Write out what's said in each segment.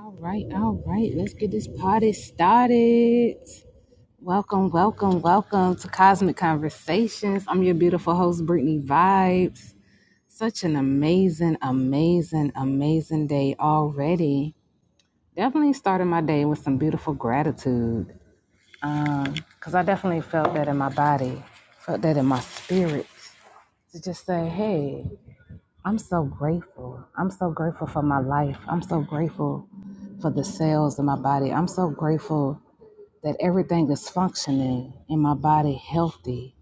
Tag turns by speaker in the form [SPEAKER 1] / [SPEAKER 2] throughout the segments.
[SPEAKER 1] All right, all right. Let's get this party started. Welcome, welcome, welcome to Cosmic Conversations. I'm your beautiful host, Brittany Vibes. Such an amazing, amazing, amazing day already. Definitely started my day with some beautiful gratitude because I definitely felt that in my body, felt that in my spirit to just say, hey, I'm so grateful. I'm so grateful for my life. I'm so grateful for the cells in my body. I'm so grateful that everything is functioning in my body healthy,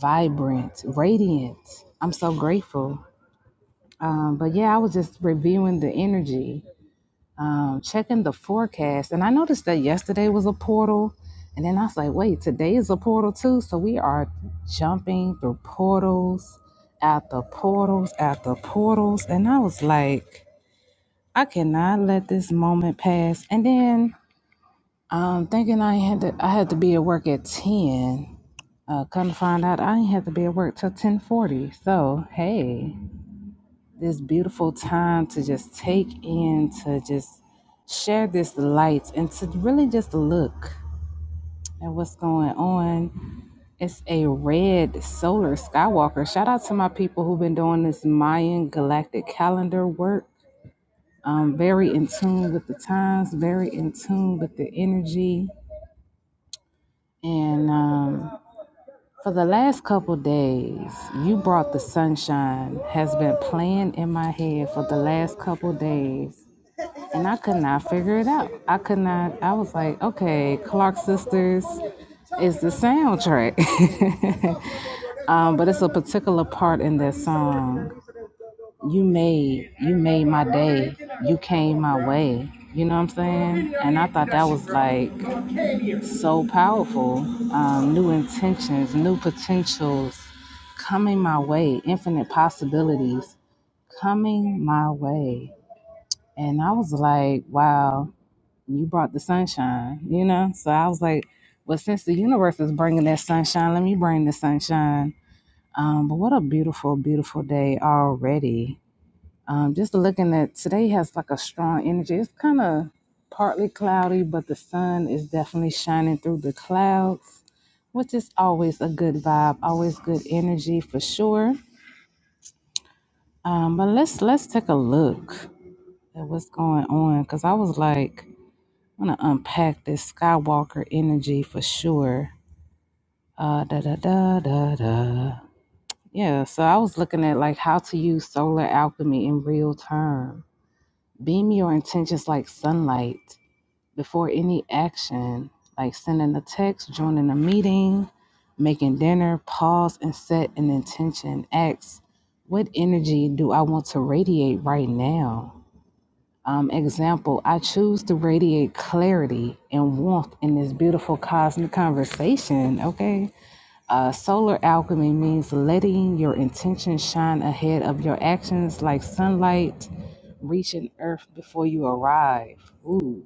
[SPEAKER 1] vibrant, radiant. I'm so grateful. Um, but yeah, I was just reviewing the energy, um, checking the forecast, and I noticed that yesterday was a portal. And then I was like, wait, today is a portal too. So we are jumping through portals, out the portals, out the portals. And I was like, I cannot let this moment pass. And then um, thinking I had to I had to be at work at 10 uh, come to find out, I didn't have to be at work till 1040. So, hey, this beautiful time to just take in, to just share this light and to really just look at what's going on. It's a red solar skywalker. Shout out to my people who've been doing this Mayan galactic calendar work. Um, very in tune with the times, very in tune with the energy. And um, For the last couple days, you brought the sunshine has been playing in my head for the last couple days, and I could not figure it out. I could not. I was like, okay, Clark Sisters is the soundtrack, um, but it's a particular part in that song. You made you made my day. You came my way. You know what I'm saying? And I thought that was like so powerful. Um, new intentions, new potentials coming my way, infinite possibilities coming my way. And I was like, wow, you brought the sunshine, you know? So I was like, well, since the universe is bringing that sunshine, let me bring the sunshine. Um, but what a beautiful, beautiful day already. Um, just looking at today has like a strong energy. It's kind of partly cloudy, but the sun is definitely shining through the clouds, which is always a good vibe, always good energy for sure. Um, but let's let's take a look at what's going on because I was like, I'm gonna unpack this Skywalker energy for sure. Uh, da da da da da. Yeah, so I was looking at like how to use solar alchemy in real time. Beam your intentions like sunlight. before any action, like sending a text, joining a meeting, making dinner, pause and set an intention. Ask, what energy do I want to radiate right now? Um, example, I choose to radiate clarity and warmth in this beautiful cosmic conversation. Okay. Uh, solar alchemy means letting your intention shine ahead of your actions like sunlight reaching earth before you arrive. Ooh.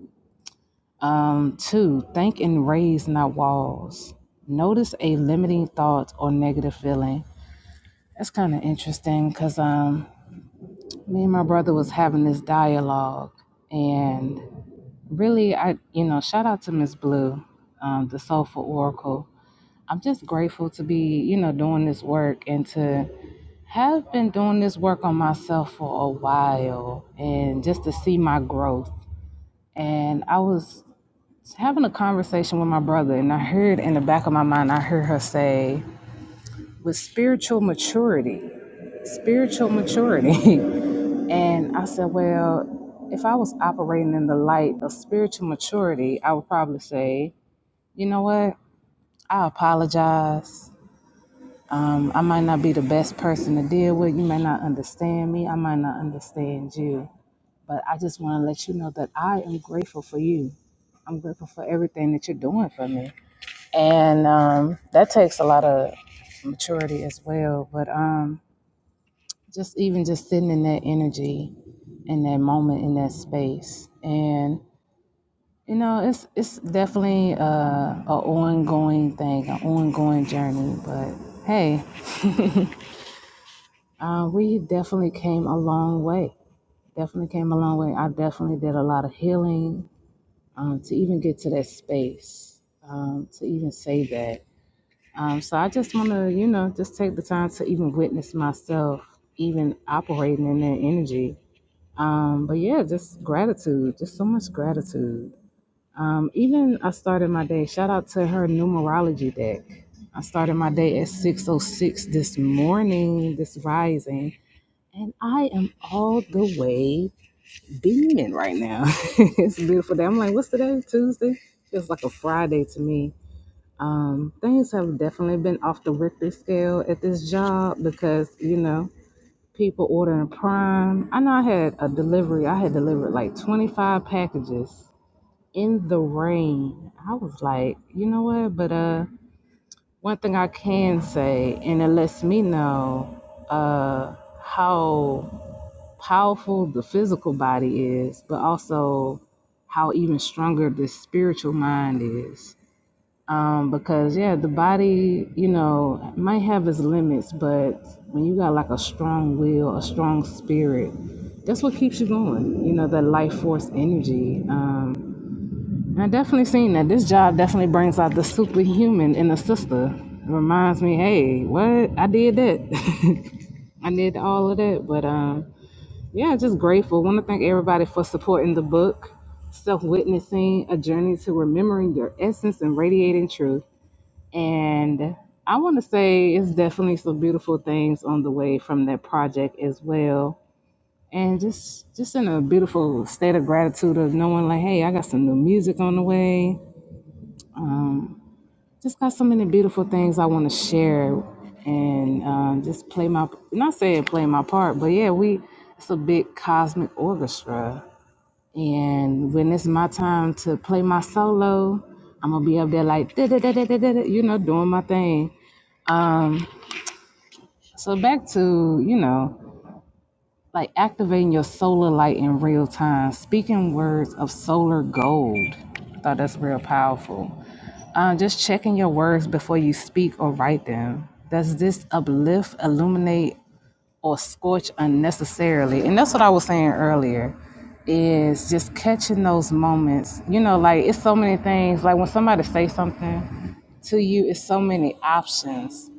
[SPEAKER 1] Um, two, think and raise not walls. Notice a limiting thought or negative feeling. That's kind of interesting because um, me and my brother was having this dialogue, and really, I you know, shout out to Miss Blue, um, the Soulful Oracle. I'm just grateful to be you know doing this work and to have been doing this work on myself for a while, and just to see my growth. And I was having a conversation with my brother, and I heard in the back of my mind, I heard her say, with spiritual maturity, spiritual maturity. and I said, well, if I was operating in the light of spiritual maturity, I would probably say, you know what? I apologize. Um, I might not be the best person to deal with. You may not understand me. I might not understand you. But I just want to let you know that I am grateful for you. I'm grateful for everything that you're doing for me. and um, that takes a lot of maturity as well. But um, just even just sitting in that energy, in that moment, in that space, and you know, it's it's definitely a, a ongoing thing, an ongoing journey. But hey, uh, we definitely came a long way. Definitely came a long way. I definitely did a lot of healing um, to even get to that space, um, to even say that. Um, so I just want to, you know, just take the time to even witness myself, even operating in that energy. Um, but yeah, just gratitude, just so much gratitude. Um, even I started my day. Shout out to her numerology deck. I started my day at 6:06 this morning, this rising, and I am all the way beaming right now. it's a beautiful day. I'm like, what's today? Tuesday? Feels like a Friday to me um, things have definitely been off the Richter scale at this job because, you know, people ordering prime. I know I had a delivery, I had delivered like 25 packages in the rain. I was like, you know what? But uh, one thing I can say, and it lets me know uh, how powerful the physical body is, but also how even stronger the spiritual mind is um, because yeah, the body, you know, might have its limits, but when you got like a strong will, a strong spirit, that's what keeps you going. You know, that life force energy. Um, and I definitely seen that. This job definitely brings out the superhuman in the sister. It reminds me, hey, what I did that. I did all of that, but um, yeah, just grateful. Want to thank everybody for supporting the book self witnessing, a journey to remembering your essence and radiating truth. And I want to say it's definitely some beautiful things on the way from that project as well. And just just in a beautiful state of gratitude of knowing like, hey, I got some new music on the way. Just got so many beautiful things I want to share and um, just play my not saying play my part, but yeah, we it's a big cosmic orchestra. And when it's my time to play my solo, I'm gonna be up there like da da da da da da, you know, doing my thing So back to, you know, like activating your solar light in real time, speaking words of solar gold. Thought that's real powerful. Uh, just checking your words before you speak or write them. Does this uplift, illuminate, or scorch unnecessarily. And that's what I was saying earlier is just catching those moments. You know, like it's so many things. Like when somebody say something to you, it's so many options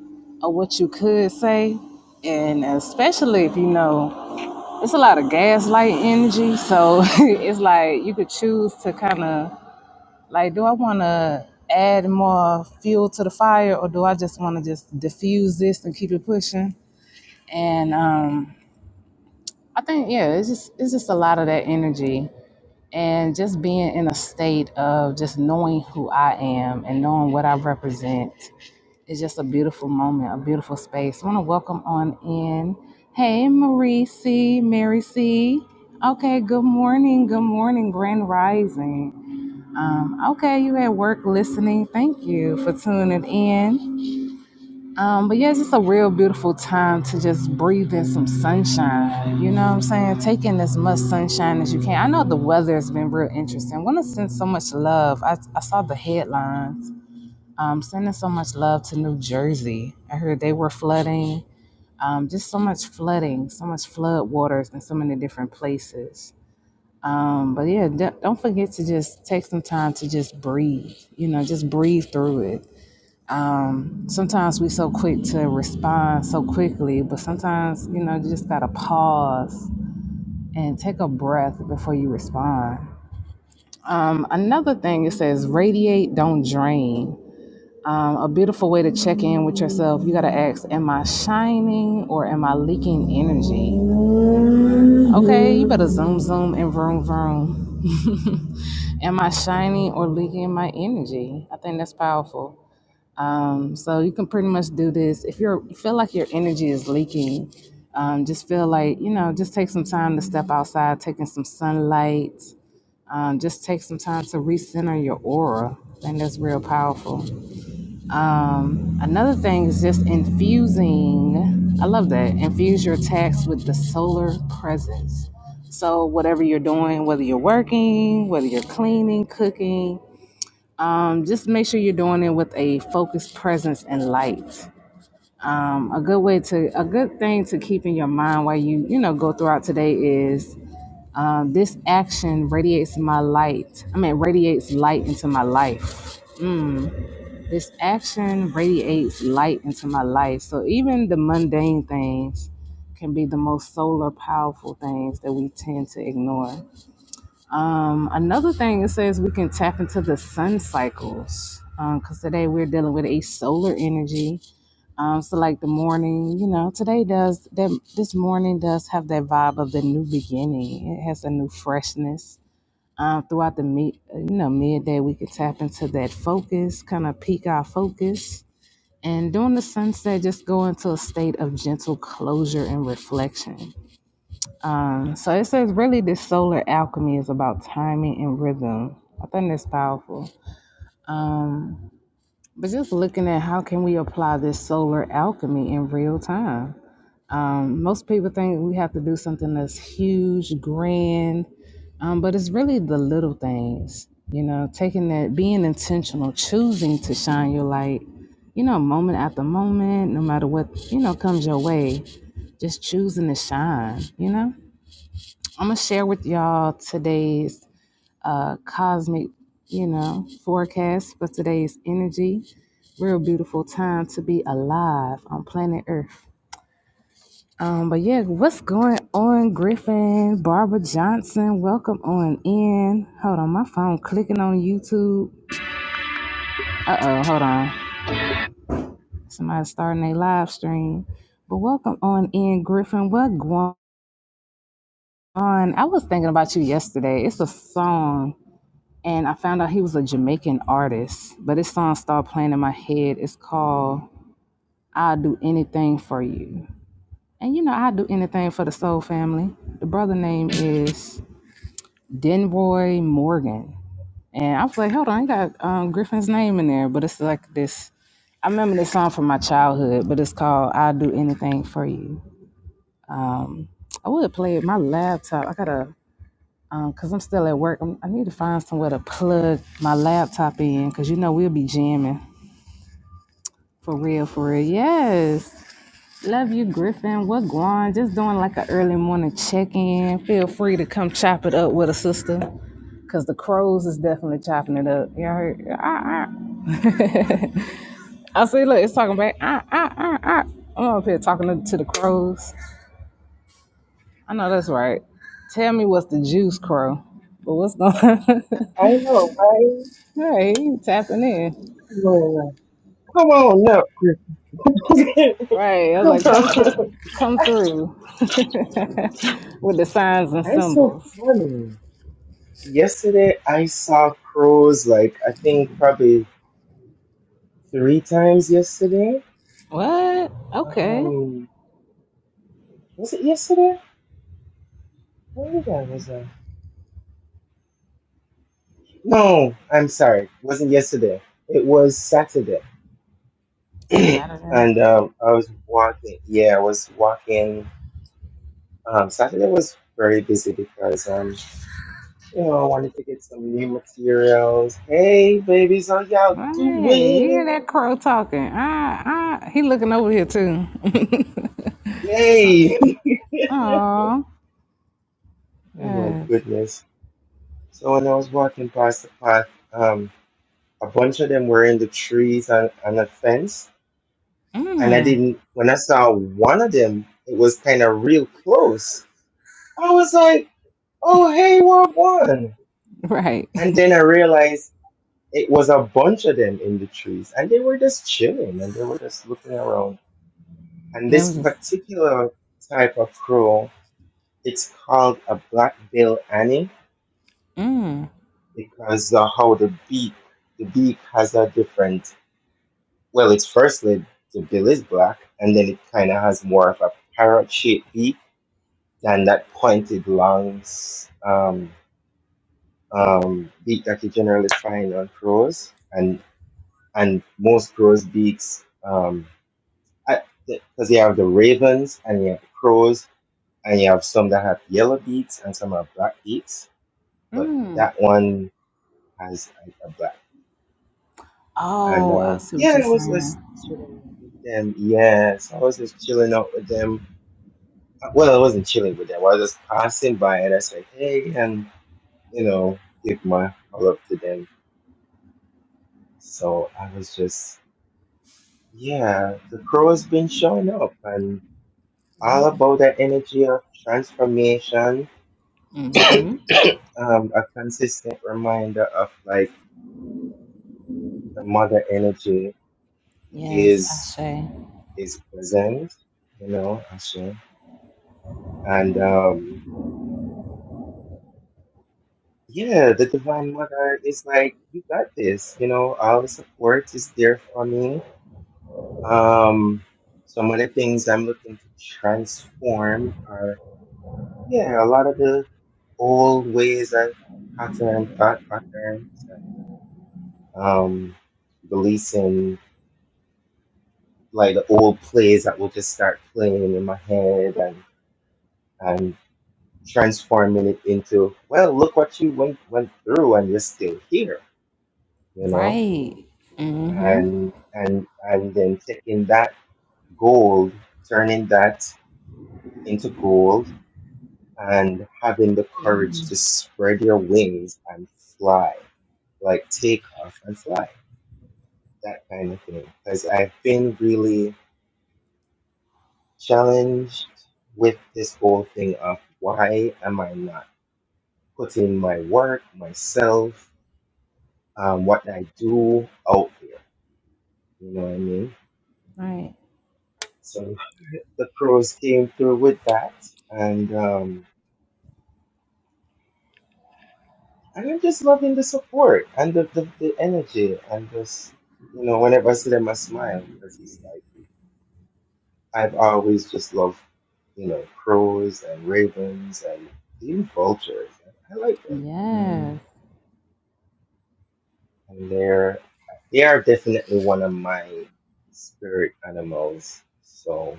[SPEAKER 1] of what you could say. And especially if you know it's a lot of gaslight energy. So it's like you could choose to kind of like, do I want to add more fuel to the fire or do I just want to just diffuse this and keep it pushing? And um, I think yeah, it's just it's just a lot of that energy and just being in a state of just knowing who I am and knowing what I represent is just a beautiful moment, a beautiful space. I want to welcome on in. Hey Marie C, Mary C. Okay, good morning, good morning, Grand Rising. Um, okay, you at work listening. Thank you for tuning in. Um, but yeah, it's just a real beautiful time to just breathe in some sunshine. You know what I'm saying? Take in as much sunshine as you can. I know the weather has been real interesting. Want to send so much love. I, I saw the headlines. Um, sending so much love to New Jersey. I heard they were flooding. Um, just so much flooding, so much flood waters in so many different places. Um, but yeah, d- don't forget to just take some time to just breathe. You know, just breathe through it. Um, Sometimes we so quick to respond so quickly, but sometimes, you know, you just gotta pause and take a breath before you respond. Um, another thing it says radiate, don't drain. Um, a beautiful way to check in with yourself, you gotta ask, Am I shining or am I leaking energy? Okay, you better zoom, zoom, and vroom, vroom. Am I shining or leaking my energy? I think that's powerful. Um, so you can pretty much do this if you're you feel like your energy is leaking. Um, just feel like you know, just take some time to step outside, taking some sunlight. Um, just take some time to recenter your aura, and that's real powerful. Um, another thing is just infusing. I love that. Infuse your text with the solar presence. So whatever you're doing, whether you're working, whether you're cleaning, cooking, um, just make sure you're doing it with a focused presence and light a good way to a good thing to keep in your mind while you you know go throughout today is um, this action radiates my light i mean radiates light into my life this action radiates light into my life so even the mundane things can be the most solar powerful things that we tend to ignore um, another thing it says we can tap into the sun cycles because today we're dealing with a solar energy um, so like the morning, you know, today does that. This morning does have that vibe of the new beginning. It has a new freshness. Um, throughout the meet, you know, midday, we could tap into that focus, kind of peak our focus, and during the sunset, just go into a state of gentle closure and reflection. Um, so it says really, this solar alchemy is about timing and rhythm. I think that's powerful. Um, but just looking at how can we apply this solar alchemy in real time Um, most people think we have to do something that's huge, grand, um, but it's really the little things. You know, taking that, being intentional, choosing to shine your light. You know, moment after moment, no matter what you know comes your way, just choosing to shine. You know, I'm gonna share with y'all today's uh, cosmic, you know, forecast for today's energy. Real beautiful time to be alive on planet Earth. Um, but yeah, what's going on, Griffin? Barbara Johnson, welcome on in. Hold on, my phone clicking on YouTube. Uh oh, hold on. Somebody's starting a live stream. But welcome on in, Griffin. What going on? I was thinking about you yesterday. It's a song, and I found out he was a Jamaican artist. But this song started playing in my head. It's called I'll Do Anything for You. And you know, I'll do anything for the Soul Family. The brother name is Denroy Morgan. And I was like, hold on, I got um, Griffin's name in there. But it's like this. I remember this song from my childhood, but it's called I'll Do Anything for You. I would play it. My laptop, I got to, because I'm still at work, I'm, I need to find somewhere to plug my laptop in, because you know we'll be jamming. For real, for real. Yes. Love you, Griffin. What going? Just doing like an early morning check in. Feel free to come chop it up with a sister. Cause the crows is definitely chopping it up. Y'all heard? I see, look, it's talking back. Ah, ah, ah, ah. I'm up here talking to, to the crows. I know that's right. Tell me what's the juice crow. But what's going on?
[SPEAKER 2] I know, right?
[SPEAKER 1] right, he tapping in.
[SPEAKER 2] Come on, Come on up, Griffin.
[SPEAKER 1] Right. I was
[SPEAKER 2] Come
[SPEAKER 1] like, come
[SPEAKER 2] on. up.
[SPEAKER 1] through come through with the signs and
[SPEAKER 2] That's so
[SPEAKER 1] symbols.
[SPEAKER 2] funny. Yesterday, I saw crows like I think probably three times yesterday.
[SPEAKER 1] What? Okay.
[SPEAKER 2] Um, was it yesterday? When did I was I? No, I'm sorry. It wasn't yesterday. It was Saturday.
[SPEAKER 1] Hey, Saturday.
[SPEAKER 2] and um, I was walking. Yeah, I was walking. Um, Saturday was very busy because um, You know, I wanted to get some new materials. Hey, babies, how y'all
[SPEAKER 1] Hey, you hear
[SPEAKER 2] doing?
[SPEAKER 1] that crow talking? Ah, ah. He looking over here too.
[SPEAKER 2] Yay!
[SPEAKER 1] Aw.
[SPEAKER 2] oh my
[SPEAKER 1] Yes.
[SPEAKER 2] goodness. So when I was walking past the path, um, a bunch of them were in the trees and on a fence. And I
[SPEAKER 1] Mmm.
[SPEAKER 2] didn't, when I saw one of them, it was kind of real close. I was like, oh, hey, what one?
[SPEAKER 1] Right.
[SPEAKER 2] And then I realized it was a bunch of them in the trees. And they were just chilling and they were just looking around And
[SPEAKER 1] That
[SPEAKER 2] this
[SPEAKER 1] was just
[SPEAKER 2] particular type of crow, it's called a black bill Annie
[SPEAKER 1] mmm.
[SPEAKER 2] because of how the beak, the beak has a different, well, it's firstly, the bill is black and then it kind of has more of a parrot shaped beak than that pointed long um, um, beak that you generally find on crows. And, and most crows' beaks, um, because you have the ravens and you have the crows, and you have some that have yellow beads and some have black beads, but that one has like a black. And
[SPEAKER 1] Oh, I
[SPEAKER 2] um,
[SPEAKER 1] see what
[SPEAKER 2] yeah,
[SPEAKER 1] you're
[SPEAKER 2] I was just
[SPEAKER 1] saying.
[SPEAKER 2] chilling out with them. Yes, I was just chilling out with them. Uh, Well, I wasn't chilling with them. I was just passing by, and I said, "Hey," and you know, give my, my love to them. So I was just, yeah, the crow has been showing up, and
[SPEAKER 1] Yeah.
[SPEAKER 2] all about that energy of transformation.
[SPEAKER 1] Mm-hmm.
[SPEAKER 2] Um, a consistent reminder of like the mother energy
[SPEAKER 1] Yes,
[SPEAKER 2] is
[SPEAKER 1] Ashe.
[SPEAKER 2] is present, you know, Asha. And um, yeah, the Divine Mother is like, you got this, you know, all the support is there for me. Um, some of the things I'm looking to transform are, yeah, a lot of the old ways and pattern, thought patterns, and um, releasing like the old plays that will just start playing in my head and and transforming it into, well, look what you went went through and you're still here, you know?
[SPEAKER 1] Right. Mm-hmm.
[SPEAKER 2] And and and then taking that gold, turning that into gold and having the courage to spread your wings and fly, like take off and fly, that kind of thing. Because I've been really challenged with this whole thing of why am I not putting my work, myself, um, what I do out there You know what I mean?
[SPEAKER 1] Right.
[SPEAKER 2] So the pros came through with that. And um and I'm just loving the support and the, the, the energy and just you know, whenever I see them I smile because it's like I've always just loved, you know, crows and ravens and even vultures. I like them. You know what I mean?
[SPEAKER 1] Yes.
[SPEAKER 2] And they're they are definitely one of my spirit animals. So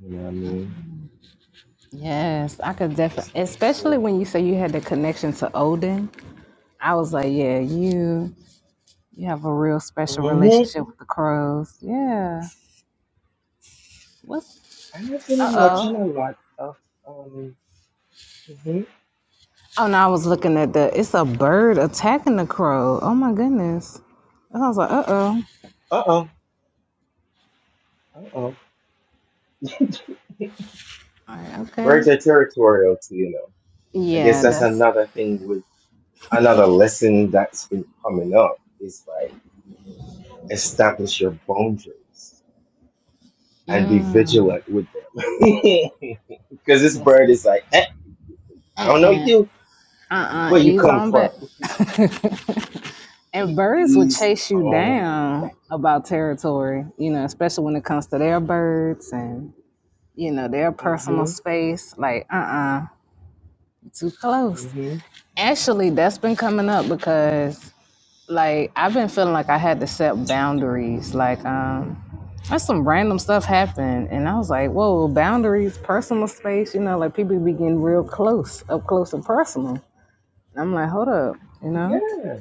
[SPEAKER 2] you know what I mean?
[SPEAKER 1] Yes. I could
[SPEAKER 2] Just
[SPEAKER 1] definitely
[SPEAKER 2] looking
[SPEAKER 1] especially when you say you had the connection to Odin. I was like, yeah, you you have a real special
[SPEAKER 2] to.
[SPEAKER 1] relationship with the crows. Yeah. What's
[SPEAKER 2] I've
[SPEAKER 1] uh
[SPEAKER 2] been watching
[SPEAKER 1] oh.
[SPEAKER 2] a lot of um. hmm
[SPEAKER 1] Oh no, I was looking at the it's a bird attacking the crow. Oh my goodness. And I was like, uh oh.
[SPEAKER 2] Uh oh. Uh oh.
[SPEAKER 1] All right,
[SPEAKER 2] Birds
[SPEAKER 1] okay.
[SPEAKER 2] are territorial too, you know. I guess
[SPEAKER 1] Yeah,
[SPEAKER 2] that's
[SPEAKER 1] that's
[SPEAKER 2] another thing with another lesson that's been coming up is like establish your boundaries and be vigilant with them. Because this
[SPEAKER 1] that's
[SPEAKER 2] bird
[SPEAKER 1] it.
[SPEAKER 2] is like, eh, I don't know
[SPEAKER 1] Uh-uh.
[SPEAKER 2] you,
[SPEAKER 1] Uh-uh.
[SPEAKER 2] where you
[SPEAKER 1] Ease
[SPEAKER 2] come
[SPEAKER 1] on
[SPEAKER 2] from.
[SPEAKER 1] back. And birds would
[SPEAKER 2] He's
[SPEAKER 1] chase you
[SPEAKER 2] oh,
[SPEAKER 1] down about territory, you know, especially when it comes to their birds and, you know, their personal
[SPEAKER 2] mm-hmm,
[SPEAKER 1] space. Like, uh-uh, too close.
[SPEAKER 2] mm-hmm.
[SPEAKER 1] Actually, that's been coming up because like I've been feeling like I had to set boundaries. Like, um, that's some random stuff happened and I was like, whoa, boundaries, personal space, you know, like people be getting real close, up close and personal. I'm like, hold up, you know?
[SPEAKER 2] Yeah,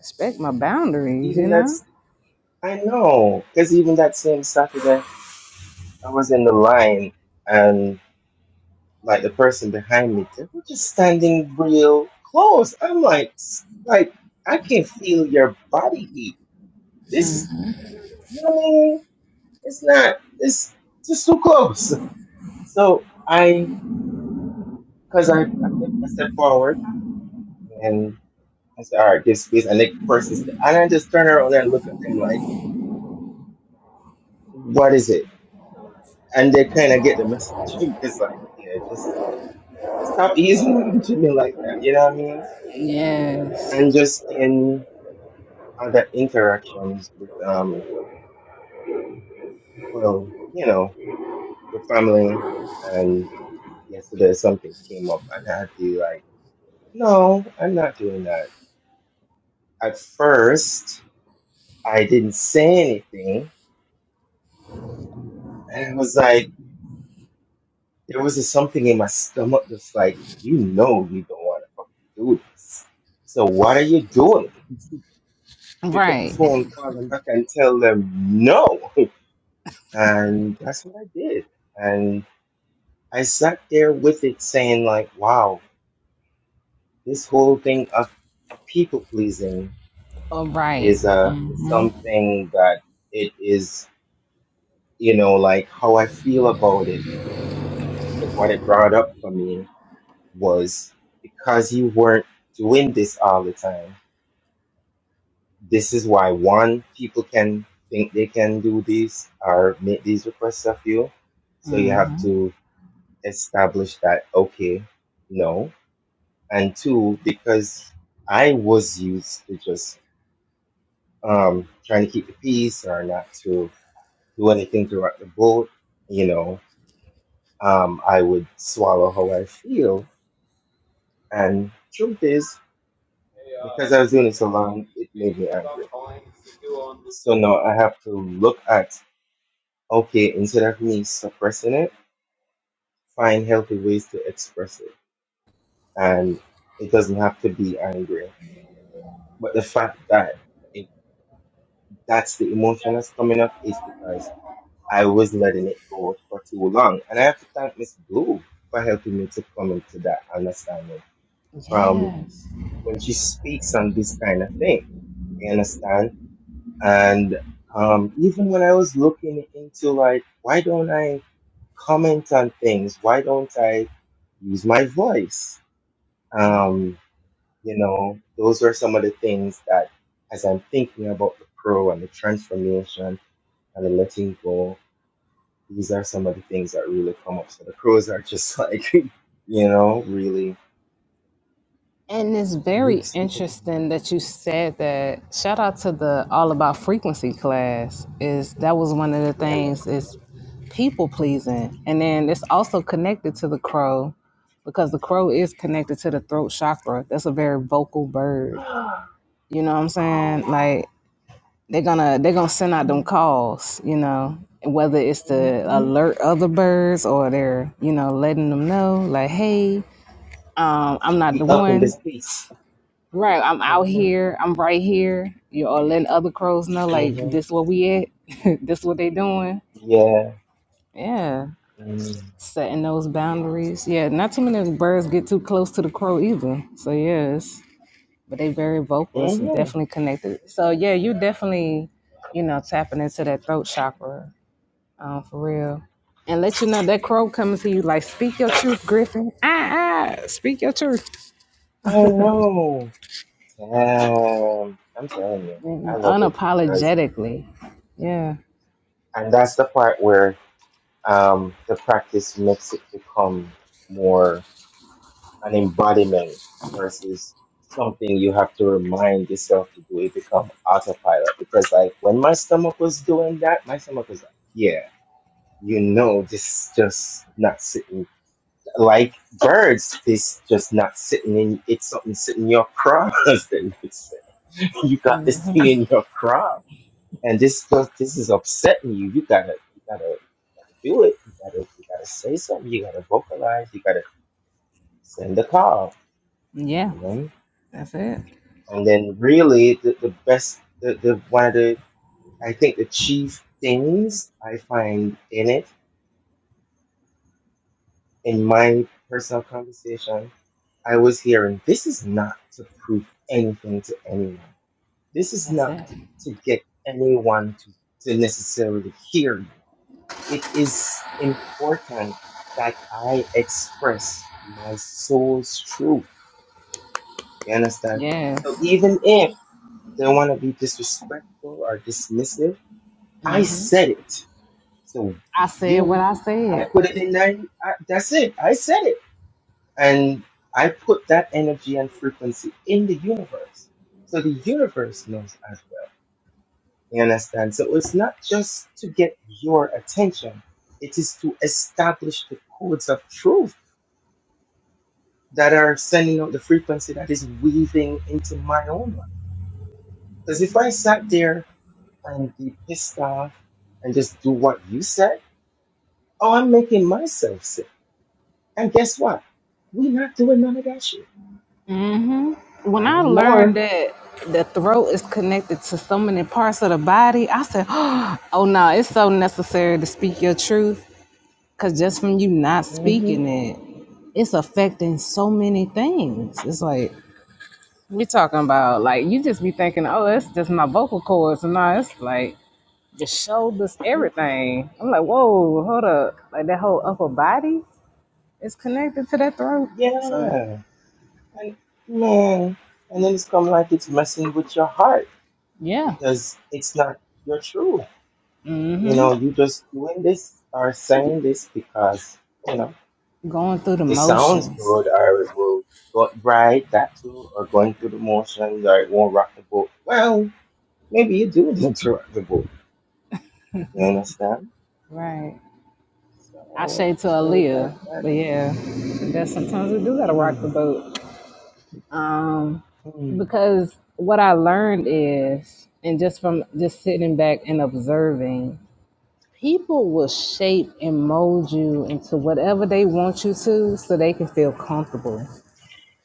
[SPEAKER 1] Respect my boundaries, you
[SPEAKER 2] even
[SPEAKER 1] know?
[SPEAKER 2] that's I know. Because even that same Saturday. I was in the line and like the person behind me, they were just standing real close. I'm like, s- like I can feel your body heat. This, you know what I mean? It's not, it's just too close. So I, cause I, I, kept, I stepped forward and I said, all right, give space. And the person, said- and I just turn around and look at them like, what is it? And they kind of get the message. it's like, yeah, just stop easing on me like that. You know what I mean?
[SPEAKER 1] Yes.
[SPEAKER 2] and just in other interactions with um well you know with family and yesterday something came up and i had to be like no i'm not doing that at first i didn't say anything and it was like there was just something in my stomach that's like you know you don't want to fucking do this so what are you doing pick up the
[SPEAKER 1] Right.
[SPEAKER 2] phone call them back and tell them no and that's what i did and. I sat there with it saying like, wow, this whole thing of people pleasing
[SPEAKER 1] All right.
[SPEAKER 2] is uh is
[SPEAKER 1] Mm-hmm.
[SPEAKER 2] something that it is, you know, like how I feel about it is what it brought up for me was because you weren't doing this all the time. This is why one, people can think they can do these or make these requests of you. So you
[SPEAKER 1] Mm.
[SPEAKER 2] have to establish that, okay, no, and two because I was used to just um, trying to keep the peace or not to do anything throughout the boat. You know, um, I would swallow how I feel, and truth is, because I was doing it so long, it made me angry. So now I have to look at okay, instead of me suppressing it, find healthy ways to express it, and it doesn't have to be angry. But the fact that it, that's the emotion that's coming up is because I was letting it go for too long. And I have to thank Miss Blue for helping me to come into that understanding from
[SPEAKER 1] Yes.
[SPEAKER 2] when she speaks on this kind of thing. You understand? And um, even when I was looking into like, why don't I comment on things? Why don't I use my voice?
[SPEAKER 1] Right.
[SPEAKER 2] Um, you know, those are some of the things that as I'm thinking about the pro and the transformation and the letting go These are some of the things that really come up. So the pros are just like, you know, really,
[SPEAKER 1] And it's
[SPEAKER 2] yeah, really
[SPEAKER 1] very
[SPEAKER 2] speaking.
[SPEAKER 1] interesting that you said that. Shout out to the All About Frequency class. Is that was one of the
[SPEAKER 2] Yeah, man.
[SPEAKER 1] things is people pleasing. And then it's also connected to the crow because the crow is connected to the throat chakra. That's a very vocal bird.
[SPEAKER 2] oh,
[SPEAKER 1] You know what I'm saying?
[SPEAKER 2] wow.
[SPEAKER 1] Like they're gonna they're gonna send out them calls, you know, whether it's to
[SPEAKER 2] hmm
[SPEAKER 1] alert other birds or they're you know letting them know like, hey, um, I'm not
[SPEAKER 2] We
[SPEAKER 1] the
[SPEAKER 2] up in
[SPEAKER 1] one.
[SPEAKER 2] this piece.
[SPEAKER 1] Right, I'm out
[SPEAKER 2] hmm
[SPEAKER 1] here. I'm right here. You know, or letting other crows know like
[SPEAKER 2] hmm
[SPEAKER 1] this where we at. this what they doing.
[SPEAKER 2] Yeah.
[SPEAKER 1] Yeah,
[SPEAKER 2] Mm-hmm.
[SPEAKER 1] setting those boundaries. Yeah, not too many birds get too close to the crow either. So yes, but they very vocal. It's definitely connected. So yeah, you definitely, you know, tapping into that throat chakra Oh, for real. And let you know that crow coming to you like, speak your truth, Griffin. Ah, ah, speak your truth.
[SPEAKER 2] I know. Damn. I'm telling you,
[SPEAKER 1] You
[SPEAKER 2] I
[SPEAKER 1] know,
[SPEAKER 2] love it because,
[SPEAKER 1] unapologetically. Yeah.
[SPEAKER 2] and that's the part where um, the practice makes it become more. an embodiment versus something you have to remind yourself to do. It become autopilot because like when my stomach was doing that, my stomach was like, yeah, you know, this just not sitting like birds. This just not sitting in. It's something sitting in your crop. husband. It's- you got this thing in your crop, and this just this is upsetting you. You gotta you gotta do it. You gotta you gotta say something. You gotta vocalize. You gotta send a call.
[SPEAKER 1] Yeah.
[SPEAKER 2] You know?
[SPEAKER 1] That's it.
[SPEAKER 2] And then really the, the best the, the one of the I think the chief things I find in it in my personal conversation, I was hearing this is not to prove anything to anyone. This is
[SPEAKER 1] That's
[SPEAKER 2] not
[SPEAKER 1] it.
[SPEAKER 2] to get anyone to, to necessarily hear you. It is important that I express my soul's truth. You understand? So
[SPEAKER 1] Yes.
[SPEAKER 2] even if they want to be disrespectful or dismissive I said it. So
[SPEAKER 1] I
[SPEAKER 2] if
[SPEAKER 1] said what
[SPEAKER 2] you,
[SPEAKER 1] I
[SPEAKER 2] I
[SPEAKER 1] said.
[SPEAKER 2] put it in there, I, that's it. I said it. And I put that energy and frequency in the universe. So the universe knows as well. You understand? So it's not just to get your attention, it is to establish the codes of truth that are sending out the frequency that is weaving into my own life. Because if I sat there and be pissed off and just do what you said, oh, I'm making myself sick And guess what? we not doing none of that shit.
[SPEAKER 1] When
[SPEAKER 2] Not
[SPEAKER 1] I
[SPEAKER 2] anymore.
[SPEAKER 1] learned that the throat is connected to so many parts of the body, I said, oh no, it's so necessary to speak your truth. Cause just from you not
[SPEAKER 2] hmm
[SPEAKER 1] speaking it, it's affecting so many things. It's like We talking about like you just be thinking, oh, it's just my vocal cords, and now it's like your shoulders, everything. I'm like, whoa, hold up, like that whole upper body is connected to that throat. So
[SPEAKER 2] Yeah. And man, and then it's come like it's messing with your heart
[SPEAKER 1] yeah,
[SPEAKER 2] because it's not your truth. You know, you just doing this or saying this because, you know,
[SPEAKER 1] going through the
[SPEAKER 2] it sounds
[SPEAKER 1] motions,
[SPEAKER 2] good or it will go right, that too, or going through the motions or it won't rock the boat. Well, maybe you do need to rock the boat. You understand?
[SPEAKER 1] right? I
[SPEAKER 2] So,
[SPEAKER 1] say to
[SPEAKER 2] so that,
[SPEAKER 1] Aaliyah,
[SPEAKER 2] that,
[SPEAKER 1] but yeah, that sometimes we do gotta rock
[SPEAKER 2] mm,
[SPEAKER 1] the boat. Um,
[SPEAKER 2] mm.
[SPEAKER 1] because what I learned is, and just from just sitting back and observing people will shape and mold you into whatever they want you to so they can feel comfortable.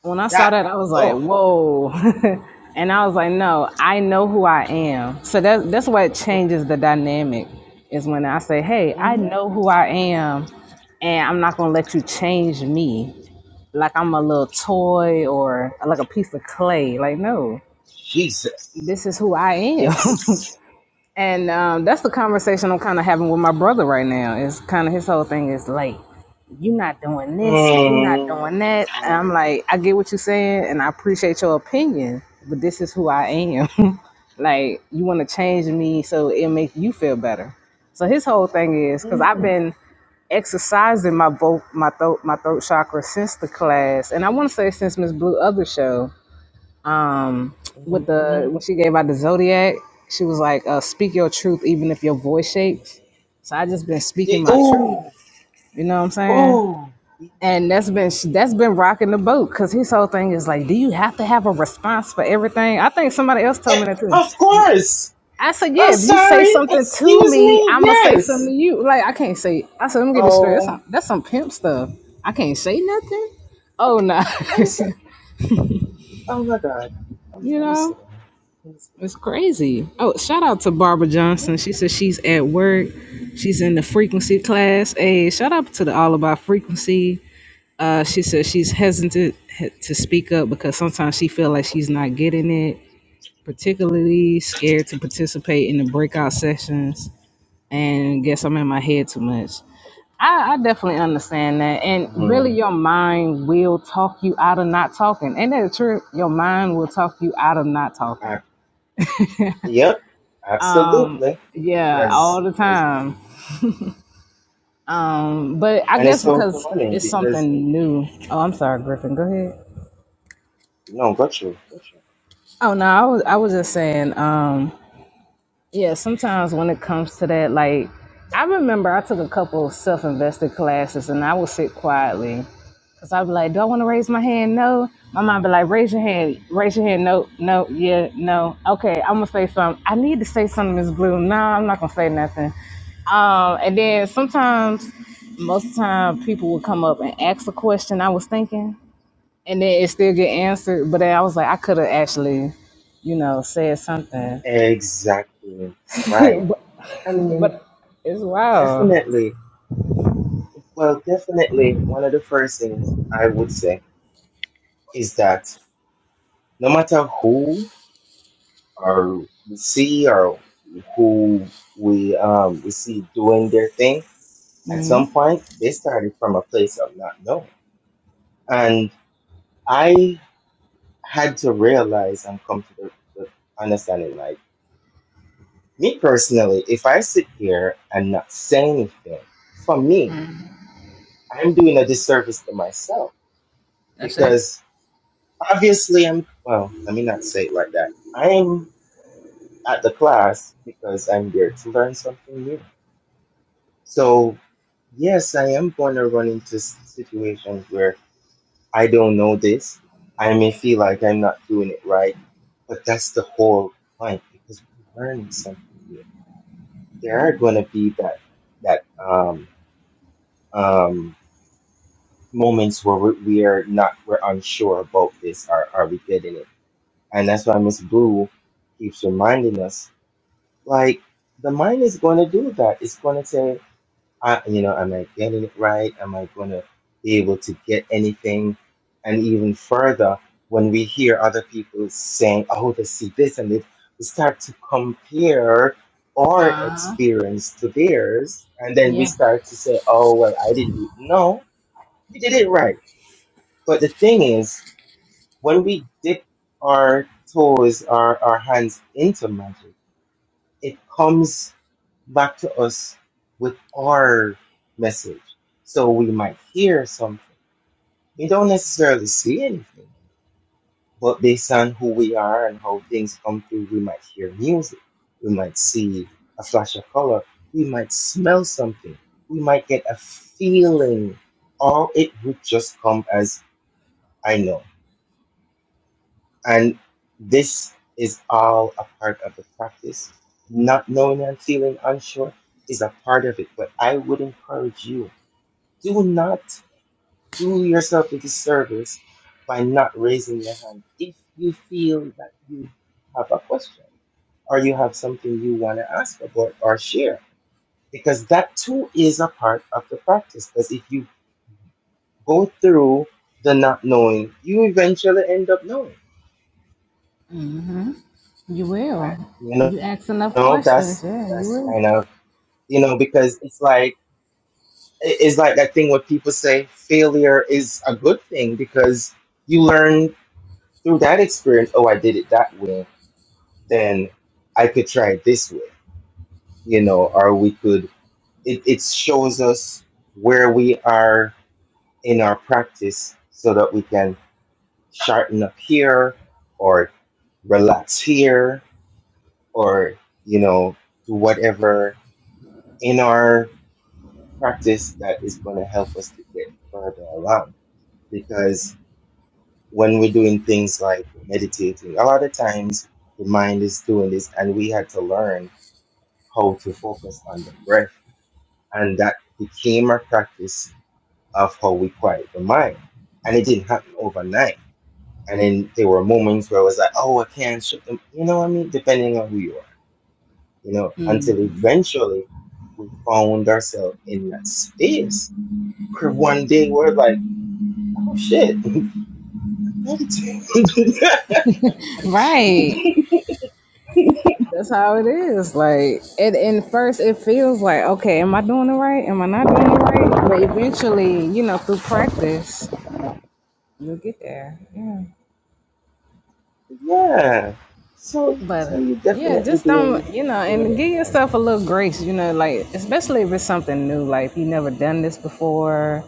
[SPEAKER 1] When I saw
[SPEAKER 2] That
[SPEAKER 1] that, I was like,
[SPEAKER 2] oh
[SPEAKER 1] whoa. and I was like, no, I know who I
[SPEAKER 2] hmm
[SPEAKER 1] am. So that, that's why it changes the dynamic is when I say, hey, I know who I am and I'm not going to let you change me like I'm a little toy or like a piece of clay. Like, no,
[SPEAKER 2] Jesus.
[SPEAKER 1] this is who I am.
[SPEAKER 2] Yes.
[SPEAKER 1] And um, that's the conversation I'm kind of having with my brother right now. It's kind of his whole thing is like, you're not doing this and you're not
[SPEAKER 2] Mm-hmm.
[SPEAKER 1] doing that. And I'm like, I get what you're saying and I appreciate your opinion, but this is who I am. like, you want to change me so it make you feel better. So his whole thing is because I've been exercising my both my throat my throat chakra since the class, and I want to say since Miss Blue other show um with
[SPEAKER 2] Mm-hmm.
[SPEAKER 1] the when she gave out the zodiac she was like uh speak your truth even if your voice shakes so i just been speaking my
[SPEAKER 2] Oh,
[SPEAKER 1] truth you know what i'm saying
[SPEAKER 2] oh.
[SPEAKER 1] and that's been that's been rocking the boat because his whole thing is like do you have to have a response for everything i think somebody else
[SPEAKER 2] Eh,
[SPEAKER 1] told me that too
[SPEAKER 2] Of course.
[SPEAKER 1] i said
[SPEAKER 2] I'm
[SPEAKER 1] yeah if you say
[SPEAKER 2] sorry.
[SPEAKER 1] something to
[SPEAKER 2] Excuse
[SPEAKER 1] me
[SPEAKER 2] me.
[SPEAKER 1] i'ma say something
[SPEAKER 2] Yes.
[SPEAKER 1] to you like i can't say i said let me get this straight that's
[SPEAKER 2] Oh,
[SPEAKER 1] some, that's some pimp stuff i can't say nothing oh no
[SPEAKER 2] I'm so- oh my God. I'm,
[SPEAKER 1] you
[SPEAKER 2] I'm
[SPEAKER 1] know
[SPEAKER 2] sitting. I'm sitting.
[SPEAKER 1] It's crazy. Oh, shout out to Barbara Johnson. She says she's at work. She's in the frequency class. Hey, shout out to the All About Frequency. Uh, she says she's hesitant to speak up because sometimes she feel like she's not getting it, particularly scared to participate in the breakout sessions. And guess I'm in my head too much. I, I definitely understand that. And
[SPEAKER 2] Mm.
[SPEAKER 1] really, your mind will talk you out of not talking. Ain't that true? Your mind will talk you out of not
[SPEAKER 2] I,
[SPEAKER 1] talking.
[SPEAKER 2] yep. Absolutely.
[SPEAKER 1] Yeah,
[SPEAKER 2] Because,
[SPEAKER 1] all the
[SPEAKER 2] because,
[SPEAKER 1] time. But I
[SPEAKER 2] and it's
[SPEAKER 1] guess
[SPEAKER 2] so
[SPEAKER 1] because
[SPEAKER 2] funny
[SPEAKER 1] it's
[SPEAKER 2] because.
[SPEAKER 1] something new. Oh, I'm sorry, Griffin. Go ahead.
[SPEAKER 2] No, gotcha, gotcha.
[SPEAKER 1] Oh no, I was I was just saying, um, yeah, sometimes when it comes to that, like I remember I took a couple of self-invested classes and I would sit quietly. Cause I'd be like, do I want to raise my hand? No. My mom be like, raise your hand, raise your hand. No, no, yeah, no. Okay, I'm gonna say something. I need to say something, Miss Blue. No, I'm not gonna say nothing. Um, and then
[SPEAKER 2] Mhm.
[SPEAKER 1] sometimes, most of the time, people would come up and ask a question I was thinking, and then it still get answered. But then I was like, I could have actually, you know, said something.
[SPEAKER 2] Exactly right.
[SPEAKER 1] but,
[SPEAKER 2] I mean,
[SPEAKER 1] but it's wild.
[SPEAKER 2] definitely. Well, definitely, one of the first things I would say is that no matter who or we see or who we um we see doing their thing, at some point they started from a place of not knowing, and I had to realize and come to the, the understanding like. Me personally, if I sit here and not say anything, for me, I'm doing a disservice to myself
[SPEAKER 1] shit. it.
[SPEAKER 2] because obviously I'm, well, let me not say it like that. I'm at the class because I'm there to learn something new. So, yes, I am going to run into s- situations where I don't know this. I may feel like I'm not doing it right, but that's the whole point because we're learning something new. There are going to be that, that, um, um, moments where we- we're not we're unsure about this are are we getting it and that's why miss blue keeps reminding us like the mind is going to do that it's going to say I, you know am i getting it right am i going to be able to get anything and even further when we hear other people saying oh they see this and it we start to compare our
[SPEAKER 1] Uh-huh.
[SPEAKER 2] experience to theirs and then we
[SPEAKER 1] Yeah,
[SPEAKER 2] start to say oh well i didn't do no you did it right but the thing is, when we dip our toes, our, our hands into magic, it comes back to us with our message. So we might hear something. We don't necessarily see anything, but based on who we are and how things come through, we might hear music. We might see a flash of color. We might smell something. We might get a feeling, or it would just come as I know. And this is all a part of the practice. Not knowing and feeling unsure is a part of it, but I would encourage you do not do yourself a disservice by not raising your hand if you feel that you have a question or you have something you want to ask about or share, because that too is a part of the practice. Because if you go through the not knowing, you eventually end up knowing.
[SPEAKER 1] you
[SPEAKER 2] I-
[SPEAKER 1] will.
[SPEAKER 2] You know.
[SPEAKER 1] You ask enough
[SPEAKER 2] No,
[SPEAKER 1] questions,
[SPEAKER 2] that's
[SPEAKER 1] yeah, you
[SPEAKER 2] that's
[SPEAKER 1] will.
[SPEAKER 2] kind of you know because it's like it- it's like that thing where people say failure is a good thing because you learn through that experience. Oh, I did it that way, then I could try it this way, you know, or we could. It it shows us where we are in our practice so that we can sharpen up here or relax here or you know do whatever in our practice that is going to help us to get further along. Because when we're doing things like meditating, a lot of times the mind is doing this, and we had to learn how to focus on the breath. And that became our practice of how we quiet the mind. And it didn't happen overnight. And then there were moments where I was like, oh, I can't shut them. You know what I mean? Depending on who you are, you know, until eventually we found ourselves in that space where one day we're like, oh shit,
[SPEAKER 1] Right. That's how it is. Like, and, and first it feels like, okay, am I doing it right? Am I not doing it right? But eventually, you know, through practice, you'll get there. Yeah.
[SPEAKER 2] yeah. So
[SPEAKER 1] But
[SPEAKER 2] so you're
[SPEAKER 1] yeah,
[SPEAKER 2] definitely
[SPEAKER 1] just don't,
[SPEAKER 2] doing
[SPEAKER 1] you know,
[SPEAKER 2] doing
[SPEAKER 1] and
[SPEAKER 2] it
[SPEAKER 1] give
[SPEAKER 2] right.
[SPEAKER 1] yourself a little grace, you know, like especially if it's something new, like you never done this before.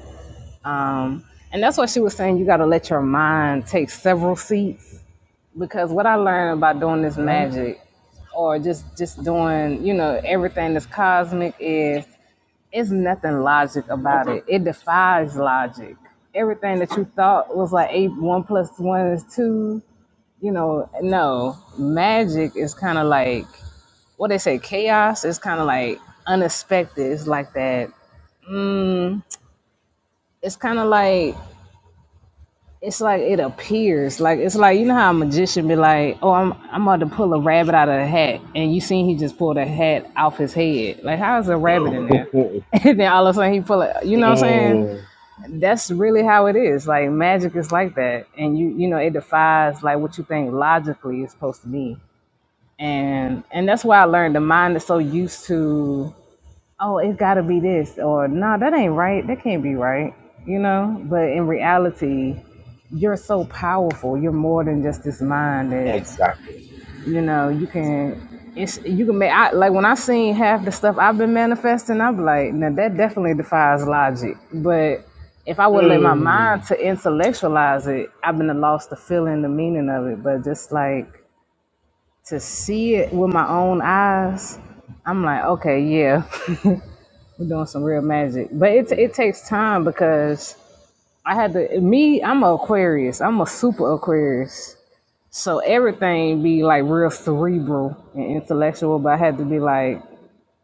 [SPEAKER 1] Um, and that's what she was saying, you gotta let your mind take several seats. Because what I learned about doing this
[SPEAKER 2] Um,
[SPEAKER 1] magic or just just doing, you know, everything that's cosmic is it's nothing logic about it. It defies logic. Everything that you thought was like eight
[SPEAKER 2] absolutely.
[SPEAKER 1] one plus one is two you know, no, magic is kind of like what they say, chaos is kind of like unexpected. It's like that. It's kind of like it's like it appears. Like it's like you know how a magician be like, "Oh, I'm I'm about to pull a rabbit out of the hat," and you seen he just pulled a hat off his head. Like how is a rabbit in there? And then all of a sudden he pull it. You know what I'm saying?
[SPEAKER 2] Mm,
[SPEAKER 1] That's really how it is. Like magic is like that, and you you know it defies like what you think logically is supposed to be and and that's why I learned the mind is so used to oh it's got to be this or no, nah, that ain't right that can't be right you know but in reality you're so powerful you're more than just this mind that
[SPEAKER 2] exactly.
[SPEAKER 1] you know you
[SPEAKER 2] Excellent.
[SPEAKER 1] can it's you can make I, like when I seen half the stuff I've been manifesting I'm like now that definitely defies logic but if I would let my mind
[SPEAKER 2] Mm.
[SPEAKER 1] to intellectualize it I've been lost the feeling the meaning of it but just like to see it with my own eyes, I'm like, okay, yeah, we're doing some real magic. But it
[SPEAKER 2] Mm.
[SPEAKER 1] it takes time because I had to me. I'm a Aquarius. I'm a super Aquarius. So everything be like real cerebral and intellectual. But I had to be like,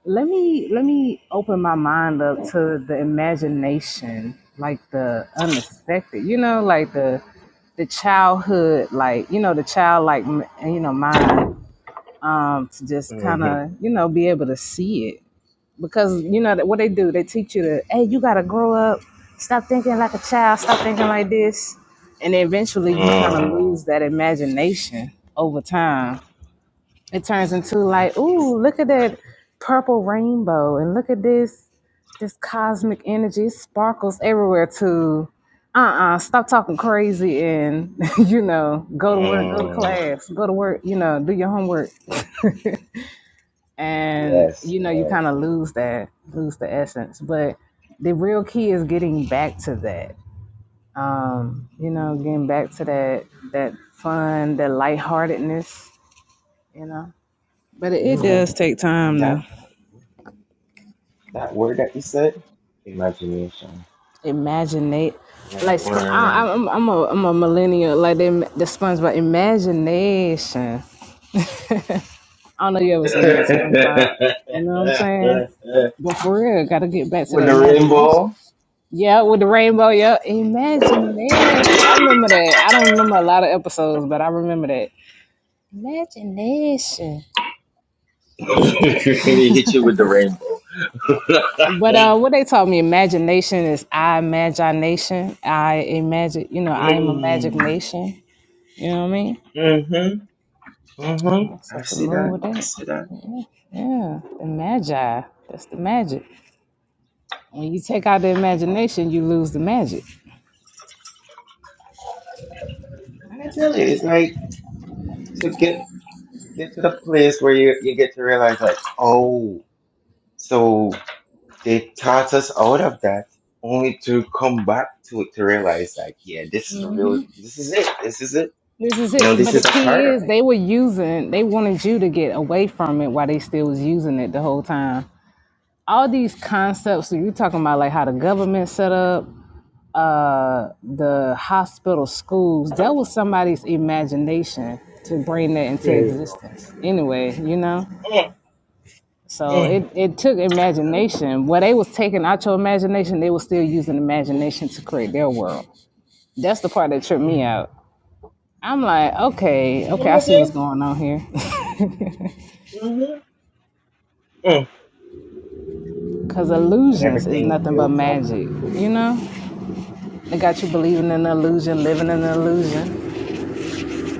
[SPEAKER 1] let me let me open my mind up to the imagination, like the unexpected. You know, like the the childhood, like you know, the childlike, you know, mind um, to just kind
[SPEAKER 2] Mhm.
[SPEAKER 1] of you know be able to see it because you know that what they do they teach you to hey you gotta grow up stop thinking like a child stop thinking like this and eventually you kind of
[SPEAKER 2] Mm.
[SPEAKER 1] lose that imagination over time it turns
[SPEAKER 2] And
[SPEAKER 1] into
[SPEAKER 2] that
[SPEAKER 1] like
[SPEAKER 2] is
[SPEAKER 1] ooh
[SPEAKER 2] the
[SPEAKER 1] look at
[SPEAKER 2] word.
[SPEAKER 1] that purple rainbow and look at this this cosmic energy it sparkles everywhere to uh-uh stop talking crazy and you know go to work go to
[SPEAKER 2] Mm.
[SPEAKER 1] class go to work you know do your homework and
[SPEAKER 2] Yes,
[SPEAKER 1] you know you
[SPEAKER 2] yes.
[SPEAKER 1] kind of lose that lose the essence but the real key is getting back to that um you know getting back to that that fun that lightheartedness you know but it,
[SPEAKER 2] Yeah,
[SPEAKER 1] it
[SPEAKER 2] man.
[SPEAKER 1] does take
[SPEAKER 2] And
[SPEAKER 1] time
[SPEAKER 2] that,
[SPEAKER 1] to
[SPEAKER 2] that that word that you said, imagination.
[SPEAKER 1] imagine it
[SPEAKER 2] Yeah, that
[SPEAKER 1] like sp-
[SPEAKER 2] word.
[SPEAKER 1] I, I'm, I'm a I'm a millennial like the, the SpongeBob imagination I don't know if you ever seen that SpongeBob you know what I'm saying but for real gotta get back to
[SPEAKER 2] With
[SPEAKER 1] that
[SPEAKER 2] the
[SPEAKER 1] imagination
[SPEAKER 2] rainbow?
[SPEAKER 1] Yeah, with the rainbow. Yeah, imagine this. I remember that. I don't remember a lot of episodes, but I remember that. Imagination.
[SPEAKER 2] he hit you with the rainbow.
[SPEAKER 1] But uh,
[SPEAKER 2] mm.
[SPEAKER 1] what they taught me, imagination is I imagination. I imagine, you know, I am a magic nation. You know what I mean?
[SPEAKER 2] Mm-hmm. Mm-hmm.
[SPEAKER 1] Uh, So
[SPEAKER 2] I
[SPEAKER 1] to
[SPEAKER 2] see
[SPEAKER 1] move
[SPEAKER 2] that.
[SPEAKER 1] with
[SPEAKER 2] I
[SPEAKER 1] that,
[SPEAKER 2] see that.
[SPEAKER 1] yeah, the magi. That's the magic. When you take out the imagination, you lose the magic.
[SPEAKER 2] And I tell you, it's like to get get to the place where you, you get to realize like, oh, so they taught us out of that only to come back to it to realize like, yeah, this is the real this is it. This is it.
[SPEAKER 1] This is it.
[SPEAKER 2] Now this
[SPEAKER 1] But the
[SPEAKER 2] is a part
[SPEAKER 1] key
[SPEAKER 2] of
[SPEAKER 1] is
[SPEAKER 2] it.
[SPEAKER 1] they were using. They wanted you to get away from it while they still was using it the whole time. all these concepts that you're talking about, like how the government set up uh, the hospital schools, that was somebody's imagination to bring that into
[SPEAKER 2] There you go.
[SPEAKER 1] existence. Anyway, you know,
[SPEAKER 2] Mm,
[SPEAKER 1] so
[SPEAKER 2] mm.
[SPEAKER 1] it it took
[SPEAKER 2] Yeah.
[SPEAKER 1] imagination. What they was taking out your imagination, they was still using imagination to create their world. That's the part that tripped
[SPEAKER 2] Mm.
[SPEAKER 1] me out. I'm like, okay,
[SPEAKER 2] Can you
[SPEAKER 1] okay, I see what's
[SPEAKER 2] imagine?
[SPEAKER 1] going on here.
[SPEAKER 2] Mm-hmm. Mm.
[SPEAKER 1] Because
[SPEAKER 2] but
[SPEAKER 1] illusions is
[SPEAKER 2] everything
[SPEAKER 1] nothing but
[SPEAKER 2] builds up.
[SPEAKER 1] magic, you know? They got you believing in an illusion, living in an illusion.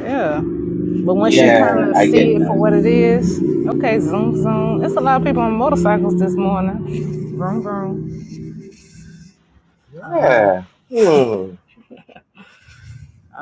[SPEAKER 1] Yeah. But once you
[SPEAKER 2] Yeah,
[SPEAKER 1] kind of
[SPEAKER 2] I get
[SPEAKER 1] see it for
[SPEAKER 2] that.
[SPEAKER 1] what it is, okay, zoom, zoom. It's a lot of people on motorcycles this morning. Vroom, vroom. Um,
[SPEAKER 2] Yeah. Hmm.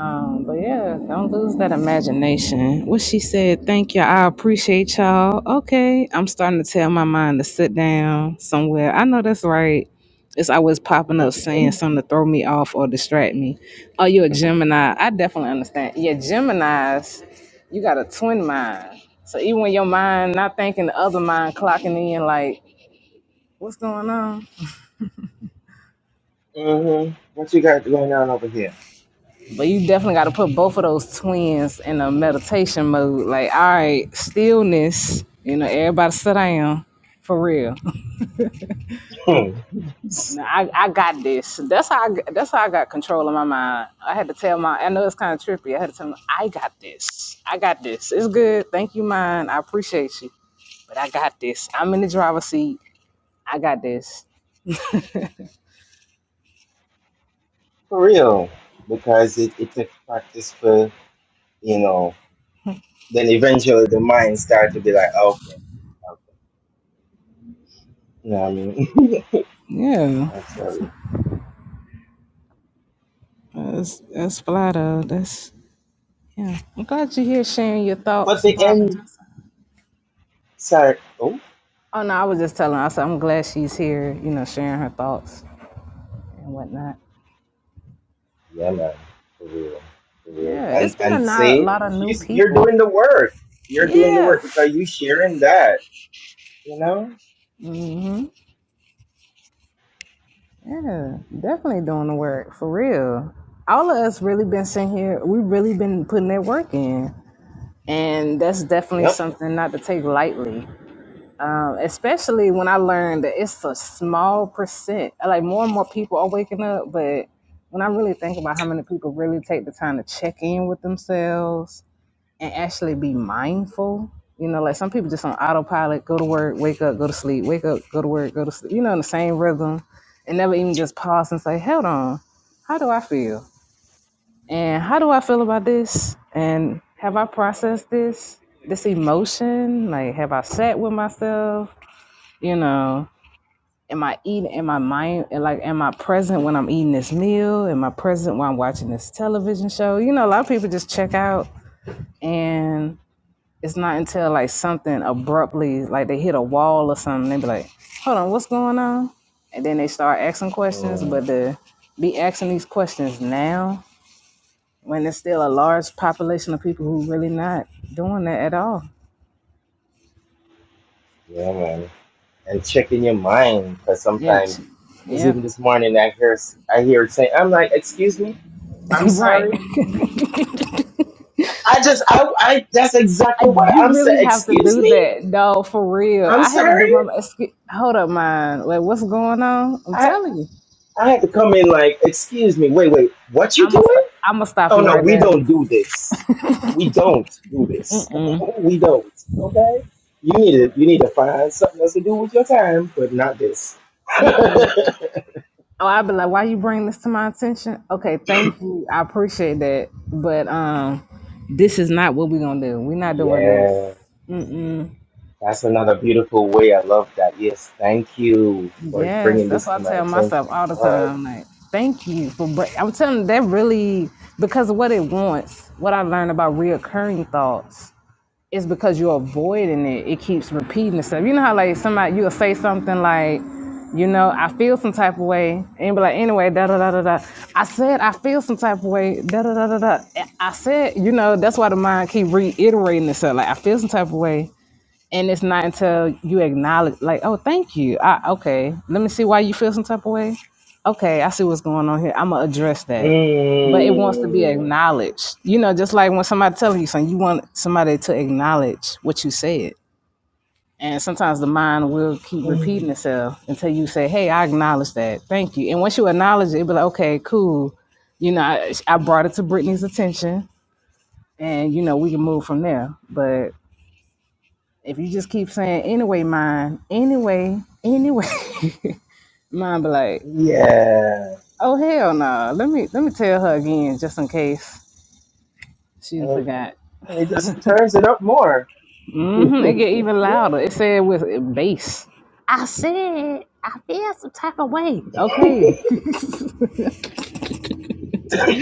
[SPEAKER 1] Um, but yeah, don't lose that imagination. What she said, thank you, I appreciate y'all. Okay, I'm starting to tell my mind to sit down somewhere. I know that's right. It's always popping up saying something to throw me off or distract me. Oh, you're a Gemini. I definitely understand. Yeah, Geminis, you got a twin mind. So even when your mind not thinking, the other mind clocking in like, what's going on?
[SPEAKER 2] Mm-hmm. What you got going on over here?
[SPEAKER 1] But you definitely got to put both of those twins in a meditation mode. Like, all right, stillness. You know, everybody sit down for real.
[SPEAKER 2] Hmm.
[SPEAKER 1] Now, I, I got this. That's how I, g- that's how I got control of my mind. I had to tell my. I know it's kind of trippy. I had to tell my, I got this. I got this. It's good. Thank you, mind. I appreciate you. But I got this. I'm in the driver's seat. I got this.
[SPEAKER 2] for real. Because it, it takes practice for, you know, then eventually the mind starts to be like, "Oh, okay, okay. You know what I mean?
[SPEAKER 1] Yeah,
[SPEAKER 2] I tell you.
[SPEAKER 1] that's that's flat out. That's yeah. I'm glad you're here sharing your
[SPEAKER 2] But
[SPEAKER 1] thoughts,
[SPEAKER 2] the
[SPEAKER 1] Barbara.
[SPEAKER 2] end,
[SPEAKER 1] Johnson.
[SPEAKER 2] sorry. Oh,
[SPEAKER 1] Oh no, I was just telling us. I'm glad she's here. You know, sharing her thoughts and whatnot.
[SPEAKER 2] yeah, man. For real. For real.
[SPEAKER 1] Yeah,
[SPEAKER 2] And,
[SPEAKER 1] it's been a
[SPEAKER 2] and
[SPEAKER 1] lot,
[SPEAKER 2] say,
[SPEAKER 1] lot of new
[SPEAKER 2] she's, you're
[SPEAKER 1] people.
[SPEAKER 2] doing the work. You're doing the
[SPEAKER 1] Yeah,
[SPEAKER 2] work because you sharing that, you know?
[SPEAKER 1] yeah, definitely doing the work for real. All of us really been sitting here. We've really been putting that work in, and that's definitely
[SPEAKER 2] Yep.
[SPEAKER 1] something not to take lightly. Um, especially when I learned that it's a small percent. Like more and more people are waking up, but when I really think about how many people really take the time to check in with themselves and actually be mindful. You know, like some people just on autopilot, go to work, wake up, go to sleep, wake up, go to work, go to sleep, you know, in the same rhythm and never even just pause and say, hold on, how do I feel? And how do I feel about this? And have I processed this, this emotion? Like, have I sat with myself? You know, am I eating, am I mind, like, am I present when I'm eating this meal? Am I present when I'm watching this television show? You know, a lot of people just check out and it's not until like something abruptly, like they hit a wall or something, they be like, "Hold on, what's going on?" And then they start asking questions.
[SPEAKER 2] Hmm.
[SPEAKER 1] But to be asking these questions now, when there's still a large population of people who really not doing that at all.
[SPEAKER 2] Yeah, man. And checking your mind because
[SPEAKER 1] Yeah,
[SPEAKER 2] sometimes,
[SPEAKER 1] ch-
[SPEAKER 2] because
[SPEAKER 1] yeah,
[SPEAKER 2] even this morning I hear I hear it say, "I'm like, excuse me, I'm
[SPEAKER 1] right.
[SPEAKER 2] sorry."
[SPEAKER 1] I-
[SPEAKER 2] I just I, I that's exactly what
[SPEAKER 1] You
[SPEAKER 2] I'm saying.
[SPEAKER 1] really have to
[SPEAKER 2] Excuse
[SPEAKER 1] do
[SPEAKER 2] me,
[SPEAKER 1] that, no, for real.
[SPEAKER 2] I'm
[SPEAKER 1] I had to do
[SPEAKER 2] sorry.
[SPEAKER 1] my excuse, hold up, man. Like, what's going on? I'm
[SPEAKER 2] I
[SPEAKER 1] telling you,
[SPEAKER 2] I had to come in like, excuse me, wait, wait, what you
[SPEAKER 1] I'm gonna st-
[SPEAKER 2] doing?
[SPEAKER 1] I'm gonna stop
[SPEAKER 2] Oh
[SPEAKER 1] you
[SPEAKER 2] no,
[SPEAKER 1] right
[SPEAKER 2] we
[SPEAKER 1] there.
[SPEAKER 2] don't do this. We don't do this. we don't. Okay. You need to you need to find something else to do with your time, but not this.
[SPEAKER 1] Oh, I'd be like, why you bring this to my attention? Okay, thank you. I appreciate that. But um this is not what we're gonna do. We're not doing this.
[SPEAKER 2] yeah. That's another beautiful way. I love that. Yes, thank you for
[SPEAKER 1] Yes,
[SPEAKER 2] bringing
[SPEAKER 1] that's
[SPEAKER 2] this to
[SPEAKER 1] what I
[SPEAKER 2] my
[SPEAKER 1] tell
[SPEAKER 2] attention.
[SPEAKER 1] myself all the
[SPEAKER 2] But
[SPEAKER 1] time. Like, thank you for br I'm telling you, that really because of what it wants, what I learned about reoccurring thoughts it's because you're avoiding it. It keeps repeating itself. You know how like somebody you'll say something like, you know, I feel some type of way, and be like, anyway, da da da da da. I said I feel some type of way, da da da da da. I said, you know, that's why the mind keep reiterating itself. Like I feel some type of way, and it's not until you acknowledge like oh thank you I, okay let me see why you feel some type of way okay i see what's going on here i'm gonna address that but it wants to be
[SPEAKER 2] mm,
[SPEAKER 1] acknowledged you know just like when somebody tells you something you want somebody to acknowledge what you said and sometimes the mind will keep
[SPEAKER 2] mm,
[SPEAKER 1] repeating itself until you say hey i acknowledge that thank you and once you acknowledge it it'll be like okay cool you know I, I brought it to brittany's attention and you know we can move from there but if you just keep saying anyway, mine, anyway, anyway, mine be like,
[SPEAKER 2] yeah,
[SPEAKER 1] oh hell no. Let me let me tell her again just in case she done
[SPEAKER 2] and,
[SPEAKER 1] forgot.
[SPEAKER 2] and it just turns it up more.
[SPEAKER 1] hmm It get even
[SPEAKER 2] Yeah.
[SPEAKER 1] louder. It said with bass. I said I feel some type. Okay.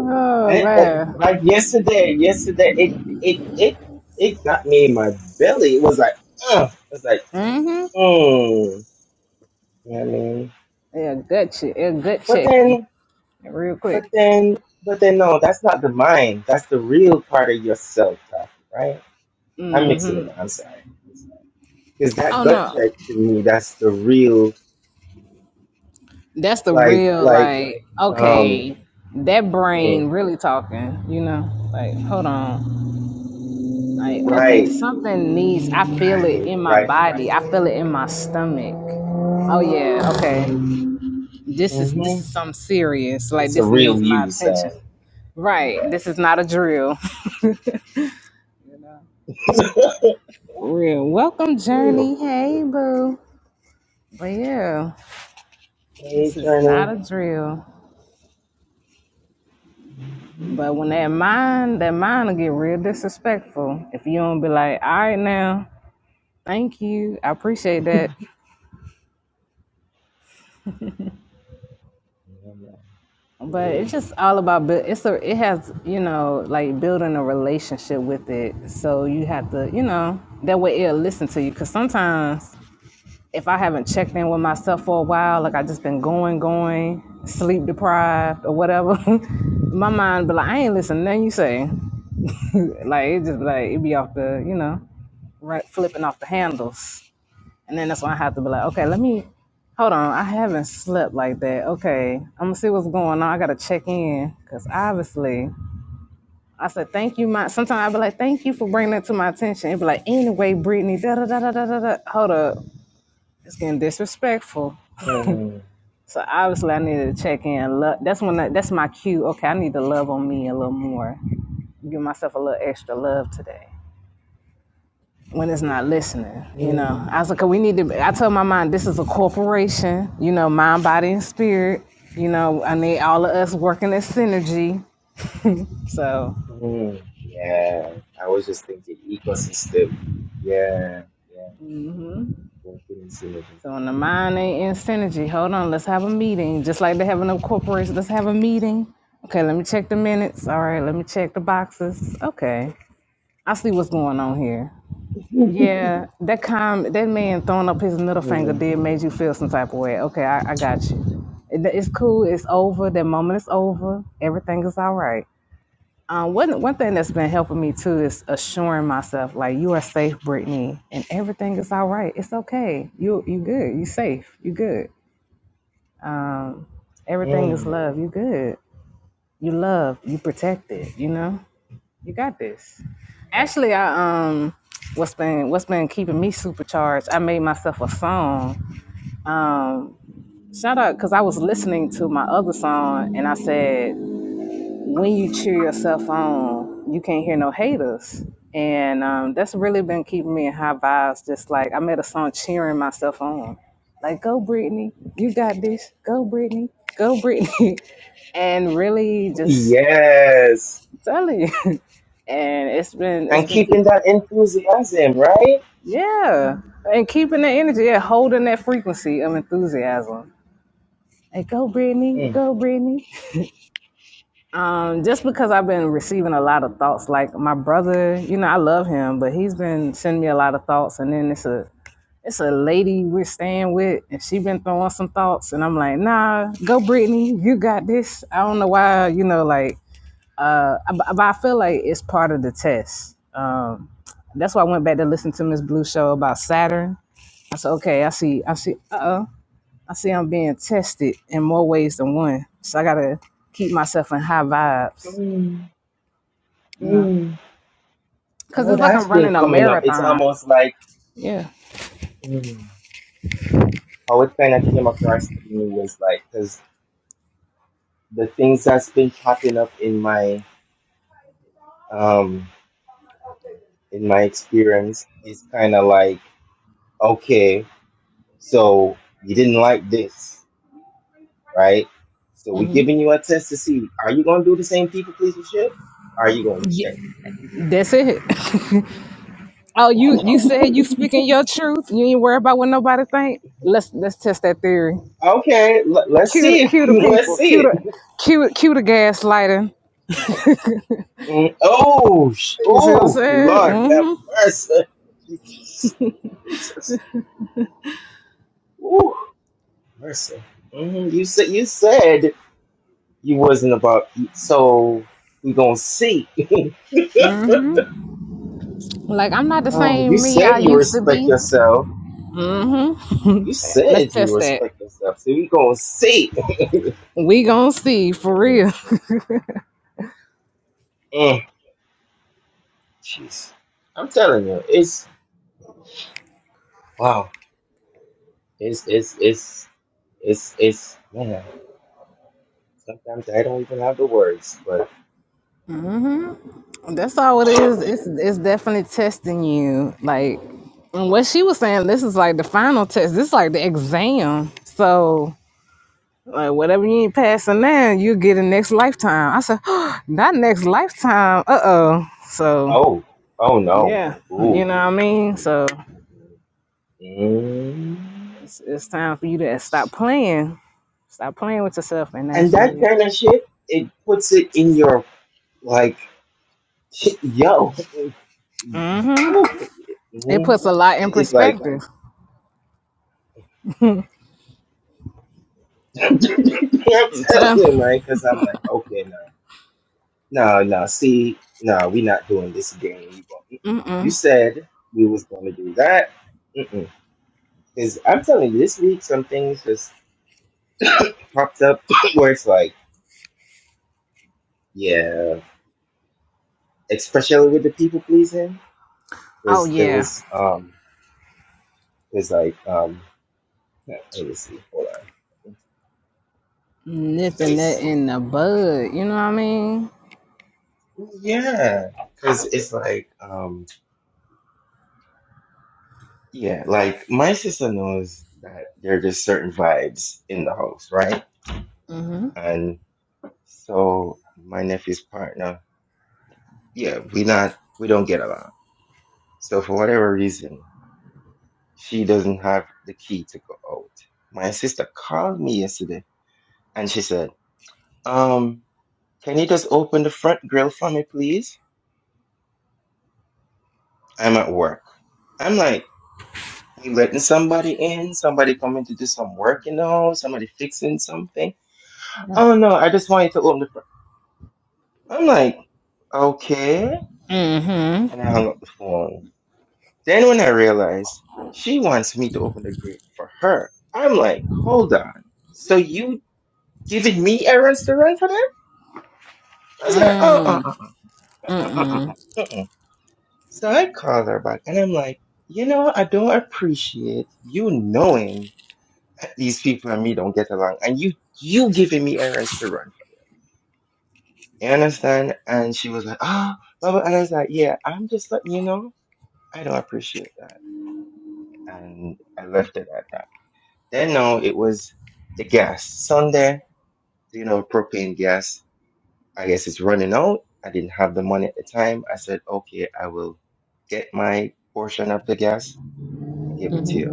[SPEAKER 1] Oh
[SPEAKER 2] And, and
[SPEAKER 1] man.
[SPEAKER 2] like yesterday, yesterday it it it it got me in my belly. It was like, uh, it was like, mm. You know what I mean?
[SPEAKER 1] Yeah, gut check. Yeah, gut
[SPEAKER 2] But
[SPEAKER 1] checking.
[SPEAKER 2] then,
[SPEAKER 1] Real
[SPEAKER 2] but
[SPEAKER 1] quick.
[SPEAKER 2] then, but then, no, that's not the mind. That's the real part of yourself, Taffy, right? I'm mixing it. up. I'm sorry. I'm sorry. Because that
[SPEAKER 1] Oh
[SPEAKER 2] gut
[SPEAKER 1] no.
[SPEAKER 2] check to me, that's the real
[SPEAKER 1] That's the
[SPEAKER 2] like
[SPEAKER 1] real
[SPEAKER 2] like
[SPEAKER 1] like,
[SPEAKER 2] um
[SPEAKER 1] okay, that brain
[SPEAKER 2] mm,
[SPEAKER 1] really talking, you know? Like, hold on. Like, okay,
[SPEAKER 2] right
[SPEAKER 1] something needs, I feel it
[SPEAKER 2] right
[SPEAKER 1] in my
[SPEAKER 2] right.
[SPEAKER 1] body. I feel it in my stomach. Oh yeah, okay. This is this
[SPEAKER 2] Mm-hmm.
[SPEAKER 1] is something serious. Like
[SPEAKER 2] It's a
[SPEAKER 1] this needs
[SPEAKER 2] real
[SPEAKER 1] my
[SPEAKER 2] you
[SPEAKER 1] attention.
[SPEAKER 2] sound.
[SPEAKER 1] Right.
[SPEAKER 2] Yeah,
[SPEAKER 1] This is not a drill.
[SPEAKER 2] for
[SPEAKER 1] Real. Welcome,
[SPEAKER 2] real,
[SPEAKER 1] Journey.
[SPEAKER 2] for real.
[SPEAKER 1] Hey, boo. But yeah,
[SPEAKER 2] Hey,
[SPEAKER 1] this is not
[SPEAKER 2] Journey.
[SPEAKER 1] a drill. But when that mind, that mind will get real disrespectful if you don't be like, all right now, thank you. I appreciate that.
[SPEAKER 2] Yeah, man, for
[SPEAKER 1] but
[SPEAKER 2] real.
[SPEAKER 1] it's just all about bu- it's a it has you know like building a relationship with it so you have to you know that way it'll listen to you because sometimes if i haven't checked in with myself for a while like i just been going going sleep deprived or whatever my mind be like i ain't listening to nothing you say like it just be like it be off the you know right flipping off the handles and then that's when I have to be like, okay, let me hold on. I haven't slept like that. Okay, I'm gonna see what's going on. I gotta check in because obviously I said thank you. My sometimes I be like, thank you for bringing that to my attention. It be like, anyway, Brittany, da da da da da da. da. Hold up, it's getting disrespectful.
[SPEAKER 2] Mm,
[SPEAKER 1] So obviously I needed to check in. Lo- That's when I, that's my cue. Okay, I need to love on me a little more. Give myself a little extra love today. when
[SPEAKER 2] for
[SPEAKER 1] it's
[SPEAKER 2] real.
[SPEAKER 1] not listening. You know,
[SPEAKER 2] Mm,
[SPEAKER 1] I was like, we need to. I told my mind, this is a corporation. You know, mind, body, and spirit. You know, I need all of us working in synergy. So,
[SPEAKER 2] mm. Yeah, I was just thinking ecosystem. Yeah, yeah. Working in synergy.
[SPEAKER 1] so when the mind ain't in synergy, hold on, let's have a meeting. Just like they have in a corporation, let's have a meeting. Okay, let me check the minutes. All right, let me check the boxes. Okay, I see what's going on here. Yeah, that com that man throwing up his middle finger
[SPEAKER 2] Mm-hmm.
[SPEAKER 1] did made you feel some type of way. Okay, I, I got you. It- It's cool. It's over. That moment is over. Everything is all right. Um, one one thing that's been helping me too is assuring myself, like you are safe, Brittany, and everything is all right. It's okay. You you good. You safe. You good. Everything is
[SPEAKER 2] Mm-hmm.
[SPEAKER 1] love. You good. You love. You protected. You
[SPEAKER 2] Mm-hmm.
[SPEAKER 1] know. You got this. Actually, I um, what's been what's been keeping me supercharged? I made myself a song Um, shout out because I was listening to my other song and I said, when you cheer yourself on, you can't hear no haters. And um, that's really been keeping me in high vibes. Just like I made a song cheering myself on, like "Go Brittany, you got this. Go Brittany, go Brittany," and really just
[SPEAKER 2] Yes.
[SPEAKER 1] telling you. And it's been it's
[SPEAKER 2] And
[SPEAKER 1] been keep
[SPEAKER 2] keeping that enthusiasm, right?
[SPEAKER 1] yeah, and keeping the energy, yeah, holding that frequency of enthusiasm. Like, go, Brittany,
[SPEAKER 2] Mm.
[SPEAKER 1] go, Brittany. Um, just because I've been receiving a lot of thoughts, like my brother, you know, I love him, but he's been sending me a lot of thoughts, and then it's a it's a lady we're staying with, and she been throwing some thoughts, and I'm like, nah, go Brittany, you got this. I don't know why, you know, like, uh, I- but I feel like it's part of the test. Um, that's why I went back to listen to Miss Blue show about Saturn. I said, okay, I see, I see, uh oh, I see I'm being tested in more ways than one, so I gotta keep myself in high vibes,
[SPEAKER 2] Mm.
[SPEAKER 1] you know.
[SPEAKER 2] Mm.
[SPEAKER 1] Cause
[SPEAKER 2] Yo,
[SPEAKER 1] it's like
[SPEAKER 2] that's
[SPEAKER 1] I'm
[SPEAKER 2] been
[SPEAKER 1] running a
[SPEAKER 2] coming up. It's
[SPEAKER 1] marathon.
[SPEAKER 2] almost like
[SPEAKER 1] Yeah,
[SPEAKER 2] mm, how it kind of came across to me was like, because the things that's been popping up in my um in my experience is kind of like, okay, so you didn't like this, right? So we're giving you a test to see, are you gonna do the same people pleaser shit? Are you gonna check?
[SPEAKER 1] that's it. Oh, you you said you speaking your truth. You ain't worried about what nobody think. Let's let's test that theory.
[SPEAKER 2] Okay, l- let's
[SPEAKER 1] Cue the
[SPEAKER 2] see it.
[SPEAKER 1] cue the
[SPEAKER 2] let's
[SPEAKER 1] people.
[SPEAKER 2] see
[SPEAKER 1] Cue
[SPEAKER 2] it.
[SPEAKER 1] the cue cue the gaslighting.
[SPEAKER 2] Mm, Oh, sh-
[SPEAKER 1] You see what I'm
[SPEAKER 2] oh,
[SPEAKER 1] saying?
[SPEAKER 2] Lord have
[SPEAKER 1] Mm-hmm.
[SPEAKER 2] mercy. Jesus, Jesus. Ooh, mercy. hmm You said you said you wasn't about so we gonna see.
[SPEAKER 1] Like I'm not the
[SPEAKER 2] Oh, you
[SPEAKER 1] same me
[SPEAKER 2] said
[SPEAKER 1] I
[SPEAKER 2] you
[SPEAKER 1] used to
[SPEAKER 2] respect
[SPEAKER 1] be.
[SPEAKER 2] yourself. You
[SPEAKER 1] Let's
[SPEAKER 2] said you
[SPEAKER 1] test that.
[SPEAKER 2] respect yourself. So we gonna see.
[SPEAKER 1] We gonna see for
[SPEAKER 2] Mm,
[SPEAKER 1] real.
[SPEAKER 2] mm, Jeez, I'm telling you, it's wow. It's it's it's it's it's man. Sometimes I don't even have the words, but
[SPEAKER 1] That's all it is. It's it's definitely testing you. Like and what she was saying, this is like the final test. This is like the exam. So Like whatever you ain't passing now, you get a next lifetime. I said, not next lifetime. Uh oh. So
[SPEAKER 2] oh, oh no,
[SPEAKER 1] yeah,
[SPEAKER 2] ooh,
[SPEAKER 1] you know what I mean. So
[SPEAKER 2] mm.
[SPEAKER 1] it's, it's time for you to stop playing. Stop playing with yourself, and
[SPEAKER 2] and that
[SPEAKER 1] actually,
[SPEAKER 2] kind of shit, it puts it in your like, yo, Whew.
[SPEAKER 1] it
[SPEAKER 2] Mhm.
[SPEAKER 1] puts a lot in
[SPEAKER 2] It, it like
[SPEAKER 1] perspective.
[SPEAKER 2] I'm
[SPEAKER 1] I'm
[SPEAKER 2] telling
[SPEAKER 1] telling-
[SPEAKER 2] you, man, because I'm like, okay, no, no, no. See, no, we not doing this again. You go, mm-mm. you said we was going to do that. Because I'm telling you, this week some things just popped up where it's like, yeah. especially with the people pleasing,
[SPEAKER 1] Oh
[SPEAKER 2] because there
[SPEAKER 1] yeah,
[SPEAKER 2] was um, because like um, let me see, hold on,
[SPEAKER 1] nipping that
[SPEAKER 2] 'Cause-
[SPEAKER 1] in the bud. You know what I mean?
[SPEAKER 2] yeah, because it's like um, yeah, like my sister knows that there are just certain vibes in the house, right? And so my nephew's partner, yeah, we not we don't get along. So for whatever reason, she doesn't have the key to go out. My sister called me yesterday and she said, um. Can you just open the front grill for me, please? I'm at work. I'm like, we letting somebody in, somebody coming to do some work, you know, somebody fixing something.
[SPEAKER 1] Right.
[SPEAKER 2] Oh no, I just want you to open the front. I'm like, okay.
[SPEAKER 1] Mm-hmm.
[SPEAKER 2] And I hung up the phone. Then when I realized she wants me to open the grill for her, I'm like, hold on. So you giving me errands to run for them? I was like, oh, uh, uh, uh, uh, uh, uh, uh. uh. So I called her back and I'm like, you know, I don't appreciate you knowing that these people and me don't get along and you you giving me errands to run from. You understand? And she was like, ah, blah, blah. And I was like, yeah, I'm just letting you know, I don't appreciate that. And I left it at that. Then no, it was the gas. Sunday, you know, propane gas, I guess it's running out. I didn't have the money at the time. I said, okay, I will get my portion of the gas and give it to you.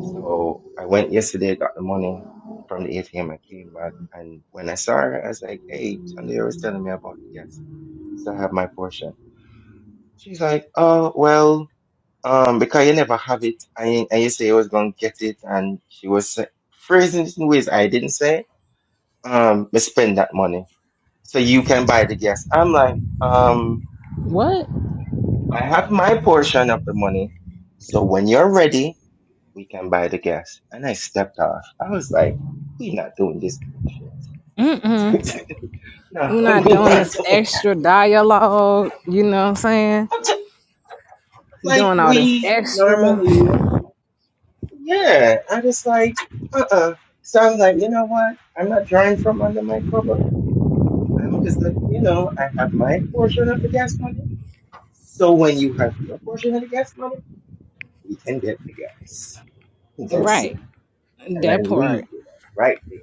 [SPEAKER 2] So I went yesterday, got the money from the ATM. I came back, and when I saw her, I was like, "Hey, Chandler was telling me about the gas, so I have my portion." She's like, "Oh well, um, because you never have it, and, and you say you was gonna get it," and she was uh, phrasing it in ways I didn't say. Um, but spend that money so you can buy the gas. I'm like, um,
[SPEAKER 1] What?
[SPEAKER 2] I have my portion of the money, so when you're ready. we can buy the gas. And I stepped off. I was like, we not doing this bullshit. no,
[SPEAKER 1] We're not
[SPEAKER 2] we
[SPEAKER 1] doing
[SPEAKER 2] not
[SPEAKER 1] this
[SPEAKER 2] doing
[SPEAKER 1] extra dialogue. You know what I'm saying?
[SPEAKER 2] I'm t- like
[SPEAKER 1] Doing all this
[SPEAKER 2] we
[SPEAKER 1] extra.
[SPEAKER 2] normally yeah. I was like, uh uh So I was like, you know what? I'm not drawing from under my cover. I'm just like, you know, I have my portion of the gas money. So when you have your portion of the gas money, we can get the gas. That's it.
[SPEAKER 1] Right.
[SPEAKER 2] And I
[SPEAKER 1] That
[SPEAKER 2] leave
[SPEAKER 1] part.
[SPEAKER 2] it right there.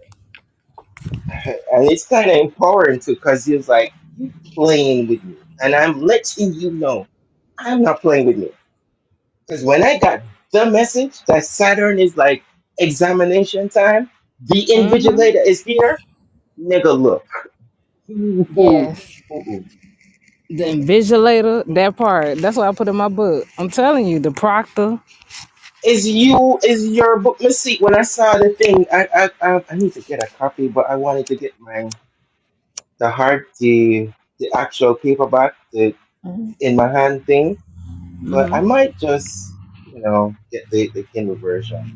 [SPEAKER 2] And it's kind of empowering too, because he was like, you playing with me. And I'm letting you know, I'm not playing with you. Because when I got the message that Saturn is like examination time, the
[SPEAKER 1] mm hmm
[SPEAKER 2] invigilator is here, nigga, look. Ooh, ooh,
[SPEAKER 1] Yes.
[SPEAKER 2] ooh,
[SPEAKER 1] The
[SPEAKER 2] ooh.
[SPEAKER 1] invigilator, that part. That's what I put in my book. I'm telling you, the proctor.
[SPEAKER 2] Is you, is your book mistake? When I saw the thing, I, I, I, I need to get a copy, but I wanted to get my, the hard, the, the actual paperback, the in my hand thing But I might just, you know, get the, the Kindle version.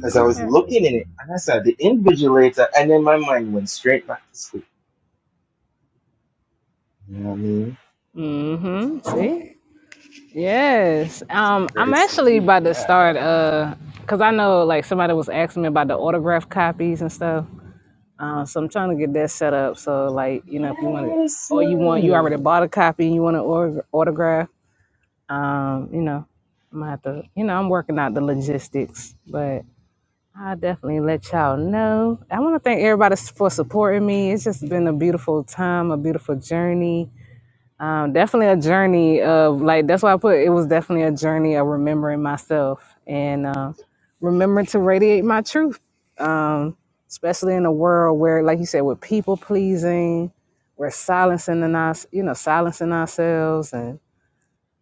[SPEAKER 2] Because I was
[SPEAKER 1] Okay.
[SPEAKER 2] looking in it, and I said, the invigilator, and then my mind went straight back to sleep. You know what I mean?
[SPEAKER 1] Mm-hmm. See? Yes.
[SPEAKER 2] So
[SPEAKER 1] Um, I'm
[SPEAKER 2] credits to
[SPEAKER 1] actually
[SPEAKER 2] you for
[SPEAKER 1] about to
[SPEAKER 2] that.
[SPEAKER 1] start uh because I know like somebody was asking me about the autograph copies and stuff. Uh, so I'm trying to get that set up. So like, you know, if you want it
[SPEAKER 2] Yes,
[SPEAKER 1] or you want you
[SPEAKER 2] man.
[SPEAKER 1] already bought a copy and you want an autog- autograph, um, you know, I'm gonna have to you know, I'm working out the logistics. but. I'll definitely let y'all know. I want to thank everybody s- for supporting me. It's just been a beautiful time, a beautiful journey. Um, definitely a journey of like that's why I put it was definitely a journey of remembering myself and uh, remembering to radiate my truth, um, especially in a world where, like you said, we're people pleasing, we're silencing in us, you know, silencing ourselves and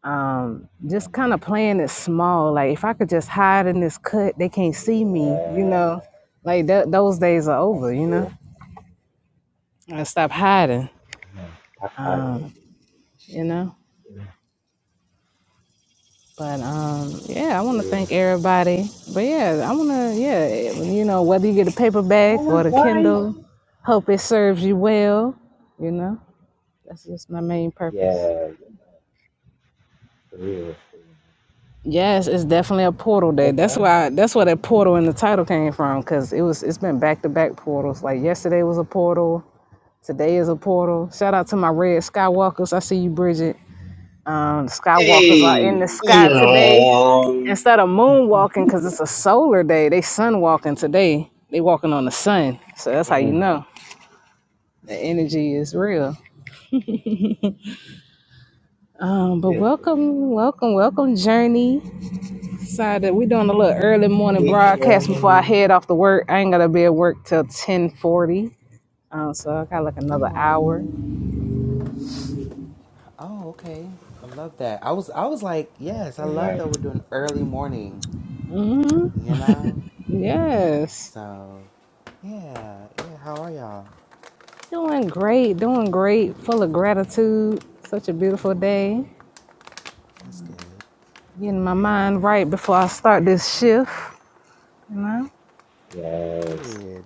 [SPEAKER 1] um,
[SPEAKER 2] Yeah,
[SPEAKER 1] just kind
[SPEAKER 2] man,
[SPEAKER 1] of playing it small. Like if I could just hide in this cut, they can't see me. You
[SPEAKER 2] Yeah, man.
[SPEAKER 1] know, like th- those days are over.
[SPEAKER 2] that's
[SPEAKER 1] You know,
[SPEAKER 2] true.
[SPEAKER 1] I stopped hiding.
[SPEAKER 2] Yeah, That part right
[SPEAKER 1] Um, you know,
[SPEAKER 2] there,
[SPEAKER 1] but um, yeah, I
[SPEAKER 2] for
[SPEAKER 1] want to
[SPEAKER 2] real.
[SPEAKER 1] thank everybody. But yeah, I want to yeah, you know, whether you get a
[SPEAKER 2] Oh
[SPEAKER 1] paperback
[SPEAKER 2] my
[SPEAKER 1] or the
[SPEAKER 2] gosh.
[SPEAKER 1] Kindle, hope it serves you well. You know, that's just my main purpose.
[SPEAKER 2] Yeah, for real. For real.
[SPEAKER 1] Yes, it's definitely a portal day.
[SPEAKER 2] Oh my
[SPEAKER 1] That's
[SPEAKER 2] god.
[SPEAKER 1] why that's where that portal in the title came from because it was it's been back to back portals. Like yesterday was a portal, today is a portal. Shout out to my red skywalkers. I see you, Bridget. Um, the skywalkers are in
[SPEAKER 2] Hey,
[SPEAKER 1] the
[SPEAKER 2] yeah.
[SPEAKER 1] sky today.
[SPEAKER 2] Mm,
[SPEAKER 1] Instead of moonwalking, because it's a solar day, they sun walking today. They walking on the sun, so that's how you
[SPEAKER 2] yeah,
[SPEAKER 1] know the energy is real. Um, but
[SPEAKER 2] for real.
[SPEAKER 1] welcome, welcome, welcome, Journey. Decided we doing a little early morning
[SPEAKER 2] Hey,
[SPEAKER 1] broadcast before I
[SPEAKER 2] Jeremy.
[SPEAKER 1] head off to work. I ain't gonna be at work till ten forty, um, so I got like
[SPEAKER 3] Good
[SPEAKER 1] another hour.
[SPEAKER 3] morning. Oh, okay. I love that. I was I was like, yes, I
[SPEAKER 2] Okay,
[SPEAKER 3] love
[SPEAKER 2] nice.
[SPEAKER 3] that we're doing early morning,
[SPEAKER 1] hmm
[SPEAKER 3] you know?
[SPEAKER 1] Yes,
[SPEAKER 3] So yeah, yeah, how are y'all?
[SPEAKER 1] doing great, doing great. Full of gratitude. Such a beautiful day.
[SPEAKER 3] That's good.
[SPEAKER 1] Getting my
[SPEAKER 3] Yeah.
[SPEAKER 1] mind right before I start this shift. You know.
[SPEAKER 2] Yes.
[SPEAKER 3] Good.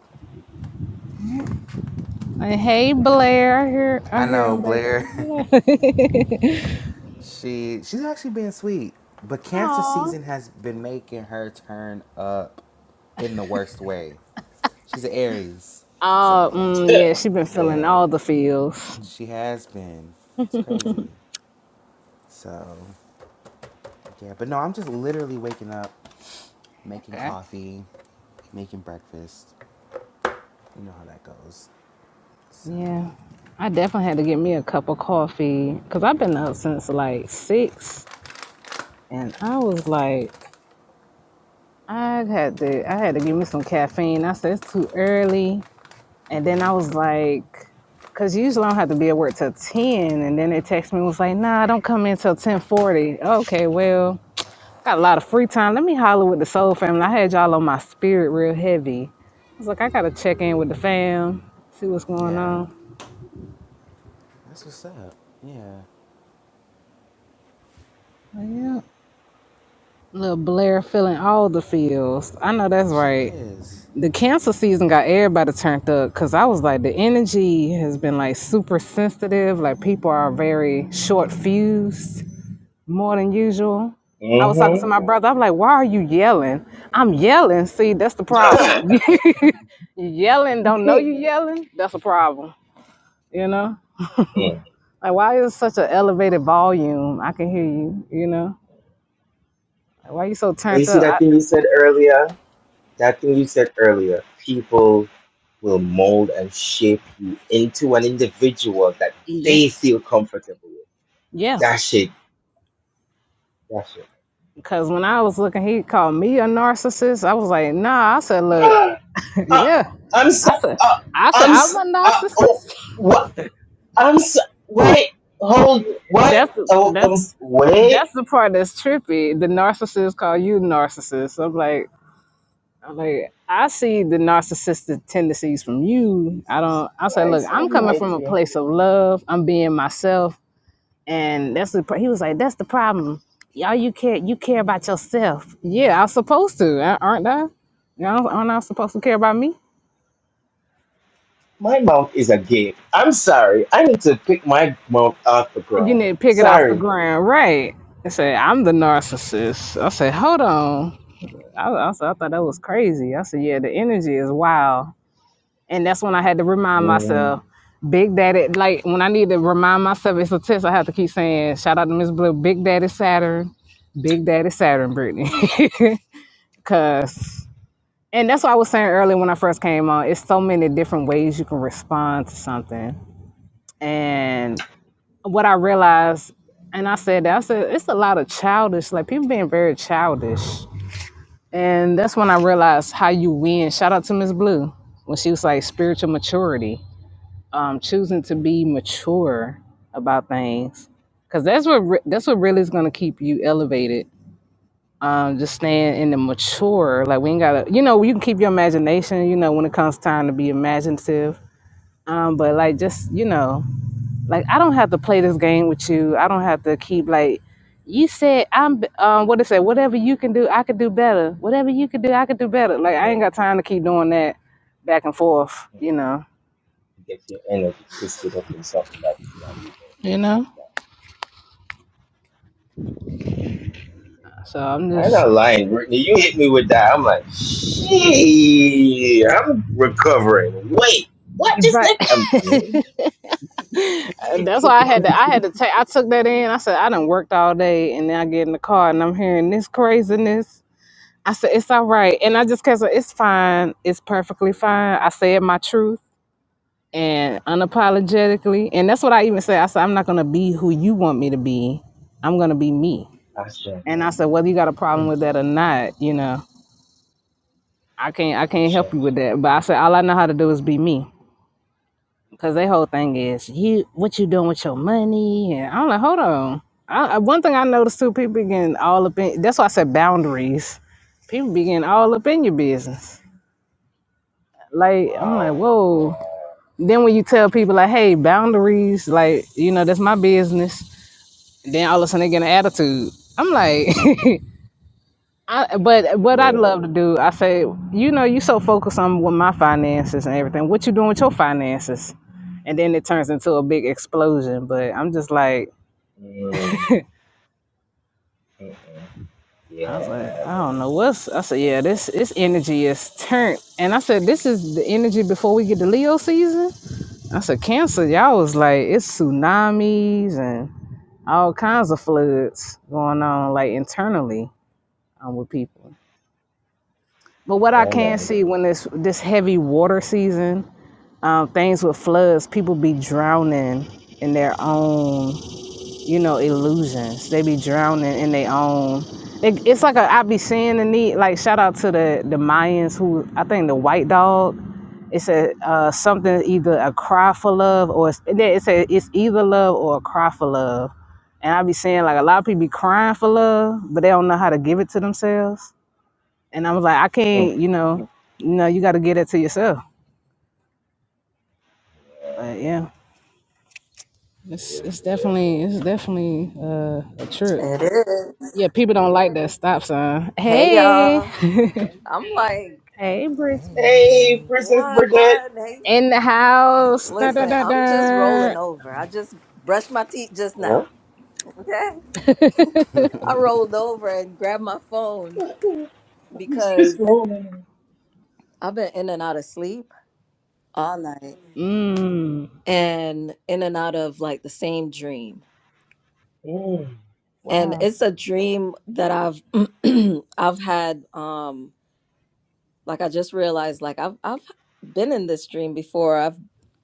[SPEAKER 1] And
[SPEAKER 3] Yeah.
[SPEAKER 1] hey, Blair, I hear, I
[SPEAKER 3] I
[SPEAKER 1] hear
[SPEAKER 3] know,
[SPEAKER 1] him
[SPEAKER 3] Blair.
[SPEAKER 1] back there.
[SPEAKER 3] she she's actually being sweet. But cancer
[SPEAKER 1] Aw.
[SPEAKER 3] season has been making her turn up in the worst way. She's an Aries.
[SPEAKER 1] Oh,
[SPEAKER 3] So
[SPEAKER 1] mm, yeah, she been feeling
[SPEAKER 3] yeah.
[SPEAKER 1] all the feels.
[SPEAKER 3] She has been. It's crazy. So, yeah, but no, I'm just literally waking up, making
[SPEAKER 1] Okay.
[SPEAKER 3] coffee, making breakfast. You know how that goes. So,
[SPEAKER 1] Yeah, I definitely had to get me a cup of coffee because I've been up since like six, and I was like, I had to, I had to give me some caffeine. I said it's too early, and then I was like, because usually I don't have to be at work till ten, and then they text me and was like, Nah, I don't come in till ten forty. Okay, well, got a lot of free time. Let me holler with the Soul Family. I had y'all on my spirit real heavy. I was like, I gotta check in with the fam, see what's going
[SPEAKER 3] yeah,
[SPEAKER 1] on.
[SPEAKER 3] that's what's up. Yeah,
[SPEAKER 1] But yeah. Little Blair feeling all the feels. I know that's
[SPEAKER 3] she
[SPEAKER 1] right.
[SPEAKER 3] is.
[SPEAKER 1] The cancer season got everybody turned up because I was like, the energy has been like super sensitive. Like people are very short fused more than usual. I was talking to
[SPEAKER 2] Mm-hmm.
[SPEAKER 1] my brother. I'm like, why are you yelling? I'm yelling. See, that's the problem. you yelling, don't know you yelling. That's a problem. You know,
[SPEAKER 2] Mm.
[SPEAKER 1] like why is such an elevated volume? I can hear you. You know, Like, why you so
[SPEAKER 2] But you
[SPEAKER 1] turned
[SPEAKER 2] see
[SPEAKER 1] up?
[SPEAKER 2] that
[SPEAKER 1] I,
[SPEAKER 2] thing you said earlier? That thing you said earlier. People will mold and shape you into an individual that
[SPEAKER 1] yeah,
[SPEAKER 2] they feel comfortable with.
[SPEAKER 1] yeah.
[SPEAKER 2] That shit. That shit.
[SPEAKER 1] Cause when I was looking, he called me a narcissist. I was like, nah. I said, look,
[SPEAKER 2] Uh,
[SPEAKER 1] yeah.
[SPEAKER 2] I'm so,
[SPEAKER 1] I said,
[SPEAKER 2] uh,
[SPEAKER 1] I said,
[SPEAKER 2] I'm
[SPEAKER 1] I'm
[SPEAKER 2] so,
[SPEAKER 1] a
[SPEAKER 2] uh, oh,
[SPEAKER 1] narcissist.
[SPEAKER 2] what? I'm so, wait, hold, what?
[SPEAKER 1] That's the,
[SPEAKER 2] Oh,
[SPEAKER 1] that's
[SPEAKER 2] um, wait.
[SPEAKER 1] that's the part that's trippy. The narcissist call you narcissist. I'm like, I'm like, I see the narcissistic tendencies from you. I
[SPEAKER 2] Jesus
[SPEAKER 1] don't. I said, look,
[SPEAKER 2] Christ
[SPEAKER 1] I'm coming from a
[SPEAKER 2] Almighty.
[SPEAKER 1] place of love. I'm being myself. And that's the pro- he was like, that's the problem. Y'all, you care you care about yourself. Yeah, I'm supposed to, a- aren't I? You know, aren't I supposed to care about me?
[SPEAKER 2] My mount is a gate. I'm sorry. I need to pick my mount off the
[SPEAKER 1] You
[SPEAKER 2] ground.
[SPEAKER 1] need to pick it off the
[SPEAKER 2] Sorry.
[SPEAKER 1] ground, right? I said, I'm the narcissist. I said, hold on. I, I, said, I thought that was crazy. I said, yeah, the energy is wild. And that's when I had to remind
[SPEAKER 2] Mm,
[SPEAKER 1] myself, Big Daddy, like when I need to remind myself, it's a test I have to keep saying, shout out to Miss Blue, Big Daddy Saturn, Big Daddy Saturn, Brittany. Because And that's what I was saying earlier when I first came on. It's so many different ways you can respond to something. And what I realized, and I said that, I said, it's a lot of childish, like people being very childish. And that's when I realized how you win. Shout out to Miss Blue when she was like spiritual maturity, um, choosing to be mature about things. Cause that's what re- that's what really is gonna keep you elevated um, just staying in the mature. Like we ain't gotta, you know, you can keep your imagination, you know, when it comes time to be imaginative. Um, but like just, you know, like I don't have to play this game with you. I don't have to keep like you said I'm b- um what it say, whatever you can do, I could do better. Whatever you could do, I could do better. Like I ain't
[SPEAKER 2] mm.
[SPEAKER 1] got time to keep doing that back and forth, you know.
[SPEAKER 2] Get your energy twisted up in something that's not even.
[SPEAKER 1] You know? So I'm
[SPEAKER 2] I'm
[SPEAKER 1] just
[SPEAKER 2] not lying, Brittany. You hit me with that. I'm like, shit. I'm recovering. Wait, what just
[SPEAKER 1] right.
[SPEAKER 2] that? I'm. Mm,
[SPEAKER 1] That's why I had to. I had to take. I took that in. I said I done worked all day, and then I get in the car, and I'm hearing this craziness I said, it's all right. And I just kept saying, it's fine. It's perfectly fine. I said my truth and unapologetically. And that's what I even said. I said, I'm not going to be who you want me to be. I'm going to be me.
[SPEAKER 2] Asha.
[SPEAKER 1] And I said, whether you got a problem
[SPEAKER 2] Mm,
[SPEAKER 1] with that or not, you know, I can't, I can't help
[SPEAKER 2] Asha.
[SPEAKER 1] you with that. But I said, all I know how to do is be me. Cause their whole thing is you, what you doing with your money? And I'm like, hold on. I, I- one thing I noticed too, people begin all up in. That's why I said boundaries. People begin all up in your business Like I'm like,
[SPEAKER 2] Wow.
[SPEAKER 1] whoa. Then when you tell people like, hey, boundaries, like, you know, that's my business. Then all of a sudden they get an attitude. I'm like, I, but
[SPEAKER 2] Yeah.
[SPEAKER 1] what I'd
[SPEAKER 2] Mm,
[SPEAKER 1] love to do, I say, you know, you so focused on with my finances and everything. What you doing with your finances? And then it turns into a big explosion. But I'm just like,
[SPEAKER 2] mm, mm, mm.
[SPEAKER 1] I was like,
[SPEAKER 2] Yeah.
[SPEAKER 1] I
[SPEAKER 2] No, no,
[SPEAKER 1] don't know what's. I said,
[SPEAKER 2] no.
[SPEAKER 1] yeah, this this energy is turned. And I said, this is the energy before we get to Leo season. That's a cancer. Y'all was like, it's tsunamis and all kinds of floods going on, like internally um, with people. But what I
[SPEAKER 2] Yeah,
[SPEAKER 1] can
[SPEAKER 2] man.
[SPEAKER 1] see when this this heavy water season, um, things with floods, people be drowning in their own you know, illusions. They be drowning in their own. It, it's like a, I be seeing the need. Like shout out to the the Mayans who I think the white dog. It's a uh, something either a cry for love or it's, yeah, it's a it's either love or a cry for love. And I be seeing like a lot of people be crying for love, but they don't know how to give it to themselves. And I was like, I
[SPEAKER 2] Mm.
[SPEAKER 1] can't, you know, no, you got to get it to yourself. But yeah,
[SPEAKER 2] For
[SPEAKER 1] it's
[SPEAKER 2] real,
[SPEAKER 1] it's
[SPEAKER 2] for real.
[SPEAKER 1] definitely it's definitely uh, a trip.
[SPEAKER 4] It is.
[SPEAKER 1] Yeah, people don't like that stop sign.
[SPEAKER 4] Hey
[SPEAKER 1] Hey,
[SPEAKER 4] y'all. I'm like,
[SPEAKER 1] hey, Brit.
[SPEAKER 3] Hey.
[SPEAKER 2] Hey, Princess
[SPEAKER 4] why
[SPEAKER 2] Bridget.
[SPEAKER 4] God? Hey,
[SPEAKER 1] In the house. Dun, dun,
[SPEAKER 4] listen,
[SPEAKER 1] dun,
[SPEAKER 4] I'm just rolling
[SPEAKER 1] dun.
[SPEAKER 4] over. I just brushed my teeth just now.
[SPEAKER 2] Hello?
[SPEAKER 4] Okay. I rolled over and grabbed my phone
[SPEAKER 2] He's just
[SPEAKER 4] because
[SPEAKER 2] rolling.
[SPEAKER 4] I've been in and out of sleep all night
[SPEAKER 1] Mm.
[SPEAKER 4] and in and out of like the same dream.
[SPEAKER 2] Mm,
[SPEAKER 4] And
[SPEAKER 1] Wow.
[SPEAKER 4] it's a dream that I've I've had um like I just realized like I've I've been in this dream before. I've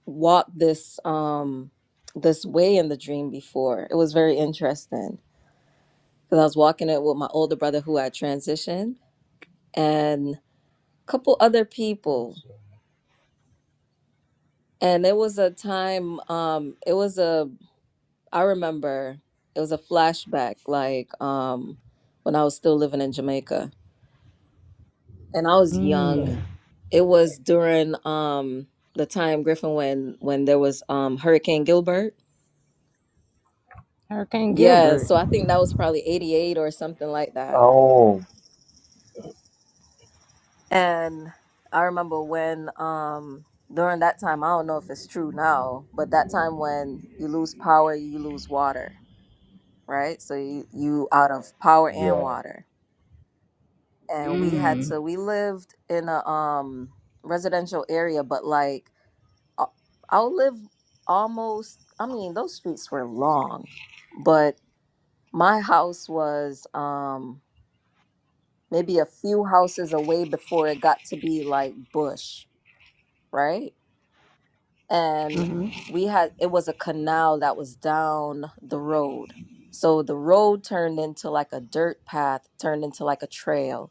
[SPEAKER 4] walked this um this way in the dream before. It was very interesting because I was walking it with my older brother who had transitioned and a couple other people.
[SPEAKER 2] gotcha.
[SPEAKER 4] And it was a time um it was a I remember it was a flashback like um when I was still living in Jamaica and I was young
[SPEAKER 2] Yeah,
[SPEAKER 1] Mm.
[SPEAKER 4] It was during um the time Griffin when when there was um Hurricane Gilbert.
[SPEAKER 1] Hurricane
[SPEAKER 4] Yeah,
[SPEAKER 1] Gilbert.
[SPEAKER 4] so I think that was probably 88 or something like that.
[SPEAKER 2] Oh,
[SPEAKER 4] And I remember when um during that time, I don't know if it's true now, but that time when you lose power, you lose water, right? So you you out of power and
[SPEAKER 2] yeah.
[SPEAKER 4] water. And we had
[SPEAKER 1] Mm.
[SPEAKER 4] to we lived in a um residential area, but like I- I'll live almost, I mean, those streets were long, but my house was um, maybe a few houses away before it got to be like bush, right? And
[SPEAKER 1] Mm-hmm.
[SPEAKER 4] we had, it was a canal that was down the road. So the road turned into like a dirt path, turned into like a trail.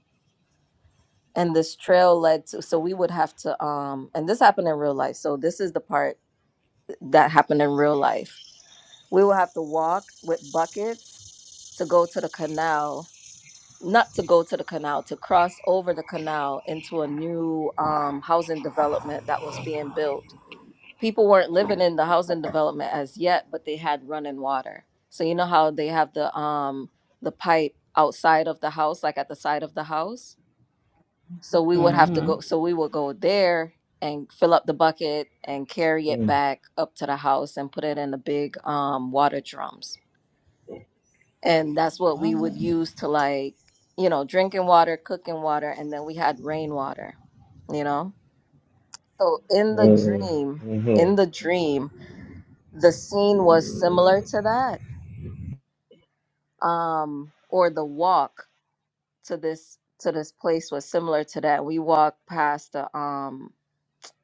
[SPEAKER 4] And this trail led to, so we would have to, um, and this happened in real life. So this is the part that happened in real life We will have to walk with buckets to go to the canal, not to go to the canal, to cross over the canal into a new um, housing development that was being built. People weren't living in the housing development as yet, but they had running water. So you know how they have the um the pipe outside of the house, like at the side of the house. So we would have to go.
[SPEAKER 1] Mm-hmm.
[SPEAKER 4] So we would go there and fill up the bucket and carry it
[SPEAKER 2] Mm, mm,
[SPEAKER 4] back up to the house and put it in the big um water drums and that's what we would use to like you know drinking water cooking water and then we had rainwater you know so in the
[SPEAKER 2] mm,
[SPEAKER 4] dream
[SPEAKER 2] mm,
[SPEAKER 4] in the
[SPEAKER 2] mm,
[SPEAKER 4] dream the scene was similar to that um or the walk to this to this place was similar to that we walked past the um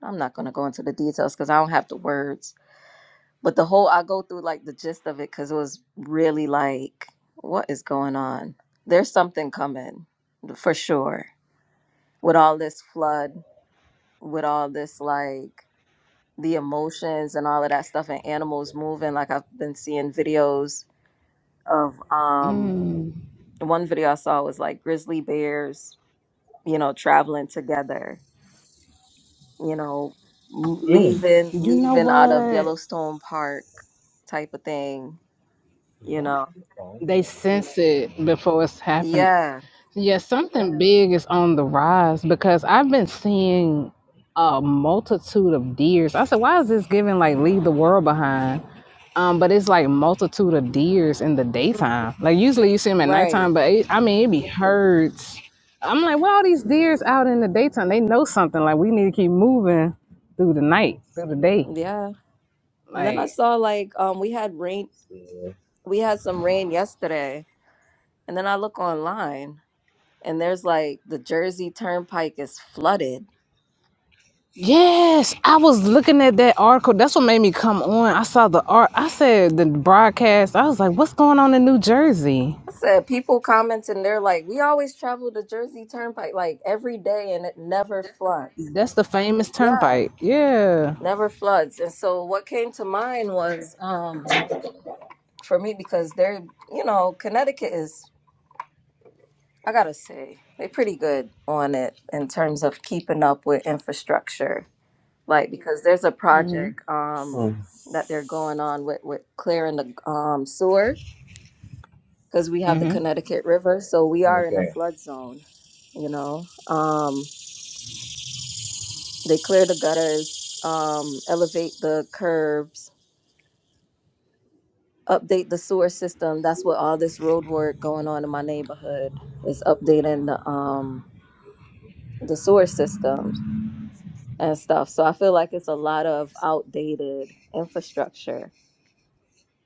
[SPEAKER 4] i'm not going to go into the details because i don't have the words but the whole i go through like the gist of it because it was really like what is going on there's something coming for sure with all this flood, with all this like the emotions and all of that stuff and animals moving. Like I've been seeing videos of um
[SPEAKER 1] Mm.
[SPEAKER 4] one video I saw was like grizzly bears, you know, traveling together, you know, m-
[SPEAKER 2] mm.
[SPEAKER 4] leaving
[SPEAKER 1] You know
[SPEAKER 4] leaving out of
[SPEAKER 1] what?
[SPEAKER 4] Yellowstone Park type of thing, you
[SPEAKER 2] What?
[SPEAKER 4] know.
[SPEAKER 2] Oh,
[SPEAKER 1] They
[SPEAKER 2] no.
[SPEAKER 1] sense it
[SPEAKER 2] Mm.
[SPEAKER 1] before it's happening.
[SPEAKER 4] Yeah,
[SPEAKER 1] Yeah, something big is on the rise because I've been seeing a multitude of deers. I said, why is this giving like leave the world behind? Um, but it's like multitude of deers in the daytime. Like usually you see them at
[SPEAKER 4] right.
[SPEAKER 1] nighttime, but it, I mean it be herds. I'm like, well, all these deers out in the daytime, they know something. Like we need to keep moving through the night, through the
[SPEAKER 2] Yeah,
[SPEAKER 1] day.
[SPEAKER 4] Yeah. And then I
[SPEAKER 1] Like
[SPEAKER 4] saw like um we had rain
[SPEAKER 2] yeah.
[SPEAKER 4] we had some rain yesterday and then I look online and there's like the Jersey Turnpike is flooded.
[SPEAKER 1] Yes, I was looking at that article. That's what made me come on. I saw the art. I said the broadcast. I was like, "What's going on in New Jersey?"
[SPEAKER 4] I said people commenting, they're like, we always travel the Jersey Turnpike like every day and it never floods.
[SPEAKER 1] That's the famous
[SPEAKER 4] Yeah,
[SPEAKER 1] turnpike. Yeah,
[SPEAKER 4] never floods. And so what came to mind was um for me because they're you know Connecticut is I gotta say they're pretty good on it in terms of keeping up with infrastructure. Like because there's a project um
[SPEAKER 2] Mm,
[SPEAKER 4] that they're going on with with clearing the um sewer because we have the Connecticut River, so we are in a
[SPEAKER 2] okay.
[SPEAKER 4] flood zone, you know. Um, they clear the gutters, um, elevate the curbs, update the sewer system. That's what all this road work going on in my neighborhood is updating the um the sewer systems and stuff. So I feel like it's a lot of outdated infrastructure,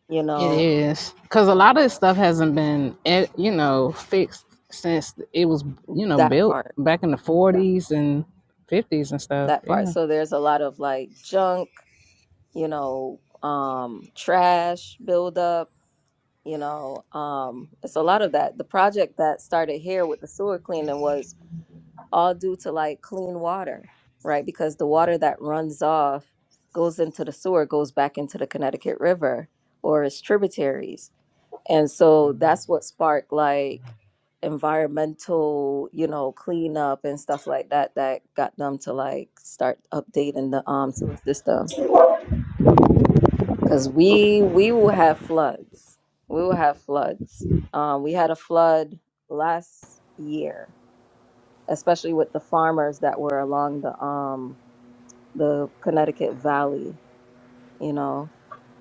[SPEAKER 4] you
[SPEAKER 1] it
[SPEAKER 4] know,
[SPEAKER 1] is. Cause a lot of this stuff hasn't been, eh, you know, fixed since it was, you know,
[SPEAKER 4] that
[SPEAKER 1] built
[SPEAKER 4] part.
[SPEAKER 1] back in the forties and fifties and stuff.
[SPEAKER 4] That part.
[SPEAKER 1] Yeah.
[SPEAKER 4] So there's a lot of like junk, you know, um trash buildup you know um it's a lot of that the project that started here with the sewer cleaning was all due to like clean water right because the water that runs off goes into the sewer goes back into the connecticut river or its tributaries and so
[SPEAKER 2] Mm.
[SPEAKER 4] that's what sparked like environmental you know cleanup and stuff like that that got them to like start updating the um sewer system because we we will have floods. We will have floods. Um, we had a flood last year, especially with the farmers that were along the um the Connecticut Valley. You know,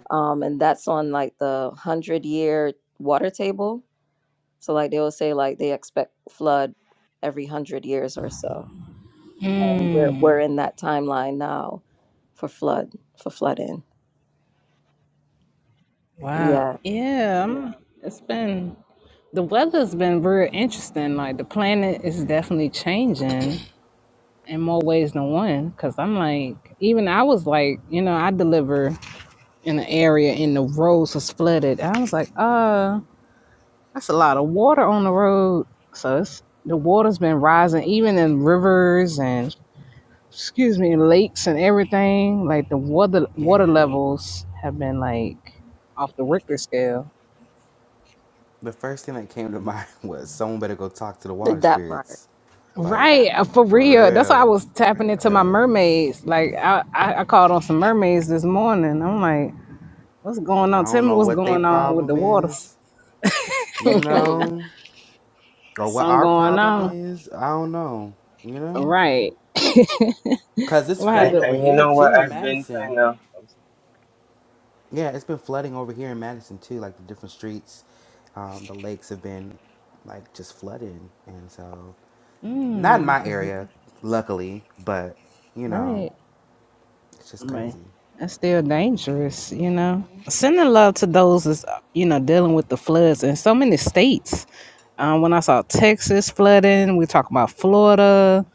[SPEAKER 4] um, and that's on like the hundred year water table. So like they will say like they expect flood every hundred years or so, and we're we're in that timeline now for flood for flooding.
[SPEAKER 1] Wow.
[SPEAKER 4] Yeah,
[SPEAKER 1] Yeah. I'm- it's been the weather's been very interesting. Like the planet is
[SPEAKER 3] Yeah.
[SPEAKER 1] definitely changing in more ways than one because i'm like even i was like you know i deliver in an area and the roads was flooded i was like uh that's a lot of water on the road so it's the water's been rising even in rivers and excuse me lakes and everything like the water water
[SPEAKER 3] Yeah.
[SPEAKER 1] levels have been like off the richter scale
[SPEAKER 3] The first thing that came to mind was someone better go talk to the water
[SPEAKER 4] that part.
[SPEAKER 3] spirits. Like,
[SPEAKER 1] Right, uh, for
[SPEAKER 3] for
[SPEAKER 1] real. That's why I
[SPEAKER 3] real.
[SPEAKER 1] was tapping into my
[SPEAKER 3] Cause
[SPEAKER 1] mermaids. Like I, I, I called on some mermaids this morning. I'm like, What's going
[SPEAKER 3] I
[SPEAKER 1] on? Tell
[SPEAKER 3] don't
[SPEAKER 1] me
[SPEAKER 3] know
[SPEAKER 1] what's
[SPEAKER 3] what they
[SPEAKER 1] going on with the
[SPEAKER 3] problem
[SPEAKER 1] water.
[SPEAKER 3] is, you
[SPEAKER 4] Mhm.
[SPEAKER 3] know? or what
[SPEAKER 1] Something
[SPEAKER 3] our
[SPEAKER 1] going
[SPEAKER 3] problem
[SPEAKER 1] on.
[SPEAKER 3] is, I don't know. You know,
[SPEAKER 1] Right.
[SPEAKER 3] cause it's
[SPEAKER 1] I'm gonna have
[SPEAKER 2] I,
[SPEAKER 3] flooded
[SPEAKER 1] to
[SPEAKER 3] over
[SPEAKER 2] and you
[SPEAKER 3] here
[SPEAKER 2] know
[SPEAKER 3] too
[SPEAKER 2] what?
[SPEAKER 3] in
[SPEAKER 2] I've been
[SPEAKER 3] Madison.
[SPEAKER 2] kind of.
[SPEAKER 3] Yeah, it's been flooding over here in Madison too. Like the different streets, um, the lakes have been like just flooded, and so not in
[SPEAKER 1] mm,
[SPEAKER 3] my area, luckily. But you know,
[SPEAKER 1] right.
[SPEAKER 3] it's just
[SPEAKER 1] Man.
[SPEAKER 3] crazy.
[SPEAKER 1] That's still dangerous, you know. Sending love to those is you know, dealing with the floods in so many states. Um, when I saw Texas flooding, we talk about Florida,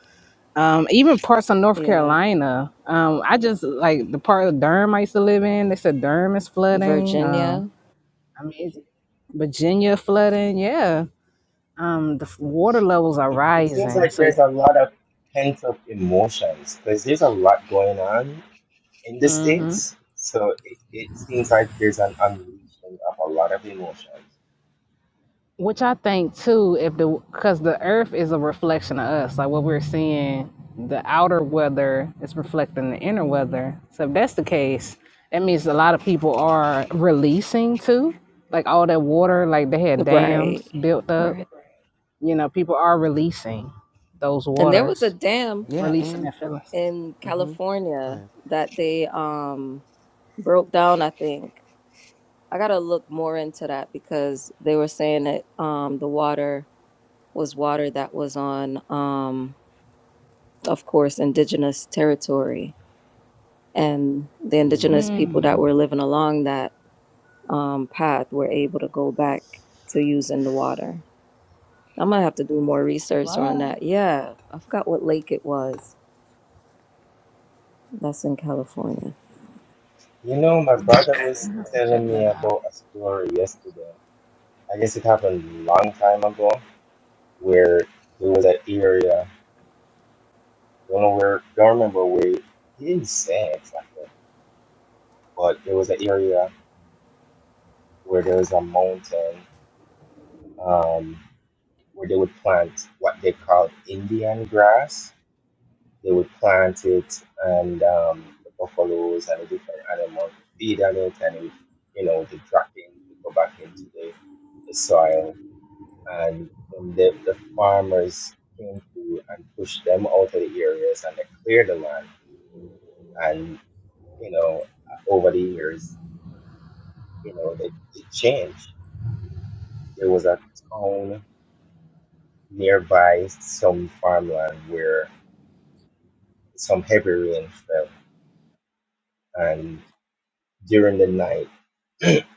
[SPEAKER 1] um, even parts of North
[SPEAKER 4] Yeah,
[SPEAKER 1] Carolina. Um, I just like the part of Durham I used to live in. They said Durham is flooding. Um,
[SPEAKER 4] Virginia.
[SPEAKER 1] I mean, Virginia flooding. Yeah, um the f- water levels are
[SPEAKER 2] It, it seems
[SPEAKER 1] rising
[SPEAKER 2] like
[SPEAKER 1] so
[SPEAKER 2] there's a lot of pent up emotions because there's a lot going on. in the
[SPEAKER 1] hmm
[SPEAKER 2] States. So it, it seems like there's an unleashing of a lot of emotions.
[SPEAKER 1] which i think too if the because the earth is a reflection of us like what we're seeing the outer weather is reflecting the inner
[SPEAKER 4] Mhm.
[SPEAKER 1] weather so if that's the case that means a lot of people are releasing too like all that water like they had dams
[SPEAKER 4] Right,
[SPEAKER 1] built up
[SPEAKER 4] right.
[SPEAKER 1] you know people are releasing those
[SPEAKER 4] And there was a
[SPEAKER 1] waters
[SPEAKER 4] dam
[SPEAKER 3] Yeah,
[SPEAKER 1] releasing
[SPEAKER 3] and
[SPEAKER 1] their feelings
[SPEAKER 4] in
[SPEAKER 3] mm-hmm, go
[SPEAKER 4] California
[SPEAKER 3] ahead.
[SPEAKER 4] that they um broke down, I think. I gotta look more into that because they were saying that um the water was water that was on um of course indigenous territory and the indigenous people that
[SPEAKER 1] mm,
[SPEAKER 4] were living along that um path were able to go back to using the water. I'm gonna have to do more
[SPEAKER 1] what
[SPEAKER 4] research on
[SPEAKER 1] i'm
[SPEAKER 4] that. Yeah, I forgot what lake it was. That's in California.
[SPEAKER 2] You know, my brother was
[SPEAKER 1] gonna have to check
[SPEAKER 2] telling me
[SPEAKER 1] that
[SPEAKER 2] about a story yesterday. I guess it happened a long time ago where there was an area, don't know where, don't remember where, he didn't say exactly, but there was an area where there was a mountain um, where they would plant what they called Indian grass They would plant it and um, the buffaloes and the different animals would feed on it and it would, you know, the cracking would go back into the, the soil. And when the, the farmers came through and pushed them out of the areas and they cleared the land and, you know, over the years, you know, it, it changed. There was a town nearby some farmland where some heavy rain fell and during the night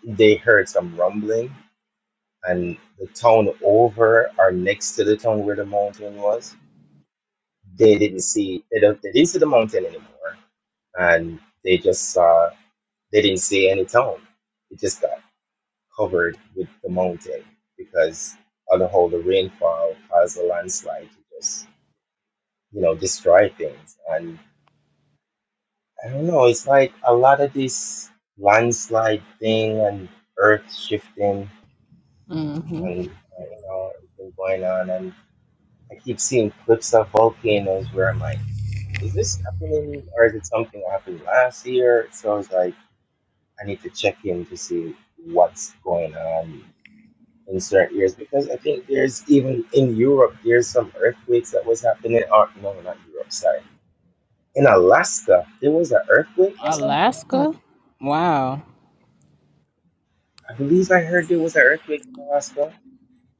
[SPEAKER 2] they heard some rumbling and the town over or next to the town where the mountain was they didn't see they don't they didn't see the mountain anymore and they just saw they didn't see any town it just got covered with the mountain because on the whole the rainfall caused a landslide to just you know destroy things and i don't know it's like a lot of this landslide thing and earth shifting
[SPEAKER 1] out
[SPEAKER 2] and uh, you know it's been going on and. I keep seeing clips of volcanoes where I'm like, is this happening or is it something that happened last year? So I was like, I need to check in to see what's going on in certain years because I think there's even in Europe there's some earthquakes that was happening or no not Europe, sorry. In Alaska, there was an earthquake or something.
[SPEAKER 4] Mm.
[SPEAKER 1] Alaska? Wow.
[SPEAKER 2] I believe I heard there was an earthquake in Alaska.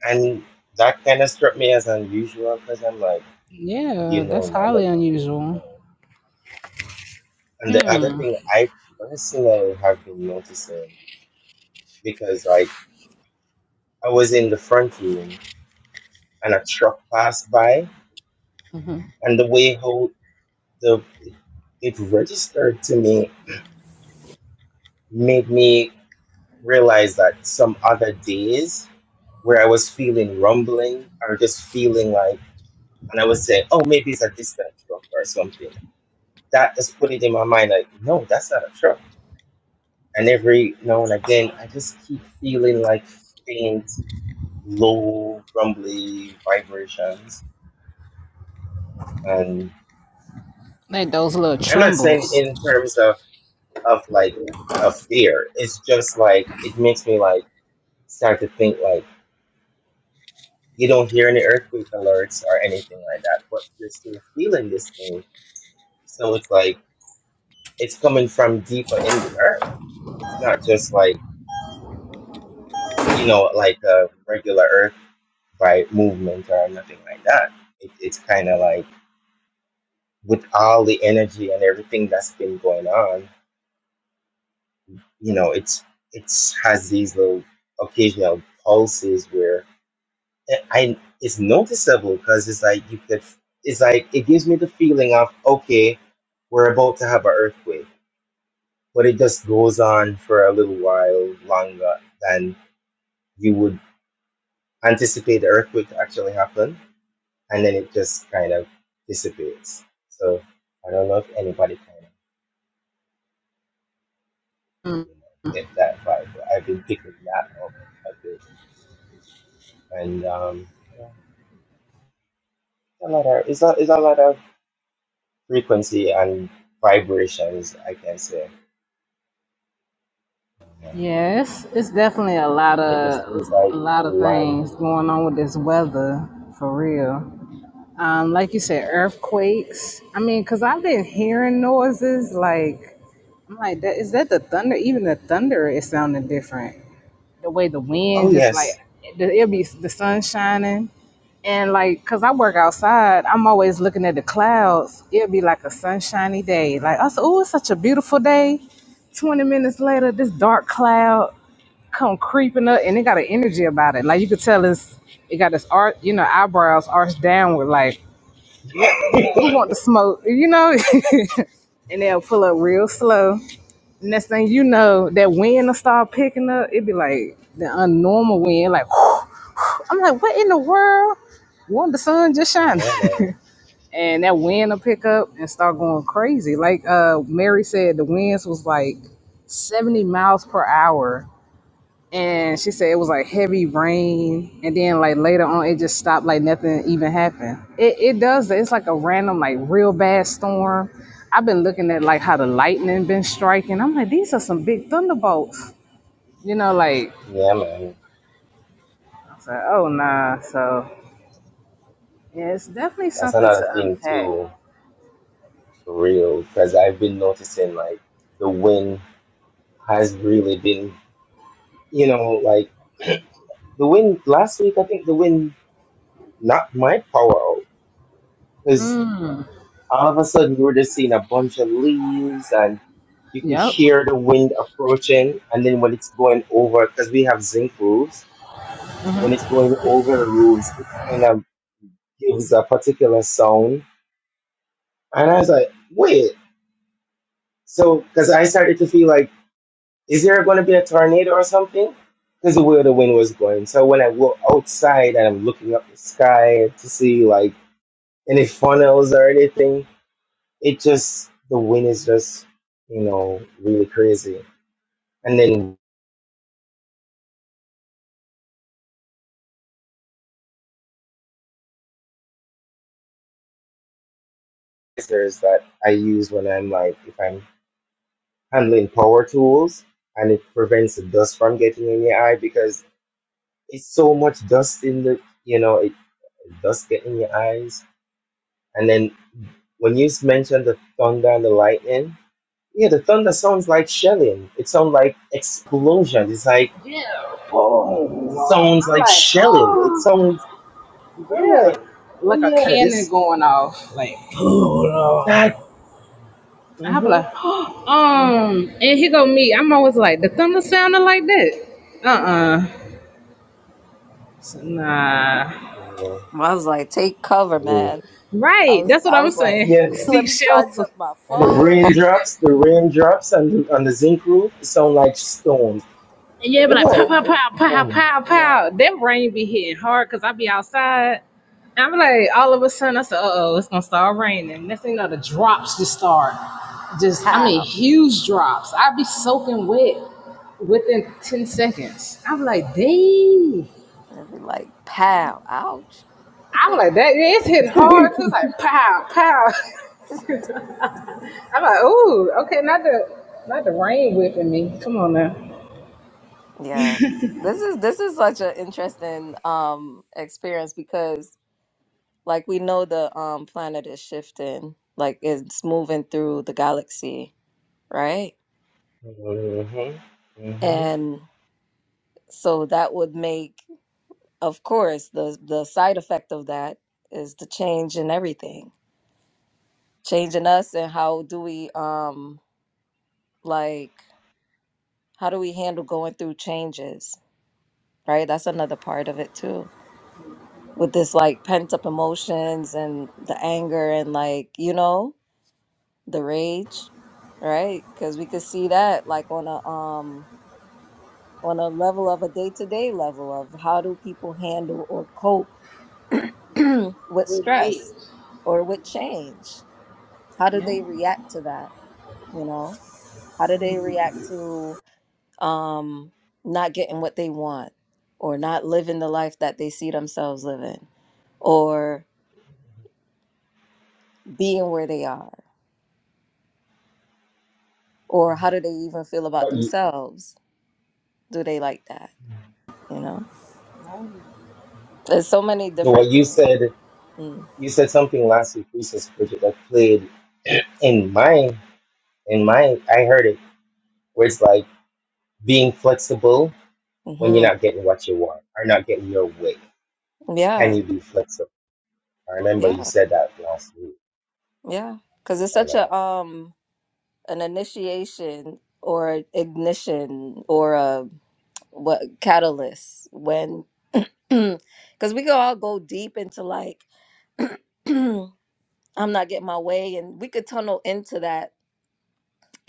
[SPEAKER 2] And that kind of struck me as unusual because I'm like, you
[SPEAKER 1] Yeah,
[SPEAKER 2] know,
[SPEAKER 1] that's
[SPEAKER 2] normally
[SPEAKER 1] highly unusual.
[SPEAKER 2] And the other thing I personally have been noticing because like I was in the front room and a truck passed by
[SPEAKER 1] hmm
[SPEAKER 2] and the way how the it registered to me made me realize that some other days where I was feeling rumbling or just feeling like and I was saying, Oh, maybe it's a distant truck or something. That just put it in my mind like, no, that's not a truck. And every now and again I just keep feeling like faint low rumbly vibrations and
[SPEAKER 1] Like those little
[SPEAKER 2] i'm not saying
[SPEAKER 1] trembles.
[SPEAKER 2] in terms of of like a fear it's just like it makes me like start to think like you don't hear any earthquake alerts or anything like that but you're still feeling this thing so it's like it's coming from deeper in the earth it's not just like you know like a regular earth by movement or nothing like that it, it's kind of like with all the energy and everything that's been going on you know it's it's has these little occasional pulses where eh, I it's noticeable because it's like you could it's like it gives me the feeling of okay we're about to have an earthquake but it just goes on for a little while longer than you would anticipate the earthquake to actually happen and then it just kind of dissipates so I don't know if anybody kind of
[SPEAKER 1] Mm.
[SPEAKER 2] you know, get that vibe but I've been picking that up a bit and um yeah. a lot of it's a, it's a lot of frequency and vibrations i can say yeah. and
[SPEAKER 1] Yeah, it's, definitely a lot
[SPEAKER 2] it just seems
[SPEAKER 1] of a
[SPEAKER 2] like the
[SPEAKER 1] lot of
[SPEAKER 2] land.
[SPEAKER 1] things going on with this weather for real. Um, like you said, earthquakes. I mean, cause I've been hearing noises like I'm like that. Is that the thunder? Even the thunder is sounding different. The way the
[SPEAKER 2] oh
[SPEAKER 1] wind just
[SPEAKER 2] yes
[SPEAKER 1] like it- it'll be the sun shining And like, cause I work outside, I'm always looking at the clouds. It'll be like a sunshiny day. Like I said, oh, it's such a beautiful day. Twenty minutes later, this dark cloud come creeping up, and it got an energy about it. Like you could tell it's it got this art, you know, eyebrows arched downward. Like what? Who, who want the smoke? You know. and they'll pull up real slow. Next thing you know, that wind will start picking up. It'd be like the unnormal wind, like I'm like, what in the world? Won't the sun just shine?
[SPEAKER 2] yeah man
[SPEAKER 1] and that wind will pick up and start going crazy. Like uh, Mary said, the winds was like 70 miles per hour. And she said it was like heavy rain. And then like later on, it just stopped like nothing even happened. It, it does. that. It's like a random, like real bad storm. I've been looking at like how the lightning been striking. I'm like, these are some big thunderbolts. You know, like,
[SPEAKER 2] yeah man
[SPEAKER 1] I was like, oh nah. So yeah, it's definitely
[SPEAKER 2] that's
[SPEAKER 1] something
[SPEAKER 2] another
[SPEAKER 1] to
[SPEAKER 2] thing
[SPEAKER 1] unpack.
[SPEAKER 2] too for real because i've been noticing like the wind has really been you know like the wind last week i think the wind knocked my power out because all of a sudden we were just seeing a bunch of leaves You could
[SPEAKER 1] Yep.
[SPEAKER 2] hear the wind approaching, and then when it's going over, because we have zinc roofs, so when it's going over the roofs, it kind of gives a particular sound. And I was like, wait, so because I started to feel like, is there going to be a tornado or something? Because of where the wind was going. So when I go outside and I'm looking up the sky to see like any funnels or anything, it just the wind is just you know really crazy. And then erasers that I use when I'm like if I'm handling power tools and it prevents the dust from getting in your eye because it's so much dust in the you know it dust get in your eyes and then when you mentioned the thunder and the lightning yeah the thunder sounds like shelling it sounds like explosion it's like
[SPEAKER 1] Yeah.
[SPEAKER 2] it sounds
[SPEAKER 1] I'm
[SPEAKER 2] like
[SPEAKER 1] like,
[SPEAKER 2] shelling it
[SPEAKER 1] oh,
[SPEAKER 2] sounds I'm
[SPEAKER 1] yeah.
[SPEAKER 2] like
[SPEAKER 1] Like a
[SPEAKER 2] yeah
[SPEAKER 1] cannon
[SPEAKER 2] this
[SPEAKER 1] going off. Like,
[SPEAKER 2] that
[SPEAKER 1] I'll be
[SPEAKER 2] mm-hmm,
[SPEAKER 1] like, oh, um, and here go me. I'm always like, the thunder sounded like that. Uh uh So, nah.
[SPEAKER 2] mm-hmm.
[SPEAKER 4] I was like, take cover,
[SPEAKER 2] I mean
[SPEAKER 4] man. I
[SPEAKER 1] Right.
[SPEAKER 4] was,
[SPEAKER 1] That's what
[SPEAKER 4] I
[SPEAKER 1] I'm
[SPEAKER 4] was like,
[SPEAKER 1] saying.
[SPEAKER 2] yeah
[SPEAKER 4] let
[SPEAKER 1] Seek
[SPEAKER 4] me charge
[SPEAKER 1] shelter.
[SPEAKER 4] up my
[SPEAKER 2] And the
[SPEAKER 4] phone.
[SPEAKER 2] raindrops, the raindrops on the, on the zinc roof sound like stones.
[SPEAKER 1] And yeah, be
[SPEAKER 2] I'm
[SPEAKER 1] like pow
[SPEAKER 2] like,
[SPEAKER 4] Yeah,
[SPEAKER 1] pow pow pow
[SPEAKER 2] yeah.
[SPEAKER 1] pow
[SPEAKER 4] yeah.
[SPEAKER 1] pow. That rain be hitting hard because I be outside. And I'm like, all of a sudden, I said, uh oh, it's gonna start raining. Next thing you know, the drops just start. Just, I mean,
[SPEAKER 4] Pow.
[SPEAKER 1] huge drops. i be soaking wet within 10 seconds. I'm like, dang.
[SPEAKER 4] It'd be like, pow. Ouch.
[SPEAKER 1] I'm like, that yeah, it's hitting hard.
[SPEAKER 2] mm-hmm.
[SPEAKER 1] too. It's like pow, pow. I'm like, ooh, okay, not the not the rain whipping me. Come on now.
[SPEAKER 4] Yeah. This is this is such an interesting um experience because like we know the um planet is shifting, like it's moving through the galaxy, right?
[SPEAKER 2] Mm-hmm.
[SPEAKER 4] And so that would make Of course, the the side effect of that is the change in everything, change in us and how do we um like how do we handle going through changes, right? That's another part of it too. With this like pent up emotions and the anger and like, you know, the rage, right? Cuz we could see that like on a um on a level of a day-to-day level of how do people handle or cope with
[SPEAKER 1] We're right.
[SPEAKER 4] stress or with change how do
[SPEAKER 1] Yeah.
[SPEAKER 4] they react to that you know how do they react to um not getting what they want or not living the life that they see themselves living or being where they are or how do they even feel about
[SPEAKER 2] But you, you
[SPEAKER 4] themselves do they like that you know there's so many
[SPEAKER 2] know what
[SPEAKER 4] different
[SPEAKER 2] you
[SPEAKER 4] things
[SPEAKER 2] said,
[SPEAKER 4] mm.
[SPEAKER 2] you said something last week, Research Project, that played in my, in my, I heard it, where it's like being flexible when you're
[SPEAKER 4] hmm
[SPEAKER 2] not getting what you want or not getting your way. Can
[SPEAKER 4] yeah
[SPEAKER 2] you be flexible? I remember you
[SPEAKER 4] yeah
[SPEAKER 2] said that last week.
[SPEAKER 4] yeah because it's
[SPEAKER 2] And, uh,
[SPEAKER 4] such a um an initiation or ignition or a what catalyst when because we could all go deep into like i'm not getting my way and we could tunnel into that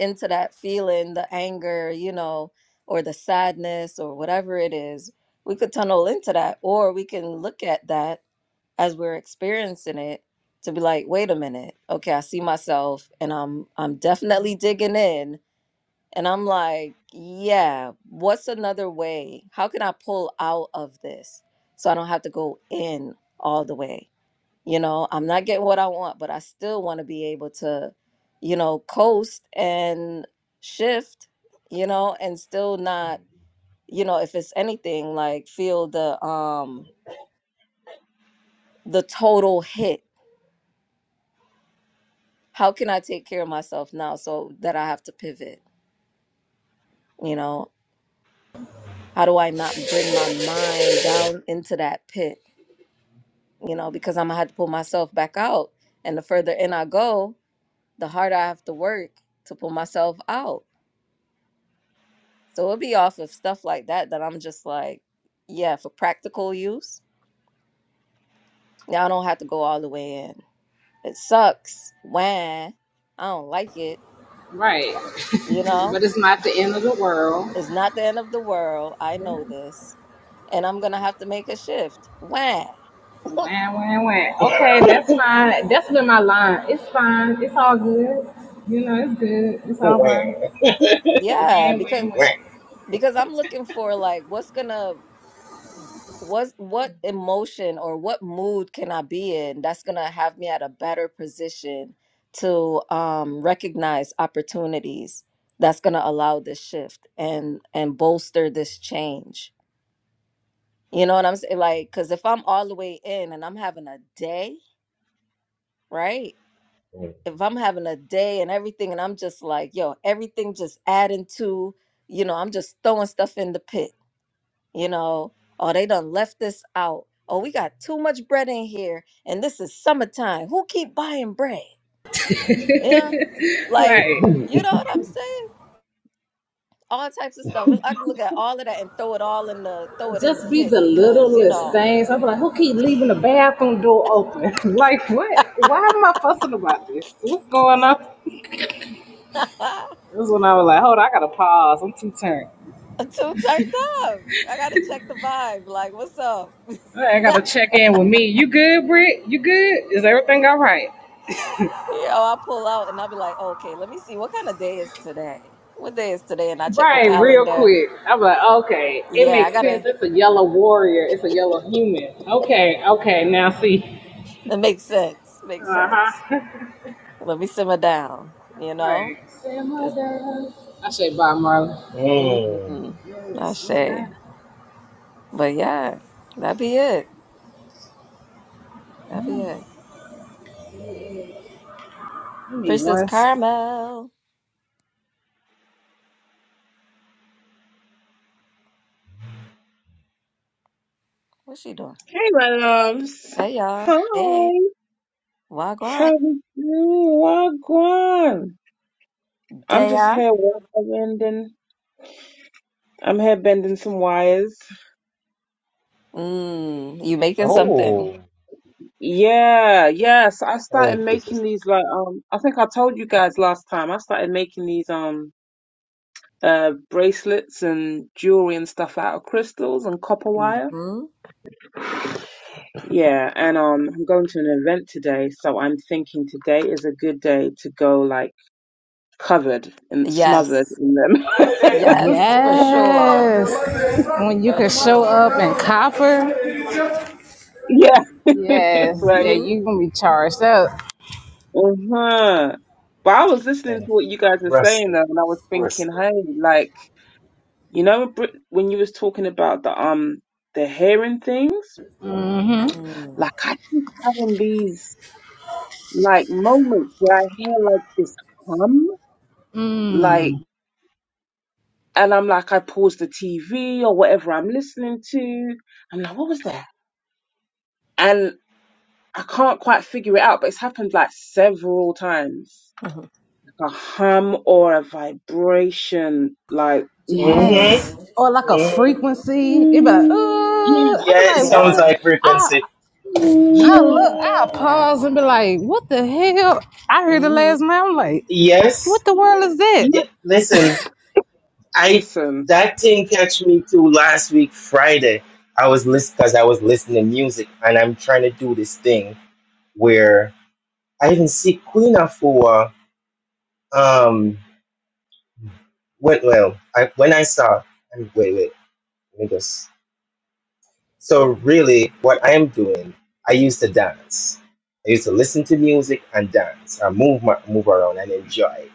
[SPEAKER 4] into that feeling the anger you know or the sadness or whatever it is we could tunnel into that or we can look at that as we're experiencing it to be like wait a minute okay i see myself and i'm i'm definitely digging in and I'm like, yeah, what's another way? How can I pull out of this so I don't have to go in all the way? You know, I'm not getting what I want, but I still want to be able to, you know, coast and shift, you know, and still not, you know, if it's anything like feel the um the total hit. How can I take care of myself now so that I have to pivot, you know? How do I not bring my mind down into that pit? you know, because I'm gonna have to pull myself back out. And the further in I go, the harder I have to work to pull myself out. So it'll be off of stuff like that that I'm just like, yeah, for practical use. Now I don't have to go all the way in. It sucks. When I don't like it. I
[SPEAKER 1] Right.
[SPEAKER 4] got- You know,
[SPEAKER 1] but it's not the end of the world.
[SPEAKER 4] it's not the end of the world. I know this. And I'm gonna have to make a shift. When?
[SPEAKER 1] Wah, wah, wah. Okay, that's fine. That's been my line. It's fine. It's all good. You know, it's good. It's all
[SPEAKER 2] wah,
[SPEAKER 1] right. Wah,
[SPEAKER 4] yeah, because
[SPEAKER 1] wah,
[SPEAKER 2] wah.
[SPEAKER 1] wah.
[SPEAKER 4] because I'm looking for like what's gonna What what emotion or what mood can I be in that's gonna have me at a better position to um, recognize opportunities that's gonna allow this shift and and bolster this change? You know what I'm saying? Like, cause if I'm all the way in and I'm having a day, right? If I'm having a day and everything, and I'm just like, yo, everything just adding to, you know, I'm just throwing stuff in the pit you know, oh, they done left this out. Oh, we got too much bread in here, and this is summertime. Who keep buying bread? Yeah, like
[SPEAKER 1] Right.
[SPEAKER 2] Mm.
[SPEAKER 4] you know what I'm saying? All types of stuff. I can look at all of that and throw it all in the throw it in the
[SPEAKER 1] Just be
[SPEAKER 4] pit
[SPEAKER 1] the
[SPEAKER 4] because you
[SPEAKER 1] littlest
[SPEAKER 4] know
[SPEAKER 1] things. I'm like, who keep leaving the bathroom door open? like, what? Why am I fussing about this? What's going on?
[SPEAKER 4] I'm
[SPEAKER 1] This is when I was like, hold on, I gotta pause. I'm too turned.
[SPEAKER 4] too turned up. I gotta check the vibe. Like, what's up?
[SPEAKER 1] I gotta check in with me. You good, Britt? You good? Is everything all right?
[SPEAKER 4] you know, I pull out and I'll be like, okay, let me see what kind of day is today. What day is today? And I check the
[SPEAKER 1] Right, real
[SPEAKER 4] calendar.
[SPEAKER 1] quick. I'm like, okay, it
[SPEAKER 4] Yeah, I
[SPEAKER 1] makes sense.
[SPEAKER 4] gotta.
[SPEAKER 1] It's a yellow warrior. It's a yellow human. Okay, okay, now see.
[SPEAKER 4] That makes sense.
[SPEAKER 1] Uh
[SPEAKER 4] Makes sense.
[SPEAKER 1] huh.
[SPEAKER 4] Let me simmer down, you know?
[SPEAKER 1] Right. Simmer
[SPEAKER 4] 'Cause-
[SPEAKER 1] down. I say bye, Marlon.
[SPEAKER 2] Mm.
[SPEAKER 4] Mhm.
[SPEAKER 1] Yes, simmer
[SPEAKER 4] Ashe.
[SPEAKER 1] down.
[SPEAKER 4] But yeah, that be it. That be it.
[SPEAKER 1] You need
[SPEAKER 4] Princess
[SPEAKER 1] one. s-
[SPEAKER 4] Carmel. What's she doing?
[SPEAKER 5] Hey, my loves.
[SPEAKER 4] Hey y'all.
[SPEAKER 5] Hi.
[SPEAKER 4] Hey.
[SPEAKER 5] How
[SPEAKER 4] Wagwan.
[SPEAKER 5] you doing? Wagwan. I'm just
[SPEAKER 4] Daya.
[SPEAKER 5] here wire bending. I'm here bending some wires.
[SPEAKER 4] Mm, you making something.
[SPEAKER 2] Oh.
[SPEAKER 5] Yeah, yes. I started
[SPEAKER 2] It was
[SPEAKER 5] making
[SPEAKER 2] just
[SPEAKER 5] these like um. I think I told you guys last time. I started making these um uh bracelets and jewelry and stuff out of crystals and copper wire.
[SPEAKER 4] hmm
[SPEAKER 5] Yeah, and um, I'm going to an event today, so I'm thinking today is a good day to go like covered and smothered
[SPEAKER 4] Yes.
[SPEAKER 5] in them.
[SPEAKER 4] Yes, for sure.
[SPEAKER 1] Yes. When you
[SPEAKER 4] For
[SPEAKER 1] can show
[SPEAKER 4] sure.
[SPEAKER 1] up in copper.
[SPEAKER 5] Yeah.
[SPEAKER 1] Yes. Yeah,
[SPEAKER 5] Right?
[SPEAKER 4] hmm
[SPEAKER 1] you gonna be charged up.
[SPEAKER 5] Uh-huh. But I was listening to what you guys were saying
[SPEAKER 2] encrusted,
[SPEAKER 5] though, and I was thinking,
[SPEAKER 2] crusted.
[SPEAKER 5] hey, like, you know, Br- when you was talking about the um the hearing things,
[SPEAKER 4] Mm-hmm.
[SPEAKER 5] like I keep having these like moments where I hear like this hum, like,
[SPEAKER 1] Mmm.
[SPEAKER 5] and I'm like, I pause the TV or whatever I'm listening to. I'm like, what was that? And I can't quite figure it out, but it's happened like several times. a hum or a vibration, like, mm,
[SPEAKER 2] Mm-hmm.
[SPEAKER 1] Yes. Or like a frequency. It be like, uh,
[SPEAKER 2] mm
[SPEAKER 5] yeah,
[SPEAKER 1] I
[SPEAKER 2] Yeah,
[SPEAKER 1] be
[SPEAKER 2] it
[SPEAKER 1] like, what
[SPEAKER 2] sounds
[SPEAKER 1] the?
[SPEAKER 4] Yeah.
[SPEAKER 2] like
[SPEAKER 1] I
[SPEAKER 2] frequency.
[SPEAKER 5] yeah,
[SPEAKER 1] I look, I
[SPEAKER 4] Nah.
[SPEAKER 1] pause and be like, what the hell? I heard it
[SPEAKER 4] Mm-hmm.
[SPEAKER 1] last night. I'm like,
[SPEAKER 2] Yes.
[SPEAKER 1] what the world is that?
[SPEAKER 5] yeah.
[SPEAKER 2] Yeah, listen, I
[SPEAKER 5] Listen,
[SPEAKER 2] that thing catch me too last week Friday. I was listening because I was listening to music, and I'm trying to do this thing where I even see Queen for um. When, well, I, when I saw, and wait, wait, let me just So really, what I am doing, I used to dance. I used to listen to music and dance. and move my, move around and enjoy.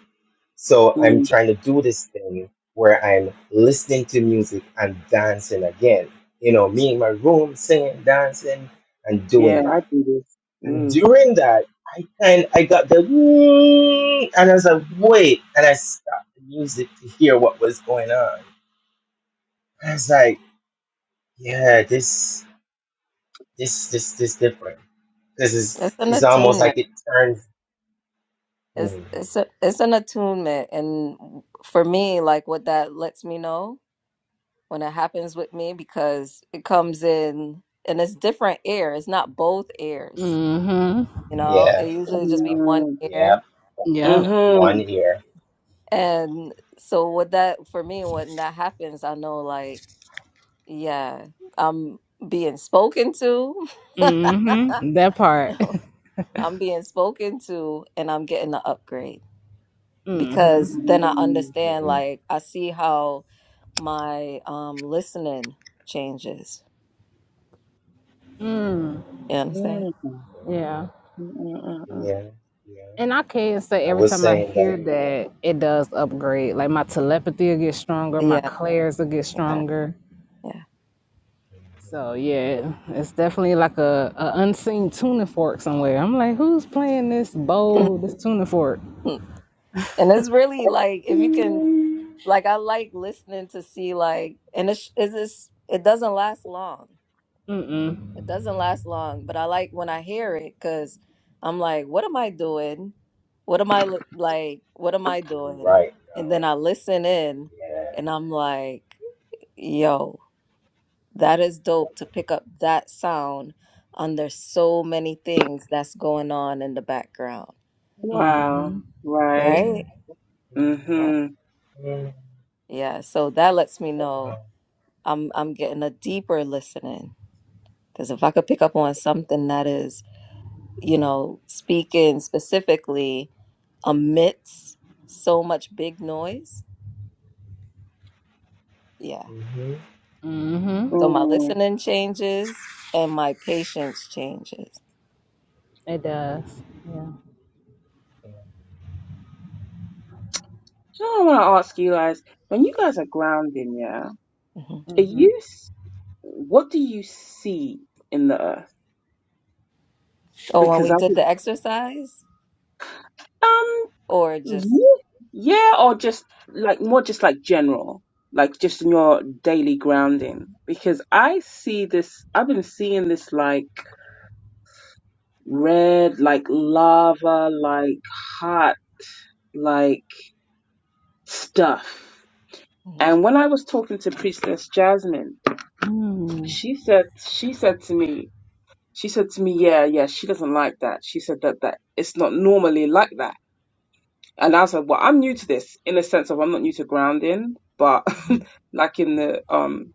[SPEAKER 2] So I'm
[SPEAKER 5] mm,
[SPEAKER 2] trying to do this thing where I'm listening to music and dancing again. You know, me in my room singing, dancing, and
[SPEAKER 5] yeah,
[SPEAKER 2] doing
[SPEAKER 5] I
[SPEAKER 2] that.
[SPEAKER 5] do this.
[SPEAKER 2] And
[SPEAKER 5] Mm,
[SPEAKER 2] during that, I kind I got the "Mm," and I was like,
[SPEAKER 4] Mm-hmm.
[SPEAKER 2] wait, and I stopped the music to hear what was going on. I was like, yeah, this this this this different. Because
[SPEAKER 4] It's
[SPEAKER 2] it's,
[SPEAKER 4] an
[SPEAKER 2] it's almost
[SPEAKER 4] attunement.
[SPEAKER 2] like it turns.
[SPEAKER 4] It's
[SPEAKER 2] Mm,
[SPEAKER 4] it's a, it's an attunement, and for me, like what that lets me know when it happens with me, because it comes in and it's different ear. It's not both ears,
[SPEAKER 1] Mm-hmm.
[SPEAKER 4] you know. It
[SPEAKER 2] yeah,
[SPEAKER 4] usually just
[SPEAKER 2] yeah,
[SPEAKER 4] be one
[SPEAKER 5] mm,
[SPEAKER 2] yeah.
[SPEAKER 4] ear,
[SPEAKER 1] Yep.
[SPEAKER 2] One
[SPEAKER 5] mm-hmm,
[SPEAKER 2] ear.
[SPEAKER 4] and so what that for me when that happens, I know like yeah, I'm being spoken to.
[SPEAKER 1] Mm-hmm. That part.
[SPEAKER 4] I'm being spoken to, and I'm getting the upgrade
[SPEAKER 1] mm-hmm.
[SPEAKER 4] because then I
[SPEAKER 5] mm,
[SPEAKER 4] understand.
[SPEAKER 2] Mm,
[SPEAKER 4] Like I see how. my um listening changes. You understand?
[SPEAKER 5] mm, mm,
[SPEAKER 2] mm,
[SPEAKER 1] Yeah.
[SPEAKER 5] mm, mm,
[SPEAKER 2] yeah, yeah.
[SPEAKER 1] And I can say
[SPEAKER 2] I
[SPEAKER 1] every
[SPEAKER 2] was
[SPEAKER 1] time I
[SPEAKER 2] saying that
[SPEAKER 1] hear
[SPEAKER 5] mm.
[SPEAKER 1] that, it does upgrade. Like my telepathy will get stronger, my
[SPEAKER 4] Yeah,
[SPEAKER 1] clairs will get
[SPEAKER 4] yeah,
[SPEAKER 1] stronger.
[SPEAKER 4] yeah.
[SPEAKER 1] So yeah, it's definitely like a, a unseen tuning fork somewhere. I'm like, who's playing this bowl, this tuning fork?
[SPEAKER 4] and it's really like if you can, like I like listening to see like, and it's is this it doesn't last long.
[SPEAKER 1] Mm-mm.
[SPEAKER 4] It doesn't last long, but I like when I hear it because I'm like, what am I doing? What am I li- like? What am I
[SPEAKER 2] you were
[SPEAKER 4] doing?
[SPEAKER 2] right.
[SPEAKER 4] And then I listen in,
[SPEAKER 2] Yeah.
[SPEAKER 4] and I'm like, yo. That is dope to pick up that sound under so many things that's going on in the background,
[SPEAKER 5] Wow,
[SPEAKER 1] Mm-hmm.
[SPEAKER 5] right.
[SPEAKER 2] Mm,
[SPEAKER 4] right?
[SPEAKER 2] mm,
[SPEAKER 5] Mm-hmm.
[SPEAKER 4] Right.
[SPEAKER 2] mm,
[SPEAKER 4] Yeah, so that lets me know
[SPEAKER 2] oh,
[SPEAKER 4] I'm I'm getting a deeper listening because if I could pick up on something that is, you know, speaking specifically amidst so much big noise, yeah.
[SPEAKER 2] mhm,
[SPEAKER 1] Mm-hmm.
[SPEAKER 4] So my
[SPEAKER 5] Mm.
[SPEAKER 4] listening changes and my patience changes.
[SPEAKER 1] It does. Yeah.
[SPEAKER 2] mm,
[SPEAKER 5] So I want to ask you guys, when you
[SPEAKER 2] yeah.
[SPEAKER 5] guys are grounding, yeah,
[SPEAKER 4] hmm
[SPEAKER 5] are
[SPEAKER 1] Mm-hmm.
[SPEAKER 5] you, s- what do you see in the earth?
[SPEAKER 4] Oh, when
[SPEAKER 5] Because
[SPEAKER 4] we
[SPEAKER 5] I
[SPEAKER 4] did
[SPEAKER 5] think.
[SPEAKER 4] the exercise
[SPEAKER 5] um,
[SPEAKER 4] or just
[SPEAKER 5] Ye- Yeah, or just like more just like general, like just in your daily grounding. Because I see this, I've been seeing this like red, like lava, like hot, like stuff.
[SPEAKER 4] mm-hmm.
[SPEAKER 5] And when I was talking to Priestess Jasmine,
[SPEAKER 1] Mm.
[SPEAKER 5] she said, she said to me, she said to me, yeah, yeah, she doesn't like that. She said that that it's not normally like that And I said, well, I'm new to this in the sense of I'm not new to grounding, but like in the um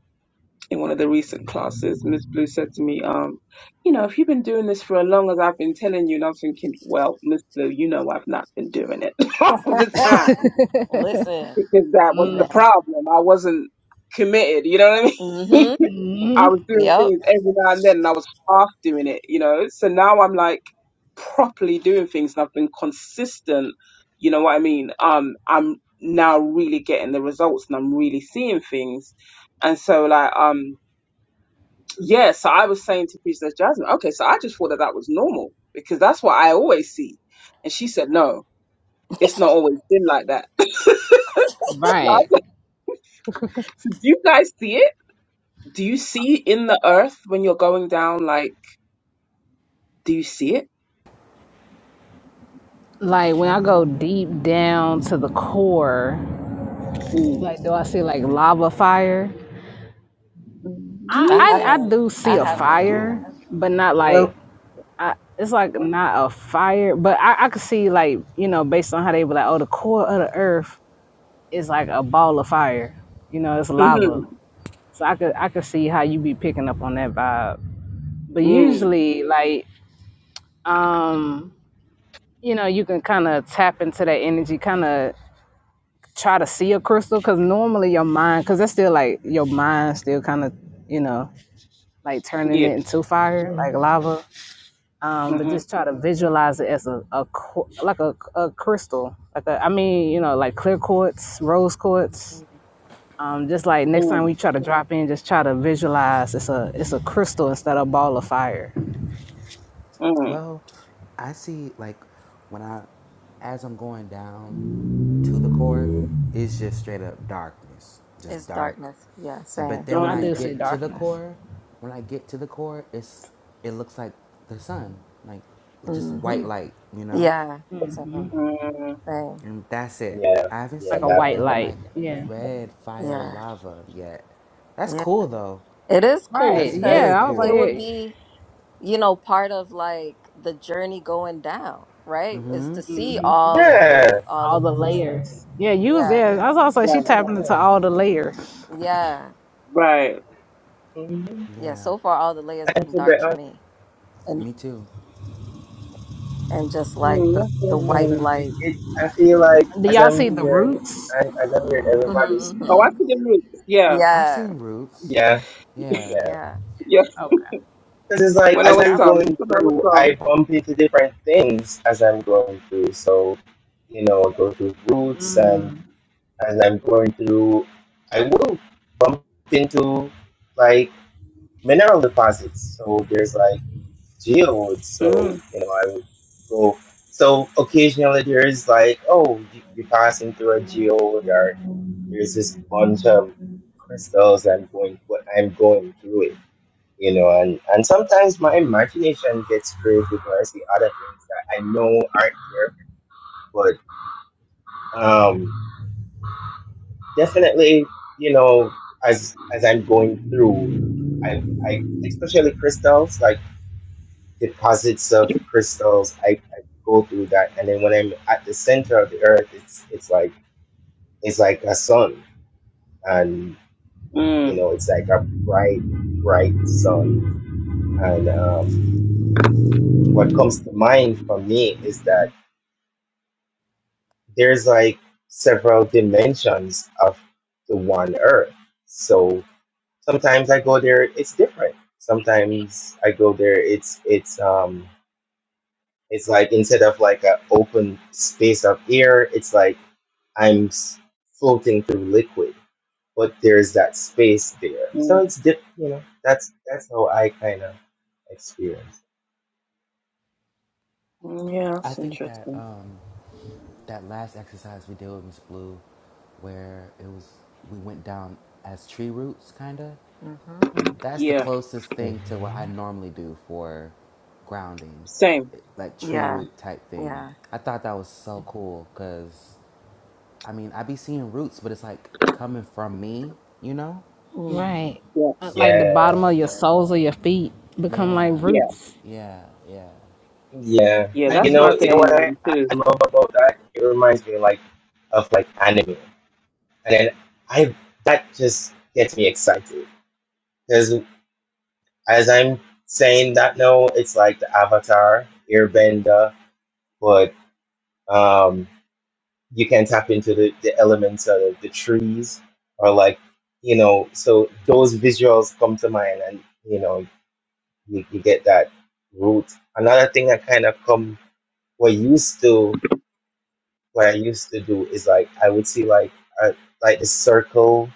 [SPEAKER 5] in one of the recent classes, Miss Blue said to me, um, you know, if you've been doing this for as long as I've been telling you, and I was thinking, well, Miss Blue, you know, I've not been doing it all the time
[SPEAKER 4] Listen,
[SPEAKER 5] because that was the
[SPEAKER 1] Mm.
[SPEAKER 4] man.
[SPEAKER 5] problem. I wasn't committed. You know what I mean?
[SPEAKER 4] Mm-hmm.
[SPEAKER 5] I
[SPEAKER 1] Mm.
[SPEAKER 5] was doing
[SPEAKER 4] Yep.
[SPEAKER 5] things every now and then and I was half doing it, you know. So now I'm like properly doing things and I've been consistent, you know what I mean? Um I'm now really getting the results and I'm really seeing things. And so like um yeah, so I was saying to Princess Jasmine, okay, so I just thought that that was normal because that's what I always see. And she said, no, it's not always been like that. So I'm
[SPEAKER 1] Right.
[SPEAKER 5] like, so do you guys see it? Do you see in the earth when you're going down? Like, do you see it?
[SPEAKER 1] Like when I go deep down to the core, like do I see like lava fire? I
[SPEAKER 4] I
[SPEAKER 5] Yeah.
[SPEAKER 1] I, I
[SPEAKER 4] haven't.
[SPEAKER 1] do
[SPEAKER 4] I
[SPEAKER 1] see
[SPEAKER 3] No,
[SPEAKER 1] a
[SPEAKER 3] I
[SPEAKER 4] haven't.
[SPEAKER 1] fire,
[SPEAKER 3] don't.
[SPEAKER 1] but not like
[SPEAKER 2] Well,
[SPEAKER 1] I, it's like not a fire, but I, I could see like, you know, based on how they were like, oh the core of the earth is like a ball of fire. You know, it's
[SPEAKER 5] Mm-hmm.
[SPEAKER 1] lava. So I could I could see how you be picking up on that vibe. But
[SPEAKER 5] Mm.
[SPEAKER 1] usually like um you know you can kind of tap into that energy kind of try to see a crystal because normally your mind because that's still like your mind still kind of you know like turning
[SPEAKER 5] Yeah.
[SPEAKER 1] it into fire like
[SPEAKER 2] mhm,
[SPEAKER 1] lava um but
[SPEAKER 5] Mm-hmm.
[SPEAKER 1] just try to
[SPEAKER 2] mm,
[SPEAKER 1] visualize it as a, a qu- like a, a crystal like a, i mean you know like clear quartz rose quartz
[SPEAKER 4] Mhm.
[SPEAKER 1] um just like next time
[SPEAKER 5] Mm.
[SPEAKER 1] we try to drop in just try to visualize it's a it's a crystal instead of a ball of fire
[SPEAKER 5] Mm.
[SPEAKER 3] Well, I see like when I as I'm going down to the core, it's just straight up darkness. Just
[SPEAKER 4] It's
[SPEAKER 3] dark.
[SPEAKER 4] darkness. Yeah,
[SPEAKER 3] But
[SPEAKER 4] same.
[SPEAKER 3] then
[SPEAKER 1] And
[SPEAKER 3] when
[SPEAKER 1] i
[SPEAKER 3] I
[SPEAKER 1] do
[SPEAKER 5] Darkness.
[SPEAKER 1] see
[SPEAKER 3] get to the
[SPEAKER 1] darkness
[SPEAKER 3] core, when I get to the core, it's it looks like the sun. Like just
[SPEAKER 4] hmm
[SPEAKER 3] white light, you know?
[SPEAKER 4] Yeah, same,
[SPEAKER 5] Mm.
[SPEAKER 4] same.
[SPEAKER 3] And that's it.
[SPEAKER 2] yeah,
[SPEAKER 3] I haven't
[SPEAKER 2] yeah,
[SPEAKER 1] like a
[SPEAKER 3] seen
[SPEAKER 2] that
[SPEAKER 1] white
[SPEAKER 2] part.
[SPEAKER 3] any
[SPEAKER 1] light
[SPEAKER 3] like
[SPEAKER 1] yeah
[SPEAKER 3] red fire
[SPEAKER 4] Yeah,
[SPEAKER 3] lava yet. That's
[SPEAKER 4] yeah.
[SPEAKER 3] cool though.
[SPEAKER 4] It is cool
[SPEAKER 1] right
[SPEAKER 3] That's
[SPEAKER 4] because
[SPEAKER 3] very
[SPEAKER 1] yeah i was like
[SPEAKER 4] it
[SPEAKER 3] cool.
[SPEAKER 4] would
[SPEAKER 1] yeah
[SPEAKER 4] be, you know, part of like the journey going down, right? Is
[SPEAKER 3] Mm-hmm.
[SPEAKER 4] to see
[SPEAKER 1] Mhm.
[SPEAKER 4] all of
[SPEAKER 2] Yeah,
[SPEAKER 4] the, all
[SPEAKER 1] all
[SPEAKER 4] of
[SPEAKER 1] the
[SPEAKER 4] these.
[SPEAKER 1] layers. Yeah, you was
[SPEAKER 4] Yeah,
[SPEAKER 1] there. I was also she
[SPEAKER 5] Right.
[SPEAKER 1] tapping into
[SPEAKER 2] yeah.
[SPEAKER 1] all the layers.
[SPEAKER 4] yeah,
[SPEAKER 5] Right.
[SPEAKER 2] mhm.
[SPEAKER 4] yeah.
[SPEAKER 3] Yeah.
[SPEAKER 4] So far, all the layers
[SPEAKER 2] I
[SPEAKER 4] been
[SPEAKER 2] feel
[SPEAKER 4] dark
[SPEAKER 2] better.
[SPEAKER 4] for
[SPEAKER 2] I
[SPEAKER 4] me.
[SPEAKER 3] Me too.
[SPEAKER 4] and just like
[SPEAKER 5] Mm,
[SPEAKER 4] the
[SPEAKER 5] that's
[SPEAKER 4] the white
[SPEAKER 2] mean,
[SPEAKER 5] interesting.
[SPEAKER 2] it,
[SPEAKER 4] light.
[SPEAKER 2] it, I feel like
[SPEAKER 1] Do
[SPEAKER 2] as
[SPEAKER 1] y'all
[SPEAKER 2] I'm
[SPEAKER 1] see the
[SPEAKER 2] hearing,
[SPEAKER 1] roots?
[SPEAKER 2] I, as I'm hearing everybody
[SPEAKER 4] hmm
[SPEAKER 5] Oh,
[SPEAKER 2] speak,
[SPEAKER 5] I see the roots. Yeah.
[SPEAKER 3] I've
[SPEAKER 4] Yeah,
[SPEAKER 3] seen roots.
[SPEAKER 2] yeah, yeah.
[SPEAKER 3] Yeah,
[SPEAKER 4] yeah,
[SPEAKER 5] Yeah.
[SPEAKER 1] Okay.
[SPEAKER 2] Because it's like
[SPEAKER 5] When
[SPEAKER 1] I
[SPEAKER 5] I
[SPEAKER 1] was
[SPEAKER 2] as
[SPEAKER 1] like,
[SPEAKER 5] was
[SPEAKER 1] I
[SPEAKER 2] I'm
[SPEAKER 5] um,
[SPEAKER 1] see.
[SPEAKER 2] going
[SPEAKER 5] when I was
[SPEAKER 2] through, I
[SPEAKER 5] um.
[SPEAKER 2] bump into different things as I'm going through. So, you know, I go through roots, and as I'm going through, I will bump into like mineral deposits. So there's like geodes. So
[SPEAKER 5] Mm.
[SPEAKER 2] you know, I would go. So occasionally there is like, oh, you- you're passing through a geode, or there's this bunch of crystals. I'm going, what I'm going through it you know, and, and sometimes my imagination gets creative where I see other things that I know aren't there. But um, definitely, you know, as as I'm going through, I I especially crystals, like deposits of crystals, I, I go through that, and then when I'm at the center of the earth, it's it's like it's like a sun, and you
[SPEAKER 5] Mm.
[SPEAKER 2] know, it's like a bright bright sun, and um, what comes to mind for me is that. there's like several dimensions of the one earth. So sometimes I go there, it's different. Sometimes I go there, it's it's um it's like instead of like an open space of air, it's like I'm s- floating through liquid, but there's that space there. So
[SPEAKER 5] Mm.
[SPEAKER 2] it's dip, you know. That's that's how I kind of experience.
[SPEAKER 5] Mm, Yeah,
[SPEAKER 3] I
[SPEAKER 5] that's
[SPEAKER 3] think that
[SPEAKER 5] interesting.
[SPEAKER 3] um, that last exercise we did with Miss Blue, where it was we went down as tree roots, kinda.
[SPEAKER 4] hmm
[SPEAKER 3] That's the
[SPEAKER 5] Yeah.
[SPEAKER 3] closest thing to what
[SPEAKER 2] Mhm.
[SPEAKER 3] I normally do for grounding,
[SPEAKER 5] Same.
[SPEAKER 3] like tree
[SPEAKER 4] yeah,
[SPEAKER 3] root type thing.
[SPEAKER 4] yeah.
[SPEAKER 3] I thought that was so cool because, I mean, I be seeing roots, but it's like coming from me, you know.
[SPEAKER 4] Mm.
[SPEAKER 1] Right.
[SPEAKER 5] Yeah.
[SPEAKER 1] Uh, Like the
[SPEAKER 3] So,
[SPEAKER 2] Yeah.
[SPEAKER 1] bottom of your soles of your feet become like
[SPEAKER 3] yeah,
[SPEAKER 5] Yeah.
[SPEAKER 1] roots.
[SPEAKER 3] yeah, yeah,
[SPEAKER 2] Yeah,
[SPEAKER 5] Yeah.
[SPEAKER 3] yeah.
[SPEAKER 2] I- you
[SPEAKER 5] That's
[SPEAKER 4] hmm
[SPEAKER 2] know,
[SPEAKER 5] my
[SPEAKER 2] you know
[SPEAKER 5] daily
[SPEAKER 2] what I,
[SPEAKER 5] one too.
[SPEAKER 2] I love about that? It reminds me like of like anime, and then I that just gets me excited because as I'm saying that now, it's like the Avatar, Airbender, but um, you can tap into the the elements of the trees or like you know, so those visuals come to mind, and you know, you, you get that root. Another thing that kind of come we're used to. what I used to do is like I would see like a, like a circle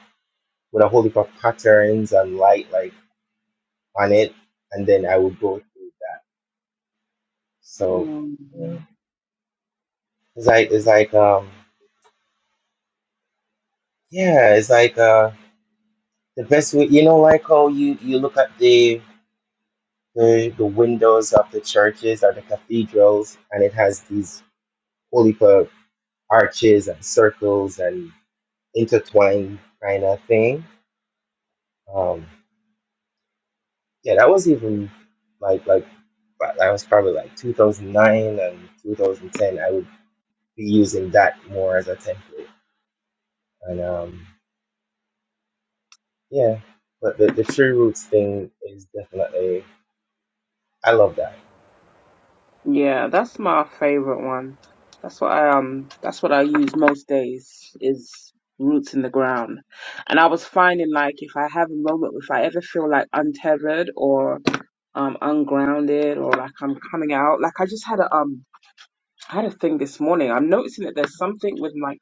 [SPEAKER 2] with a whole heap of patterns and light like on it, and then I would go through that. So
[SPEAKER 5] Mm.
[SPEAKER 2] yeah. it's like it's like um yeah, it's like uh the best way you know like how you you look at the the, the windows of the churches or the cathedrals and it has these whole heap of arches and circles and intertwined kind of thing. Um, yeah, that was even like like but that was probably like 2009 and 2010. I would be using that more as a template. And um, yeah, but the, the tree roots thing is definitely, I love that.
[SPEAKER 5] Yeah, that's my favorite one. That's what I um that's what I use most days is roots in the ground. And I was finding like if I have a moment if I ever feel like untethered or um ungrounded or like I'm coming out, like I just had a um I had a thing this morning. I'm noticing that there's something with like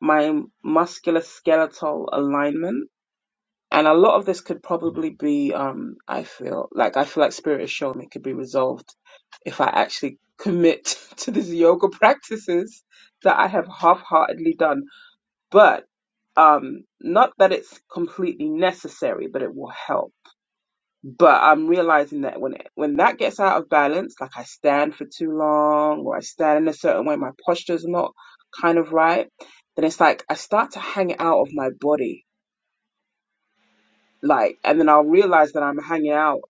[SPEAKER 5] my muscular skeletal alignment and a lot of this could probably be um i feel like i feel like spirit is showing me could be resolved if i actually commit to these yoga practices that i have half-heartedly done but um not that it's completely necessary but it will help but i'm realizing that when it, when that gets out of balance like i stand for too long or i stand in a certain way my posture's not kind of right then it's like i start to hang it out of my body like and then I'll realize that I'm hanging out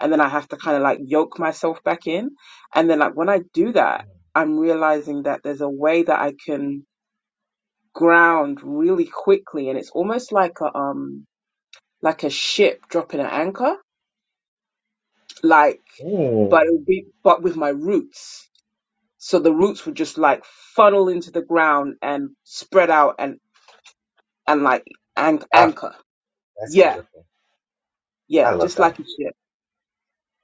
[SPEAKER 5] and then I have to kind of like yoke myself back in and then like when I do that I'm realizing that there's a way that I can ground really quickly and it's almost like a um like a ship dropping an anchor like
[SPEAKER 2] Mm.
[SPEAKER 5] but it would be but with my roots so the roots would just like funnel into the ground and spread out and and like an-
[SPEAKER 2] Ah,
[SPEAKER 5] anchor
[SPEAKER 2] that's
[SPEAKER 5] yeah
[SPEAKER 2] beautiful. I
[SPEAKER 5] yeah
[SPEAKER 2] love
[SPEAKER 5] just like
[SPEAKER 2] that.
[SPEAKER 5] a ship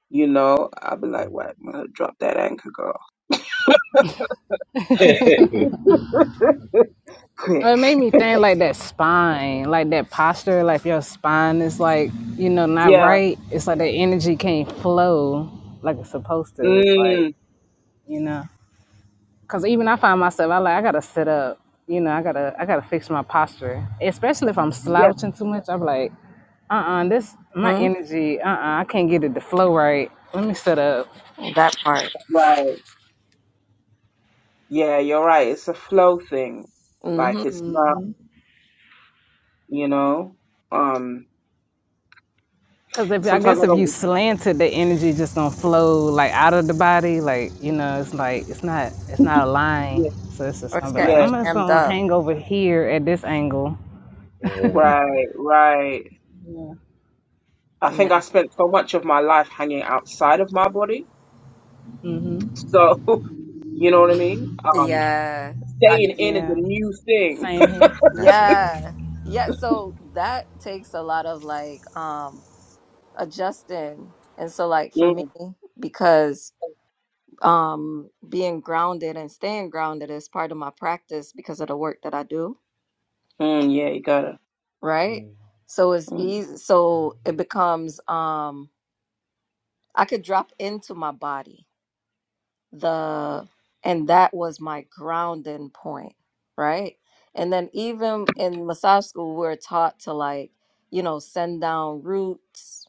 [SPEAKER 5] you know, I'll be like, what, I'm gonna drop that anchor, girl.
[SPEAKER 2] Mm.
[SPEAKER 1] Uh,
[SPEAKER 5] quick.
[SPEAKER 1] It made me think like that spine, like that posture, like if your spine is like, you know, not
[SPEAKER 5] Yeah.
[SPEAKER 1] right, it's like the energy can't flow like it's supposed to. It's like,
[SPEAKER 5] Mm.
[SPEAKER 1] you know. Cause even I find myself, I like I gotta sit up. You know, I gotta I gotta fix my posture. Especially if I'm
[SPEAKER 5] Yeah.
[SPEAKER 1] slouching too much, I'm like, uh uh this my
[SPEAKER 4] hmm
[SPEAKER 1] energy, uh uh I can't get it to flow right. Let me sit up.
[SPEAKER 4] That part.
[SPEAKER 5] Right. Yeah. You're right. It's a flow thing.
[SPEAKER 4] hmm
[SPEAKER 5] Like it's not. You know. Um.
[SPEAKER 1] Cause if I
[SPEAKER 5] Sometimes
[SPEAKER 1] guess
[SPEAKER 5] I
[SPEAKER 1] if you
[SPEAKER 5] don't.
[SPEAKER 1] slanted, the energy just don't flow like out of the body. Like you know, it's like it's not it's not aligned.
[SPEAKER 5] Yeah.
[SPEAKER 1] So it's just
[SPEAKER 4] Or
[SPEAKER 1] gonna
[SPEAKER 4] it's
[SPEAKER 1] be like
[SPEAKER 4] getting
[SPEAKER 5] Yeah.
[SPEAKER 1] I'm just
[SPEAKER 4] jammed
[SPEAKER 1] gonna
[SPEAKER 4] up.
[SPEAKER 1] hang over here at this angle.
[SPEAKER 2] Mm.
[SPEAKER 5] Right. Right. I think I
[SPEAKER 4] Yeah,
[SPEAKER 5] spent so much of my life hanging outside of my body.
[SPEAKER 1] hmm
[SPEAKER 5] So you know what I mean. Um.
[SPEAKER 4] yeah. I
[SPEAKER 5] Staying
[SPEAKER 4] guess.
[SPEAKER 5] in is a
[SPEAKER 1] Yeah,
[SPEAKER 5] new thing.
[SPEAKER 1] same here.
[SPEAKER 3] That's real.
[SPEAKER 4] Yeah, yeah. So that takes a lot of like um adjusting, and so like for
[SPEAKER 5] Mm,
[SPEAKER 4] me because um being grounded and staying grounded is part of my practice because of the work that I do
[SPEAKER 5] mm, yeah. You gotta.
[SPEAKER 4] right?
[SPEAKER 2] Mm.
[SPEAKER 4] So it's
[SPEAKER 5] Mm.
[SPEAKER 4] easy. So it becomes um I could drop into my body. The and that was my grounding point, right? And then even in massage school, we're taught to like, you know, send down roots,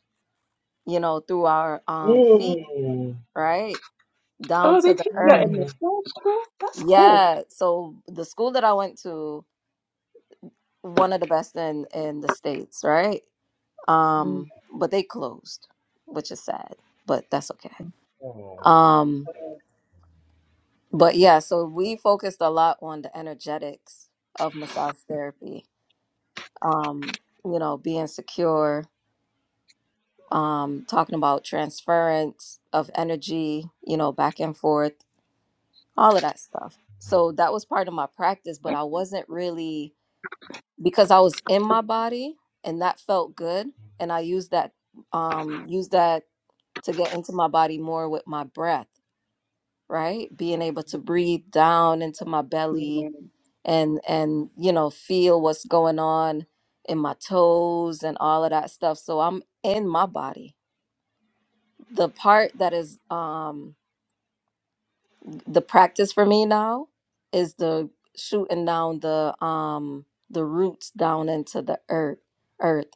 [SPEAKER 4] you know, through our um feet,
[SPEAKER 2] Mm.
[SPEAKER 4] right? Down
[SPEAKER 5] Oh, they
[SPEAKER 4] to the
[SPEAKER 5] teach that in
[SPEAKER 4] earth.
[SPEAKER 5] the
[SPEAKER 2] Mm.
[SPEAKER 5] film school. That's cool.
[SPEAKER 4] Yeah. So the school that I went to, one of the best in in the states, right?
[SPEAKER 5] Mm,
[SPEAKER 4] Um, but they closed, which is sad, but that's okay.
[SPEAKER 2] Oh.
[SPEAKER 4] Um, but yeah, so we focused a lot on the energetics of massage therapy. Um, you know, being secure, um, talking about transference of energy, you know, back and forth, all of that stuff. So that was part of my practice, but I wasn't really because I was in my body and that felt good. And I used that um used that to get into my body more with my breath right being able to breathe down into my
[SPEAKER 5] mm,
[SPEAKER 4] belly and and you know feel what's going on in my toes and all of that stuff so i'm in my body the part that is um the practice for me now is the shooting down the um the roots down into the earth earth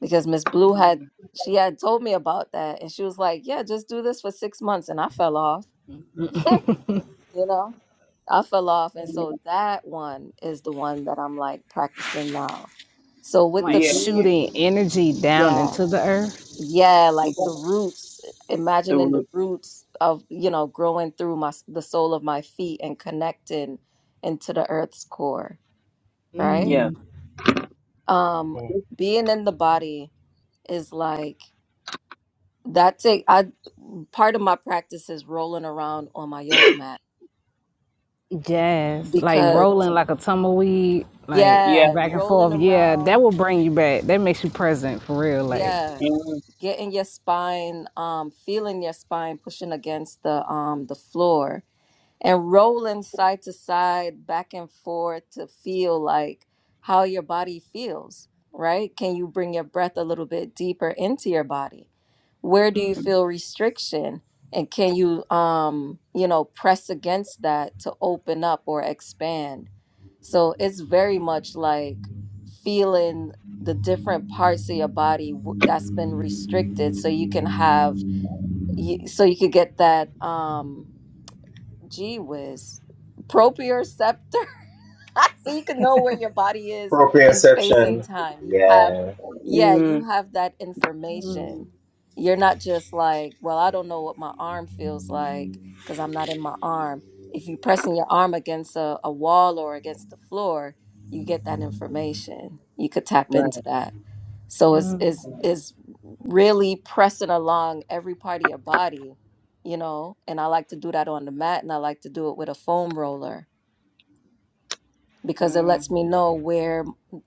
[SPEAKER 4] because miss blue had
[SPEAKER 5] mm,
[SPEAKER 4] she had told me about that and she was like yeah just do this for six months and i fell off you know i fell off and
[SPEAKER 5] mm.
[SPEAKER 4] so that one is the one that i'm like practicing now so with the
[SPEAKER 1] Like
[SPEAKER 5] Yeah.
[SPEAKER 4] being
[SPEAKER 1] shooting energy down
[SPEAKER 4] yeah
[SPEAKER 1] into the earth.
[SPEAKER 4] yeah like the roots imagining
[SPEAKER 5] mhm.
[SPEAKER 4] the roots of you know growing through my s- the sole of my feet and connecting into the earth's core right
[SPEAKER 5] Yeah.
[SPEAKER 4] um
[SPEAKER 2] Mm.
[SPEAKER 4] being in the body is like that take i part of my practice is rolling around on my yoga mat
[SPEAKER 1] Yes, like
[SPEAKER 4] because
[SPEAKER 1] rolling like a tumbleweed, like
[SPEAKER 5] Yeah.
[SPEAKER 4] yeah
[SPEAKER 1] back and
[SPEAKER 4] rolling
[SPEAKER 1] forth. Yeah,
[SPEAKER 4] around
[SPEAKER 1] that will bring you back. That makes you present for real. Like,
[SPEAKER 4] Yeah,
[SPEAKER 5] Mm,
[SPEAKER 4] getting your spine, um, feeling your spine pushing against the um the floor and rolling side to side, back and forth to feel like how your body feels, right? Can you bring your breath a little bit deeper into your body? Where do you feel restriction? And can you, um, you know, press against that to open up or expand? So it's very much like feeling the different parts of your body w- that's been restricted so you can have you, so you could get that um Gee whiz. Proprioceptor. so you can know where your body is in space
[SPEAKER 2] Proprioception.
[SPEAKER 4] and time. You have,
[SPEAKER 2] Yeah.
[SPEAKER 4] yeah,
[SPEAKER 5] mm,
[SPEAKER 4] you have that information. You're not just like, well, I don't know what my arm feels like because I'm not in my arm. If you're pressing your arm against a, a wall or against the floor, you get that information. You could tap into
[SPEAKER 5] right.
[SPEAKER 4] that. So it's is is really pressing along every part of your body, you know. And I like to do that on the mat, and I like to do it with a foam roller because it lets
[SPEAKER 5] Mm,
[SPEAKER 4] me
[SPEAKER 2] Mm.
[SPEAKER 4] know where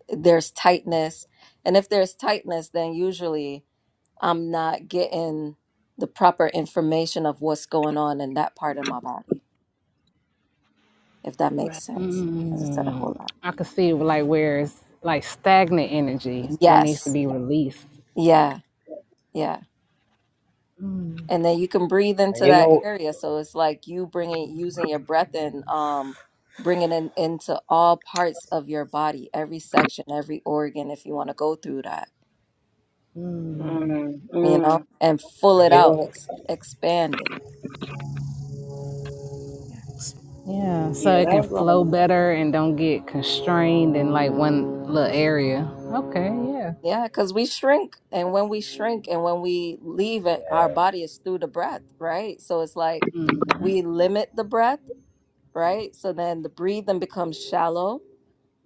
[SPEAKER 4] there's tightness. And if there's tightness, then usually I'm not getting the proper information of what's going on in that part of my body, if that makes
[SPEAKER 5] right.
[SPEAKER 4] sense. I just said a whole
[SPEAKER 1] mm,
[SPEAKER 4] lot.
[SPEAKER 1] I could see like where it's like stagnant energy, what needs to
[SPEAKER 4] Yes.
[SPEAKER 1] be released.
[SPEAKER 4] Yeah. Yeah. And then you can breathe
[SPEAKER 2] And
[SPEAKER 4] into
[SPEAKER 2] you
[SPEAKER 4] that
[SPEAKER 2] know,
[SPEAKER 4] area. So it's like you bringing, using your breath and um, bringing it into all parts of your body, every section, every organ, if you want to go through that
[SPEAKER 5] Mm,
[SPEAKER 4] you know,
[SPEAKER 5] mm.
[SPEAKER 4] and full
[SPEAKER 2] and
[SPEAKER 4] it
[SPEAKER 2] you
[SPEAKER 4] out,
[SPEAKER 2] know,
[SPEAKER 4] ex- expand it.
[SPEAKER 1] Yeah,
[SPEAKER 5] Yeah,
[SPEAKER 1] so
[SPEAKER 4] Yeah,
[SPEAKER 1] it can
[SPEAKER 5] that's
[SPEAKER 1] flow
[SPEAKER 5] um.
[SPEAKER 1] better and don't get constrained in like one little area. Okay, yeah.
[SPEAKER 4] Yeah, because we shrink, and when we shrink, and when we leave it, our
[SPEAKER 2] yeah.
[SPEAKER 4] body is through the breath, right? So it's like
[SPEAKER 1] hmm
[SPEAKER 5] Mm,
[SPEAKER 4] we limit the breath, right? So then the breathing becomes shallow,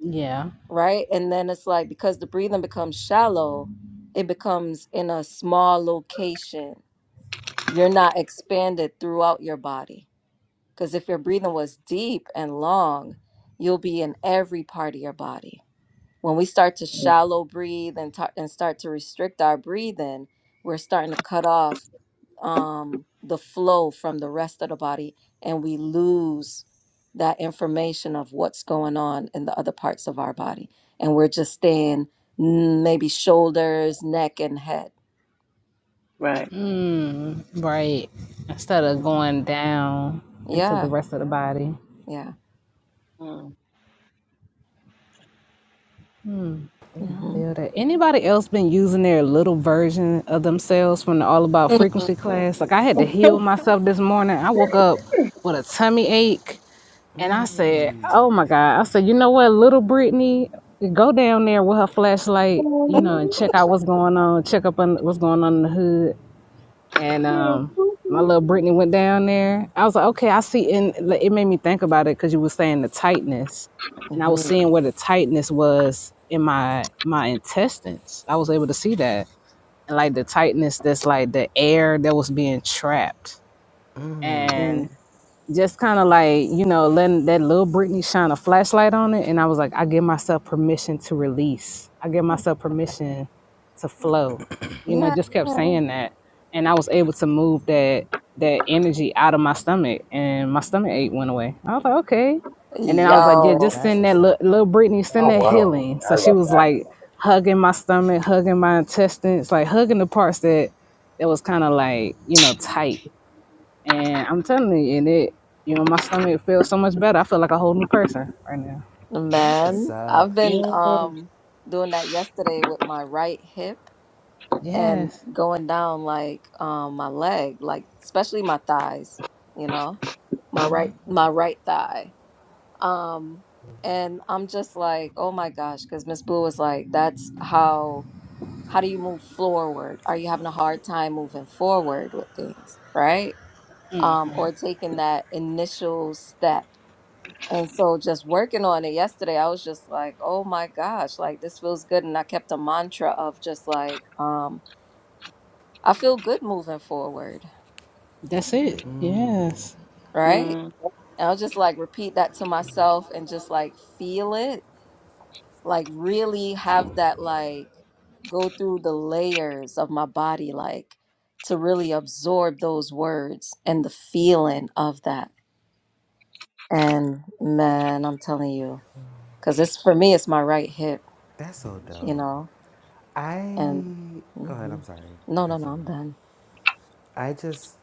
[SPEAKER 1] Yeah.
[SPEAKER 4] right? And then it's like because the breathing becomes shallow, it becomes in a small location. You're not expanded throughout your body. Because if your breathing was deep and long, you'll be in every part of your body when we start to shallow breathe and ta- and start to restrict our breathing, we're starting to cut off um, the flow from the rest of the body, and we lose that information of what's going on in the other parts of our body, and we're just staying mm, maybe shoulders, neck, and head.
[SPEAKER 5] right.
[SPEAKER 1] Mm, right. Instead of
[SPEAKER 4] Mm.
[SPEAKER 1] going down into the
[SPEAKER 4] Yeah,
[SPEAKER 1] rest of the body.
[SPEAKER 4] yeah.
[SPEAKER 5] Mm.
[SPEAKER 1] Yeah, I
[SPEAKER 4] Mm-hmm.
[SPEAKER 1] feel that. Anybody else been
[SPEAKER 2] Mm.
[SPEAKER 1] using their little version of themselves from the All About Frequency class? Like I had to heal myself this morning. I woke up with a tummy ache and I said,
[SPEAKER 3] Mmm.
[SPEAKER 1] Oh my God. I said, you know what, little Brittany, go down there with her flashlight, you know, and
[SPEAKER 5] Oh,
[SPEAKER 1] check out what's going on, check up on what's going on in the hood and
[SPEAKER 5] little
[SPEAKER 1] um my
[SPEAKER 5] poopy.
[SPEAKER 1] little Brittany went down there. I was like, okay, I see. And like, it made me think about it because you were saying the tightness, and I was
[SPEAKER 4] Mhm.
[SPEAKER 1] seeing where the tightness was in my my intestines. I was able to see that, and like the tightness that's like the air that was being trapped.
[SPEAKER 3] Mm,
[SPEAKER 1] And
[SPEAKER 4] Mm-hmm.
[SPEAKER 1] just kind of like you know letting that little Britney shine a flashlight on it, and I was like, I give myself permission to release. I give myself permission to flow. You know,
[SPEAKER 4] Yeah.
[SPEAKER 1] just kept saying that, and I was able to move that that energy out of my stomach, and my stomach ache went away. I was like, okay, and then I was like, yeah,
[SPEAKER 4] Yo.
[SPEAKER 1] just
[SPEAKER 3] that's
[SPEAKER 1] send that
[SPEAKER 3] what's
[SPEAKER 1] little,
[SPEAKER 3] up.
[SPEAKER 1] little Britney, send
[SPEAKER 2] Oh,
[SPEAKER 1] that
[SPEAKER 2] wow.
[SPEAKER 1] healing. So
[SPEAKER 2] I
[SPEAKER 1] she
[SPEAKER 2] love
[SPEAKER 1] was
[SPEAKER 2] that.
[SPEAKER 1] like hugging my stomach, hugging my intestines, like hugging the parts that that was kind of like you know tight and I'm telling you, and it, you know, my stomach
[SPEAKER 2] I
[SPEAKER 1] feels so much better. I feel like a whole new person right now.
[SPEAKER 3] That's what's
[SPEAKER 4] Man, I've
[SPEAKER 3] up.
[SPEAKER 4] been
[SPEAKER 5] Mm,
[SPEAKER 4] um doing that yesterday with my right hip and
[SPEAKER 1] Yes.
[SPEAKER 4] going down like um my leg, like especially my thighs, you know, my
[SPEAKER 1] hmm
[SPEAKER 4] right my right thigh. Um and I'm just like, "Oh my gosh," cuz Miss Blue was like, "That's how how do you move forward? Are you having a hard time moving forward with things, right? Um or taking that initial step and so just working on it yesterday, I was just like, oh my gosh, like this feels good. And I kept a mantra of just like, um, I feel good moving forward,
[SPEAKER 1] That's it.
[SPEAKER 3] Mm,
[SPEAKER 1] Yes.
[SPEAKER 4] right?
[SPEAKER 5] mm,
[SPEAKER 4] And I'll just like repeat that to myself and just like feel it, like really have that like go through the layers of my body, like to really absorb those words and the feeling of that. And man, I'm telling you, because it's for me, it's my right hip,
[SPEAKER 3] that's so
[SPEAKER 4] you
[SPEAKER 3] dope.
[SPEAKER 4] know
[SPEAKER 3] I
[SPEAKER 4] And
[SPEAKER 3] go ahead.
[SPEAKER 4] hmm
[SPEAKER 3] I'm sorry. I
[SPEAKER 4] no, no,
[SPEAKER 3] cut
[SPEAKER 4] no,
[SPEAKER 3] you
[SPEAKER 4] I'm
[SPEAKER 3] off.
[SPEAKER 4] done.
[SPEAKER 3] I just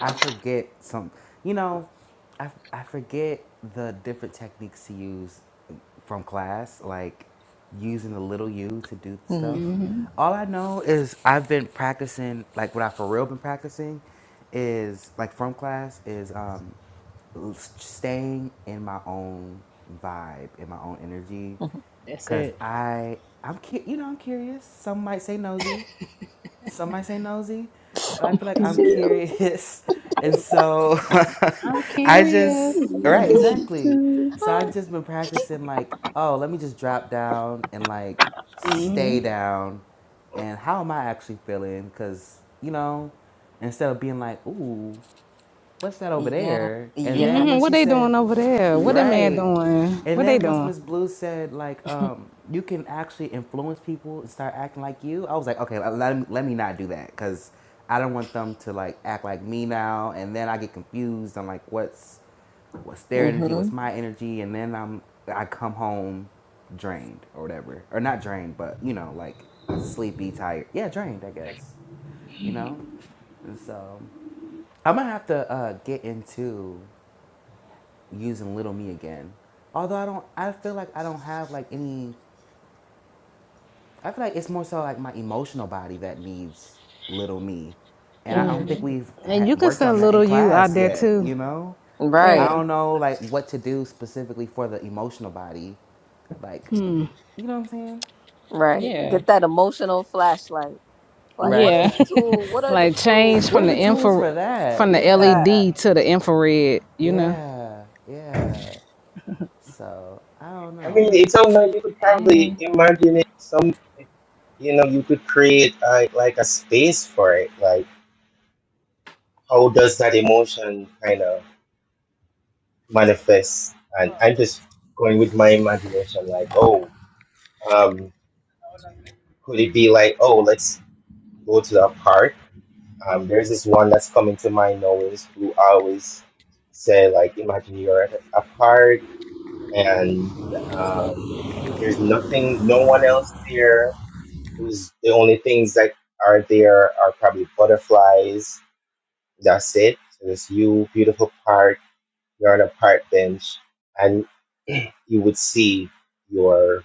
[SPEAKER 3] I forget some. You know, I I forget the different techniques to use from class, like using the little U to do stuff.
[SPEAKER 4] Mhm.
[SPEAKER 3] All I know is I've been practicing, like what I for real been practicing, is like from class is um, staying in my own vibe, in my own energy,
[SPEAKER 1] That's
[SPEAKER 3] cause
[SPEAKER 1] it.
[SPEAKER 3] I I'm cu- you know I'm curious. Some might say nosy, some might say nosy, but I feel like
[SPEAKER 4] Somebody
[SPEAKER 3] I'm
[SPEAKER 4] say those.
[SPEAKER 3] curious. And so
[SPEAKER 1] I'm
[SPEAKER 3] I just,
[SPEAKER 1] curious.
[SPEAKER 3] right, exactly.
[SPEAKER 5] mm.
[SPEAKER 3] So I've just been practicing, like, oh, let me just drop down and like
[SPEAKER 1] hmm
[SPEAKER 3] stay down. And how am I actually feeling? Because, you know, instead of being like, ooh, what's that over
[SPEAKER 4] yeah,
[SPEAKER 3] there? And
[SPEAKER 4] yeah,
[SPEAKER 3] then
[SPEAKER 1] hmm
[SPEAKER 3] when
[SPEAKER 1] What
[SPEAKER 3] she
[SPEAKER 1] they
[SPEAKER 3] said,
[SPEAKER 1] doing over there? What
[SPEAKER 4] yeah.
[SPEAKER 1] that man
[SPEAKER 3] right.
[SPEAKER 1] doing?
[SPEAKER 3] And
[SPEAKER 1] What they
[SPEAKER 3] then once
[SPEAKER 1] doing?
[SPEAKER 3] Miss Blue said, like, um, you can actually influence people and start acting like you, I was like, okay, let, let me, let me not do that because I don't want them to, like, act like me now. And then I get confused. I'm like, what's, what's their energy?
[SPEAKER 4] Mm-hmm.
[SPEAKER 3] What's my energy? And then I'm, I come home drained or whatever. Or not drained, but, you know, like sleepy, tired. Yeah, drained, I guess, you know? And so I'm gonna have to uh, get into using Little Me again. Although I don't, I feel like I don't have like any. I feel like it's more so like my emotional body that needs Little Me, and I don't
[SPEAKER 4] Mm.
[SPEAKER 3] think we've
[SPEAKER 1] And
[SPEAKER 3] ha-
[SPEAKER 1] you can
[SPEAKER 3] worked on
[SPEAKER 1] send
[SPEAKER 3] that in
[SPEAKER 1] little you out
[SPEAKER 3] class
[SPEAKER 1] there
[SPEAKER 3] yet.
[SPEAKER 1] too.
[SPEAKER 3] You know, I
[SPEAKER 4] Right,
[SPEAKER 1] Yeah.
[SPEAKER 3] don't know like what to do specifically for the emotional body, like, you know what I'm saying?
[SPEAKER 4] right.
[SPEAKER 1] Yeah.
[SPEAKER 4] Get that emotional flashlight. Like,
[SPEAKER 3] Right.
[SPEAKER 4] what are
[SPEAKER 1] Yeah.
[SPEAKER 4] the tool? What are the
[SPEAKER 1] like
[SPEAKER 4] tools
[SPEAKER 1] change
[SPEAKER 3] what
[SPEAKER 1] from
[SPEAKER 3] are the
[SPEAKER 1] the
[SPEAKER 4] needed?
[SPEAKER 3] tools
[SPEAKER 1] infra
[SPEAKER 3] for that?
[SPEAKER 1] from the
[SPEAKER 3] Yeah,
[SPEAKER 4] Yeah.
[SPEAKER 1] LED to the infrared, you know.
[SPEAKER 3] yeah, yeah. So I don't know.
[SPEAKER 2] mean, it sounds like you could probably
[SPEAKER 1] Hey.
[SPEAKER 2] imagine it. Some, you know, you could create a, like a space for it. Like, how does that emotion kind of manifest? And I'm just going with my imagination. Like, oh, um, could it be like, oh, let's go to the park? Um, there's this one that's coming to mind always, who always say like, imagine you're at a park and um, there's nothing, no one else there is the only things that are there are probably butterflies. That's it. So there's you, beautiful park. You're on a park bench, and you would see your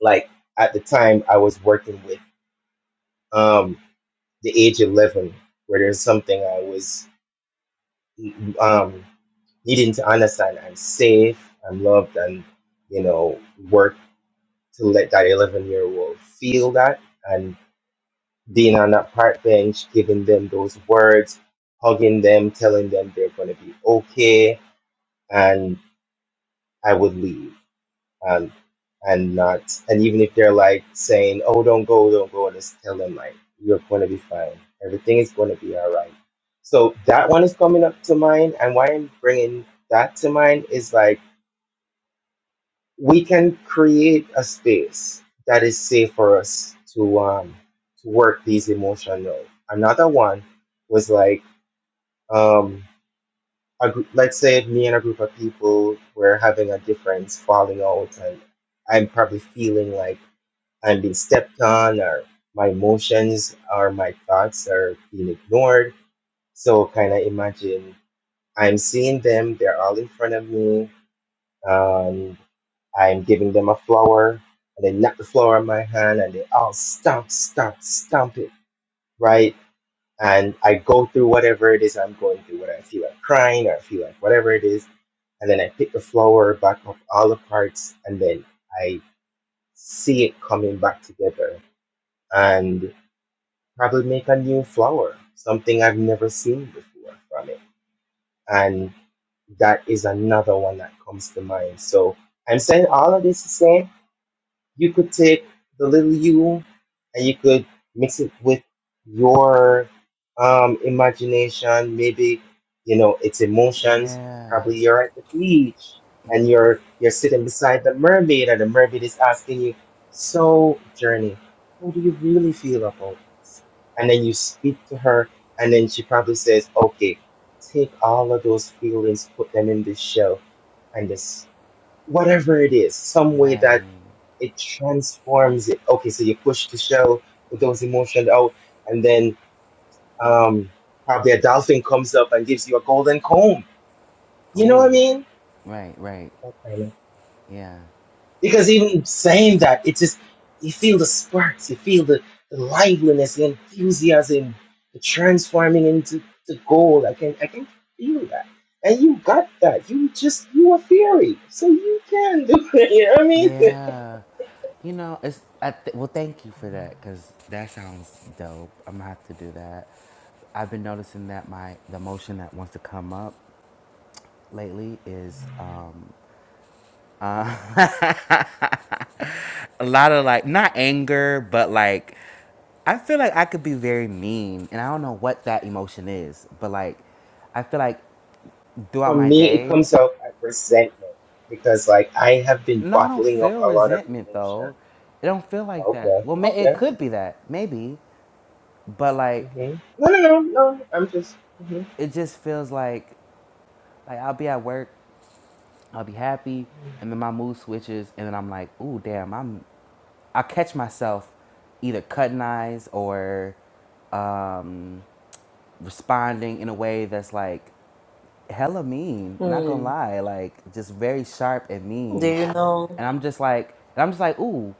[SPEAKER 2] like at the time I was working with um the age eleven, where there's something I was um needing to understand. I'm safe. I'm loved, and you know work to let that eleven year old feel that. and. being on that park bench, giving them those words, hugging them, telling them they're going to be okay, and I would leave. And and not, and even if they're like saying, "Oh, don't go, don't go," and just tell them like, "You're going to be fine. Everything is going to be all right." So that one is coming up to mind, and why I'm bringing that to mind is like we can create a space that is safe for us to um to work these emotions out. Another one was like um, a group, let's say me and a group of people were having a difference falling out, and I'm probably feeling like I'm being stepped on, or my emotions or my thoughts are being ignored. So, kind of imagine I'm seeing them, they're all in front of me, and I'm giving them a flower, and they knock the flower on my hand, and they all stomp, stomp, stomp it, right? And I go through whatever it is I'm going through, whether I feel like crying or I feel like whatever it is and then I pick the flower back off all the parts, and then I see it coming back together and probably make a new flower, something I've never seen before from it. And that is another one that comes to mind. So I'm saying all of this to say You could take the little you and you could mix it with your um, imagination, maybe you know its emotions.
[SPEAKER 3] Yeah.
[SPEAKER 2] Probably you're at the beach and you're you're sitting beside the mermaid, and the mermaid is asking you, "So, Journey, how do you really feel about this?" And then you speak to her, and then she probably says, "Okay, take all of those feelings, put them in this shell, and this whatever it is, some way
[SPEAKER 3] Right.
[SPEAKER 2] that it transforms it. Okay, so you push the shell with those emotions out, and then um, probably a dolphin comes up and gives you a golden comb. You know what
[SPEAKER 3] Ooh.
[SPEAKER 2] I mean?
[SPEAKER 3] Right. Right.
[SPEAKER 2] That kind of.
[SPEAKER 3] Yeah.
[SPEAKER 2] Because even saying that, it just you feel the sparks, you feel the, the liveliness, the enthusiasm, the transforming into the gold. I can I can feel that. And you got that. You just you a fairy, so you can do it. You know what I mean?
[SPEAKER 3] Yeah. You know, it's I th- well. Thank you for that because that sounds dope. I'm gonna have to do that. I've been noticing that my the emotion that wants to come up lately is um uh, a lot of like not anger but like I feel like I could be very mean and I don't know what that emotion is but like I feel like
[SPEAKER 2] For
[SPEAKER 3] throughout my
[SPEAKER 2] me, it
[SPEAKER 3] day
[SPEAKER 2] comes out at resentment because, like, I have been
[SPEAKER 3] No, I don't
[SPEAKER 2] bottling up
[SPEAKER 3] feel
[SPEAKER 2] a lot of
[SPEAKER 3] resentment
[SPEAKER 2] emotion.
[SPEAKER 3] though. It don't feel like that.
[SPEAKER 2] Okay,
[SPEAKER 3] Well, ma- it
[SPEAKER 2] okay.
[SPEAKER 3] could be that maybe, but like
[SPEAKER 2] hmm No, no, no, no. I'm just hmm
[SPEAKER 3] it just feels like like I'll be at work, I'll be happy, and then my mood switches, and then I'm like, ooh, damn, I'm. I catch myself either cutting eyes or um, responding in a way that's like hella mean. Not gonna
[SPEAKER 4] Mm.
[SPEAKER 3] lie, like just very sharp and
[SPEAKER 4] Do
[SPEAKER 3] mean,
[SPEAKER 4] you know?
[SPEAKER 3] and I'm just like, and I'm just like, ooh.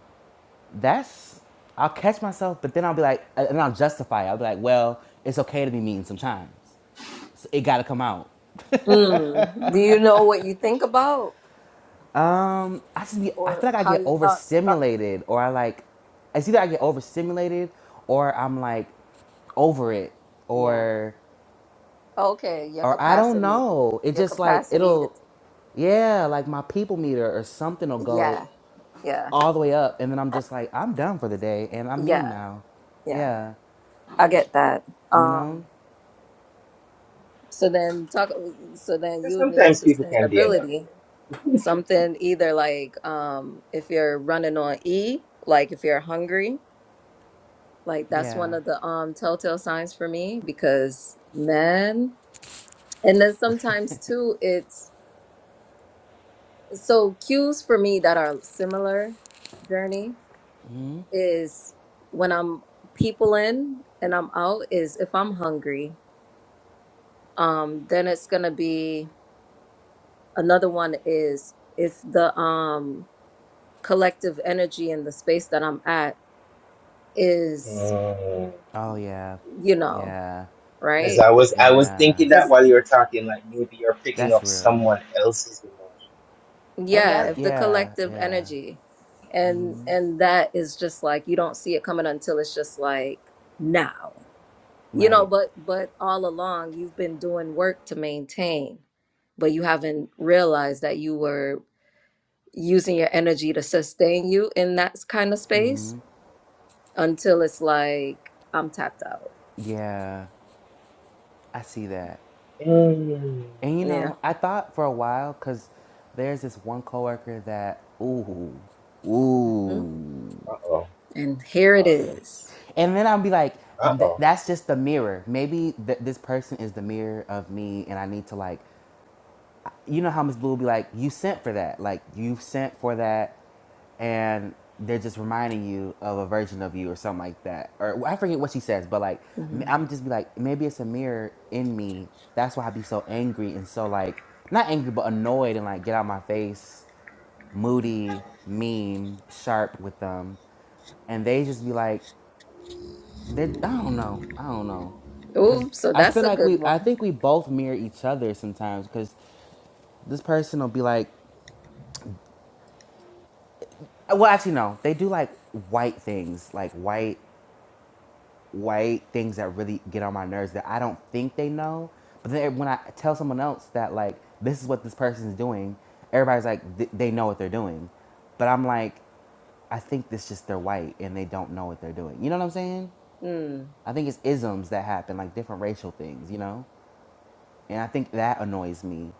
[SPEAKER 3] that's I'll catch myself, but then I'll be like, and I'll justify it. I'll be like, well, it's okay to be mean sometimes. So it got to come out.
[SPEAKER 4] Mm. Do you know what you think about
[SPEAKER 3] Um, I just be, I
[SPEAKER 4] or
[SPEAKER 3] feel like I
[SPEAKER 4] how
[SPEAKER 3] get
[SPEAKER 4] your thoughts? Start?
[SPEAKER 3] overstimulated, or I like, it's either I get overstimulated, or I'm like over it,
[SPEAKER 4] Yeah.
[SPEAKER 3] or,
[SPEAKER 4] Okay. Your
[SPEAKER 3] or I don't
[SPEAKER 4] capacity.
[SPEAKER 3] know. It
[SPEAKER 4] Your
[SPEAKER 3] just like
[SPEAKER 4] capacity is.
[SPEAKER 3] it'll, yeah, like my people meter or something will go
[SPEAKER 4] Yeah. Yeah.
[SPEAKER 3] all the way up, and then I'm just like, I'm done for the day, and I'm mean
[SPEAKER 4] Yeah.
[SPEAKER 3] now.
[SPEAKER 4] Yeah,
[SPEAKER 3] Yeah,
[SPEAKER 4] I get that.
[SPEAKER 3] you know,
[SPEAKER 4] Um, so then talk. So then you
[SPEAKER 2] because
[SPEAKER 4] would need
[SPEAKER 2] sometimes people can be annoying.
[SPEAKER 4] sustainability, something either like um, if you're running on E, like if you're hungry, like that's one
[SPEAKER 3] yeah.
[SPEAKER 4] of the um telltale signs for me because man, and then sometimes too, it's so cues for me that are similar journey
[SPEAKER 3] Mm-hmm.
[SPEAKER 4] is when I'm people in and I'm out is if I'm hungry, um, then it's gonna be. another one is if the um collective energy in the space that i'm at is
[SPEAKER 3] Oh yeah,
[SPEAKER 4] you know
[SPEAKER 3] yeah,
[SPEAKER 2] Because
[SPEAKER 4] right
[SPEAKER 2] I was, I was
[SPEAKER 3] yeah.
[SPEAKER 2] thinking that
[SPEAKER 4] because
[SPEAKER 2] while you were talking, like maybe you're picking
[SPEAKER 3] That's
[SPEAKER 2] up
[SPEAKER 3] real.
[SPEAKER 2] someone else's emotion.
[SPEAKER 3] And
[SPEAKER 4] yeah
[SPEAKER 3] that
[SPEAKER 4] if the
[SPEAKER 3] yeah,
[SPEAKER 4] collective
[SPEAKER 3] yeah.
[SPEAKER 4] energy and
[SPEAKER 3] Mhm.
[SPEAKER 4] and that is just like you don't see it coming until it's just like now you know
[SPEAKER 3] Right.
[SPEAKER 4] but but all along you've been doing work to maintain but you haven't realized that you were using your energy to sustain you in that kind of space until it's like i'm tapped out
[SPEAKER 3] Yeah, I see that.
[SPEAKER 2] I don't. know. Mm.
[SPEAKER 3] And you
[SPEAKER 4] Yeah.
[SPEAKER 3] know, I thought for a while because there's this one coworker that ooh,
[SPEAKER 4] Mhm.
[SPEAKER 3] ooh,
[SPEAKER 2] Uh oh.
[SPEAKER 4] And here it is.
[SPEAKER 3] and then I'll be like,
[SPEAKER 2] Uh
[SPEAKER 3] "Th-
[SPEAKER 2] oh.
[SPEAKER 3] that's just the mirror. Maybe th- this person is the mirror of me, and I need to like you know how Miss Blue will be like, you sent for that. Like, you sent for that. And they're just reminding you of a version of you or something like that. Or well, I forget what she says, but like,
[SPEAKER 4] Mm-hmm.
[SPEAKER 3] i I'm just be like, maybe it's a mirror in me. That's why I be so angry and so like, not angry, but annoyed and like, get out my face, moody, mean, sharp with them. And they just be like, they, I don't know. I don't know. Cause
[SPEAKER 4] Oh, so
[SPEAKER 3] I
[SPEAKER 4] that's
[SPEAKER 3] feel
[SPEAKER 4] a
[SPEAKER 3] like
[SPEAKER 4] good
[SPEAKER 3] we, I
[SPEAKER 4] one.
[SPEAKER 3] think we both mirror each other sometimes. Cause this person will be like, Well, actually, no. They do like white things, like white white things that really get on my nerves that I don't think they know. But then when I tell someone else that like this is what this person is doing, everybody's like th- they know what they're doing. But I'm like, I think this just they're white and they don't know what they're doing. You know what I'm saying?
[SPEAKER 4] Mm.
[SPEAKER 3] I think it's isms that happen, like different racial things, you know? And I think that annoys me.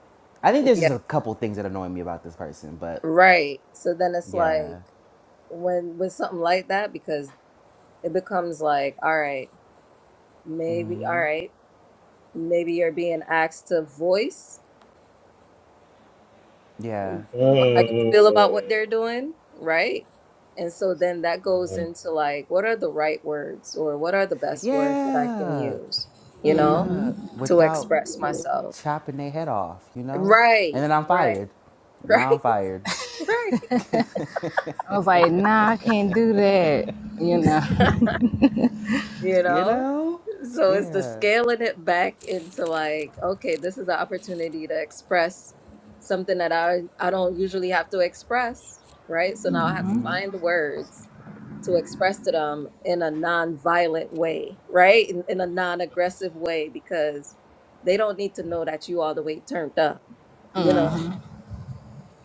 [SPEAKER 3] I think there's just
[SPEAKER 4] Yeah,
[SPEAKER 3] a couple things that annoy me about this person, but
[SPEAKER 4] right. So then it's like
[SPEAKER 3] yeah.
[SPEAKER 4] when with something like that, because it becomes like, all right, maybe, all right, maybe you're being asked to voice
[SPEAKER 3] Yeah.
[SPEAKER 4] how you feel about what
[SPEAKER 2] Mm.
[SPEAKER 4] they're doing, right? And so then that goes
[SPEAKER 2] Mm.
[SPEAKER 4] into like, what are the right words or what are the best words that I can
[SPEAKER 3] Yeah.
[SPEAKER 4] use, you know,
[SPEAKER 3] Yeah,
[SPEAKER 4] to
[SPEAKER 3] without
[SPEAKER 4] express myself?
[SPEAKER 3] chopping their head off, you know? And
[SPEAKER 4] Right,
[SPEAKER 3] then I'm
[SPEAKER 4] right,
[SPEAKER 3] fired.
[SPEAKER 4] right,
[SPEAKER 3] Now I'm fired.
[SPEAKER 4] right.
[SPEAKER 1] I was like, nah, I can't do that, you know.
[SPEAKER 4] You
[SPEAKER 3] You
[SPEAKER 4] know?
[SPEAKER 3] know?
[SPEAKER 4] So it's the
[SPEAKER 3] Yeah.
[SPEAKER 4] scaling it back into like, okay, this is an opportunity to express something that I I don't usually have to express, right? So now I have to
[SPEAKER 3] hmm
[SPEAKER 4] find the words to express to them in a non-violent way, right? In, in a non-aggressive way because they don't need to know that you all the way turned up, you
[SPEAKER 3] Right.
[SPEAKER 4] know?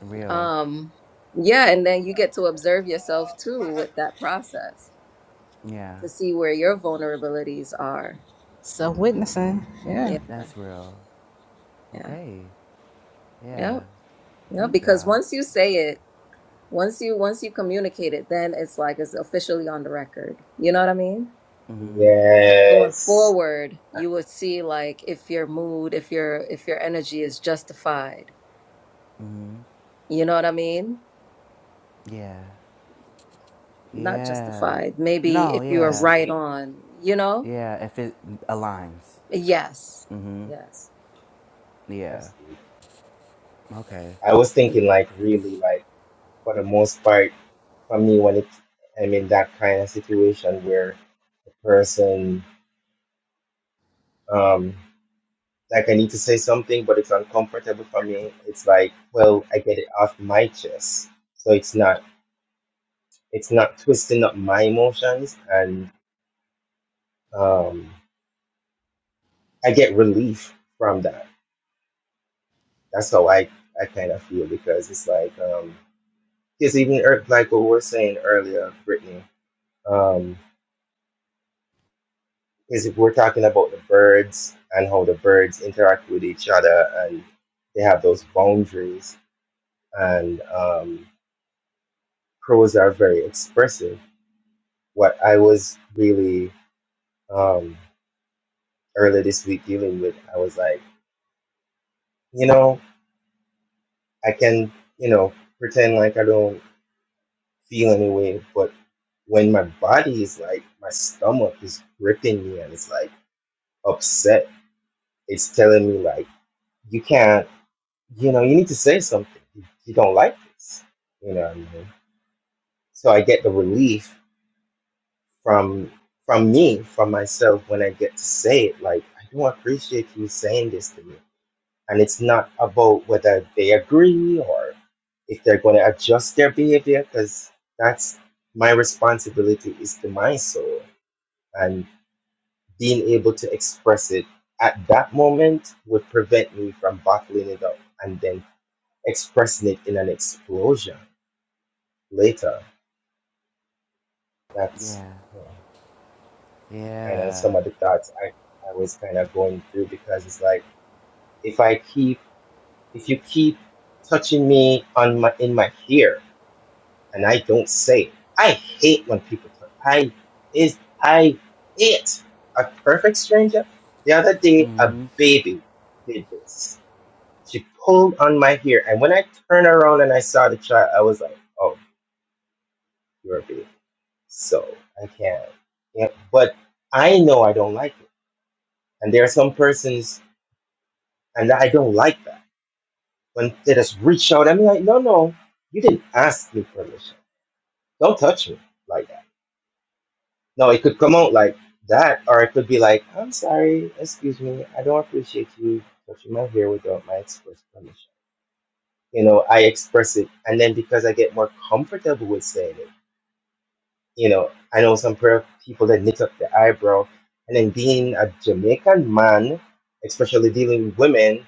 [SPEAKER 3] Real.
[SPEAKER 4] Um, yeah, and then you get to observe yourself too with that process
[SPEAKER 3] Yeah.
[SPEAKER 4] to see where your vulnerabilities are.
[SPEAKER 1] Self witnessing. Yeah.
[SPEAKER 4] Yeah,
[SPEAKER 3] That's real.
[SPEAKER 4] yeah,
[SPEAKER 3] Okay. Yeah.
[SPEAKER 4] yep, yep.
[SPEAKER 3] Thank
[SPEAKER 4] Because
[SPEAKER 3] y'all.
[SPEAKER 4] once you say it, once you once you communicate it, then it's like it's officially on the record. You know what I mean?
[SPEAKER 3] hmm
[SPEAKER 4] So going
[SPEAKER 2] Yes.
[SPEAKER 4] forward,
[SPEAKER 2] That-
[SPEAKER 4] you would see like if your mood, if your if your energy is justified.
[SPEAKER 3] hmm
[SPEAKER 4] You know what I mean?
[SPEAKER 3] Yeah.
[SPEAKER 4] Not
[SPEAKER 3] Yeah.
[SPEAKER 4] justified. Maybe
[SPEAKER 3] No,
[SPEAKER 4] if you are
[SPEAKER 2] That's
[SPEAKER 3] yeah.
[SPEAKER 4] right
[SPEAKER 2] deep.
[SPEAKER 4] on. You know?
[SPEAKER 3] Yeah, if it aligns.
[SPEAKER 4] Yes,
[SPEAKER 3] hmm
[SPEAKER 4] yes.
[SPEAKER 3] Yeah.
[SPEAKER 2] That's deep.
[SPEAKER 3] Okay.
[SPEAKER 2] I was thinking like really like for the most part for me when it I'm in that kind of situation where the person um like I need to say something but it's uncomfortable for me, it's like, well, I get it off my chest. So it's not it's not twisting up my emotions and um I get relief from that. That's how I, I kind of feel because it's like um because even er, like what we were saying earlier, Brittany, um, Because if we're talking about the birds and how the birds interact with each other and they have those boundaries, and um, crows are very expressive. What I was really um, earlier this week dealing with, I was like, you know, I can, you know, pretend like I don't feel any way, but when my body is like, my stomach is gripping me and it's like upset, it's telling me, like, you can't you know, you need to say something. You you don't like this. You know what I mean? So I get the relief from from me, from myself when I get to say it. Like, I do appreciate you saying this to me. And it's not about whether they agree or if they're gonna adjust their behavior, because that's my responsibility is to my soul. And being able to express it at that moment would prevent me from bottling it up and then expressing it in an explosion later. That's
[SPEAKER 3] Yeah.
[SPEAKER 2] you know, kind of
[SPEAKER 3] Yeah.
[SPEAKER 2] some of the thoughts I, I was kind of going through because it's like if I keep if you keep touching me on my in my ear and I don't say it, I hate when people touch. I is I hate a perfect stranger. The other day, a
[SPEAKER 3] hmm
[SPEAKER 2] baby did this. She pulled on my ear, and when I turned around and I saw the child, I was like, "Oh, you're a baby, so I can't." Yeah, but I know I don't like it. And there are some persons, and I don't like that. When they just reach out, I'm like, no, no, you didn't ask me permission. Don't touch me like that. No, it could come out like that, or it could be like, I'm sorry, excuse me, I don't appreciate you touching my hair without my express permission. You know, I express it, and then because I get more comfortable with saying it You know, I know some prayer people that knit up their eyebrow. And then being a Jamaican man, especially dealing with women,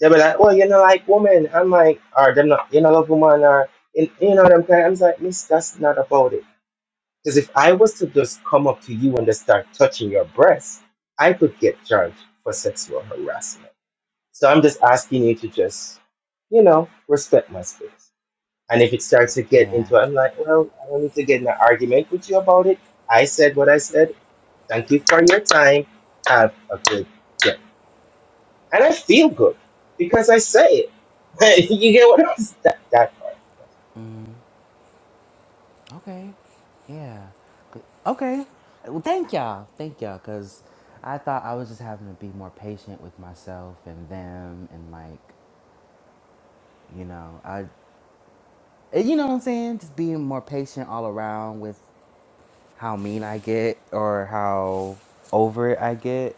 [SPEAKER 2] they'll be like, "Oh, you're not like woman." I'm like, "Or they're not, you're not a woman," or you you know what I'm saying?" I'm like, "Miss, that's not about it." Because if I was to just come up to you and just start touching your breasts, I could get charged for sexual harassment. So I'm just asking you to just, you know, respect my space. And if it starts to get
[SPEAKER 3] Yeah.
[SPEAKER 2] into, I'm like, well, I don't need to get in an argument with you about it. I said what I said. Thank you for your time. Have a good day. And I feel good because I say it. you get what I'm saying? That, that part.
[SPEAKER 3] Mm-hmm. Okay. Yeah. Good. Okay. Well, thank y'all. Thank y'all. Because I thought I was just having to be more patient with myself and them and, like, you know, I, eh, you know what I'm saying? Just being more patient all around with how mean I get or how over it I get.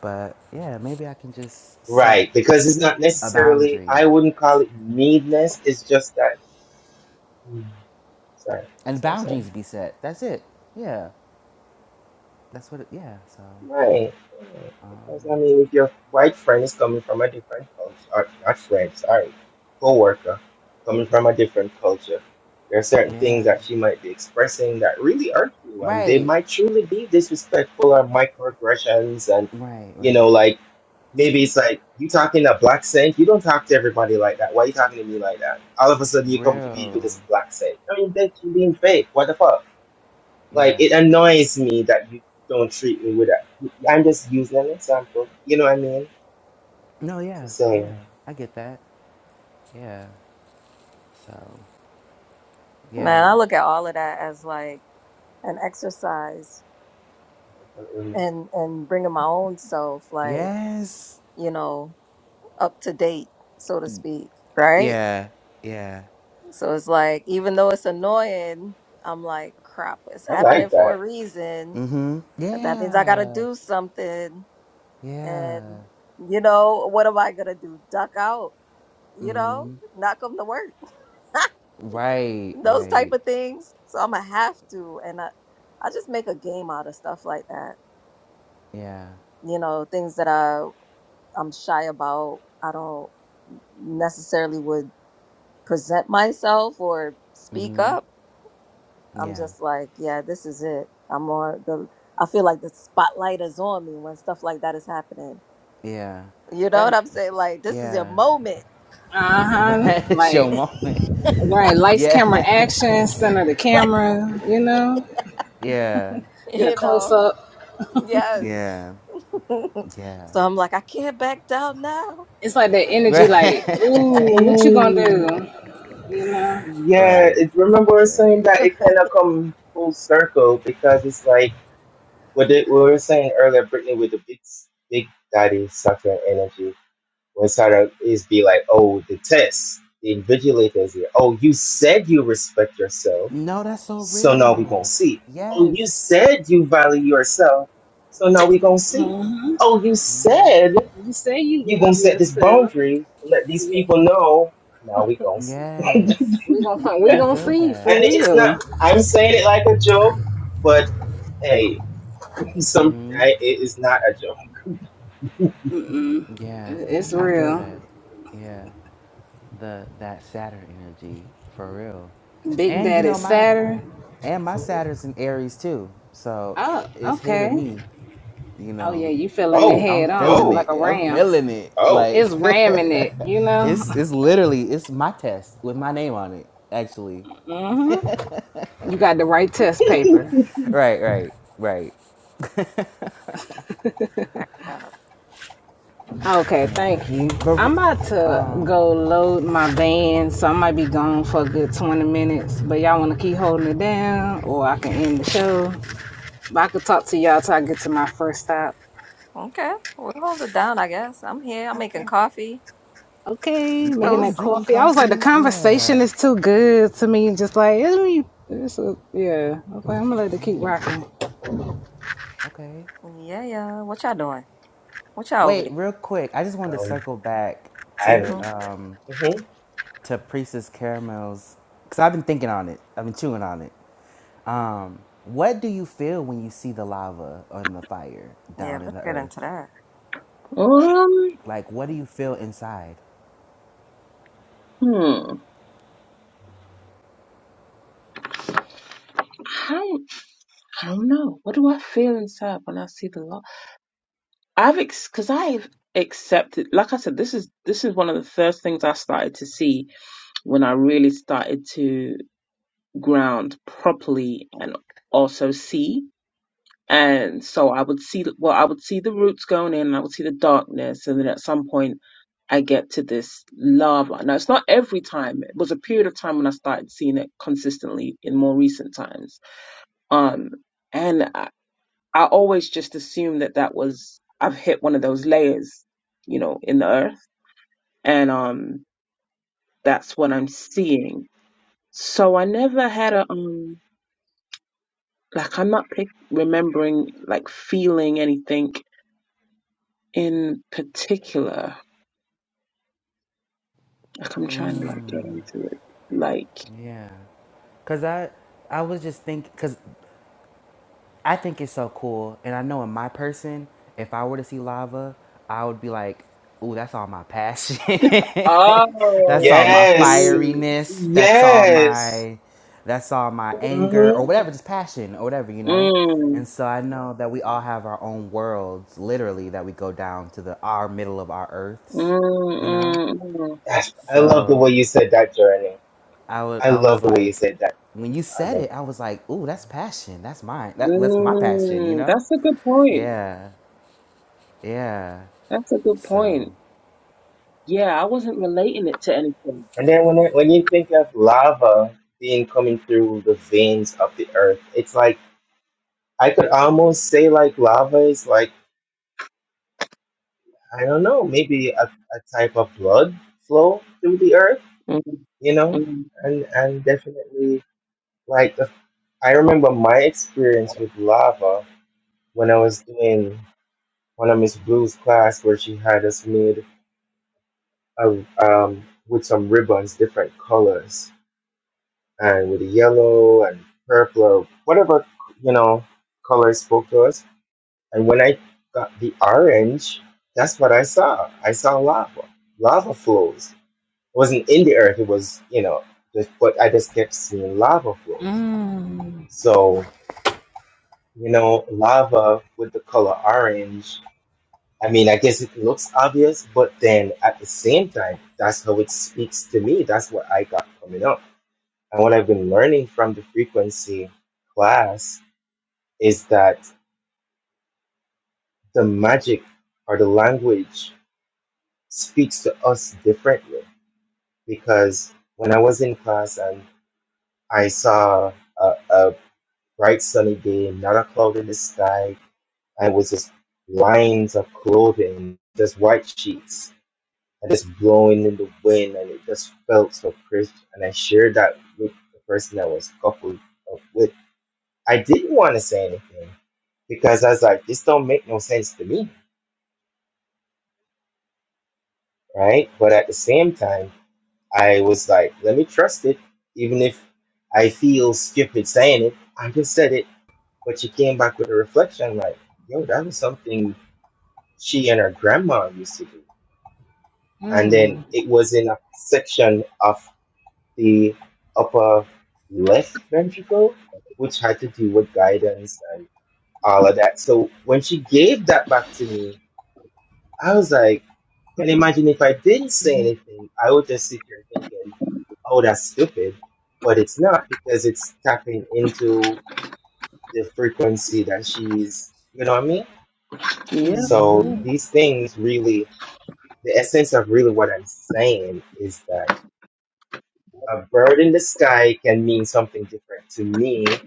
[SPEAKER 3] But yeah, maybe I can just set
[SPEAKER 2] Right. Because it's not
[SPEAKER 3] a
[SPEAKER 2] necessarily,
[SPEAKER 3] boundary
[SPEAKER 2] I wouldn't call it meanness. It's just that, hmm, sorry,
[SPEAKER 3] and
[SPEAKER 2] sorry, sorry.
[SPEAKER 3] boundaries be set. That's it. Yeah. That's what it, yeah. So,
[SPEAKER 2] Right. right. Because I mean, if your white friend is coming from a different culture, or not friend, sorry, coworker, coming from a different culture, there are certain things
[SPEAKER 3] yeah.
[SPEAKER 2] that she might be expressing that really hurt you, and they
[SPEAKER 3] Right.
[SPEAKER 2] might truly be disrespectful or microaggressions, and
[SPEAKER 3] Right,
[SPEAKER 2] you
[SPEAKER 3] right.
[SPEAKER 2] know, like maybe it's like you talking a black saint, you don't talk to everybody like that. Why are you talking to me like that? All of a sudden, you come to me with
[SPEAKER 3] real.
[SPEAKER 2] this black saint. I mean, bitch, you being fake. What the fuck? Like
[SPEAKER 3] Yeah.
[SPEAKER 2] it annoys me that you don't treat me with that. I'm just using an example. You know what I mean?
[SPEAKER 3] No,
[SPEAKER 2] To
[SPEAKER 3] yeah, yeah.
[SPEAKER 2] say
[SPEAKER 3] I get that. Yeah. So,
[SPEAKER 4] Man,
[SPEAKER 3] yeah.
[SPEAKER 4] I look at all of that as like an exercise
[SPEAKER 2] mental illness.
[SPEAKER 4] and and bringing my own self like,
[SPEAKER 3] Yes.
[SPEAKER 4] you know, up to date, so to speak,
[SPEAKER 3] Uh,
[SPEAKER 4] right?
[SPEAKER 3] Yeah. Yeah.
[SPEAKER 4] So it's like even though it's annoying, I'm like, crap, it's
[SPEAKER 2] I
[SPEAKER 4] happening
[SPEAKER 2] like
[SPEAKER 4] for a
[SPEAKER 2] that.
[SPEAKER 4] reason.
[SPEAKER 3] Mm-hmm.
[SPEAKER 4] That means I got to
[SPEAKER 3] Yeah.
[SPEAKER 4] do something and
[SPEAKER 3] Yeah.
[SPEAKER 4] you know, what am I going to do? Duck out, you know?
[SPEAKER 3] Mm-hmm.
[SPEAKER 4] Not come to work.
[SPEAKER 3] Right,
[SPEAKER 4] those type
[SPEAKER 3] right.
[SPEAKER 4] of things. So I'm gonna have to, and I, I just make a game out of stuff like that.
[SPEAKER 3] Yeah.
[SPEAKER 4] you know things that i i'm shy about i don't necessarily would present myself or speak
[SPEAKER 3] Mm-hmm.
[SPEAKER 4] up i'm
[SPEAKER 3] Yeah.
[SPEAKER 4] just like yeah this is it i'm on the i feel like the spotlight is on me when stuff like that is happening
[SPEAKER 3] Yeah.
[SPEAKER 4] you know what
[SPEAKER 3] That
[SPEAKER 4] i'm saying like this is your
[SPEAKER 3] yeah.
[SPEAKER 4] moment
[SPEAKER 1] Uh huh.
[SPEAKER 3] Right. it's your
[SPEAKER 1] Like,
[SPEAKER 3] moment.
[SPEAKER 1] right. Lights,
[SPEAKER 3] Yeah.
[SPEAKER 1] camera, action, center the
[SPEAKER 4] like
[SPEAKER 1] camera, you know?
[SPEAKER 3] Yeah.
[SPEAKER 1] Get a
[SPEAKER 4] you
[SPEAKER 1] close
[SPEAKER 4] know
[SPEAKER 1] up.
[SPEAKER 4] yes
[SPEAKER 3] Yeah. Yeah.
[SPEAKER 4] so i'm like i can't back down now
[SPEAKER 1] It's like that
[SPEAKER 3] Right.
[SPEAKER 1] energy, like, ooh, what you gonna
[SPEAKER 2] Hey,
[SPEAKER 1] do? You know?
[SPEAKER 2] yeah.
[SPEAKER 3] right.
[SPEAKER 2] It, remember we are saying
[SPEAKER 3] Right.
[SPEAKER 2] that it kind of come full circle because it's like what it we were saying earlier, Brittany, with the big big daddy sucker energy. When Sarah is be like, oh, the test, the invigilators here. Oh, you said you respect yourself
[SPEAKER 3] No, that's so
[SPEAKER 2] So now we gonna
[SPEAKER 3] real.
[SPEAKER 2] see. Oh, you
[SPEAKER 3] Yes.
[SPEAKER 2] said you value yourself. So now we gonna see. Oh, you said
[SPEAKER 1] You say you
[SPEAKER 2] you gonna
[SPEAKER 1] love
[SPEAKER 2] set this
[SPEAKER 1] yourself.
[SPEAKER 2] boundary. Let these people know. Now we gonna see.
[SPEAKER 3] Yes.
[SPEAKER 1] We gonna find, we
[SPEAKER 3] I
[SPEAKER 1] gonna
[SPEAKER 3] feel
[SPEAKER 1] see
[SPEAKER 2] And
[SPEAKER 1] for
[SPEAKER 3] that.
[SPEAKER 2] it's not.
[SPEAKER 1] real.
[SPEAKER 2] I'm saying it like a joke, but hey, some
[SPEAKER 3] hmm
[SPEAKER 2] I, it is not a joke.
[SPEAKER 3] Yeah.
[SPEAKER 1] It's
[SPEAKER 3] I feel that.
[SPEAKER 1] real.
[SPEAKER 3] Yeah. The that Saturn energy for real.
[SPEAKER 1] Big
[SPEAKER 3] And you
[SPEAKER 1] Daddy
[SPEAKER 3] know my
[SPEAKER 1] Saturn.
[SPEAKER 3] and my Saturn's in Aries too. So
[SPEAKER 1] Oh,
[SPEAKER 3] it's hitting
[SPEAKER 1] okay.
[SPEAKER 3] me, you
[SPEAKER 1] Oh yeah,
[SPEAKER 3] know.
[SPEAKER 1] you feeling it
[SPEAKER 2] Oh,
[SPEAKER 3] I'm
[SPEAKER 1] head
[SPEAKER 3] feeling
[SPEAKER 1] on
[SPEAKER 2] oh,
[SPEAKER 1] like
[SPEAKER 3] it.
[SPEAKER 1] a
[SPEAKER 3] I'm
[SPEAKER 1] ram.
[SPEAKER 3] feeling it.
[SPEAKER 2] oh.
[SPEAKER 3] Like
[SPEAKER 1] It's ramming it, you know.
[SPEAKER 3] it's it's literally it's my test with my name on it, actually.
[SPEAKER 1] hmm You got the right test paper.
[SPEAKER 3] Right, right, right.
[SPEAKER 4] cracking up
[SPEAKER 1] Okay,
[SPEAKER 3] Yeah.
[SPEAKER 1] thank you.
[SPEAKER 3] But
[SPEAKER 1] I'm about to
[SPEAKER 3] um
[SPEAKER 1] go load my van, so I might be gone for a good 20 minutes. But y'all want to keep holding it down, or I can end the show. But I could talk to y'all till I get to my first stop.
[SPEAKER 4] okay we'll hold it down i guess i'm here i'm making
[SPEAKER 1] Okay.
[SPEAKER 4] coffee
[SPEAKER 1] Okay, making
[SPEAKER 3] yeah, I'm
[SPEAKER 1] that
[SPEAKER 4] toast
[SPEAKER 3] drinking
[SPEAKER 1] coffee. I was like, the
[SPEAKER 3] coffee. Yeah.
[SPEAKER 1] conversation is too good to me. Just like, it's, me- it's a, yeah. Okay, I'm gonna let it keep
[SPEAKER 3] Yeah.
[SPEAKER 1] rocking.
[SPEAKER 3] Okay.
[SPEAKER 4] Yeah, yeah. What y'all doing? What y'all over
[SPEAKER 3] Wait,
[SPEAKER 4] there?
[SPEAKER 3] real quick. I just wanted to
[SPEAKER 2] Um,
[SPEAKER 3] circle back
[SPEAKER 2] I
[SPEAKER 3] to
[SPEAKER 2] haven't eaten
[SPEAKER 4] Mm-hmm.
[SPEAKER 3] um
[SPEAKER 2] yet. hmm
[SPEAKER 3] to Priestess Caramel's cuz I've been thinking on it. I've been chewing on it. Um what do you feel when you see the lava on the fire
[SPEAKER 4] Yeah,
[SPEAKER 3] down in
[SPEAKER 4] let's
[SPEAKER 3] the
[SPEAKER 4] get into
[SPEAKER 3] earth?
[SPEAKER 4] that.
[SPEAKER 5] Um,
[SPEAKER 3] Like what do you feel inside?
[SPEAKER 5] hmm. I I don't know. What do I feel inside when I see the law? I've ex because I've accepted. Like I said, this is this is one of the first things I started to see when I really started to. ground properly and also see. And so I would see, well, I would see the roots going in and I would see the darkness. And then at some point I get to this lava. Now it's not every time. It was a period of time when I started seeing it consistently in more recent times. Um, and I, I always just assumed that that was, I've hit one of those layers, you know, in the earth. And, um, that's what I'm seeing. So I never had a, um, Like I'm not pic- remembering like feeling anything in particular. Like I'm trying to like get
[SPEAKER 3] Mm,
[SPEAKER 5] into it. Like
[SPEAKER 3] yeah. Cause I I was just thinking, cause I think it's so cool. And I know in my person, if I were to see lava, I would be like, ooh, that's all my passion. that's
[SPEAKER 5] oh,
[SPEAKER 3] all
[SPEAKER 5] I
[SPEAKER 3] my
[SPEAKER 2] Yes,
[SPEAKER 5] see.
[SPEAKER 3] fieriness. That's all
[SPEAKER 2] yes.
[SPEAKER 3] my that's all my anger or
[SPEAKER 2] hmm
[SPEAKER 3] whatever, just passion or whatever, you know?
[SPEAKER 5] Mm,
[SPEAKER 3] And so I know that we all have our own worlds, literally, that we go down to the our middle of our earths,
[SPEAKER 5] mm,
[SPEAKER 3] you know?
[SPEAKER 5] mm, mm,
[SPEAKER 2] Gosh, I love the way
[SPEAKER 3] So
[SPEAKER 2] you said that, Journey.
[SPEAKER 3] I was
[SPEAKER 2] I
[SPEAKER 3] I was
[SPEAKER 2] love the way you
[SPEAKER 3] like,
[SPEAKER 2] said that.
[SPEAKER 3] when you
[SPEAKER 2] I
[SPEAKER 3] said
[SPEAKER 2] love.
[SPEAKER 3] it, I was like, ooh, that's passion. That's mine. That, that's my passion, you
[SPEAKER 5] mm.
[SPEAKER 3] know?
[SPEAKER 5] That's a good point.
[SPEAKER 3] Yeah. Yeah.
[SPEAKER 5] That's a good
[SPEAKER 3] So
[SPEAKER 5] point. Yeah, I wasn't relating it to anything.
[SPEAKER 2] And then when it, when you think of lava being coming through the veins of the earth, it's like I could almost say like lava is like I don't know, maybe a, a type of blood flow through the earth,
[SPEAKER 5] Mm,
[SPEAKER 2] you know,
[SPEAKER 5] mm,
[SPEAKER 2] and and definitely like the, I remember my experience with lava when I was doing one of Miss Blue's class where she had us made a, um with some ribbons, different colors, and with the yellow and purple or whatever you know color spoke to us. And when I got the orange, that's what I saw. I saw lava, lava flows. It wasn't in the earth. It was you know, just, but I just kept seeing lava flows. So you know, lava with the color orange. I mean, I guess it looks obvious, but then at the same time, that's how it speaks to me. That's what I got coming up. And what I've been learning from the frequency class is that the magic or the language speaks to us differently. Because when I was in class and I saw a, a bright sunny day, not a cloud in the sky, and it was just lines of clothing, just white sheets, and just blowing in the wind, and it just felt so crisp. And I shared that with the person I was coupled up with. I didn't want to say anything because I was like, this don't make no sense to me, right? But at the same time, I was like, let me trust it, even if I feel stupid saying it. I just said it, but she came back with a reflection like, yo, that was something she and her grandma used to do. And then it was in a section of the upper left ventricle, which had to do with guidance and all of that. So when she gave that back to me, I was like, can you imagine if I didn't say
[SPEAKER 5] mm.
[SPEAKER 2] anything, I would just sit here thinking, oh, that's stupid. But it's not because it's tapping into the frequency that she's, you know what I mean?
[SPEAKER 5] Yeah.
[SPEAKER 2] So these things really, the essence of really what I'm saying is that a bird in the sky can mean something different to me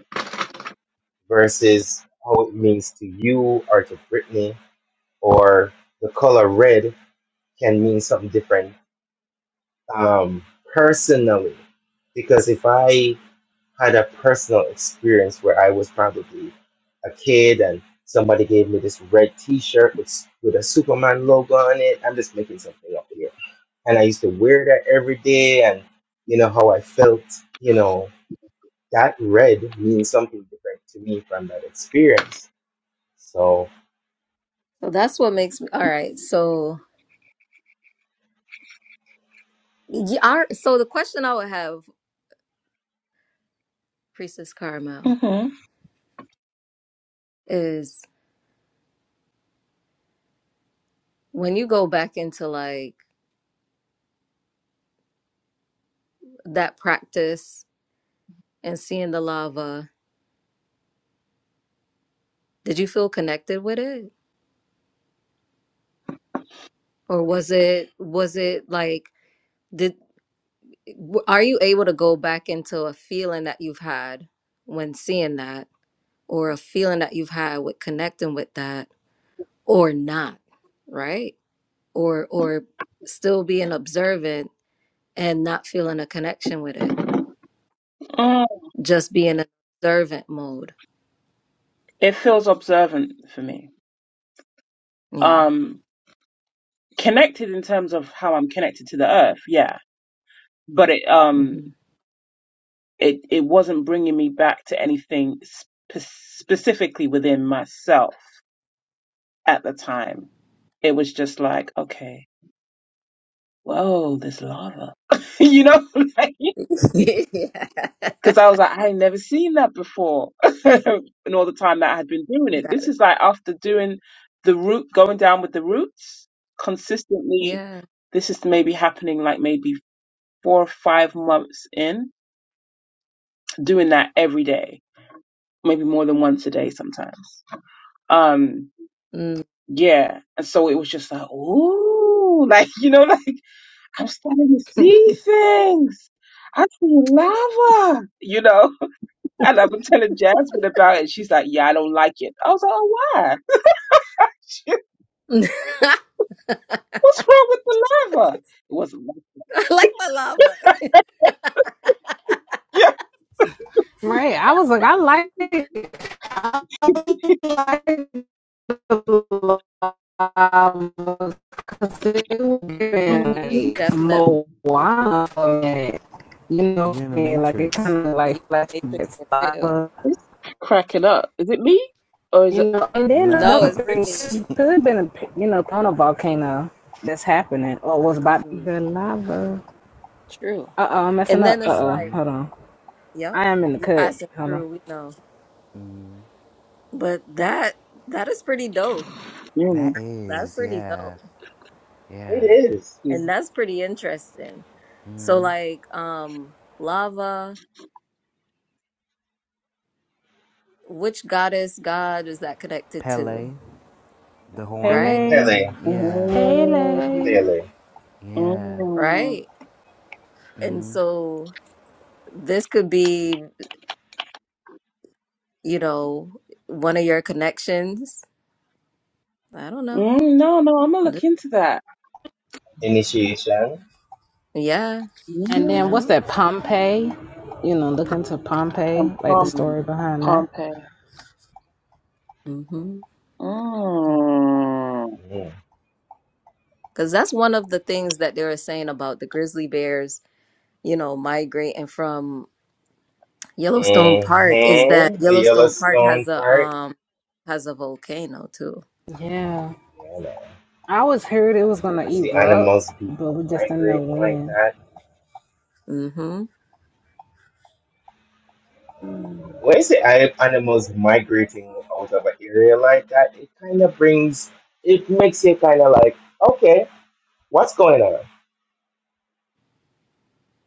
[SPEAKER 2] versus how it means to you or to Brittany or the color red can mean something different um, personally, because if I had a personal experience where I was probably a kid and somebody gave me this red T-shirt with s- with a Superman logo on it, I'm just making something up here, and I used to wear that every day, and you know how I felt, you know that red means something different to me from that experience. So
[SPEAKER 4] So that's what makes me all right. So you are so the question I would have, Priestess
[SPEAKER 5] yeah.
[SPEAKER 4] Carmel,
[SPEAKER 5] Mm-hmm.
[SPEAKER 4] is when you go back into like that practice and seeing the lava, did you feel connected with it? Or was it was it like did w- are you able to go back into a feeling that you've had when seeing that or a feeling that you've had with connecting with that? or not right or or still being observant and not feeling a connection with it
[SPEAKER 5] Mm.
[SPEAKER 4] just being in observant mode
[SPEAKER 5] It feels observant for me.
[SPEAKER 4] yeah
[SPEAKER 5] Um, connected in terms of how I'm connected to the earth. Yeah, but it um
[SPEAKER 4] hmm
[SPEAKER 5] it it wasn't bringing me back to anything spe- specifically within myself at the time. It was just like, okay, whoa, there's lava, you know,
[SPEAKER 4] yeah
[SPEAKER 5] because I was like, I ain't never seen that before, and all the time that I had been doing it.
[SPEAKER 4] got
[SPEAKER 5] This
[SPEAKER 4] it
[SPEAKER 5] is like after doing the root, going down with the roots consistently.
[SPEAKER 4] yeah
[SPEAKER 5] This is maybe happening like maybe four or five months in doing that every day, maybe more than once a day sometimes Um,
[SPEAKER 4] mm.
[SPEAKER 5] yeah. And so it was just like, ooh, like, you know, like I'm starting to see things. I see lava, you know. And I've been telling Jasmine about it. She's like, yeah, I don't like it. I was like, oh, why? She-
[SPEAKER 4] i
[SPEAKER 5] What's wrong with the lava? It wasn't like,
[SPEAKER 4] like my lava
[SPEAKER 5] yeah.
[SPEAKER 1] Right. I was like, I like, I like the lava because it was
[SPEAKER 4] brittany
[SPEAKER 1] giving
[SPEAKER 4] you
[SPEAKER 5] Mhm.
[SPEAKER 1] like
[SPEAKER 4] definitely
[SPEAKER 1] Moana for a You know
[SPEAKER 3] you're
[SPEAKER 1] what
[SPEAKER 3] in
[SPEAKER 1] I
[SPEAKER 3] the
[SPEAKER 1] mean? Like it
[SPEAKER 3] matrix.
[SPEAKER 1] kind of like
[SPEAKER 4] you matrix
[SPEAKER 1] flashbacks
[SPEAKER 4] for real
[SPEAKER 1] lava.
[SPEAKER 5] It's cracking up. Is it me? Or is it.
[SPEAKER 1] You know, and then
[SPEAKER 3] No.
[SPEAKER 4] no
[SPEAKER 1] another
[SPEAKER 4] it's
[SPEAKER 1] thing too,
[SPEAKER 4] brittany
[SPEAKER 1] you could have been, a, you know, on a volcano that's happening or was about
[SPEAKER 4] mm,
[SPEAKER 1] the lava.
[SPEAKER 4] true
[SPEAKER 1] Uh oh, I'm
[SPEAKER 4] and
[SPEAKER 1] messing
[SPEAKER 4] then
[SPEAKER 1] up. Uh
[SPEAKER 4] it's
[SPEAKER 1] oh,
[SPEAKER 4] like
[SPEAKER 1] hold on.
[SPEAKER 4] yep
[SPEAKER 1] I am in the
[SPEAKER 4] you
[SPEAKER 1] cut.
[SPEAKER 4] passing
[SPEAKER 1] Hold on.
[SPEAKER 4] through we know but that that is pretty dope
[SPEAKER 5] Mm.
[SPEAKER 3] that
[SPEAKER 4] that's
[SPEAKER 3] is,
[SPEAKER 4] pretty dope
[SPEAKER 3] yeah. Yeah.
[SPEAKER 2] it is
[SPEAKER 5] Mm,
[SPEAKER 4] And that's pretty interesting. So like um lava, which goddess god is that connected to?
[SPEAKER 3] Pele, the
[SPEAKER 4] Right?
[SPEAKER 3] Hawaiian
[SPEAKER 1] Pele,
[SPEAKER 2] Pele,
[SPEAKER 3] one. Yeah.
[SPEAKER 1] Pele.
[SPEAKER 2] Pele
[SPEAKER 3] Yeah.
[SPEAKER 5] mm, mm.
[SPEAKER 4] Right. And
[SPEAKER 3] Mm.
[SPEAKER 4] so this could be, you know, one of your connections. I don't know.
[SPEAKER 5] No, no, I'm gonna look
[SPEAKER 4] Th-
[SPEAKER 5] into that.
[SPEAKER 2] initiation.
[SPEAKER 4] Yeah,
[SPEAKER 1] And
[SPEAKER 4] you
[SPEAKER 1] then
[SPEAKER 5] Mm.
[SPEAKER 1] what's
[SPEAKER 4] know.
[SPEAKER 1] that Pompeii? You know, look into Pompeii,
[SPEAKER 5] I'm
[SPEAKER 1] like
[SPEAKER 5] calm
[SPEAKER 1] the story behind that.
[SPEAKER 5] Pompeii.
[SPEAKER 4] Mm-hmm.
[SPEAKER 5] Mm.
[SPEAKER 2] Mm.
[SPEAKER 4] Because that's one of the things that they were saying about the grizzly bears, you know, migrating from Yellowstone Park is that
[SPEAKER 2] Mm-hmm. The
[SPEAKER 4] Yellowstone Park has
[SPEAKER 2] Yellowstone
[SPEAKER 4] a
[SPEAKER 2] Park.
[SPEAKER 4] um, has a volcano too.
[SPEAKER 1] Yeah,
[SPEAKER 2] Yeah, man.
[SPEAKER 1] I always heard it was
[SPEAKER 2] You
[SPEAKER 1] gonna
[SPEAKER 2] see
[SPEAKER 1] erupt,
[SPEAKER 2] animals be
[SPEAKER 1] but we just didn't know
[SPEAKER 2] migrating like
[SPEAKER 1] when.
[SPEAKER 2] that.
[SPEAKER 4] Mm-hmm.
[SPEAKER 2] Yeah. When you see ani- animals migrating out of an area like that, it kind of brings, it makes you kind of like, okay, what's going on?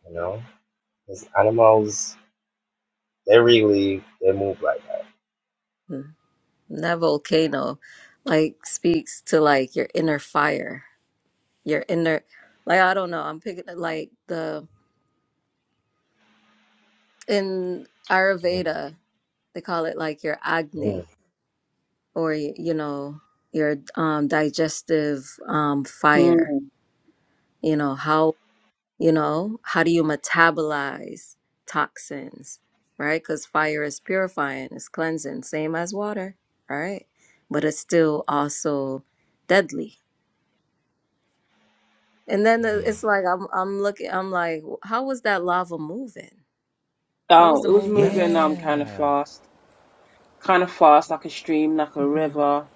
[SPEAKER 2] You know, because animals, they really, they move like that.
[SPEAKER 4] And That volcano like speaks to like your inner fire, your inner like I don't know. I'm picking like the in
[SPEAKER 2] Mm,
[SPEAKER 4] Ayurveda they call it like your Agni
[SPEAKER 2] mm,
[SPEAKER 4] or you know your um digestive um fire.
[SPEAKER 5] Mm.
[SPEAKER 4] You know how you know how do you metabolize toxins right because fire is purifying it's cleansing same as water right but it's still also deadly and then the-
[SPEAKER 2] mm.
[SPEAKER 4] it's like i'm i'm looking i'm like how was that lava moving what was
[SPEAKER 5] Oh,
[SPEAKER 4] the
[SPEAKER 5] it was
[SPEAKER 4] movement
[SPEAKER 5] moving
[SPEAKER 4] like
[SPEAKER 5] um kind of
[SPEAKER 3] Yeah.
[SPEAKER 5] fast, kind of fast, like a stream, like a
[SPEAKER 4] hmm
[SPEAKER 5] river.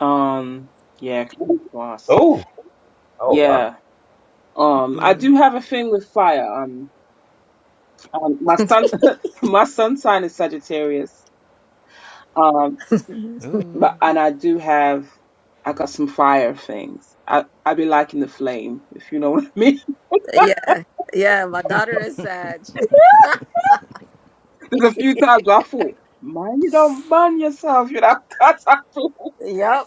[SPEAKER 5] Um, yeah, kind of fast.
[SPEAKER 2] Oh, oh, wow.
[SPEAKER 5] Yeah. Um, I do have a thing with fire. Um, um my sun, my sun sign is Sagittarius. Um,
[SPEAKER 3] Ooh.
[SPEAKER 5] but and I do have. I got some fire things. I I be liking the flame, if you know what I mean.
[SPEAKER 4] yeah yeah my daughter is sag
[SPEAKER 5] There's a few times I thought, man, you don't burn yourself, you know.
[SPEAKER 4] yep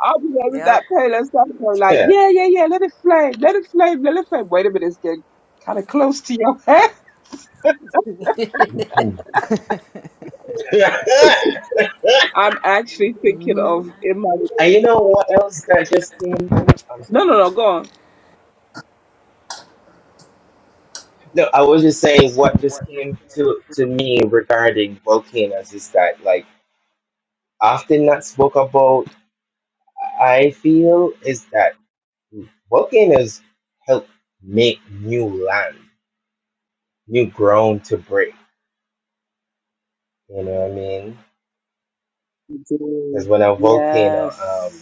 [SPEAKER 5] I'll be there with
[SPEAKER 4] yep
[SPEAKER 5] that pale and stuff. I'm like,
[SPEAKER 2] Yeah.
[SPEAKER 5] yeah, yeah, yeah, let it flame, let it flame, let it flame. Wait a minute, it's getting kind of close to your head.
[SPEAKER 2] and
[SPEAKER 5] I'm actually thinking
[SPEAKER 4] Mhm.
[SPEAKER 5] of in my
[SPEAKER 2] you know what else that just came to mind?
[SPEAKER 5] no, no, no, go on.
[SPEAKER 2] No, I was just saying what just came to, to me regarding volcanoes is that like often not spoke about I feel is that volcanoes help make new land, new ground to break. You know what I mean? Because
[SPEAKER 5] Indeed.
[SPEAKER 2] when a
[SPEAKER 5] Yes.
[SPEAKER 2] volcano um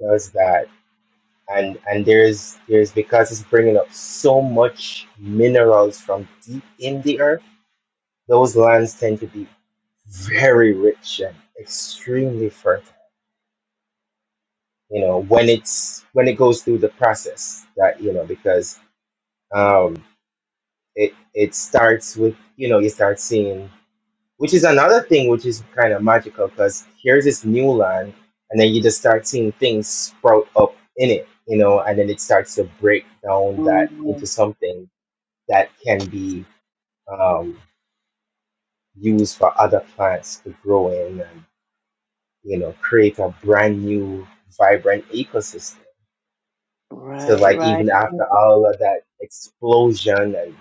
[SPEAKER 2] does that and and there's there's because it's bringing up so much minerals from deep in the earth, those lands tend to be very rich and extremely fertile you know when it's when it goes through the process that you know because um it it starts with you know you start seeing which is another thing which is kind of magical because here's this new land and then you just start seeing things sprout up in it you know and then it starts to break down that
[SPEAKER 5] Mm.
[SPEAKER 2] into something that can be um used for other plants to grow in and you know create a brand new vibrant ecosystem So
[SPEAKER 5] Right,
[SPEAKER 2] like
[SPEAKER 5] right.
[SPEAKER 2] even after all of that explosion and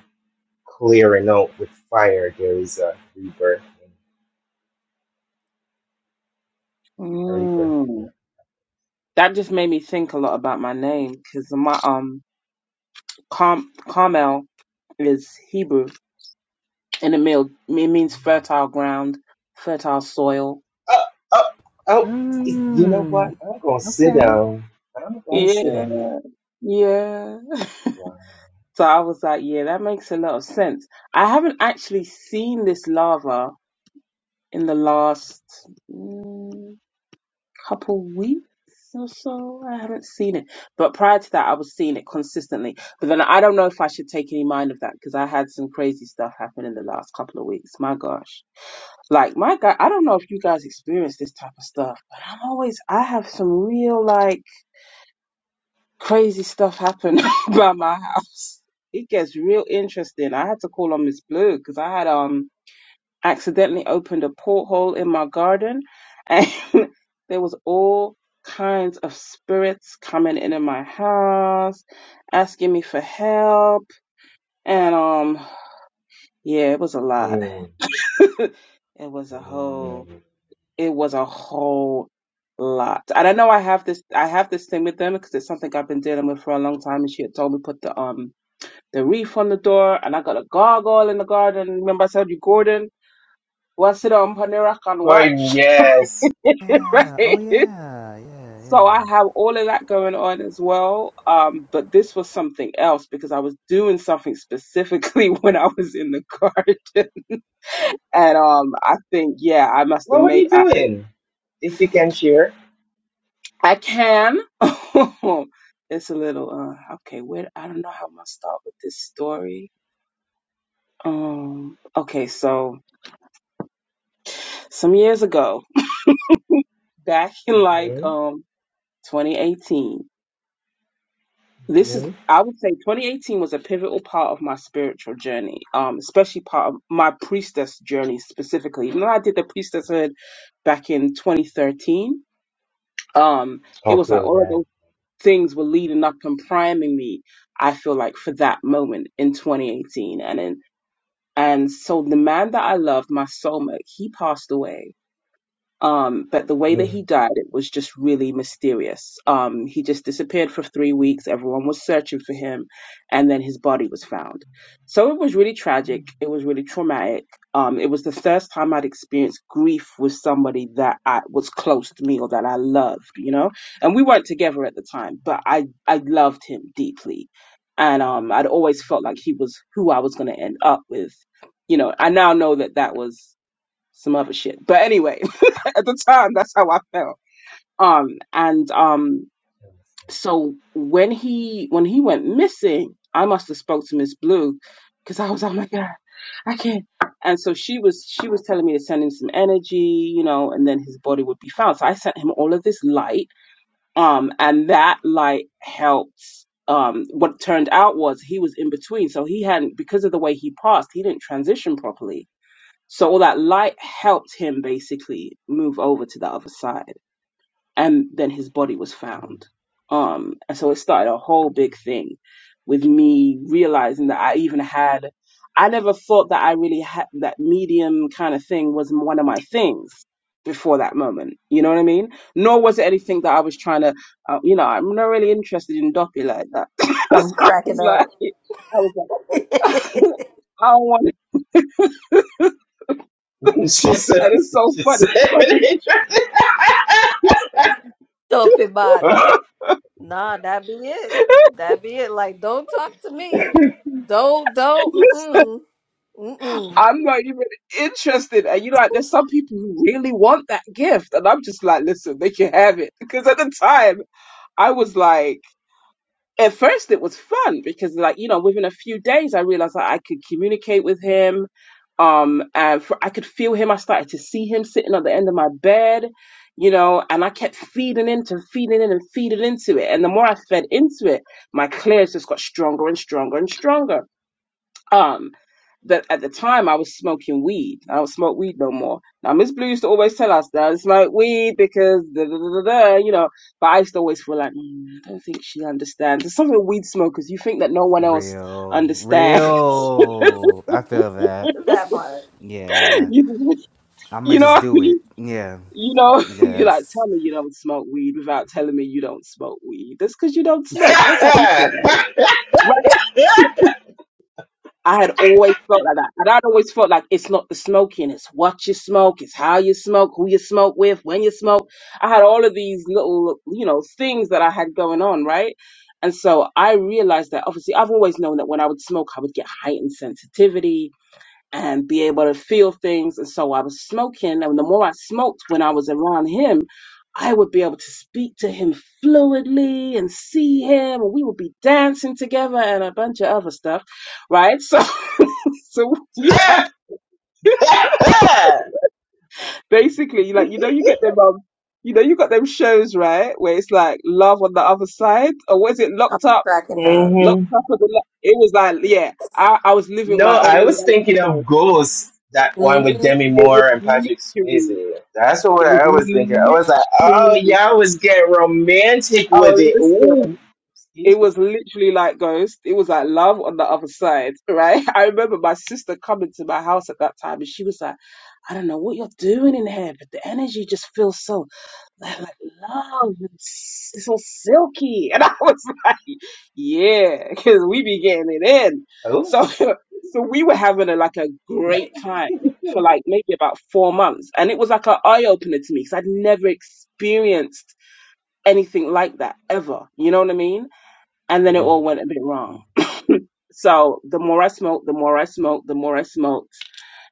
[SPEAKER 2] clearing out with fire, there is a rebirth, and a rebirth. And
[SPEAKER 5] Mm. That just made me think a lot about my name because my um Carm- Carmel is Hebrew and it, meal, it means fertile ground, fertile soil.
[SPEAKER 2] oh, oh, oh! y- You know what?
[SPEAKER 1] Mm.
[SPEAKER 2] I'm gonna sit
[SPEAKER 1] Okay.
[SPEAKER 2] down. I'm gonna sit
[SPEAKER 5] Yeah,
[SPEAKER 2] down.
[SPEAKER 5] yeah.
[SPEAKER 2] Wow.
[SPEAKER 5] So I was like, yeah, that makes a lot of sense. I haven't actually seen this lava in the last mm, couple weeks or so. I haven't seen it. But prior to that, I was seeing it consistently. But then I don't know if I should take any mind of that because I had some crazy stuff happen in the last couple of weeks. My gosh. Like, my God, I don't know if you guys experience this type of stuff, but I'm always, I have some real, like, crazy stuff happened by my house. It gets real interesting. I had to call on Miss Blue because I had um accidentally opened a porthole in my garden, and there was all kinds of spirits coming into my house, asking me for help, and um yeah, it was a lot.
[SPEAKER 2] Hmm.
[SPEAKER 5] it was a
[SPEAKER 2] hmm.
[SPEAKER 5] whole. It was a whole lot. And I know I have this I have this thing with them because it's something I've been dealing with for a long time and she had told me put the um the reef on the door, and I got a gargoyle in the garden. Remember, I said you, Gordon, well, I sit on Panera and
[SPEAKER 2] Gordon,
[SPEAKER 5] watch,
[SPEAKER 2] yes.
[SPEAKER 3] Yeah. Oh
[SPEAKER 5] right?
[SPEAKER 3] yeah. Yeah.
[SPEAKER 5] So
[SPEAKER 3] Yeah.
[SPEAKER 5] I have all of that going on as well. Um, but this was something else because I was doing something specifically when I was in the garden. And um, I think, yeah, I must
[SPEAKER 2] What
[SPEAKER 5] have
[SPEAKER 2] were
[SPEAKER 5] made.
[SPEAKER 2] you
[SPEAKER 5] I,
[SPEAKER 2] doing? If you can share.
[SPEAKER 5] I can. it's a little uh, okay. Where I don't know how I'm gonna start with this story. Um, okay, so some years ago, back in like
[SPEAKER 2] hmm
[SPEAKER 5] um 2018 this is
[SPEAKER 2] hmm
[SPEAKER 5] i would say 2018 was a pivotal part of my spiritual journey um especially part of my priestess journey specifically even though i did the priestesshood back in 2013 um it was like
[SPEAKER 2] Okay,
[SPEAKER 5] all of
[SPEAKER 2] right.
[SPEAKER 5] those things were leading up and priming me i feel like for that moment in 2018 and in and so the man that i loved my soulmate he passed away Um, but the way that
[SPEAKER 2] Mhm.
[SPEAKER 5] he died, it was just really mysterious. Um, he just disappeared for three weeks. Everyone was searching for him, and then his body was found. So it was really tragic. It was really traumatic. Um, it was the first time I'd experienced grief with somebody that I was close to me or that I loved, you know. And we weren't together at the time, but I I loved him deeply, and um, I'd always felt like he was who I was going to end up with. You know, I now know that that was some other shit. But anyway, at the time, that's how I felt. Um, and um, so when he when he went missing, I must have spoke to Miss Blue because I was, oh my god, I can't. And so she was she was telling me to send him some energy, you know, and then his body would be found. So I sent him all of this light, um, and that light helped. Um, what turned out was he was in between, so he hadn't because of the way he passed, he didn't transition properly so all that light helped him basically move over to the other side. And then his body was found. Um, and so it started a whole big thing with me realizing that I even had, I never thought that I really had that medium kind of thing was one of my things before that moment. You know what I mean? Nor was it anything that I was trying to, uh, you know, I'm not really interested in doppy like that. so
[SPEAKER 4] i'm
[SPEAKER 5] I
[SPEAKER 4] cracking
[SPEAKER 5] was like,
[SPEAKER 4] up
[SPEAKER 5] I was like, I don't want it.
[SPEAKER 2] she
[SPEAKER 5] And
[SPEAKER 2] said.
[SPEAKER 5] it's so
[SPEAKER 2] She
[SPEAKER 5] funny.
[SPEAKER 2] said.
[SPEAKER 4] Stupid body. Nah, that be it. That be it. Like, don't talk to me. Don't, don't, mm-mm, mm-mm.
[SPEAKER 5] I'm not even interested. And you know, like, there's some people who really want that gift. And I'm just like, listen, they can have it. Because at the time, I was like, at first it was fun because like, you know, within a few days, I realized that I could communicate with him. Um, and for, I could feel him. I started to see him sitting on the end of my bed, you know, and I kept feeding into, feeding in and feeding into it. And the more I fed into it, my clears just got stronger and stronger and stronger. Um, that at the time I was smoking weed. I don't smoke weed no more. Now Miss Blue used to always tell us that I smoke weed because da, da, da, da, da, you know. But I used to always feel like mm, I don't think she understands. It's something with weed smokers. You think that no one else
[SPEAKER 3] Real.
[SPEAKER 5] understands.
[SPEAKER 3] Real. I feel that.
[SPEAKER 4] That part.
[SPEAKER 3] Yeah.
[SPEAKER 5] you,
[SPEAKER 3] I'ma
[SPEAKER 5] you know
[SPEAKER 3] just
[SPEAKER 5] what I
[SPEAKER 3] do it.
[SPEAKER 5] mean?
[SPEAKER 3] Yeah.
[SPEAKER 5] You know, you're like,
[SPEAKER 3] Yes.
[SPEAKER 5] tell me you don't smoke weed without telling me you don't smoke weed. That's because you don't smoke. That's why you feel that way. I had always felt like that. And I'd always felt like it's not the smoking, it's what you smoke, it's how you smoke, who you smoke with, when you smoke. I had all of these little, you know, things that I had going on, right? And so I realized that obviously I've always known that when I would smoke, I would get heightened sensitivity and be able to feel things. And so I was smoking. And the more I smoked when I was around him, I would be able to speak to him fluidly and see him, and we would be dancing together and a bunch of other stuff, right? So, so we had basically like you know you get them um you know you got them shows right where it's like love on the other side or was it
[SPEAKER 4] I'm
[SPEAKER 5] locked up
[SPEAKER 4] cracking up.
[SPEAKER 5] locked
[SPEAKER 2] hmm
[SPEAKER 5] up on the lo- it was like yeah I I was living
[SPEAKER 2] No,
[SPEAKER 5] my own
[SPEAKER 2] I was
[SPEAKER 5] reality
[SPEAKER 2] thinking
[SPEAKER 5] show
[SPEAKER 2] of Ghost, that one with
[SPEAKER 4] Mm-hmm.
[SPEAKER 2] Demi
[SPEAKER 5] it was
[SPEAKER 2] Moore and Patrick Swayze.
[SPEAKER 5] literally
[SPEAKER 2] That's what
[SPEAKER 5] it was
[SPEAKER 2] I was thinking. I was like, oh,
[SPEAKER 5] literally
[SPEAKER 2] y'all was getting romantic with
[SPEAKER 5] oh
[SPEAKER 2] it. Ooh,
[SPEAKER 5] listen. It
[SPEAKER 2] excuse me.
[SPEAKER 5] was literally like Ghost. It was like love on the other side, right? I remember my sister coming to my house at that time and she was like, I don't know what you're doing in here, but the energy just feels so like, like love, and s- so silky. And I was like, yeah, because we be getting it in.
[SPEAKER 2] Oh.
[SPEAKER 5] So, so we were having a, like a great time for like maybe about four months. And it was like an eye opener to me because I'd never experienced anything like that ever. You know what I mean? and then it
[SPEAKER 2] Mm.
[SPEAKER 5] all went a bit wrong. So the more I smoked, the more I smoked, the more I smoked,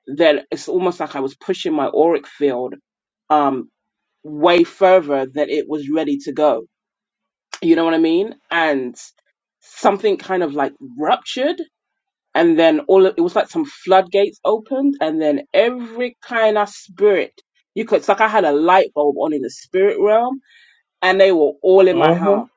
[SPEAKER 5] then it's almost like I was pushing my auric field um way further than it was ready to go. You know what I mean? And something kind of like ruptured and then all of, it was like some floodgates opened and then every kind of spirit you could it's like I had a light bulb on in the spirit realm and they were all in my house
[SPEAKER 2] Mhm.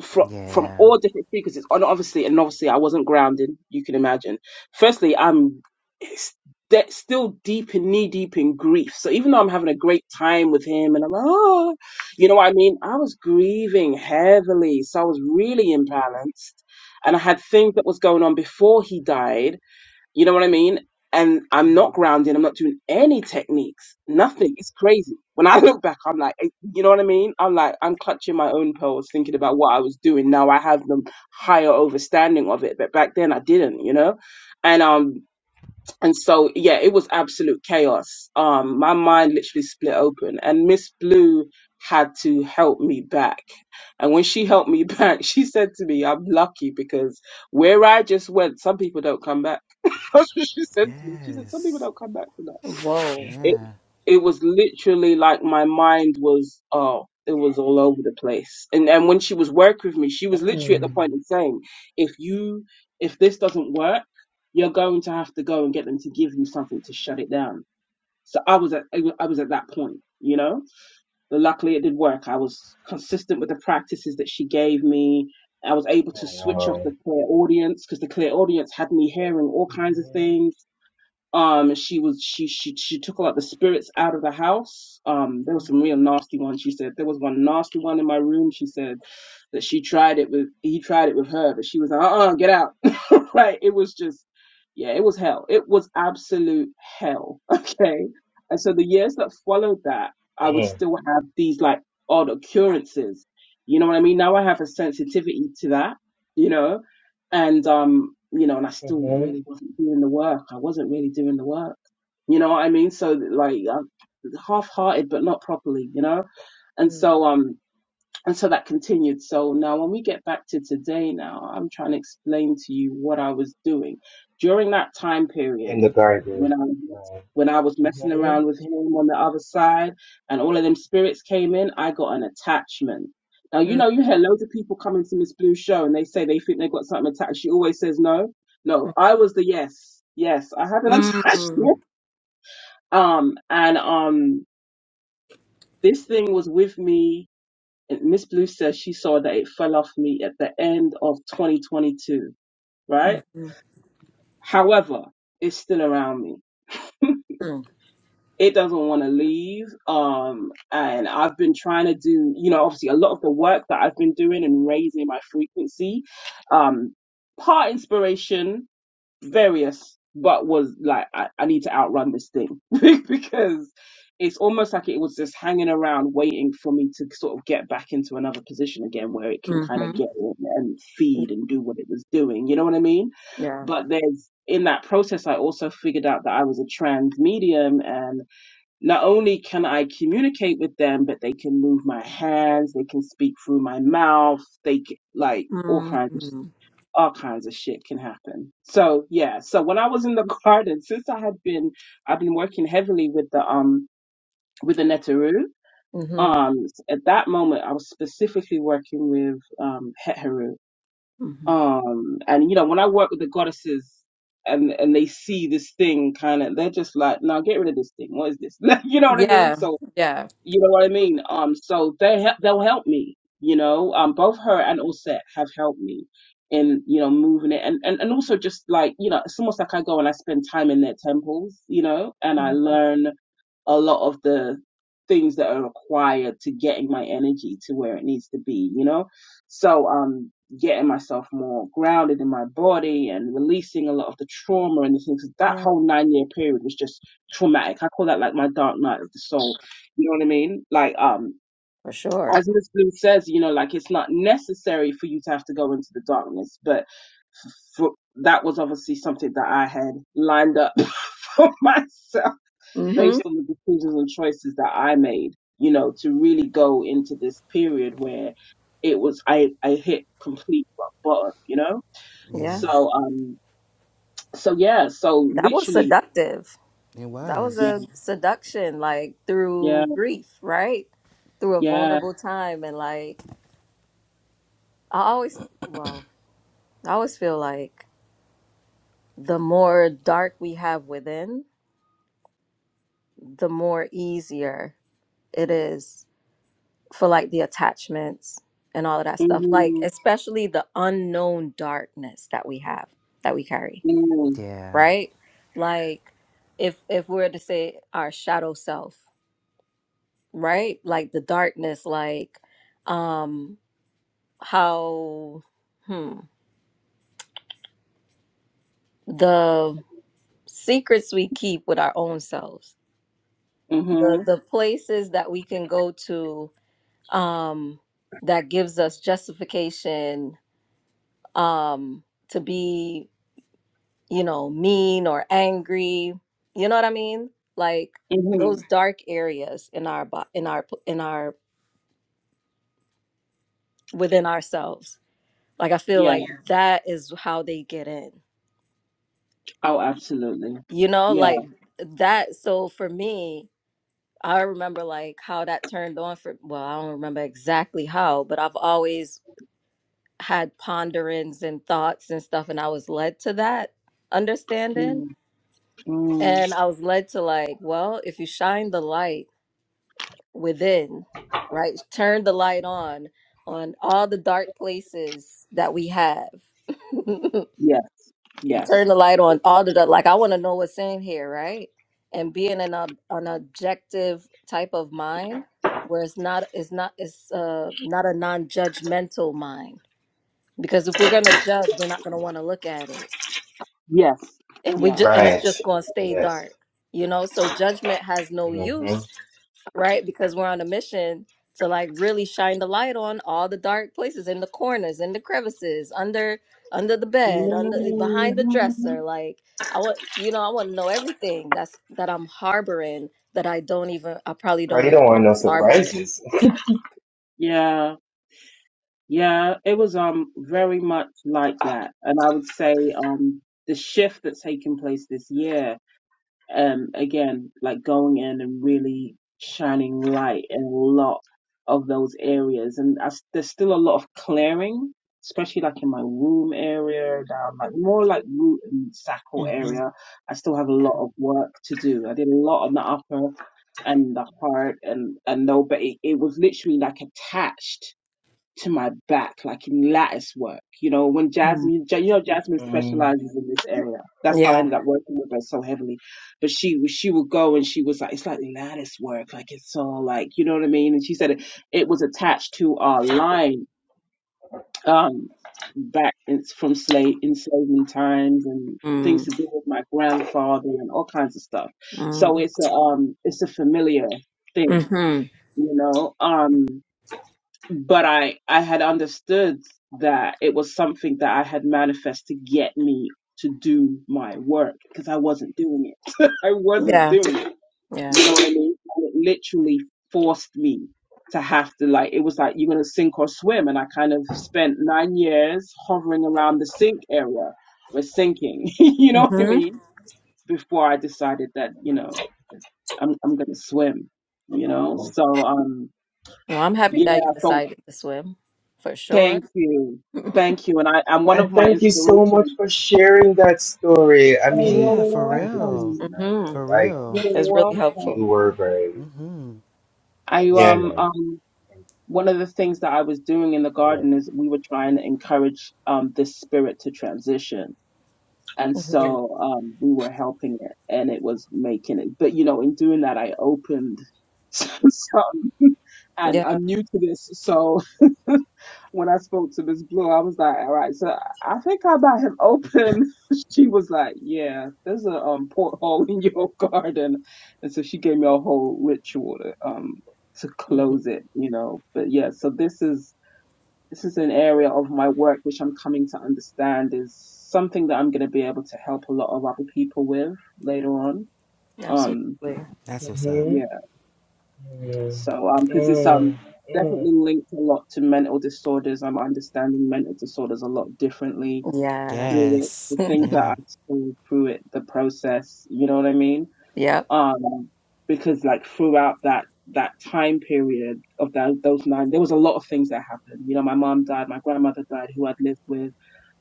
[SPEAKER 5] from from
[SPEAKER 3] Yeah.
[SPEAKER 5] all different frequencies. And obviously, and obviously, I wasn't grounded. You can imagine. Firstly, I'm s- de- still deep and knee deep in grief. So even though I'm having a great time with him, and I'm oh, you know what I mean, I was grieving heavily. So I was really imbalanced, and I had things that was going on before he died you know what I mean? And I'm not grounding. I'm not doing any techniques. Nothing. It's crazy. When I look back, I'm like, eh, you know what I mean? I'm like, I'm clutching my own pearls, thinking about what I was doing. Now I have the higher overstanding of it, but back then I didn't. You know, and um, and so yeah it was absolute chaos um my mind literally split open and miss blue had to help me back and when she helped me back she said to me i'm lucky because where i just went some people don't come back that's what she said to me she said some people
[SPEAKER 3] Yes.
[SPEAKER 5] don't come back from that
[SPEAKER 4] Whoa.
[SPEAKER 5] it
[SPEAKER 3] Yeah.
[SPEAKER 5] it was literally like my mind was oh it was all over the place and and when she was working with me she was literally at the
[SPEAKER 2] Mm.
[SPEAKER 5] point of saying if you if this doesn't work you're going to have to go and get them to give you something to shut it down so i was at i wa- I was at that point you know but luckily it did work i was consistent with the practices that she gave me i was able to
[SPEAKER 2] Oh,
[SPEAKER 5] switch off
[SPEAKER 2] wow.
[SPEAKER 5] the clear audience because the clear audience had me hearing all kinds of
[SPEAKER 2] Mhm.
[SPEAKER 5] things um, she was she she she took a lot of the spirits out of the house. Um, there was some real nasty ones. She said there was one nasty one in my room. She said that she tried it with he tried it with her, but she was like, uh uh get out. Right. It was just, yeah, it was hell. It was absolute hell. Okay. And so the years that followed that, I would
[SPEAKER 2] Mm.
[SPEAKER 5] still have these like odd occurrences. You know what I mean? Now I have a sensitivity to that, you know? And, um, you know, and I still
[SPEAKER 2] Mhm.
[SPEAKER 5] really wasn't doing the work. I wasn't really doing the work. You know what I mean? So like I'm half-hearted, but not properly, you know? And so, um, and so that continued. So now when we get back to today now, I'm trying to explain to you what I was doing during that time
[SPEAKER 2] In
[SPEAKER 5] period
[SPEAKER 2] the garden.
[SPEAKER 5] when I
[SPEAKER 2] Right.
[SPEAKER 5] when I was messing
[SPEAKER 2] Mhm.
[SPEAKER 5] around with him on the other side and all of them spirits came in, I got an attachment. Now you know
[SPEAKER 4] Mm-hmm.
[SPEAKER 5] you hear loads of people coming to Miss Blue's show and they say they think they got something attached. She always says no. No, I was the yes. Yes, I have an attachment.
[SPEAKER 4] Mm-hmm.
[SPEAKER 5] Um and um this thing was with me and Miss Blue says she saw that it fell off me at the end of 2022, right? However, it's still around me. It doesn't want to leave. Um, and I've been trying to do, you know, obviously a lot of the work that I've been doing and raising my frequency, um, part inspiration, various, but was like, I, I need to outrun this thing because it's almost like it was just hanging around waiting for me to sort of get back into another position again where it can kind of
[SPEAKER 4] Mm-hmm.
[SPEAKER 5] get in and feed and do what it was doing. You know what I mean?
[SPEAKER 4] Yeah.
[SPEAKER 5] But there's in that process, I also figured out that I was a trans medium and not only can I communicate with them, but they can move my hands, they can speak through my mouth, they c- like all kinds
[SPEAKER 4] Mm-hmm.
[SPEAKER 5] all kinds of shit can happen. So yeah, so when I was in the garden, since I had been, I've been working heavily with the um with the Netaru.
[SPEAKER 4] Mm-hmm.
[SPEAKER 5] Um, at that moment, I was specifically working with um Heteru.
[SPEAKER 4] hmm
[SPEAKER 5] Um, and you know when I work with the goddesses. And and they see this thing kind of, they're just like, now get rid of this thing. What is this? you know what I mean?
[SPEAKER 4] Yeah.
[SPEAKER 5] So
[SPEAKER 4] Yeah.
[SPEAKER 5] you know what I mean? Um, so they help, they'll help me. You know, um, both her and Osset have helped me in you know moving it, and and and also just like you know, it's almost like I go and I spend time in their temples, you know, and I
[SPEAKER 4] hmm
[SPEAKER 5] learn a lot of the things that are required to getting my energy to where it needs to be, you know? So, um, getting myself more grounded in my body and releasing a lot of the trauma and the things. That
[SPEAKER 4] Yeah.
[SPEAKER 5] whole nine year period was just traumatic. I call that like my dark night of the soul. You know what I mean? Like, um,
[SPEAKER 4] For sure.
[SPEAKER 5] as Miss Blue says, you know, like it's not necessary for you to have to go into the darkness, but for, that was obviously something that I had lined up for myself
[SPEAKER 4] Mm-hmm.
[SPEAKER 5] based on the decisions and choices that I made, you know, to really go into this period where it was I I hit complete rock bottom, you know.
[SPEAKER 3] Yeah.
[SPEAKER 4] Yeah.
[SPEAKER 5] So um, so yeah, so
[SPEAKER 4] That was
[SPEAKER 5] literally,
[SPEAKER 4] seductive.
[SPEAKER 3] It
[SPEAKER 4] That was
[SPEAKER 5] yeah,
[SPEAKER 3] was.
[SPEAKER 4] a seduction, like through
[SPEAKER 5] yeah,
[SPEAKER 4] grief, right? Through a
[SPEAKER 5] yeah,
[SPEAKER 4] vulnerable time. And like, I always, well, I always feel like the more dark we have within, the more easier it is for like the attachments and all of that stuff. Like,
[SPEAKER 5] mm-hmm,
[SPEAKER 4] especially the unknown darkness that we have, that we carry,
[SPEAKER 5] mm-hmm,
[SPEAKER 3] Yeah.
[SPEAKER 4] right? Like, if if we are to say our shadow self, right? Like the darkness, like, um how hmm, the secrets we keep with our own selves the
[SPEAKER 5] mm-hmm,
[SPEAKER 4] the places that we can go to um that gives us justification um to be you know mean or angry you know what i mean like
[SPEAKER 5] mm-hmm,
[SPEAKER 4] those dark areas in our bo- in our in our within ourselves like i feel
[SPEAKER 5] yeah,
[SPEAKER 4] like Yeah. that is how they get in
[SPEAKER 5] oh, absolutely,
[SPEAKER 4] you know
[SPEAKER 5] yeah,
[SPEAKER 4] like that so for me I remember like how that turned on for well, I don't remember exactly how, but I've always had ponderings and thoughts and stuff and I was led to that understanding
[SPEAKER 5] mm-hmm,
[SPEAKER 4] and I was led to like, well, if you shine the light within, right? Turn the light on on all the dark places that we have.
[SPEAKER 5] yeah,
[SPEAKER 4] turn
[SPEAKER 5] yes,
[SPEAKER 4] the light on all of that, like i want to know what's in here right and being an ob- an objective type of mind where it's not it's not it's uh not a non-judgmental mind because if we're gonna judge we're not gonna want to look at it
[SPEAKER 5] yes,
[SPEAKER 4] and we
[SPEAKER 5] yeah.
[SPEAKER 4] just and it's
[SPEAKER 2] Right.
[SPEAKER 4] just gonna stay
[SPEAKER 2] Yes.
[SPEAKER 4] dark you know so judgment has no
[SPEAKER 2] Mm-hmm.
[SPEAKER 4] use right? Because we're on a mission to like really shine the light on all the dark places in the corners, in the crevices, under under the bed, under eh, behind the dresser.
[SPEAKER 5] Mhm.
[SPEAKER 4] Like I want you know, I want to know everything that's that I'm harboring that I don't even I probably
[SPEAKER 2] Cause
[SPEAKER 4] don't
[SPEAKER 2] you
[SPEAKER 4] even
[SPEAKER 2] don't want no
[SPEAKER 4] harbor it.
[SPEAKER 2] surprises.
[SPEAKER 5] Yeah. Yeah, it was um very much like that. And I would say um the shift that's taken place this year, um again, like going in and really shining light in a lot of those areas. And I s there's still a lot of clearing, especially like in my womb area, down like more like root and sacral
[SPEAKER 4] am
[SPEAKER 5] area. I still have a lot of work to do. I did a lot on the upper and the heart and and no, but it, it was literally like attached to my back, like in lattice work. You know, when
[SPEAKER 4] Mm-hmm.
[SPEAKER 5] Jasmine, Ja- you know, Jasmine
[SPEAKER 2] Mm.
[SPEAKER 5] specializes in this area. That's how I
[SPEAKER 4] Yeah.
[SPEAKER 5] ended up working with her so heavily. But she, was- she would go and she was like, it's like lattice work, like it's so like, you know what I mean? And she said it, it was attached to our line, um, back in, from slave enslavement times and
[SPEAKER 4] Mm,
[SPEAKER 5] things to do with my grandfather and all kinds of stuff. So
[SPEAKER 4] mm,
[SPEAKER 5] it's a, um, it's a familiar thing,
[SPEAKER 4] mm-hmm.
[SPEAKER 5] you know. Um, but I I had understood that it was something that I had manifest to get me to do my work because I wasn't doing it. I wasn't
[SPEAKER 4] Yeah.
[SPEAKER 5] doing it.
[SPEAKER 4] Yeah.
[SPEAKER 5] You know what I mean? And it literally forced me to have to like it was like you're gonna sink or swim and I kind of spent nine years hovering around the sink area We're sinking, you know what I
[SPEAKER 4] Mm-hmm.
[SPEAKER 5] mean? Before I decided that, you know, I'm I'm gonna swim, you know? So um
[SPEAKER 4] Well, I'm happy
[SPEAKER 5] yeah,
[SPEAKER 4] that you
[SPEAKER 5] So
[SPEAKER 4] decided to swim for sure.
[SPEAKER 5] Thank you. Thank you. And I, I'm one of
[SPEAKER 2] And
[SPEAKER 5] my
[SPEAKER 2] thank you so much
[SPEAKER 5] inspirations.
[SPEAKER 2] for sharing that story. I
[SPEAKER 5] Oh,
[SPEAKER 2] mean,
[SPEAKER 3] Yeah, for
[SPEAKER 5] you're
[SPEAKER 2] thank you,
[SPEAKER 3] real.
[SPEAKER 2] Princess Diana.
[SPEAKER 5] welcome.
[SPEAKER 4] mm-hmm.
[SPEAKER 3] For
[SPEAKER 2] Like,
[SPEAKER 5] You're
[SPEAKER 3] real.
[SPEAKER 4] It's really
[SPEAKER 2] you,
[SPEAKER 5] welcome.
[SPEAKER 2] you
[SPEAKER 4] helpful.
[SPEAKER 2] were very,
[SPEAKER 5] I
[SPEAKER 2] yeah,
[SPEAKER 5] um
[SPEAKER 2] man.
[SPEAKER 5] um
[SPEAKER 2] And
[SPEAKER 5] one of the things that I was doing in the
[SPEAKER 2] I love
[SPEAKER 5] garden is we were trying to encourage um this spirit to transition. And
[SPEAKER 4] Mm-hmm.
[SPEAKER 5] so um we were helping it and it was making it. But you know, in doing that I opened so and
[SPEAKER 4] Yeah.
[SPEAKER 5] I'm new to this, so when I spoke to Miss Blue, I was like, all right, so I think I got him open. she was like, yeah, there's a um, porthole in your garden. And so she gave me a whole ritual to, um, to
[SPEAKER 4] Mm-hmm.
[SPEAKER 5] close it, you know. But yeah, so this is this is an area of my work which I'm coming to understand is something that I'm going to be able to help a lot of other people with later on. Um,
[SPEAKER 4] Absolutely.
[SPEAKER 3] That's
[SPEAKER 2] you.
[SPEAKER 3] what's up.
[SPEAKER 5] yeah.
[SPEAKER 2] hmm Mm.
[SPEAKER 5] So, um, because it's
[SPEAKER 2] Mm.
[SPEAKER 5] um
[SPEAKER 2] Mm.
[SPEAKER 5] definitely linked a lot to mental disorders. I'm understanding mental disorders a lot differently
[SPEAKER 4] Yeah.
[SPEAKER 5] through it,
[SPEAKER 3] Yes.
[SPEAKER 5] the things that
[SPEAKER 3] Yeah.
[SPEAKER 5] I saw through it, the process. You know what I mean?
[SPEAKER 4] yep.
[SPEAKER 5] Um, because like throughout that that time period of that those nine, there was a lot of things that happened. You know, my mom died, my grandmother died, who I'd lived with.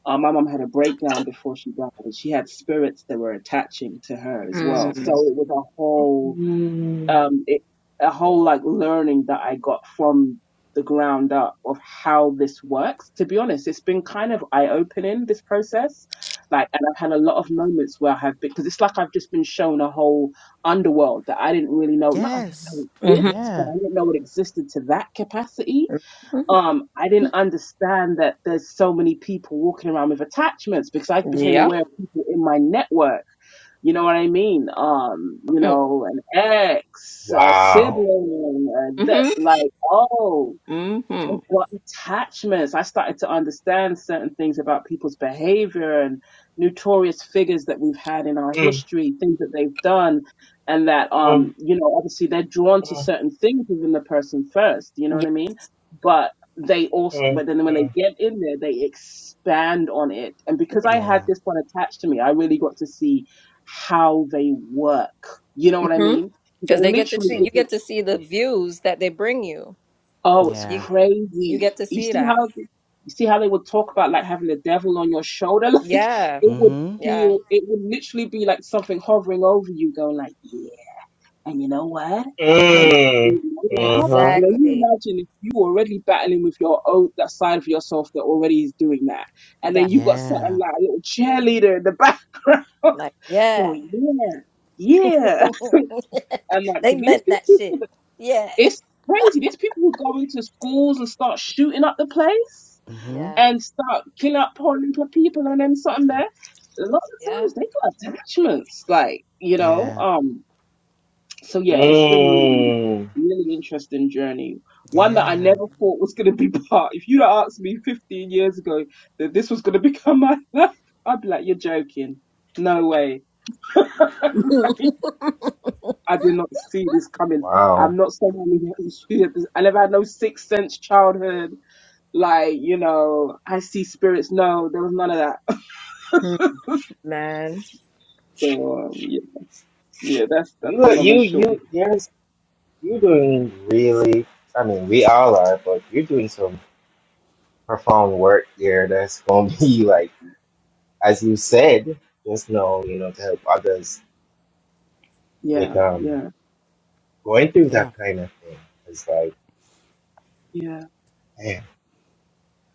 [SPEAKER 5] Uh, my mom had a breakdown before she died, and she had spirits that were attaching to her as well. So
[SPEAKER 4] Mm.
[SPEAKER 5] it was a whole
[SPEAKER 2] Mm.
[SPEAKER 5] um, it, a whole like learning that I got from the ground up of how this works. To be honest, it's been kind of eye opening this process. Like, and I've had a lot of moments where I have been, because it's like I've just been shown a whole underworld that I didn't really know. Not I didn't know
[SPEAKER 3] Yes.
[SPEAKER 4] Mm-hmm.
[SPEAKER 5] exists, but
[SPEAKER 3] Yeah.
[SPEAKER 5] I didn't know it existed to that capacity.
[SPEAKER 4] Mm-hmm.
[SPEAKER 5] Um, I didn't understand that there's so many people walking around with attachments because I became
[SPEAKER 4] Yeah.
[SPEAKER 5] aware of people in my network you know what I mean? Um, you know, an ex, a
[SPEAKER 2] Wow.
[SPEAKER 5] sibling, uh, that,
[SPEAKER 4] Mm-hmm.
[SPEAKER 5] like, oh, I've
[SPEAKER 4] Mm-hmm.
[SPEAKER 5] got attachments. I started to understand certain things about people's behavior and notorious figures that we've had in our
[SPEAKER 2] Mm.
[SPEAKER 5] history, things that they've done, and that
[SPEAKER 2] Mm.
[SPEAKER 5] um, you know, obviously they're drawn to
[SPEAKER 2] Mm.
[SPEAKER 5] certain things within the person first. You know
[SPEAKER 4] Yeah.
[SPEAKER 5] what I mean? But they also,
[SPEAKER 2] Mm.
[SPEAKER 5] but then when they
[SPEAKER 2] Mm.
[SPEAKER 5] get in there, they expand on it. And because
[SPEAKER 4] Yeah.
[SPEAKER 5] I had
[SPEAKER 3] Yeah.
[SPEAKER 5] this one attached to me, I really got to see how they work. You know what I
[SPEAKER 4] Mm-hmm.
[SPEAKER 5] mean? Because
[SPEAKER 4] Because
[SPEAKER 5] it
[SPEAKER 4] they get to
[SPEAKER 5] literally
[SPEAKER 4] see you
[SPEAKER 5] is
[SPEAKER 2] Mm.
[SPEAKER 4] get to see the views that they bring you.
[SPEAKER 5] Oh, it's
[SPEAKER 3] Yeah.
[SPEAKER 4] You you
[SPEAKER 5] crazy.
[SPEAKER 4] get to
[SPEAKER 5] You
[SPEAKER 4] see
[SPEAKER 5] see
[SPEAKER 4] that.
[SPEAKER 5] how you see how they would talk about like having the devil on your shoulder? Like
[SPEAKER 4] Yeah.
[SPEAKER 5] it would
[SPEAKER 3] Mm-hmm.
[SPEAKER 4] Yeah.
[SPEAKER 5] feel it would literally be like something hovering over you, going like, Yeah, and you know what?
[SPEAKER 4] Mm.
[SPEAKER 5] And
[SPEAKER 2] Mm.
[SPEAKER 5] you know what?
[SPEAKER 2] Uh-huh.
[SPEAKER 5] And then you
[SPEAKER 4] Exactly.
[SPEAKER 5] imagine if you already battling with your own that side of yourself that already is doing that. And then
[SPEAKER 4] That
[SPEAKER 5] you got something
[SPEAKER 3] Yeah.
[SPEAKER 5] like a little cheerleader in the background
[SPEAKER 4] like yeah.
[SPEAKER 5] going, Yeah, yeah. And like so
[SPEAKER 4] they
[SPEAKER 5] these
[SPEAKER 4] meant that
[SPEAKER 5] people
[SPEAKER 4] shit. Yeah.
[SPEAKER 5] it's crazy. These people who go into schools and start shooting up the place
[SPEAKER 3] Mm-hmm.
[SPEAKER 4] Yeah.
[SPEAKER 5] and start killing up pouring for people and them something there. A lot of
[SPEAKER 4] Yeah.
[SPEAKER 5] times they got attachments, like you know.
[SPEAKER 3] Yeah.
[SPEAKER 5] Um. So yeah, it's been really,
[SPEAKER 2] Mm.
[SPEAKER 5] really interesting journey. One that I
[SPEAKER 3] Yeah.
[SPEAKER 5] never thought was going to be part. If you'd have asked me 15 years ago that this was going to become my life, I'd be like, "You're joking. No way." I did not see this coming.
[SPEAKER 2] Wow.
[SPEAKER 5] I'm not someone who has fears. I never had no sixth sense childhood. Like you know, I see spirits. No, there was none of that.
[SPEAKER 4] Man.
[SPEAKER 5] So um, yeah, yeah, that's that's
[SPEAKER 2] You,
[SPEAKER 5] the
[SPEAKER 2] are-
[SPEAKER 5] long
[SPEAKER 2] you,
[SPEAKER 5] short.
[SPEAKER 2] you, yes, you're doing really, I mean, we all are, but you're doing so perform work here. that's going to be like, as you said, just know, you know, to help others with
[SPEAKER 5] Yeah,
[SPEAKER 2] um
[SPEAKER 5] yeah,
[SPEAKER 2] going through
[SPEAKER 3] Yeah.
[SPEAKER 2] that kind of thing. It's like,
[SPEAKER 5] yeah,
[SPEAKER 2] man,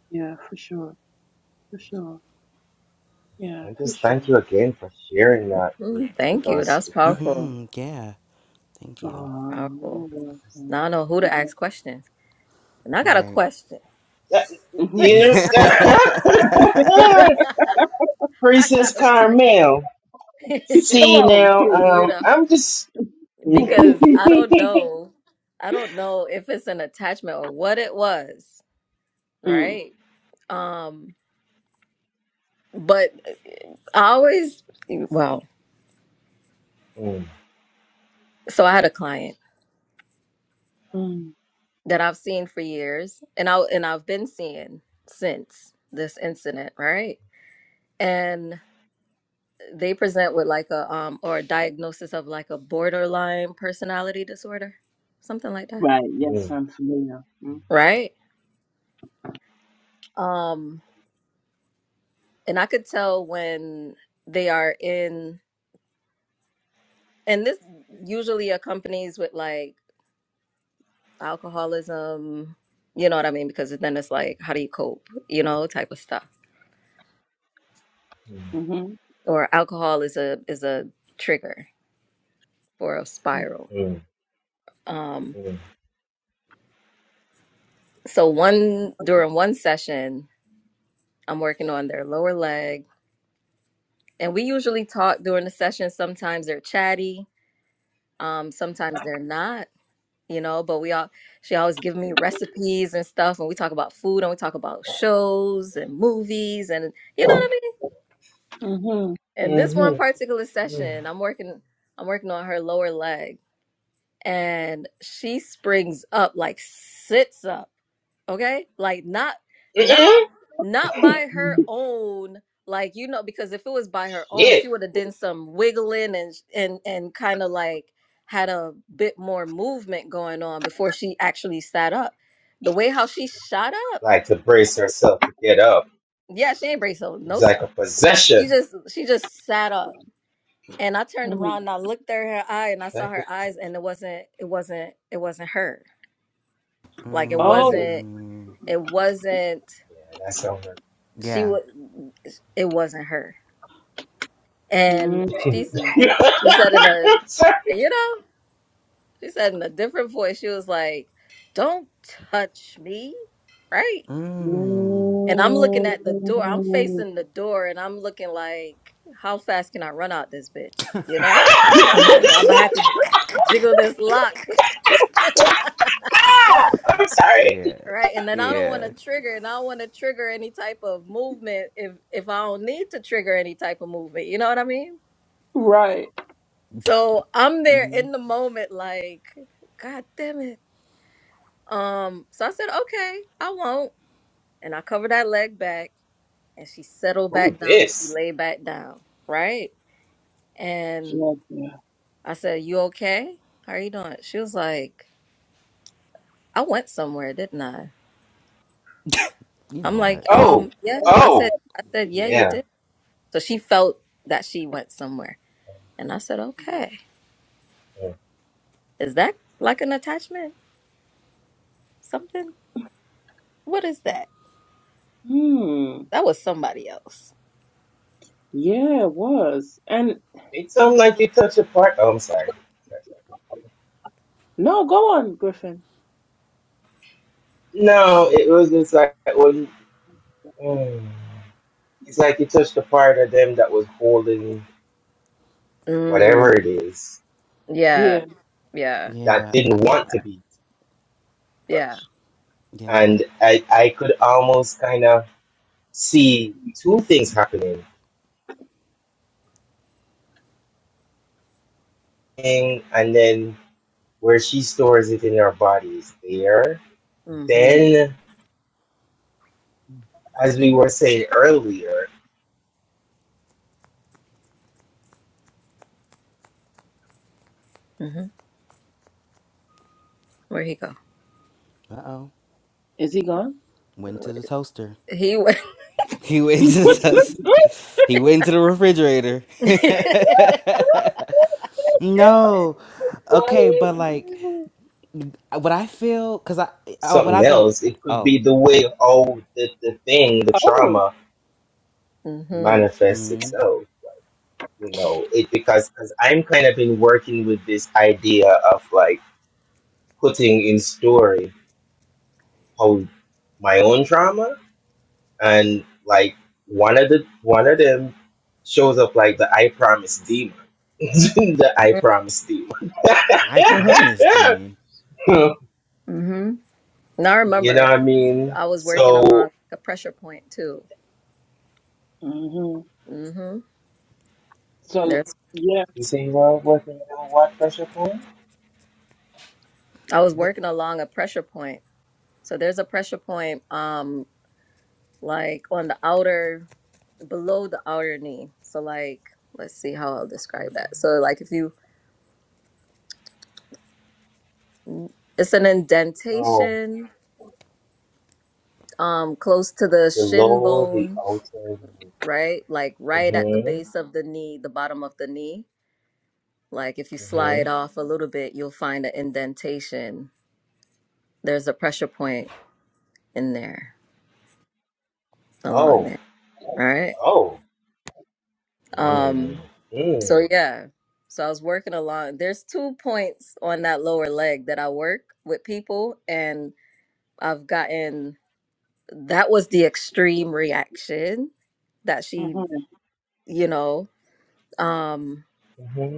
[SPEAKER 5] yeah, for sure, for sure, yeah,
[SPEAKER 2] and
[SPEAKER 5] for
[SPEAKER 2] just thank
[SPEAKER 5] sure.
[SPEAKER 2] you again for sharing that with,
[SPEAKER 4] Mm, Thank
[SPEAKER 2] with
[SPEAKER 4] you.
[SPEAKER 2] us
[SPEAKER 4] That's
[SPEAKER 2] because,
[SPEAKER 4] powerful.
[SPEAKER 3] Mm-hmm. Yeah. Thank you.
[SPEAKER 5] Oh,
[SPEAKER 4] Powerful.
[SPEAKER 5] you're
[SPEAKER 2] it's
[SPEAKER 4] Now
[SPEAKER 5] welcome.
[SPEAKER 4] I know who to ask questions. And I got a
[SPEAKER 3] Right.
[SPEAKER 4] question.
[SPEAKER 2] like-
[SPEAKER 5] hmm
[SPEAKER 4] I
[SPEAKER 2] you
[SPEAKER 3] Yeah.
[SPEAKER 2] Princess
[SPEAKER 4] got a question.
[SPEAKER 2] Carmel.
[SPEAKER 5] Come
[SPEAKER 2] See
[SPEAKER 5] on,
[SPEAKER 2] now,
[SPEAKER 5] kid.
[SPEAKER 4] you
[SPEAKER 2] um,
[SPEAKER 4] know,
[SPEAKER 2] I'm just.
[SPEAKER 4] because I don't know. I don't know if it's an attachment or what it was,
[SPEAKER 5] Mm.
[SPEAKER 4] right? Um, but I always well, so I had a client
[SPEAKER 5] Mm.
[SPEAKER 4] that I've seen for years and I and I've been seeing since this incident, right? they present with like a um or a diagnosis of like a borderline personality disorder, something like that,
[SPEAKER 5] Right. Yes,
[SPEAKER 2] Mm, mm,
[SPEAKER 5] I'm familiar. Mm.
[SPEAKER 4] right? Um, and I could tell when they are in, and this usually accompanies with like alcoholism. You know what I mean? Because then it's like, how do you cope? You know, type of stuff.
[SPEAKER 2] mm,
[SPEAKER 5] hmm
[SPEAKER 4] Or alcohol is a is a trigger for a spiral.
[SPEAKER 2] mm,
[SPEAKER 4] Um,
[SPEAKER 2] mm,
[SPEAKER 4] so one during one session, I'm working on their lower leg And we usually talk during the session. Sometimes they're chatty, um, sometimes they're not, you know, but we all she always give me recipes and stuff and we talk about food and we talk about shows and movies and you know what I mean? And this one
[SPEAKER 2] mm,
[SPEAKER 4] particular
[SPEAKER 2] mhm,
[SPEAKER 4] session, I'm working I'm working on her lower leg and she springs up like sits up okay like not not not by her
[SPEAKER 2] mm,
[SPEAKER 4] own like you know because if it was by her own
[SPEAKER 2] mm.
[SPEAKER 4] she would have done some wiggling and and and kind of like had a bit more movement going on before she actually sat up the way how she shot up
[SPEAKER 2] like to brace herself to get up.
[SPEAKER 4] yeah she ain't brace hold, no
[SPEAKER 2] It's like a
[SPEAKER 4] self she
[SPEAKER 2] possession.
[SPEAKER 4] just she just sat up and i turned around
[SPEAKER 5] Mm-hmm.
[SPEAKER 4] and i looked at her eye and i saw
[SPEAKER 2] Like
[SPEAKER 4] her
[SPEAKER 2] it-
[SPEAKER 4] eyes and it wasn't it wasn't it wasn't her like it
[SPEAKER 5] Oh.
[SPEAKER 4] wasn't
[SPEAKER 3] Mm,
[SPEAKER 4] it wasn't
[SPEAKER 2] yeah, that's on her.
[SPEAKER 4] she
[SPEAKER 3] yeah.
[SPEAKER 4] was it wasn't her And she s-
[SPEAKER 5] Mm-hmm.
[SPEAKER 4] she said in a
[SPEAKER 2] I'm sorry.
[SPEAKER 4] you know, she said in a different voice, she was like, Don't touch me, right?
[SPEAKER 3] Mm.
[SPEAKER 4] And I'm looking at the door, I'm
[SPEAKER 5] Mm.
[SPEAKER 4] facing the door and I'm looking like, How fast can I run out this bitch? You know?
[SPEAKER 3] okay.
[SPEAKER 4] And I'm gonna have to jiggle this lock.
[SPEAKER 2] Ah! I'm sorry.
[SPEAKER 3] Yeah.
[SPEAKER 4] Right. And then I don't want
[SPEAKER 3] Yeah.
[SPEAKER 4] to trigger and I don't want to trigger any type of movement if if I don't need to trigger any type of movement. You know what I mean?
[SPEAKER 5] right.
[SPEAKER 4] So I'm there in the moment like, God damn it Um, so I said, okay, I won't. And I covered that leg back and she settled
[SPEAKER 2] Ooh,
[SPEAKER 4] back down and she
[SPEAKER 2] this.
[SPEAKER 4] lay back down, right? And
[SPEAKER 5] Yeah.
[SPEAKER 4] I said, You okay? How are you doing? She was like, I went somewhere, didn't I?
[SPEAKER 3] you know
[SPEAKER 4] I'm
[SPEAKER 3] what?
[SPEAKER 4] like,
[SPEAKER 2] Oh,
[SPEAKER 4] um, yeah. I
[SPEAKER 2] oh,
[SPEAKER 4] said, I said, yeah, you
[SPEAKER 2] yeah.
[SPEAKER 4] did. So she felt that she went somewhere. And I said, okay.
[SPEAKER 2] yeah.
[SPEAKER 4] Is that like an attachment? Something? What is that?
[SPEAKER 5] Hmm.
[SPEAKER 4] That was somebody else.
[SPEAKER 5] Yeah, it was. And
[SPEAKER 2] It sounded like you touched a part. Oh, I'm sorry.
[SPEAKER 5] no, go on, Griffin.
[SPEAKER 2] No, it was just like when. mm, It's like you touched the part of them that was holding whatever
[SPEAKER 4] Mm,
[SPEAKER 2] it is
[SPEAKER 4] yeah.
[SPEAKER 5] Yeah.
[SPEAKER 4] Yeah.
[SPEAKER 2] that
[SPEAKER 3] Yeah. I,
[SPEAKER 2] didn't
[SPEAKER 4] Yeah.
[SPEAKER 2] want to be.
[SPEAKER 4] Yeah.
[SPEAKER 3] yeah.
[SPEAKER 2] And I, I could almost kind of see two things happening. And then where she stores it in our bodies there.
[SPEAKER 4] Mm-hmm.
[SPEAKER 2] Then, as we were saying earlier,
[SPEAKER 4] Where he go?
[SPEAKER 3] Uh oh.
[SPEAKER 5] Is he gone?
[SPEAKER 3] Went to the toaster.
[SPEAKER 4] He went.
[SPEAKER 3] He went to the toaster. He went to the refrigerator. no. Okay, but like,
[SPEAKER 4] mm-hmm.
[SPEAKER 3] what I feel, cause I, uh, what
[SPEAKER 2] something
[SPEAKER 3] I've been.
[SPEAKER 2] else, it could
[SPEAKER 3] Oh,
[SPEAKER 2] be the way oh the, the thing, the
[SPEAKER 5] Oh.
[SPEAKER 2] trauma
[SPEAKER 4] Mm-hmm.
[SPEAKER 2] manifests itself. You know, it because because I'm kind of been working with this idea of like putting in story how my own trauma and like one of the one of them shows up like the I promise demon. the I promise demon.
[SPEAKER 3] I
[SPEAKER 4] Mm-hmm.
[SPEAKER 3] promise, demon.
[SPEAKER 4] Mm-hmm. Now I
[SPEAKER 2] You
[SPEAKER 4] remember
[SPEAKER 2] know what
[SPEAKER 4] it.
[SPEAKER 2] I mean?
[SPEAKER 4] I was working along
[SPEAKER 2] So,
[SPEAKER 4] a pressure point too.
[SPEAKER 5] hmm
[SPEAKER 4] Mm-hmm.
[SPEAKER 5] So
[SPEAKER 4] There's
[SPEAKER 5] yeah.
[SPEAKER 2] you say you are working on what pressure point?
[SPEAKER 4] I was
[SPEAKER 3] What?
[SPEAKER 4] working along a pressure point. So there's a pressure point um like on the outer below the outer knee. So like let's see how I'll describe that. So like if you it's an
[SPEAKER 2] Oh,
[SPEAKER 4] indentation um close to the
[SPEAKER 2] the
[SPEAKER 4] shin
[SPEAKER 2] lower the
[SPEAKER 4] bone
[SPEAKER 2] altar.
[SPEAKER 4] right? Like
[SPEAKER 2] Mm
[SPEAKER 4] right at the
[SPEAKER 2] hmm.
[SPEAKER 4] base of the knee, the bottom of the knee. Like if you
[SPEAKER 2] Mm
[SPEAKER 4] slide
[SPEAKER 2] hmm.
[SPEAKER 4] off a little bit, you'll find an indentation. There's a pressure point in there along
[SPEAKER 2] Oh,
[SPEAKER 4] there, right?
[SPEAKER 2] oh. Mm
[SPEAKER 4] Um so
[SPEAKER 2] mm.
[SPEAKER 4] yeah. So I was working along. There's two points on that lower leg that I work with people and I've gotten that was the extreme reaction that she,
[SPEAKER 5] hmm
[SPEAKER 4] you know, um.
[SPEAKER 2] Mm hmm.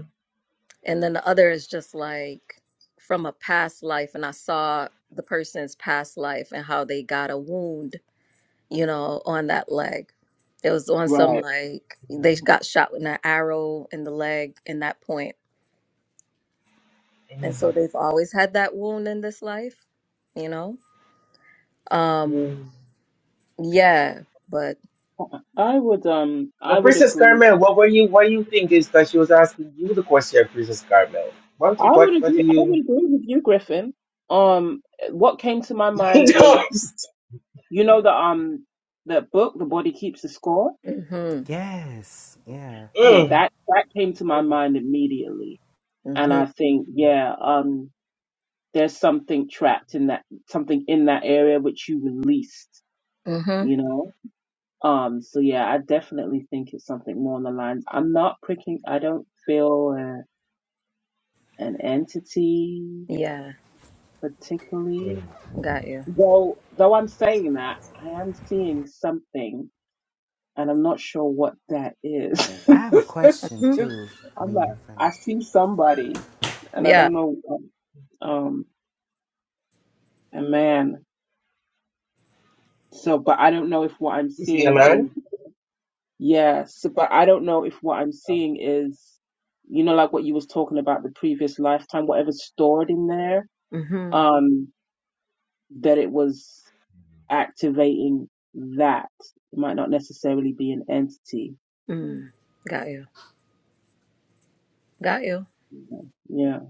[SPEAKER 4] And then the other is just like from a past life. And I saw the person's past life and how they got a wound, you know, on that leg. It was on some
[SPEAKER 5] Right.
[SPEAKER 4] like they got shot with an arrow in the leg in that point.
[SPEAKER 2] Mm
[SPEAKER 4] And so they've always had that wound in this life, you know? Um,
[SPEAKER 2] mm.
[SPEAKER 4] yeah, but
[SPEAKER 5] I would um I
[SPEAKER 2] But
[SPEAKER 5] would
[SPEAKER 2] Princess
[SPEAKER 5] agree.
[SPEAKER 2] Carmel, what were you? What do you think is that she was asking you the question, Princess Carmel? What? do-
[SPEAKER 5] I
[SPEAKER 2] What?
[SPEAKER 5] would
[SPEAKER 2] What do
[SPEAKER 5] agree I
[SPEAKER 2] you?
[SPEAKER 5] would agree with you, Griffin. Um what came to my mind was
[SPEAKER 2] Just-
[SPEAKER 5] You know the um the book, The Body Keeps the Score?
[SPEAKER 4] hmm
[SPEAKER 3] Yes. Yeah.
[SPEAKER 5] Yeah,
[SPEAKER 2] mm,
[SPEAKER 5] that that came to my
[SPEAKER 2] mm,
[SPEAKER 5] mind immediately. And
[SPEAKER 4] hmm
[SPEAKER 5] I think, yeah, um there's something trapped in that something in that area which you released,
[SPEAKER 4] hmm
[SPEAKER 5] you know? Um so yeah, I definitely think it's something more on the lines. I'm not pricking I don't feel uh, an entity
[SPEAKER 4] Yeah,
[SPEAKER 2] mm.
[SPEAKER 5] particularly.
[SPEAKER 4] got you.
[SPEAKER 5] Though though I'm saying that, I am seeing something and I'm not sure what that is.
[SPEAKER 3] I have a question
[SPEAKER 4] hmm
[SPEAKER 5] 'Cause
[SPEAKER 3] too
[SPEAKER 5] I'm
[SPEAKER 3] when
[SPEAKER 5] like,
[SPEAKER 3] you're
[SPEAKER 5] I
[SPEAKER 3] finished.
[SPEAKER 5] see somebody, and I
[SPEAKER 4] Yeah.
[SPEAKER 5] don't know, um, a man. So, but I don't know if what I'm
[SPEAKER 2] You see a
[SPEAKER 5] seeing is
[SPEAKER 2] man?
[SPEAKER 5] yes. But I don't know if what I'm
[SPEAKER 2] Oh,
[SPEAKER 5] seeing is, you know, like what you was talking about the previous lifetime, whatever's stored in there,
[SPEAKER 4] hmm
[SPEAKER 5] um, that it was activating that. It might not necessarily be an entity.
[SPEAKER 4] Mm. Got you. Got you.
[SPEAKER 5] Yeah,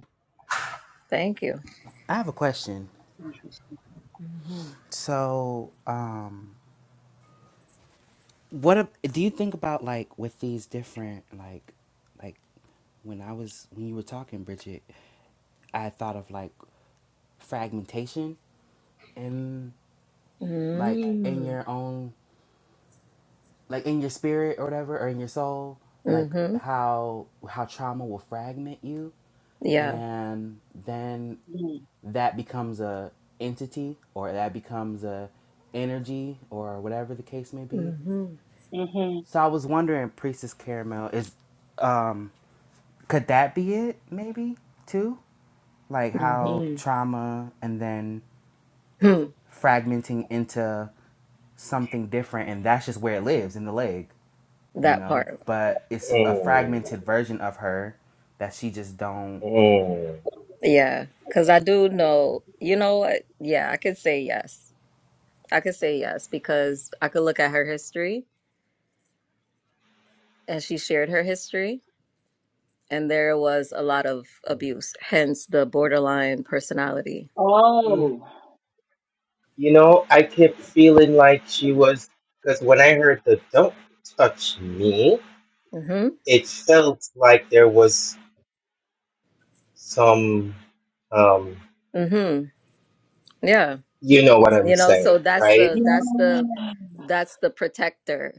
[SPEAKER 4] Thank you.
[SPEAKER 3] I have a question.
[SPEAKER 5] it's interesting.
[SPEAKER 4] Mhm.
[SPEAKER 3] So, um what ab- do you think about like with these different like like when I was when you were talking Bridget, I thought of like fragmentation and like in
[SPEAKER 4] Mm.
[SPEAKER 3] your own like in your spirit or whatever or in your soul like
[SPEAKER 4] Mm-hmm.
[SPEAKER 3] how how trauma will fragment you
[SPEAKER 4] Yeah.
[SPEAKER 3] and then that becomes a entity or that becomes a energy or whatever the case may be
[SPEAKER 4] Mm-hmm.
[SPEAKER 5] Mm-hmm.
[SPEAKER 3] so i was wondering priestess caramel is um could that be it maybe too like how
[SPEAKER 4] Mm-hmm.
[SPEAKER 3] trauma and then
[SPEAKER 4] Hmm.
[SPEAKER 3] fragmenting into something different and that's just where it lives in the leg you
[SPEAKER 4] That
[SPEAKER 3] know,
[SPEAKER 4] part.
[SPEAKER 3] but it's a
[SPEAKER 2] Mm,
[SPEAKER 3] fragmented version of her that she just don't.
[SPEAKER 2] mm,
[SPEAKER 4] Yeah. Because I do know, you know what? Yeah, I could say yes. I could say yes because I could look at her history and she shared her history and there was a lot of
[SPEAKER 2] mm.
[SPEAKER 4] abuse, hence the borderline personality.
[SPEAKER 2] mm.
[SPEAKER 5] Oh,
[SPEAKER 2] You know, I kept feeling like she was, because when I heard the don't touch me,
[SPEAKER 4] Mm-hmm.
[SPEAKER 2] it felt like there was some, um,
[SPEAKER 4] Mm-hmm. Yeah.
[SPEAKER 2] you know what I'm
[SPEAKER 4] You know, so
[SPEAKER 2] saying,
[SPEAKER 4] that's
[SPEAKER 2] right?
[SPEAKER 4] the,
[SPEAKER 5] yeah.
[SPEAKER 4] that's the, that's the protector,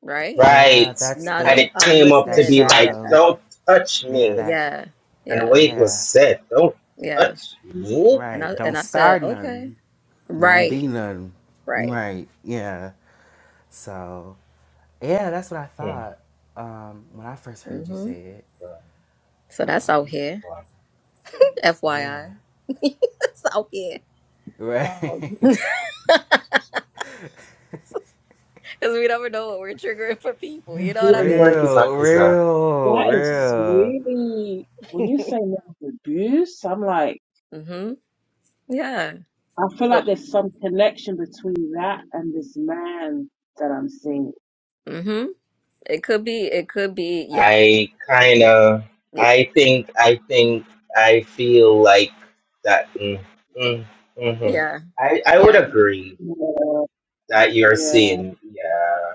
[SPEAKER 4] right?
[SPEAKER 3] Yeah,
[SPEAKER 2] Right.
[SPEAKER 3] that's
[SPEAKER 4] Now that
[SPEAKER 2] And
[SPEAKER 3] the
[SPEAKER 2] it
[SPEAKER 4] I'm
[SPEAKER 2] came up
[SPEAKER 3] that
[SPEAKER 2] to
[SPEAKER 4] listening,
[SPEAKER 2] be like,
[SPEAKER 4] yeah.
[SPEAKER 3] shadow.
[SPEAKER 2] don't touch
[SPEAKER 3] Yeah,
[SPEAKER 2] me.
[SPEAKER 3] that.
[SPEAKER 4] Yeah,
[SPEAKER 2] And the
[SPEAKER 4] yeah,
[SPEAKER 2] way it was
[SPEAKER 3] Yeah,
[SPEAKER 2] said, don't
[SPEAKER 4] yeah.
[SPEAKER 2] touch me.
[SPEAKER 4] And
[SPEAKER 3] right.
[SPEAKER 4] I and
[SPEAKER 3] Don't
[SPEAKER 4] I said,
[SPEAKER 3] start
[SPEAKER 4] okay,
[SPEAKER 3] nothing. Won't
[SPEAKER 4] right,
[SPEAKER 3] be nothing.
[SPEAKER 4] right.
[SPEAKER 3] Right. Yeah. So, yeah, that's what I
[SPEAKER 2] Hmm.
[SPEAKER 3] thought um, when I first heard you
[SPEAKER 4] hmm
[SPEAKER 3] say it.
[SPEAKER 2] Um,
[SPEAKER 4] So that's out
[SPEAKER 3] Um,
[SPEAKER 4] here,
[SPEAKER 2] wow.
[SPEAKER 3] yeah.
[SPEAKER 4] FYI. That's out here.
[SPEAKER 3] Right.
[SPEAKER 4] Um, because we never know what we're triggering for people.
[SPEAKER 2] Man,
[SPEAKER 4] You know what I
[SPEAKER 2] healing work is a,
[SPEAKER 3] real.
[SPEAKER 2] is a,
[SPEAKER 3] Real.
[SPEAKER 5] That is
[SPEAKER 3] Real.
[SPEAKER 5] really, when
[SPEAKER 4] mean?
[SPEAKER 5] you say love abuse, I'm like,
[SPEAKER 4] hmm Yeah.
[SPEAKER 5] I feel
[SPEAKER 4] So,
[SPEAKER 5] like there's some connection between that and this man that I'm seeing.
[SPEAKER 4] hmm It could be. It could be. Yeah.
[SPEAKER 2] I kind
[SPEAKER 4] Yeah.
[SPEAKER 2] of,
[SPEAKER 4] Yeah.
[SPEAKER 2] I think, I think, I feel like that. Mm, mm, hmm
[SPEAKER 4] Yeah.
[SPEAKER 2] I, I would
[SPEAKER 4] Yeah.
[SPEAKER 2] agree
[SPEAKER 5] Yeah,
[SPEAKER 2] that you're
[SPEAKER 5] yeah.
[SPEAKER 2] seeing, yeah,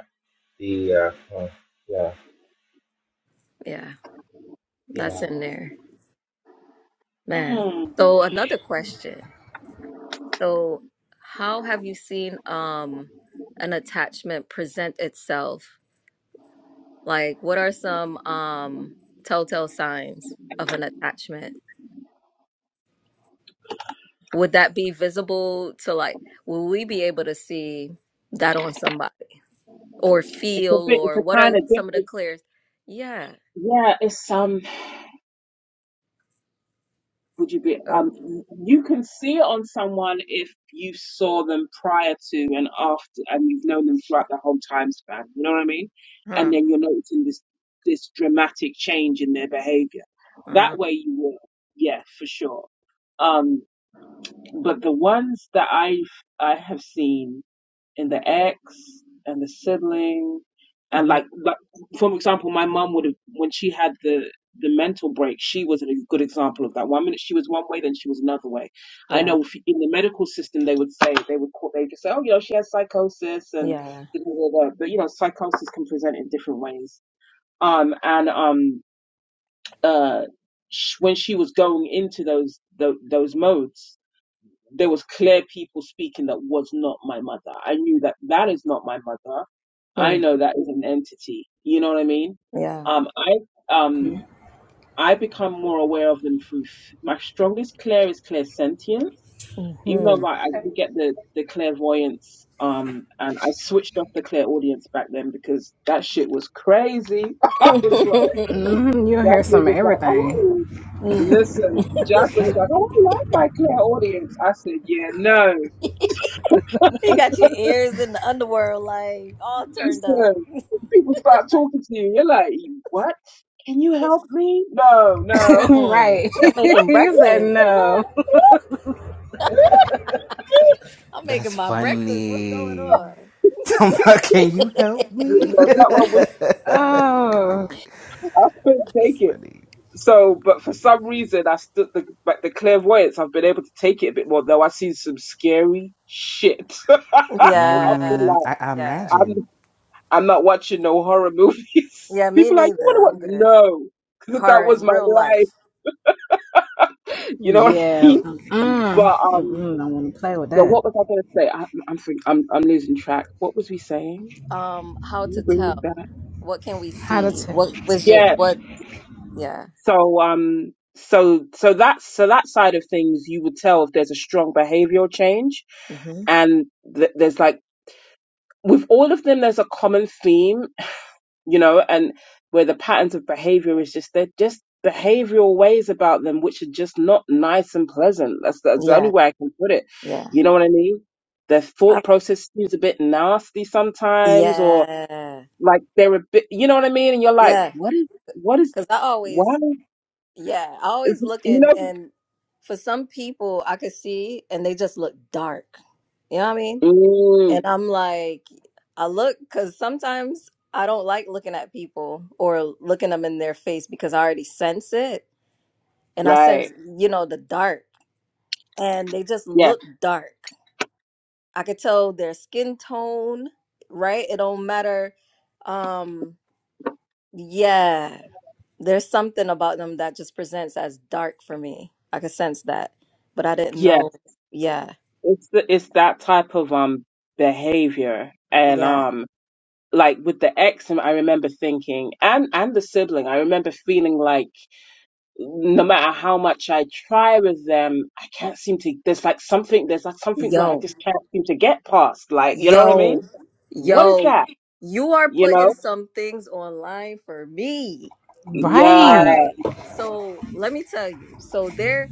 [SPEAKER 2] the, uh, mm, yeah,
[SPEAKER 4] Yeah. That's
[SPEAKER 2] yeah.
[SPEAKER 4] in there, man.
[SPEAKER 5] Mm.
[SPEAKER 4] So another question. So, how have you seen um an attachment present itself? Like, what are some um telltale signs of an attachment? Would that be visible to like, will we be able to see that on somebody or
[SPEAKER 5] It's a
[SPEAKER 4] feel
[SPEAKER 5] bit, it's
[SPEAKER 4] or
[SPEAKER 5] a
[SPEAKER 4] what are
[SPEAKER 5] kind of
[SPEAKER 4] some of the
[SPEAKER 5] difference.
[SPEAKER 4] clears? Yeah.
[SPEAKER 5] Yeah, it's um. Would you be?
[SPEAKER 4] Oh,
[SPEAKER 5] Um, you can see it on someone if you saw them prior to and after, and you've known them throughout the whole time span. You know what I mean? And
[SPEAKER 4] huh.
[SPEAKER 5] then you're noticing this this dramatic change in their behavior.
[SPEAKER 4] Uh,
[SPEAKER 5] That way, you will, yeah, for sure. Um, but the ones that I've I have seen in the ex and the sibling and
[SPEAKER 4] hmm
[SPEAKER 5] like, like for example my mum would have when she had the the mental break she was a good example of that one minute she was one way then she was another way i
[SPEAKER 4] Yeah.
[SPEAKER 5] know if, in the medical system they would say they would call they just say oh you know she has psychosis and
[SPEAKER 4] Yeah.
[SPEAKER 5] da, da, da, da. but you know psychosis can present in different ways um and um uh sh- when she was going into those tho- those modes there was clear people speaking that was not my mother. I knew that that is not my mother. I
[SPEAKER 4] Mm,
[SPEAKER 5] know that is an entity. You know what I mean?
[SPEAKER 4] yeah.
[SPEAKER 5] Um, I um I become more aware of them through f- my strongest clair is clairsentience. Even
[SPEAKER 4] mm-hmm.
[SPEAKER 5] though I, I did get the the clairvoyance, um, and I switched off the clairaudience back then because that shit was crazy. I was like,
[SPEAKER 1] hmm You'll hear
[SPEAKER 5] Jasmine
[SPEAKER 1] some of
[SPEAKER 5] was like,
[SPEAKER 1] everything.
[SPEAKER 5] oh,
[SPEAKER 4] hmm
[SPEAKER 5] listen, Jasmine was like, oh, I like my clairaudience. I said, yeah, no.
[SPEAKER 4] mm. You got your ears in the underworld, like all turned up.
[SPEAKER 5] Listen, if people start talking to you, you're like, what? Can you help me? No, no.
[SPEAKER 4] Mm-mm.
[SPEAKER 1] right.
[SPEAKER 4] I'm making
[SPEAKER 1] you said
[SPEAKER 4] breakfast. What the
[SPEAKER 1] no.
[SPEAKER 4] fuck? I'm making
[SPEAKER 3] That's
[SPEAKER 4] my breakfast. What's going
[SPEAKER 3] funny.
[SPEAKER 4] on?
[SPEAKER 3] Can you help
[SPEAKER 5] Yeah,
[SPEAKER 3] me?
[SPEAKER 5] no, that one was
[SPEAKER 1] Oh.
[SPEAKER 5] I couldn't
[SPEAKER 3] That's
[SPEAKER 5] take it.
[SPEAKER 3] funny.
[SPEAKER 5] So, but for some reason, I stood the like the clairvoyance. I've been able to take it a bit more, though. I've seen some scary shit. Where I've been
[SPEAKER 4] yeah,
[SPEAKER 3] Mm,
[SPEAKER 5] like,
[SPEAKER 3] I, I
[SPEAKER 4] yeah,
[SPEAKER 3] imagine.
[SPEAKER 5] I'm I'm not watching no horror movies.
[SPEAKER 4] yeah. Me
[SPEAKER 5] People are like, you want
[SPEAKER 4] neither. I'm
[SPEAKER 5] to watch?
[SPEAKER 4] good.
[SPEAKER 5] No, because
[SPEAKER 4] Horror
[SPEAKER 5] that was
[SPEAKER 4] in
[SPEAKER 5] my
[SPEAKER 4] real life.
[SPEAKER 5] life. You know what I
[SPEAKER 1] Yeah.
[SPEAKER 5] mean?
[SPEAKER 1] Mm.
[SPEAKER 5] But um.
[SPEAKER 1] Mm-mm, don't want to play with
[SPEAKER 5] But
[SPEAKER 1] that.
[SPEAKER 5] what was I going to say? I, I'm, free- I'm I'm losing track. What was we saying?
[SPEAKER 4] Um, how
[SPEAKER 5] Can
[SPEAKER 4] to
[SPEAKER 5] you bring me
[SPEAKER 4] tell?
[SPEAKER 5] back?
[SPEAKER 4] What can we
[SPEAKER 1] How to
[SPEAKER 4] see?
[SPEAKER 1] tell.
[SPEAKER 4] What was it?
[SPEAKER 5] Yeah.
[SPEAKER 4] What? Yeah.
[SPEAKER 5] So um so so that's so that side of things you would tell if there's a strong behavioral change
[SPEAKER 4] hmm
[SPEAKER 5] and th- there's like with all of them there's a common theme you know and where the patterns of behavior is just they're just behavioral ways about them which are just not nice and pleasant that's that's the only
[SPEAKER 4] Yeah.
[SPEAKER 5] way i can put it
[SPEAKER 4] Yeah.
[SPEAKER 5] you know what i mean their
[SPEAKER 4] I-
[SPEAKER 5] thought process seems a bit nasty sometimes or
[SPEAKER 4] yeah.
[SPEAKER 5] like there were bi- you know what I mean and you're like
[SPEAKER 4] Yeah.
[SPEAKER 5] what is what is
[SPEAKER 4] Because I
[SPEAKER 5] why
[SPEAKER 4] always Yeah, I always look
[SPEAKER 5] you
[SPEAKER 4] and
[SPEAKER 5] know
[SPEAKER 4] and for some people I could see and they just look dark. You know what I mean?
[SPEAKER 5] mm,
[SPEAKER 4] And I'm like, I look because sometimes I don't like looking at people or looking them in their face because I already sense it and I sense,
[SPEAKER 5] right
[SPEAKER 4] you know, the dark and they just
[SPEAKER 5] yeah
[SPEAKER 4] look dark. I could tell their skin tone, right? It don't matter. Um, yeah. There's something about them that just presents as dark for me. I could sense that, but I didn't
[SPEAKER 5] yeah
[SPEAKER 4] know. Yeah,
[SPEAKER 5] it's the, it's that type of um behavior and
[SPEAKER 4] yeah.
[SPEAKER 5] um like with the ex I remember thinking and and the sibling I remember feeling like no matter how much I try with them I can't seem to there's like something there's like something where I
[SPEAKER 4] Yo,
[SPEAKER 5] just can't seem to get past like you know what I mean
[SPEAKER 4] yo,
[SPEAKER 5] what is
[SPEAKER 4] yo.
[SPEAKER 5] that
[SPEAKER 4] You are
[SPEAKER 5] you
[SPEAKER 4] putting
[SPEAKER 5] know
[SPEAKER 4] some things online for me. All
[SPEAKER 5] yeah
[SPEAKER 1] Right.
[SPEAKER 4] right. So let me tell you. So there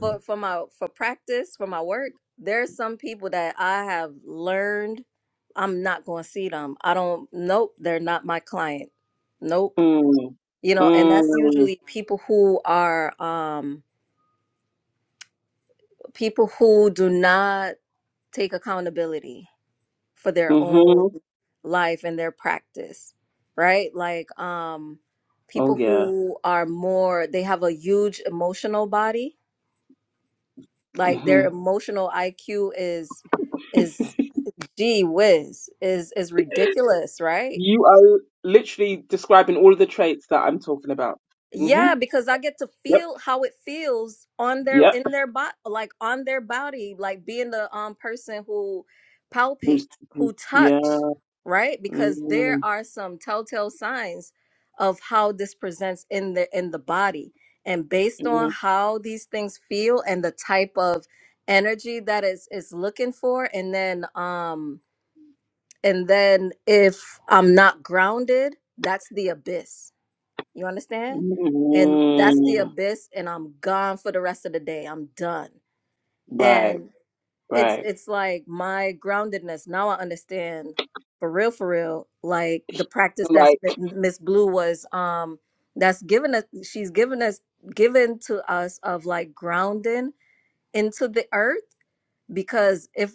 [SPEAKER 4] for for my for practice for my work, there's some people that I have learned I'm not going to see them. I don't. Nope, they're not my client. Nope
[SPEAKER 5] mm,
[SPEAKER 4] you know and that's
[SPEAKER 5] mm.
[SPEAKER 4] usually people who are um people who do not take accountability for their own
[SPEAKER 5] hmm
[SPEAKER 4] life and their practice right like um
[SPEAKER 5] Oh
[SPEAKER 4] people
[SPEAKER 5] yeah.
[SPEAKER 4] who are more they have a huge emotional body like
[SPEAKER 5] hmm
[SPEAKER 4] their emotional IQ is is gee whiz is is ridiculous right
[SPEAKER 5] You are literally describing all of the traits that I'm talking about. hmm
[SPEAKER 4] Yeah, because I get to
[SPEAKER 5] Yep.
[SPEAKER 4] feel how it feels on their
[SPEAKER 5] Yep.
[SPEAKER 4] in their body, like on their body, like being the um person who
[SPEAKER 5] Who's-
[SPEAKER 4] palpates, who
[SPEAKER 5] who- Yeah.
[SPEAKER 4] touch, right? Because there
[SPEAKER 5] mm
[SPEAKER 4] are some telltale signs of how this presents in the in the body. And based on
[SPEAKER 5] mm
[SPEAKER 4] how these things feel and the type of energy that is is looking for, and then um and then if I'm not grounded, that's the abyss you understand? And that's the
[SPEAKER 5] mm.
[SPEAKER 4] abyss and I'm gone for the rest of the day. I'm done.
[SPEAKER 5] Right.
[SPEAKER 4] And it's
[SPEAKER 5] Right.
[SPEAKER 4] it's like my groundedness. Now I understand for real for real like the practice that's
[SPEAKER 5] Like
[SPEAKER 4] Miss Blue was um that's given us she's given us given to us of like grounding into the earth because if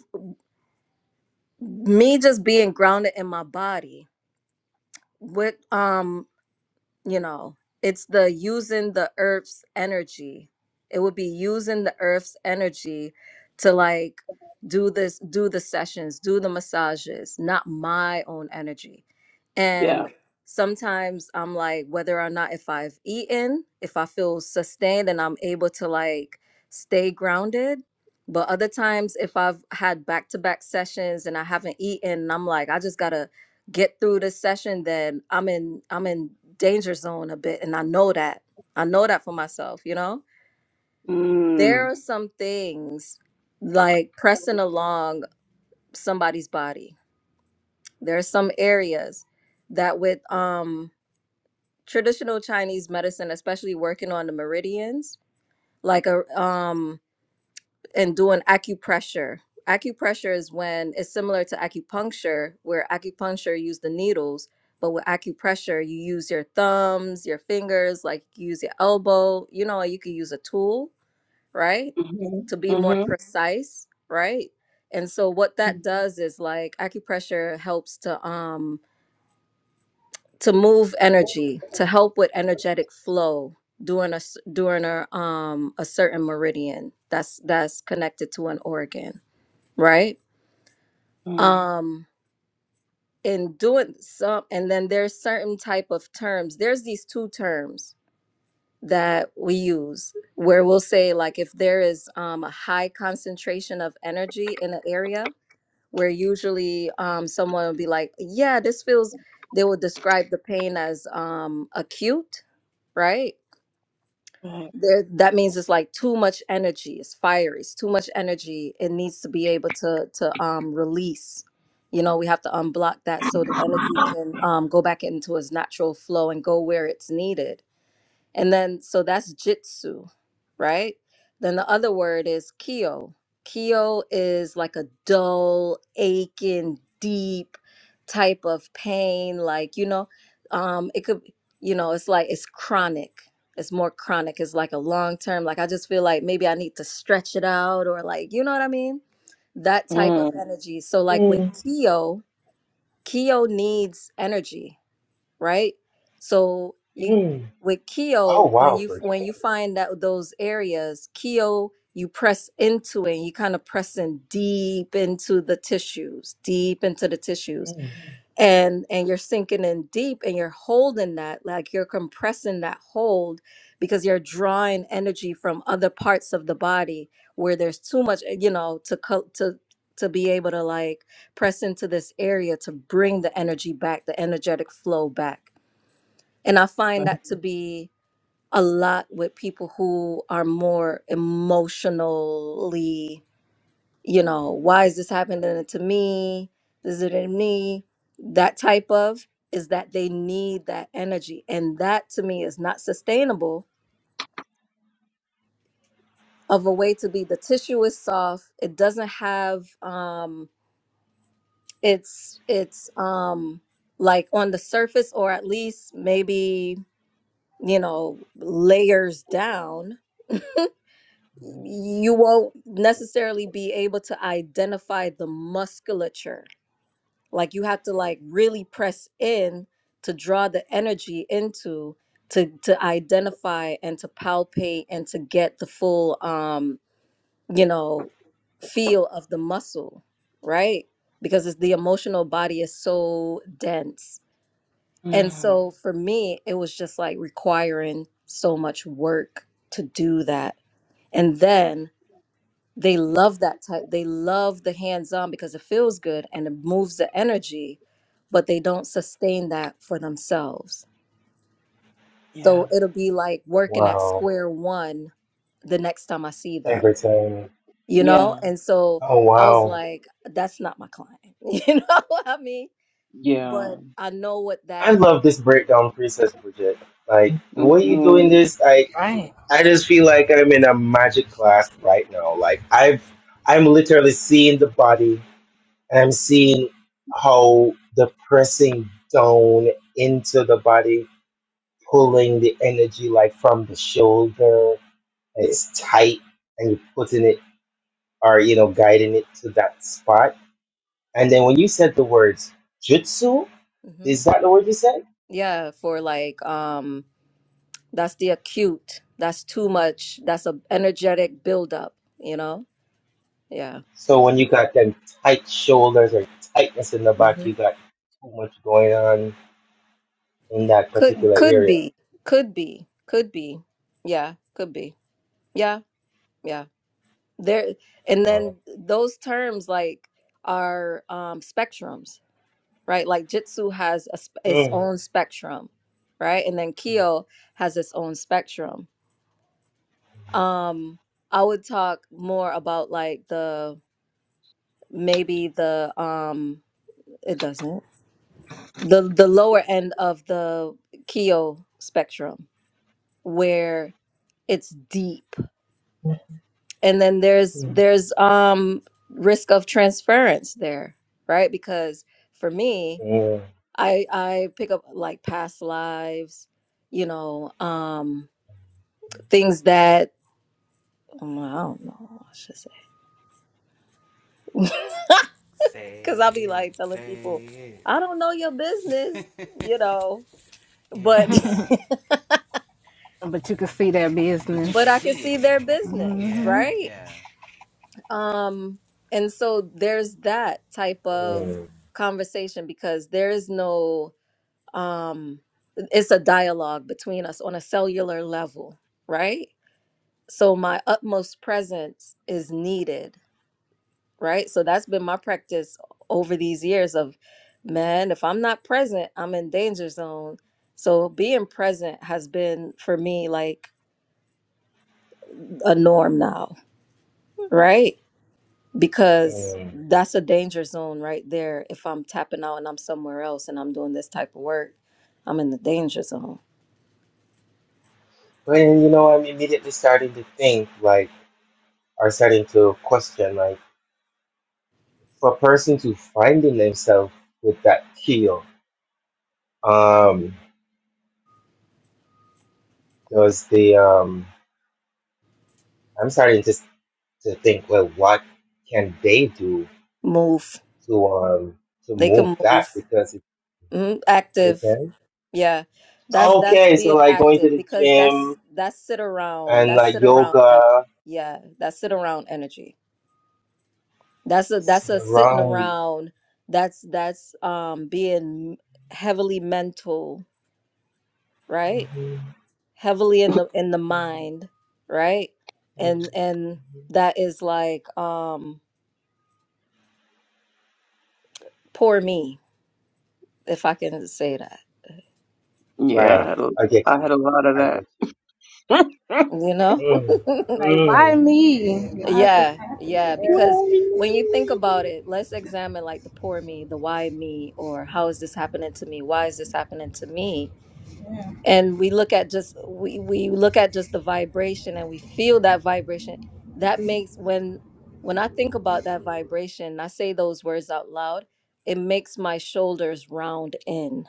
[SPEAKER 4] me just being grounded in my body what um you know it's the using the earth's energy it would be using the earth's energy to like do this do the sessions do the massages not my own energy and
[SPEAKER 5] yeah.
[SPEAKER 4] sometimes i'm like whether or not if i've eaten if i feel sustained and i'm able to like stay grounded but other times if i've had back-to-back sessions and i haven't eaten and i'm like i just gotta get through this session then i'm in i'm in danger zone a bit and i know that i know that for myself you know there
[SPEAKER 5] Mm.
[SPEAKER 4] are some things like pressing along somebody's body there are some areas that with um traditional chinese medicine especially working on the meridians like a um and doing acupressure. Acupressure is when it's similar to acupuncture, where acupuncture use the needles, but with acupressure you use your thumbs, your fingers, like you use your elbow. You know, you could use a tool, right,
[SPEAKER 5] hmm
[SPEAKER 4] to be more Mhm.
[SPEAKER 5] hmm
[SPEAKER 4] precise, right? And so what that does is like acupressure helps to um to move energy, to help with energetic flow during a s- during a um a certain meridian that's that's connected to an organ right
[SPEAKER 5] mm
[SPEAKER 4] um and doing some and then there's certain type of terms there's these two terms that we use where we'll say like if there is um, a high concentration of energy in an area where usually um, someone will be like yeah this feels they will describe the pain as um, acute right
[SPEAKER 5] Right.
[SPEAKER 4] there that means it's like too much energy it's fiery it's too much energy it needs to be able to to um release you know we have to unblock that so the energy can um go back into its natural flow and go where it's needed and then, so that's jitsu, right? Then the other word is kyo. Kyo is like a dull, aching, deep type of pain. Like, you know, um, it could, you know, it's like it's chronic. It's more chronic. It's like a long term. Like, I just feel like maybe I need to stretch it out or like, you know what I mean? That type of
[SPEAKER 5] Mm.
[SPEAKER 4] energy. So, like with
[SPEAKER 2] Mm,
[SPEAKER 4] kyo, kyo needs energy right? So you
[SPEAKER 2] mm.
[SPEAKER 4] with
[SPEAKER 2] Oh,
[SPEAKER 4] Keo, when
[SPEAKER 2] wow,
[SPEAKER 4] you
[SPEAKER 2] Bridget.
[SPEAKER 4] when you find that those areas, Keo, you press into it, you kind of pressing deep into the tissues, deep into the tissues.
[SPEAKER 2] Mm,
[SPEAKER 4] And and you're sinking in deep and you're holding that, like you're compressing that hold because you're drawing energy from other parts of the body where there's too much, eh, you know, to co- to to be able to like press into this area to
[SPEAKER 2] wow.
[SPEAKER 4] bring the energy back, the energetic flow back and I find
[SPEAKER 5] Right.
[SPEAKER 4] that to be a lot with people who are more emotionally, you know, why is this happening to me? Is it in me? That type of is that they need that energy. And that to me is not sustainable of a way to be. The tissue is soft. It doesn't have um it's it's um like on the surface or at least maybe, you know, layers down you won't necessarily be able to identify the musculature. Like you have to like really press in to draw the energy into to to identify and to palpate and to get the full um, you know, feel of the muscle, right? Because it's the emotional body is so dense. And
[SPEAKER 5] Mm.
[SPEAKER 4] so for me, it was just like requiring so much work to do that. And then they love that type they love the hands-on because it feels good and it moves the energy but they don't sustain that for themselves
[SPEAKER 5] Yeah.
[SPEAKER 4] so it'll be like working at
[SPEAKER 2] Wow.
[SPEAKER 4] square one the next time i see them
[SPEAKER 2] Everything.
[SPEAKER 4] you
[SPEAKER 5] Yeah.
[SPEAKER 4] know and so
[SPEAKER 2] Oh,
[SPEAKER 4] i was
[SPEAKER 2] wow.
[SPEAKER 4] like that's not my client you know what i mean
[SPEAKER 5] Yeah.
[SPEAKER 4] but i know what
[SPEAKER 2] I
[SPEAKER 4] that
[SPEAKER 2] love this breakdown, Princess Bridget. Like, the way you're doing
[SPEAKER 5] hmm
[SPEAKER 2] this, I.
[SPEAKER 1] Right.
[SPEAKER 2] I just feel like I'm in a magic class right now. Like I've I'm literally seeing the body and I'm seeing how the pressing down into the body, pulling the energy like from the shoulder and it's tight and you're putting it or you know, guiding it to that spot. And then when you said the words jutsu,
[SPEAKER 4] Mm-hmm.
[SPEAKER 2] is that the word you said?
[SPEAKER 4] Yeah, for like um that's the acute. That's too much. That's a energetic buildup, you know? Yeah.
[SPEAKER 2] So when you got them tight shoulders or tightness in the back, you
[SPEAKER 4] hmm
[SPEAKER 2] got too much going on in that
[SPEAKER 4] Could
[SPEAKER 2] particular
[SPEAKER 4] could
[SPEAKER 2] area.
[SPEAKER 4] be. Could be. Could be. Yeah, could be. Yeah. yeah. there and
[SPEAKER 2] Uh,
[SPEAKER 4] then those terms like are um spectrums right like jitsu has a, sp- its
[SPEAKER 2] mm,
[SPEAKER 4] own spectrum right and then kyo has its own spectrum um i would talk more about like the maybe the um it doesn't the the lower end of the kyo spectrum where it's deep and then there's
[SPEAKER 2] mm,
[SPEAKER 4] there's um risk of transference there right because for me
[SPEAKER 2] mm,
[SPEAKER 4] i i pick up like past lives you know um things that um, i don't know what i should say because
[SPEAKER 3] Say
[SPEAKER 4] i'll be like
[SPEAKER 3] it,
[SPEAKER 4] telling people
[SPEAKER 3] say it.
[SPEAKER 4] i don't know your business you know
[SPEAKER 3] Yeah,
[SPEAKER 4] but
[SPEAKER 1] But you can see that
[SPEAKER 3] but
[SPEAKER 1] business.
[SPEAKER 3] you
[SPEAKER 4] but
[SPEAKER 3] can
[SPEAKER 4] i can
[SPEAKER 3] see
[SPEAKER 4] see
[SPEAKER 3] it.
[SPEAKER 4] their business
[SPEAKER 3] Yeah,
[SPEAKER 4] right
[SPEAKER 3] yeah.
[SPEAKER 4] um and so there's that type of
[SPEAKER 2] mm,
[SPEAKER 4] conversation because there is no um it's a dialogue between us on a cellular level right so my utmost presence is needed right so that's been my practice over these years of man if i'm not present i'm in danger zone so being present has been for me like a norm now right because
[SPEAKER 2] mm.
[SPEAKER 4] that's a danger zone right there if i'm tapping out and i'm somewhere else and i'm doing this type of work i'm in the danger zone
[SPEAKER 2] And you know, I'm immediately starting to think like, or starting to question like, for a person to finding themselves with that keel, um, does the um, I'm starting to to think, well, what can they do
[SPEAKER 4] move
[SPEAKER 2] to um to
[SPEAKER 4] they
[SPEAKER 2] move
[SPEAKER 4] can
[SPEAKER 2] that
[SPEAKER 4] move
[SPEAKER 2] because if
[SPEAKER 4] Mhm,
[SPEAKER 2] they
[SPEAKER 4] Active.
[SPEAKER 2] can.
[SPEAKER 4] Yeah. That's that's
[SPEAKER 2] Okay, so
[SPEAKER 4] being
[SPEAKER 2] like going to
[SPEAKER 4] active
[SPEAKER 2] the
[SPEAKER 4] because
[SPEAKER 2] gym
[SPEAKER 4] that's that's sit around.
[SPEAKER 2] and
[SPEAKER 4] That's
[SPEAKER 2] like
[SPEAKER 4] sit around and
[SPEAKER 2] yoga,
[SPEAKER 4] yeah, that's sit around energy. That's a that's
[SPEAKER 2] sit
[SPEAKER 4] a sitting
[SPEAKER 2] around.
[SPEAKER 4] around. That's that's um being heavily mental, right? Heavily in the in the mind, right?
[SPEAKER 2] Mm.
[SPEAKER 4] And and that is like um poor me, if I can say that.
[SPEAKER 5] Yeah. I
[SPEAKER 2] Right.
[SPEAKER 5] had a,
[SPEAKER 2] I get
[SPEAKER 5] I
[SPEAKER 2] you.
[SPEAKER 5] had a lot of
[SPEAKER 2] I get
[SPEAKER 5] that.
[SPEAKER 2] you.
[SPEAKER 4] You know?
[SPEAKER 2] Mm.
[SPEAKER 1] Like, why
[SPEAKER 2] Mm.
[SPEAKER 1] me?
[SPEAKER 2] Mm.
[SPEAKER 1] Why is this
[SPEAKER 4] Yeah, yeah,
[SPEAKER 1] happening? Yeah.
[SPEAKER 4] because when you think about it, let's examine like the poor me, the why me, or how is this happening to me? Why is this happening to me? And we look at just we we look at just the vibration and we feel that vibration. That makes when when I think about that vibration, and I say those words out loud, it makes my shoulders round in.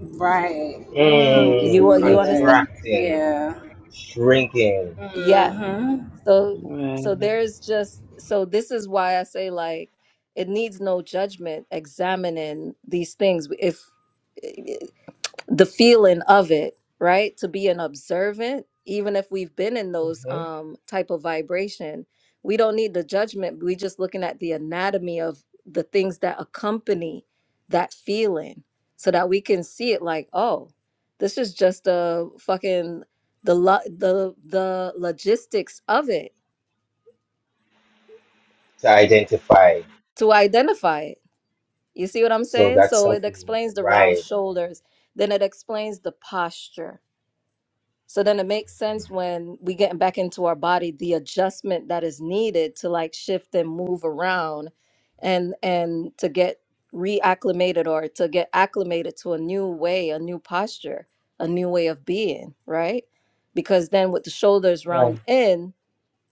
[SPEAKER 1] Right. Mm, you can
[SPEAKER 2] Mm.
[SPEAKER 4] You
[SPEAKER 1] feel
[SPEAKER 4] you
[SPEAKER 1] that.
[SPEAKER 4] understand?
[SPEAKER 2] Contracting,
[SPEAKER 1] Yeah.
[SPEAKER 2] shrinking
[SPEAKER 4] Yeah.
[SPEAKER 1] Mm-hmm.
[SPEAKER 4] So so
[SPEAKER 5] Yeah.
[SPEAKER 4] there's just so this is why I say like it needs no judgment examining these things if the feeling of it, right? To be an observant even if we've been in those
[SPEAKER 2] hmm
[SPEAKER 4] um type of vibration, we don't need the judgment. We just looking at the anatomy of the things that accompany that feeling so that we can see it like, oh, this is just a fucking the lo- the the logistics of it
[SPEAKER 2] to identify.
[SPEAKER 4] to identify it. You see what I'm
[SPEAKER 2] So
[SPEAKER 4] saying?
[SPEAKER 2] that's
[SPEAKER 4] So it
[SPEAKER 2] something
[SPEAKER 4] explains the round
[SPEAKER 2] right.
[SPEAKER 4] shoulders, then it explains the posture. So then it makes sense when we get back into our body the adjustment that is needed to like shift and move around and and to get reacclimated or to get acclimated to a new way, a new posture, a new way of being, right? Because then with the shoulders round
[SPEAKER 2] Right.
[SPEAKER 4] in,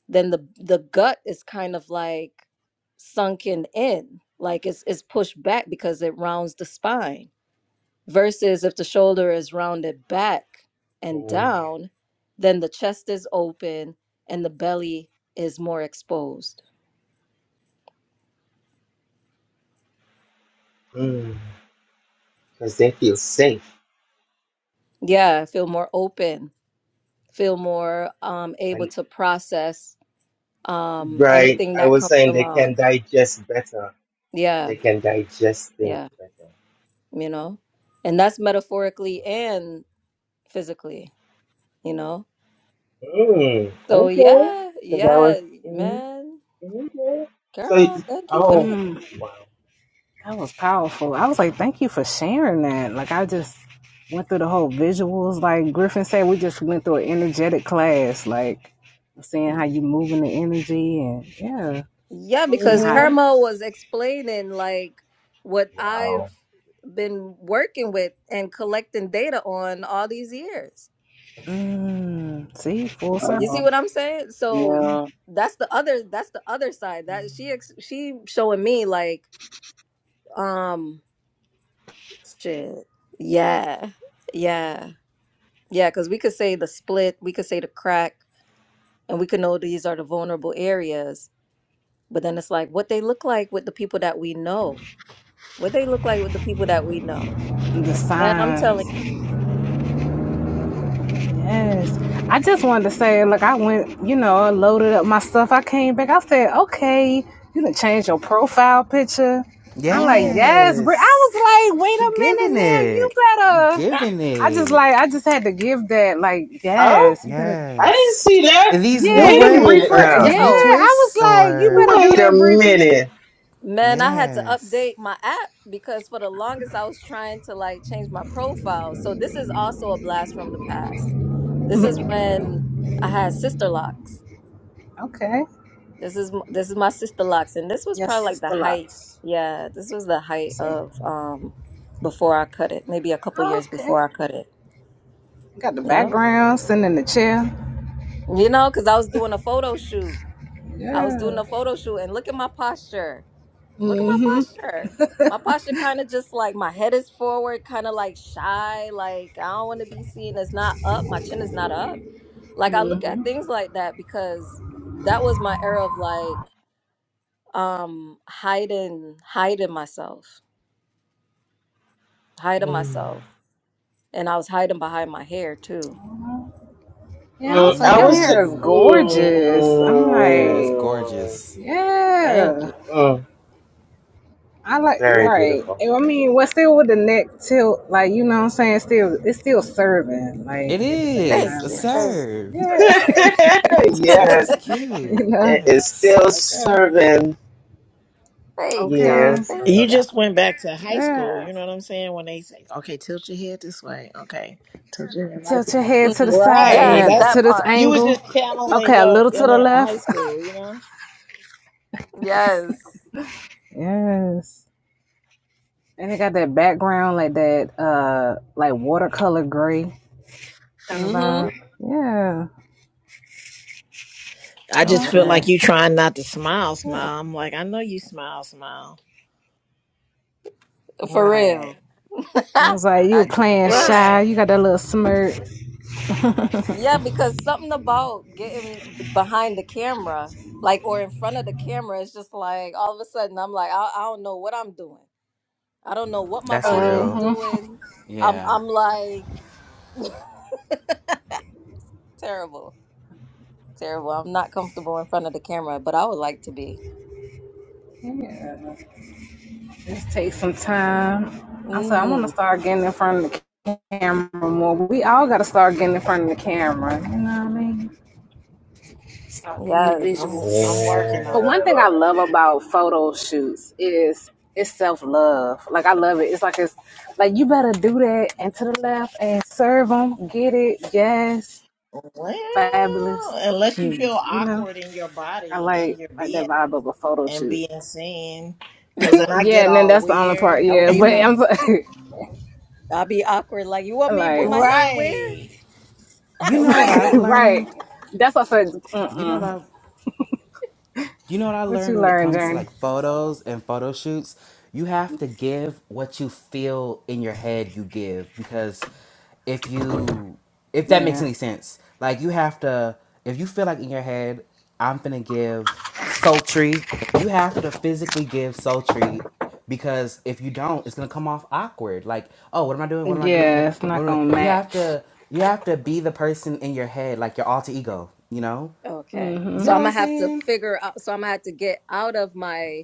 [SPEAKER 4] then the the gut is kind of like sunken in like it's it's pushed back because it rounds the spine versus if the shoulder is rounded back and
[SPEAKER 2] Mm.
[SPEAKER 4] down then the chest is open and the belly is more exposed
[SPEAKER 2] Mm. Because they feel safe.
[SPEAKER 4] yeah I feel more open feel more um able
[SPEAKER 2] And
[SPEAKER 4] to process um
[SPEAKER 2] right,
[SPEAKER 4] anything
[SPEAKER 2] I
[SPEAKER 4] that
[SPEAKER 2] was
[SPEAKER 4] comes
[SPEAKER 2] saying they can
[SPEAKER 4] along
[SPEAKER 2] digest better.
[SPEAKER 4] yeah
[SPEAKER 2] They can digest things
[SPEAKER 4] yeah
[SPEAKER 2] better.
[SPEAKER 4] you know and that's metaphorically and physically you know
[SPEAKER 2] Mm.
[SPEAKER 4] So
[SPEAKER 2] Okay.
[SPEAKER 4] yeah,
[SPEAKER 2] Because I was
[SPEAKER 4] yeah,
[SPEAKER 2] Mm.
[SPEAKER 4] man.
[SPEAKER 2] hmm So,
[SPEAKER 4] Caramel,
[SPEAKER 2] it's-
[SPEAKER 4] thank you for
[SPEAKER 2] oh,
[SPEAKER 4] this.
[SPEAKER 1] Mm.
[SPEAKER 2] wow.
[SPEAKER 1] That was powerful. I was like, thank you for sharing that. Like, I just went through the whole visuals. Like Griffin said, we just went through an energetic class. Like, seeing how you moving the energy and yeah,
[SPEAKER 4] Yeah,
[SPEAKER 1] and
[SPEAKER 4] because
[SPEAKER 1] how.
[SPEAKER 2] hmm
[SPEAKER 4] Caramel was explaining like what
[SPEAKER 2] Wow.
[SPEAKER 4] I've been working with and collecting data on all these years.
[SPEAKER 1] Mm, see, full
[SPEAKER 4] You see
[SPEAKER 1] circle.
[SPEAKER 4] what I'm saying? So that's the other that's the other side. That she ex- she showing me like um shit. Yeah. Yeah. Yeah, cuz we could say the split, we could say the crack, and we could know these are the vulnerable areas But then it's like what they look like with the people that we know. What they look like with the people that we know.
[SPEAKER 1] And the
[SPEAKER 4] Man, I'm
[SPEAKER 1] signs.
[SPEAKER 4] telling you.
[SPEAKER 1] Yes. I just wanted to say, like, I went, you know, I loaded up my stuff. I came back. I said, okay, you can change your profile picture. I'm like,
[SPEAKER 4] Yeah.
[SPEAKER 1] yes. Bri-" I
[SPEAKER 3] Yes,
[SPEAKER 1] was like, wait
[SPEAKER 3] She's
[SPEAKER 1] a
[SPEAKER 3] giving
[SPEAKER 1] minute now. You
[SPEAKER 3] it,
[SPEAKER 1] better.
[SPEAKER 3] giving
[SPEAKER 1] I just
[SPEAKER 3] it.
[SPEAKER 1] like, I just had to give that, like,
[SPEAKER 2] Oh,
[SPEAKER 1] yes, you better.
[SPEAKER 2] I didn't
[SPEAKER 3] Yes.
[SPEAKER 2] see that.
[SPEAKER 3] Are these new
[SPEAKER 1] Yeah,
[SPEAKER 2] Wait
[SPEAKER 1] hit
[SPEAKER 2] a
[SPEAKER 1] the
[SPEAKER 3] braids
[SPEAKER 2] minute
[SPEAKER 3] or
[SPEAKER 1] refresh.
[SPEAKER 2] now.
[SPEAKER 1] Yeah,
[SPEAKER 3] these new
[SPEAKER 4] Yo,
[SPEAKER 1] I was
[SPEAKER 3] twists
[SPEAKER 1] like, you
[SPEAKER 3] or
[SPEAKER 1] better do
[SPEAKER 2] Wait a
[SPEAKER 1] that, Bridget.
[SPEAKER 2] minute.
[SPEAKER 4] man, I had to
[SPEAKER 3] yes.
[SPEAKER 4] update my app because for the longest I was trying to like change my profile. So this is also a blast from the past. This is
[SPEAKER 1] Mhm.
[SPEAKER 4] when I had sister locks.
[SPEAKER 1] Okay.
[SPEAKER 4] This is this is my sister locks and this was
[SPEAKER 1] Yes,
[SPEAKER 4] probably like the
[SPEAKER 1] sister
[SPEAKER 4] height.
[SPEAKER 1] Lots.
[SPEAKER 4] Yeah, this was the height
[SPEAKER 1] See.
[SPEAKER 4] of um before I cut it, maybe a couple years before
[SPEAKER 1] Okay.
[SPEAKER 4] I cut it.
[SPEAKER 1] Got the
[SPEAKER 4] Yep.
[SPEAKER 1] background, sitting in the chair.
[SPEAKER 4] You know, because I was doing a photo shoot. I was
[SPEAKER 1] Yeah.
[SPEAKER 4] doing a photo shoot, and look at my posture. Look at my posture. My posture kind of just like my head is forward, kind of like shy. Like I don't want to be seen as not up. My chin is not up. Like I look at things like that because that was my era of like um hiding, hiding myself, hiding
[SPEAKER 2] Mm.
[SPEAKER 4] myself, and I was hiding behind my hair too.
[SPEAKER 1] Yeah, I
[SPEAKER 2] Mm,
[SPEAKER 1] was like,
[SPEAKER 2] I
[SPEAKER 1] your
[SPEAKER 2] was just.
[SPEAKER 1] hair is
[SPEAKER 3] Mm.
[SPEAKER 1] gorgeous. I'm
[SPEAKER 3] Yeah, it's
[SPEAKER 1] like,
[SPEAKER 2] Mm,
[SPEAKER 3] gorgeous.
[SPEAKER 4] Thank
[SPEAKER 1] yeah.
[SPEAKER 4] you.
[SPEAKER 2] mm,
[SPEAKER 1] I like
[SPEAKER 2] very
[SPEAKER 1] right.
[SPEAKER 2] beautiful.
[SPEAKER 1] I mean, we're still with the neck tilt, like you know what I'm saying? Still it's still serving, like
[SPEAKER 3] It
[SPEAKER 1] at the same
[SPEAKER 4] Thank
[SPEAKER 3] is
[SPEAKER 1] time,
[SPEAKER 3] a
[SPEAKER 4] you.
[SPEAKER 1] like,
[SPEAKER 4] Thank
[SPEAKER 3] serve.
[SPEAKER 1] yeah.
[SPEAKER 4] you.
[SPEAKER 3] It's
[SPEAKER 2] yes,
[SPEAKER 1] you
[SPEAKER 3] cute.
[SPEAKER 1] know.
[SPEAKER 2] it is
[SPEAKER 3] Yes.
[SPEAKER 2] still
[SPEAKER 1] Okay.
[SPEAKER 2] serving.
[SPEAKER 4] Thank
[SPEAKER 1] Okay.
[SPEAKER 4] y'all.
[SPEAKER 2] Yes, I
[SPEAKER 4] Thank
[SPEAKER 2] love
[SPEAKER 6] You
[SPEAKER 4] y'all.
[SPEAKER 2] it.
[SPEAKER 6] just went back to high school.
[SPEAKER 1] Yeah.
[SPEAKER 6] You know what I'm saying? When they say, "Okay, tilt your head this way." Okay, tilt your head like
[SPEAKER 1] Tilt your
[SPEAKER 6] that.
[SPEAKER 1] head to the
[SPEAKER 4] Mm.
[SPEAKER 1] side,
[SPEAKER 6] Right.
[SPEAKER 4] Yes,
[SPEAKER 1] now
[SPEAKER 6] That's
[SPEAKER 4] that
[SPEAKER 1] to this
[SPEAKER 4] part.
[SPEAKER 6] you was
[SPEAKER 1] angle.
[SPEAKER 6] just channeling
[SPEAKER 1] Okay, a
[SPEAKER 6] your
[SPEAKER 1] little to the
[SPEAKER 6] inner high
[SPEAKER 1] left.
[SPEAKER 6] school. You know.
[SPEAKER 4] Yes.
[SPEAKER 1] yes. And it got that background like that uh like watercolor gray. kind of
[SPEAKER 4] Mm-hmm.
[SPEAKER 1] vibe. Yeah,
[SPEAKER 6] I
[SPEAKER 1] I
[SPEAKER 6] just
[SPEAKER 4] Over
[SPEAKER 1] love
[SPEAKER 6] feel like
[SPEAKER 1] that.
[SPEAKER 6] you
[SPEAKER 4] there.
[SPEAKER 6] trying not to smile. Smile. I'm like, I know you smile. Smile.
[SPEAKER 4] For
[SPEAKER 6] Right.
[SPEAKER 4] real.
[SPEAKER 1] It was like you
[SPEAKER 4] I
[SPEAKER 1] were
[SPEAKER 4] do.
[SPEAKER 1] playing shy.
[SPEAKER 6] Right.
[SPEAKER 1] You got that little smirk.
[SPEAKER 4] Yeah, because something about getting b- behind the camera, like or in front of the camera, it's just like all of a sudden I'm like, I, I don't know what I'm doing. I don't know what my
[SPEAKER 3] That's
[SPEAKER 4] body is
[SPEAKER 3] real.
[SPEAKER 1] hmm
[SPEAKER 4] doing. I'm
[SPEAKER 3] Yeah.
[SPEAKER 4] I'm like terrible. Terrible. I'm not comfortable in front of the camera, but I would like to be.
[SPEAKER 1] Yeah, just take some time. I said I want to
[SPEAKER 4] Mm-hmm.
[SPEAKER 1] start getting in front of the camera more. We all got to start getting in front of the camera. You know what I mean? Getting the
[SPEAKER 6] I'm
[SPEAKER 4] Yes.
[SPEAKER 1] visuals.
[SPEAKER 6] I'm working on.
[SPEAKER 1] But one
[SPEAKER 2] Yeah,
[SPEAKER 1] thing I
[SPEAKER 2] Lord.
[SPEAKER 1] love about photo shoots is it's self love. Like I love it. It's like it's like you better do that and to the left and serve them. Get it? Yes,
[SPEAKER 6] Well,
[SPEAKER 1] fabulous.
[SPEAKER 6] unless you
[SPEAKER 4] Hmm.
[SPEAKER 6] feel
[SPEAKER 1] You know.
[SPEAKER 6] awkward in your
[SPEAKER 1] I
[SPEAKER 6] body, in
[SPEAKER 1] like
[SPEAKER 6] your
[SPEAKER 1] like that
[SPEAKER 6] being,
[SPEAKER 1] vibe of a photo
[SPEAKER 6] and
[SPEAKER 1] shoot.
[SPEAKER 6] being seen, because then I
[SPEAKER 1] Yeah,
[SPEAKER 6] get
[SPEAKER 1] and then
[SPEAKER 6] all
[SPEAKER 1] that's the only part.
[SPEAKER 6] weird.
[SPEAKER 4] That would
[SPEAKER 1] Yeah,
[SPEAKER 3] Do
[SPEAKER 4] be
[SPEAKER 3] you
[SPEAKER 1] but
[SPEAKER 4] me.
[SPEAKER 3] know?
[SPEAKER 1] I'm so-
[SPEAKER 4] I'll be awkward. Like, you want
[SPEAKER 1] I'm
[SPEAKER 4] me to put
[SPEAKER 1] like,
[SPEAKER 4] my hand where?
[SPEAKER 6] Right.
[SPEAKER 3] Do you know what I've
[SPEAKER 1] right.
[SPEAKER 3] learned?
[SPEAKER 1] That's what I said.
[SPEAKER 3] Do you know
[SPEAKER 1] Mm-mm.
[SPEAKER 3] that? You know what I
[SPEAKER 1] What
[SPEAKER 3] learned
[SPEAKER 1] you
[SPEAKER 3] when it
[SPEAKER 1] learn,
[SPEAKER 3] comes to
[SPEAKER 1] Journey?
[SPEAKER 3] like photos and photo shoots? You have to give what you feel in your head you give because if you if that makes
[SPEAKER 1] Yeah,
[SPEAKER 3] any sense, like you have to if you feel like in your head I'm going to give sultry, you have to physically give sultry because if you don't, it's gonna come off awkward. Like, oh, what am I doing? What am I doing? What,
[SPEAKER 1] yeah. It's
[SPEAKER 3] what
[SPEAKER 1] not
[SPEAKER 3] am I?
[SPEAKER 1] gonna
[SPEAKER 3] You have
[SPEAKER 1] match.
[SPEAKER 3] to, you have to be the person in your head, like your alter ego. You know,
[SPEAKER 4] Okay.
[SPEAKER 3] you
[SPEAKER 4] So
[SPEAKER 1] hmm
[SPEAKER 3] know
[SPEAKER 4] I'm
[SPEAKER 3] what I'm
[SPEAKER 4] gonna have to
[SPEAKER 3] saying?
[SPEAKER 4] figure out. So I'm gonna have to get out of my.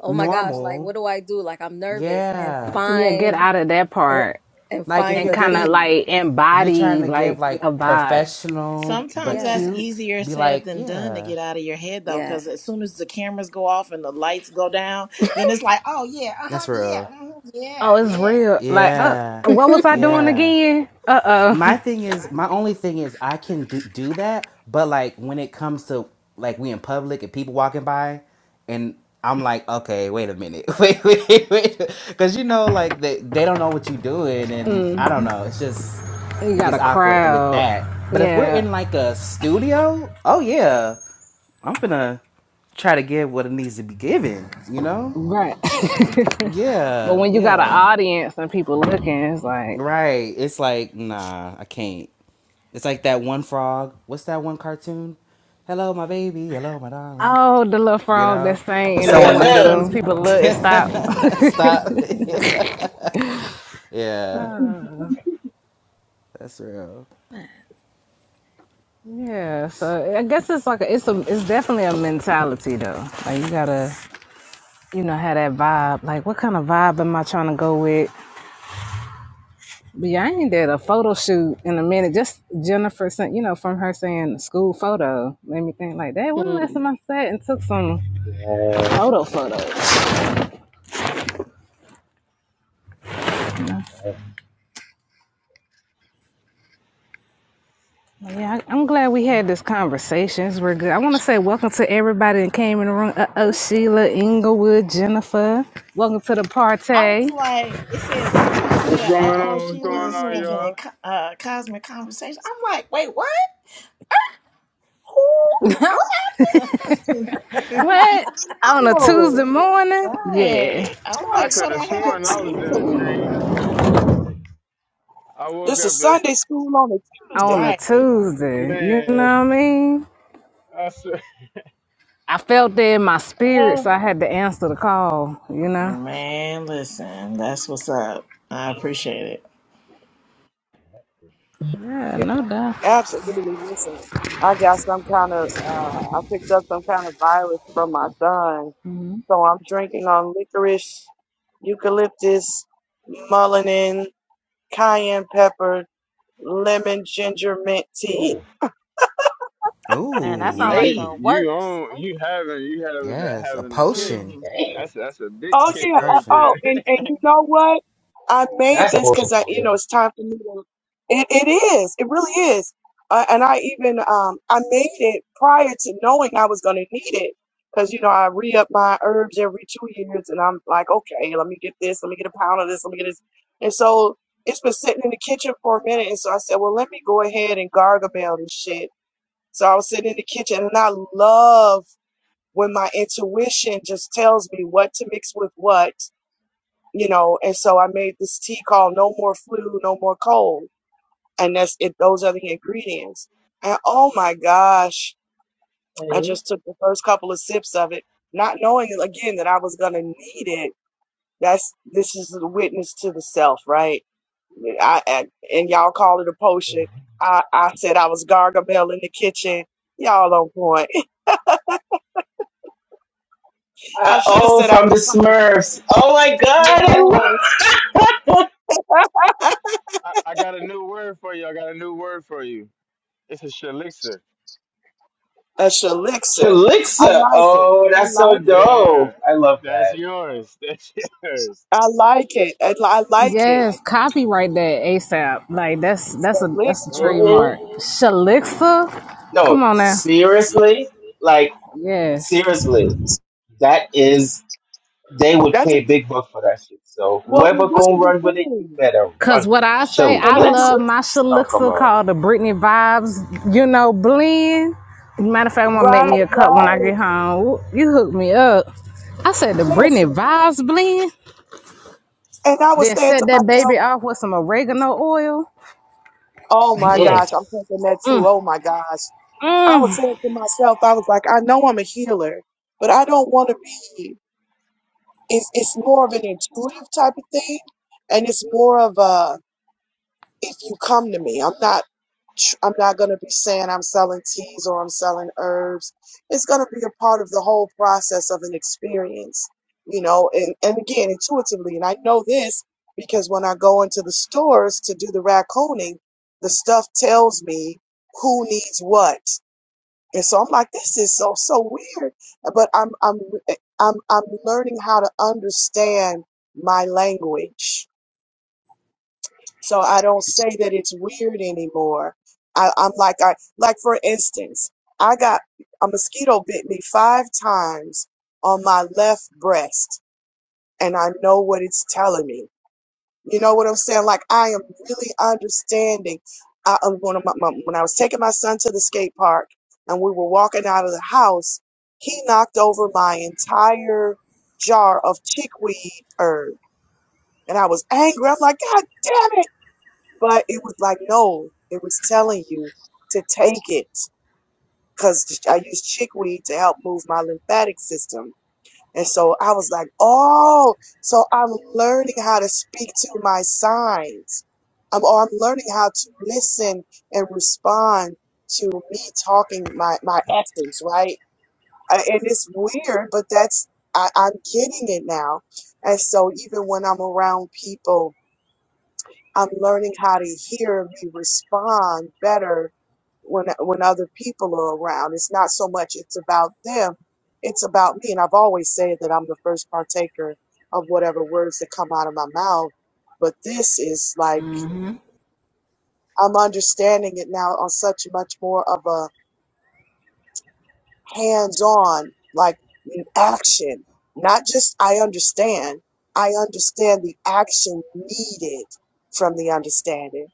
[SPEAKER 4] Oh my gosh! Like,
[SPEAKER 3] normal.
[SPEAKER 4] what do I do? Like, I'm nervous and
[SPEAKER 3] Yeah.
[SPEAKER 1] Yeah, get
[SPEAKER 4] find
[SPEAKER 1] out of that
[SPEAKER 4] it
[SPEAKER 1] part
[SPEAKER 4] and
[SPEAKER 3] Like if
[SPEAKER 4] find
[SPEAKER 3] you're
[SPEAKER 1] and
[SPEAKER 4] the
[SPEAKER 1] kind of
[SPEAKER 3] giving
[SPEAKER 4] theme.
[SPEAKER 1] like
[SPEAKER 3] if you're trying
[SPEAKER 1] embody
[SPEAKER 3] to give
[SPEAKER 1] like
[SPEAKER 3] like
[SPEAKER 1] a
[SPEAKER 4] Yeah,
[SPEAKER 1] vibe.
[SPEAKER 3] professional
[SPEAKER 6] Sometimes
[SPEAKER 3] but
[SPEAKER 6] that's
[SPEAKER 4] yeah,
[SPEAKER 3] cute,
[SPEAKER 6] easier
[SPEAKER 3] be
[SPEAKER 6] said
[SPEAKER 3] like,
[SPEAKER 6] than done to
[SPEAKER 3] yeah.
[SPEAKER 6] get out of your head though,
[SPEAKER 4] yeah.
[SPEAKER 6] because as soon as the cameras go off and the lights go down, then it's like, oh yeah, uh huh,
[SPEAKER 3] That's
[SPEAKER 6] yeah,
[SPEAKER 3] real.
[SPEAKER 6] mhm, yeah,
[SPEAKER 1] Oh, it's
[SPEAKER 6] yeah.
[SPEAKER 1] real. Like, uh,
[SPEAKER 3] Yeah.
[SPEAKER 1] what was I doing
[SPEAKER 3] Yeah.
[SPEAKER 1] again? Uh
[SPEAKER 3] My
[SPEAKER 1] oh,
[SPEAKER 3] thing is, my only thing is, I can do, do that, but like when it comes to like we in public and people walking by, and I'm like, okay, wait a minute, wait, wait, wait, because you know, like they they don't know what you're doing, and I don't know, it's just
[SPEAKER 1] you
[SPEAKER 3] it
[SPEAKER 1] got
[SPEAKER 3] gets
[SPEAKER 1] a
[SPEAKER 3] awkward with
[SPEAKER 1] crowd.
[SPEAKER 3] that. But if we're
[SPEAKER 1] Yeah.
[SPEAKER 3] in like a studio, oh yeah, I'm gonna try to give what it needs to be given, you know?
[SPEAKER 1] Right. but
[SPEAKER 3] Yeah,
[SPEAKER 1] when you got an
[SPEAKER 3] yeah.
[SPEAKER 1] audience and people looking, it's like,
[SPEAKER 3] Right. It's like, nah, I can't. It's like that one frog. What's that one cartoon? Hello, my baby. Hello, my darling.
[SPEAKER 1] oh, the little
[SPEAKER 3] You
[SPEAKER 1] frog that
[SPEAKER 3] know?
[SPEAKER 1] sang,
[SPEAKER 3] And
[SPEAKER 1] and then
[SPEAKER 3] someone
[SPEAKER 1] when
[SPEAKER 3] look
[SPEAKER 1] as
[SPEAKER 3] at
[SPEAKER 2] yeah.
[SPEAKER 1] soon as
[SPEAKER 3] them.
[SPEAKER 1] people look, it stops.
[SPEAKER 3] Stop. That's real.
[SPEAKER 1] yeah. So I guess it's like a, it's a it's definitely a mentality though. Like you gotta you know have that vibe. Like what kind of vibe am I trying to go with? But yeah, I ain't did a photo shoot in a minute. Just Jennifer sent, you know, from her saying school photo made me think like, that. When the last
[SPEAKER 4] Hmm.
[SPEAKER 1] time I sat and took some photo photos? You know?
[SPEAKER 2] Thanks,
[SPEAKER 1] Yeah, I- am glad we had this conversation. We're good. I want to say welcome to everybody that came in the room. Uh oh,
[SPEAKER 2] man.
[SPEAKER 1] Sheila, Inglewood, Jennifer. Welcome to the
[SPEAKER 6] I
[SPEAKER 1] party.
[SPEAKER 6] was like, it said some, it
[SPEAKER 7] What's
[SPEAKER 6] said,
[SPEAKER 7] going
[SPEAKER 6] uh
[SPEAKER 7] on?
[SPEAKER 6] oh,
[SPEAKER 7] What's
[SPEAKER 6] Sheila
[SPEAKER 7] going
[SPEAKER 6] is
[SPEAKER 7] on,
[SPEAKER 6] speaking in
[SPEAKER 7] y'all?
[SPEAKER 6] co- uh, cosmic conversation. I'm like, wait, what? Who?
[SPEAKER 4] Man,
[SPEAKER 6] What?
[SPEAKER 1] What? On a
[SPEAKER 8] Oh,
[SPEAKER 1] Tuesday morning? Yeah,
[SPEAKER 6] right. I'm
[SPEAKER 8] church
[SPEAKER 7] I
[SPEAKER 6] like,
[SPEAKER 7] could
[SPEAKER 6] what
[SPEAKER 7] have
[SPEAKER 6] that
[SPEAKER 8] on a
[SPEAKER 7] sworn I
[SPEAKER 6] happened?
[SPEAKER 7] was in a
[SPEAKER 8] Tuesday.
[SPEAKER 7] dream. I woke
[SPEAKER 8] This
[SPEAKER 7] up
[SPEAKER 8] is
[SPEAKER 7] and
[SPEAKER 8] Sunday school on a
[SPEAKER 1] on
[SPEAKER 8] Tuesday.
[SPEAKER 1] a
[SPEAKER 6] Right.
[SPEAKER 1] Tuesday. You know what
[SPEAKER 7] man,
[SPEAKER 1] I mean?
[SPEAKER 7] I said,
[SPEAKER 1] I felt that in my spirit,
[SPEAKER 7] oh,
[SPEAKER 1] so I had to answer the call, you know?
[SPEAKER 6] Man, listen, that's what's up. I appreciate
[SPEAKER 2] Mhm.
[SPEAKER 6] it.
[SPEAKER 1] Yeah,
[SPEAKER 2] Yeah.
[SPEAKER 1] no doubt.
[SPEAKER 8] Absolutely. Listen, I got some kind of, uh, I picked up some kind of virus from my son. So I'm drinking on licorice, eucalyptus, mullein, cayenne pepper, lemon, ginger, mint tea.
[SPEAKER 2] Ooh.
[SPEAKER 4] that sounds
[SPEAKER 3] Ooh.
[SPEAKER 4] like
[SPEAKER 7] you
[SPEAKER 2] Hey,
[SPEAKER 4] the
[SPEAKER 7] you
[SPEAKER 4] works.
[SPEAKER 7] on you having you having a,
[SPEAKER 3] Yes. A
[SPEAKER 7] having a kick.
[SPEAKER 3] potion.
[SPEAKER 4] Mm.
[SPEAKER 2] damn,
[SPEAKER 7] That's that's a big
[SPEAKER 8] Oh
[SPEAKER 3] That's a
[SPEAKER 7] kick
[SPEAKER 8] yeah. I,
[SPEAKER 7] right
[SPEAKER 3] potion.
[SPEAKER 8] oh,
[SPEAKER 7] there.
[SPEAKER 8] and and you know what? I made
[SPEAKER 2] that's a
[SPEAKER 8] this
[SPEAKER 2] potion
[SPEAKER 8] because
[SPEAKER 2] for
[SPEAKER 8] I, you know,
[SPEAKER 2] real.
[SPEAKER 8] it's time for me to. It it is. It really is. Uh, and I even um I made it prior to knowing I was gonna need it because you know I re up my herbs every two years, and I'm like, okay, let me get this, let me get a pound of this, let me get this, and so it's been sitting in the kitchen for a minute, and so I said, well, let me go ahead and gargle this shit. So I was sitting in the kitchen, and I love when my intuition just tells me what to mix with what you know, and so I made this tea called No More Flu, No More Cold. And that's it, those are the ingredients. And oh my gosh, I
[SPEAKER 2] Hey.
[SPEAKER 8] just took the first couple of sips of it, not knowing again that I was gonna need it. That's this is the witness to the self, right? I, I and y'all call it a potion. I, I said I was gargamel in the kitchen. Y'all on point. I
[SPEAKER 2] Uh,
[SPEAKER 8] should have
[SPEAKER 2] oh,
[SPEAKER 8] said I
[SPEAKER 2] from
[SPEAKER 8] was
[SPEAKER 2] the
[SPEAKER 8] promised.
[SPEAKER 2] Smurfs. Oh my god,
[SPEAKER 8] Yes.
[SPEAKER 2] I love
[SPEAKER 7] I, I got a new word for you. I got a new word for you. It's a shalixer.
[SPEAKER 8] A shalixer.
[SPEAKER 2] Shalixa. Oh, that's so dope.
[SPEAKER 7] Yeah,
[SPEAKER 2] I love
[SPEAKER 7] that's
[SPEAKER 2] that.
[SPEAKER 7] yours. That's yours.
[SPEAKER 8] I like it. I, I like it.
[SPEAKER 1] Yes, copyright that ASAP. Like that's that's a that's a
[SPEAKER 8] Shalixer.
[SPEAKER 2] hmm
[SPEAKER 1] trademark. Shalixa?
[SPEAKER 2] No,
[SPEAKER 1] Come on now.
[SPEAKER 2] seriously, like
[SPEAKER 1] Yes.
[SPEAKER 2] seriously, that is they would
[SPEAKER 8] That's a,
[SPEAKER 2] pay big bucks for that shit. So
[SPEAKER 8] well, well,
[SPEAKER 2] whoever
[SPEAKER 8] this
[SPEAKER 2] gonna
[SPEAKER 8] is the
[SPEAKER 2] run with it, you
[SPEAKER 8] thing.
[SPEAKER 2] better
[SPEAKER 1] Cause
[SPEAKER 2] run with
[SPEAKER 1] what
[SPEAKER 2] it.
[SPEAKER 1] I say, I
[SPEAKER 8] And, I- and
[SPEAKER 2] Shalixa.
[SPEAKER 1] love
[SPEAKER 8] I'm,
[SPEAKER 1] my
[SPEAKER 2] Oh come
[SPEAKER 1] shaluxa
[SPEAKER 2] on.
[SPEAKER 1] called the Britney Vibes, you know, blend. Matter of fact, I'm gonna make
[SPEAKER 8] right,
[SPEAKER 1] me a cup when I
[SPEAKER 8] right.
[SPEAKER 1] get home. You hook me up. I said the Britney
[SPEAKER 8] Listen.
[SPEAKER 1] Vibes blend.
[SPEAKER 8] And I was
[SPEAKER 1] Then
[SPEAKER 8] saying to
[SPEAKER 1] set that
[SPEAKER 8] myself,
[SPEAKER 1] baby off with some oregano oil.
[SPEAKER 8] oh my
[SPEAKER 2] Mm,
[SPEAKER 8] gosh, I'm
[SPEAKER 1] Yes.
[SPEAKER 8] thinking that too.
[SPEAKER 1] Mm,
[SPEAKER 8] Oh my gosh. I was
[SPEAKER 1] mm.
[SPEAKER 8] saying to myself, I was like, I know I'm a healer, but I don't want to be. It's, it's more of an intuitive type of thing. And it's more of a, if you come to me i'm not tr- i'm not going to be saying i'm selling teas or i'm selling herbs it's going to be a part of the whole process of an experience you know and, and again intuitively and i know this because when i go into the stores to do the raccooning the stuff tells me who needs what and so i'm like this is so so weird but i'm i'm eh, i'm, I'm learning how to understand my language so I don't say that it's weird anymore. I, I'm like I like for instance, I got a mosquito bit me five times on my left breast, and I know what it's telling me. You know what I'm saying? Like I am really understanding. I, uh, when, my, my, when I was taking my son to the skate park, and we were walking out of the house, he knocked over my entire jar of chickweed herb, and I was angry. I'm like, God damn it! But it was like, no, it was telling you to take it because I use chickweed to help move my lymphatic system. And so I was like, oh, so I'm learning how to speak to my signs. I'm, or I'm learning how to listen and respond to me talking my, my essence, right? Uh, And it's weird, but that's, I, I'm getting it now. And so even when I'm around people I'm learning how to hear and respond better when when other people are around. It's not so much it's about them, it's about me. And I've always said that I'm the first partaker of whatever words that come out of my mouth. But this is like I'm understanding it now on such much more of a hands-on, like in action. Not just I understand. I understand the action needed from the understanding.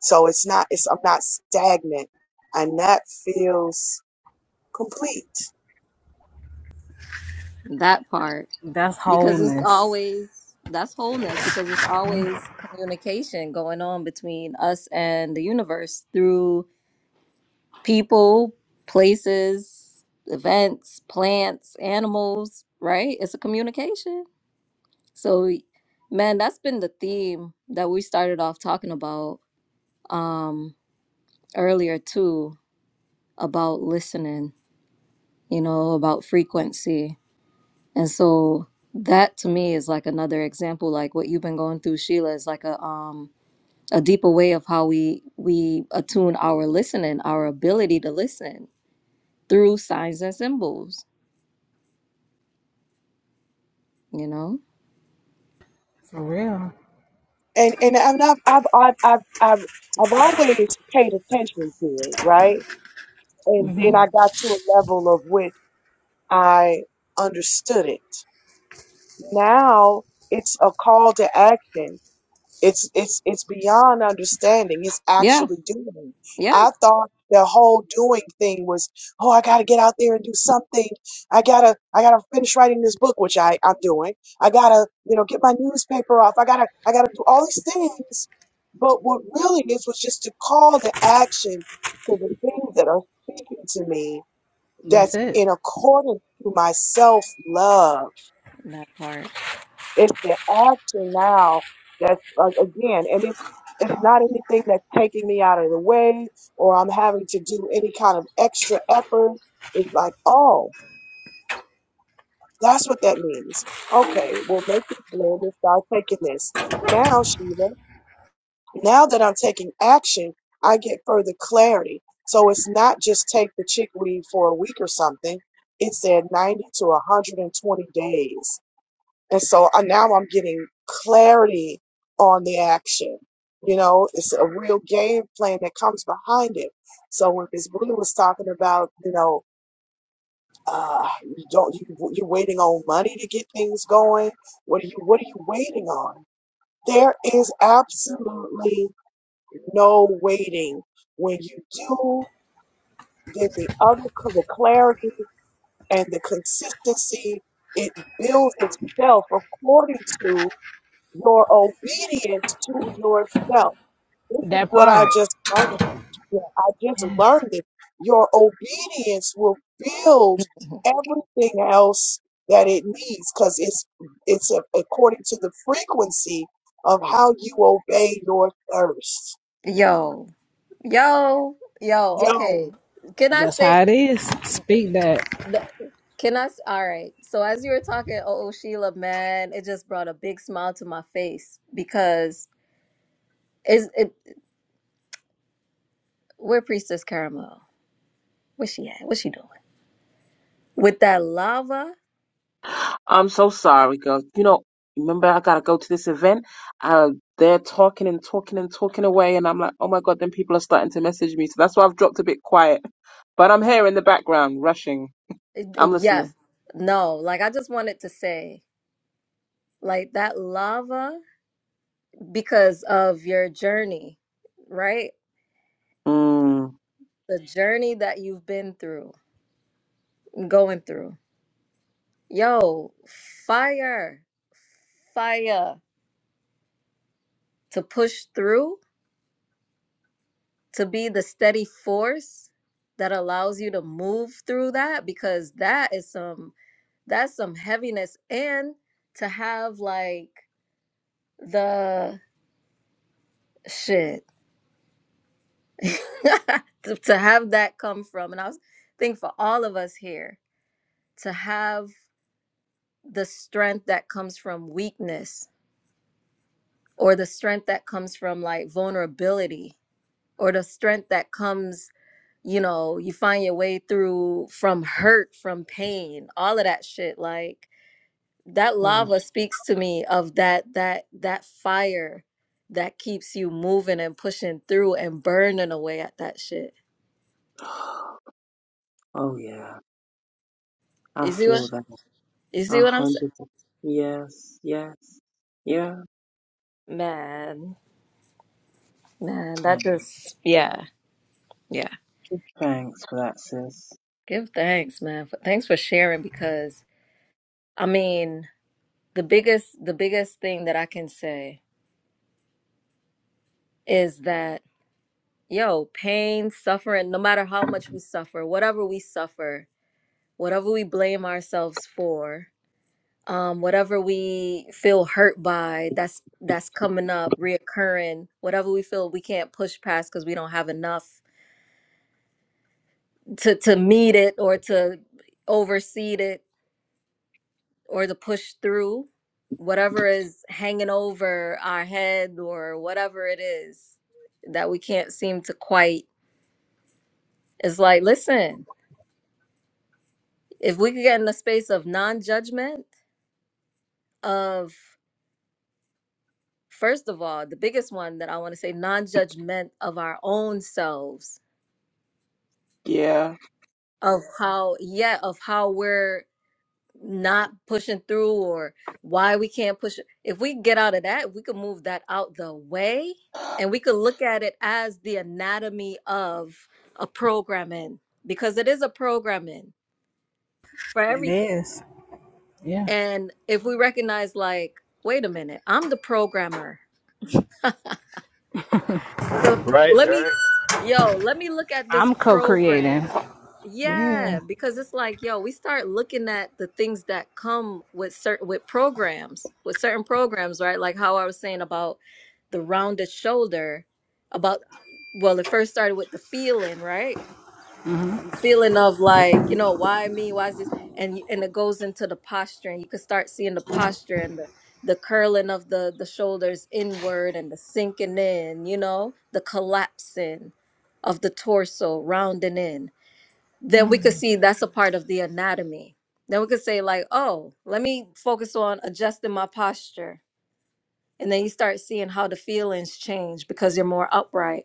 [SPEAKER 8] So it's not it's I'm not stagnant, and that feels complete.
[SPEAKER 4] That part,
[SPEAKER 1] That's
[SPEAKER 4] because it's
[SPEAKER 1] wholeness.
[SPEAKER 4] always that's wholeness. Because it's always communication going on between us and the universe through people, places, events, plants, animals, right? It's a communication. So man, that's been the theme that we started off talking about um earlier too about listening, you know, about frequency. And so that to me is like another example like what you've been going through Sheila is like a um a deeper way of how we we attune our listening, our ability to listen through signs and symbols, you know?
[SPEAKER 1] For real.
[SPEAKER 8] And and, and I've, I've I've I've I've I've always paid attention to it, right? And then
[SPEAKER 4] Mm.
[SPEAKER 8] I got to a level of which I understood it. Now it's a call to action It's it's it's beyond understanding. It's
[SPEAKER 4] Yeah,
[SPEAKER 8] actually doing.
[SPEAKER 4] yeah,
[SPEAKER 8] I thought the whole doing thing was, oh, I gotta get out there and do something. I gotta I gotta finish writing this book, which I I'm doing. I gotta you know get my newspaper off. I gotta I gotta do all these things. But what really is was just to call to action to the things that are speaking to me.
[SPEAKER 1] That's
[SPEAKER 8] That's
[SPEAKER 1] it.
[SPEAKER 8] in accordance to my self love
[SPEAKER 4] that part.
[SPEAKER 8] it's the action now that's uh, again, and it, it's not anything that's taking me out of the way or I'm having to do any kind of extra effort. It's like, oh, that's what that means. Okay, we'll make this blend and start taking this. Now, Shiva, now that I'm taking action, I get further clarity. So it's not just take the chickweed for a week or something. It said 90 to 120 days and so I, now I'm getting clarity on the action. You know, it's a real game plan that comes behind it. So when Ms. Blue was talking about, you know, uh, you don't you you're waiting on money to get things going. What are you What are you waiting on? There is absolutely no waiting. When you do, then the other the clarity and the consistency it builds itself according to your obedience to yourself. This is
[SPEAKER 1] That
[SPEAKER 8] what I
[SPEAKER 1] part.
[SPEAKER 8] just learned. Yeah, I just
[SPEAKER 1] Yes.
[SPEAKER 8] learned it. Your obedience will build everything else that it needs because it's it's a, according to the frequency of how you obey your thirst.
[SPEAKER 4] Yo, yo, yo. Okay,
[SPEAKER 8] Yo,
[SPEAKER 4] can I
[SPEAKER 1] That's
[SPEAKER 4] say?
[SPEAKER 1] how it is. Speak that.
[SPEAKER 4] th- Can I? s- All right. So as you were talking, oh, oh, Sheila, man, it just brought a big smile to my face because is it? Where Priestess Caramel? Where's she at? What's she doing with that lava?
[SPEAKER 5] I'm so sorry, girl. You know, remember I gotta go to this event. Uh, they're talking and talking and talking away, and I'm like, oh my god, then people are starting to message me. So that's why I've dropped a bit quiet. But I'm here in the background, rushing.
[SPEAKER 4] It-
[SPEAKER 5] I'm
[SPEAKER 4] it- Yeah,
[SPEAKER 5] listening.
[SPEAKER 4] no. Like I just wanted to say, like that lava because of your journey, right?
[SPEAKER 5] Mm.
[SPEAKER 4] The journey that you've been through going through. Yo, fire, fire to push through, to be the steady force that allows you to move through that because that is some that's some heaviness and to have like the shit to, to have that come from and I was think for all of us here to have the strength that comes from weakness or the strength that comes from like vulnerability or the strength that comes you know you find your way through from hurt from pain all of that shit like that
[SPEAKER 5] Mm.
[SPEAKER 4] lava speaks to me of that that that fire that keeps you moving and pushing through and burning away at that shit
[SPEAKER 5] Oh yeah, I
[SPEAKER 4] you see what
[SPEAKER 5] feel that.
[SPEAKER 4] you see
[SPEAKER 5] A
[SPEAKER 4] what i'm saying
[SPEAKER 5] hundred. per- Yes, yes, yeah.
[SPEAKER 4] man man
[SPEAKER 5] Oh,
[SPEAKER 4] that just yeah yeah
[SPEAKER 5] thanks for that, sis.
[SPEAKER 4] give thanks man for, thanks for sharing because i mean the biggest the biggest thing that i can say is that yo, pain, suffering, no matter how much we suffer, whatever we suffer, whatever we blame ourselves for, um, whatever we feel hurt by, that's that's coming up, reoccurring, whatever we feel we can't push past because we don't have enough to to meet it or to oversee it or to push through, whatever is hanging over our head or whatever it is that we can't seem to quite. It's like, listen, if we could get in the space of non-judgment of first of all the biggest one that i want to say non-judgment of our own selves
[SPEAKER 5] Yeah.
[SPEAKER 4] of how yeah of how we're not pushing through or why we can't push if we get out of that if we could move that out the way and we could look at it as the anatomy of a programming because it is a programming for
[SPEAKER 1] It
[SPEAKER 4] everything
[SPEAKER 1] is. Yeah.
[SPEAKER 4] and if we recognize like wait a minute i'm the programmer So
[SPEAKER 7] Right,
[SPEAKER 4] let me,
[SPEAKER 7] right.
[SPEAKER 4] yo, let me look at this
[SPEAKER 1] I'm co creating.
[SPEAKER 4] program. Yeah,
[SPEAKER 1] Yeah.
[SPEAKER 4] because it's like, yo, we start looking at the things that come with certain with programs, with certain programs, right? Like how I was saying about the rounded shoulder, about well, it first started with the feeling, right? feeling of like you know why me why is this and y- and it goes into the posture and you can start seeing the posture and the, the curling of the the shoulders inward and the sinking in you know the collapsing of the torso rounding in then we could see that's a part of the anatomy then we could say like oh let me focus on adjusting my posture and then you start seeing how the feelings change because you're more upright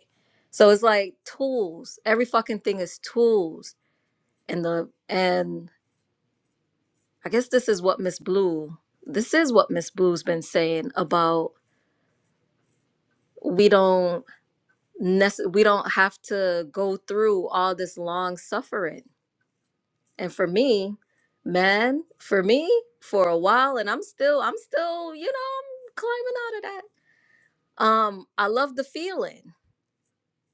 [SPEAKER 4] so it's like tools every fucking thing is tools and the and I guess this is what Miss Blue this is what Miss Blue's been saying about we don't nece- we don't have to go through all this long suffering. And for me, man, for me for a while and I'm still I'm still, you know, I'm climbing out of that. Um I love the feeling.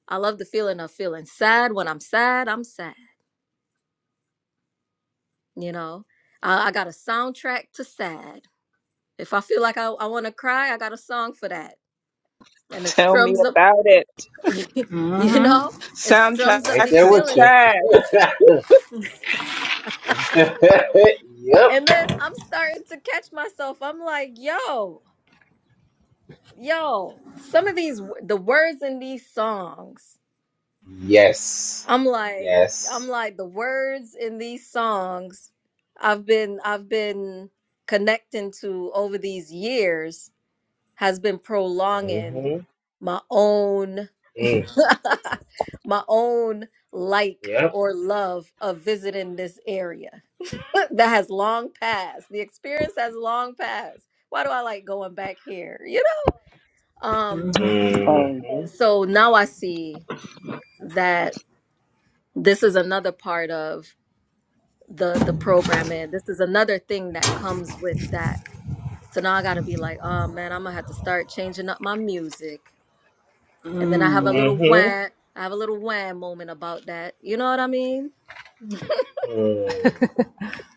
[SPEAKER 4] I love the feeling of feeling sad when I'm sad, I'm sad, you know. I, I got a soundtrack to sad. If I feel like I, I want to cry, I got a song for that and it
[SPEAKER 5] Tell me
[SPEAKER 4] strums up,
[SPEAKER 5] about it.
[SPEAKER 4] you
[SPEAKER 1] Mm-hmm.
[SPEAKER 4] know, it
[SPEAKER 5] Soundtrack
[SPEAKER 4] strums up
[SPEAKER 2] right there
[SPEAKER 4] these
[SPEAKER 5] to
[SPEAKER 2] with
[SPEAKER 4] feelings.
[SPEAKER 2] you.
[SPEAKER 5] sad.
[SPEAKER 2] yep.
[SPEAKER 4] And then I'm starting to catch myself. I'm like, yo, yo, some of these, w- the words in these songs,
[SPEAKER 2] Yes.
[SPEAKER 4] I'm like, I'm
[SPEAKER 2] Yes.
[SPEAKER 4] like, the words in these songs I've been, I've been connecting to over these years has been prolonging
[SPEAKER 2] Mm-hmm.
[SPEAKER 4] my own
[SPEAKER 2] Mm.
[SPEAKER 4] my own like
[SPEAKER 2] Yep.
[SPEAKER 4] or love of visiting this area that has long passed. The experience has long passed. Why do I like going back here? You know? Um
[SPEAKER 5] Oh,
[SPEAKER 2] Mm-hmm.
[SPEAKER 4] so now I see that this is another part of the the programming. This is another thing that comes with that. So now I gotta be like, oh man, I'm gonna have to start changing up my music. And then I have a little
[SPEAKER 2] Mm-hmm.
[SPEAKER 4] wham I have a little wham moment about that. You know what I mean?
[SPEAKER 2] Mm.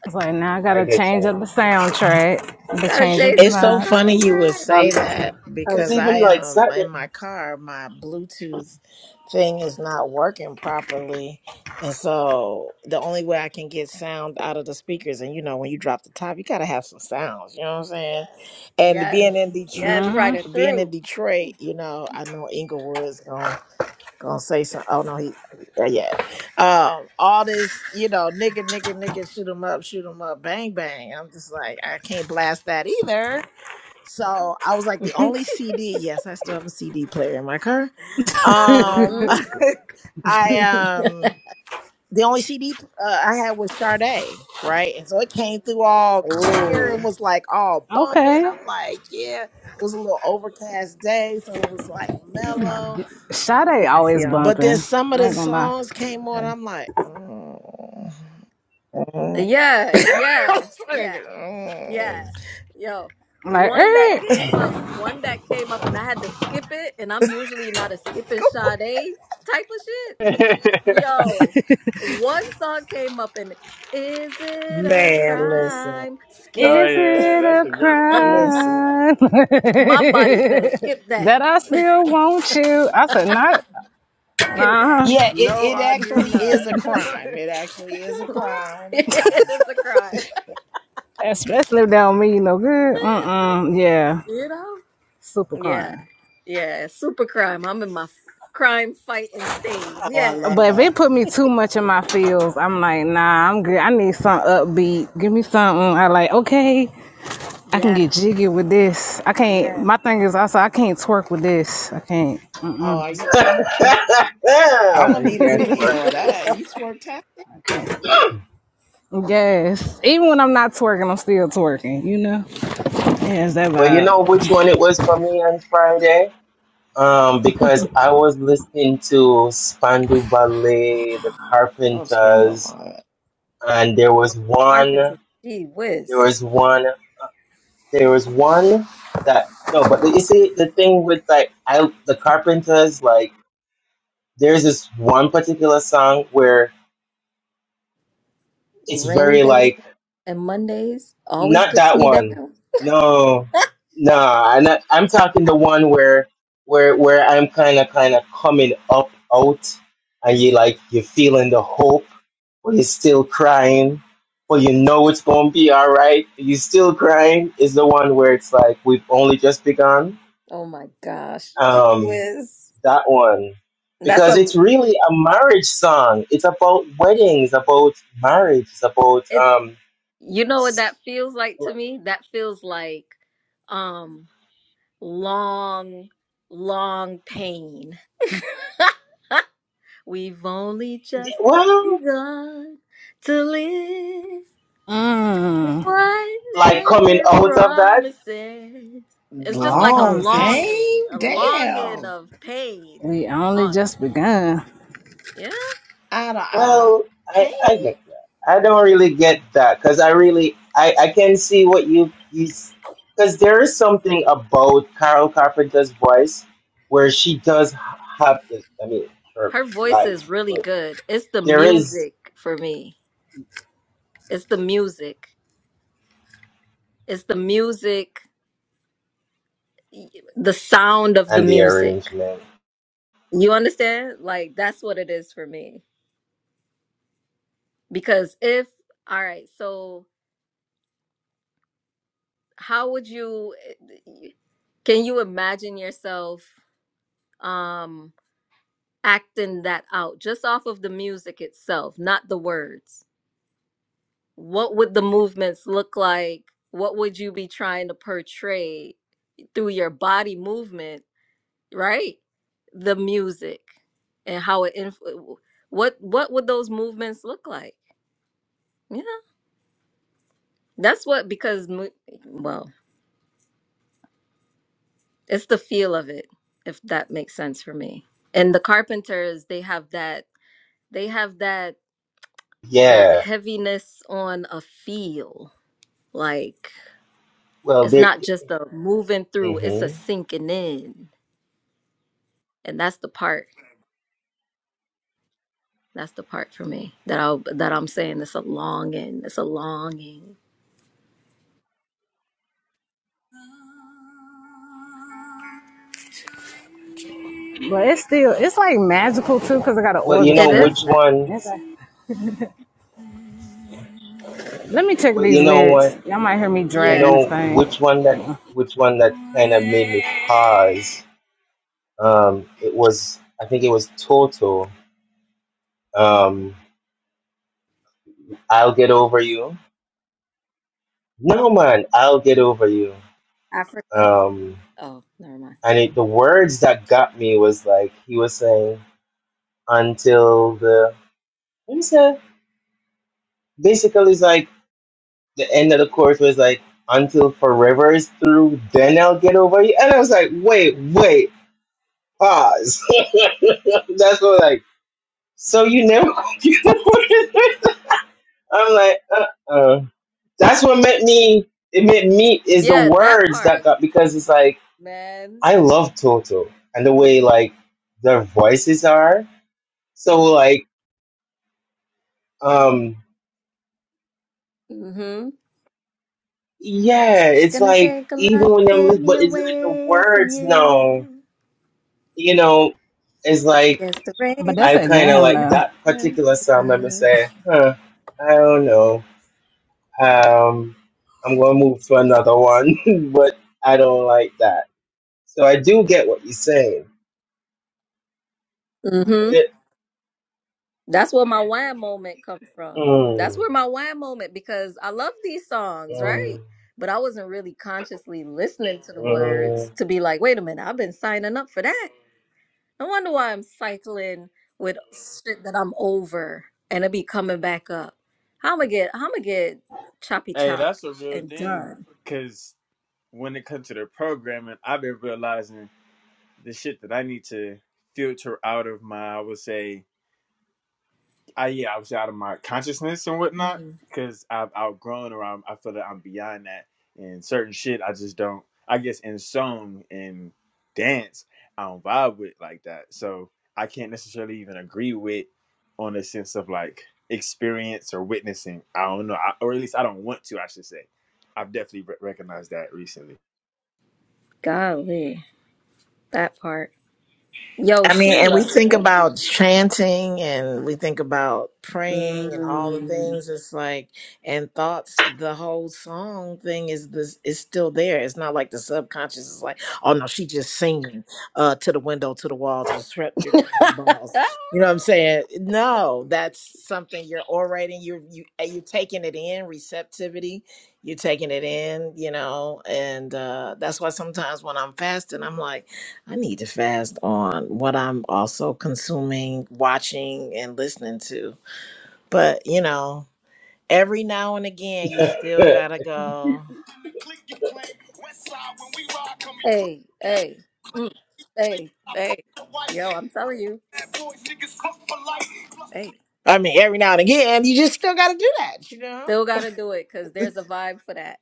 [SPEAKER 1] It's like now I
[SPEAKER 2] I
[SPEAKER 1] gotta
[SPEAKER 2] get
[SPEAKER 1] change
[SPEAKER 2] you.
[SPEAKER 1] up the soundtrack, to
[SPEAKER 4] Gotta
[SPEAKER 1] change up the
[SPEAKER 4] change
[SPEAKER 6] It's
[SPEAKER 4] up the
[SPEAKER 6] so
[SPEAKER 1] vibes.
[SPEAKER 6] funny you would
[SPEAKER 4] soundtrack.
[SPEAKER 5] Um,
[SPEAKER 6] say that
[SPEAKER 5] oh.
[SPEAKER 2] Because
[SPEAKER 6] because
[SPEAKER 2] even
[SPEAKER 6] I
[SPEAKER 2] like
[SPEAKER 6] um in
[SPEAKER 2] Saturday,
[SPEAKER 6] my car my Bluetooth thing is not working properly. And so the only way I can get sound out of the speakers, and you know, when you drop the top, you gotta have some sounds, you know what I'm saying? And being
[SPEAKER 4] Yes.
[SPEAKER 6] in Detroit
[SPEAKER 4] Yes, right it
[SPEAKER 6] being in
[SPEAKER 4] through.
[SPEAKER 6] Detroit, you know, I know Inglewood's gonna gonna say some oh no he uh, yeah. Um all this, you know, nigga, nigga, nigga, shoot 'em up, shoot 'em up, bang bang. I'm just like, I can't blast that either so I was like, the only CD, yes, I still have a CD player in my car. Um,
[SPEAKER 4] hmm
[SPEAKER 6] I um, the only CD uh, I had was Sade, right? And so it came through all clear
[SPEAKER 4] Oh,
[SPEAKER 6] and was like all bumping.
[SPEAKER 1] Okay.
[SPEAKER 6] I'm like, yeah, it was a little overcast day, so it was like mellow.
[SPEAKER 1] Sade
[SPEAKER 4] Yes,
[SPEAKER 1] always
[SPEAKER 4] y'all.
[SPEAKER 6] But then
[SPEAKER 1] bumping.
[SPEAKER 6] some of
[SPEAKER 1] I
[SPEAKER 6] the
[SPEAKER 1] ain't gonna lie.
[SPEAKER 6] songs came on. I'm like, oh. oh."
[SPEAKER 4] Yeah,
[SPEAKER 6] I
[SPEAKER 4] yeah,
[SPEAKER 6] was like,
[SPEAKER 4] yeah, yeah.
[SPEAKER 6] oh.
[SPEAKER 4] Yo,
[SPEAKER 1] I'm like,
[SPEAKER 4] one that
[SPEAKER 1] Eric,
[SPEAKER 4] came up, one that came up, and I had to skip it, and I'm usually not a skipping Sade type of shit. Yo, one song came up, and is it a
[SPEAKER 6] man, listen.
[SPEAKER 4] crime?
[SPEAKER 7] oh
[SPEAKER 4] Skip.
[SPEAKER 1] is
[SPEAKER 7] yeah,
[SPEAKER 1] it
[SPEAKER 7] that's
[SPEAKER 1] a
[SPEAKER 7] a good.
[SPEAKER 6] Listen.
[SPEAKER 1] crime
[SPEAKER 4] My body says skip that,
[SPEAKER 1] that I still want you? I said, not,
[SPEAKER 4] skip
[SPEAKER 1] uh,
[SPEAKER 4] that.
[SPEAKER 6] Yeah, it,
[SPEAKER 7] no,
[SPEAKER 6] it
[SPEAKER 7] I do
[SPEAKER 6] actually
[SPEAKER 7] not.
[SPEAKER 6] is a crime. It actually is a crime.
[SPEAKER 4] it
[SPEAKER 6] And
[SPEAKER 4] is a crime.
[SPEAKER 1] especially if they don't mean you no good. Mm-mm, yeah,
[SPEAKER 4] You know?
[SPEAKER 1] super
[SPEAKER 4] Yeah.
[SPEAKER 1] crime.
[SPEAKER 4] Yeah. Super crime. I'm in my f- crime fighting stage.
[SPEAKER 6] oh, I
[SPEAKER 4] Yeah.
[SPEAKER 6] love
[SPEAKER 1] But if it
[SPEAKER 6] that.
[SPEAKER 1] put me too much in my feels, I'm like, nah, I'm good. I need something upbeat. Give me something. I like, okay. I can get
[SPEAKER 4] Yeah.
[SPEAKER 1] jiggy with this. I can't.
[SPEAKER 4] Man.
[SPEAKER 1] My thing is also I can't twerk with this. I can't.
[SPEAKER 6] Oh, you, you, you I'm gonna
[SPEAKER 2] I
[SPEAKER 6] need a
[SPEAKER 2] can't work
[SPEAKER 6] video of
[SPEAKER 2] with.
[SPEAKER 6] that. You twerk tap.
[SPEAKER 1] Yes, even when I'm not twerking, I'm still twerking. You know. Yeah, it's that
[SPEAKER 2] But you know
[SPEAKER 1] vibe.
[SPEAKER 2] which one it was for me on Friday? Um, because I was listening to Spandu Ballet, The
[SPEAKER 6] Oh, spend on
[SPEAKER 2] Carpenters,
[SPEAKER 6] my
[SPEAKER 2] and there was one.
[SPEAKER 4] Carpenter. Gee
[SPEAKER 2] There
[SPEAKER 4] whiz.
[SPEAKER 2] was one. There was one that no, but the, you see the thing with like I the Carpenters like there's this one particular song where it's
[SPEAKER 4] Rainy
[SPEAKER 2] very
[SPEAKER 4] days
[SPEAKER 2] like
[SPEAKER 4] and Mondays always
[SPEAKER 2] not
[SPEAKER 4] gets
[SPEAKER 2] that
[SPEAKER 4] me down.
[SPEAKER 2] one. No, no, I'm not, I'm talking the one where where where I'm kind of kind of coming up out and you like you're feeling the hope, but you're still crying. But you know it's gonna be all right. You still crying is the one where it's like we've only just begun.
[SPEAKER 4] Oh my gosh. Gee
[SPEAKER 2] Um,
[SPEAKER 4] whiz.
[SPEAKER 2] that one
[SPEAKER 4] That's a
[SPEAKER 2] because it's really a marriage song. It's about weddings, about marriage, it's about
[SPEAKER 4] it
[SPEAKER 2] um,
[SPEAKER 4] you know what
[SPEAKER 2] s-
[SPEAKER 4] that feels like to me? That feels like um long, long pain. We've only just
[SPEAKER 2] well,
[SPEAKER 4] begun to live
[SPEAKER 1] Mmm.
[SPEAKER 2] like
[SPEAKER 4] wonders
[SPEAKER 2] coming
[SPEAKER 4] it
[SPEAKER 2] out of that.
[SPEAKER 4] promises. It's just
[SPEAKER 1] All the
[SPEAKER 4] like a
[SPEAKER 6] long
[SPEAKER 1] promises.
[SPEAKER 4] longing,
[SPEAKER 6] pain.
[SPEAKER 4] a longing
[SPEAKER 6] Damn,
[SPEAKER 4] of
[SPEAKER 1] We
[SPEAKER 4] pain.
[SPEAKER 1] only
[SPEAKER 4] Long-
[SPEAKER 1] just begun,
[SPEAKER 4] Yeah.
[SPEAKER 6] out of eye
[SPEAKER 2] Well, I
[SPEAKER 6] pain.
[SPEAKER 2] I get that. I don't really get that because I really I I can see what you is because there is something about Carol Carpenter's voice where she does have this. I mean, her
[SPEAKER 4] Her voice is
[SPEAKER 2] life,
[SPEAKER 4] really
[SPEAKER 2] but
[SPEAKER 4] good. It's the
[SPEAKER 2] there is
[SPEAKER 4] music for me. It's the music. It's the music, the sound of the
[SPEAKER 2] and the
[SPEAKER 4] music.
[SPEAKER 2] arrangement.
[SPEAKER 4] You understand? Like, that's what it is for me. Because if, all right, so. how would you eh, can you imagine yourself um acting that out just off of the music itself not the words what would the movements look like what would you be trying to portray through your body movement right the music and how it influ- what what would those movements look like yeah that's what because mu- well It's the feel of it, if that makes sense for me. And the Carpenters, they have that they have that that
[SPEAKER 2] Yeah.
[SPEAKER 4] heaviness on a feel. Like
[SPEAKER 2] Well,
[SPEAKER 4] it's
[SPEAKER 2] there.
[SPEAKER 4] not just a moving through, it's a
[SPEAKER 2] hmm
[SPEAKER 4] sinking in. And that's the part. That's the part for me that I that I'm saying it's a longing. It's a longing.
[SPEAKER 1] but it's still it's like magical too because I got an
[SPEAKER 2] But you
[SPEAKER 4] It
[SPEAKER 2] know
[SPEAKER 1] orchestra.
[SPEAKER 4] is
[SPEAKER 2] which one?
[SPEAKER 4] magical.
[SPEAKER 1] Okay. Let me check
[SPEAKER 2] But
[SPEAKER 1] these
[SPEAKER 2] you know what?
[SPEAKER 1] lyrics. Y'all might hear me
[SPEAKER 2] You
[SPEAKER 4] Yeah.
[SPEAKER 1] dragging this
[SPEAKER 2] know
[SPEAKER 1] thing,
[SPEAKER 2] which one that which one that kind of made me pause. Um, it was I think it was Toto. Um, I'll get over you. No man, I'll get over you.
[SPEAKER 4] Africa.
[SPEAKER 2] Um,
[SPEAKER 4] Oh, never mind.
[SPEAKER 2] and it, the words that got me was like he was saying until the what is that? Basically, it's like the end of the chorus was like until forever is through, then I'll get over you. And I was like, wait, wait. Pause. That's what like. So you never. I'm like, uh uh That's what meant me. It meant me is the
[SPEAKER 4] Yeah, that
[SPEAKER 2] words
[SPEAKER 4] part,
[SPEAKER 2] that got because it's like
[SPEAKER 4] man.
[SPEAKER 2] I love Toto and the way like their voices are. So like, um,
[SPEAKER 4] Mm-hmm.
[SPEAKER 2] yeah,
[SPEAKER 4] It's
[SPEAKER 2] it's
[SPEAKER 4] gonna
[SPEAKER 2] like
[SPEAKER 4] take a lot
[SPEAKER 2] even
[SPEAKER 4] to
[SPEAKER 2] when I'm
[SPEAKER 4] get me
[SPEAKER 2] but it's it the
[SPEAKER 4] away from
[SPEAKER 2] words? No,
[SPEAKER 4] you.
[SPEAKER 2] you know, it's
[SPEAKER 4] I
[SPEAKER 2] like
[SPEAKER 4] guess the
[SPEAKER 1] but that's
[SPEAKER 2] I
[SPEAKER 1] a
[SPEAKER 4] rain's
[SPEAKER 2] kind of
[SPEAKER 1] jam
[SPEAKER 2] like
[SPEAKER 1] though.
[SPEAKER 2] that
[SPEAKER 4] race
[SPEAKER 2] particular song. Let me say, huh? I don't know Um, I'm going to move to another one, but I don't like that. So I do get what you're saying.
[SPEAKER 4] Mm-hmm.
[SPEAKER 2] It,
[SPEAKER 4] That's where my wine moment comes from. That's
[SPEAKER 2] mm,
[SPEAKER 4] where my wine moment because I love these songs, right?
[SPEAKER 2] mm,
[SPEAKER 4] But I wasn't really consciously listening to the
[SPEAKER 2] mm.
[SPEAKER 4] words to be like, wait a minute, I've been signing up for that. No wonder why I'm cycling with shit that I'm over and it be coming back up. How am I get how am I get choppy
[SPEAKER 7] Hey,
[SPEAKER 4] chop
[SPEAKER 7] that's a real
[SPEAKER 4] and
[SPEAKER 7] thing.
[SPEAKER 4] done?
[SPEAKER 7] Cause when it comes to the programming, I've been realizing the shit that I need to filter out of my, I would say, I yeah, I was out of my consciousness and
[SPEAKER 4] Mm.
[SPEAKER 7] whatnot because I've outgrown or I'm, I feel that I'm beyond that. And certain shit, I just don't. I guess in song and dance, I don't vibe with like that. So I can't necessarily even agree with on a sense of like experience or witnessing. I don't know, I, or at least I don't want to. I should say. I've definitely re- recognized that recently.
[SPEAKER 4] Golly, that part. Yo,
[SPEAKER 6] I mean, and we
[SPEAKER 4] Sheila.
[SPEAKER 6] think
[SPEAKER 4] What? you-
[SPEAKER 6] about chanting and we think about praying and all the
[SPEAKER 4] Mm.
[SPEAKER 6] things. It's like, and thoughts, the whole song thing is this is still there. It's not like the subconscious is like, oh no, she just singing uh to the window, to the wall, to the swept your my balls.
[SPEAKER 4] Ah,
[SPEAKER 6] You know what I'm saying? No, that's something you're orating, you're you uh, you're taking it in, receptivity, you're taking it in, you know, and uh that's why sometimes when I'm fasting, I'm like I need to fast on what I'm also consuming, watching, and listening to. But, you know, every now and again, you still gotta go.
[SPEAKER 4] hey, hey, mm, hey, hey. Yo, I'm telling you. Hey,
[SPEAKER 6] I mean, every now and again, you just still gotta do that, you know?
[SPEAKER 4] still gotta do it because there's a vibe for that.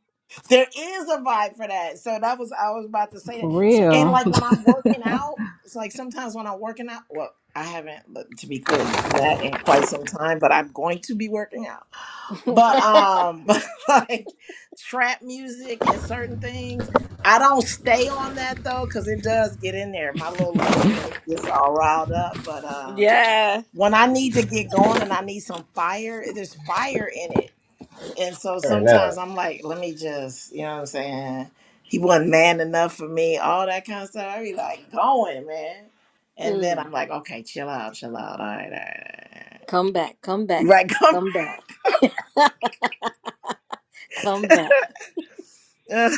[SPEAKER 6] There is a vibe for that. So that was I was about to say
[SPEAKER 1] For
[SPEAKER 6] that. So, and
[SPEAKER 1] real.
[SPEAKER 6] like when I'm working out, it's like sometimes when I'm working out, well, I haven't but to be clear done that in quite some time, but I'm going to be working out. But um but like trap music and certain things, I don't stay on that though cuz it does get in there. My little Leoness gets all riled up, but um
[SPEAKER 4] yeah.
[SPEAKER 6] when I need to get going and I need some fire, there's fire in it and so
[SPEAKER 2] Turn
[SPEAKER 6] sometimes
[SPEAKER 2] out.
[SPEAKER 6] I'm like, let me just, you know what I'm saying? He wasn't man enough for me, all that kind of stuff. I be like, going, man. And then
[SPEAKER 4] Mm.
[SPEAKER 6] I'm like, okay, chill out, chill out. All right, all right, all right.
[SPEAKER 4] Come back, come
[SPEAKER 6] You
[SPEAKER 4] back, sis.
[SPEAKER 6] Right, Right,
[SPEAKER 4] come back, come back.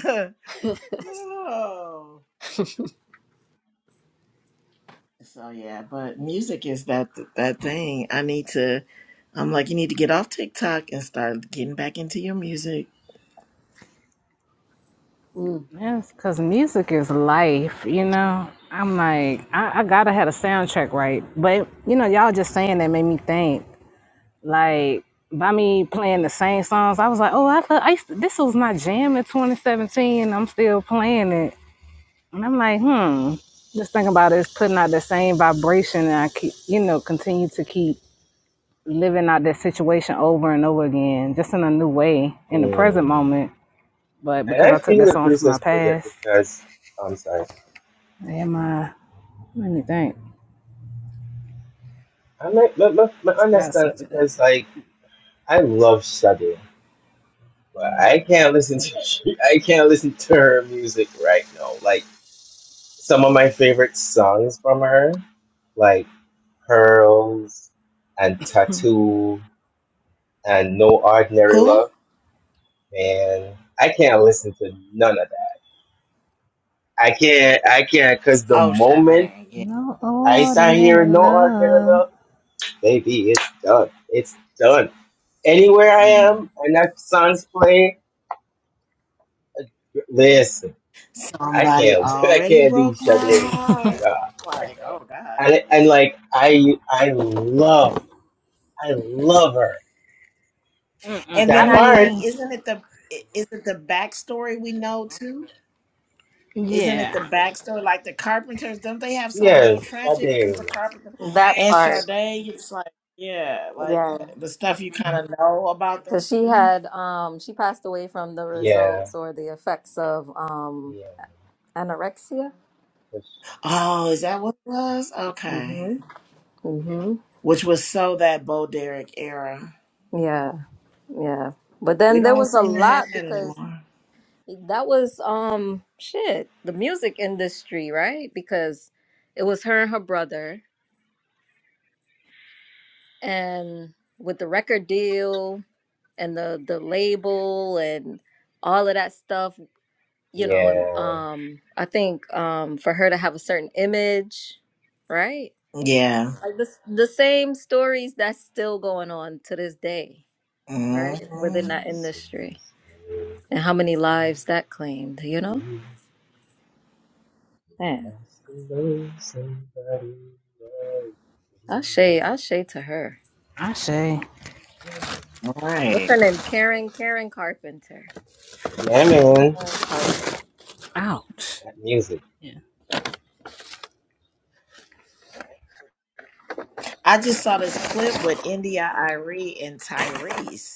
[SPEAKER 6] come. oh. So yeah, but music is that that thing. I need to I'm like, you need to get off TikTok and start getting back into your music.
[SPEAKER 4] Mm.
[SPEAKER 1] That's because music is life, you know. I'm like, I, I gotta have a soundtrack right. But, you know, y'all just saying that made me think. Like, by me playing the same songs, I was like, oh, I, thought I used to, this was my jam in 2017. I'm still playing it. And I'm like, hmm. Just thinking about it, it's putting out the same vibration, and I keep, you know, continue to keep living out that situation over and over again, just in a new way in the present
[SPEAKER 2] Mm.
[SPEAKER 1] moment. But
[SPEAKER 2] And
[SPEAKER 1] because
[SPEAKER 2] I
[SPEAKER 1] I took
[SPEAKER 2] feel
[SPEAKER 1] that
[SPEAKER 2] the
[SPEAKER 1] song from my
[SPEAKER 2] Princess Bridget
[SPEAKER 1] past,
[SPEAKER 2] because, I'm sorry,
[SPEAKER 1] am I? Let me think.
[SPEAKER 2] I might, my, my, my
[SPEAKER 1] I gotta
[SPEAKER 2] understand it
[SPEAKER 1] switch it up.
[SPEAKER 2] because, like, I love Sade, but I can't listen to, I can't listen to her music right now. Like, some of my favorite songs from her. like. pearls and tattoo and no ordinary
[SPEAKER 6] Who?
[SPEAKER 2] love. Man, I can't listen to none of that. I can't, I can't, because the
[SPEAKER 6] Oh,
[SPEAKER 2] moment
[SPEAKER 6] Sade. Yeah.
[SPEAKER 1] No
[SPEAKER 2] I start
[SPEAKER 1] ordinary
[SPEAKER 2] hearing no ordinary
[SPEAKER 1] love.
[SPEAKER 2] love, baby, it's done. It's done. Anywhere I am
[SPEAKER 6] Mm.
[SPEAKER 2] and that song's playing, listen, I
[SPEAKER 6] Somebody
[SPEAKER 2] can't, I
[SPEAKER 6] already
[SPEAKER 2] can't do
[SPEAKER 6] broke my
[SPEAKER 2] Sade
[SPEAKER 6] heart.
[SPEAKER 2] at all
[SPEAKER 6] I'm
[SPEAKER 2] right
[SPEAKER 6] like,
[SPEAKER 2] now.
[SPEAKER 6] oh God.
[SPEAKER 2] And, and like, I, I love, I love her.
[SPEAKER 1] Mm-mm.
[SPEAKER 6] And
[SPEAKER 1] I
[SPEAKER 6] then
[SPEAKER 2] That
[SPEAKER 6] I
[SPEAKER 2] part,
[SPEAKER 6] think,
[SPEAKER 1] mean,
[SPEAKER 6] isn't it the i- is it the backstory we know too? Isn't it the
[SPEAKER 1] yeah.
[SPEAKER 6] backstory like the Carpenters? Don't they have something
[SPEAKER 2] yeah,
[SPEAKER 6] real tragic? Don't
[SPEAKER 2] Sade.
[SPEAKER 6] the Carpenter
[SPEAKER 4] That
[SPEAKER 6] and
[SPEAKER 4] part.
[SPEAKER 6] Sade? It's like yeah, like
[SPEAKER 4] Yeah.
[SPEAKER 6] the stuff you kind of know about them
[SPEAKER 4] Because she
[SPEAKER 6] too.
[SPEAKER 4] had, um, she passed away from the
[SPEAKER 2] Yeah.
[SPEAKER 4] results or the effects of um
[SPEAKER 2] Yeah,
[SPEAKER 4] anorexia.
[SPEAKER 2] because
[SPEAKER 6] Oh, is that what it was? Okay,
[SPEAKER 4] Mm-hmm.
[SPEAKER 6] which was so that Bo Derek era.
[SPEAKER 4] Yeah, yeah. But
[SPEAKER 6] We
[SPEAKER 4] then there
[SPEAKER 6] don't
[SPEAKER 4] was a
[SPEAKER 6] seem to have
[SPEAKER 4] lot
[SPEAKER 6] that
[SPEAKER 4] because
[SPEAKER 6] anymore.
[SPEAKER 4] that was um shit, the music industry, right? Because it was her and her brother and with the record deal and the the label and all of that stuff, you know, and
[SPEAKER 2] yeah,
[SPEAKER 4] um I think um for her to have a certain image, right?
[SPEAKER 6] Yeah.
[SPEAKER 4] Like this the same stories that's still going on to this day, right? Within
[SPEAKER 6] Mm-hmm.
[SPEAKER 4] that
[SPEAKER 2] seems
[SPEAKER 4] industry.
[SPEAKER 2] only
[SPEAKER 4] and how many
[SPEAKER 2] empty
[SPEAKER 4] lives that claimed, you know? Man,
[SPEAKER 2] unless there's somebody else.
[SPEAKER 4] Ashe, Ashe to her.
[SPEAKER 1] I say,
[SPEAKER 4] What's
[SPEAKER 6] Right.
[SPEAKER 4] her name? Karen, Karen Carpenter.
[SPEAKER 2] Yeah, man,
[SPEAKER 4] Karen Carpenter.
[SPEAKER 1] ouch.
[SPEAKER 2] that music.
[SPEAKER 1] Yeah.
[SPEAKER 6] I just saw this clip with India Irie and Tyrese.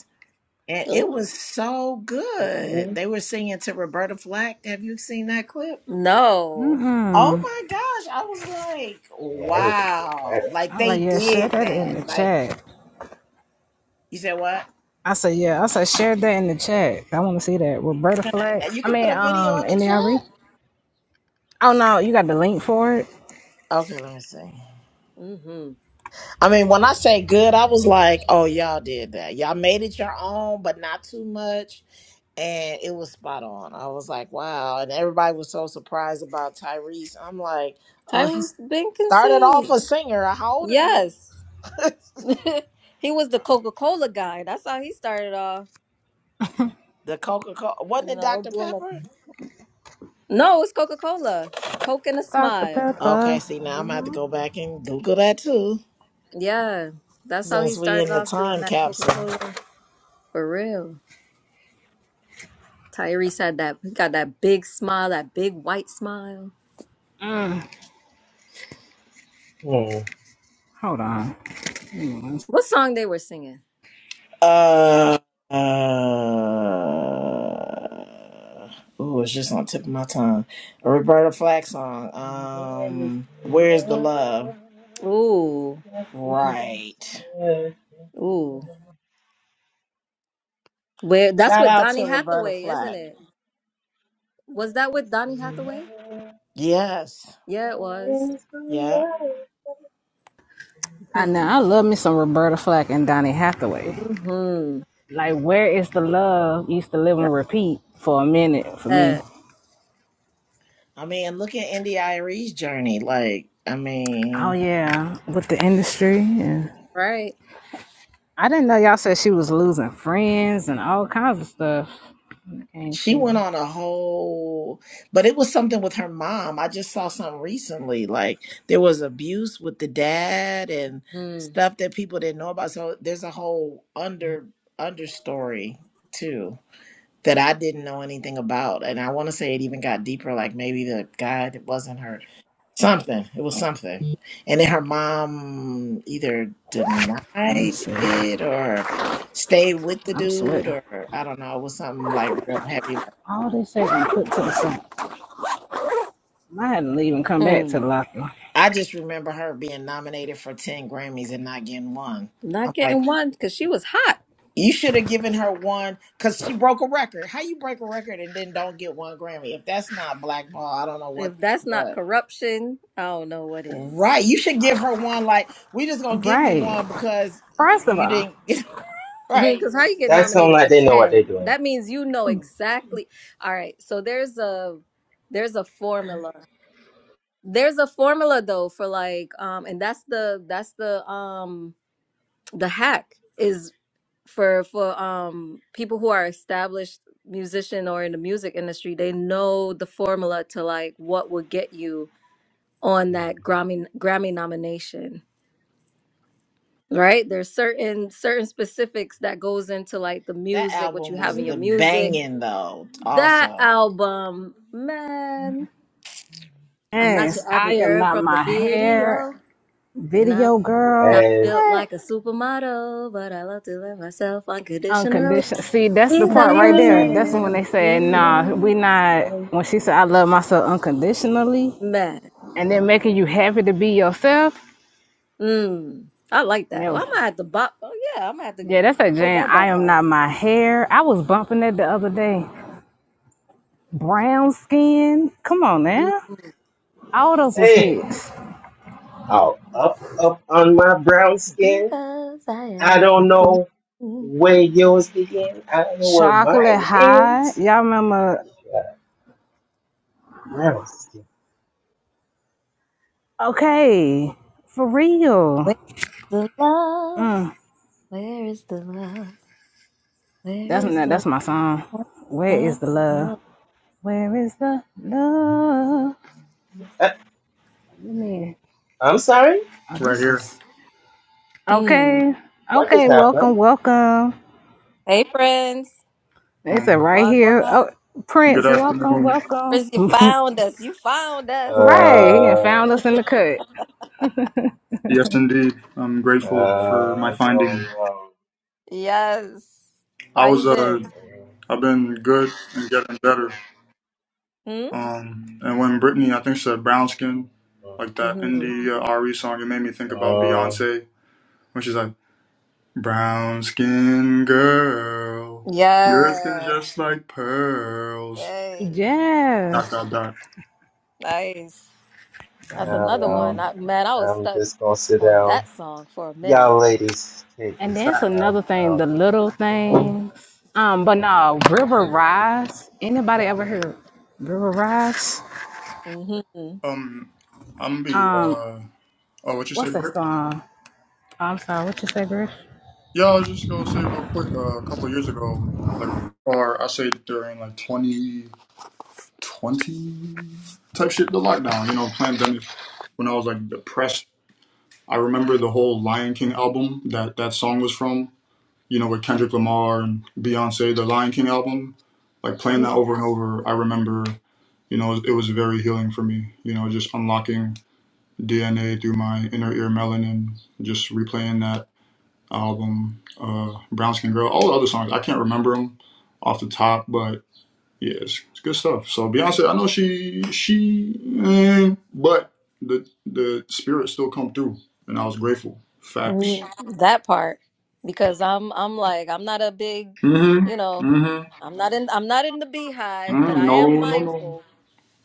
[SPEAKER 6] And it
[SPEAKER 4] Ooh.
[SPEAKER 6] was so good.
[SPEAKER 2] Mhm.
[SPEAKER 6] They were singing to Roberta Flack. Have you seen that clip?
[SPEAKER 4] No.
[SPEAKER 6] Oh
[SPEAKER 1] Mm-mm.
[SPEAKER 6] my gosh. I was like,
[SPEAKER 2] Yeah, I need to check that
[SPEAKER 6] wow.
[SPEAKER 2] out.
[SPEAKER 6] Like
[SPEAKER 1] I
[SPEAKER 6] they
[SPEAKER 1] like, yeah, share
[SPEAKER 6] did
[SPEAKER 1] that
[SPEAKER 6] that.
[SPEAKER 1] in the
[SPEAKER 6] Like
[SPEAKER 1] chat.
[SPEAKER 6] you said what?
[SPEAKER 1] I say, yeah. I say, share that in the chat. I want to see that. Roberta
[SPEAKER 6] Can I
[SPEAKER 1] Flack.
[SPEAKER 6] you
[SPEAKER 1] I
[SPEAKER 6] can
[SPEAKER 1] mean,
[SPEAKER 6] put a video
[SPEAKER 1] um,
[SPEAKER 6] in the
[SPEAKER 1] NDRE.
[SPEAKER 6] chat?
[SPEAKER 1] Oh, no. You got the link for it?
[SPEAKER 6] Okay, let me see.
[SPEAKER 4] Mm-hmm.
[SPEAKER 6] I mean, when I say good, I was like, oh, y'all did that. Y'all made it your own, but not too much. And it was spot on. I was like, wow. And everybody was so surprised about Tyrese. I'm like, uh, he
[SPEAKER 4] Tyrese
[SPEAKER 6] started off
[SPEAKER 4] Binkinson.
[SPEAKER 6] a singer. How old are you?
[SPEAKER 4] Yes. he was the Coca Cola guy. That's how he started off,
[SPEAKER 6] the Coca Cola. Wasn't
[SPEAKER 4] you
[SPEAKER 6] it
[SPEAKER 4] know,
[SPEAKER 6] Dr.
[SPEAKER 4] doing the.
[SPEAKER 6] Pepper?
[SPEAKER 4] No, it's Coca Cola. Coke and a
[SPEAKER 1] Dr.
[SPEAKER 4] smile.
[SPEAKER 6] Okay,
[SPEAKER 1] Pepper.
[SPEAKER 6] see, now I'm going to have to
[SPEAKER 4] hmm
[SPEAKER 6] go back and Google that too,
[SPEAKER 4] Yeah. That's how he
[SPEAKER 6] since we
[SPEAKER 4] started
[SPEAKER 6] in the
[SPEAKER 4] off doing
[SPEAKER 6] time
[SPEAKER 4] that Coca
[SPEAKER 6] capsule.
[SPEAKER 4] Cola for real. Tyrese had that he got that big smile, that big white smile.
[SPEAKER 1] Mm.
[SPEAKER 2] Hmm.
[SPEAKER 1] Hold on. Give me one s-
[SPEAKER 4] What song they were singing?
[SPEAKER 6] Uh, uh, ooh, it's just on the tip of my tongue. A Roberta Flack song.
[SPEAKER 2] Where is
[SPEAKER 6] Um,
[SPEAKER 2] the
[SPEAKER 6] Where's the Love?
[SPEAKER 2] love
[SPEAKER 4] Ooh,
[SPEAKER 2] that we once
[SPEAKER 6] Right.
[SPEAKER 4] ooh. Where that's
[SPEAKER 6] Shout
[SPEAKER 4] with
[SPEAKER 6] out
[SPEAKER 4] Donny
[SPEAKER 6] to Roberta
[SPEAKER 4] Hathaway, isn't
[SPEAKER 6] Flack.
[SPEAKER 4] it? Was that with Donny Hathaway?
[SPEAKER 6] Yes.
[SPEAKER 4] Yeah, it was.
[SPEAKER 6] Yep.
[SPEAKER 2] had?
[SPEAKER 1] I know.
[SPEAKER 4] Hmm.
[SPEAKER 1] I love me some Roberta Flack and Donny Hathaway.
[SPEAKER 4] Mm-hmm.
[SPEAKER 1] Like, where is the love? Used to live
[SPEAKER 4] Got
[SPEAKER 1] and repeat for a minute for me.
[SPEAKER 4] That,
[SPEAKER 6] I mean, look at Indy Iree's journey. Like, I mean,
[SPEAKER 1] Oh yeah, with the industry. And
[SPEAKER 4] right.
[SPEAKER 1] I didn't know y'all said she was losing friends and all kinds of stuff. When it came
[SPEAKER 6] She went
[SPEAKER 1] to
[SPEAKER 6] on a whole, but it was something with her mom. I just saw something recently. Like there was abuse with the dad and
[SPEAKER 4] Hmm.
[SPEAKER 6] stuff that people didn't know about. So there's a whole under understory too that I didn't know anything about. And I want to say it even got deeper. Like maybe the guy that wasn't her something. It was something. And then her mom either
[SPEAKER 1] let me
[SPEAKER 6] denied
[SPEAKER 1] see.
[SPEAKER 6] it or stayed with the
[SPEAKER 1] I'm
[SPEAKER 6] dude
[SPEAKER 1] sweating.
[SPEAKER 6] or I don't know. It was something like real heavy
[SPEAKER 1] All this shit been put to the side. I had to leave and come back to
[SPEAKER 4] Hmm.
[SPEAKER 1] the locker.
[SPEAKER 6] I just remember her being nominated for 10 Grammys and not getting one.
[SPEAKER 4] Not
[SPEAKER 6] I'm like,
[SPEAKER 4] getting one because she was hot.
[SPEAKER 6] you should have given her one because she broke a record. How you break a record and then don't get one Grammy? If that's not blackball, I don't know what
[SPEAKER 4] If that's not
[SPEAKER 6] what.
[SPEAKER 4] corruption, I don't know what is.
[SPEAKER 6] Right. You should give her one like we just gonna give you
[SPEAKER 1] Right.
[SPEAKER 6] one because
[SPEAKER 1] First of
[SPEAKER 6] you
[SPEAKER 1] all,
[SPEAKER 6] didn't right.
[SPEAKER 4] Because how
[SPEAKER 6] Just
[SPEAKER 4] you get
[SPEAKER 2] That sound
[SPEAKER 4] nominated
[SPEAKER 2] like
[SPEAKER 4] for
[SPEAKER 2] they know what they're
[SPEAKER 4] ten?
[SPEAKER 2] doing.
[SPEAKER 4] That means you know exactly. All right. So there's a there's a formula There's a formula though for like um and that's the that's the um the hack is for for um people who are established musician or in the music industry, they know the formula to like what will get you on that
[SPEAKER 2] Hmm.
[SPEAKER 4] Grammy Grammy nomination. Right? There's certain certain specifics that goes into like the
[SPEAKER 6] that
[SPEAKER 4] music, what you
[SPEAKER 6] album
[SPEAKER 4] have
[SPEAKER 6] was
[SPEAKER 4] in your
[SPEAKER 6] the
[SPEAKER 4] music.
[SPEAKER 6] banging though,
[SPEAKER 4] That
[SPEAKER 6] also.
[SPEAKER 4] album, man. I'm not
[SPEAKER 1] yes,
[SPEAKER 4] your average
[SPEAKER 1] I am
[SPEAKER 4] girl
[SPEAKER 1] not
[SPEAKER 4] from the
[SPEAKER 1] my hair
[SPEAKER 4] video. and I.
[SPEAKER 1] video girl.
[SPEAKER 4] Not
[SPEAKER 2] Yes.
[SPEAKER 4] built
[SPEAKER 1] What?
[SPEAKER 4] like a supermodel, but I love to love myself unconditionally
[SPEAKER 1] Unconditional. See, that's
[SPEAKER 2] Hey,
[SPEAKER 1] the part right
[SPEAKER 4] because
[SPEAKER 1] there.
[SPEAKER 4] I
[SPEAKER 1] That's when
[SPEAKER 4] am a
[SPEAKER 1] they said, "Nah, we
[SPEAKER 4] queen.
[SPEAKER 1] not."
[SPEAKER 2] I
[SPEAKER 1] When she said, "I love myself unconditionally,"
[SPEAKER 4] Man.
[SPEAKER 1] and then making you happy to be yourself.
[SPEAKER 4] Mm. I like that. I'm
[SPEAKER 1] Never.
[SPEAKER 4] gonna have to bop. Oh yeah, I'm gonna have to
[SPEAKER 1] Yeah, that's a
[SPEAKER 4] pull
[SPEAKER 1] jam.
[SPEAKER 4] that back
[SPEAKER 1] I am
[SPEAKER 4] out.
[SPEAKER 1] not my hair. I was bumping that the other day. Brown skin. Come on
[SPEAKER 4] Mm,
[SPEAKER 1] now. All those was hits.
[SPEAKER 2] Oh, up, up on my brown skin.
[SPEAKER 4] Because I
[SPEAKER 2] I
[SPEAKER 4] am a
[SPEAKER 2] don't know
[SPEAKER 4] queen.
[SPEAKER 2] where yours begin. I don't know where
[SPEAKER 1] Chocolate
[SPEAKER 2] mine
[SPEAKER 1] high.
[SPEAKER 2] ends.
[SPEAKER 1] Y'all remember?
[SPEAKER 2] Yeah, brown skin.
[SPEAKER 1] Okay, for real.
[SPEAKER 4] Where's the love?
[SPEAKER 1] Mm,
[SPEAKER 4] Where is the love? Where
[SPEAKER 1] that's
[SPEAKER 4] is the
[SPEAKER 1] that's my song.
[SPEAKER 4] love?
[SPEAKER 1] Where is
[SPEAKER 4] of
[SPEAKER 1] the love?
[SPEAKER 4] love?
[SPEAKER 1] Where is the love?
[SPEAKER 2] Uh,
[SPEAKER 1] Let me.
[SPEAKER 2] I'm sorry.
[SPEAKER 1] Oh,
[SPEAKER 9] right
[SPEAKER 1] this
[SPEAKER 9] here.
[SPEAKER 1] is
[SPEAKER 4] Mm.
[SPEAKER 1] okay.
[SPEAKER 2] What just
[SPEAKER 1] Okay,
[SPEAKER 2] happened?
[SPEAKER 1] welcome, welcome.
[SPEAKER 4] Hey friends.
[SPEAKER 1] It's a
[SPEAKER 9] Um,
[SPEAKER 1] right here.
[SPEAKER 4] Wagwan.
[SPEAKER 1] Oh,
[SPEAKER 9] good
[SPEAKER 1] Prince, welcome,
[SPEAKER 9] afternoon.
[SPEAKER 1] welcome.
[SPEAKER 4] Friends, you found us. You found us.
[SPEAKER 1] right, he done found
[SPEAKER 2] Uh,
[SPEAKER 1] us in the cut.
[SPEAKER 9] Yes, indeed. I'm
[SPEAKER 2] uh,
[SPEAKER 9] grateful for my
[SPEAKER 2] I don't
[SPEAKER 9] finding.
[SPEAKER 2] know.
[SPEAKER 4] Yes.
[SPEAKER 9] I
[SPEAKER 4] How
[SPEAKER 9] was
[SPEAKER 4] you
[SPEAKER 9] uh,
[SPEAKER 4] been?
[SPEAKER 9] I've been good and getting better.
[SPEAKER 4] Hmm?
[SPEAKER 9] Um, and when Brittany, I think she said brown skin,
[SPEAKER 2] Uh, uh,
[SPEAKER 9] like that
[SPEAKER 4] hmm
[SPEAKER 9] indie uh, RE song, it made me think about
[SPEAKER 2] uh,
[SPEAKER 9] Beyonce when she's like brown skin girl, your skin's
[SPEAKER 4] Yeah.
[SPEAKER 9] just like pearls.
[SPEAKER 4] Hey.
[SPEAKER 1] Yes.
[SPEAKER 9] Dot dot dot.
[SPEAKER 4] Nice.
[SPEAKER 2] I
[SPEAKER 4] That's
[SPEAKER 2] don't
[SPEAKER 4] another
[SPEAKER 2] know.
[SPEAKER 4] one.
[SPEAKER 1] Downstairs.
[SPEAKER 4] I, man, I was
[SPEAKER 2] I'm
[SPEAKER 4] stuck
[SPEAKER 2] just gonna sit
[SPEAKER 4] on
[SPEAKER 2] down.
[SPEAKER 4] that song for a minute.
[SPEAKER 2] Y'all ladies take
[SPEAKER 1] And
[SPEAKER 2] this
[SPEAKER 1] that's
[SPEAKER 2] because I am
[SPEAKER 1] another
[SPEAKER 2] i
[SPEAKER 1] thing, the little
[SPEAKER 2] don't know.
[SPEAKER 1] things. Um, but no, River Rise. Anybody ever heard River Rise?
[SPEAKER 4] hmm
[SPEAKER 9] Um, I'm gonna be
[SPEAKER 1] Um,
[SPEAKER 9] uh, oh, what you
[SPEAKER 1] what's
[SPEAKER 9] say,
[SPEAKER 1] that
[SPEAKER 9] Britt?
[SPEAKER 1] song? I'm sorry, what you say, Griff?
[SPEAKER 9] Yeah, I was just gonna say real quick. Uh, a couple years ago, like, or I say during like 2020 type shit, the lockdown, you know, pandemic. When I was like depressed, I remember the whole Lion King album that that song was from. You know, with Kendrick Lamar and Beyonce, the Lion King album. Like playing that over and over, I remember. You know, it was very healing for me. You know, just unlocking DNA through my inner ear melanin, just replaying that album, uh, Brown Skin Girl, all the other songs. I can't remember them off the top, but yeah, it's, it's good stuff. So Beyonce, I know she she, eh, but the the spirit still come through, and I was grateful. Facts.
[SPEAKER 4] Mm, That part. Because I'm I'm like, I'm not a big,
[SPEAKER 9] Mhm.
[SPEAKER 4] you know,
[SPEAKER 9] Mhm.
[SPEAKER 4] I'm not in I'm not in the beehive, but
[SPEAKER 9] Mm,
[SPEAKER 4] I am
[SPEAKER 9] no, no, no.
[SPEAKER 4] mindful,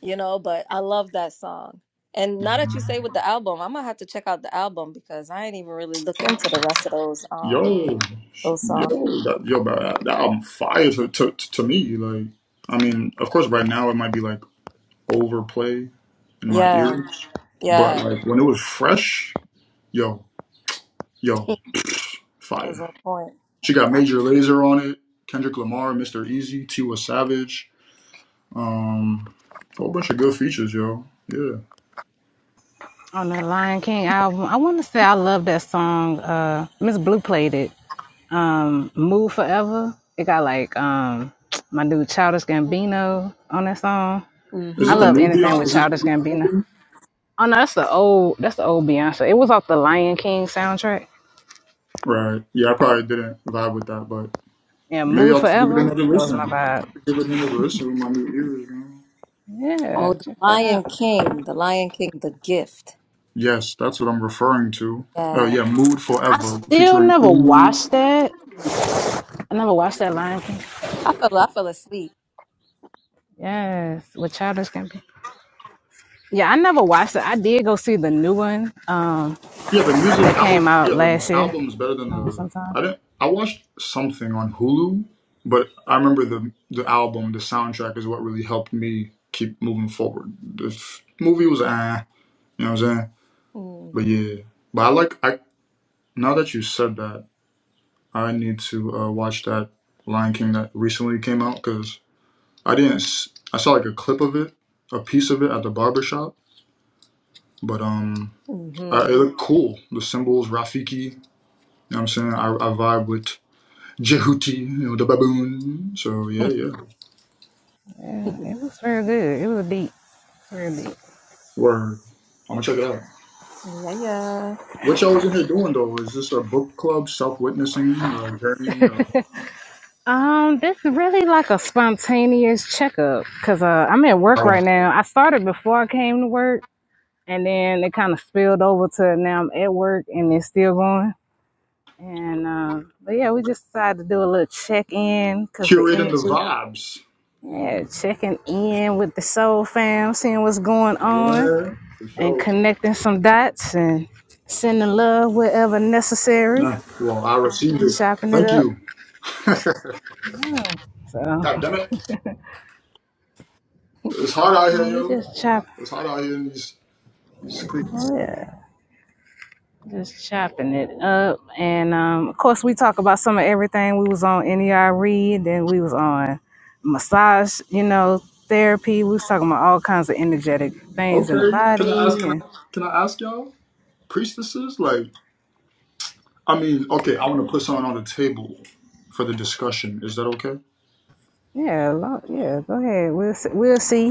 [SPEAKER 4] you know, but I love that song. And now that you say with the album, I'm gonna have to check out the album because I ain't even really look into the rest of those. Um.
[SPEAKER 9] Yo, sh-
[SPEAKER 4] Those songs.
[SPEAKER 9] yo, that, yo, bro, that, that album fire to, to to me. Like, I mean, of course, right now it might be like overplay in my
[SPEAKER 4] Yeah,
[SPEAKER 9] ears, but
[SPEAKER 4] yeah.
[SPEAKER 9] like when it was fresh, yo. Yo,
[SPEAKER 4] that was
[SPEAKER 9] fire.
[SPEAKER 4] on point.
[SPEAKER 9] She got Major Laser on it, Kendrick Lamar, Mr. Easy, Tiwa Savage, um, a whole bunch of good features, yo. Yeah.
[SPEAKER 1] On the Lion King album. I wanna say I love that song. Uh Miss Blue played it. um Move Forever. It got like um my dude Childish Gambino on that song.
[SPEAKER 9] Is
[SPEAKER 1] I
[SPEAKER 9] it the
[SPEAKER 4] Mm-hmm.
[SPEAKER 1] love
[SPEAKER 9] new
[SPEAKER 1] anything
[SPEAKER 9] Beyonce?
[SPEAKER 1] with
[SPEAKER 9] Is it the
[SPEAKER 1] Childish
[SPEAKER 9] new
[SPEAKER 1] Gambino.
[SPEAKER 9] album?
[SPEAKER 1] Oh no, that's the old that's the old Beyonce. It was off the Lion King soundtrack.
[SPEAKER 9] Right. Yeah, I probably didn't vibe with that, but
[SPEAKER 1] Yeah,
[SPEAKER 9] maybe
[SPEAKER 1] Move
[SPEAKER 9] I'll give it
[SPEAKER 1] Forever.
[SPEAKER 9] another
[SPEAKER 1] That was
[SPEAKER 9] listen.
[SPEAKER 1] my
[SPEAKER 9] I
[SPEAKER 1] vibe.
[SPEAKER 9] could give it another listen with my new ears, man.
[SPEAKER 4] Oh,
[SPEAKER 1] Yeah,
[SPEAKER 4] The
[SPEAKER 1] check that
[SPEAKER 4] Lion
[SPEAKER 1] out.
[SPEAKER 4] King, The Lion King, The Gift.
[SPEAKER 9] Yes, that's what I'm referring to. Uh,
[SPEAKER 4] Yeah.
[SPEAKER 9] yeah, Mood
[SPEAKER 1] I
[SPEAKER 9] Forever
[SPEAKER 1] still
[SPEAKER 9] featuring
[SPEAKER 1] never
[SPEAKER 9] Umu.
[SPEAKER 1] watched that. I never watched that Lion King.
[SPEAKER 4] I fell, I fell asleep.
[SPEAKER 1] Yes, with Childish Gambino. Yeah, I never watched it. I did go see the new one um
[SPEAKER 9] Yeah, the
[SPEAKER 1] that
[SPEAKER 9] music I would
[SPEAKER 1] came out
[SPEAKER 9] yeah, the
[SPEAKER 1] last year
[SPEAKER 9] album is better than
[SPEAKER 1] um,
[SPEAKER 9] the
[SPEAKER 1] sometime.
[SPEAKER 9] I didn't I watched something on Hulu, but I remember the the album, the soundtrack is what really helped me keep moving forward. The f- movie was ah, you know what I'm saying?
[SPEAKER 4] Mm-hmm.
[SPEAKER 9] But yeah. But I like I now that you said that, I need to uh, watch that Lion King that recently came out cuz I didn't s- I saw like a clip of it, a piece of it at the barber shop, but um I, it looked cool. The symbols, Rafiki, you know what I'm saying? I, I vibe with Jehuti, you know, the baboon. So yeah, yeah.
[SPEAKER 1] It was real good. It was deep. Real deep.
[SPEAKER 9] Word. I'm gonna check it out.
[SPEAKER 4] yeah, yeah.
[SPEAKER 9] What y'all was in here doing though? Is this a book club, self witnessing, uh, journey, uh,
[SPEAKER 1] Um, this is really like a spontaneous checkup because uh, I'm at work
[SPEAKER 9] uh,
[SPEAKER 1] right now. I started before I came to work, and then it kind of spilled over to now I'm at work and it's still going. And uh, but yeah, we just decided to do a little check in because the
[SPEAKER 9] curating the
[SPEAKER 1] energy.
[SPEAKER 9] vibes?
[SPEAKER 1] Yeah, checking in with the soul fam, seeing what's going on,
[SPEAKER 9] Yeah, for
[SPEAKER 1] and
[SPEAKER 9] sure.
[SPEAKER 1] connecting some dots and sending love wherever necessary,
[SPEAKER 9] Nah, well, I received it.
[SPEAKER 1] chopping it
[SPEAKER 9] Thank
[SPEAKER 1] up.
[SPEAKER 9] you.
[SPEAKER 1] Oh, so
[SPEAKER 9] God damn it, it's hard out here,
[SPEAKER 1] yeah, we
[SPEAKER 9] yo.
[SPEAKER 1] just chop,
[SPEAKER 9] It's hot out here in these these streets.
[SPEAKER 1] oh, yeah, just chopping it up, and um, of course we talk about some of everything. We was on NERE, then we was on massage, you know, therapy. We was talking about all kinds of energetic things in the
[SPEAKER 9] Okay, can I ask?
[SPEAKER 1] body,
[SPEAKER 9] Can
[SPEAKER 1] and
[SPEAKER 9] I can I ask y'all priestesses? Like, I mean, okay, I want to put something on the table for the discussion. Is that okay?
[SPEAKER 1] yeah, lo- yeah. Go ahead, we'll see, we'll see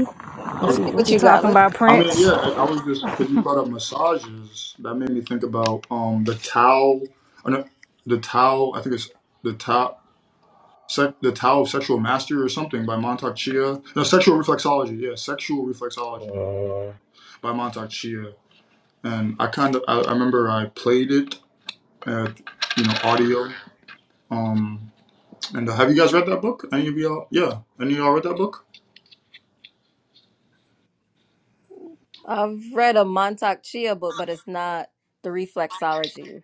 [SPEAKER 4] Let's
[SPEAKER 1] what you
[SPEAKER 4] see
[SPEAKER 1] what
[SPEAKER 4] what
[SPEAKER 1] you
[SPEAKER 4] you got.
[SPEAKER 1] talking
[SPEAKER 4] Let's
[SPEAKER 1] about,
[SPEAKER 9] I
[SPEAKER 4] see what you
[SPEAKER 9] mean,
[SPEAKER 4] got.
[SPEAKER 1] Prince.
[SPEAKER 9] yeah, I I was just because you brought up massages. That made me think about um the towel, uh, no, the towel. I think it's the towel, sec, the towel of sexual mastery or something by Montauk Chia. No, sexual reflexology. Yeah, sexual reflexology
[SPEAKER 2] Mhm. Uh,
[SPEAKER 9] by Montauk Chia. And I kind of I, I remember I played it at you know audio. Um, and uh, have you guys read that book? Any of y'all? Yeah, any of y'all read that book?
[SPEAKER 4] I've read a Montauk Chia book, but it's not the reflexology.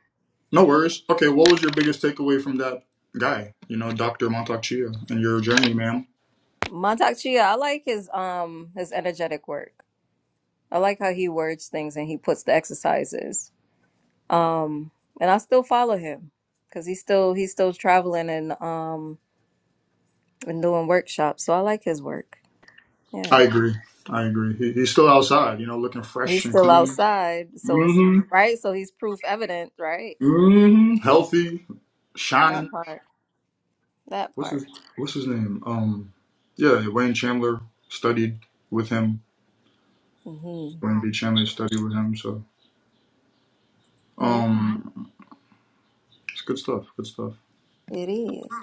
[SPEAKER 9] No worries. Okay, what was your biggest takeaway from that guy? You know, Doctor Montauk Chia and your journey, ma'am.
[SPEAKER 4] Montauk Chia, I like his um his energetic work. I like how he words things and he puts the exercises. Um, and I still follow him because he's still he's still traveling and um and doing workshops. So I like his work. Yeah,
[SPEAKER 9] I agree. I agree. He, he's still outside, you know, looking fresh
[SPEAKER 4] he's
[SPEAKER 9] and
[SPEAKER 4] still
[SPEAKER 9] clean.
[SPEAKER 4] outside, so it's
[SPEAKER 9] hmm
[SPEAKER 4] right. So he's proof evident, right?
[SPEAKER 9] hmm Healthy,
[SPEAKER 4] That
[SPEAKER 9] shining.
[SPEAKER 4] part. That
[SPEAKER 9] What's
[SPEAKER 4] part.
[SPEAKER 9] his What's his name? Um, yeah, Wayne Chandler studied with him.
[SPEAKER 4] Mm-hmm.
[SPEAKER 9] Wayne B. Chandler studied with him. So,
[SPEAKER 4] Yeah,
[SPEAKER 9] um, it's good stuff. Good stuff.
[SPEAKER 4] it is.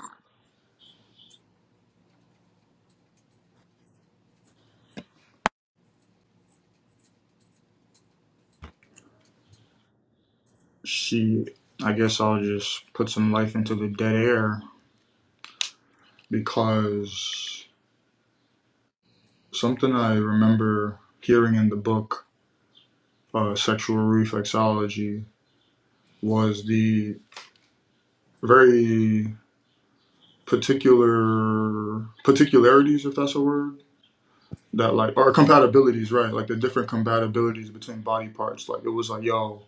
[SPEAKER 9] She. I guess I'll just put some life into the dead air because something I remember hearing in the book, uh, Sexual Reflexology, was the very particular particularities, if that's a word, that like or compatibilities, right? Like the different compatibilities between body parts. Like it was like, yo,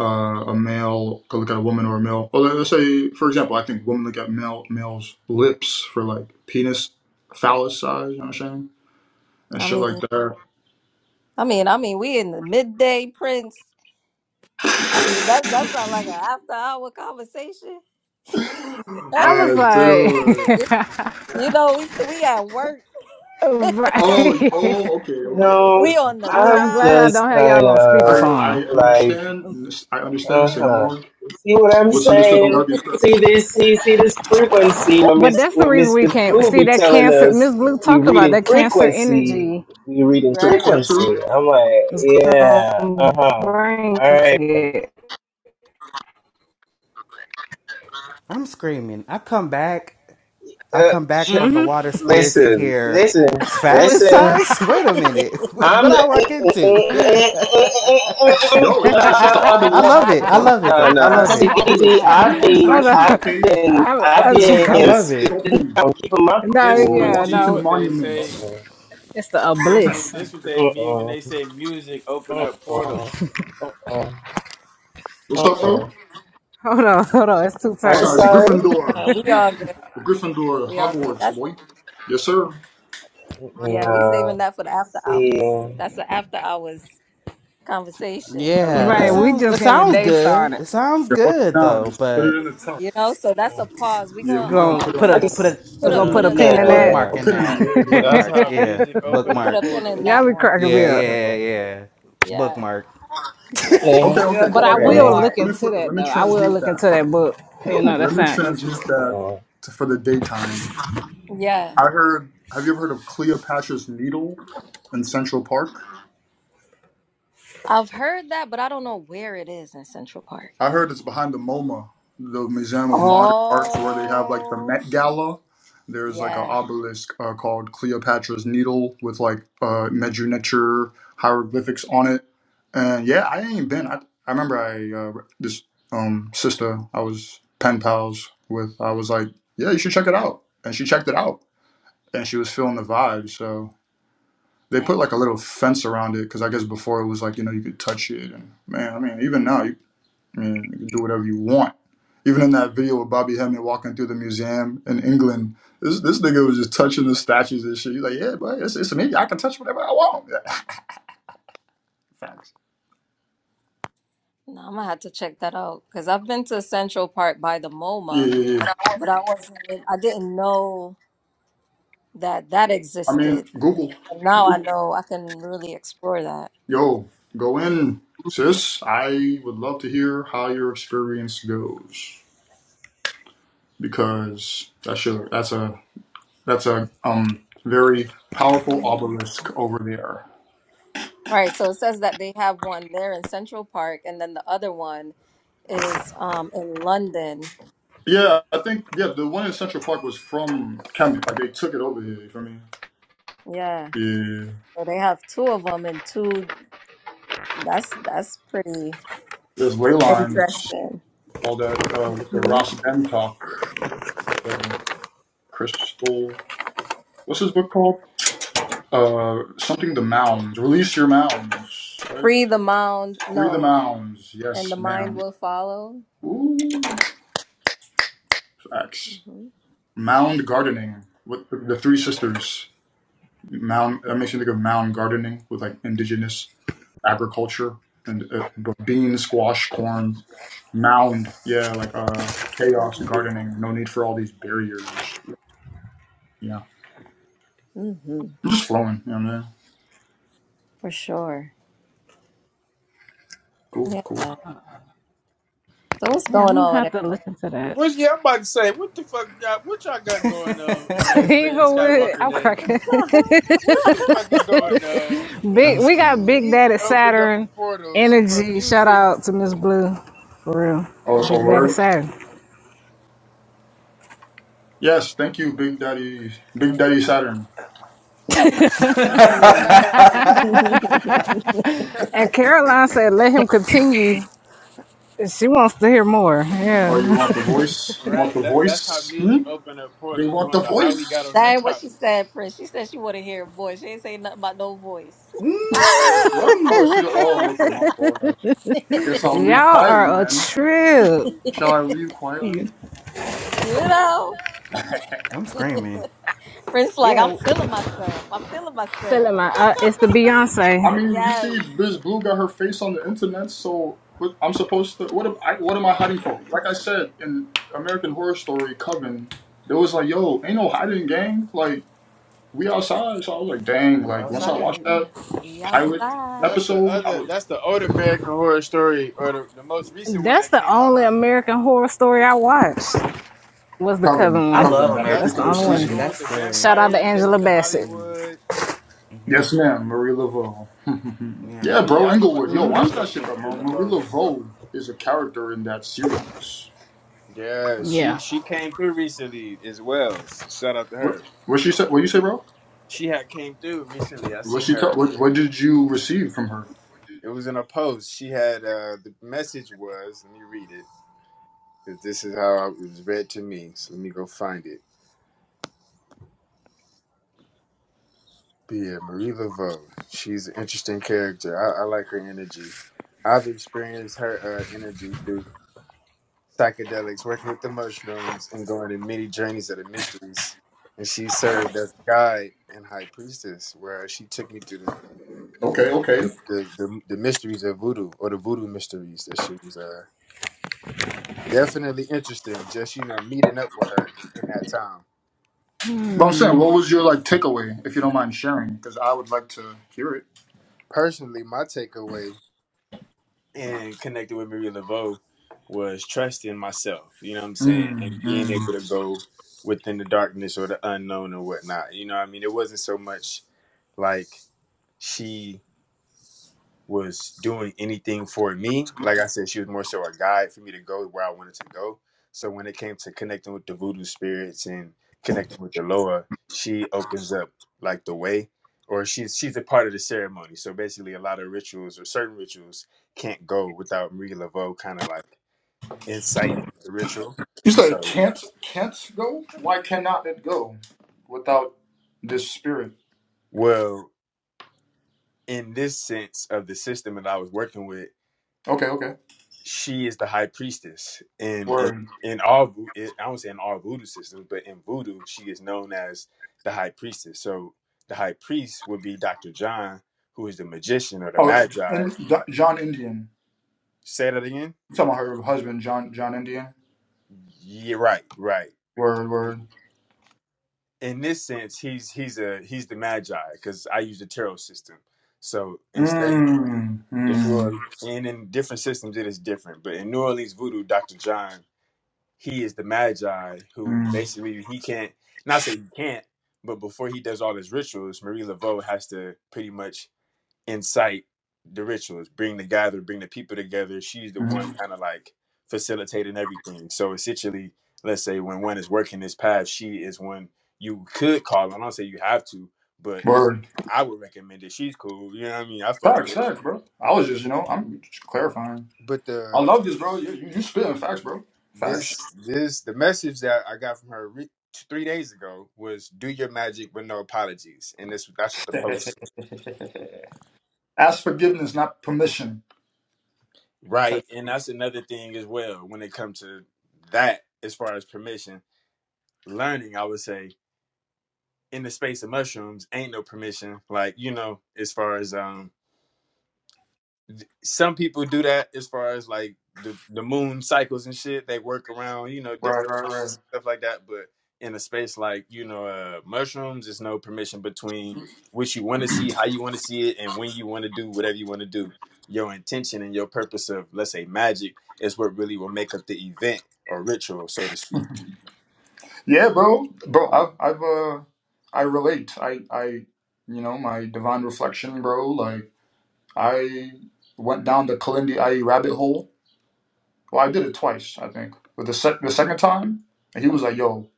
[SPEAKER 9] uh, a male could look at a woman or a male. Or like, let's say, for example, I think women look at male males' lips for like penis, phallus size. You know what I'm saying? And
[SPEAKER 4] I
[SPEAKER 9] shit like
[SPEAKER 4] mean,
[SPEAKER 9] that.
[SPEAKER 4] I mean, I mean, we in the midday, Prince. I mean, that that sounds like an after hour conversation.
[SPEAKER 9] All
[SPEAKER 1] I was
[SPEAKER 9] right, so the word.
[SPEAKER 1] like,
[SPEAKER 4] you know, we we at work.
[SPEAKER 9] Oh, oh,
[SPEAKER 1] right.
[SPEAKER 9] okay, okay,
[SPEAKER 2] no,
[SPEAKER 4] we
[SPEAKER 9] okay.
[SPEAKER 4] on the
[SPEAKER 1] I'm, I'm
[SPEAKER 2] I'm
[SPEAKER 1] glad I
[SPEAKER 4] job.
[SPEAKER 2] just
[SPEAKER 1] don't have
[SPEAKER 2] kind
[SPEAKER 1] y'all on
[SPEAKER 9] I,
[SPEAKER 2] of
[SPEAKER 9] I
[SPEAKER 1] speakerphone.
[SPEAKER 2] like,
[SPEAKER 9] understand. I understand.
[SPEAKER 2] uh
[SPEAKER 9] Say no
[SPEAKER 2] huh.
[SPEAKER 9] more.
[SPEAKER 2] See what I'm
[SPEAKER 4] Yeah.
[SPEAKER 9] What's understood don't
[SPEAKER 2] saying?
[SPEAKER 9] gotta be said. You
[SPEAKER 2] See this? See see this frequency? When
[SPEAKER 1] But
[SPEAKER 2] Miss
[SPEAKER 1] that's the
[SPEAKER 2] when
[SPEAKER 1] reason
[SPEAKER 2] Miss
[SPEAKER 1] we
[SPEAKER 2] Miss
[SPEAKER 1] can't
[SPEAKER 2] Blue
[SPEAKER 1] see
[SPEAKER 2] be
[SPEAKER 1] that
[SPEAKER 2] telling
[SPEAKER 1] cancer.
[SPEAKER 2] us
[SPEAKER 1] Miss Blue
[SPEAKER 2] we
[SPEAKER 1] talked about
[SPEAKER 2] reading
[SPEAKER 1] that cancer
[SPEAKER 2] frequency,
[SPEAKER 1] energy
[SPEAKER 2] we reading
[SPEAKER 9] said
[SPEAKER 4] Right.
[SPEAKER 9] cancer.
[SPEAKER 2] frequency. I'm like,
[SPEAKER 1] is gonna
[SPEAKER 2] yeah, uh huh.
[SPEAKER 1] bring
[SPEAKER 2] All right, friends.
[SPEAKER 1] it.
[SPEAKER 3] I'm screaming. I come back. I
[SPEAKER 2] Uh,
[SPEAKER 3] come back
[SPEAKER 2] sh-
[SPEAKER 3] from the
[SPEAKER 1] Mm-hmm.
[SPEAKER 3] water spirits and
[SPEAKER 2] listen,
[SPEAKER 3] hear
[SPEAKER 2] listen,
[SPEAKER 3] phallus
[SPEAKER 2] listen.
[SPEAKER 3] size? Wait a minute.
[SPEAKER 4] Two
[SPEAKER 2] I'm
[SPEAKER 3] what I
[SPEAKER 2] the
[SPEAKER 3] walk into?
[SPEAKER 9] Yo, it's just it's just an
[SPEAKER 3] I
[SPEAKER 9] obelisk.
[SPEAKER 3] love it.
[SPEAKER 9] The
[SPEAKER 3] I
[SPEAKER 9] fuck?
[SPEAKER 3] love it
[SPEAKER 2] no, no.
[SPEAKER 3] though. I
[SPEAKER 9] I'm
[SPEAKER 2] no.
[SPEAKER 3] love
[SPEAKER 2] See,
[SPEAKER 9] talking
[SPEAKER 3] it.
[SPEAKER 9] obelisks.
[SPEAKER 2] see,
[SPEAKER 9] I'm talking
[SPEAKER 2] I've
[SPEAKER 9] art
[SPEAKER 2] been,
[SPEAKER 1] Hold on,
[SPEAKER 9] statues.
[SPEAKER 2] I've
[SPEAKER 9] Okay,
[SPEAKER 2] been,
[SPEAKER 1] I'm,
[SPEAKER 2] I've
[SPEAKER 1] I'm
[SPEAKER 9] fucking
[SPEAKER 3] I
[SPEAKER 1] trying.
[SPEAKER 2] been
[SPEAKER 7] This,
[SPEAKER 3] love it.
[SPEAKER 2] sitting
[SPEAKER 9] sculpting
[SPEAKER 2] down, keeping my
[SPEAKER 1] No,
[SPEAKER 7] this
[SPEAKER 9] the
[SPEAKER 2] cool.
[SPEAKER 7] must
[SPEAKER 1] yeah,
[SPEAKER 7] be
[SPEAKER 9] Washington
[SPEAKER 1] no,
[SPEAKER 7] what they say.
[SPEAKER 9] Monument.
[SPEAKER 2] Uh-uh,
[SPEAKER 1] it's the
[SPEAKER 7] This what
[SPEAKER 1] obelisk.
[SPEAKER 7] this what they mean when
[SPEAKER 2] uh-uh,
[SPEAKER 7] they say music open up
[SPEAKER 2] uh-uh,
[SPEAKER 7] portals.
[SPEAKER 2] uh-uh,
[SPEAKER 9] What's up, bro?
[SPEAKER 2] uh-uh.
[SPEAKER 1] Hold on, hold on, it's too
[SPEAKER 2] I'm
[SPEAKER 1] tight.
[SPEAKER 9] Besides
[SPEAKER 2] sorry.
[SPEAKER 9] Gryffindor,
[SPEAKER 4] time. We all good.
[SPEAKER 9] the Gryffindor,
[SPEAKER 4] We all good.
[SPEAKER 9] Hogwarts,
[SPEAKER 4] That's
[SPEAKER 9] boy. Yes, sir.
[SPEAKER 4] yeah, we saving
[SPEAKER 2] No,
[SPEAKER 4] that for the after
[SPEAKER 2] see,
[SPEAKER 4] hours. That's the after hours conversation. You know?
[SPEAKER 3] Yeah,
[SPEAKER 4] what
[SPEAKER 3] that
[SPEAKER 1] Right,
[SPEAKER 4] I
[SPEAKER 2] huh.
[SPEAKER 1] we
[SPEAKER 4] mean?
[SPEAKER 3] sounds
[SPEAKER 1] just
[SPEAKER 3] that
[SPEAKER 1] getting the
[SPEAKER 3] sounds
[SPEAKER 1] day
[SPEAKER 3] good.
[SPEAKER 1] started.
[SPEAKER 3] It sounds
[SPEAKER 9] Yeah, hold it
[SPEAKER 3] good
[SPEAKER 9] down.
[SPEAKER 3] though,
[SPEAKER 9] Just put it
[SPEAKER 3] but
[SPEAKER 9] in the top.
[SPEAKER 4] You know, so that's a pause. We're
[SPEAKER 9] Yeah,
[SPEAKER 4] gonna
[SPEAKER 9] we're gonna
[SPEAKER 3] Gonna
[SPEAKER 9] put it
[SPEAKER 4] um
[SPEAKER 3] put
[SPEAKER 9] on
[SPEAKER 3] a
[SPEAKER 2] I
[SPEAKER 3] put
[SPEAKER 9] pause.
[SPEAKER 3] a
[SPEAKER 2] just,
[SPEAKER 1] I
[SPEAKER 4] put
[SPEAKER 3] put
[SPEAKER 1] are
[SPEAKER 4] a
[SPEAKER 1] gonna
[SPEAKER 4] put
[SPEAKER 1] put
[SPEAKER 3] a
[SPEAKER 1] a
[SPEAKER 4] a
[SPEAKER 1] pin
[SPEAKER 4] pin
[SPEAKER 1] in
[SPEAKER 4] on
[SPEAKER 1] that.
[SPEAKER 2] yeah.
[SPEAKER 4] that.
[SPEAKER 3] bookmark
[SPEAKER 9] A
[SPEAKER 3] in
[SPEAKER 9] pin in it.
[SPEAKER 3] that
[SPEAKER 9] Yeah, yeah,
[SPEAKER 2] Uh-uh,
[SPEAKER 7] That's
[SPEAKER 9] yeah.
[SPEAKER 3] bookmark.
[SPEAKER 7] how
[SPEAKER 4] Yeah.
[SPEAKER 3] Yeah,
[SPEAKER 7] music
[SPEAKER 4] We
[SPEAKER 7] open
[SPEAKER 4] put
[SPEAKER 7] up
[SPEAKER 4] a
[SPEAKER 3] bookmark.
[SPEAKER 4] pin in
[SPEAKER 1] Y'all
[SPEAKER 7] portals.
[SPEAKER 4] that
[SPEAKER 1] be
[SPEAKER 4] one.
[SPEAKER 1] cracking me
[SPEAKER 3] Yeah,
[SPEAKER 1] up.
[SPEAKER 3] yeah, yeah.
[SPEAKER 2] uh-uh.
[SPEAKER 3] yeah.
[SPEAKER 4] Yeah.
[SPEAKER 3] Bookmark.
[SPEAKER 4] Yeah.
[SPEAKER 9] Okay,
[SPEAKER 2] Brittany,
[SPEAKER 4] We're
[SPEAKER 9] okay,
[SPEAKER 4] gonna
[SPEAKER 1] But
[SPEAKER 9] okay,
[SPEAKER 4] put a
[SPEAKER 1] I
[SPEAKER 9] okay. Let me
[SPEAKER 1] will
[SPEAKER 9] flip.
[SPEAKER 2] Brittany.
[SPEAKER 1] look
[SPEAKER 4] bookmark.
[SPEAKER 9] Let me
[SPEAKER 1] into
[SPEAKER 9] flip it.
[SPEAKER 1] that
[SPEAKER 9] Let me
[SPEAKER 1] though. I will
[SPEAKER 9] transmute
[SPEAKER 1] look
[SPEAKER 9] that.
[SPEAKER 1] into that book. You know,
[SPEAKER 9] Let
[SPEAKER 1] that
[SPEAKER 9] me
[SPEAKER 1] sounds
[SPEAKER 9] transmute
[SPEAKER 1] interesting.
[SPEAKER 9] that
[SPEAKER 2] Uh-uh.
[SPEAKER 9] to, for the daytime.
[SPEAKER 4] Yeah.
[SPEAKER 9] I heard. Have you ever heard of Cleopatra's Needle in Central Park?
[SPEAKER 4] I've heard that, but I don't know where it is in Central Park.
[SPEAKER 9] I heard it's behind the MoMA, the Museum of Modern Arts, where they have like the
[SPEAKER 4] Oh
[SPEAKER 9] Met
[SPEAKER 4] shit.
[SPEAKER 9] Gala. There's like an
[SPEAKER 4] Yeah.
[SPEAKER 9] obelisk uh, called Cleopatra's Needle with like uh, miniature hieroglyphics on it. And yeah, I ain't been. I, I remember I uh, this um, sister I was pen pals with. I was like, yeah, you should check it out. And she checked it out, and she was feeling the vibe. So they
[SPEAKER 4] Dang.
[SPEAKER 9] put like a little fence around it because I guess before it was like you know you could touch it, and man, I mean even now and you can do whatever you want. Even in that video with Bobby Hemming walking through the museum in England, this this nigga was just touching the statues and shit. He's like, yeah, but it's, it's me. I can touch whatever I want. Yeah. Facts.
[SPEAKER 4] No, I'm gonna have to check that out because I've been to Central Park by the
[SPEAKER 9] Yeah,
[SPEAKER 4] MoMA,
[SPEAKER 9] yeah, yeah.
[SPEAKER 4] but I wasn't, I didn't know that that
[SPEAKER 9] I mean,
[SPEAKER 4] existed.
[SPEAKER 9] Google,
[SPEAKER 4] And now I know I can really explore that.
[SPEAKER 9] yo, go in, sis. I would love to hear how your experience goes because that's your that's a that's a um very powerful
[SPEAKER 4] Mm.
[SPEAKER 9] obelisk over there.
[SPEAKER 4] Right. So it says that they have one there in Central Park, and then the other one is um in London.
[SPEAKER 9] Yeah, I think yeah, the one in Central Park was from Kemet. Like they took it over here. You feel me?
[SPEAKER 4] Yeah.
[SPEAKER 9] Yeah.
[SPEAKER 4] So they have two of them and two. That's that's pretty
[SPEAKER 9] There's Leyline,
[SPEAKER 4] interesting.
[SPEAKER 9] all that uh, with the
[SPEAKER 4] hmm
[SPEAKER 9] Ross Dem talk with the Crystal. What's his book called? Uh, something the mounds. Release your mounds, right?
[SPEAKER 4] Free the mound,
[SPEAKER 9] Free the
[SPEAKER 4] no,
[SPEAKER 9] mounds.
[SPEAKER 4] and
[SPEAKER 9] Yes,
[SPEAKER 4] the mind
[SPEAKER 9] man.
[SPEAKER 4] will follow.
[SPEAKER 9] Ooh, facts.
[SPEAKER 4] hmm
[SPEAKER 9] Mound gardening with the, the three sisters. Mound. That makes me think of mound gardening with like indigenous agriculture and uh, but bean, squash, corn. Mound. Yeah, like uh, chaos gardening. No need for all these barriers. and Yeah,
[SPEAKER 4] hmm
[SPEAKER 9] just flowing. Yeah, man.
[SPEAKER 4] For sure.
[SPEAKER 9] Cool,
[SPEAKER 4] Yeah,
[SPEAKER 9] cool.
[SPEAKER 4] man. So what's
[SPEAKER 1] Yeah,
[SPEAKER 4] going
[SPEAKER 1] I'm gonna
[SPEAKER 4] on
[SPEAKER 1] have
[SPEAKER 4] with
[SPEAKER 1] to
[SPEAKER 4] everybody?
[SPEAKER 1] look into that.
[SPEAKER 7] What, yeah, I'm about to say, what the fuck, y'all, what y'all got going on on this
[SPEAKER 1] Here you
[SPEAKER 7] Red
[SPEAKER 1] go with it.
[SPEAKER 7] Skywalker
[SPEAKER 1] I'm
[SPEAKER 7] day?
[SPEAKER 1] cracking.
[SPEAKER 7] What the fuck is going on? He
[SPEAKER 1] Big,
[SPEAKER 3] I'm
[SPEAKER 1] we
[SPEAKER 7] he
[SPEAKER 1] got
[SPEAKER 3] screaming.
[SPEAKER 1] Big
[SPEAKER 7] he did
[SPEAKER 1] Daddy
[SPEAKER 7] not opened up a
[SPEAKER 1] Saturn
[SPEAKER 7] portal from
[SPEAKER 1] energy. Shout
[SPEAKER 7] music.
[SPEAKER 1] out to Miss Blue, for
[SPEAKER 9] Oh,
[SPEAKER 1] real. Big
[SPEAKER 9] oh,
[SPEAKER 1] Daddy
[SPEAKER 9] word.
[SPEAKER 1] Saturn.
[SPEAKER 9] Yes, thank you, Big Daddy. Big Daddy Saturn.
[SPEAKER 4] hmm
[SPEAKER 1] And Caroline said, "Let him continue." She wants to hear more.
[SPEAKER 9] Oh, you
[SPEAKER 1] Yeah,
[SPEAKER 9] want the voice? You want
[SPEAKER 7] right,
[SPEAKER 9] the
[SPEAKER 7] that that's how
[SPEAKER 9] voice? Hmm?
[SPEAKER 7] music opened up
[SPEAKER 9] They
[SPEAKER 7] portals. We
[SPEAKER 9] want
[SPEAKER 7] don't
[SPEAKER 9] the
[SPEAKER 7] know how we got
[SPEAKER 9] voice.
[SPEAKER 7] on
[SPEAKER 4] that
[SPEAKER 7] that
[SPEAKER 4] ain't what she
[SPEAKER 7] topic.
[SPEAKER 4] said, Prince. She said she want to hear a voice. She ain't say nothing about no voice.
[SPEAKER 9] What?
[SPEAKER 3] Mm,
[SPEAKER 9] Oh, she. Oh, okay. My fault. I, I guess I'll
[SPEAKER 1] y'all
[SPEAKER 9] leave quietly
[SPEAKER 1] are a
[SPEAKER 9] then.
[SPEAKER 1] trip.
[SPEAKER 9] Shall
[SPEAKER 4] you
[SPEAKER 9] I leave quietly?
[SPEAKER 4] know?
[SPEAKER 9] I
[SPEAKER 3] I'm screaming.
[SPEAKER 4] Prince like, I'm
[SPEAKER 3] Yeah,
[SPEAKER 4] feeling myself. I'm feeling myself.
[SPEAKER 1] Feeling my, uh, it's the Beyonce.
[SPEAKER 9] mean, you
[SPEAKER 4] Yes.
[SPEAKER 9] see, Biz Blue got her face on the internet, so what, I'm supposed to. What am I? What am I hiding for? Like I said in American Horror Story, Coven, there was like, yo, ain't no hiding, gang. Like we outside, so I was like, dang,
[SPEAKER 3] we
[SPEAKER 9] like once I watched
[SPEAKER 3] outside.
[SPEAKER 9] that
[SPEAKER 4] We
[SPEAKER 9] pilot
[SPEAKER 7] that's
[SPEAKER 4] outside.
[SPEAKER 7] the
[SPEAKER 9] episode, I
[SPEAKER 7] other.
[SPEAKER 9] was
[SPEAKER 7] That's the old
[SPEAKER 3] hmm
[SPEAKER 7] American Horror Story, or the, the most recent one
[SPEAKER 1] That's
[SPEAKER 7] that
[SPEAKER 1] the
[SPEAKER 7] came out,
[SPEAKER 1] only
[SPEAKER 7] huh?
[SPEAKER 1] American Horror Story I watched. Was the
[SPEAKER 9] covering,
[SPEAKER 1] Coven
[SPEAKER 3] I
[SPEAKER 1] one.
[SPEAKER 3] love
[SPEAKER 9] covering that
[SPEAKER 3] American
[SPEAKER 1] That's
[SPEAKER 7] That's
[SPEAKER 1] the
[SPEAKER 3] Horror
[SPEAKER 9] particular
[SPEAKER 1] only
[SPEAKER 7] that's
[SPEAKER 1] one.
[SPEAKER 3] Story.
[SPEAKER 7] the
[SPEAKER 3] and
[SPEAKER 9] season.
[SPEAKER 7] one with
[SPEAKER 3] That's
[SPEAKER 7] the
[SPEAKER 3] good.
[SPEAKER 1] Shout out to
[SPEAKER 7] vampires. They went
[SPEAKER 1] Angela
[SPEAKER 7] to
[SPEAKER 1] Bassett.
[SPEAKER 3] Mm,
[SPEAKER 7] Hollywood.
[SPEAKER 9] Yes, ma'am, Marie Laveau.
[SPEAKER 3] yeah.
[SPEAKER 9] yeah,
[SPEAKER 7] Oh
[SPEAKER 9] bro,
[SPEAKER 7] yeah, I know about
[SPEAKER 9] Englewood.
[SPEAKER 7] the one
[SPEAKER 9] Yo, watch that
[SPEAKER 7] with, with,
[SPEAKER 9] shit,
[SPEAKER 7] with
[SPEAKER 9] bro. Mar- Marie
[SPEAKER 7] LeBeau.
[SPEAKER 9] Laveau is a character in that series.
[SPEAKER 7] Yeah, she
[SPEAKER 1] Yeah.
[SPEAKER 7] she came through recently as well. So shout out to
[SPEAKER 9] What
[SPEAKER 7] her.
[SPEAKER 9] what she said? What you say, bro?
[SPEAKER 7] She had came through recently. I
[SPEAKER 9] What
[SPEAKER 7] seen
[SPEAKER 9] she tell?
[SPEAKER 7] her.
[SPEAKER 9] What, what did you receive from her?
[SPEAKER 7] It was in a post. She had uh the message was. Let me read it. 'cause This is how it was read to me. So let me go find it. But yeah, Marie Laveau. She's an interesting character. I, I like her energy. I've experienced her uh, energy through psychedelics, working with the mushrooms, and going on many journeys of the mysteries. And she served as guide and high priestess, where she took me through the
[SPEAKER 9] Okay,
[SPEAKER 7] the,
[SPEAKER 9] okay.
[SPEAKER 7] the, the, the mysteries of voodoo or the voodoo mysteries that she was uh, definitely interesting. Just you know, meeting up with her in that time.
[SPEAKER 9] But I'm saying, what was your like takeaway, if you don't mind sharing? Because I would like to hear it.
[SPEAKER 7] Personally, my takeaway and connecting with Maria Laveau was trusting myself. You know what I'm saying, and
[SPEAKER 9] Mm,
[SPEAKER 7] being
[SPEAKER 9] mm.
[SPEAKER 7] able to go within the darkness or the unknown or whatnot. You know, what I mean, it wasn't so much like she was doing anything for me. Like I said, she was more so a guide for me to go where I wanted to go. So when it came to connecting with the voodoo spirits and connecting with the Loa, she opens up like the way, or she's she's a part of the ceremony. So basically, a lot of rituals or certain rituals can't go without Marie Laveau kind of like inciting the ritual.
[SPEAKER 9] You
[SPEAKER 7] And
[SPEAKER 9] said
[SPEAKER 7] so,
[SPEAKER 9] can't can't go? Why cannot it go without this spirit?
[SPEAKER 7] well, in this sense of the system that I was working with.
[SPEAKER 9] Okay, okay.
[SPEAKER 7] she is the high priestess in in
[SPEAKER 9] Word.
[SPEAKER 7] in all vo- in- I don't say in all voodoo systems, but in voodoo she is known as the high priestess. So the high priest would be Doctor John, who is the magician or the
[SPEAKER 9] Oh,
[SPEAKER 7] magi.
[SPEAKER 9] and Jo- John Indian.
[SPEAKER 7] Say that again.
[SPEAKER 9] You talking about her husband, John John Indian?
[SPEAKER 7] Yeah, right, right.
[SPEAKER 9] Word,
[SPEAKER 7] In,
[SPEAKER 9] word.
[SPEAKER 7] in this sense, he's he's a he's the magi because I use the tarot system. So instead,
[SPEAKER 9] Mmm,
[SPEAKER 7] the New
[SPEAKER 9] mmm,
[SPEAKER 7] Orleans, and in different systems it is different. But in New Orleans voodoo, Doctor John he is the magi who
[SPEAKER 9] mmm,
[SPEAKER 7] basically he can't not say he can't but before he does all his rituals marie laveau has to pretty much incite the rituals bring the gather bring the people together she's the one
[SPEAKER 9] mmm.
[SPEAKER 7] kind of like facilitating everything so essentially let's say when one is working this path she is one you could call on i don't say you have to but
[SPEAKER 9] Word.
[SPEAKER 7] i would recommend it she's cool you know what i mean i fuck
[SPEAKER 9] Facts,
[SPEAKER 7] with it.
[SPEAKER 9] facts, bro. I was just, you know, I'm just clarifying.
[SPEAKER 7] but
[SPEAKER 9] I
[SPEAKER 7] the
[SPEAKER 9] love this, bro. You you, you spitting facts, bro. Facts.
[SPEAKER 7] this this the message that I got from her re- t- three days ago was do your magic with no apologies, and this that's what the post is.
[SPEAKER 9] Ask forgiveness, not permission. Touch.
[SPEAKER 7] right, and that's another thing as well when it comes to that as far as permission learning. I would say in the space of mushrooms ain't no permission, like you know as far as um some people do that as far as like the the moon cycles and shit. They work around you know
[SPEAKER 9] Right,
[SPEAKER 7] different
[SPEAKER 9] right,
[SPEAKER 7] months
[SPEAKER 9] right.
[SPEAKER 7] and stuff like that. But in a space like you know uh, mushrooms, there's no permission between what you want to see, how you want to see it, and when you want to do whatever you want to do. Your intention and your purpose of let's say magic is what really will make up the event or ritual, so to speak.
[SPEAKER 9] Yeah, bro, bro, I've, I've, uh, I relate. I, I, you know, my divine reflection, bro. Like, I went down the Kalindi IE rabbit hole. Well, I did it twice, I think. But the sec the second time, he was like, "Yo,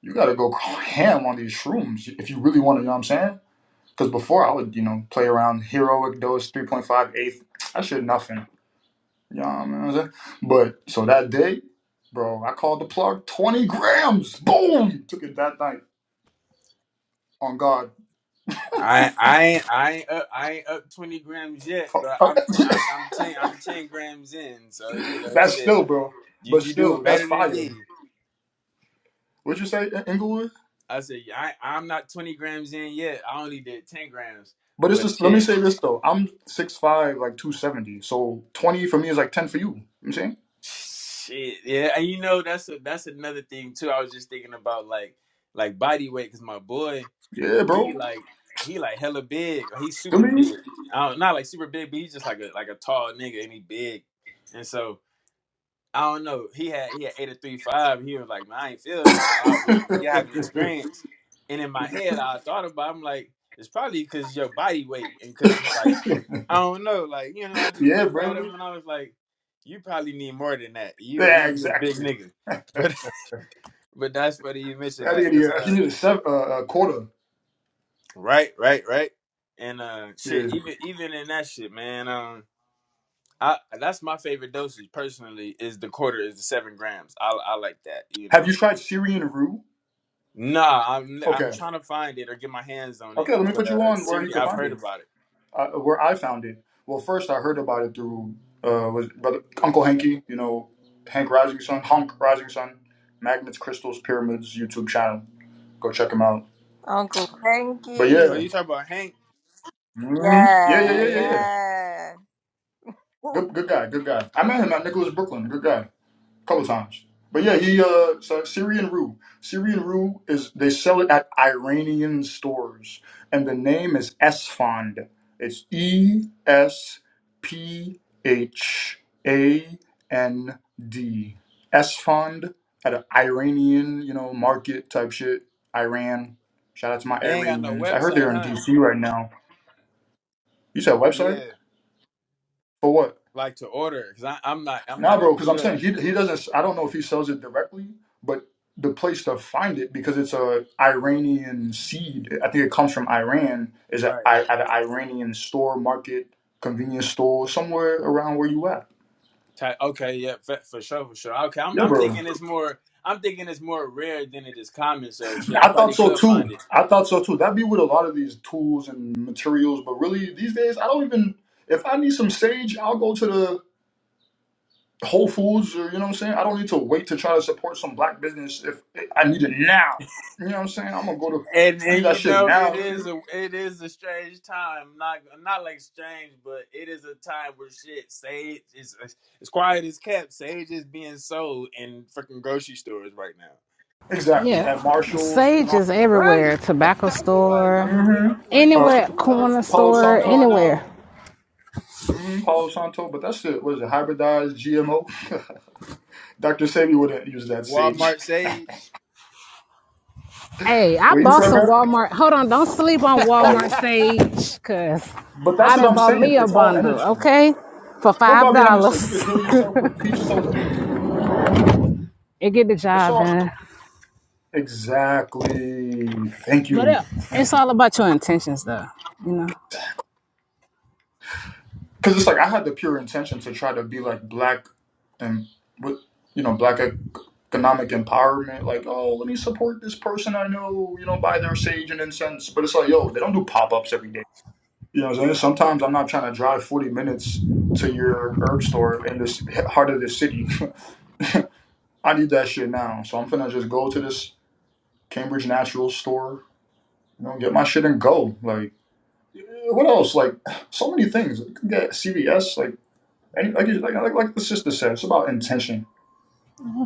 [SPEAKER 9] you gotta go ham on these shrooms if you really want to." You know what I'm saying? Because before I would, you know, play around heroic dose three point five eighth. I should nothing. You know what I'm saying? But so that day, bro, I called the plug 20 grams. Boom, took it that night on God.
[SPEAKER 7] I I ain't I ain't up I ain't up twenty grams yet, but
[SPEAKER 9] Oh,
[SPEAKER 7] I'm ten I'm, I'm ten I'm ten grams in, so you know
[SPEAKER 9] that's
[SPEAKER 7] shit.
[SPEAKER 9] still, bro.
[SPEAKER 7] You
[SPEAKER 9] But
[SPEAKER 7] you do
[SPEAKER 9] still,
[SPEAKER 7] it
[SPEAKER 9] that's
[SPEAKER 7] better than
[SPEAKER 9] fire.
[SPEAKER 7] me.
[SPEAKER 9] What'd you say, In- Inglewood?
[SPEAKER 7] I said, yeah, I, I'm not 20 grams in yet. I only did 10 grams,
[SPEAKER 9] But it's
[SPEAKER 7] but
[SPEAKER 9] just let me
[SPEAKER 7] shit,
[SPEAKER 9] say this though. I'm six five, like two seventy. So twenty for me is like ten for you. You know what I'm saying?
[SPEAKER 7] shit, yeah. And you know, that's a, that's another thing too. I was just thinking about like like body weight because my boy,
[SPEAKER 9] Yeah,
[SPEAKER 7] he
[SPEAKER 9] bro.
[SPEAKER 7] like he like hella big. Like, he's super
[SPEAKER 9] You
[SPEAKER 7] big. I don't, not like super big, but he's just like a like a tall nigga and he big. And so I don't know. He had he had eight or three five. He was like, man, I ain't feel nothing. Or I wasn't. You haven't experienced. And in my head, I thought about. it, I'm like, it's probably because your body weight and because like
[SPEAKER 9] me.
[SPEAKER 7] I don't know. Like you know, I just
[SPEAKER 9] yeah,
[SPEAKER 7] looked at
[SPEAKER 9] bro.
[SPEAKER 7] him and I was like, you probably need more than that. You you
[SPEAKER 9] Yeah,
[SPEAKER 7] you a big
[SPEAKER 9] exactly.
[SPEAKER 7] nigga. But but that's funny you mentioned
[SPEAKER 9] That
[SPEAKER 7] that because
[SPEAKER 9] idiot. You
[SPEAKER 7] uh
[SPEAKER 9] need a, sev- uh, a quarter.
[SPEAKER 7] right right right and uh shit
[SPEAKER 9] Yeah.
[SPEAKER 7] even even in that shit man um. I, that's my favorite dosage personally is the quarter is the seven grams. I I like that, you know.
[SPEAKER 9] Have you tried Syrian roux?
[SPEAKER 7] Nah, I'm I'm
[SPEAKER 9] Okay.
[SPEAKER 7] trying to find it or get my hands on it.
[SPEAKER 9] Okay, let me
[SPEAKER 7] But
[SPEAKER 9] put you
[SPEAKER 7] uh,
[SPEAKER 9] on where you
[SPEAKER 7] Siri,
[SPEAKER 9] can
[SPEAKER 7] I've
[SPEAKER 9] find it.
[SPEAKER 7] heard about it.
[SPEAKER 9] uh, where I found it. Well, first I heard about it through uh, was brother Uncle Hanky, you know, Hank Rising Sun, Hunk Rising Sun, Magnets, Crystals, Pyramids YouTube channel. Go check him out.
[SPEAKER 4] Uncle
[SPEAKER 9] But yeah,
[SPEAKER 7] Oh,
[SPEAKER 4] Hanky.
[SPEAKER 7] you talking about Hank?
[SPEAKER 9] hmm yeah, yeah,
[SPEAKER 4] Yeah,
[SPEAKER 9] yeah, yeah,
[SPEAKER 7] Yeah,
[SPEAKER 9] yeah.
[SPEAKER 4] yeah.
[SPEAKER 9] Good, good guy, good guy. I met him at Nicholas Brooklyn. Good guy. a couple times. But yeah, he uh so Syrian Rue. Syrian Rue is they sell it at Iranian stores and the name is Esfand. It's E S P H A N D. Esfand at an Iranian, you know, market type shit. Iran. Shout out to my
[SPEAKER 7] they ain't got no
[SPEAKER 9] Iranians. I heard
[SPEAKER 7] website,
[SPEAKER 9] they're in
[SPEAKER 7] huh?
[SPEAKER 9] DC right now. You said website?
[SPEAKER 7] Yeah,
[SPEAKER 9] For what?
[SPEAKER 7] like to order because I'm not I'm
[SPEAKER 9] Nah,
[SPEAKER 7] not in
[SPEAKER 9] bro,
[SPEAKER 7] New
[SPEAKER 9] because I'm
[SPEAKER 7] York,
[SPEAKER 9] saying he he doesn't. I don't know if he sells it directly, but the place to find it because it's a Iranian seed. I think it comes from Iran. Is at
[SPEAKER 7] right?
[SPEAKER 9] I- at an Iranian store, market, convenience store, somewhere around where you at.
[SPEAKER 7] Ty- okay, yeah, for, for sure, for sure. Okay, I'm
[SPEAKER 9] Yeah,
[SPEAKER 7] I'm
[SPEAKER 9] bro.
[SPEAKER 7] thinking it's more I'm thinking it's more rare than it is common. So shit, I
[SPEAKER 9] I thought
[SPEAKER 7] probably
[SPEAKER 9] so
[SPEAKER 7] could find
[SPEAKER 9] too.
[SPEAKER 7] it.
[SPEAKER 9] I thought so too. That'd be with a lot of these tools and materials, but really these days I don't even. If I need some sage, I'll go to the Whole Foods, or you know what I'm saying? I don't need to wait to try to support some black business if I need it now. You know what I'm saying? I'm gonna go to,
[SPEAKER 7] And
[SPEAKER 9] I need
[SPEAKER 7] and
[SPEAKER 9] that
[SPEAKER 7] you
[SPEAKER 9] shit
[SPEAKER 7] know
[SPEAKER 9] now.
[SPEAKER 7] it
[SPEAKER 9] nigga.
[SPEAKER 7] is a it is a strange time. Not not like strange, but it is a time where shit sage is as quiet as kept. Sage is being sold in freaking grocery stores right now.
[SPEAKER 9] Exactly.
[SPEAKER 1] Yeah.
[SPEAKER 9] At Marshalls and
[SPEAKER 1] Sage
[SPEAKER 9] all.
[SPEAKER 1] is
[SPEAKER 7] Right.
[SPEAKER 1] everywhere. Tobacco
[SPEAKER 7] I've been like I've
[SPEAKER 1] store,
[SPEAKER 7] been li-
[SPEAKER 9] Mm-hmm.
[SPEAKER 7] I've been like
[SPEAKER 9] Uh,
[SPEAKER 7] man,
[SPEAKER 1] anywhere,
[SPEAKER 7] who else?
[SPEAKER 1] corner
[SPEAKER 9] Palo
[SPEAKER 7] What's this
[SPEAKER 1] store,
[SPEAKER 7] going
[SPEAKER 9] Santo.
[SPEAKER 1] anywhere.
[SPEAKER 7] on?
[SPEAKER 9] Mm-hmm. Palo Santo, but that's it. What is it? Hybridized GMO? Dr. Sebi wouldn't use that sage.
[SPEAKER 7] Walmart sage.
[SPEAKER 1] Hey, I
[SPEAKER 9] What you
[SPEAKER 1] bought
[SPEAKER 9] said,
[SPEAKER 1] some
[SPEAKER 9] bro?
[SPEAKER 1] Walmart. Hold on, don't sleep on
[SPEAKER 7] hey,
[SPEAKER 9] Oh,
[SPEAKER 1] Walmart
[SPEAKER 9] well,
[SPEAKER 1] Sage, cause
[SPEAKER 9] but that's
[SPEAKER 1] I
[SPEAKER 9] what
[SPEAKER 1] done
[SPEAKER 9] I'm
[SPEAKER 1] bought
[SPEAKER 9] saying.
[SPEAKER 1] me a
[SPEAKER 9] It's all
[SPEAKER 1] bundle,
[SPEAKER 9] energy.
[SPEAKER 1] okay? For
[SPEAKER 9] What
[SPEAKER 1] five
[SPEAKER 9] Bobby Hemming said, you
[SPEAKER 1] dollars.
[SPEAKER 9] could heal yourself with peach soda.
[SPEAKER 1] it get the
[SPEAKER 9] It's
[SPEAKER 1] job
[SPEAKER 9] all
[SPEAKER 1] done.
[SPEAKER 9] exactly. Thank
[SPEAKER 1] But
[SPEAKER 9] you.
[SPEAKER 1] yeah, it's all about your intentions though, you know.
[SPEAKER 9] because it's like I had the pure intention to try to be like black and with you know black ec- economic empowerment. Like, oh, let me support this person I know. You know, buy their sage and incense. But it's like, yo, they don't do pop ups every day. You know, what I'm saying? sometimes I'm not trying to drive 40 minutes to your herb store in this heart of the city. I need that shit now, so I'm finna just go to this Cambridge Natural store. You know, get my shit and go. Like, eh, what else? Like, so many things. Like, You can Get CVS. Like And like, like, like, like the sister said, it's about intention.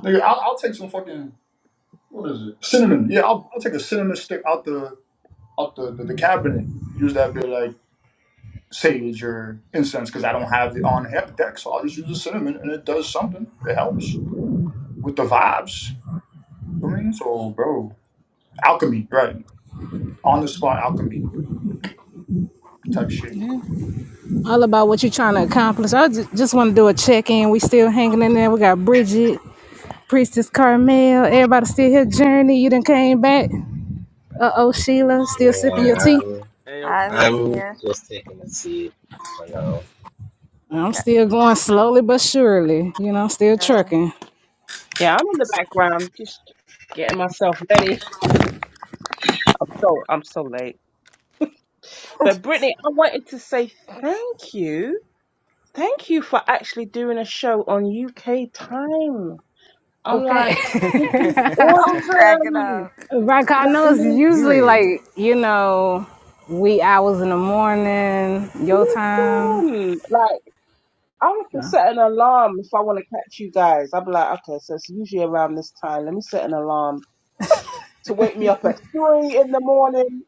[SPEAKER 9] Nigga, I'll, I'll take some fucking what is it? Cinnamon. Yeah, I'll, I'll take a cinnamon stick out the out the, the, the cabinet. Use that bit like sage or incense because I don't have it on he- deck, so I'll just use the cinnamon and it does something. It helps with the vibes. I mean, so bro, alchemy, right? On the spot alchemy type shit.
[SPEAKER 1] All about what you're trying to accomplish. I ju- just want to do a check-in. We still hanging in there. We got Bridget, Priestess Carmel, everybody still here. Journey, you done came back. Uh oh, Sheila, still sipping your tea?
[SPEAKER 2] Yeah.
[SPEAKER 7] yo,
[SPEAKER 4] I's
[SPEAKER 7] Prince.
[SPEAKER 2] I'm
[SPEAKER 4] here.
[SPEAKER 2] just taking a seat for now.
[SPEAKER 1] I'm
[SPEAKER 4] Okay.
[SPEAKER 1] still going slowly but surely. You know, I'm still
[SPEAKER 4] I'm
[SPEAKER 1] trucking.
[SPEAKER 5] yeah, I'm in the
[SPEAKER 7] So-
[SPEAKER 5] background just getting myself ready. I'm so I'm so late. But Brittany, I wanted to say thank you. Thank you for actually doing a show on UK time. I'm
[SPEAKER 1] Okay.
[SPEAKER 5] like, this is
[SPEAKER 4] cracking
[SPEAKER 5] awesome. Do
[SPEAKER 4] up.
[SPEAKER 1] right, 'cause
[SPEAKER 5] you
[SPEAKER 1] I
[SPEAKER 5] know what
[SPEAKER 1] know
[SPEAKER 5] I
[SPEAKER 1] it's
[SPEAKER 5] mean?
[SPEAKER 1] usually
[SPEAKER 3] Period.
[SPEAKER 1] like, you know, wee hours in the morning, your time.
[SPEAKER 5] Awesome. Like, I have to
[SPEAKER 1] Yeah.
[SPEAKER 5] set an alarm if I want to catch you guys. I'll be like, okay, so it's usually around this time. Let me set an alarm to wake me up at three in the morning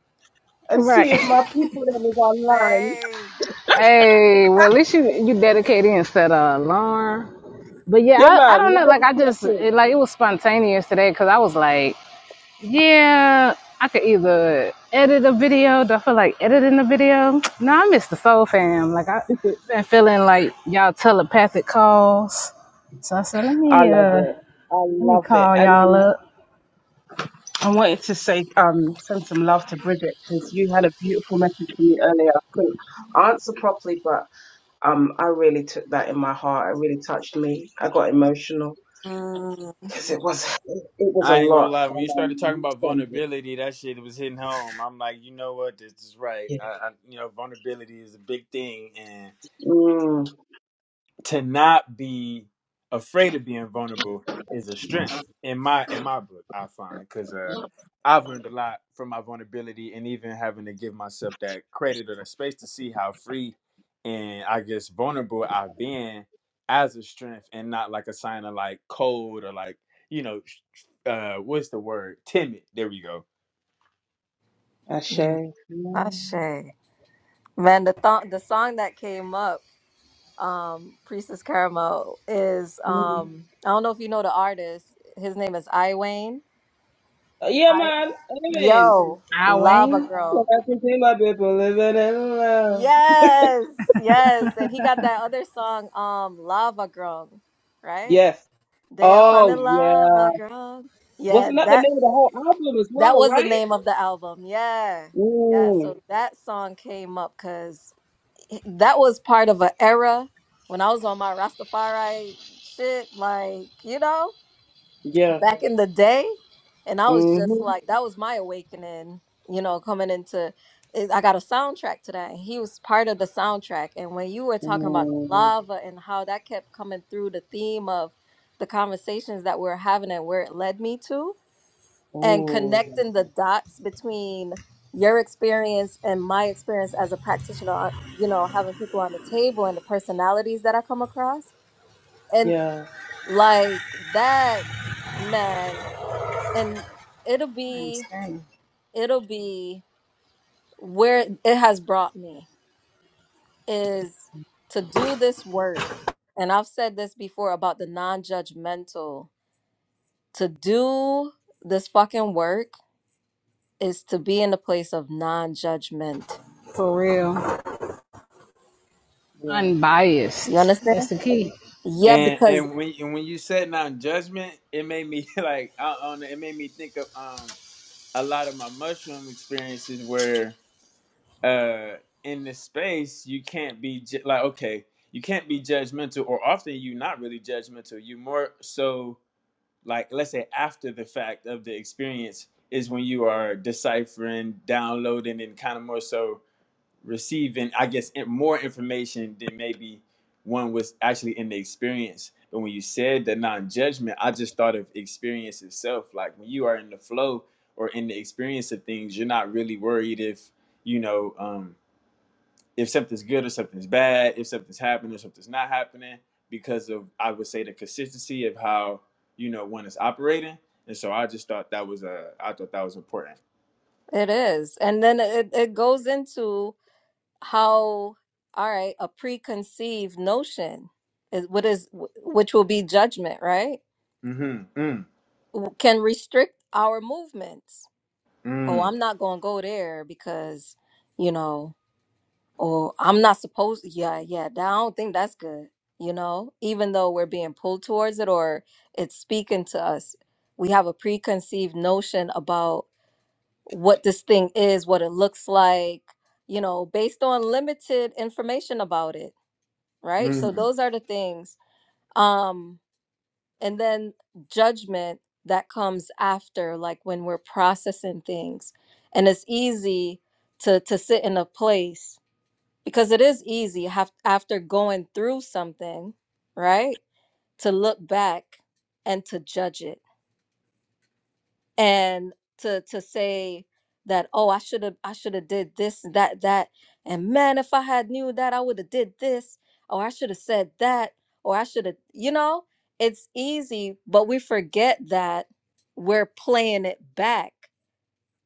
[SPEAKER 5] and
[SPEAKER 1] Right.
[SPEAKER 5] see if my people them is online.
[SPEAKER 4] Dang.
[SPEAKER 1] hey, well, at least you, you dedicated and set an alarm. But yeah,
[SPEAKER 5] Yeah,
[SPEAKER 1] I, I
[SPEAKER 5] man,
[SPEAKER 1] don't
[SPEAKER 5] look
[SPEAKER 1] know.
[SPEAKER 5] at
[SPEAKER 1] Like, I
[SPEAKER 5] the
[SPEAKER 1] just, it,
[SPEAKER 5] care
[SPEAKER 1] like, it was spontaneous today because I was like, Yeah, I could either edit a video. Do I feel like editing a video? No, I miss the Soul Fam. Like I have
[SPEAKER 5] kid.
[SPEAKER 1] been feeling like y'all telepathic calls. So I said, let
[SPEAKER 5] I
[SPEAKER 1] me
[SPEAKER 5] love
[SPEAKER 1] uh
[SPEAKER 5] it. I
[SPEAKER 1] let me
[SPEAKER 5] love it.
[SPEAKER 1] call
[SPEAKER 5] And
[SPEAKER 1] y'all
[SPEAKER 5] um,
[SPEAKER 1] up.
[SPEAKER 5] I wanted to say, um, send some love to Bridget because you had a beautiful message for me earlier. I couldn't answer properly, but um, I really took that in my heart. It really touched me. I got emotional
[SPEAKER 4] Mm,
[SPEAKER 5] because it was it was a
[SPEAKER 7] I ain't gonna
[SPEAKER 5] lot,
[SPEAKER 7] lie. When you
[SPEAKER 5] and
[SPEAKER 7] started
[SPEAKER 5] um,
[SPEAKER 7] talking
[SPEAKER 5] you
[SPEAKER 7] about
[SPEAKER 5] summed it.
[SPEAKER 7] vulnerability, that shit was hitting home. I'm like, you know what? This is right. I,
[SPEAKER 5] Yeah.
[SPEAKER 7] I you know, vulnerability is a big thing, and.
[SPEAKER 5] Mm.
[SPEAKER 7] to not be afraid of being vulnerable is a strength in my in my book i find because uh i've learned a lot from my vulnerability and even having to give myself that credit or the space to see how free and i guess vulnerable i've been as a strength and not like a sign of like cold or like you know uh what's the word timid there we go
[SPEAKER 5] Ashe.
[SPEAKER 4] mm,
[SPEAKER 5] Yeah.
[SPEAKER 4] Ashe. Man, the th- the song that came up, um, Priestess Caramel, is
[SPEAKER 5] Mm.
[SPEAKER 4] um I don't know if you know the artist. His name is I Wayne.
[SPEAKER 5] Yeah,
[SPEAKER 4] I
[SPEAKER 5] man. Amen.
[SPEAKER 4] yo,
[SPEAKER 1] I
[SPEAKER 4] Lava
[SPEAKER 1] Wayne.
[SPEAKER 5] Well,
[SPEAKER 4] Girl.
[SPEAKER 5] I can see my people living in love.
[SPEAKER 4] Yes, yes. And he got that other song, um, Lava Girl, right?
[SPEAKER 5] Yes.
[SPEAKER 4] Day up on the
[SPEAKER 5] Oh, yeah.
[SPEAKER 4] Lava Girl. Yeah,
[SPEAKER 5] Wasn't that the
[SPEAKER 4] that
[SPEAKER 5] name of the whole album as
[SPEAKER 4] that
[SPEAKER 5] well,
[SPEAKER 4] was the
[SPEAKER 5] right?
[SPEAKER 4] name of the album. Yeah. Yeah.
[SPEAKER 5] Mm,
[SPEAKER 4] So that song came up that was part of an era when I was on my Rastafari shit, like, you know,
[SPEAKER 5] yeah.
[SPEAKER 4] back in the day. And I was just
[SPEAKER 5] Mm-hmm.
[SPEAKER 4] like, that was my awakening, you know, coming into it- I got a soundtrack to that. And he was part of the soundtrack. And when you were talking about the
[SPEAKER 5] Mm,
[SPEAKER 4] lava and how that kept coming through the theme of the conversations that we are having and where it led me to, and
[SPEAKER 5] oh,
[SPEAKER 4] connecting the dots between your experience and my experience as a practitioner uh, you know having people on the table and the personalities that i come across and
[SPEAKER 5] yeah.
[SPEAKER 4] like that man and it'll be
[SPEAKER 1] Understand.
[SPEAKER 4] it'll be where it has brought me is to do this work and i've said this before about the non-judgmental to do this fucking work is to be in a place of non-judgment
[SPEAKER 1] For
[SPEAKER 5] Yeah.
[SPEAKER 1] real.
[SPEAKER 5] Yeah.
[SPEAKER 4] You
[SPEAKER 1] Unbiased. That's
[SPEAKER 4] understand?
[SPEAKER 1] the key.
[SPEAKER 4] Yeah,
[SPEAKER 7] and
[SPEAKER 4] because
[SPEAKER 7] and when and when you said non judgment, it made me like I, I don't know, it made me think of um a lot of my mushroom experiences where uh in this space you can't be ju- like okay you can't be judgmental or often you're not really judgmental you more so like let's say after the fact of the experience is when you are deciphering downloading and kind of more so receiving, I guess, more information than maybe one was actually in the experience. But when you said the non-judgment, I just thought of experience itself. Like when you are in the flow or in the experience of things, you're not really worried if you know um, if something's good or something's bad, if something's happening or something's not happening, because of I would say the consistency of how you know one is operating. And so I just thought that was uh, I thought that was important.
[SPEAKER 4] it is. And then it, it goes into how, all right, a preconceived notion is what is which will be judgment, right?
[SPEAKER 7] Mm-hmm. Mm.
[SPEAKER 4] Can restrict our movements. Oh,
[SPEAKER 7] Mm.
[SPEAKER 4] I'm not going to go there because, you know, or I'm not supposed yeah, yeah, that, I don't think that's good, you know, even though we're being pulled towards it or it's speaking to us. We have a preconceived notion about what this thing is, what it looks like, you know, based on limited information about it, right? So
[SPEAKER 7] Mm.
[SPEAKER 4] those are the things. Um, and then judgment that comes after, like when we're processing things. And it's easy to to sit in a place because it is easy have, after going through something, right? To look back and to judge it and to to say that oh i should have i should have did this that that and man if i had knew that i would have did this or i should have said that or i should have you know it's easy but we forget that we're playing it back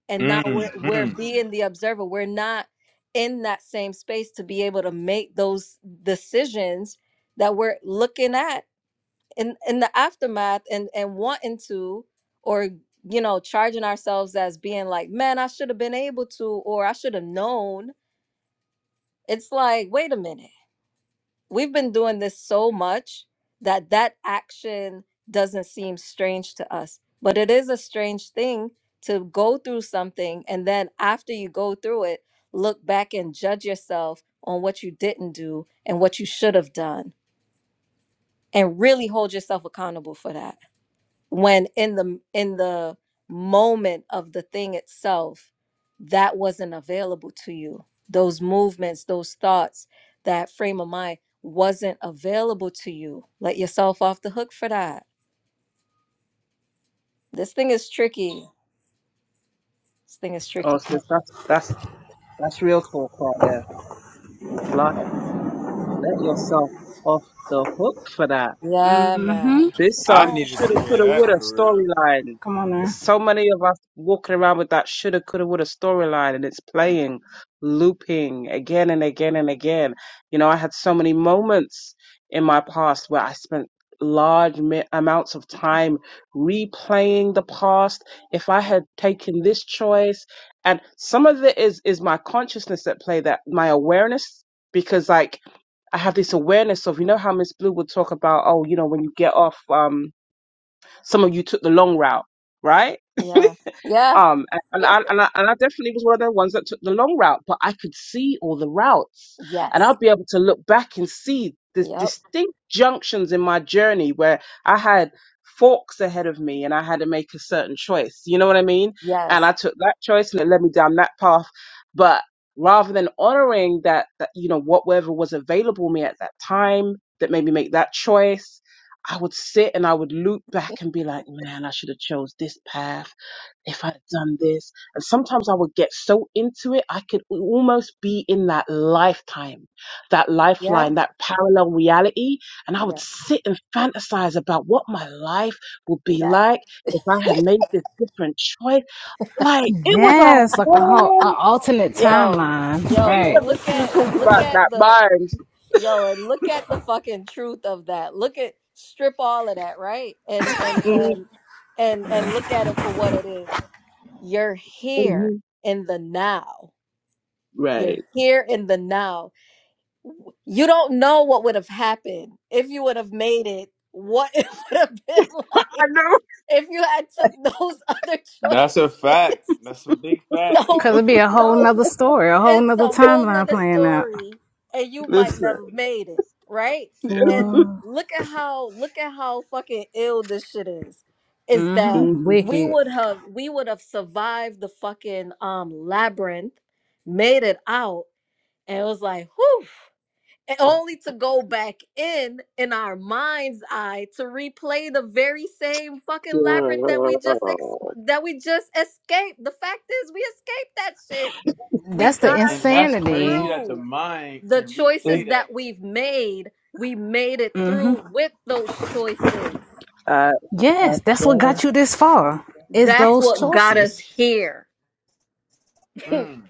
[SPEAKER 4] and now we're
[SPEAKER 7] Mm.
[SPEAKER 4] Mhm. we're
[SPEAKER 7] Mm.
[SPEAKER 4] being the observer we're not in that same space to be able to make those decisions that we're looking at in in the aftermath and and wanting to or you know charging ourselves as being like man i should have been able to or i should have known it's like wait a minute we've been doing this so much that that action doesn't seem strange to us but it is a strange thing to go through something and then after you go through it look back and judge yourself on what you didn't do and what you should have done and really hold yourself accountable for that when in the in the moment of the thing itself that wasn't available to you those movements those thoughts that frame of mind wasn't available to you let yourself off the hook for that this thing is tricky this thing is
[SPEAKER 5] Oh,
[SPEAKER 4] tricky
[SPEAKER 5] sis, that's, that's, that's real talk right there. Like, let yourself off the hook for that.
[SPEAKER 4] yeah man
[SPEAKER 5] This
[SPEAKER 7] I
[SPEAKER 5] um
[SPEAKER 4] yeah
[SPEAKER 7] needed
[SPEAKER 5] shoulda
[SPEAKER 7] to hear
[SPEAKER 5] coulda
[SPEAKER 7] that
[SPEAKER 5] woulda
[SPEAKER 7] for real.
[SPEAKER 5] storyline.
[SPEAKER 1] Come on now.
[SPEAKER 5] So many of us walking around with that shoulda coulda woulda storyline, and it's
[SPEAKER 4] man.
[SPEAKER 5] playing, looping again and again and again. You know, I had so many moments in my past where I spent large mi- amounts of
[SPEAKER 4] Oh,
[SPEAKER 5] time replaying the past. If I
[SPEAKER 4] God.
[SPEAKER 5] had taken this choice, and some of it is is my consciousness at play, that my awareness, because like. I have this awareness of, you know, how Miss Blue would talk about, oh, you know, when you get off, um, some of you took the long route, right?
[SPEAKER 4] yeah yeah
[SPEAKER 5] Um, a- and I, and I, and I definitely was one of the ones that took the long route, but I could see all the routes and
[SPEAKER 4] yes
[SPEAKER 5] I'll be able to look back and see the
[SPEAKER 4] yep
[SPEAKER 5] distinct junctions in my journey where I had forks ahead of me and I had to make a certain choice. You know what I mean? And
[SPEAKER 4] yes
[SPEAKER 5] I took that choice and it led me down that path. But rather than honoring that, that, you know, whatever was available me at that time that made me make that choice, I would sit and I would loop back and be like, man, I should have chose this path if I had done this. And sometimes I would get so into it, I could almost be in that lifetime, that
[SPEAKER 4] yeah
[SPEAKER 5] lifeline, that parallel reality. And I would
[SPEAKER 4] yeah
[SPEAKER 5] sit and fantasize about what my life would be
[SPEAKER 4] yeah
[SPEAKER 5] like if I had made this different choice. Like it was a
[SPEAKER 1] Yes, like a whole a
[SPEAKER 5] whole
[SPEAKER 1] alternate
[SPEAKER 4] yo
[SPEAKER 1] timeline.
[SPEAKER 4] yo
[SPEAKER 5] thing
[SPEAKER 1] Right.
[SPEAKER 4] and
[SPEAKER 5] when this
[SPEAKER 4] look
[SPEAKER 5] dude
[SPEAKER 4] at
[SPEAKER 5] talked
[SPEAKER 4] look
[SPEAKER 5] about
[SPEAKER 4] at
[SPEAKER 5] that
[SPEAKER 4] the
[SPEAKER 5] mind.
[SPEAKER 4] Yo, and look at the fucking truth of that. Look at strip all of that, right? And and
[SPEAKER 5] Mhm,
[SPEAKER 4] and and and look at it for what it is. You're here
[SPEAKER 5] mhm.
[SPEAKER 4] in the now.
[SPEAKER 5] Right.
[SPEAKER 4] You're here in the now. W- You don't know what would have happened if you would have made it. What it would have been
[SPEAKER 5] I
[SPEAKER 4] like
[SPEAKER 5] know.
[SPEAKER 4] if you had took those other
[SPEAKER 7] That's a
[SPEAKER 4] choices.
[SPEAKER 7] fact. That's a big
[SPEAKER 4] So
[SPEAKER 7] fact.
[SPEAKER 1] Cause it'd be a whole
[SPEAKER 4] so
[SPEAKER 1] nother story, a whole
[SPEAKER 4] it's
[SPEAKER 1] nother
[SPEAKER 4] a whole
[SPEAKER 1] timeline
[SPEAKER 4] nother
[SPEAKER 1] playing out.
[SPEAKER 4] story and you might
[SPEAKER 5] Listen.
[SPEAKER 4] never made it right and
[SPEAKER 1] For
[SPEAKER 4] look at how look at how fucking ill this shit is is that
[SPEAKER 5] Mhm.
[SPEAKER 4] we
[SPEAKER 1] wicked.
[SPEAKER 4] would have we would have survived the fucking um labyrinth made it out and it was like whew and only to go back in in our mind's eye to replay the very same fucking labyrinth that we just ex-
[SPEAKER 5] Girl.
[SPEAKER 4] that we just escaped. The fact is, we escaped that shit.
[SPEAKER 7] And
[SPEAKER 4] We
[SPEAKER 1] That's the
[SPEAKER 4] got
[SPEAKER 7] and, and
[SPEAKER 4] ourselves
[SPEAKER 7] that's crazy
[SPEAKER 1] insanity.
[SPEAKER 7] that the
[SPEAKER 4] through
[SPEAKER 7] mind
[SPEAKER 4] the
[SPEAKER 7] can
[SPEAKER 5] It's,
[SPEAKER 7] replay
[SPEAKER 4] choices
[SPEAKER 7] that.
[SPEAKER 4] that we've made. We made it through with those choices.
[SPEAKER 5] uh,
[SPEAKER 1] Yes, that's what
[SPEAKER 5] abso-
[SPEAKER 1] got you this far. Is
[SPEAKER 4] That's
[SPEAKER 1] those
[SPEAKER 4] what got us
[SPEAKER 1] choices.
[SPEAKER 4] here.
[SPEAKER 7] Mm,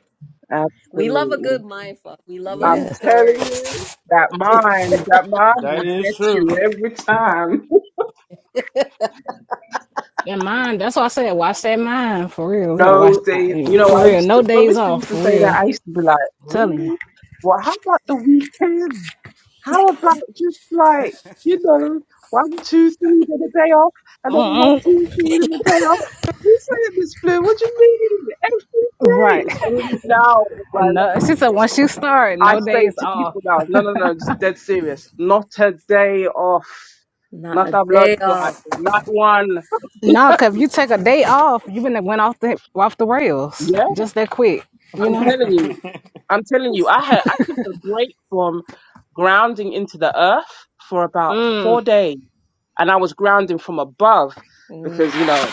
[SPEAKER 4] we love a
[SPEAKER 5] absolutely.
[SPEAKER 4] good mindfuck. We love a good
[SPEAKER 5] I'm
[SPEAKER 1] Yeah.
[SPEAKER 5] telling
[SPEAKER 4] story.
[SPEAKER 5] you, that mind, that mind
[SPEAKER 7] that
[SPEAKER 5] will
[SPEAKER 7] is
[SPEAKER 5] get
[SPEAKER 7] true.
[SPEAKER 5] you every time.
[SPEAKER 1] And mine, that's why I said watch that mind for real. We gotta watch
[SPEAKER 5] Those days,
[SPEAKER 1] I,
[SPEAKER 5] you know, I
[SPEAKER 1] for real.
[SPEAKER 5] used
[SPEAKER 1] No
[SPEAKER 5] to, when
[SPEAKER 1] days
[SPEAKER 5] Mr.
[SPEAKER 1] off
[SPEAKER 5] used to
[SPEAKER 1] for
[SPEAKER 5] say that,
[SPEAKER 1] real.
[SPEAKER 5] I used to be like,
[SPEAKER 1] telling you.
[SPEAKER 5] really? Well, how about the weekend? How about just like, you know, one, two, three, then a day off, and then one,
[SPEAKER 1] Mm-mm.
[SPEAKER 5] two, three, then a day off? We say it, Miss Blue, what do you mean? Every day.
[SPEAKER 1] Right.
[SPEAKER 5] It's only now,
[SPEAKER 1] No, she said once you start,
[SPEAKER 5] I
[SPEAKER 1] no
[SPEAKER 5] say
[SPEAKER 1] days
[SPEAKER 5] it to
[SPEAKER 1] off.
[SPEAKER 5] people now. No, no, no. It's dead serious. Not a day off.
[SPEAKER 4] Not a
[SPEAKER 5] Not a blood
[SPEAKER 4] day
[SPEAKER 5] clot.
[SPEAKER 4] off.
[SPEAKER 5] Not one.
[SPEAKER 1] No, cause if you take a day off, you been went off the off the rails
[SPEAKER 5] Yeah,
[SPEAKER 1] just that quick. You
[SPEAKER 5] I'm telling you. I'm telling you. I had I took a break from grounding into the earth for about four days, and I was grounding from above
[SPEAKER 4] Mm.
[SPEAKER 5] because you know.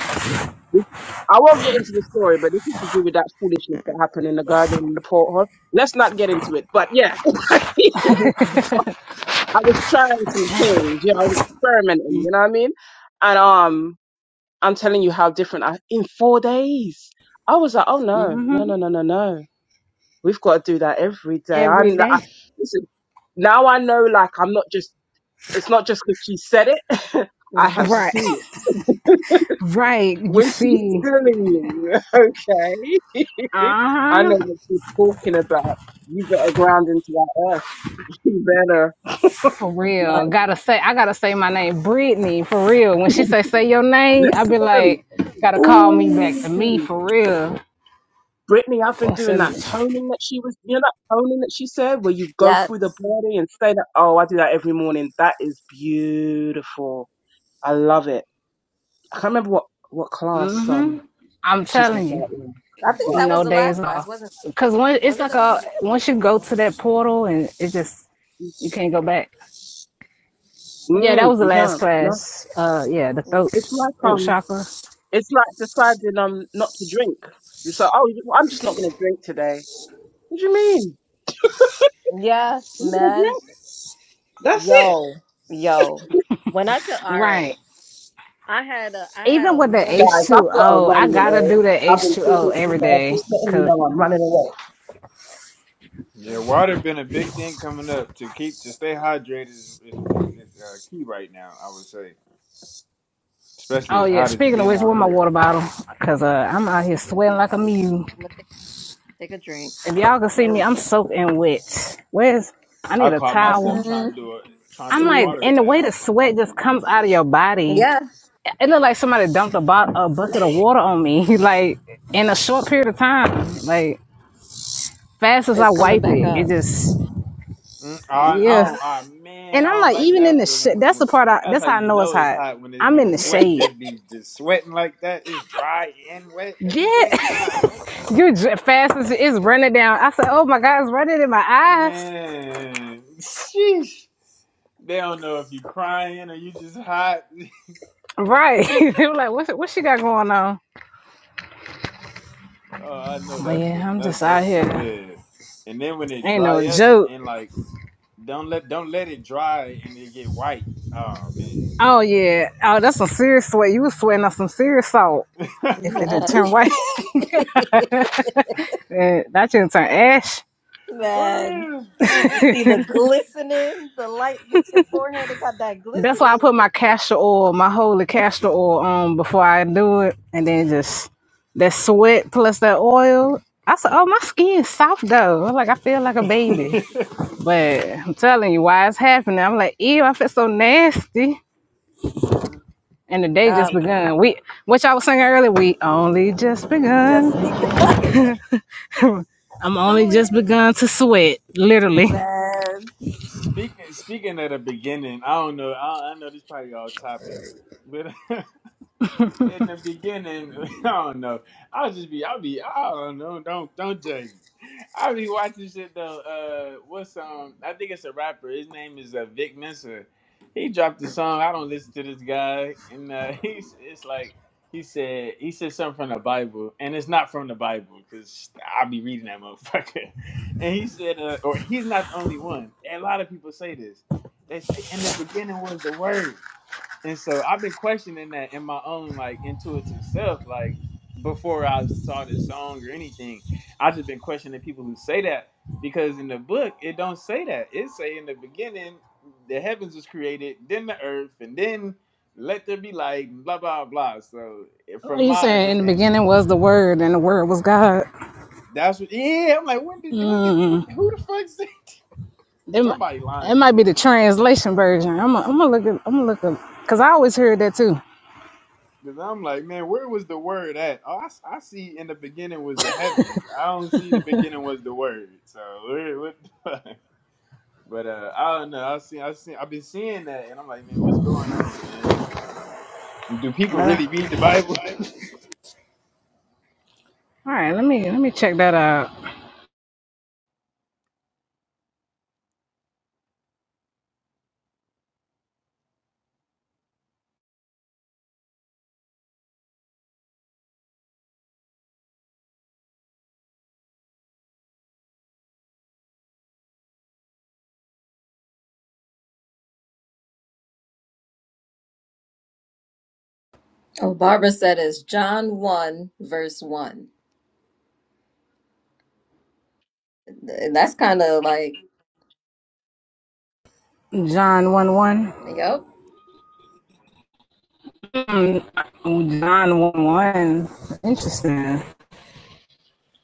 [SPEAKER 5] this- I won't get into the story, but this is to do with that foolishness that happened in the garden in the porthole. Let's not get into it. But yeah, I was trying some things, you know, I was experimenting, you know what I mean? And um, I'm telling you how different I in four days. I was like, oh no, no,
[SPEAKER 1] know,
[SPEAKER 5] no, no, no, no. We've got to do that every day. I,
[SPEAKER 1] every
[SPEAKER 5] I
[SPEAKER 1] day.
[SPEAKER 5] listen. Now I know, like, I'm not just. It's not just because she said it. I have
[SPEAKER 4] Mhm.
[SPEAKER 1] Right.
[SPEAKER 4] Mhm.
[SPEAKER 5] seen it.
[SPEAKER 1] Right. You
[SPEAKER 5] When she's
[SPEAKER 1] see.
[SPEAKER 5] telling you, okay,
[SPEAKER 1] Uh
[SPEAKER 5] I
[SPEAKER 1] huh.
[SPEAKER 5] know what she's talking about. You better ground into that earth. You better
[SPEAKER 1] For real.
[SPEAKER 5] like
[SPEAKER 1] Gotta say I gotta say my name. Brittany, for real. When she say say your name, I be
[SPEAKER 5] listen.
[SPEAKER 1] like, gotta call me back to me
[SPEAKER 5] Ooh.
[SPEAKER 1] for real.
[SPEAKER 5] Brittany, I've been
[SPEAKER 1] Four
[SPEAKER 5] doing
[SPEAKER 1] seven.
[SPEAKER 5] that toning that she was, you know, that toning that she said, where you go
[SPEAKER 4] Yes.
[SPEAKER 5] through the body and say that, oh, I do that every morning. That is beautiful. I love it. I can't remember what, what class,
[SPEAKER 1] Mm-hmm.
[SPEAKER 5] um,
[SPEAKER 1] I'm
[SPEAKER 5] she said
[SPEAKER 1] telling
[SPEAKER 5] that
[SPEAKER 1] you,
[SPEAKER 5] in,
[SPEAKER 4] I think
[SPEAKER 5] but,
[SPEAKER 4] that was
[SPEAKER 1] no
[SPEAKER 4] the
[SPEAKER 1] days
[SPEAKER 4] last class,
[SPEAKER 1] off.
[SPEAKER 4] wasn't
[SPEAKER 1] Cause when
[SPEAKER 4] was
[SPEAKER 1] it's
[SPEAKER 4] it
[SPEAKER 1] like
[SPEAKER 4] the last
[SPEAKER 1] a
[SPEAKER 4] class?
[SPEAKER 1] once you go to that portal and it just you can't go back. Yeah, that
[SPEAKER 5] mm,
[SPEAKER 1] was the
[SPEAKER 5] you
[SPEAKER 1] last
[SPEAKER 5] can't. No,
[SPEAKER 1] class. Uh yeah, the
[SPEAKER 4] Mm,
[SPEAKER 1] throat
[SPEAKER 5] it's like,
[SPEAKER 1] throat
[SPEAKER 5] um,
[SPEAKER 1] chakra.
[SPEAKER 5] it's like deciding, um, not to drink. You say, oh, you- I'm just not going to drink today. What do you mean?
[SPEAKER 4] Yeah,
[SPEAKER 5] You're not going to
[SPEAKER 4] man.
[SPEAKER 5] drink? That's it.
[SPEAKER 4] Yo, yo. When I took all right,
[SPEAKER 1] Right.
[SPEAKER 4] I had a I had
[SPEAKER 1] Even
[SPEAKER 4] a
[SPEAKER 1] with the
[SPEAKER 4] moment.
[SPEAKER 1] H
[SPEAKER 5] Guys, I've
[SPEAKER 1] two
[SPEAKER 5] got a
[SPEAKER 1] O, I
[SPEAKER 5] run, you
[SPEAKER 1] gotta do the
[SPEAKER 5] know. I've
[SPEAKER 1] H
[SPEAKER 5] been
[SPEAKER 1] two O
[SPEAKER 5] talking to you
[SPEAKER 1] every
[SPEAKER 5] guys,
[SPEAKER 1] day. day,
[SPEAKER 5] just letting you
[SPEAKER 1] cause.
[SPEAKER 5] know I'm running away.
[SPEAKER 7] yeah,
[SPEAKER 4] Mm.
[SPEAKER 7] water been a big thing coming up to keep to stay hydrated is is, is, is uh, key right now. I would say, especially
[SPEAKER 1] Oh
[SPEAKER 7] as
[SPEAKER 1] yeah.
[SPEAKER 7] hot as it
[SPEAKER 1] Speaking of
[SPEAKER 7] been
[SPEAKER 1] which,
[SPEAKER 7] out
[SPEAKER 1] where my
[SPEAKER 7] here.
[SPEAKER 1] water bottle? Cause uh, I'm out here
[SPEAKER 4] I'm
[SPEAKER 1] sweating like a mule.
[SPEAKER 4] gonna take, take a drink.
[SPEAKER 1] If y'all can see
[SPEAKER 4] There
[SPEAKER 1] me,
[SPEAKER 4] we
[SPEAKER 1] I'm soaking wet. Where's? I
[SPEAKER 7] I
[SPEAKER 1] need a
[SPEAKER 7] caught
[SPEAKER 4] go.
[SPEAKER 7] myself
[SPEAKER 1] towel.
[SPEAKER 7] trying
[SPEAKER 4] Mm-mm.
[SPEAKER 7] to do a trying to
[SPEAKER 1] I'm
[SPEAKER 7] do a
[SPEAKER 4] See,
[SPEAKER 1] like,
[SPEAKER 7] water
[SPEAKER 1] and the way the
[SPEAKER 7] fast.
[SPEAKER 1] sweat just comes out of your body,
[SPEAKER 4] yeah,
[SPEAKER 1] it looked like somebody dumped a, bo- a bucket of water on me, like in a short period of time. Like fast as I
[SPEAKER 4] it's coming
[SPEAKER 1] wipe
[SPEAKER 4] back
[SPEAKER 1] it, it
[SPEAKER 4] up.
[SPEAKER 1] just
[SPEAKER 7] Mm,
[SPEAKER 4] Man,
[SPEAKER 7] I, I
[SPEAKER 1] yeah.
[SPEAKER 7] don't. I, man,
[SPEAKER 1] And
[SPEAKER 7] I
[SPEAKER 1] I'm
[SPEAKER 7] don't
[SPEAKER 1] like,
[SPEAKER 7] like
[SPEAKER 1] even in
[SPEAKER 7] that
[SPEAKER 1] the
[SPEAKER 7] feeling.
[SPEAKER 1] sh-
[SPEAKER 7] When,
[SPEAKER 1] that's
[SPEAKER 7] when
[SPEAKER 1] the part. I,
[SPEAKER 7] that's
[SPEAKER 1] that's
[SPEAKER 7] how
[SPEAKER 1] how I
[SPEAKER 7] you
[SPEAKER 1] know it's
[SPEAKER 7] know it's
[SPEAKER 1] hot.
[SPEAKER 7] hot when it
[SPEAKER 1] I'm
[SPEAKER 7] when
[SPEAKER 1] in
[SPEAKER 7] the
[SPEAKER 1] the
[SPEAKER 7] sweat
[SPEAKER 1] shade.
[SPEAKER 7] just be just sweating like that. It's dry and wet at the same
[SPEAKER 1] Yeah,
[SPEAKER 7] time. What
[SPEAKER 1] you're j- fast as it is running down. I said, "Oh my God, it's running in my eyes."
[SPEAKER 7] man? Sheesh. They don't know if you crying or you just hot.
[SPEAKER 1] Right. they were like, what's, what she got going on?
[SPEAKER 7] oh, I know
[SPEAKER 1] But
[SPEAKER 7] that
[SPEAKER 1] yeah,
[SPEAKER 7] feeling.
[SPEAKER 1] I'm
[SPEAKER 7] That's
[SPEAKER 1] just out
[SPEAKER 7] that's it.
[SPEAKER 1] here.
[SPEAKER 7] Yeah. And then when it
[SPEAKER 1] Ain't
[SPEAKER 7] dry
[SPEAKER 1] no
[SPEAKER 7] up
[SPEAKER 1] joke.
[SPEAKER 7] and like don't let don't let it dry and it get white. Oh man.
[SPEAKER 1] Oh, yeah. Oh, that's some serious sweat. You was sweating on some serious salt
[SPEAKER 4] man.
[SPEAKER 1] if it didn't turn white. Eh, that didn't turn ash.
[SPEAKER 4] Man.
[SPEAKER 7] For
[SPEAKER 4] see the glistening, the light hit your forehead. It got that
[SPEAKER 1] That's why I
[SPEAKER 4] glistening.
[SPEAKER 1] put my castor oil, my holy castor oil on before I do it. And then just that sweat plus that oil. I said, oh, my skin's soft though. I'm Like, I feel like a baby.
[SPEAKER 7] real.
[SPEAKER 1] But I'm telling you, why it's happening. I'm like, ew, I feel so nasty.
[SPEAKER 4] Mm,
[SPEAKER 1] And the day just
[SPEAKER 4] God,
[SPEAKER 1] begun. We, which I was singing earlier, we only just
[SPEAKER 4] just
[SPEAKER 1] begun.
[SPEAKER 4] begun.
[SPEAKER 1] I'm only just begun to sweat, literally.
[SPEAKER 4] Man.
[SPEAKER 7] Speaking speaking at the beginning, I don't know. I, I know this is probably off topic, but in the beginning, I don't know. I'll just be, I'll be, I don't know. Don't don't judge me. I'll be watching shit though. Uh, what song? I think it's a rapper. His name is uh, Vic Mensa. He dropped the song. I don't listen to this guy, and uh, he's it's like he said he said something from the Bible, and it's not from the Bible because I'll be reading that motherfucker. And he said, uh, or he's not the only one. A lot of people say this. They say, "In the beginning was the Word." And so I've been questioning that in my own like intuitive self, like before I saw this song or anything. I just been questioning people who say that because in the book it don't say that. It say in the beginning the heavens was created, then the earth, and then let there be light, blah blah blah. So eh,
[SPEAKER 1] Are
[SPEAKER 7] from
[SPEAKER 1] you
[SPEAKER 7] my
[SPEAKER 1] saying in the
[SPEAKER 7] understanding,
[SPEAKER 1] beginning was the word and the word was God?
[SPEAKER 7] that's what. Yeah, I'm like, when did when did what, who the fuck said
[SPEAKER 1] That might,
[SPEAKER 7] somebody
[SPEAKER 1] that
[SPEAKER 7] lying?
[SPEAKER 1] might be the translation version. I'm gonna I'm gonna look at, I'm gonna look up, cause I always heard that too.
[SPEAKER 7] Because I'm like, man, where was the word at? Oh, I, s- I see in the beginning was the heavens. I don't see the beginning was the word. So where, what? The fuck? But uh, I don't know. I see. I see. I've been seeing that, and I'm like, man, what's going on, man? Like, Do people
[SPEAKER 1] Uh,
[SPEAKER 7] really read the Bible?
[SPEAKER 1] All right, let me let me check that out.
[SPEAKER 4] Oh, Barbara said it's John 1, verse 1. And that's kind of like,
[SPEAKER 1] John one one.
[SPEAKER 4] yep,
[SPEAKER 1] Mm, John one one. Interesting.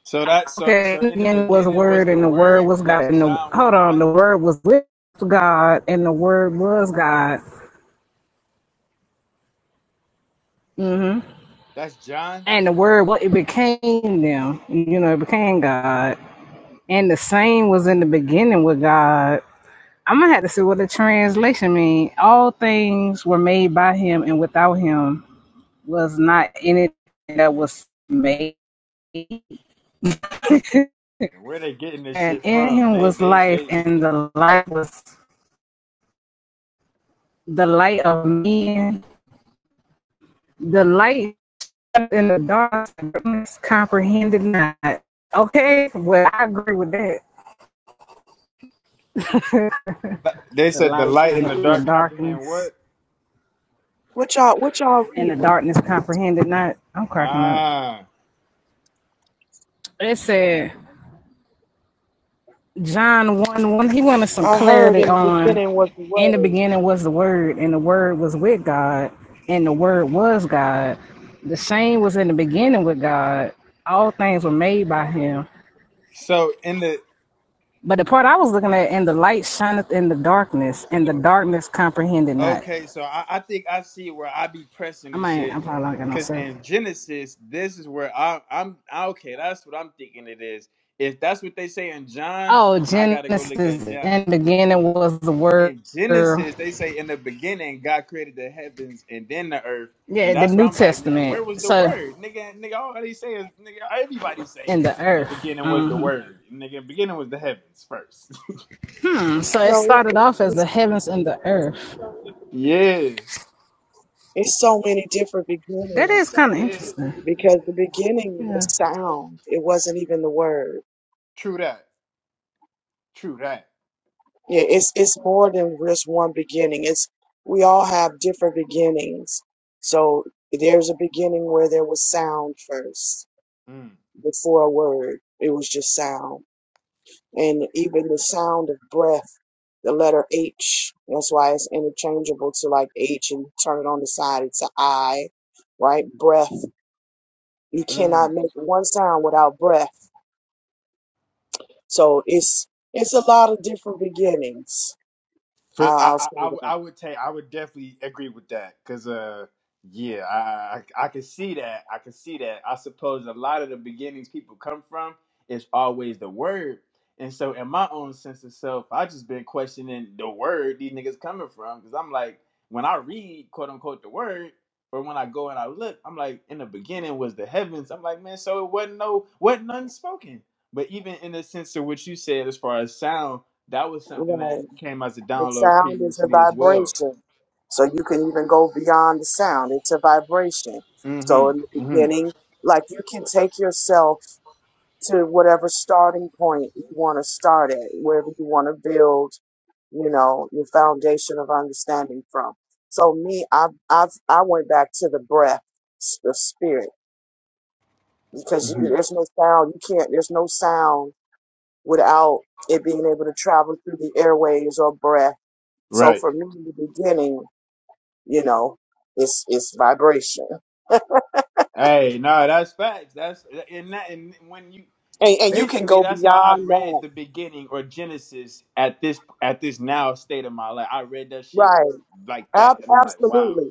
[SPEAKER 7] So that so
[SPEAKER 1] Okay,
[SPEAKER 7] so in the
[SPEAKER 1] again was a
[SPEAKER 7] beginning was
[SPEAKER 1] word,
[SPEAKER 7] the
[SPEAKER 1] and the word
[SPEAKER 7] word.
[SPEAKER 1] was God.
[SPEAKER 7] That's
[SPEAKER 1] And the
[SPEAKER 7] John
[SPEAKER 1] hold
[SPEAKER 7] one
[SPEAKER 1] on,
[SPEAKER 7] one.
[SPEAKER 1] the word was with God, and the word was God,
[SPEAKER 7] That's John.
[SPEAKER 1] and the word what it became them. You know, it became God, and the same was in the beginning with God. I'm gonna have to see what the translation means. All things were made by Him, and without Him was not anything that was made.
[SPEAKER 7] And where they getting this
[SPEAKER 1] and
[SPEAKER 7] shit
[SPEAKER 1] in
[SPEAKER 7] from?
[SPEAKER 1] Him
[SPEAKER 7] They
[SPEAKER 1] was
[SPEAKER 7] they
[SPEAKER 1] life,
[SPEAKER 7] they
[SPEAKER 1] and the light was the light of men. The light in the dark darkness comprehended not. Okay, well I agree with that.
[SPEAKER 7] they
[SPEAKER 1] The
[SPEAKER 7] said the
[SPEAKER 1] light
[SPEAKER 7] light and
[SPEAKER 1] shineth
[SPEAKER 7] the
[SPEAKER 1] in the
[SPEAKER 7] dark comprehend
[SPEAKER 1] darkness,
[SPEAKER 7] what?
[SPEAKER 8] what y'all what y'all
[SPEAKER 1] and the
[SPEAKER 8] reading?
[SPEAKER 1] darkness comprehended not. I'm cracking up.
[SPEAKER 7] Ah.
[SPEAKER 1] It said John one one. He wanted some
[SPEAKER 8] I heard
[SPEAKER 1] clarity
[SPEAKER 8] in the
[SPEAKER 1] on.
[SPEAKER 8] beginning was the
[SPEAKER 1] In the
[SPEAKER 8] word.
[SPEAKER 1] beginning was the Word, and the Word was with God, and the Word was God. The same was in the beginning with God. All things were made by Him.
[SPEAKER 7] So in the
[SPEAKER 1] But the part I was looking at, and the light shineth in the darkness, and the darkness comprehended not.
[SPEAKER 7] Okay, so I, I think I see where I be pressing
[SPEAKER 1] I
[SPEAKER 7] and
[SPEAKER 1] might. I
[SPEAKER 7] shit.
[SPEAKER 1] probably not got no
[SPEAKER 7] Cause
[SPEAKER 1] service.
[SPEAKER 7] in Genesis, this is where I, I'm. I- Okay, that's what I'm thinking it is. If that's what they say in John,
[SPEAKER 1] Oh,
[SPEAKER 7] then I gotta go look at
[SPEAKER 1] Genesis
[SPEAKER 7] John.
[SPEAKER 1] in the beginning was the word.
[SPEAKER 7] In Genesis,
[SPEAKER 1] Yeah,
[SPEAKER 7] they say in the beginning God created the heavens and then the earth, and
[SPEAKER 1] the
[SPEAKER 7] that's why
[SPEAKER 1] New
[SPEAKER 7] I'm like, man,
[SPEAKER 1] Testament.
[SPEAKER 7] where was the
[SPEAKER 1] So
[SPEAKER 7] word, nigga? Nigga, all they say is, nigga, everybody say
[SPEAKER 1] in the
[SPEAKER 7] in the
[SPEAKER 1] earth.
[SPEAKER 7] beginning was the word, nigga. beginning was the heavens first.
[SPEAKER 1] Mm,
[SPEAKER 8] You
[SPEAKER 1] So it
[SPEAKER 8] know,
[SPEAKER 1] started
[SPEAKER 8] it's,
[SPEAKER 1] off as
[SPEAKER 8] it's
[SPEAKER 1] the heavens and the earth.
[SPEAKER 7] yeah,
[SPEAKER 8] it's so many different
[SPEAKER 1] That
[SPEAKER 8] beginnings.
[SPEAKER 1] is kind of interesting.
[SPEAKER 8] because the beginning was sound. It wasn't even the word.
[SPEAKER 7] true that, true that.
[SPEAKER 8] Yeah, it's it's more than just one beginning. It's we all have different beginnings. So there's a beginning where there was sound first
[SPEAKER 7] Mm,
[SPEAKER 8] before a word. It was just sound, and even the sound of breath. The letter H. That's why it's interchangeable to like H, and turn it on the side. It's a I, right? Breath. You
[SPEAKER 7] mm.
[SPEAKER 8] cannot make one sound without breath So it's it's a lot of different beginnings.
[SPEAKER 7] For
[SPEAKER 8] I'll,
[SPEAKER 7] I,
[SPEAKER 8] I'll
[SPEAKER 7] I,
[SPEAKER 8] say
[SPEAKER 7] I would
[SPEAKER 8] that.
[SPEAKER 7] I would take I would definitely agree with that because uh yeah I, I I can see that I can see that I suppose a lot of the beginnings people come from is always the word and so in my own sense of self I just been questioning the word these niggas coming from because I'm like when I read quote unquote the word or when I go and I look I'm like in the beginning was the heavens I'm like man so it wasn't no wasn't none spoken but even in the sense of what you said as far as sound that was something that
[SPEAKER 8] Right.
[SPEAKER 7] came as a
[SPEAKER 8] The
[SPEAKER 7] download
[SPEAKER 8] sound is a
[SPEAKER 7] previously as well.
[SPEAKER 8] vibration. So you can even go beyond the sound. It's a vibration. So in the
[SPEAKER 7] Mm-hmm. Mm-hmm.
[SPEAKER 8] beginning, like you can take yourself to whatever starting point you want to start at, wherever you want to build, you know, your foundation of understanding from. So me, I I I went back to the breath, s- the spirit, because you,
[SPEAKER 7] hmm
[SPEAKER 8] there's no sound. You can't. There's no sound without it being able to travel through the airways or breath. So
[SPEAKER 7] Right.
[SPEAKER 8] for me, in the beginning, you know, it's it's vibration,
[SPEAKER 7] Hey, no, that's facts. That's and that and when you
[SPEAKER 8] and and you can
[SPEAKER 7] basically
[SPEAKER 8] go
[SPEAKER 7] that's how I
[SPEAKER 8] beyond
[SPEAKER 7] read
[SPEAKER 8] that,
[SPEAKER 7] the beginning or Genesis at this at this now state of my life. I read that shit
[SPEAKER 8] right?
[SPEAKER 7] like that,
[SPEAKER 8] Ab-
[SPEAKER 7] and I'm like, wow.
[SPEAKER 8] absolutely.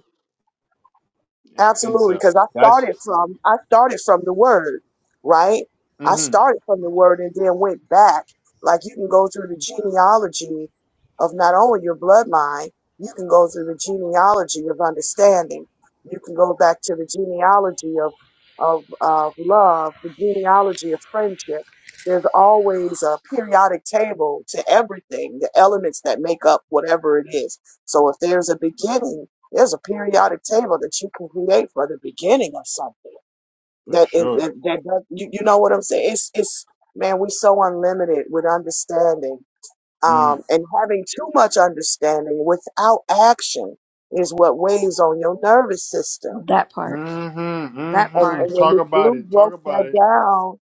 [SPEAKER 7] And
[SPEAKER 8] Absolutely,
[SPEAKER 7] so
[SPEAKER 8] because I
[SPEAKER 7] that's
[SPEAKER 8] started from I started from the word, right? I
[SPEAKER 7] mm-hmm,
[SPEAKER 8] started from the word and then went back. Like you can go through the genealogy of not only your bloodline, you can go through the genealogy of understanding. You can go back to the genealogy of of of love, the genealogy of friendship. There's always a periodic table to everything, the elements that make up whatever it is. So if there's a beginning there's a periodic table that you can create for the beginning of something.
[SPEAKER 7] for
[SPEAKER 8] That it,
[SPEAKER 7] sure.
[SPEAKER 8] that, that does, you, you know what I'm saying? It's it's man, we so unlimited with understanding.
[SPEAKER 7] Mm.
[SPEAKER 8] Um, and having too much understanding without action is what weighs on your nervous system.
[SPEAKER 4] that part,
[SPEAKER 7] Mm-hmm,
[SPEAKER 4] that
[SPEAKER 8] And,
[SPEAKER 7] mm-hmm.
[SPEAKER 4] part,
[SPEAKER 8] and when
[SPEAKER 7] Talk
[SPEAKER 8] Miss
[SPEAKER 7] about
[SPEAKER 8] Blue
[SPEAKER 7] it. Talk
[SPEAKER 8] broke that
[SPEAKER 7] about it.
[SPEAKER 8] down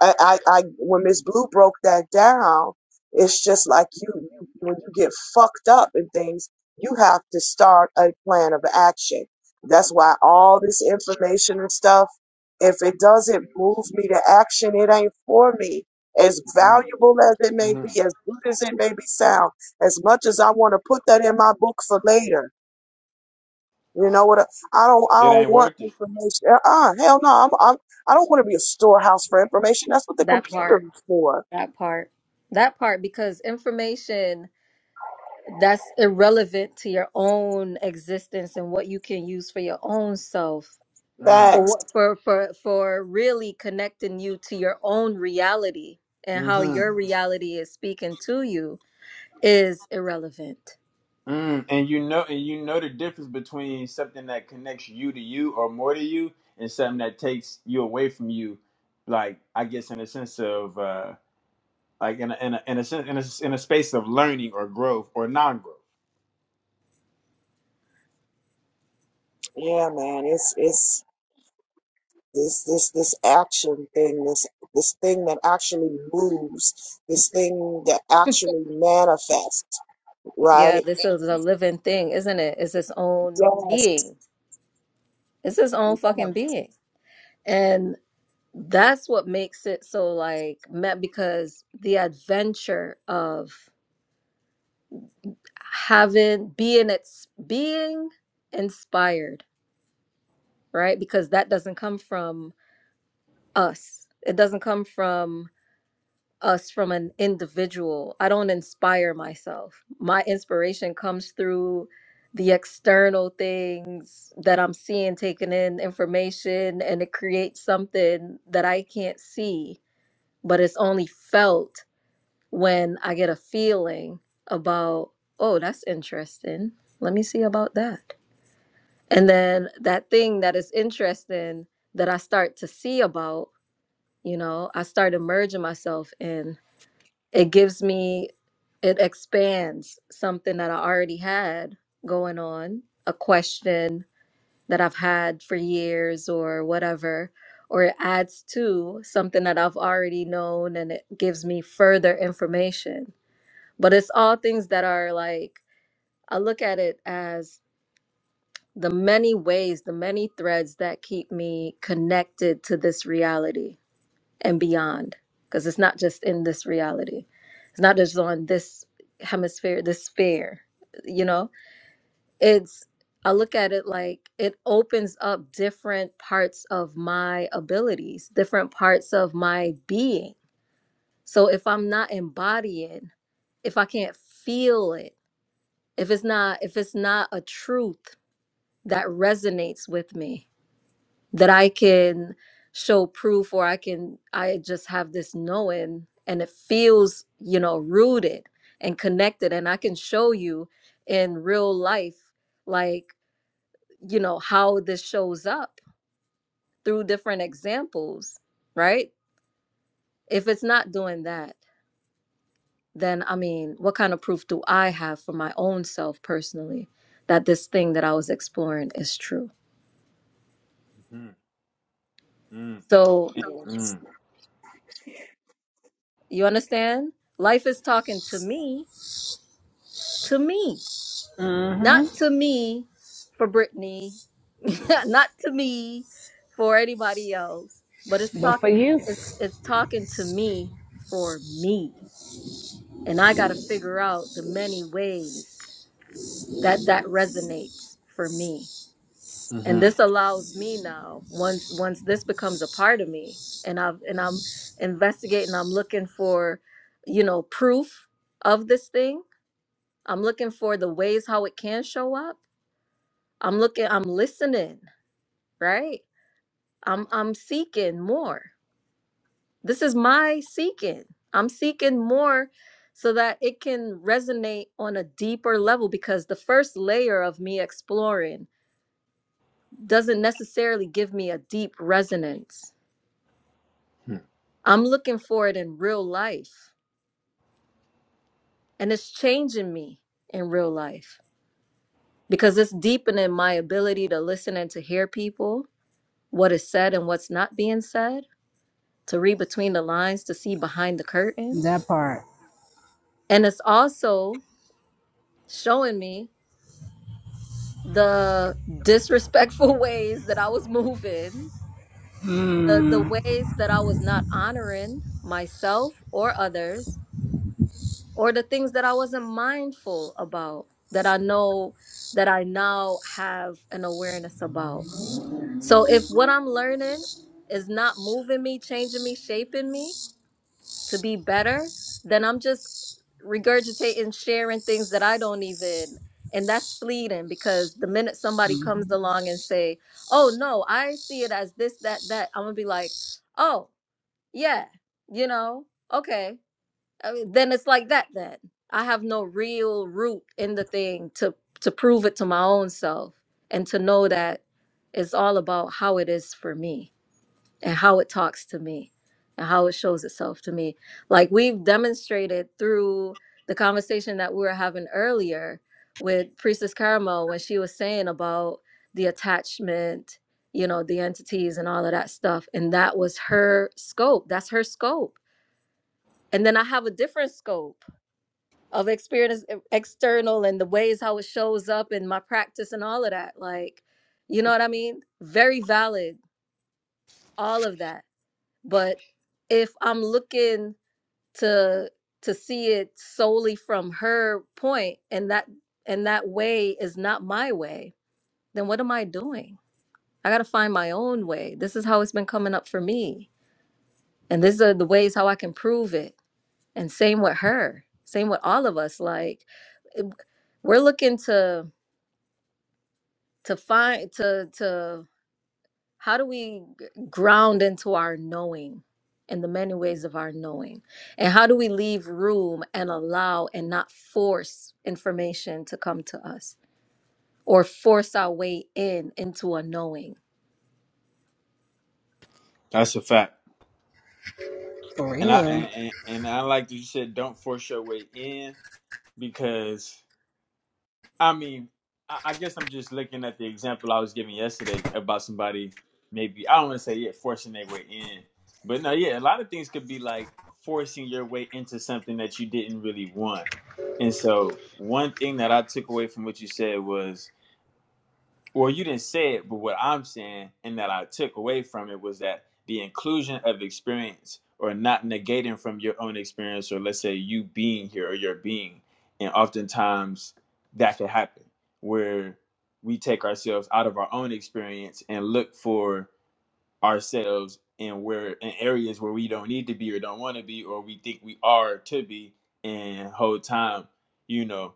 [SPEAKER 8] I, I, I when Miss Blue broke that down, it's just like you, you when you get fucked up in things, you have to start a plan of action. That's why all this information and stuff, if it doesn't move me to action, it ain't for me. As
[SPEAKER 7] Mm,
[SPEAKER 8] valuable as it may
[SPEAKER 7] hmm
[SPEAKER 8] be, as good as it may be sound, as much as I want to put that in my book for later, you know what? I don't. I
[SPEAKER 7] It
[SPEAKER 8] don't
[SPEAKER 7] ain't
[SPEAKER 8] want
[SPEAKER 7] worth it.
[SPEAKER 8] information. Ah, hell no. I'm, I'm. I don't want to be a storehouse for information. That's what the
[SPEAKER 4] that
[SPEAKER 8] computer
[SPEAKER 4] part,
[SPEAKER 8] is for.
[SPEAKER 4] that part, that part, because information that's irrelevant to your own existence and what you can use for your own self
[SPEAKER 7] Mm,
[SPEAKER 4] for
[SPEAKER 8] Facts.
[SPEAKER 4] what- for for for really connecting you to your own reality and how
[SPEAKER 7] hmm
[SPEAKER 4] your reality is speaking to you is irrelevant
[SPEAKER 7] Mm, and you know, and you know the difference between something that connects you to you or more to you, and something that takes you away from you. Like I guess in a sense of uh, like in a, in a in a sense in a, s- in a space of learning or growth or non-growth.
[SPEAKER 8] Yeah, man. It's it's this this this action thing. This this thing that actually moves. This thing that actually manifests.
[SPEAKER 4] Yeah,
[SPEAKER 8] Right.
[SPEAKER 4] this is a living thing, isn't it? It's its own
[SPEAKER 8] Yes.
[SPEAKER 4] being. It's its own
[SPEAKER 8] Yes.
[SPEAKER 4] fucking being. And that's what makes it so like met because the adventure of having being it's being inspired, right? Because that doesn't come from us. It doesn't come from us from an individual. I don't inspire myself. My inspiration comes through the external things that I'm seeing, taking in information, and it creates something that I can't see, but it's only felt when I get a feeling about, oh, that's interesting. Let me see about that. And then that thing that is interesting that I start to see about, you know, I start immersing myself in it gives me it expands something that i already had going on a question that i've had for years or whatever or it adds to something that i've already known and it gives me further information but it's all things that are like i look at it as the many ways the many threads that keep me connected to this reality and beyond because it's not just in this reality it's not just on this hemisphere this sphere you know it's i look at it like it opens up different parts of my abilities different parts of my being so if i'm not embodying if i can't feel it if it's not if it's not a truth that resonates with me that I can show proof or I can I just have this knowing and it feels, you know, rooted and connected and I can show you in real life like, you know, how this shows up through different examples, right? If it's not doing that, then I mean, what kind of proof do I have for my own self personally that this thing that I was exploring is true?
[SPEAKER 7] Mm, mm,
[SPEAKER 4] So,
[SPEAKER 8] Yes.
[SPEAKER 7] mm,
[SPEAKER 4] you understand? Life is talking to me, to me Not
[SPEAKER 1] Mm-hmm.
[SPEAKER 4] to me for Brittany, not to me for anybody else, but it's
[SPEAKER 1] But for
[SPEAKER 4] talking
[SPEAKER 1] you,
[SPEAKER 4] it's, it's talking to me for me. And I got to figure out the many ways that that resonates for me. And
[SPEAKER 7] mm,
[SPEAKER 4] this allows me now once once this becomes a part of me and I've and I'm investigating, I'm looking for, you know, proof of this thing. I'm looking for the ways how it can show up. I'm looking, I'm listening. right? I'm I'm seeking more. This is my seeking. I'm seeking more so that it can resonate on a deeper level because the first layer of me exploring doesn't necessarily give me a deep resonance.
[SPEAKER 7] hmm
[SPEAKER 4] I'm looking for it in real life and it's changing me in real life because it's deepening my ability to listen and to hear people, what is said and what's not being said, to read between the lines, to see behind the curtain
[SPEAKER 1] that part.
[SPEAKER 4] And it's also showing me the disrespectful ways that I was moving, the, the ways that I was not honoring myself or others, or the things that I wasn't mindful about that I know that I now have an awareness about. So if what I'm learning is not moving me, changing me, shaping me, to be better, then I'm just regurgitating, sharing things that I don't even and that's fleeting because the minute somebody comes
[SPEAKER 1] Mm-hmm.
[SPEAKER 4] along and say, "Oh no, I see it as this that that," I'm going to be like, "Oh, yeah. You know, okay. I mean, then it's like that then. I have no real root in the thing to to prove it to my own self and to know that it's all about how it is for me." and how it talks to me and how it shows itself to me. Like we've demonstrated through the conversation that we were having earlier with Priestess Caramel when she was saying about the attachment, you know, the entities and all of that stuff. And that was her scope. That's her scope. And then I have a different scope of experience e- external and the ways how it shows up in my practice and all of that. Like, you know what I mean? Very valid, all of that but if i'm looking to to see it solely from her point and that and that way is not my way then what am i doing i got to find my own way this is how it's been coming up for me and these are the ways how i can prove it and same with her same with all of us like eh, we're looking to to find to to how do we g- ground into our knowing and the many ways of our knowing and how do we leave room and allow and not force information to come to us or force our way in into a knowing
[SPEAKER 7] That's a fact.
[SPEAKER 1] For
[SPEAKER 7] And I
[SPEAKER 1] real.
[SPEAKER 7] and, and and I like that you said don't force your way in because I mean, I, I guess I'm just looking at the example I was giving yesterday about somebody maybe I don't want to say yeah forcing their way in, but no, yeah, a lot of things could be like forcing your way into something that you didn't really want. And so, one thing that I took away from what you said was well, you didn't say it, but what I'm saying and that I took away from it was that the inclusion of experience or not negating from your own experience, or let's say you being here or your being. And oftentimes that can happen where we take ourselves out of our own experience and look for ourselves and where in areas where we don't need to be or don't want to be or we think we are to be and whole time you know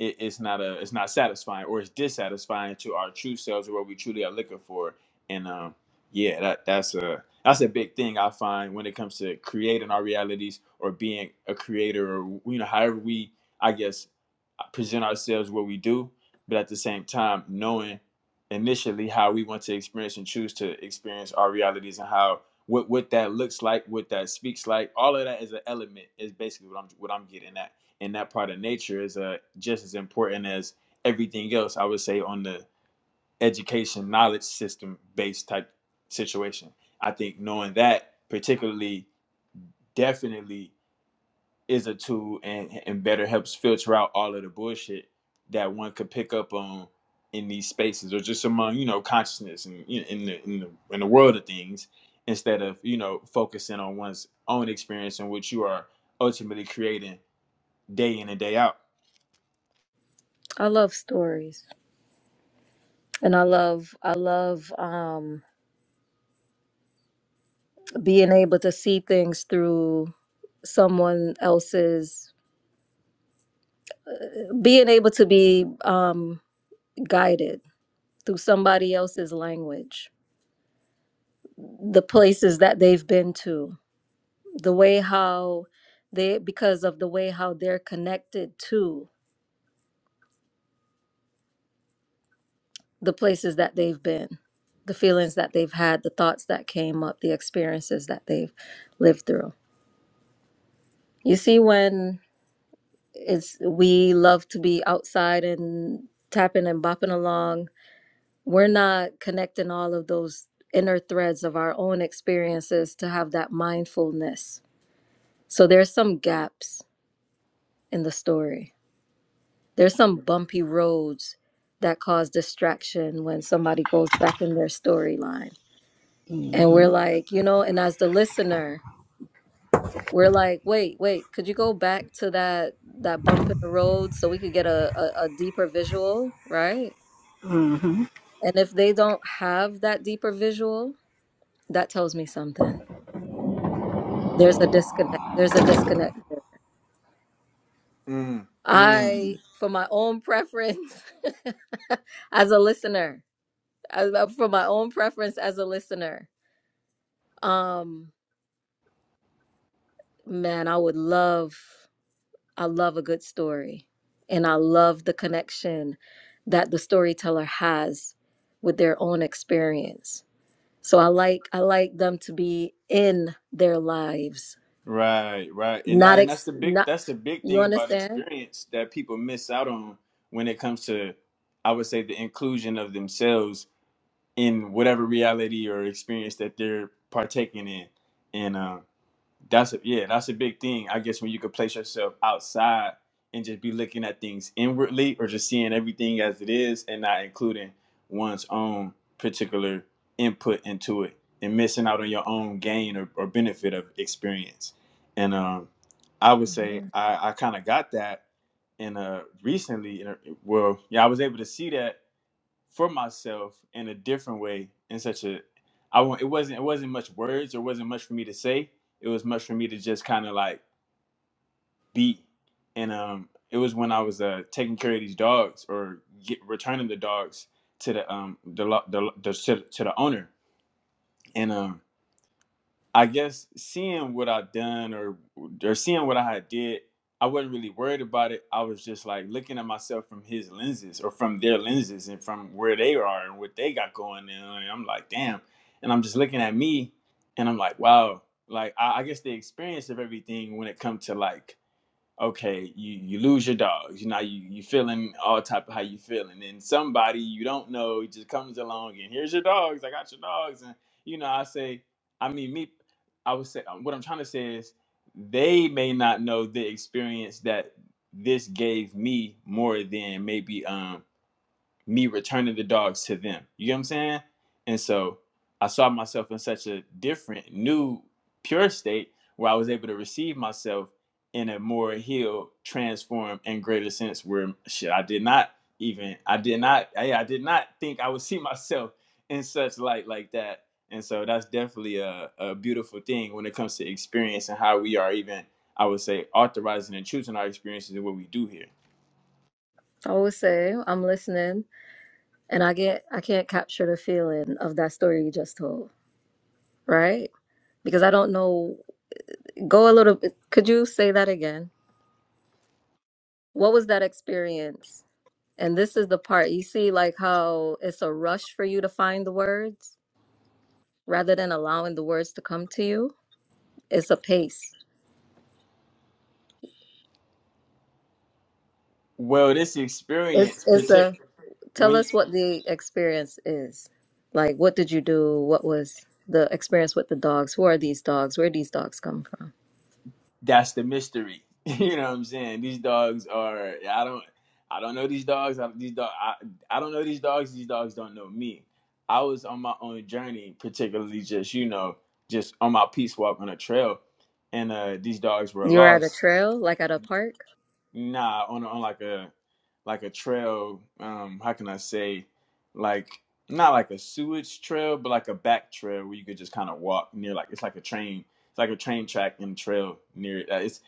[SPEAKER 7] it, it's not a it's not satisfying or it's dissatisfying to our true selves or what we truly are looking for and um yeah that that's a that's a big thing i find when it comes to creating our realities or being a creator or you know however we i guess present ourselves what we do, but at the same time knowing initially how we want to experience and choose to experience our realities and how what what that looks like, what that speaks like, all of that is an element is basically what I'm what I'm getting at. And that part of nature is uh, just as important as everything else. I would say on the education knowledge system based type situation. I think knowing that particularly definitely is a tool and and better helps filter out all of the bullshit that one could pick up on in these spaces or just among you know consciousness and you know, in the in the in the world of things instead of you know focusing on one's own experience and what you are ultimately creating day in and day out.
[SPEAKER 4] i love stories and i love i love um being able to see things through someone else's being able to be um guided through somebody else's language the places that they've been to the way how they because of the way how they're connected to the places that they've been the feelings that they've had the thoughts that came up the experiences that they've lived through you see when it's we love to be outside and tapping and bopping along we're not connecting all of those inner threads of our own experiences to have that mindfulness so there's some gaps in the story There's some bumpy roads that cause distraction when somebody goes back in their storyline. And we're like, you know, and as the listener, we're like, wait, wait, could you go back to that that bump in the road so we could get a, a, a deeper visual, right? And if they don't have that deeper visual, that tells me something. There's a disconnect. There's a disconnect. there.
[SPEAKER 7] Mm, mm.
[SPEAKER 4] I, for my own preference, as a listener, as, uh, for my own preference as a listener, Um, man, I would love, I love a good story. And I love the connection that the storyteller has with their own experience. So I like I like them to be in their lives,
[SPEAKER 7] Right, right, and I,
[SPEAKER 4] not
[SPEAKER 7] and that's
[SPEAKER 4] ex
[SPEAKER 7] the big
[SPEAKER 4] not
[SPEAKER 7] that's the big
[SPEAKER 4] you
[SPEAKER 7] thing about
[SPEAKER 4] understand?
[SPEAKER 7] experience that people miss out on when it comes to I would say the inclusion of themselves in whatever reality or experience that they're partaking in. And uh, that's a, yeah, that's a big thing. I guess when you can place yourself outside and just be looking at things inwardly or just seeing everything as it is and not including one's own particular input into it and missing out on your own gain or, or benefit of experience. And um, I would say
[SPEAKER 4] Mhm.
[SPEAKER 7] I, I kind of got that in uh recently in a, well yeah I was able to see that for myself in a different way in such a I want it wasn't it wasn't much words, it wasn't much for me to say. It was much for me to just kind of like be. And um it was when I was uh taking care of these dogs or get, returning the dogs to the um the, lo- the, the to, to the owner. and um. I guess seeing what I done or or seeing what I had did, I wasn't really worried about it. I was just like looking at myself from his lenses or from their lenses and from where they are and what they got going on. And I'm like, damn. And I'm just looking at me and I'm like, wow. Like I, I guess the experience of everything when it comes to like okay, you, you lose your dogs, You know, you you feeling all type of how you feeling. And somebody you don't know just comes along and here's your dogs. I got your dogs. And you know, I say, I mean, me, I would say what I'm trying to say is they may not know the experience that this gave me more than maybe um me returning the dogs to them. You know what I'm saying? And so I saw myself in such a different, new, pure state where I was able to receive myself in a more healed, transformed, and greater sense where shit, I did not even, I did not, I, I did not think I would see myself in such light like that. And so that's definitely a, a beautiful thing when it comes to experience and how we are even, I would say, authorizing and choosing our experiences and what we do here.
[SPEAKER 4] I would say I'm listening and I get I can't capture the feeling of that story you just told, right? Because I don't know go a little bit could you say that again? What was that experience? And this is the part you see, like how it's a rush for you to find the words rather than allowing the words to come to you. It's a pace.
[SPEAKER 7] Well, this
[SPEAKER 4] It's
[SPEAKER 7] experience,
[SPEAKER 4] it's
[SPEAKER 7] protect
[SPEAKER 4] a tell
[SPEAKER 7] when
[SPEAKER 4] us what the experience is. Like what did you do? What was the experience with the dogs? Who are these dogs? Where these dogs come from?
[SPEAKER 7] that's the mystery. you know what I'm saying? These dogs are I don't I don't know these dogs. I, these dog I, I don't know these dogs. These dogs don't know me. I was on my own journey, particularly just you know just on my peace walk on a trail, and uh these dogs were
[SPEAKER 4] You're at a
[SPEAKER 7] lost.
[SPEAKER 4] trail, like at a park.
[SPEAKER 7] Nah, on on like a like a trail. Um, how can I say like not like a sewage trail, but like a back trail where you could just kind of walk near. Like it's like a train. It's like a train track and trail near. It. Uh, It's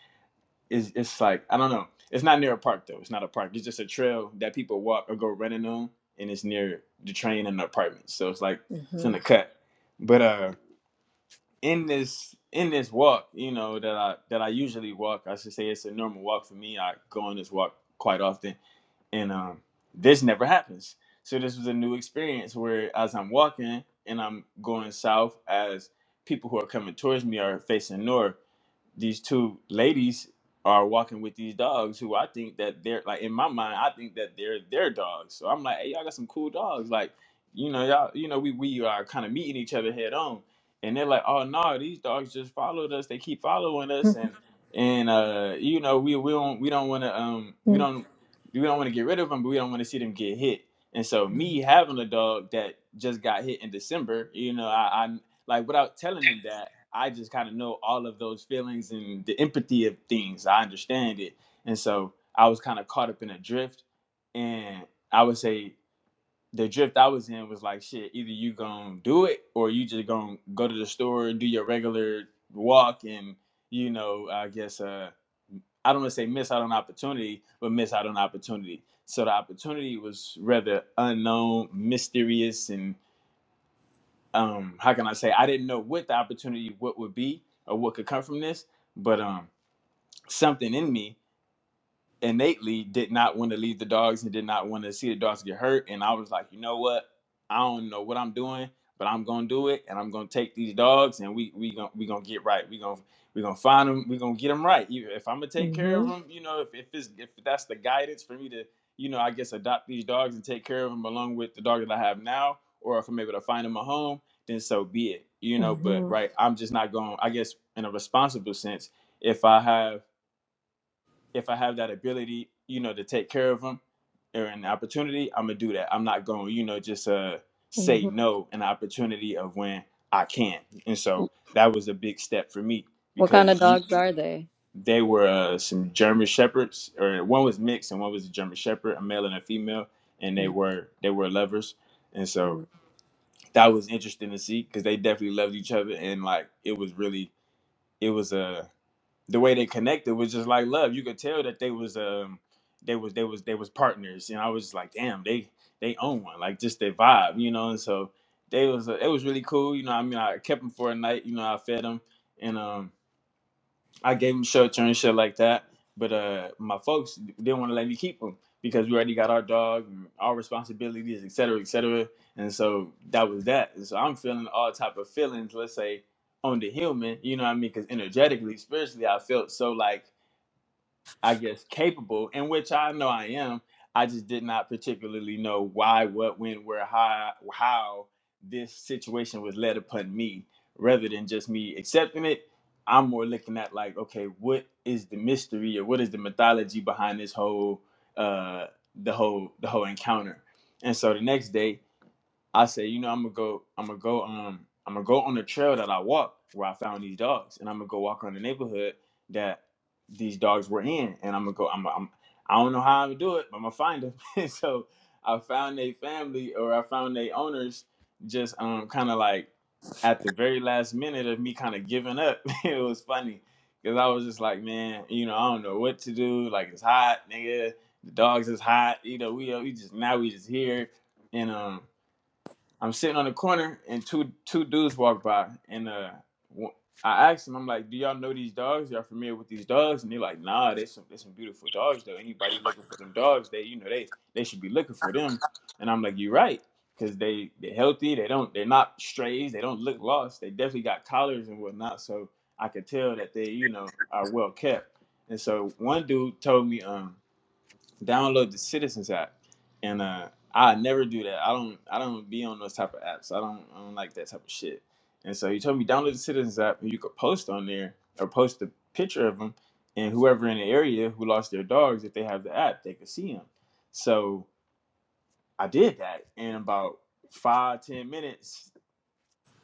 [SPEAKER 7] it's, it's like I don't know. It's not near a park though. It's not a park. It's just a trail that people walk or go running on, and it's near the train and the apartments. So it's like it's
[SPEAKER 4] hmm
[SPEAKER 7] in the cut. But uh, in this in this walk, you know that I that I usually walk. I should say it's a normal walk for me. I go on this walk quite often, and um, this never happens. So this was a new experience where as I'm walking and I'm going south, as people who are coming towards me are facing north these two ladies are walking with these dogs who I think that they're like in my mind I think that they're their dogs. So I'm like, hey, y'all got some cool dogs. Like, you know, y'all, you know, we we are kind of meeting each other head on. And they're like, oh no, these dogs just followed us. They keep following
[SPEAKER 4] hmm
[SPEAKER 7] us, and and uh, you know, we we don't we don't want to um we don't we don't want to get rid of them, but we don't want to see them get hit. And so me having a dog that just got hit in December, you know, I, I like without telling them that. I just kind of know all of those feelings and the empathy of things. I understand it. And so I was kind of caught up in a drift. And I would say the drift I was in was like, shit, either you gonna do it or you just gonna go to the store, do your regular walk, and, you know, I guess, uh, I don't want to say miss out on opportunity, but miss out on opportunity. So the opportunity was rather unknown, mysterious, and um how can I say I didn't know what the opportunity what would be or what could come from this, but um something in me innately did not want to leave the dogs and did not want to see the dogs get hurt. And I was like, you know what? I don't know what I'm doing, but I'm gonna do it, and I'm gonna take these dogs, and we we gonna we gonna get right. We gonna we gonna find them. We gonna get them right. Even If I'm gonna take care of
[SPEAKER 4] hmm
[SPEAKER 7] them, you know, if if it's, if that's the guidance for me to, you know, I guess adopt these dogs and take care of them along with the dog that I have now, or if I'm able to find them a home, then so be it. You know, but
[SPEAKER 4] hmm
[SPEAKER 7] right, I'm just not going. I guess in a responsible sense, if I have if I have that ability, you know, to take care of them or an opportunity, I'm gonna do that. I'm not going, you know, just uh say no an opportunity of when I can. And so that was a big step for me
[SPEAKER 4] What kind of
[SPEAKER 7] because you,
[SPEAKER 4] dogs are they?
[SPEAKER 7] they were uh, some German shepherds, or one was mixed and one was a German shepherd, a male and a female, and they were they were lovers. And so
[SPEAKER 4] Mhm.
[SPEAKER 7] that was interesting to see because they definitely loved each other and like it was really it was a the way they connected was just like love. You could tell that they was um they was they was they was partners, You know, I was like, damn, they they own one, like just their vibe, you know. And so they was uh, it was really cool, you know. I mean, I kept them for a night, you know. I fed them, and um I gave him shelter and shit like that. But uh, my folks didn't want to let me keep him because we already got our dog, and our responsibilities, et cetera, et cetera. And so that was that. And so I'm feeling all type of feelings, let's say, on the human, you know what I mean? Because energetically, spiritually, I felt so like I guess, capable, in which I know I am. I just did not particularly know why, what, when, where, how, how this situation was led upon me. Rather than just me accepting it, I'm more looking at like, okay, what is the mystery or what is the mythology behind this whole, uh, the whole, the whole encounter? And so the next day, I said, you know, I'm gonna go, I'm gonna go, um, I'm gonna go on the trail that I walked where I found these dogs, and I'm gonna go walk around the neighborhood that these dogs were in, and I'm gonna go. I'm, I'm I don't know how I'm gonna do it, but I'm gonna find them. And so I found a family, or I found their owners, just um, kind of like at the very last minute of me kind of giving up. it was funny because I was just like, man, you know, I don't know what to do. Like it's hot, nigga. The dogs is hot. You know, we uh, we just now we just here, and um. I'm sitting on the corner and two two dudes walk by and uh w- I asked them, I'm like, do y'all know these dogs? Y'all familiar with these dogs? And they're like, nah, there's some there's some beautiful dogs though. Anybody looking for them dogs, they you know they they should be looking for them. And I'm like, you're right, because they they're healthy. They don't they're not strays. They don't look lost. They definitely got collars and whatnot. So I could tell that they you know are well kept. And so one dude told me, um, download the Citizens app, and uh, I never do that. I don't. I don't be on those type of apps. I don't. I don't like that type of shit. And so he told me download the Citizens app, and you could post on there or post a picture of them, and whoever in the area who lost their dogs, if they have the app, they could see them. So I did that and about five ten minutes.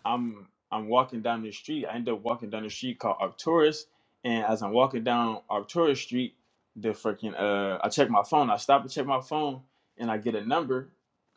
[SPEAKER 7] I'm I'm walking down the street. I end up walking down the street called Arcturus, and as I'm walking down Arcturus Street, the freaking uh, I check my phone. I stop and check my phone, and I get a number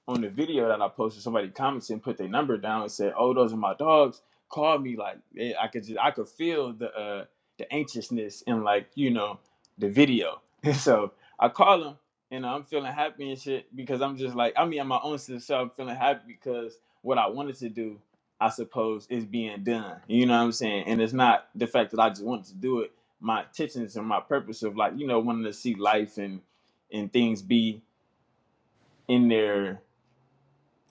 [SPEAKER 7] on the video that I posted. Somebody commented and put their number down and said, "Oh, those are my dogs. Call me." Like eh, I could just I could feel the uh, the anxiousness in like you know the video. so I call them, and I'm feeling happy and shit because I'm just like I mean, I'm my own self feeling happy because what I wanted to do I suppose, is being done. You know what I'm saying? And it's not the fact that I just wanted to do it. My intentions and my purpose of like, you know, wanting to see life and and things be in there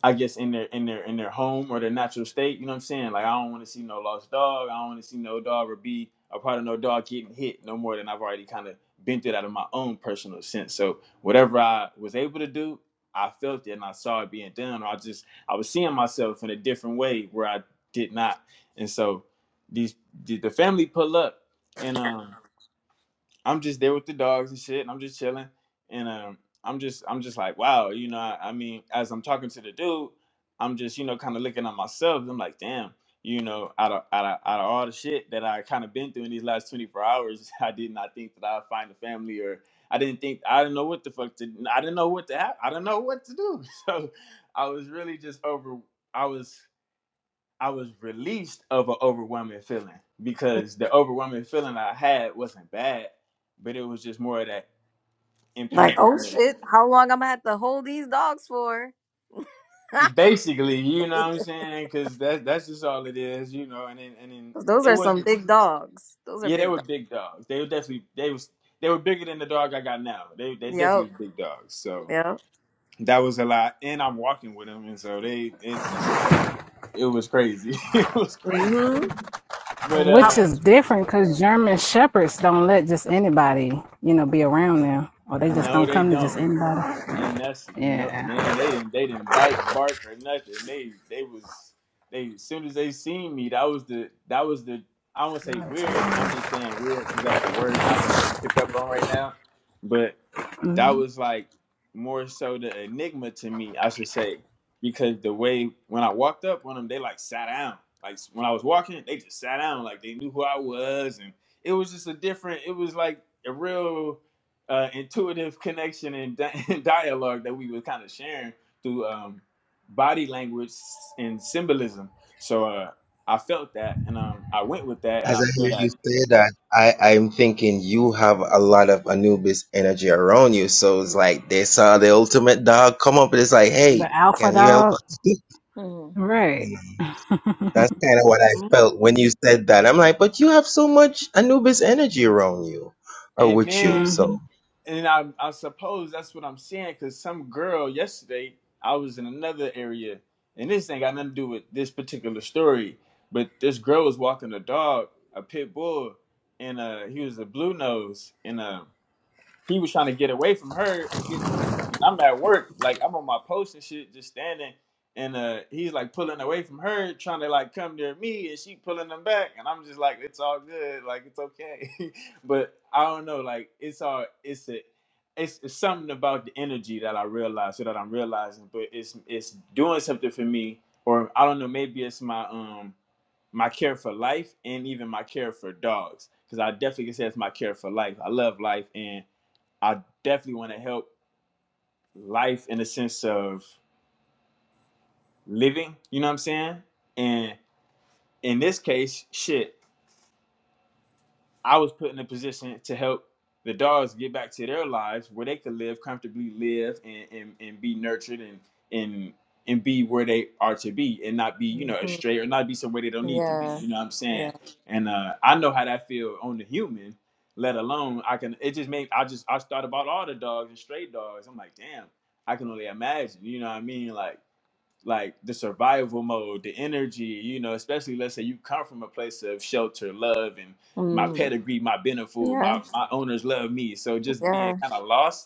[SPEAKER 7] I guess in their in their in their home or their natural state. You know what I'm saying? Like I don't want to see no lost dog. I don't want to see no dog or be a part of no dog getting hit no more than I've already kind of been through that in my own personal sense. So whatever I was able to do, I felt it and I saw it being done. Or I just I was seeing myself in a different way where I did not. And so these the family pull up and um I'm just there with the dogs and shit, and I'm just chilling. And um, I'm just, I'm just like, wow, you know. I, I mean, as I'm talking to the dude, I'm just, you know, kind of looking at myself. And I'm like, damn, you know, out of, out of, out of all the shit that I kind of been through in these last 24 hours, I did not think that I'd find a family, or I didn't think, I didn't know what the fuck to, I didn't know what to, hap- I didn't know what to do. So I was really just over. I was. I was released of an overwhelming feeling because the overwhelming feeling I had wasn't bad, but it was just more of that
[SPEAKER 4] Like,
[SPEAKER 7] empathic
[SPEAKER 4] oh
[SPEAKER 7] me.
[SPEAKER 4] shit, how long I'm gonna have to hold these dogs for?
[SPEAKER 7] You Basically, you know what I'm saying? Because that that's just all it is, you know. And then and then
[SPEAKER 4] Those
[SPEAKER 7] it
[SPEAKER 4] are some
[SPEAKER 7] wasn't.
[SPEAKER 4] big dogs. Those are
[SPEAKER 7] Yeah, they
[SPEAKER 4] big
[SPEAKER 7] were
[SPEAKER 4] dogs.
[SPEAKER 7] big dogs. They were definitely they was they were bigger than the dog I got now. They they definitely
[SPEAKER 4] Yep.
[SPEAKER 7] was big dogs. So
[SPEAKER 4] Yep.
[SPEAKER 7] that was a lot. And I'm walking with them, and so they it's just it was crazy. it was crazy.
[SPEAKER 4] Mm-hmm.
[SPEAKER 7] But
[SPEAKER 4] Out.
[SPEAKER 1] Which
[SPEAKER 7] uh
[SPEAKER 1] is different because German shepherds don't let just anybody, you know, be around them. Or they just
[SPEAKER 7] no,
[SPEAKER 1] don't
[SPEAKER 7] they
[SPEAKER 1] come to just
[SPEAKER 7] don't.
[SPEAKER 1] anybody.
[SPEAKER 7] And that's no
[SPEAKER 1] Yeah.
[SPEAKER 7] man. They didn't. They didn't bite, bark, or nothing. They they was they. As soon as they seen me, that was the that was the. I don't want to say weird. I'm just saying weird because that's the word I can only pick up on right now. But that was like more so the enigma to me, I should say, because the way when I walked up on them, they like sat down. Like when I was walking, they just sat down, like they knew who I was, and it was just a different. It was like a real uh, intuitive connection and, di- and dialogue that we were kind of sharing through um, body language and symbolism. So uh, I felt that, and um, I went with that, and
[SPEAKER 2] As
[SPEAKER 7] I
[SPEAKER 2] I
[SPEAKER 7] feel
[SPEAKER 2] hear
[SPEAKER 7] that.
[SPEAKER 2] you say that, I, I'm thinking you have a lot of Anubis energy around you. So it's like they saw the ultimate dog come up and it's like, hey,
[SPEAKER 1] The alpha
[SPEAKER 2] can you help
[SPEAKER 1] dog.
[SPEAKER 2] us?
[SPEAKER 4] hmm
[SPEAKER 1] Right.
[SPEAKER 2] You know, That's kind of what I felt when you said that. I'm like, but you have so much Anubis energy around you or
[SPEAKER 7] And
[SPEAKER 2] with you.
[SPEAKER 7] then
[SPEAKER 1] Mm-hmm.
[SPEAKER 2] So
[SPEAKER 7] and I, I suppose that's what I'm seeing. because some girl yesterday, I was in another area, and this ain't got nothing to do with this particular story, but this girl was walking a dog, a pit bull, and uh, he was a blue nose, and uh, he was trying to get away from her and get to me. And I'm at work, like I'm on my post and shit, just standing. And uh, he's like pulling away from her, trying to like come near me, and she pulling him back. And I'm just like, it's all good, like it's okay. but I don't know, like it's all it's a it's, it's something about the energy that I realize, so that I'm realizing, but it's it's doing something for me, or I don't know, maybe it's my um my care for life and even my care for dogs, because I definitely can say it's my care for life. I love life and I definitely want to help life in the sense of living, you know what I'm saying? And in this case, shit, I was put in a position to help the dogs get back to their lives where they could live comfortably, live and, and, and be nurtured and and and be where they are to be and not be, you know,
[SPEAKER 4] hmm
[SPEAKER 7] astray or not be somewhere they don't need to be.
[SPEAKER 4] Yeah.
[SPEAKER 7] You know what I'm saying?
[SPEAKER 4] Yeah.
[SPEAKER 7] and uh, I know how that feel on the human. Let alone I can. It just made I just I thought about all the dogs and stray dogs. I'm like, damn, I can only imagine. You know what I mean? Like like the survival mode, the energy. You know, especially let's say you come from a place of shelter, love, and my
[SPEAKER 4] Mm.
[SPEAKER 7] pedigree, my benefit,
[SPEAKER 4] Yeah.
[SPEAKER 7] my my owners love me. So just being
[SPEAKER 4] Yeah.
[SPEAKER 7] kind of lost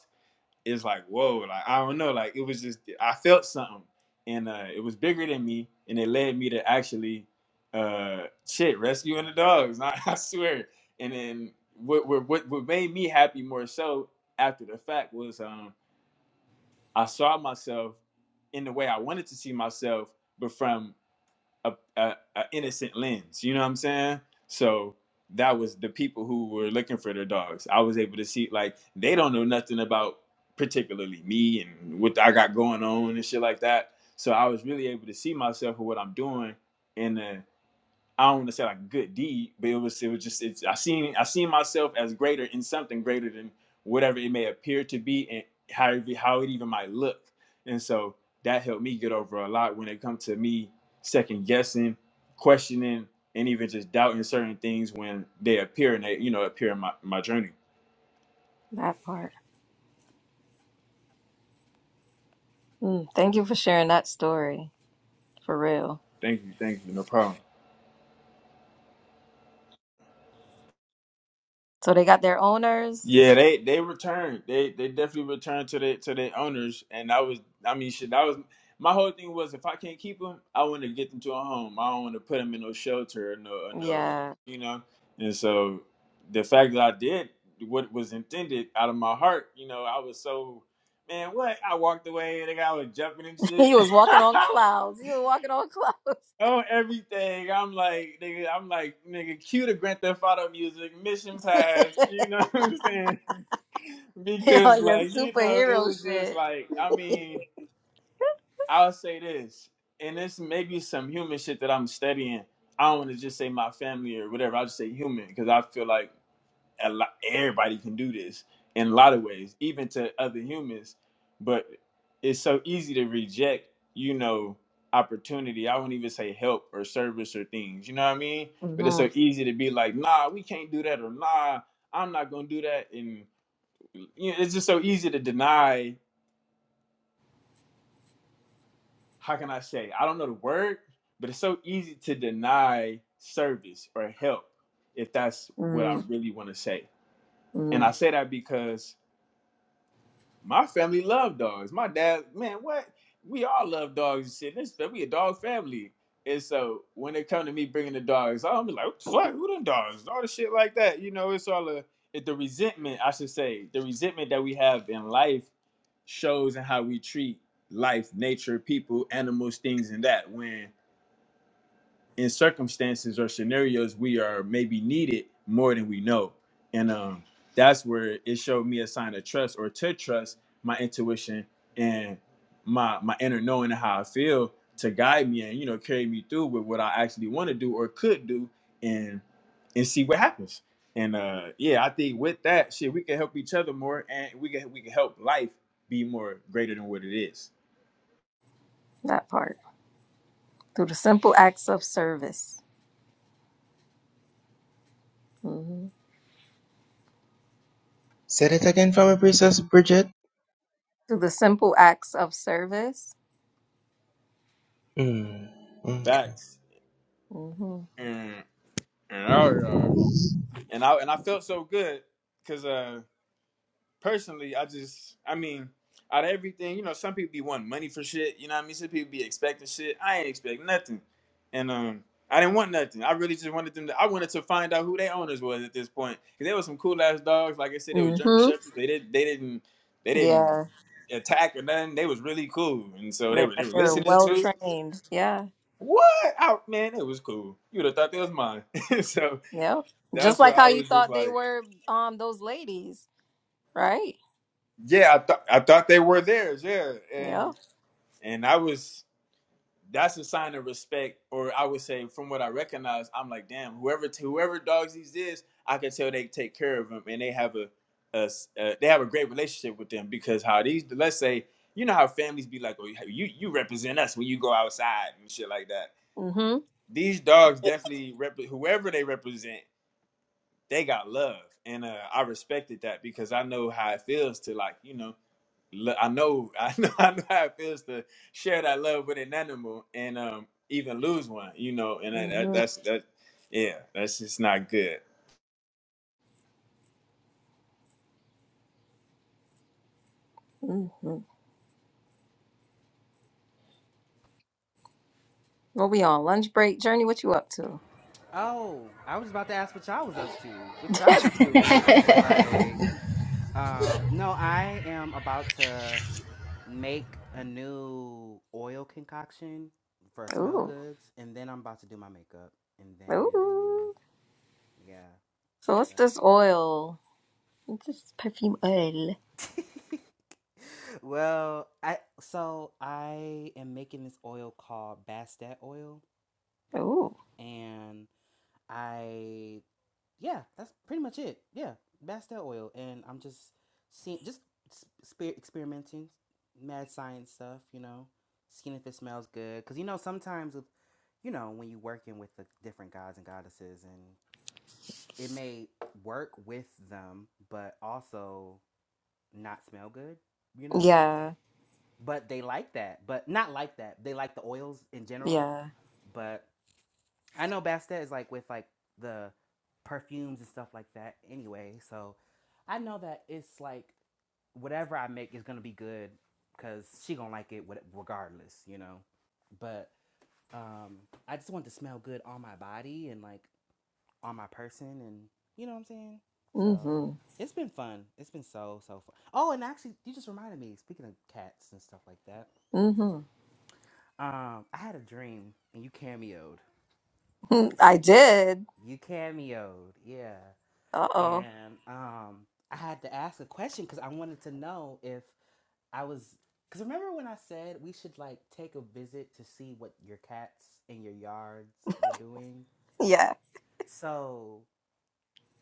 [SPEAKER 7] it's like whoa like i don't know like it was just i felt something and uh it was bigger than me and it led me to actually uh shit rescuing the dogs i, I swear and then what, what what what made me happy more so after the fact was um i saw myself in the way i wanted to see myself but from a, a, a innocent lens. You know what I'm saying? So that was the people who were looking for their dogs. I was able to see like they don't know nothing about particularly me and what I got going on and shit like that. So I was really able to see myself and what I'm doing in a I don't want to say like a good deed, but it was it was just it's I seen I seen myself as greater in something greater than whatever it may appear to be and how how it even might look. And so that helped me get over a lot when it comes to me second guessing, questioning, and even just doubting certain things when they appear and they you know appear in my, my journey.
[SPEAKER 4] That part. Mm. Thank you for sharing that story. For real.
[SPEAKER 7] Thank you, thank you, no problem.
[SPEAKER 4] So they got their owners.
[SPEAKER 7] Yeah, they they returned. They they definitely returned to their to their owners, and that was I mean shit. That was my whole thing was if I can't keep them, I want to get them to a home. I don't want to put them in no shelter or no or no or-
[SPEAKER 4] Yeah.
[SPEAKER 7] you know. And so the fact that I did what was intended out of my heart, you know, I was so man. What I walked away, and the guy was jumping and shit.
[SPEAKER 4] he was walking on clouds. You were walking on clouds.
[SPEAKER 7] Oh, everything. I'm like, nigga, I'm like, nigga, cue the Grand Theft Auto music, Mission Pass, you know what I'm saying?
[SPEAKER 4] on
[SPEAKER 7] because
[SPEAKER 4] your
[SPEAKER 7] like you know it
[SPEAKER 4] superhero
[SPEAKER 7] was just
[SPEAKER 4] shit.
[SPEAKER 7] like i mean i'll say this and this maybe some human shit that i'm studying i don't want to just say my family or whatever i'll just say human because i feel like a lot, everybody can do this in a lot of ways even to other humans but it's so easy to reject you know opportunity i won't even say help or service or things you know what i mean but it's so
[SPEAKER 4] Mm-hmm.
[SPEAKER 7] easy to be like nah we can't do that or nah i'm not gonna do that and you know, it's just so easy to deny. How can I say? I don't know the word, but it's so easy to deny service or help if that's what I really want to say. And
[SPEAKER 4] Mm-hmm.
[SPEAKER 7] I say that because My family love dogs. My dad, man, what? We all love dogs and shit. This we a dog family. And so when it come to me bringing the dogs, I'm like, what? Who them dogs? All the shit like that. You know, it's all a it, the resentment. I should say the resentment that we have in life shows in how we treat life, nature, people, animals, things, and that. When in circumstances or scenarios we are maybe needed more than we know and um that's where it showed me a sign of trust or to trust my intuition and my my inner knowing of how i feel to guide me and you know carry me through with what i actually want to do or could do and and see what happens and uh yeah i think with that shit we can help each other more and we can we can help life be more greater than what it is
[SPEAKER 4] That part. Through the simple acts of service. Mm-hmm.
[SPEAKER 2] said it again for me, Princess Bridget.
[SPEAKER 4] to the simple acts of service.
[SPEAKER 2] Mm, okay.
[SPEAKER 7] facts
[SPEAKER 4] hmm
[SPEAKER 7] and, and all right. and I and I felt so good because uh personally I just I mean out of everything you know some people be wanting money for shit you know what I mean some people be expecting shit I ain't expect nothing and um I didn't want nothing I really just wanted them to I wanted to find out who their owners was at this point because they were some cool ass dogs like I said they were German
[SPEAKER 4] hmm
[SPEAKER 7] shepherds they didn't they didn't they didn't
[SPEAKER 4] Yeah,
[SPEAKER 7] attack or nothing they was really cool and so they
[SPEAKER 4] they're
[SPEAKER 7] were they were
[SPEAKER 4] they're
[SPEAKER 7] listening
[SPEAKER 4] well
[SPEAKER 7] to
[SPEAKER 4] trained. Yeah,
[SPEAKER 7] what out man it was cool you would have thought they was mine so
[SPEAKER 4] yep. Just
[SPEAKER 7] that's where
[SPEAKER 4] like
[SPEAKER 7] I
[SPEAKER 4] how you
[SPEAKER 7] was just
[SPEAKER 4] thought they
[SPEAKER 7] like.
[SPEAKER 4] were, um, those ladies, right?
[SPEAKER 7] Yeah, I thought I thought they were theirs. Yeah,
[SPEAKER 4] Yep.
[SPEAKER 7] and and I was that's a sign of respect, or I would say from what I recognize, I'm like, damn, whoever whoever dogs these is, I can tell they take care of them, and they have a, a s- uh, they have a great relationship with them because how these let's say you know how families be like, oh, you you represent us when you go outside and shit like that.
[SPEAKER 4] Mm.
[SPEAKER 7] These dogs definitely rep whoever they represent, they got love, and uh, I respected that because I know how it feels to like you know lo- I know, I know, I know how it feels to share that love with an animal and um even lose one, you know, and that, that
[SPEAKER 4] hmm
[SPEAKER 7] that's that, yeah, that's just not good.
[SPEAKER 4] hmm hmm What we on lunch break, Journey? What you up to?
[SPEAKER 3] Oh, I was about to ask what y'all was up to, what y'all was doing. Like, um, no, I am about to. make a new oil concoction for smell
[SPEAKER 4] ooh,
[SPEAKER 3] goods, and then I'm about to do my makeup, and then
[SPEAKER 4] ooh.
[SPEAKER 3] yeah.
[SPEAKER 4] So what's this oil? What's this perfume oil?
[SPEAKER 3] That. well, I so I am making this oil called Bastet oil,
[SPEAKER 4] Ooh,
[SPEAKER 3] and I yeah, that's pretty much it. Yeah, Bastel oil, and I'm just seeing, just spe- experimenting, mad science stuff. You know, seeing if it smells good. Cause you know sometimes with, you know, when you working with the different gods and goddesses, and it may work with them, but also not smell good. You know,
[SPEAKER 4] yeah,
[SPEAKER 3] but they like that, but not like that. They like the oils in general,
[SPEAKER 4] yeah.
[SPEAKER 3] but I know Bastet is like with like the perfumes and stuff like that anyway. So I know that it's like whatever I make is gonna be good because she gonna like it regardless, you know. But um, I just want it to smell good on my body and like on my person, and you know what I'm saying. So
[SPEAKER 4] Mm. hmm
[SPEAKER 3] it's been fun. It's been so so fun. Oh, and actually, you just reminded me. Speaking of cats and stuff like that,
[SPEAKER 4] Mm.
[SPEAKER 3] um, I had a dream and you cameoed.
[SPEAKER 4] hmm I did.
[SPEAKER 3] You cameoed, yeah.
[SPEAKER 4] Uh oh.
[SPEAKER 3] and um, I had to ask a question because I wanted to know if I was. Because remember when I said we should like take a visit to see what your cats in your yards were doing?
[SPEAKER 4] Yeah.
[SPEAKER 3] So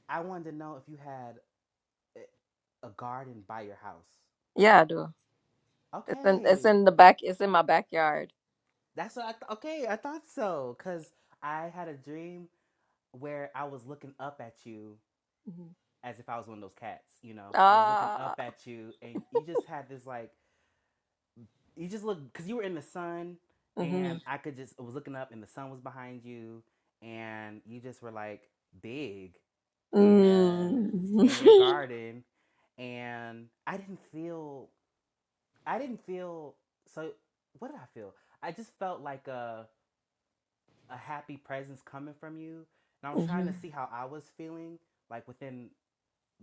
[SPEAKER 3] I wanted to know if you had a a garden by your house.
[SPEAKER 4] Yeah, I do. It's in it's
[SPEAKER 3] Okay,
[SPEAKER 4] in the back. It's in my backyard.
[SPEAKER 3] that's what I th- okay. I thought so because I had a dream where I was looking up at you
[SPEAKER 4] Mhm.
[SPEAKER 3] as if I was one of those cats. You know, I was looking
[SPEAKER 4] Ah.
[SPEAKER 3] up at you, and you just had this like you just look because you were in the sun
[SPEAKER 4] Mhm.
[SPEAKER 3] and i could just I was looking up and the sun was behind you and you just were like big and in your
[SPEAKER 4] Mm.
[SPEAKER 3] garden and i didn't feel i didn't feel so what did i feel i just felt like a, a happy presence coming from you and i was trying to
[SPEAKER 4] Mhm.
[SPEAKER 3] see how i was feeling like within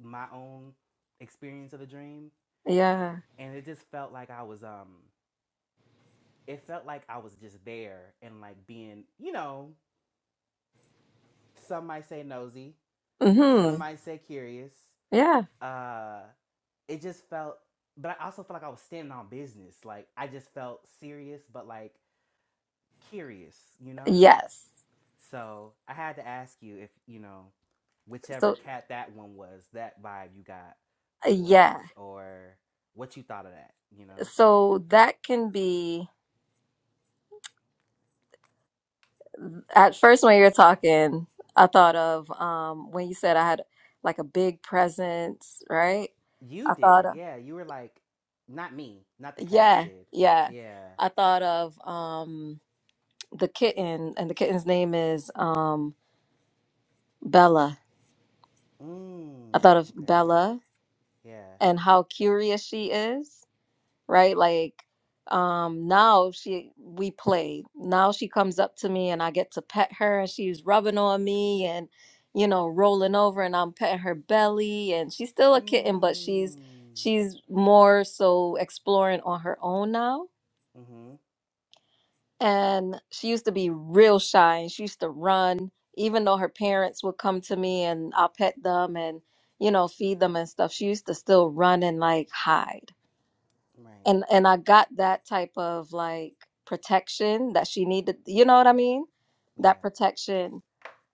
[SPEAKER 3] my own experience of the dream
[SPEAKER 4] Yeah.
[SPEAKER 3] and it just felt like i was um it felt like I was just there and like being, you know, some might say nosy, some
[SPEAKER 4] Mhm.
[SPEAKER 3] might say curious.
[SPEAKER 4] Yeah.
[SPEAKER 3] Uh it just felt but I also felt like I was standing on business. Like I just felt serious but like curious, you know?
[SPEAKER 4] Yes.
[SPEAKER 3] So I had to ask you if, you know, whichever
[SPEAKER 4] So
[SPEAKER 3] cat that one was, that vibe you got
[SPEAKER 4] yeah.
[SPEAKER 3] was or what you thought of that, you know?
[SPEAKER 4] So that can be at first when you're talking, I thought of um when you said I had like a big presence, right?
[SPEAKER 3] You
[SPEAKER 4] I thought
[SPEAKER 3] did,
[SPEAKER 4] of
[SPEAKER 3] yeah. You were like not me, not the cat
[SPEAKER 4] yeah,
[SPEAKER 3] did.
[SPEAKER 4] yeah.
[SPEAKER 3] Yeah.
[SPEAKER 4] I thought of um the kitten and the kitten's name is um Bella I
[SPEAKER 3] Mm,
[SPEAKER 4] thought of
[SPEAKER 3] okay.
[SPEAKER 4] Bella
[SPEAKER 3] Yeah.
[SPEAKER 4] and how curious she is, right? Like um now she we play. Now she comes up to me and I get to pet her and she's rubbing on me and you know rolling over and I'm petting her belly and she's still a kitten but she's
[SPEAKER 3] Mm.
[SPEAKER 4] she's more so exploring on her own now
[SPEAKER 3] Mm-hmm.
[SPEAKER 4] and she used to be real shy and she used to run even though her parents would come to me and I'll pet them and you know feed them and stuff she used to still run and like hide
[SPEAKER 3] Right.
[SPEAKER 4] and and I got that type of like protection that she needed you know what I mean that
[SPEAKER 3] Yeah.
[SPEAKER 4] protection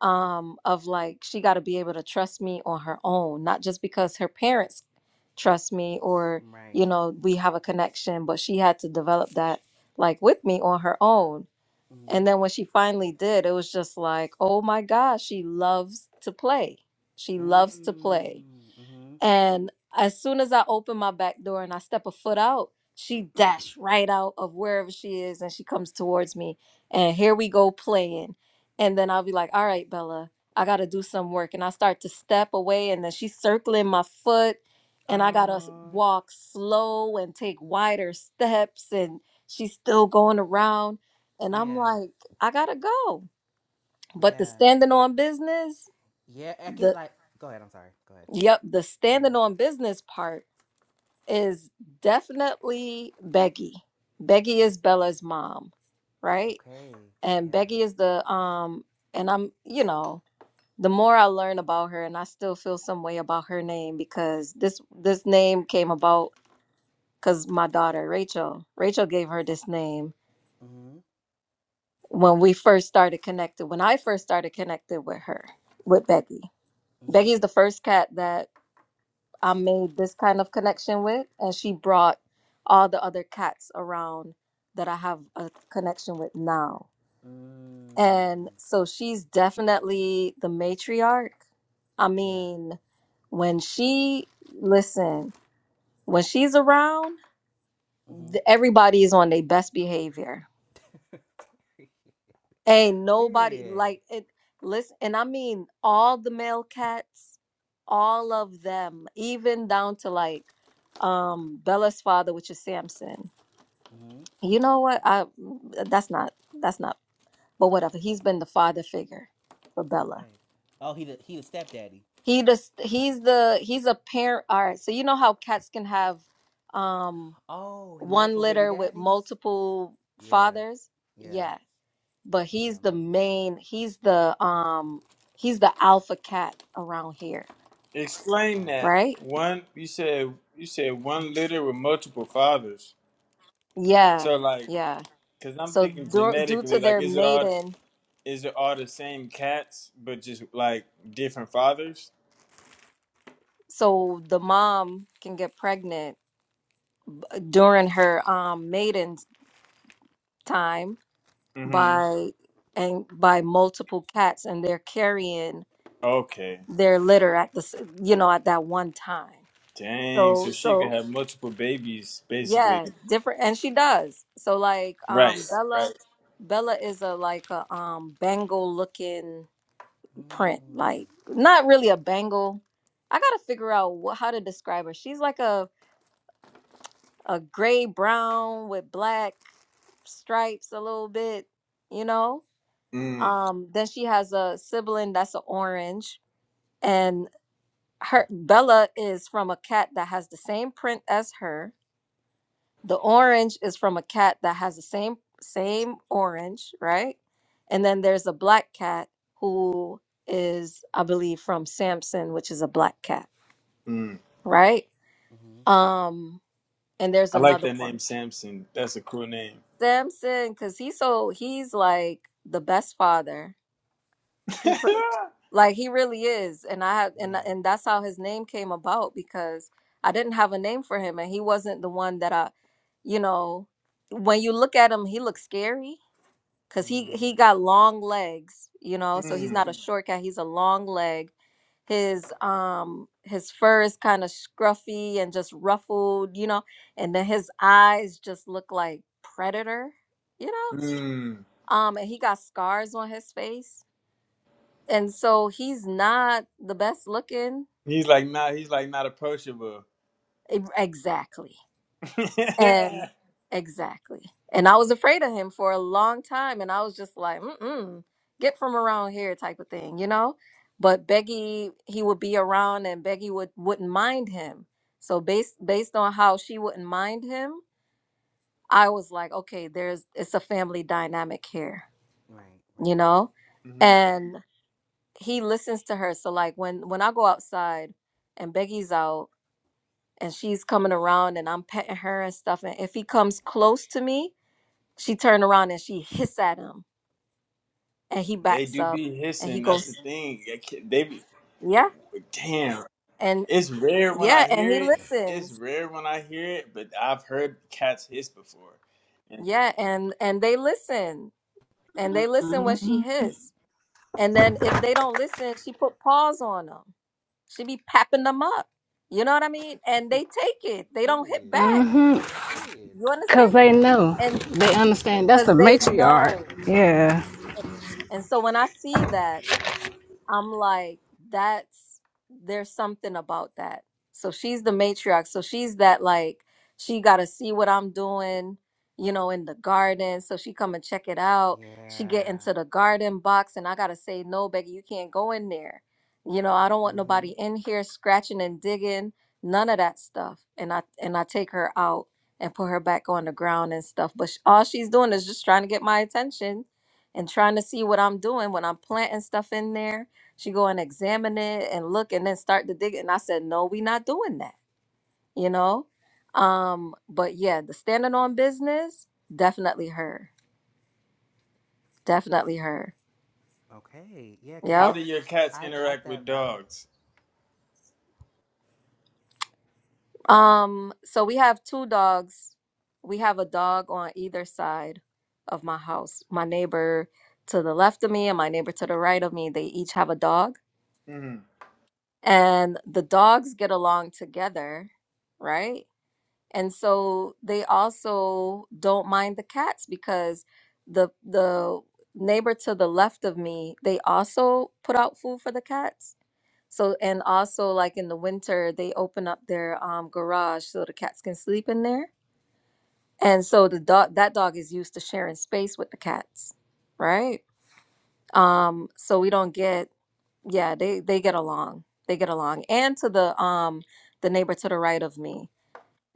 [SPEAKER 4] um of like she got to be able to trust me on her own not just because her parents trust me or you
[SPEAKER 3] Right.
[SPEAKER 4] know we have a connection but she had to develop that like with me on her own
[SPEAKER 3] Mm-hmm.
[SPEAKER 4] and then when she finally did, it was just like, oh my gosh, she loves to play. She loves to
[SPEAKER 3] Mm.
[SPEAKER 4] play.
[SPEAKER 3] Mm-hmm.
[SPEAKER 4] And as soon as I open my back door and I step a foot out, she dash right out of wherever she is and she comes towards me. And here we go playing. And then I'll be like, all right, Bella, I got to do some work. And I start to step away and then she's circling my foot. And I got to
[SPEAKER 3] Oh,
[SPEAKER 4] walk slow and take wider steps. And she's still going around. And I'm
[SPEAKER 3] yeah.
[SPEAKER 4] like, I got to go. But the
[SPEAKER 3] Yeah.
[SPEAKER 4] standing on business,
[SPEAKER 3] Yeah. I get
[SPEAKER 4] the,
[SPEAKER 3] like, go ahead. I'm sorry. Go ahead.
[SPEAKER 4] yep, the standing
[SPEAKER 3] Mm-hmm.
[SPEAKER 4] on business part is definitely Becky. Becky is Bella's mom, right?
[SPEAKER 3] Okay.
[SPEAKER 4] And
[SPEAKER 3] Yeah.
[SPEAKER 4] Becky is the um and I'm, you know, the more I learn about her and I still feel some way about her name because this this name came about cuz my daughter Rachel, Rachel gave her this name
[SPEAKER 3] Mm-hmm.
[SPEAKER 4] when we first started connected, when I first started connected with her, with Becky. Becky is
[SPEAKER 3] Mm-hmm.
[SPEAKER 4] the first cat that I made this kind of connection with, and she brought all the other cats around that I have a connection with now. And
[SPEAKER 3] Mm.
[SPEAKER 4] so she's definitely the matriarch. I
[SPEAKER 3] Yeah.
[SPEAKER 4] mean, when she listen, when she's around, th-
[SPEAKER 3] Mm-hmm.
[SPEAKER 4] everybody is on their best behavior. Ain't nobody
[SPEAKER 3] Period.
[SPEAKER 4] like it. Listen, and I mean all the male cats, all of them, even down to like um Bella's father, which is Samson.
[SPEAKER 3] Mm-hmm.
[SPEAKER 4] You know what? I mm, that's not that's not. But whatever. He's been the father figure for Bella.
[SPEAKER 3] Okay. Oh, he the, he the stepdaddy.
[SPEAKER 4] He just he's the he's a parent. All right. So you know how cats can have um
[SPEAKER 3] Oh, he
[SPEAKER 4] one
[SPEAKER 3] multiple baby
[SPEAKER 4] litter with
[SPEAKER 3] daddies?
[SPEAKER 4] multiple
[SPEAKER 3] Yeah.
[SPEAKER 4] fathers?
[SPEAKER 3] Yeah.
[SPEAKER 4] Yeah. but
[SPEAKER 3] Okay.
[SPEAKER 4] he's the main he's the um he's the alpha cat around here
[SPEAKER 7] Explain
[SPEAKER 3] Right.
[SPEAKER 7] that
[SPEAKER 4] right
[SPEAKER 7] one. You said you said one litter with multiple fathers.
[SPEAKER 4] yeah
[SPEAKER 7] So like,
[SPEAKER 4] yeah
[SPEAKER 7] cause I'm
[SPEAKER 4] so
[SPEAKER 7] thinking
[SPEAKER 4] dur- due to
[SPEAKER 7] genetically, like,
[SPEAKER 4] their
[SPEAKER 7] is it all
[SPEAKER 4] maiden
[SPEAKER 7] is it all the same cats, but just like different fathers?
[SPEAKER 4] so the mom can get pregnant during her um maiden time
[SPEAKER 7] Mm-hmm.
[SPEAKER 4] by and by multiple cats and they're carrying
[SPEAKER 7] Okay.
[SPEAKER 4] their litter at the s- you know at that one time
[SPEAKER 7] Dang.
[SPEAKER 4] so
[SPEAKER 7] So she could
[SPEAKER 4] so
[SPEAKER 7] have multiple babies, basically.
[SPEAKER 4] Yeah, different and she does. So like
[SPEAKER 7] Right.
[SPEAKER 4] um Bella
[SPEAKER 7] Right.
[SPEAKER 4] Bella is a like a um bangle looking print.
[SPEAKER 3] Mm.
[SPEAKER 4] Like not really a bangle. I got to figure out wh- how to describe her. She's like a a gray brown with black stripes a little bit, you know?
[SPEAKER 7] Mm.
[SPEAKER 4] Um then she has a sibling that's an orange and her Bella is from a cat that has the same print as her The orange is from a cat that has the same same orange, right? And then there's a black cat who is, I believe, from Samson, which is a black cat,
[SPEAKER 7] mm.
[SPEAKER 4] right?
[SPEAKER 3] Mm-hmm.
[SPEAKER 4] Um, and there's
[SPEAKER 7] I like
[SPEAKER 4] another
[SPEAKER 7] that
[SPEAKER 4] one,
[SPEAKER 7] name Samson. That's a cool name.
[SPEAKER 4] Samson, because he's so he's like the best father. He pr- like he really is, and I have and
[SPEAKER 3] Yeah.
[SPEAKER 4] and that's how his name came about because I didn't have a name for him, and he wasn't the one that I, you know, when you look at him, he looks scary because he he
[SPEAKER 3] Mm.
[SPEAKER 4] got long legs you know so he's
[SPEAKER 7] mm,
[SPEAKER 4] not a Mhm. short cat he's a long leg his um his fur is kind of scruffy and just ruffled you know and then his eyes just look like predator you know
[SPEAKER 7] mm.
[SPEAKER 4] um and he got scars on his face and so he's not the best looking
[SPEAKER 7] He's like not he's like not approachable.
[SPEAKER 4] E- exactly
[SPEAKER 7] yeah.
[SPEAKER 4] And exactly. And I was afraid of him for a long time. And I was just like, mm-mm, get from around here type of thing, you know? But Becky, he would be around and Becky would, wouldn't mind him. So based based on how she wouldn't mind him, I was like, okay, there's it's a family dynamic here,
[SPEAKER 3] Right.
[SPEAKER 4] you
[SPEAKER 3] Right.
[SPEAKER 4] know?
[SPEAKER 7] hmm
[SPEAKER 4] And he listens to her. So like when when I go outside and Becky's out and she's coming around and I'm petting her and stuff, and if he comes close to me, She turned around and she hissed at him, and he
[SPEAKER 7] They
[SPEAKER 4] backs
[SPEAKER 7] do
[SPEAKER 4] up
[SPEAKER 7] be
[SPEAKER 4] and he
[SPEAKER 7] hissing. That's
[SPEAKER 4] goes,
[SPEAKER 7] the thing. I can't- They be,
[SPEAKER 4] yeah,
[SPEAKER 7] damn.
[SPEAKER 4] and
[SPEAKER 7] It's rare when
[SPEAKER 4] yeah,
[SPEAKER 7] I
[SPEAKER 4] and
[SPEAKER 7] hear
[SPEAKER 4] he
[SPEAKER 7] it. It's
[SPEAKER 4] listens,
[SPEAKER 7] rare when I hear it, but I've heard cats hiss before. And
[SPEAKER 4] yeah, and and they listen, and they listen when she
[SPEAKER 1] Mm-hmm.
[SPEAKER 4] hiss, and then if they don't listen, she put paws on them. She be papping them up, you know what I mean? And they take it. They don't hit
[SPEAKER 3] Period.
[SPEAKER 4] back.
[SPEAKER 1] Mm-hmm.
[SPEAKER 3] Period.
[SPEAKER 4] You understand?
[SPEAKER 1] Cause they know,
[SPEAKER 4] And
[SPEAKER 1] they understand. That's the
[SPEAKER 4] because they know.
[SPEAKER 1] matriarch. Yeah.
[SPEAKER 4] And so when I see that. I'm like, that's there's something about that. So she's the matriarch. So she's that like she gotta see what I'm doing, you know, in the garden. So she come and check it out. She get
[SPEAKER 3] Yeah.
[SPEAKER 4] into the garden box and I gotta say, no, Becky, you can't go in there. You know, I don't want
[SPEAKER 3] Mm-hmm.
[SPEAKER 4] nobody in here scratching and digging, none of that stuff. And I and I take her out and put her back on the ground and stuff. But sh- all she's doing is just trying to get my attention and trying to see what I'm doing when I'm planting stuff in there she go and examine it and look and then start to dig. And I said, no, we not doing that, you know? Um, but yeah, the standing on business, definitely her. Definitely her.
[SPEAKER 3] Okay. Yeah, cause I
[SPEAKER 7] how
[SPEAKER 4] Yep.
[SPEAKER 7] do
[SPEAKER 3] got,
[SPEAKER 7] your cats
[SPEAKER 3] I got
[SPEAKER 7] interact with
[SPEAKER 3] that vibe.
[SPEAKER 7] dogs?
[SPEAKER 4] Um, so we have two dogs. We have a dog on either side of my house. My neighbor to the left of me and my neighbor to the right of me, they each have a dog.
[SPEAKER 7] Mm-hmm.
[SPEAKER 4] And the dogs get along together, right? and so they also don't mind the cats because the the neighbor to the left of me they also put out food for the cats so and also like in the winter they open up their um, garage so the cats can sleep in there and so the dog that dog is used to sharing space with the cats right um so we don't get yeah they they get along they get along and to the um the neighbor to the right of me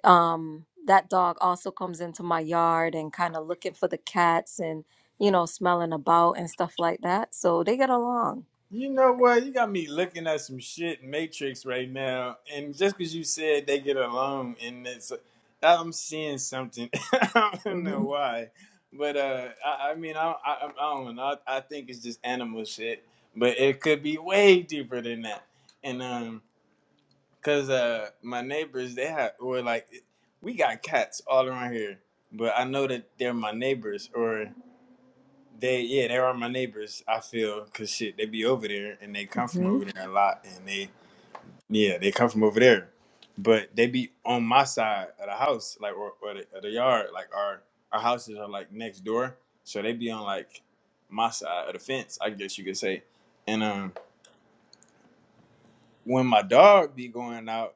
[SPEAKER 4] um that dog also comes into my yard and kind of looking for the cats and you know smelling about and stuff like that so they get along
[SPEAKER 7] You know what? You got me looking at some shit in Matrix right now, and just because you said they get along and this, I'm seeing something. I don't know
[SPEAKER 4] mhm
[SPEAKER 7] why, but uh, I, I mean, I, I, I don't know. I, I think it's just animal shit, but it could be way deeper than that. And um, cause uh, my neighbors they have were like, we got cats all around here, but I know that they're my neighbors, or. They yeah, they are my neighbors. I feel cause shit, they be over there and they come from
[SPEAKER 4] mhm
[SPEAKER 7] over there a lot, and they yeah, they come from over there, but they be on my side of the house, like or, or, the, or the yard, like our our houses are like next door, so they be on like my side of the fence, I guess you could say, and um when my dog be going out,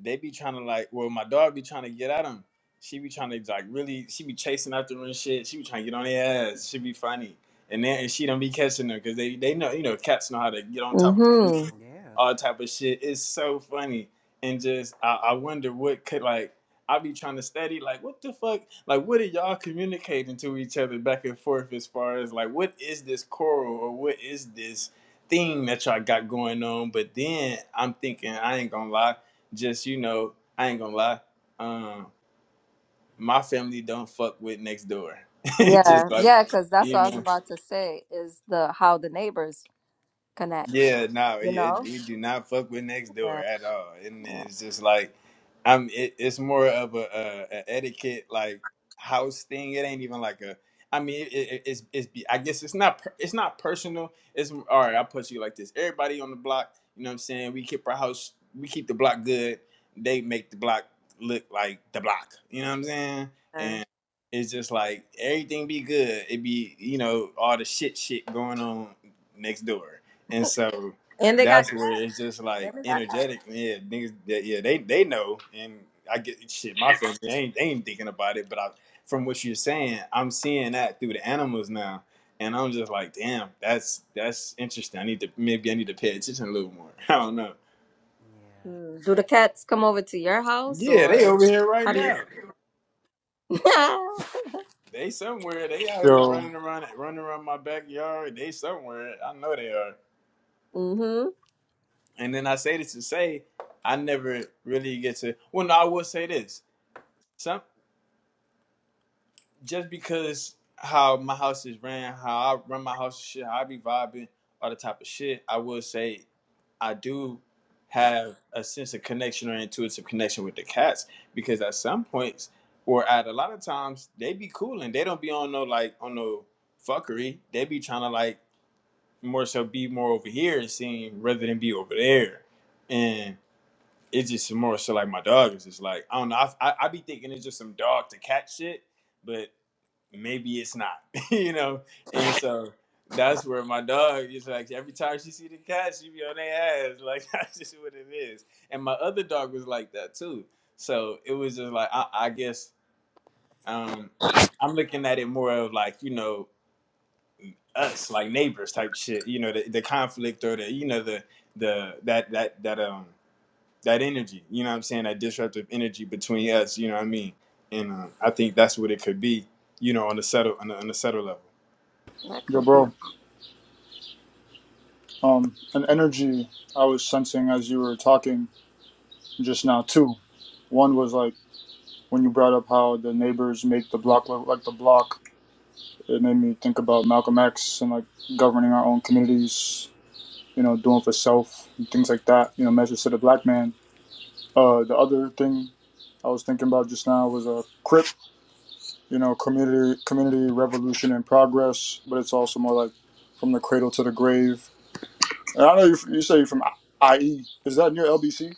[SPEAKER 7] they be trying to like, well, my dog be trying to get at him. She be trying to like really, she be chasing after him and shit. She be trying to get on their ass. She be funny, and then and she don't be catching them because they they know you know cats know how to get on top of the roof,
[SPEAKER 4] mhm
[SPEAKER 7] and
[SPEAKER 3] Yeah.
[SPEAKER 7] all type of shit. It's so funny, and just I, I wonder what could like I be trying to study like what the fuck like what are y'all communicating to each other back and forth as far as like what is this coral or what is this thing that y'all got going on. But then I'm thinking, I ain't gonna lie, just you know, I ain't gonna lie. Um, my family don't fuck with next door. It's
[SPEAKER 4] yeah
[SPEAKER 7] just like,
[SPEAKER 4] yeah cuz that's
[SPEAKER 7] you
[SPEAKER 4] what I was
[SPEAKER 7] know.
[SPEAKER 4] about to say is the how the neighbors connect
[SPEAKER 7] Yeah, no, it,
[SPEAKER 4] you know
[SPEAKER 7] you do not fuck with next door
[SPEAKER 4] yeah
[SPEAKER 7] at all, and
[SPEAKER 4] yeah,
[SPEAKER 7] it's just like, I'm. It, it's more of a, a, a etiquette like house thing. It ain't even like a. I mean, it, it, it's it's. be- I guess it's not per- it's not personal. It's all right. I put you like this. Everybody on the block, you know what I'm saying. We keep our house. We keep the block good. They make the block look like the block. You know what I'm saying?
[SPEAKER 4] yeah.
[SPEAKER 7] And it's just like everything be good. It be you know all the shit shit going on next door. And so
[SPEAKER 4] and they got
[SPEAKER 7] that's where
[SPEAKER 4] cats
[SPEAKER 7] it's just
[SPEAKER 4] and
[SPEAKER 7] like
[SPEAKER 4] they got cats
[SPEAKER 7] energetic. Yeah, niggas, that yeah, they they know. And I get shit. My family ain't they ain't thinking about it, but I, from what you're saying, I'm seeing that through the animals now, and I'm just like, damn, that's that's interesting. I need to maybe I need to pay attention a little more. I don't know.
[SPEAKER 3] Yeah.
[SPEAKER 4] Mm. do the cats come over to your house
[SPEAKER 7] Yeah, they
[SPEAKER 4] or
[SPEAKER 7] over here right
[SPEAKER 4] how do you
[SPEAKER 7] now. They somewhere. They out here
[SPEAKER 9] Yo,
[SPEAKER 7] running around, running around my backyard. They somewhere. I know they are.
[SPEAKER 4] mhm
[SPEAKER 7] And then I say this to say, I never really get to. Well, no, I will say this. some just because how my house is ran, how I run my house, shit, how I be vibing, all the type of shit. I will say, I do have a sense of connection or intuitive connection with the cats because at some points or at a lot of times they be cool and they don't be on no like on no fuckery. They be trying to like more so be more over here and seem rather than be over there. And it's just more so like my dog is just like I don't know. I I, I be thinking it's just some dog to cat shit, but maybe it's not, you know. And so that's where my dog is like every time she see the cat, she be on their ass. Like that's just what it is. And my other dog was like that too. So it was just like I, I guess um, I'm looking at it more of like you know us like neighbors type shit. You know the, the conflict or the you know the the that that that um that energy. You know what I'm saying that disruptive energy between us. You know what I mean. And um, I think that's what it could be. You know on the subtle on the, on the subtle level.
[SPEAKER 4] that
[SPEAKER 9] yo,
[SPEAKER 4] could be
[SPEAKER 9] bro. Um, an
[SPEAKER 3] Damn it.
[SPEAKER 9] energy I was sensing as you were talking just now too. One was like. when you brought up how the neighbors make the block look like the block, it made me think about Malcolm X and like governing our own communities, you know, doing for self and things like that, you know, measures to the black man. Uh, the other thing I was thinking about just now was a CRIP, you know, community community revolution in progress, but it's also more like from the cradle to the grave. And I know you, you say you're from IE. Is that near LBC?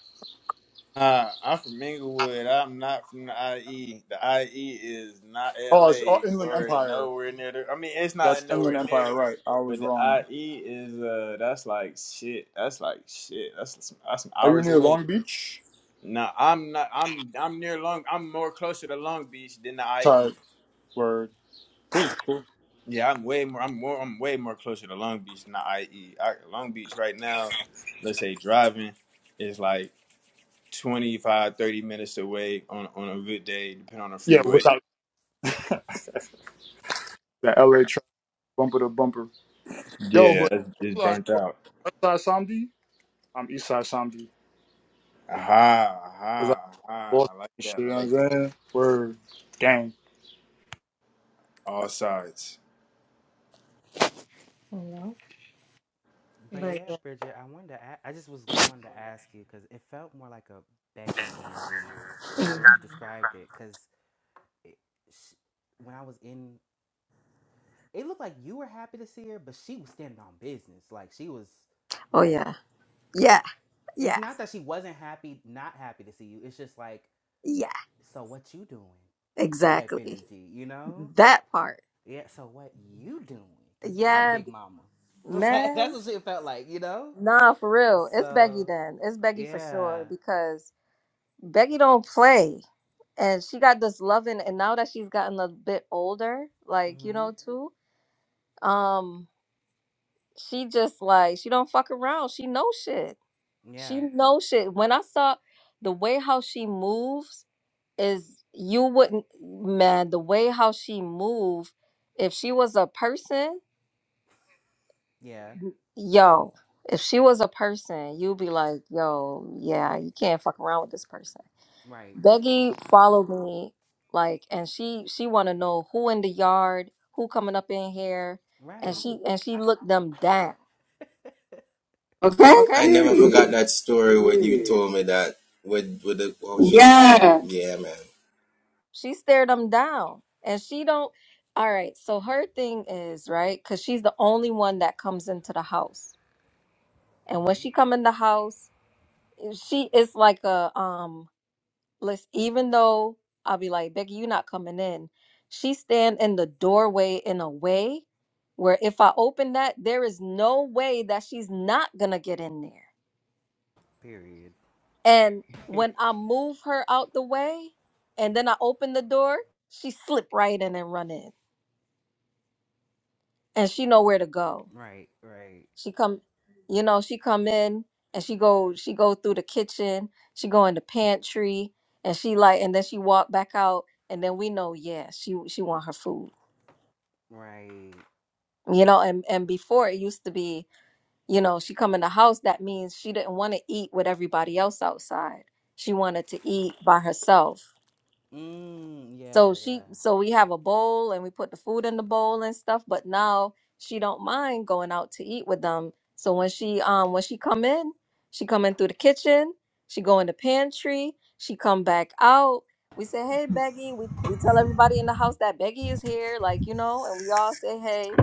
[SPEAKER 7] Uh, I'm from Inglewood. I'm not from the IE. The IE is not
[SPEAKER 9] Oh, it's oh,
[SPEAKER 7] LA
[SPEAKER 9] Inland
[SPEAKER 7] or
[SPEAKER 9] Empire.
[SPEAKER 7] nowhere near there. I mean, it's
[SPEAKER 9] That's
[SPEAKER 7] not
[SPEAKER 9] Inland
[SPEAKER 7] nowhere near,
[SPEAKER 9] Empire, right? I was
[SPEAKER 7] but the
[SPEAKER 9] wrong.
[SPEAKER 7] IE is uh, that's like shit. That's like shit. That's some, that's some
[SPEAKER 9] Are you
[SPEAKER 7] hours
[SPEAKER 9] near
[SPEAKER 7] away.
[SPEAKER 9] Long Beach?
[SPEAKER 7] No, I'm not. I'm I'm near Long. I'm more closer to Long Beach than the
[SPEAKER 9] Tired.
[SPEAKER 7] IE.
[SPEAKER 9] Word. Cool. Cool.
[SPEAKER 7] Yeah, I'm way more. I'm more. I'm way more closer to Long Beach than the IE. Long Beach right now, let's say driving is like 25, 30 minutes away on, on a good day, depending on the
[SPEAKER 9] Yeah,
[SPEAKER 7] freeway.
[SPEAKER 9] without the LA track, bumper to bumper. Yo,
[SPEAKER 7] Yeah,
[SPEAKER 9] but
[SPEAKER 7] it's
[SPEAKER 9] I
[SPEAKER 7] it's
[SPEAKER 9] realized,
[SPEAKER 7] burnt
[SPEAKER 9] bro,
[SPEAKER 7] out.
[SPEAKER 9] West Side Samdi, I'm East Side Samdi.
[SPEAKER 7] Aha,
[SPEAKER 9] Because
[SPEAKER 7] aha,
[SPEAKER 9] I
[SPEAKER 7] aha.
[SPEAKER 9] lost
[SPEAKER 7] I like
[SPEAKER 9] and shit,
[SPEAKER 7] that.
[SPEAKER 9] you know
[SPEAKER 7] I
[SPEAKER 9] what I'm
[SPEAKER 7] like that.
[SPEAKER 9] saying? Word. Gang.
[SPEAKER 7] All sides.
[SPEAKER 3] But yeah, Bridget, I wanted to. a- I just was wanted to ask you because it felt more like a beggy energy now
[SPEAKER 4] Mhm.
[SPEAKER 3] that you described it. Because it sh- when I was in it looked like you were happy to see her, but she was standing on business. Like she was
[SPEAKER 4] oh
[SPEAKER 3] like
[SPEAKER 4] yeah yeah
[SPEAKER 3] like it's
[SPEAKER 4] Yeah,
[SPEAKER 3] not that she wasn't happy, not happy to see you. It's just like,
[SPEAKER 4] yeah,
[SPEAKER 3] so what you doing? Type
[SPEAKER 4] exactly.
[SPEAKER 3] energy, you know?
[SPEAKER 4] That part.
[SPEAKER 3] Yeah, so what you doing? Cause I'm
[SPEAKER 4] Yeah,
[SPEAKER 3] big
[SPEAKER 4] b-
[SPEAKER 3] mama. Like that's
[SPEAKER 4] man.
[SPEAKER 3] what she felt like, you know?
[SPEAKER 4] Nah, for real. It's Becky
[SPEAKER 3] So
[SPEAKER 4] then. It's Becky for
[SPEAKER 3] yeah.
[SPEAKER 4] sure because Becky don't play. And she got this loving and now that she's gotten a bit older, like, you
[SPEAKER 3] hmm
[SPEAKER 4] know, too, um, she just like she don't fuck around. She knows shit.
[SPEAKER 3] Yeah.
[SPEAKER 4] She knows shit. When I saw the way how she moves is you wouldn't man, the way how she move, if she was a person
[SPEAKER 3] Yeah.
[SPEAKER 4] Yo, if she was a person, you'd be like, yo, yeah, you can't fuck around with this person.
[SPEAKER 3] Right.
[SPEAKER 4] Becky followed me, like, and she she want to know who in the yard, who coming up in here, and
[SPEAKER 3] Right.
[SPEAKER 4] she and she
[SPEAKER 3] I,
[SPEAKER 4] looked them down.
[SPEAKER 2] Okay?
[SPEAKER 4] Okay.
[SPEAKER 2] I never forgot
[SPEAKER 3] period.
[SPEAKER 2] that story when you
[SPEAKER 3] Period.
[SPEAKER 2] told me that with with the oh she
[SPEAKER 4] Yeah.
[SPEAKER 2] Yeah. yeah man.
[SPEAKER 4] She stared them down, and she don't. All right. So her thing is right because she's the only one that comes into the house, and when
[SPEAKER 3] hmm
[SPEAKER 4] she come in the house, she it's like a um listen, even though I'll be like, Becky, you're not coming in. She stand in the doorway in a way where if I open that, there is no way that she's not gonna get in there.
[SPEAKER 3] Period.
[SPEAKER 4] And when I move her out the way and then I open the door, she slip right in and run in. And she know where to go.
[SPEAKER 3] Right, right,
[SPEAKER 4] She come, you know, she come in and she go, she go through the kitchen, she go in the pantry, and she like, and then she walk back out and then we know yeah she she want her food
[SPEAKER 3] right.
[SPEAKER 4] you know and and before it used to be you know she come in the house that means she didn't want to eat with everybody else outside she wanted to eat by herself
[SPEAKER 3] Mm, yeah,
[SPEAKER 4] so she
[SPEAKER 3] yeah.
[SPEAKER 4] so we have a bowl and we put the food in the bowl and stuff, but now she don't mind going out to eat with them. So when she um when she come in, she come in through the kitchen, she go in the pantry, she come back out. We say, "Hey, Beggy." We we tell everybody in the house that Beggy is here, like, you know, and we all say, "Hey."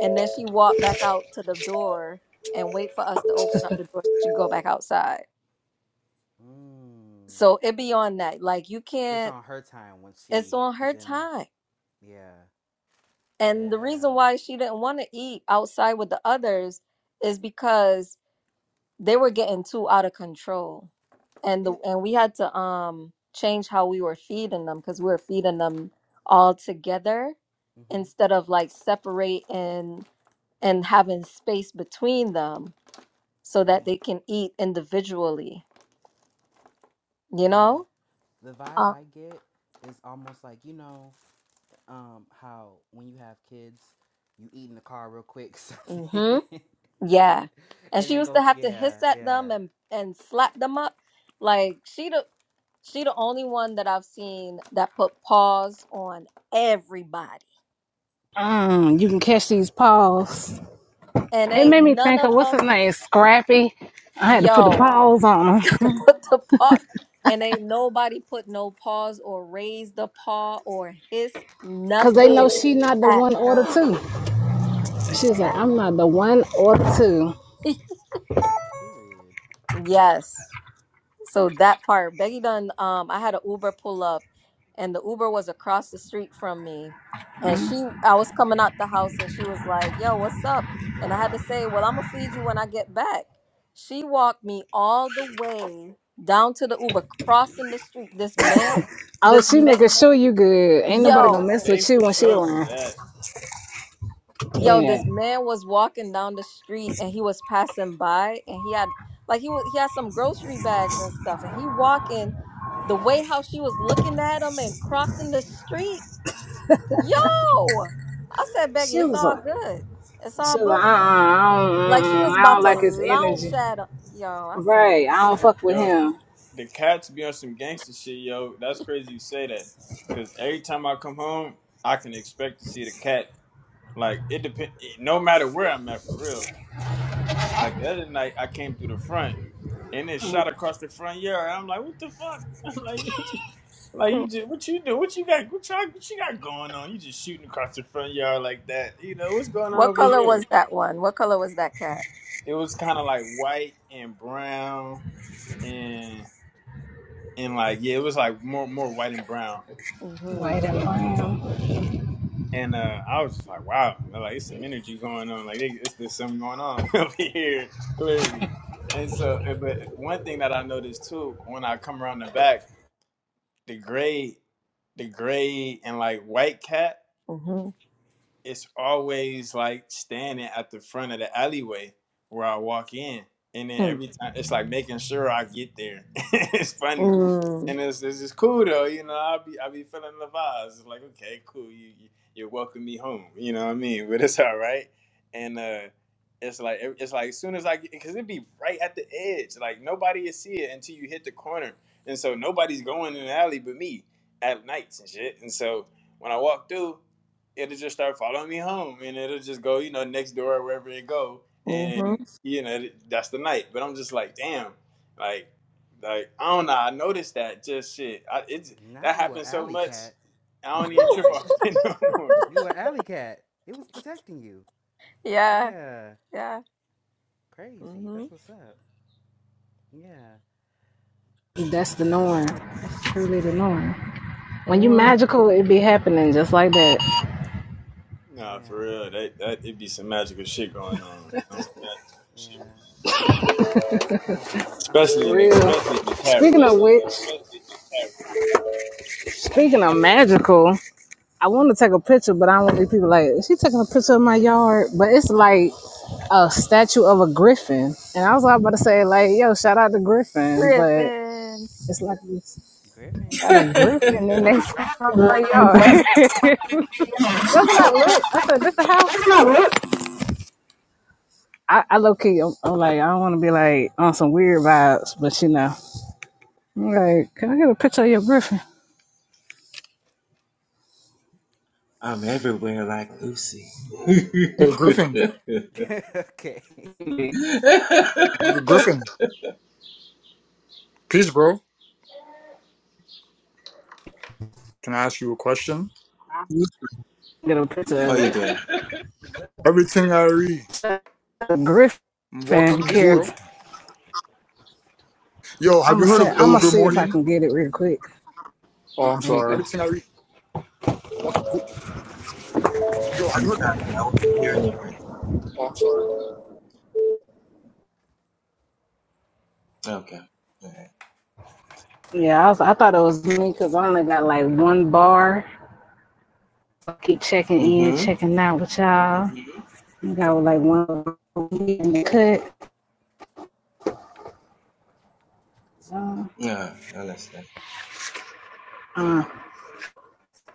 [SPEAKER 4] And then she walk back out to the door and wait for us to open up the door so she can go back outside.
[SPEAKER 3] Mm.
[SPEAKER 4] So it be on that. Like you
[SPEAKER 3] It's
[SPEAKER 4] can't
[SPEAKER 3] on her time when
[SPEAKER 4] it's
[SPEAKER 3] she
[SPEAKER 4] on her
[SPEAKER 3] is in.
[SPEAKER 4] time
[SPEAKER 3] Yeah,
[SPEAKER 4] And the
[SPEAKER 3] yeah.
[SPEAKER 4] reason why she didn't want to eat outside with the others is because they were getting too out of control. And the
[SPEAKER 3] It.
[SPEAKER 4] and we had to um change how we were feeding them because we were feeding them all together
[SPEAKER 3] Mm-hmm.
[SPEAKER 4] instead of like separate and and having space between them so that they
[SPEAKER 3] Yeah,
[SPEAKER 4] can eat individually, you
[SPEAKER 3] yeah.
[SPEAKER 4] know?
[SPEAKER 3] The vibe
[SPEAKER 4] Uh,
[SPEAKER 3] I get is almost like you know, um, how when you have kids, you eat in the car real quick, something,
[SPEAKER 4] mhm. Yeah. And
[SPEAKER 3] and
[SPEAKER 4] she
[SPEAKER 3] then
[SPEAKER 4] used to
[SPEAKER 3] go.
[SPEAKER 4] have to
[SPEAKER 3] Yeah,
[SPEAKER 4] hiss at
[SPEAKER 3] yeah.
[SPEAKER 4] them and and slap them up. Like she the she the only one that I've seen that put paws on everybody.
[SPEAKER 1] Mm, you can catch these paws.
[SPEAKER 4] And
[SPEAKER 1] It
[SPEAKER 4] ain't
[SPEAKER 1] made me
[SPEAKER 4] none
[SPEAKER 1] think of
[SPEAKER 4] of
[SPEAKER 1] what's
[SPEAKER 4] them
[SPEAKER 1] his name, Scrappy. I had to put the
[SPEAKER 4] yo
[SPEAKER 1] paws on him.
[SPEAKER 4] put the paws and ain't nobody put no paws or raised a paw or hissed
[SPEAKER 1] Cause they know
[SPEAKER 4] nothing
[SPEAKER 1] she not the
[SPEAKER 4] at
[SPEAKER 1] one or the
[SPEAKER 4] her.
[SPEAKER 1] two. She's
[SPEAKER 3] Right.
[SPEAKER 1] like, I'm
[SPEAKER 4] Okay?
[SPEAKER 1] not the one or the two.
[SPEAKER 3] Period.
[SPEAKER 4] yes. So that part, Becky done. Um, I had an Uber pull up, and the Uber was across the street from me, and she, I was coming out the house, and she was like, "Yo, what's up?" And I had to say, "Well, I'm gonna feed you when I get back." She walked me all the way down to the Uber, crossing the street. This man,
[SPEAKER 1] Oh,
[SPEAKER 4] this
[SPEAKER 1] she
[SPEAKER 4] man,
[SPEAKER 1] making sure you good. Ain't nobody
[SPEAKER 7] No,
[SPEAKER 1] gonna
[SPEAKER 4] yo.
[SPEAKER 1] mess
[SPEAKER 7] they
[SPEAKER 1] with you
[SPEAKER 7] for
[SPEAKER 1] when she
[SPEAKER 7] sure do
[SPEAKER 1] around.
[SPEAKER 7] that.
[SPEAKER 4] Yo,
[SPEAKER 1] Yeah.
[SPEAKER 4] this man was walking down the street and he was passing by and he had like he was he had some grocery bags and stuff and he walking the way how she was looking at him and crossing the street. Yo, I said, Becky,
[SPEAKER 1] She
[SPEAKER 4] it's
[SPEAKER 1] was
[SPEAKER 4] all
[SPEAKER 1] like,
[SPEAKER 4] good. It's all
[SPEAKER 1] she was
[SPEAKER 4] book.
[SPEAKER 1] like, uh, uh I don't,
[SPEAKER 4] Like she
[SPEAKER 1] mm
[SPEAKER 4] was
[SPEAKER 1] I
[SPEAKER 4] about
[SPEAKER 1] don't
[SPEAKER 4] to
[SPEAKER 1] like his
[SPEAKER 4] launch
[SPEAKER 1] energy.
[SPEAKER 4] at him. Yo, I said,
[SPEAKER 1] Right. I don't fuck with
[SPEAKER 7] Yo,
[SPEAKER 1] him.
[SPEAKER 7] the cats be on some gangster shit, yo. That's crazy you say that. Cause every time I come home, I can expect to see the cat. Like it depend. No matter where I'm at, for real. Like the other night, I came through the front and it shot across the front yard. I'm like, what the fuck? I'm like, what you, like you
[SPEAKER 4] no.
[SPEAKER 7] just what you do? What you got? What you, what you got going on? You just shooting across the front yard like that? You know what's going on
[SPEAKER 4] what
[SPEAKER 7] over
[SPEAKER 4] color was
[SPEAKER 7] here?
[SPEAKER 4] that one? What color was that cat?
[SPEAKER 7] It was kind of like white and brown and and like yeah, it was like more more white and brown.
[SPEAKER 4] hmm
[SPEAKER 1] White and brown.
[SPEAKER 7] And uh, I was just like, wow, like it's some energy going on. Like it- it's there's something going on over here clearly. And so, uh, but one thing that I noticed too when I come around the back. the gray the gray and like white cat
[SPEAKER 4] hmm
[SPEAKER 7] it's always like standing at the front of the alleyway where I walk in. And then
[SPEAKER 4] hmm
[SPEAKER 7] every time it's like making sure I get there. it's funny.
[SPEAKER 4] Mm-hmm.
[SPEAKER 7] And it's, it's just cool though, you know. I'll be I'll be feeling the vibes. It's like, okay, cool, you, you you're welcome me home. You know what I mean? But it's all right. And uh it's like it's like as soon as I get because it'd be right at the edge. Like nobody will see it until you hit the corner. And so nobody's going in the alley but me at nights and shit. And so when I walk through, it'll just start following me home and it'll just go, you know, next door or wherever it go.
[SPEAKER 4] Mm-hmm.
[SPEAKER 7] And, you know, that's the night. But I'm just like, damn, like, like, I don't know. I noticed that just shit. I, it's, that
[SPEAKER 3] Not you, a
[SPEAKER 7] happens so
[SPEAKER 3] alley
[SPEAKER 7] much.
[SPEAKER 3] cat
[SPEAKER 7] I
[SPEAKER 3] in
[SPEAKER 7] don't
[SPEAKER 3] real
[SPEAKER 7] even trip
[SPEAKER 3] life.
[SPEAKER 7] off it no more.
[SPEAKER 3] You an alley cat. It was protecting you.
[SPEAKER 4] yeah,
[SPEAKER 3] Yeah.
[SPEAKER 4] yeah.
[SPEAKER 3] Crazy.
[SPEAKER 4] Mm-hmm.
[SPEAKER 3] That's what's up. Yeah.
[SPEAKER 1] That's the norm. That's truly
[SPEAKER 3] Yeah.
[SPEAKER 1] the norm. When you
[SPEAKER 4] Mm-hmm.
[SPEAKER 1] magical, it be happening just like that.
[SPEAKER 7] Nah, for
[SPEAKER 3] Yeah.
[SPEAKER 7] real. That, that, it'd be some magical shit going on. Um,
[SPEAKER 3] Yeah. That's cool though. I'm
[SPEAKER 7] especially
[SPEAKER 1] For
[SPEAKER 7] in
[SPEAKER 3] glad
[SPEAKER 7] the,
[SPEAKER 1] real.
[SPEAKER 7] especially in the cat
[SPEAKER 1] Speaking of
[SPEAKER 7] world.
[SPEAKER 1] which, speaking of magical, I want to take a picture, but I don't want these people like, is she taking a picture of my yard? But it's like a statue of a griffin. And I was all about to say, like, yo, shout out to Griffin, but
[SPEAKER 4] Griffin.
[SPEAKER 1] it's like we got a
[SPEAKER 3] Griffin.
[SPEAKER 1] griffin in their front yard. That's when I looked. I said, this the house? I, I low key, I'm, I'm like, I don't want to be like on some weird vibes, but you know. I'm like, can I get a picture of your griffin?
[SPEAKER 2] I'm
[SPEAKER 3] That's
[SPEAKER 2] everywhere
[SPEAKER 3] what's
[SPEAKER 2] like Lucy.
[SPEAKER 9] Hey Griffin,
[SPEAKER 3] up. okay.
[SPEAKER 1] Get
[SPEAKER 9] Griffin, peace, bro. Can I ask you a question?
[SPEAKER 1] a
[SPEAKER 2] How are you
[SPEAKER 1] picture
[SPEAKER 2] doing?
[SPEAKER 9] Everything I read,
[SPEAKER 1] of a griffin
[SPEAKER 9] I'm
[SPEAKER 1] Hey,
[SPEAKER 9] walking good.
[SPEAKER 1] character.
[SPEAKER 9] Yo, have
[SPEAKER 1] I'ma I
[SPEAKER 9] you heard
[SPEAKER 1] say,
[SPEAKER 9] of
[SPEAKER 1] I'ma
[SPEAKER 2] Mm,
[SPEAKER 9] Ilver
[SPEAKER 1] see if I
[SPEAKER 9] Morning?
[SPEAKER 1] can get it real quick.
[SPEAKER 9] Oh, I'm
[SPEAKER 1] There you
[SPEAKER 9] sorry.
[SPEAKER 1] go.
[SPEAKER 2] I'm sorry, I wasn't hearing your you. Okay. Alright.
[SPEAKER 1] Yeah, I was, I thought it was me because I only got like one bar. I keep checking in,
[SPEAKER 2] Mm-hmm.
[SPEAKER 1] checking out with y'all. I got like one in the cut. So,
[SPEAKER 2] Yeah, I understand.
[SPEAKER 1] uh,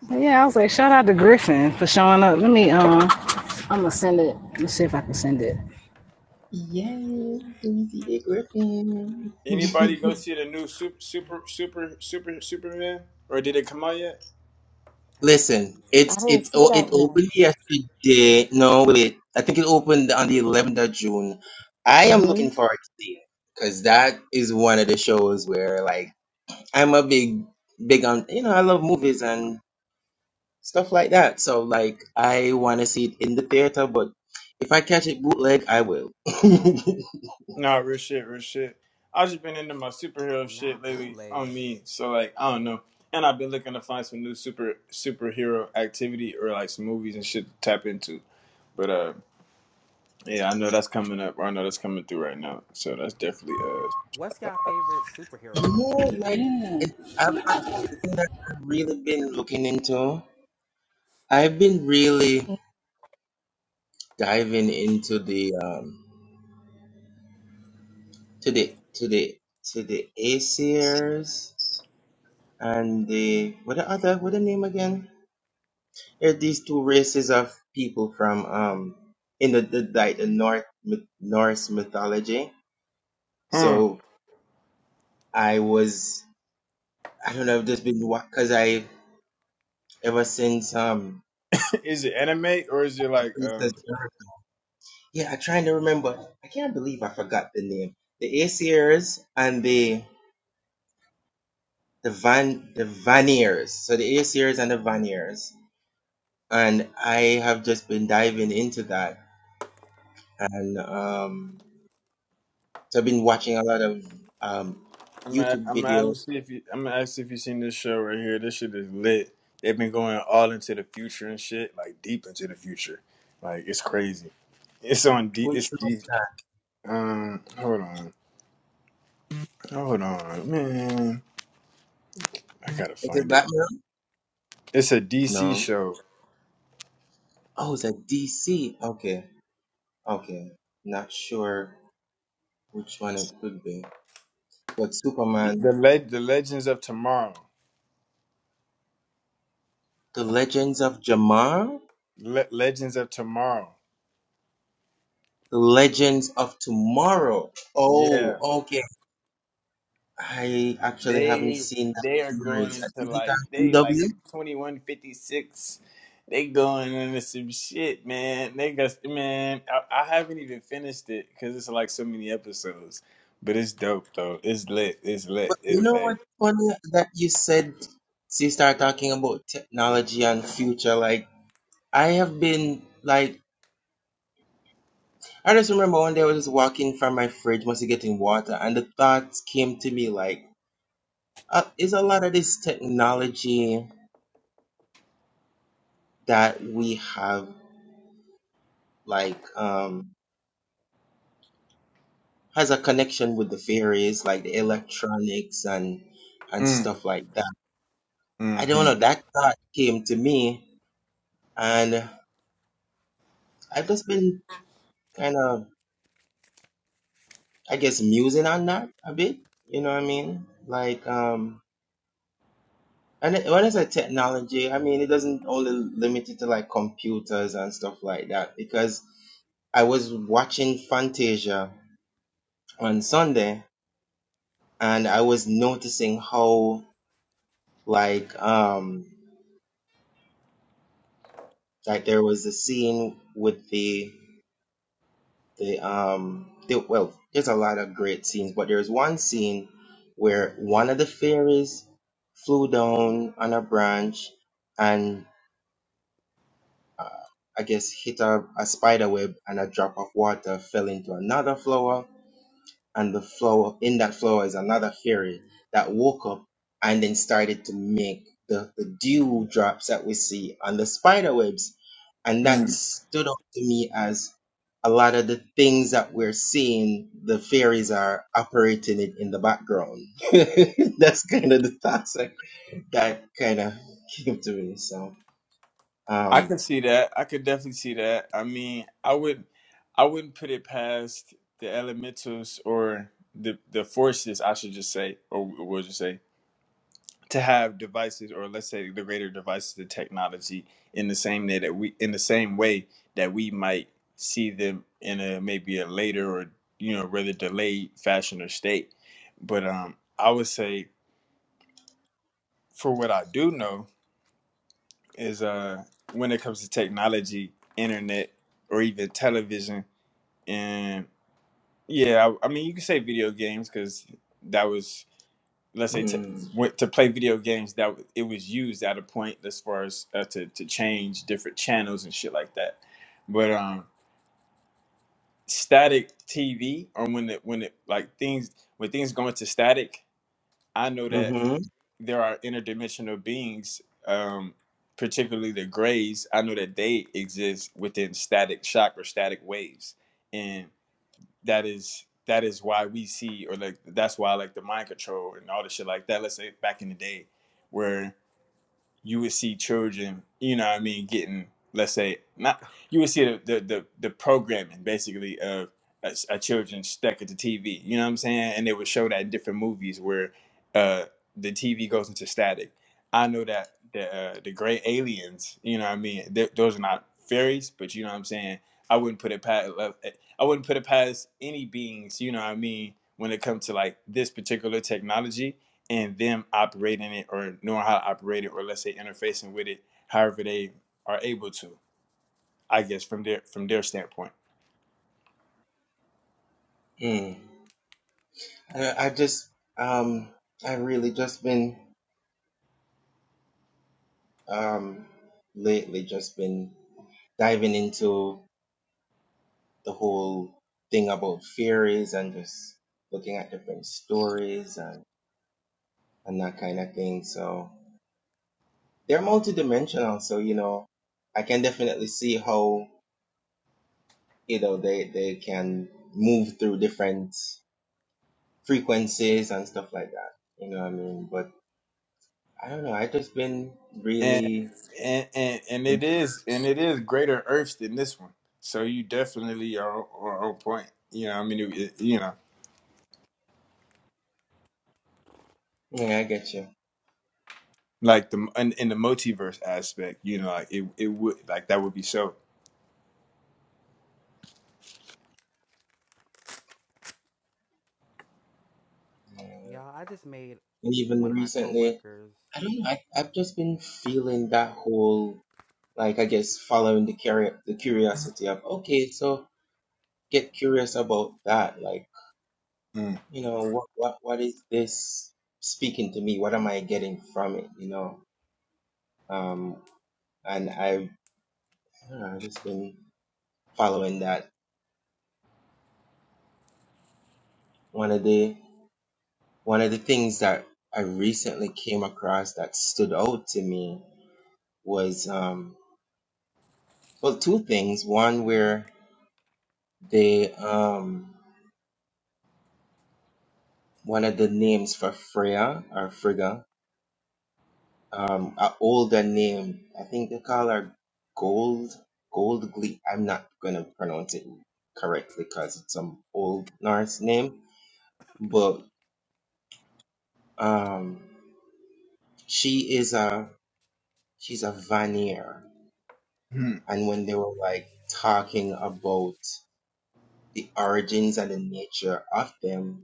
[SPEAKER 1] but yeah, I was like, shout out to Griffin for showing up. Let me, uh, I'm gonna send it. Let's see if I can send it.
[SPEAKER 2] Yay, Louise A. Griffin.
[SPEAKER 7] Anybody go see the new super, super, super, super, Superman? Or did it come out yet?
[SPEAKER 3] I haven't seen it
[SPEAKER 2] Listen,
[SPEAKER 4] I
[SPEAKER 2] it's
[SPEAKER 3] yet.
[SPEAKER 4] didn't
[SPEAKER 2] it.
[SPEAKER 4] see
[SPEAKER 2] o-
[SPEAKER 4] that
[SPEAKER 2] it
[SPEAKER 4] yet.
[SPEAKER 2] opened yesterday. No, wait, I think it opened on the 11th of June. I am looking
[SPEAKER 4] Mm-hmm.
[SPEAKER 2] forward to seeing it because that is one of the shows where like I'm a big big on you know I love movies and stuff like that. So like I want to see it in the theater, but if I catch it bootleg, I will.
[SPEAKER 7] Nah, real shit, real shit. I've just been into my superhero shit
[SPEAKER 3] Not
[SPEAKER 7] lately on
[SPEAKER 3] bootleg.
[SPEAKER 7] me, so like I don't know. And I've been looking to find some new super superhero activity or like some movies and shit to tap into. But uh yeah, I know that's coming up. Or I know that's coming through right now. So that's definitely
[SPEAKER 3] What's y'all favorite
[SPEAKER 2] You
[SPEAKER 3] superhero?
[SPEAKER 2] know, like it, I'll be honest with you, the thing that I've really been looking into, I've been really diving into the um. to the to the to the Asiers and the what the other what the name again? There are these two races of people from um in the, the like the North myth- Norse mythology.
[SPEAKER 7] uh hmm.
[SPEAKER 2] So I was I don't know I've just been because I ever since um
[SPEAKER 7] is it anime or is it like um
[SPEAKER 2] Princess Erica- yeah I'm trying to remember I can't believe I forgot the name the Aesir's and the the Van the Vaniers so the Aesir's and the Vaniers and I have just been diving into that, and um, so I've been watching a lot of um
[SPEAKER 7] I'm gonna,
[SPEAKER 2] YouTube
[SPEAKER 7] I'm gonna I'm
[SPEAKER 2] videos.
[SPEAKER 7] gonna see if you I'm gonna ask if you seen this show right here. This shit is lit. They've been going all into the future and shit, like deep into the future. Like it's crazy. It's on D.
[SPEAKER 2] Which
[SPEAKER 7] It's
[SPEAKER 2] show
[SPEAKER 7] D.
[SPEAKER 2] is that?
[SPEAKER 7] Um, hold on, hold on, man. I gotta
[SPEAKER 2] Is it
[SPEAKER 7] find
[SPEAKER 2] Black
[SPEAKER 7] it.
[SPEAKER 2] Mirror?
[SPEAKER 7] It's a DC
[SPEAKER 2] No.
[SPEAKER 7] show.
[SPEAKER 2] Oh, it's a DC. Okay, okay. Not sure which one it could be, but Superman,
[SPEAKER 7] The leg, the Legends of Tomorrow.
[SPEAKER 2] The Legends of Jamar,
[SPEAKER 7] Le- Legends of Tomorrow.
[SPEAKER 2] The Legends of Tomorrow.
[SPEAKER 7] Yeah,
[SPEAKER 2] Oh, okay. I actually haven't
[SPEAKER 7] they
[SPEAKER 2] seen that
[SPEAKER 7] they are going
[SPEAKER 2] series.
[SPEAKER 7] into
[SPEAKER 2] Is it
[SPEAKER 7] like
[SPEAKER 2] on
[SPEAKER 7] they
[SPEAKER 2] CW?
[SPEAKER 7] like in twenty one fifty six. They going into some shit, man. They got man. I, I haven't even finished it because it's like so many episodes, but it's dope though. It's lit. It's lit.
[SPEAKER 2] But you
[SPEAKER 7] It's
[SPEAKER 2] know
[SPEAKER 7] lit.
[SPEAKER 2] what's funny that you said so you start talking about technology and future. Like I have been like I just remember one day I was just walking from my fridge, mostly getting water, and the thoughts came to me like, uh, is a lot of this technology that we have like um has a connection with the fairies, like the electronics and and
[SPEAKER 7] Mm,
[SPEAKER 2] stuff like that. I don't know.
[SPEAKER 7] mm-hmm.
[SPEAKER 2] That thought came to me, and I've just been kind of I guess musing on that a bit. You know what I mean? Like um and it- when I say technology, I mean it doesn't only limit it to like computers and stuff like that. Because I was watching Fantasia on Sunday and I was noticing how like um like there was a scene with the They um they well, there's a lot of great scenes, but there's one scene where one of the fairies flew down on a branch and uh, I guess hit a, a spider web and a drop of water fell into another flower and the flower in that flower is another fairy that woke up and then started to make the, the dew drops that we see on the spider webs and that stood out to me as a lot of the things that we're seeing the fairies are operating it in the background that's kind of the thoughts that, that kind of came to me so
[SPEAKER 7] I
[SPEAKER 2] um
[SPEAKER 7] can see that. I could definitely see that. I mean, I would, I wouldn't put it past the elementals or the the forces. I should just say, or we'll just say, to have devices, or let's say the greater devices, the technology, in the same day that we, in the same way that we might see them in a maybe a later or you know rather delayed fashion or state. But um, I would say for what I do know, is uh when it comes to technology, internet, or even television. And yeah, I, I mean, you can say video games because that was let's say t-
[SPEAKER 2] mm,
[SPEAKER 7] went to play video games that w- it was used at a point as far as uh, to to change different channels and shit like that. But um, static TV or when it when it like things when things go into static, I know that.
[SPEAKER 2] mm-hmm,
[SPEAKER 7] there are interdimensional beings, um, particularly the grays. I know that they exist within static shock or static waves, and that is that is why we see or like that's why like the mind control and all the shit like that. Let's say back in the day, where you would see children, you know what I mean, getting, let's say, not, you would see the, the, the, the programming basically of a a children stuck at the TV, you know what I'm saying? And they would show that in different movies where uh, the TV goes into static. I know that the, uh, the gray aliens, you know what I mean, th- those are not fairies, but you know what I'm saying? I wouldn't put it past, I wouldn't put it past any beings, you know what I mean, when it comes to like this particular technology and them operating it or knowing how to operate it or let's say interfacing with it however they are able to i guess from their from their standpoint
[SPEAKER 2] mm. I, i just um i really just been Um, lately, just been diving into the whole thing about fairies and just looking at different stories and, and that kind of thing. So they're multidimensional. So, you know, I can definitely see how, you know, they, they can move through different frequencies and stuff like that. You know what I mean? But I don't know. i just been
[SPEAKER 7] and
[SPEAKER 2] really,
[SPEAKER 7] and and, and it is and it is greater earths than this one so you definitely are, are on point you know i mean it, you know
[SPEAKER 2] yeah, I get you.
[SPEAKER 7] like the in, in the multiverse aspect you know like it, it would like that would be so
[SPEAKER 2] Yeah.
[SPEAKER 3] Y'all, I just made
[SPEAKER 2] And even
[SPEAKER 3] one of my
[SPEAKER 2] recently,
[SPEAKER 3] coworkers.
[SPEAKER 2] I don't know. I, I've just been feeling that whole, like, I guess, following the curi- the curiosity of, okay, so get curious about that. Like,
[SPEAKER 7] mm.
[SPEAKER 2] you know, what, what, what is this speaking to me? What am I getting from it? You know? Um, and I, I don't know, I've just been following that. One of the, one of the things that I recently came across that stood out to me was, um, well, two things. One where they, um, one of the names for Freya or Frigga, um, an older name. I think they call her Gold Gold Glee. I'm not gonna pronounce it correctly because it's some old Norse name, but um, she is a she's a Vanir,
[SPEAKER 7] Hmm.
[SPEAKER 2] and when they were like talking about the origins and the nature of them,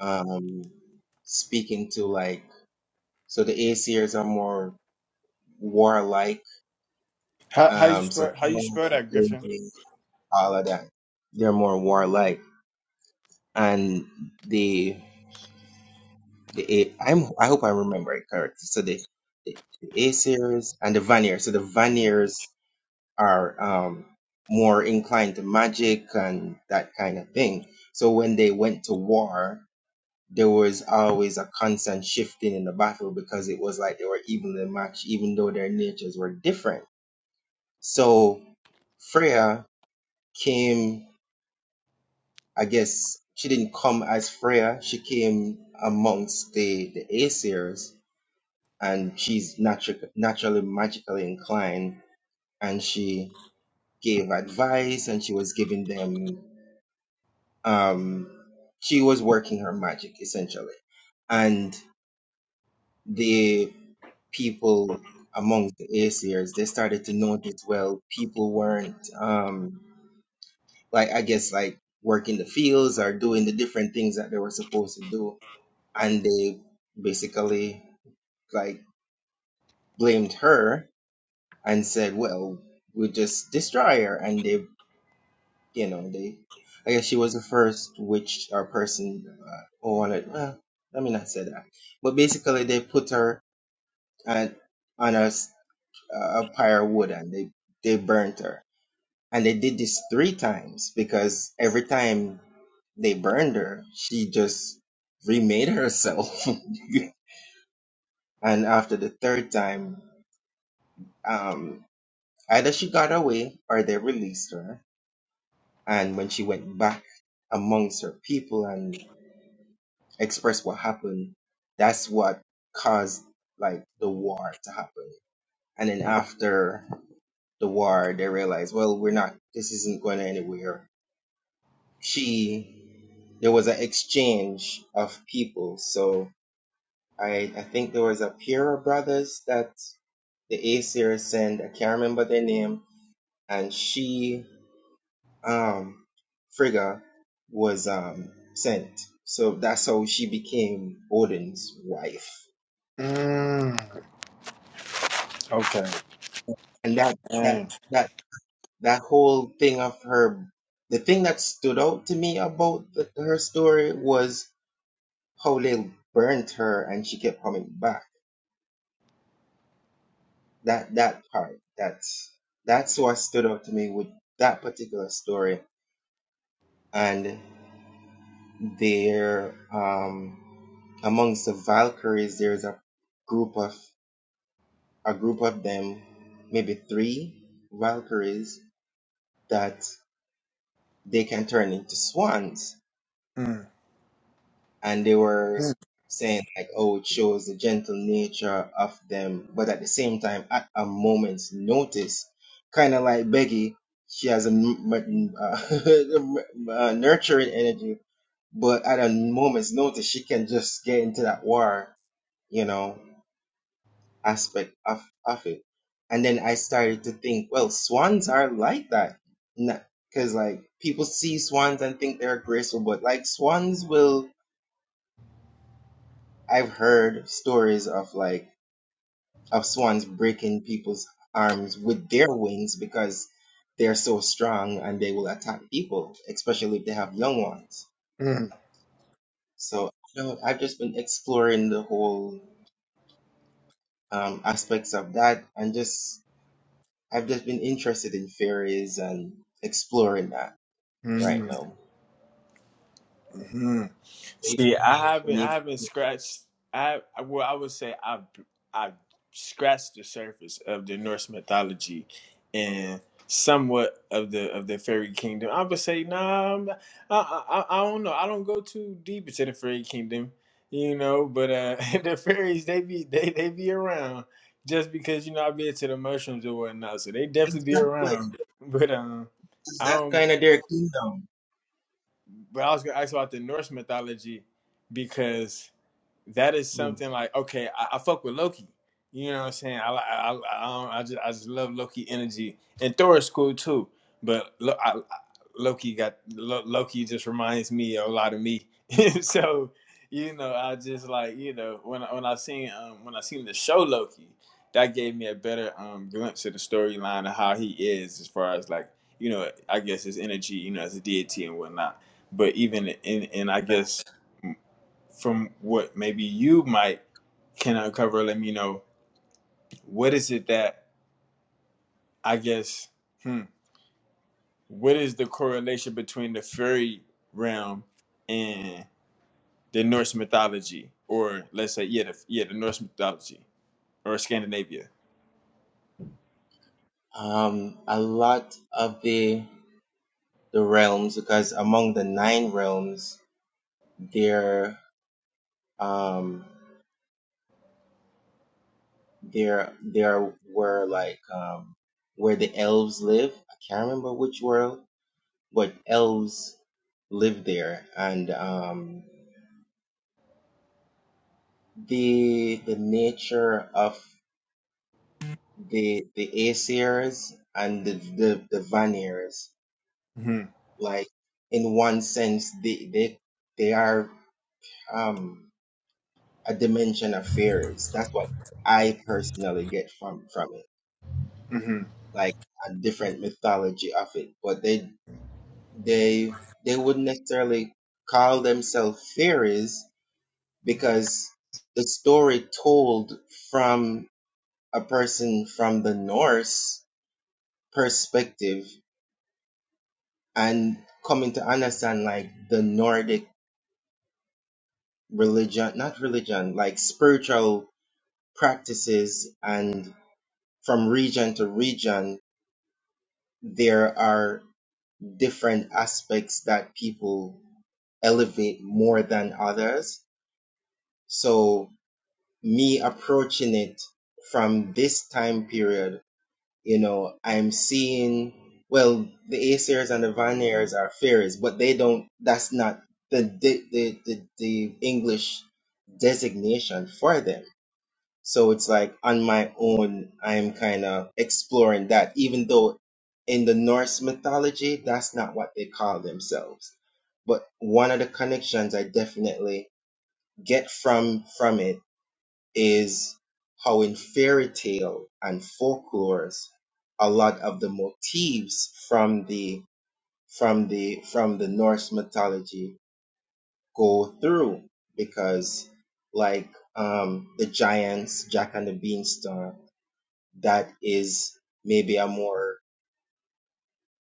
[SPEAKER 2] um, speaking to like so the Aesir's are more warlike
[SPEAKER 7] How how you
[SPEAKER 2] Um, so
[SPEAKER 7] spell how you
[SPEAKER 2] Thorn,
[SPEAKER 7] spell that Griffin?
[SPEAKER 2] Ruby, all of that. They're more warlike, and the the A, I'm I hope I'm remembering correctly. So the the, the Aesirs and the Vanir. So the Vanirs are um more inclined to magic and that kind of thing. So when they went to war, there was always a constant shifting in the battle because it was like they were evenly matched, even though their natures were different. So Freya came. I guess she didn't come as Freya. She came amongst the the Aesirs, and she's natu- naturally magically inclined. And she gave advice, and she was giving them. Um, she was working her magic essentially, and the people amongst the Aesirs they started to notice. Well, people weren't um like I guess like working the fields or doing the different things that they were supposed to do and they basically like blamed her and said, "Well, we just destroy her," and they, you know, they. I guess she was the first witch or person uh, who wanted. Well, let me not say that, but basically they put her at, on a, s- a pyre of wood and they they burnt her, and they did this three times because every time they burned her, she just remade herself. and after the third time, um, either she got away or they released her. And when she went back amongst her people and expressed what happened, that's what caused like the war to happen. And then after the war, they realized, well, we're not, this isn't going anywhere. She, there was an exchange of people. So I, I think there was a Pira brothers that the Aesir sent, I can't remember their name, and she um, Frigga was um, sent. So that's how she became Odin's wife.
[SPEAKER 7] Mm, okay.
[SPEAKER 2] And that that
[SPEAKER 7] Mm,
[SPEAKER 2] that that whole thing of her, the thing that stood out to me about the, her story was how they burnt her and she kept coming back. That that part that's that's what stood out to me with that particular story. And there, um, amongst the Valkyries, there's a group of a group of them, maybe three Valkyries that they can turn into swans.
[SPEAKER 7] mm,
[SPEAKER 2] And they were saying like, oh, it shows the gentle nature of them, but at the same time, at a moment's notice, kind of like Becky, she has a m- m- uh, uh, nurturing energy, but at a moment's notice, she can just get into that war, you know. aspect of, of it. And then I started to think, well, swans are like that. Because, like, people see swans and think they're graceful, but, like, swans will. I've heard stories of, like, of swans breaking people's arms with their wings because they're so strong and they will attack people, especially if they have young ones.
[SPEAKER 7] mm,
[SPEAKER 2] So, you know, I've just been exploring the whole um, aspects of that and just I've just been interested in fairies and exploring that
[SPEAKER 7] mm,
[SPEAKER 2] right
[SPEAKER 7] mm,
[SPEAKER 2] now.
[SPEAKER 7] mm.
[SPEAKER 2] So even
[SPEAKER 7] See,
[SPEAKER 2] when you
[SPEAKER 7] I
[SPEAKER 2] when
[SPEAKER 7] haven't,
[SPEAKER 2] you
[SPEAKER 7] I haven't scratched. I I- well, I would say I I scratched the surface of the Norse mythology and somewhat of the of the fairy kingdom. I would say, nah, I'm, I, I I don't know. I don't go too deep into the fairy kingdom, you know. But uh, the fairies, they be they they be around just because you know I be into the mushrooms or whatnot, so they definitely be
[SPEAKER 2] exactly
[SPEAKER 7] around. But um,
[SPEAKER 2] it's
[SPEAKER 7] I
[SPEAKER 2] that
[SPEAKER 7] don't.
[SPEAKER 2] kind of their kingdom.
[SPEAKER 7] But I was gonna ask about the Norse mythology because that is
[SPEAKER 2] Hmm.
[SPEAKER 7] something like okay, I, I fuck with Loki. You know what I'm saying? I I I, I, just I just love Loki energy, and Thor is cool too. But lo, I, Loki got Loki just reminds me a lot of me. so you know, I just like you know when when I seen um, when I seen the show Loki, that gave me a better um, glimpse of the storyline of how he is as far as like you know I guess his energy you know as a deity and whatnot. But even in and I guess from what maybe you might can uncover, let me know what is it that I guess, hmm, what is the correlation between the fairy realm and the Norse mythology, or let's say, yeah, the, yeah, the Norse mythology or Scandinavia?
[SPEAKER 2] Um, a lot of the the realms because among the nine realms there um there there were like um where the elves live. I can't remember which world, but elves live there and um the the nature of the the Aesir's and the the, the Vanir's.
[SPEAKER 7] Mm-hmm.
[SPEAKER 2] Like in one sense, they they they are um a dimension of fairies. That's what I personally get from from it.
[SPEAKER 7] hmm
[SPEAKER 2] Like a different mythology of it, but they they they wouldn't necessarily call themselves fairies because the story told from a person from the Norse perspective and coming to understand like the Nordic religion, not religion, like spiritual practices, and from region to region, there are different aspects that people elevate more than others. So, me approaching it from this time period you know, I'm seeing, well, the Aesir's and the Vanir's are fairies, but they don't, that's not the, the, the, the, the English designation for them. So it's like on my own, I'm kind of exploring that, even though in the Norse mythology, that's not what they call themselves. But one of the connections I definitely get from from it is how in fairy tale and folklores a lot of the motifs from the from the from the Norse mythology go through because like um the giants Jack and the Beanstalk that is maybe a more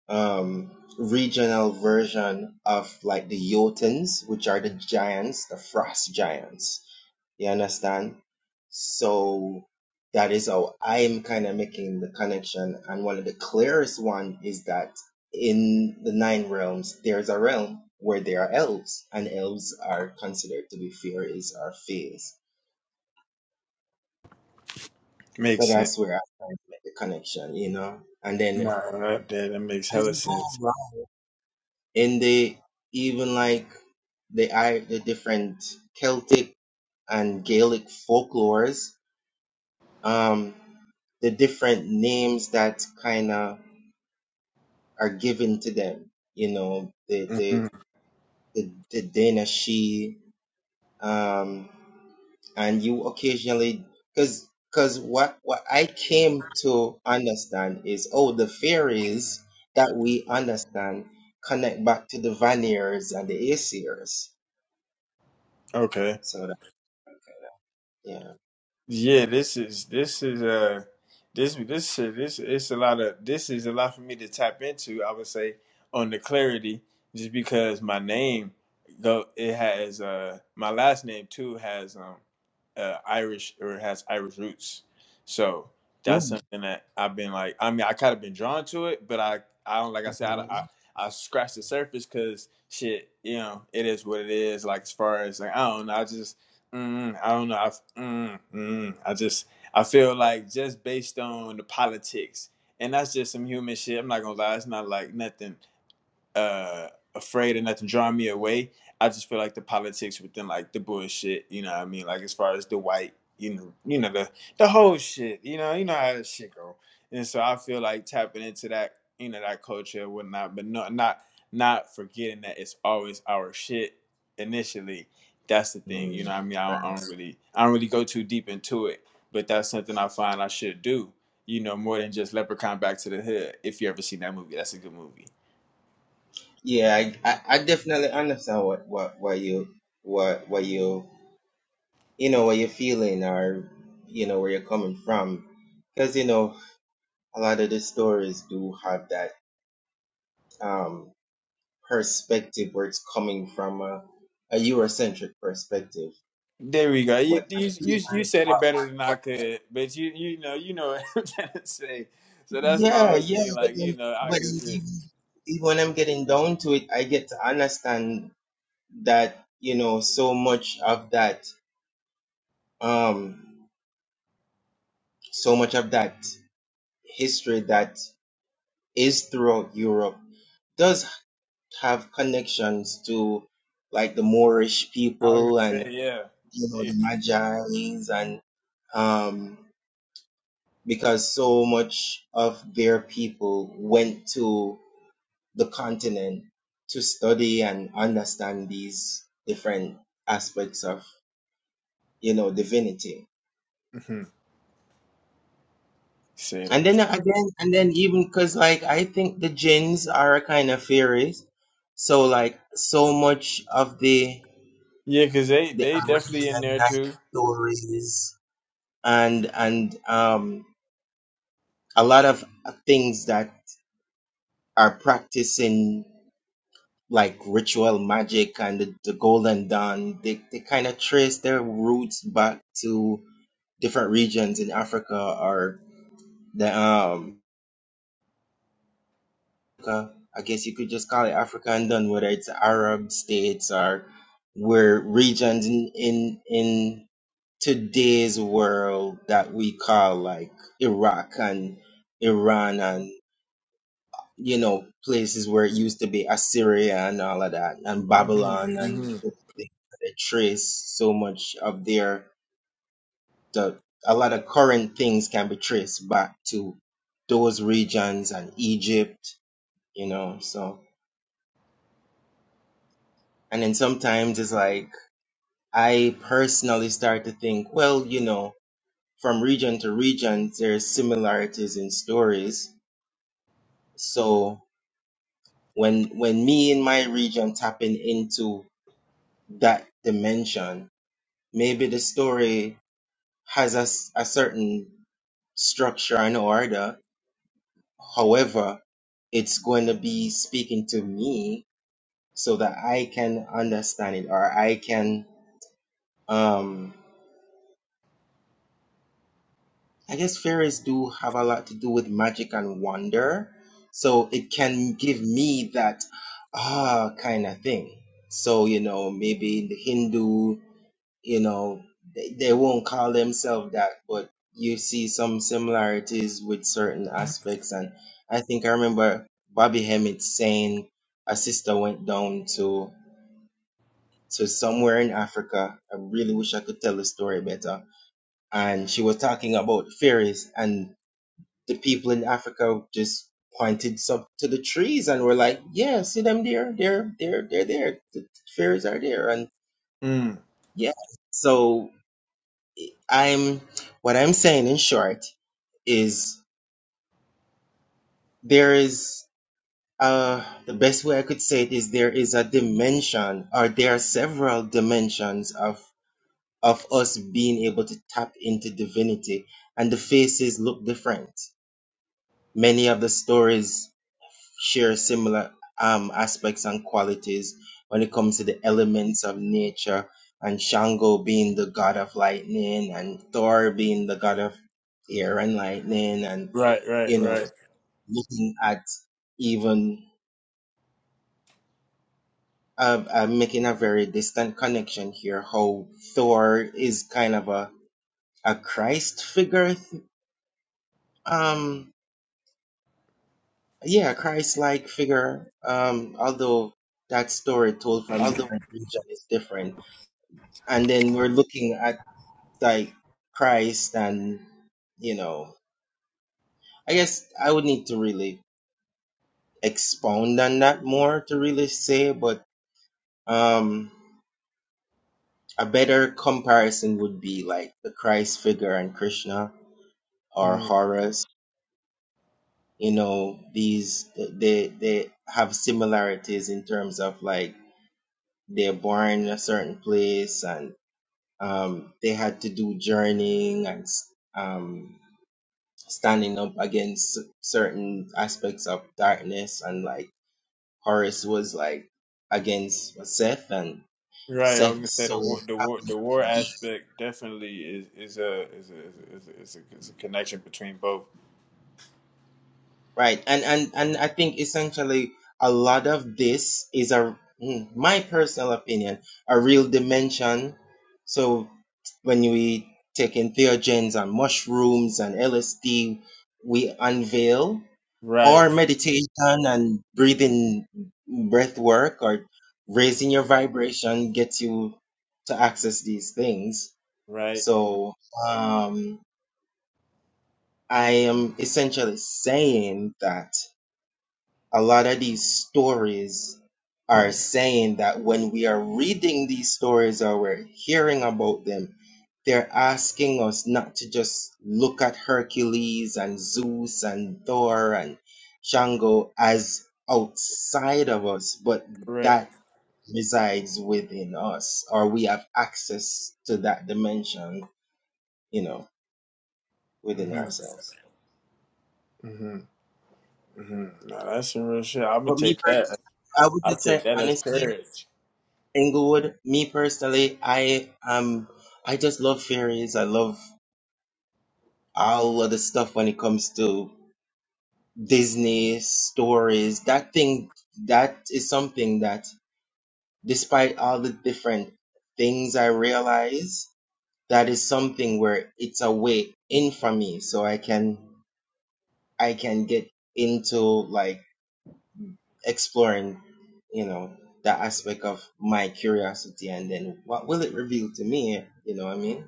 [SPEAKER 2] um, regional version of like the Jotuns, which are the giants, the frost giants. You understand? So that is how I'm kind of making the connection. And one of the clearest one is that in the nine realms, there's a realm where there are elves, and elves are considered to be fairies or fays. So
[SPEAKER 7] Makes sense.
[SPEAKER 2] that's where I kind of make the connection, you know. And then
[SPEAKER 7] Nah,
[SPEAKER 2] as
[SPEAKER 7] that, that that makes hella
[SPEAKER 2] you
[SPEAKER 7] sense.
[SPEAKER 2] go and they even like the i the different Celtic and Gaelic folklores, um, the different names that kind of are given to them. You know, the the
[SPEAKER 7] hmm
[SPEAKER 2] the, the Danashi, um, and you occasionally because because what what I came to understand is oh the fairies that we understand connect back to the Vanir and the Aesir's.
[SPEAKER 7] Okay.
[SPEAKER 2] So. Yeah.
[SPEAKER 7] Yeah, this is this is uh this this shit this it's a lot of this is a lot for me to tap into. I would say on the clarity, just because my name though it has uh my last name too has um uh Irish or has Irish roots, so that's
[SPEAKER 2] hmm
[SPEAKER 7] something that I've been like. I mean, I kind of been drawn to it, but I I don't like I said I I, I scratched the surface because shit, you know, it is what it is. Like as far as like I don't know, I just Mm, I don't know. I, mm, mm, I just I feel like just based on the politics, and that's just some human shit. I'm not gonna lie. It's not like nothing uh afraid of nothing drawing me away. I just feel like the politics within like the bullshit, you know what I mean? Like as far as the white, you know, you know, the the whole shit, you know, you know how that shit go. And so I feel like tapping into that, you know, that culture and whatnot, but not not not forgetting that it's always our shit initially. That's the thing, you
[SPEAKER 2] Mm.
[SPEAKER 7] know what I mean? I don't, I don't really I don't really go too deep into it, but that's something I find I should do, you know, more than just Leprechaun Back to the Hood. If you ever seen that movie, that's a good movie.
[SPEAKER 2] Yeah, I, I, I definitely understand what, what, what you what what you you know what you're feeling or you know where you're coming from because you know a lot of the stories do have that um perspective where it's coming from a, a Eurocentric perspective.
[SPEAKER 7] There we go. You,
[SPEAKER 2] But I
[SPEAKER 7] you
[SPEAKER 2] feel
[SPEAKER 7] you you
[SPEAKER 2] like
[SPEAKER 7] said
[SPEAKER 2] what,
[SPEAKER 7] it better than
[SPEAKER 2] what
[SPEAKER 7] I could, but you you know you know what I'm trying to say. So that's my
[SPEAKER 2] yeah
[SPEAKER 7] whole
[SPEAKER 2] yeah
[SPEAKER 7] thing.
[SPEAKER 2] but
[SPEAKER 7] Like
[SPEAKER 2] then
[SPEAKER 7] you know, I
[SPEAKER 2] but then
[SPEAKER 7] guess it,
[SPEAKER 2] even, even when I'm getting down to it, I get to understand that you know so much of that Um, so much of that history that is throughout Europe does have connections to like the Moorish
[SPEAKER 7] I was
[SPEAKER 2] people
[SPEAKER 7] gonna
[SPEAKER 2] and
[SPEAKER 7] say yeah.
[SPEAKER 2] you know
[SPEAKER 7] Yeah.
[SPEAKER 2] the Magi's and um because so much of their people went to the continent to study and understand these different aspects of you know divinity
[SPEAKER 7] Mhm. Say
[SPEAKER 2] And
[SPEAKER 7] that.
[SPEAKER 2] then uh, again, and then even because like I think the jinns are a kind of fairies, so like so much of the
[SPEAKER 7] Yeah, cause they
[SPEAKER 2] the
[SPEAKER 7] they definitely in
[SPEAKER 2] Arabian
[SPEAKER 7] there
[SPEAKER 2] Night
[SPEAKER 7] too.
[SPEAKER 2] stories and and um a lot of uh, things that are practicing like ritual magic and the, the Golden Dawn, they they kind of trace their roots back to different regions in Africa or the um Africa. I guess you could just call it Africa and done, whether it's Arab states or where regions in, in in today's world that we call like Iraq and Iran and you know places where it used to be Assyria and all of that and
[SPEAKER 7] hmm
[SPEAKER 2] Babylon and
[SPEAKER 7] hmm
[SPEAKER 2] the things that they trace so much of their the a lot of current things can be traced back to those regions and Egypt, you know, so And then sometimes it's like, I personally start to think, well, you know, from region to region, there's similarities in stories. So when, when me in my region tapping into that dimension, maybe the story has a, s- a certain structure and order. However, it's going to be speaking to me so that I can understand it or I can, um. I guess fairies do have a lot to do with magic and wonder. So it can give me that ah kind of thing. So, you know, maybe in the Hindu, you know, they, they won't call themselves that, but you see some similarities with certain aspects. And I think I remember Bobby Hemmett saying a sister went down to to somewhere in Africa. I really wish I could tell the story better. And she was talking about fairies and the people in Africa just pointed some to the trees and were like, "Yeah, see them there? They're they're they're there. The fairies are there." And
[SPEAKER 7] Mm.
[SPEAKER 2] yeah, so I'm what I'm saying in short is there is uh the best way I could say it is there is a dimension or there are several dimensions of of us being able to tap into divinity and the faces look different Many of the stories share similar um, aspects and qualities when it comes to the elements of nature and Shango being the god of lightning and Thor being the god of air and lightning and
[SPEAKER 7] Right, right,
[SPEAKER 2] you know
[SPEAKER 7] right.
[SPEAKER 2] looking at even uh, uh, making a very distant connection here how Thor is kind of a a Christ figure um Yeah, Christ-like figure. Um, although that story told from different region is different, and then we're looking at like Christ, and you know, I guess I would need to really expound on that more to really say, but um, a better comparison would be like the Christ figure and Krishna or
[SPEAKER 7] Mm.
[SPEAKER 2] Horus. You know, these they they have similarities in terms of like they're born in a certain place and Um, they had to do journeying and um, standing up against certain aspects of darkness, and like Horus was like against Seth, and
[SPEAKER 7] Right. I was
[SPEAKER 2] Seth
[SPEAKER 7] gonna say
[SPEAKER 2] so
[SPEAKER 7] the war, the war,
[SPEAKER 2] happened.
[SPEAKER 7] the
[SPEAKER 2] to
[SPEAKER 7] war
[SPEAKER 2] be
[SPEAKER 7] aspect definitely is is a is a is a, is a, is a, is a connection between both.
[SPEAKER 2] Right. And and and I think essentially a lot of this is a mm, my personal opinion, a real dimension. So when we take in theogens and mushrooms and LSD, we unveil or
[SPEAKER 7] Right,
[SPEAKER 2] meditation and breathing breath work or raising your vibration gets you to access these things
[SPEAKER 7] right,
[SPEAKER 2] so um i am essentially saying that a lot of these stories are saying that when we are reading these stories or we're hearing about them, they're asking us not to just look at Hercules and Zeus and Thor and Shango as outside of us, but
[SPEAKER 7] correct.
[SPEAKER 2] that resides within us, or we have access to that dimension, you know, within
[SPEAKER 7] Mm-hmm.
[SPEAKER 2] ourselves.
[SPEAKER 7] hmm Mm-hmm. Now that's some real shit. I'm gonna
[SPEAKER 2] For me,
[SPEAKER 7] take
[SPEAKER 2] personally,
[SPEAKER 7] that.
[SPEAKER 2] I would
[SPEAKER 7] I
[SPEAKER 2] just
[SPEAKER 7] take
[SPEAKER 2] say
[SPEAKER 7] that as
[SPEAKER 2] honestly,
[SPEAKER 7] courage.
[SPEAKER 2] Inglewood, me personally, I um I just love fairies. I love all of the stuff when it comes to Disney stories. That thing that is something that despite all the different things I realize, that is something where it's a way in for me so I can I can get into like exploring, you know, that aspect of my curiosity and then what will it reveal to me? You know what I mean?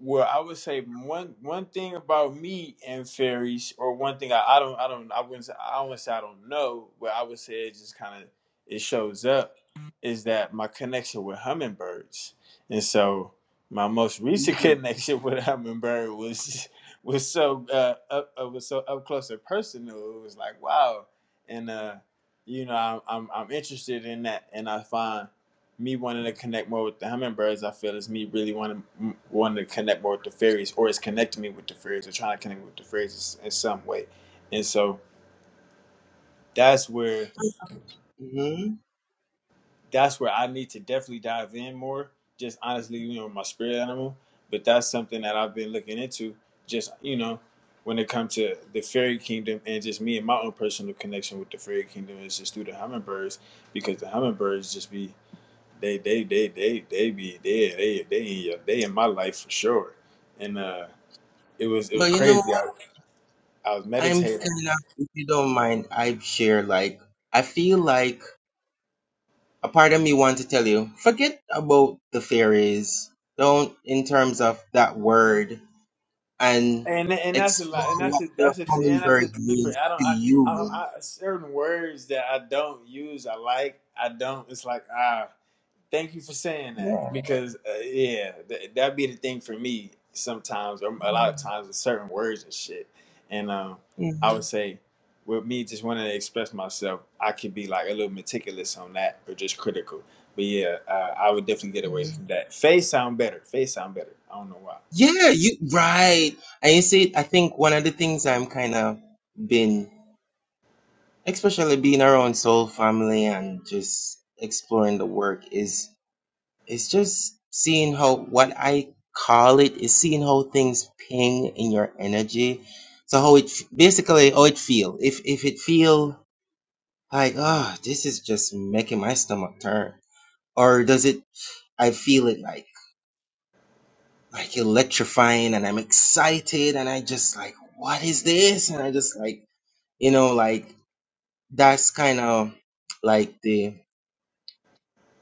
[SPEAKER 7] Well, I would say one one thing about me and fairies, or one thing I, I don't I don't I wouldn't say, I wouldn't say I don't know, but I would say it just kind of it shows up is that my connection with hummingbirds, and so my most recent connection with a hummingbird was was so uh, up uh, was so up close and personal. It was like wow, and uh, you know I'm I'm, I'm interested in that, and I find me wanting to connect more with the hummingbirds, I feel is me really wanting wanting to connect more with the fairies, or it's connecting me with the fairies, or trying to connect with the fairies in some way. And so that's where
[SPEAKER 2] hmm
[SPEAKER 7] that's where I need to definitely dive in more. Just honestly, you know, my spirit animal. But that's something that I've been looking into. Just you know, when it comes to the fairy kingdom and just me and my own personal connection with the fairy kingdom is just through the hummingbirds, because the hummingbirds just be They they they they they be there. They they in your, they in my life for sure. And uh, it was it was
[SPEAKER 2] But you know
[SPEAKER 7] crazy.
[SPEAKER 2] what?
[SPEAKER 7] I, I was
[SPEAKER 2] I'm
[SPEAKER 7] meditating.
[SPEAKER 2] kind of, if you don't mind, I share like I feel like a part of me wants to tell you, forget about the fairies. Don't in terms of that word and
[SPEAKER 7] And and that's a lot. And
[SPEAKER 2] explore
[SPEAKER 7] that's
[SPEAKER 2] what
[SPEAKER 7] a
[SPEAKER 2] the
[SPEAKER 7] that's a and that's
[SPEAKER 2] hummingbird
[SPEAKER 7] a thing for
[SPEAKER 2] means
[SPEAKER 7] I don't
[SPEAKER 2] to
[SPEAKER 7] I, I,
[SPEAKER 2] you.
[SPEAKER 7] I certain words that I don't use. I like I don't. It's like ah. Thank you for saying that
[SPEAKER 2] Yeah.
[SPEAKER 7] because uh, yeah, th- that'd be the thing for me sometimes. Or a lot of times with certain words and shit, and um, I would
[SPEAKER 2] Mhm.
[SPEAKER 7] say with me just wanting to express myself, I could be like a little meticulous on that or just critical. But yeah, uh, I would definitely get away from that. Face sound better. Face sound better. I don't know why.
[SPEAKER 2] Yeah, you right. And you see, I think one of the things I'm kind of been, especially being around soul family and just exploring the work is it's just seeing how what I call it is seeing how things ping in your energy. So how it basically how it feel. If if it feel like oh this is just making my stomach turn, or does it? I feel it like like electrifying, and I'm excited, and I just like what is this? And I just like you know like that's kind of like the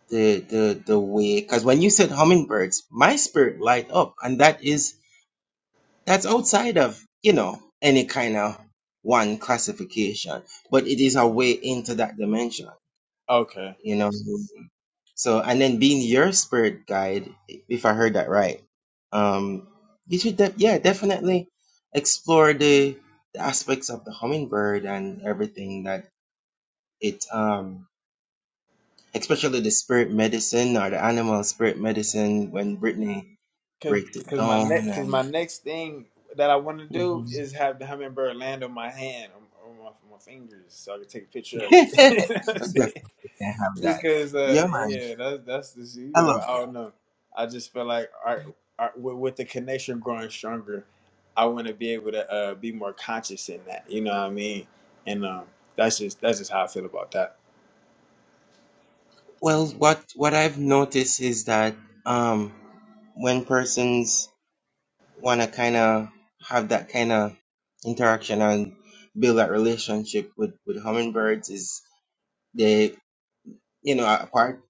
[SPEAKER 2] the the the way because when you said hummingbirds, my spirit light up, and that is that's outside of you know any kind of one classification but it is a way into that dimension
[SPEAKER 7] Okay,
[SPEAKER 2] you know so and then being your spirit guide if i heard that right um you should de- yeah definitely explore the, the aspects of the hummingbird and everything that it um especially the spirit medicine or the animal spirit medicine when brittany
[SPEAKER 7] because
[SPEAKER 2] breaks it
[SPEAKER 7] because my
[SPEAKER 2] down
[SPEAKER 7] next because my next thing that I want to do
[SPEAKER 2] and
[SPEAKER 7] is have the hummingbird land on my hand on, on, my, my fingers so I can take a picture of it.
[SPEAKER 2] I
[SPEAKER 7] You know what I'm saying?
[SPEAKER 2] definitely can have that.
[SPEAKER 7] because
[SPEAKER 2] Yeah,
[SPEAKER 7] uh,
[SPEAKER 2] man,
[SPEAKER 7] yeah, that's that's the you
[SPEAKER 2] I
[SPEAKER 7] know
[SPEAKER 2] love
[SPEAKER 7] I
[SPEAKER 2] that.
[SPEAKER 7] don't know. I just feel like art, art with, with the connection growing stronger, I want to be able to uh, be more conscious in that. You know what I mean? And um, that's just that's just how I feel about that.
[SPEAKER 2] Well, what what I've noticed is that um, when persons want to kind of have that kind of interaction and build that relationship with with hummingbirds, is they you know apart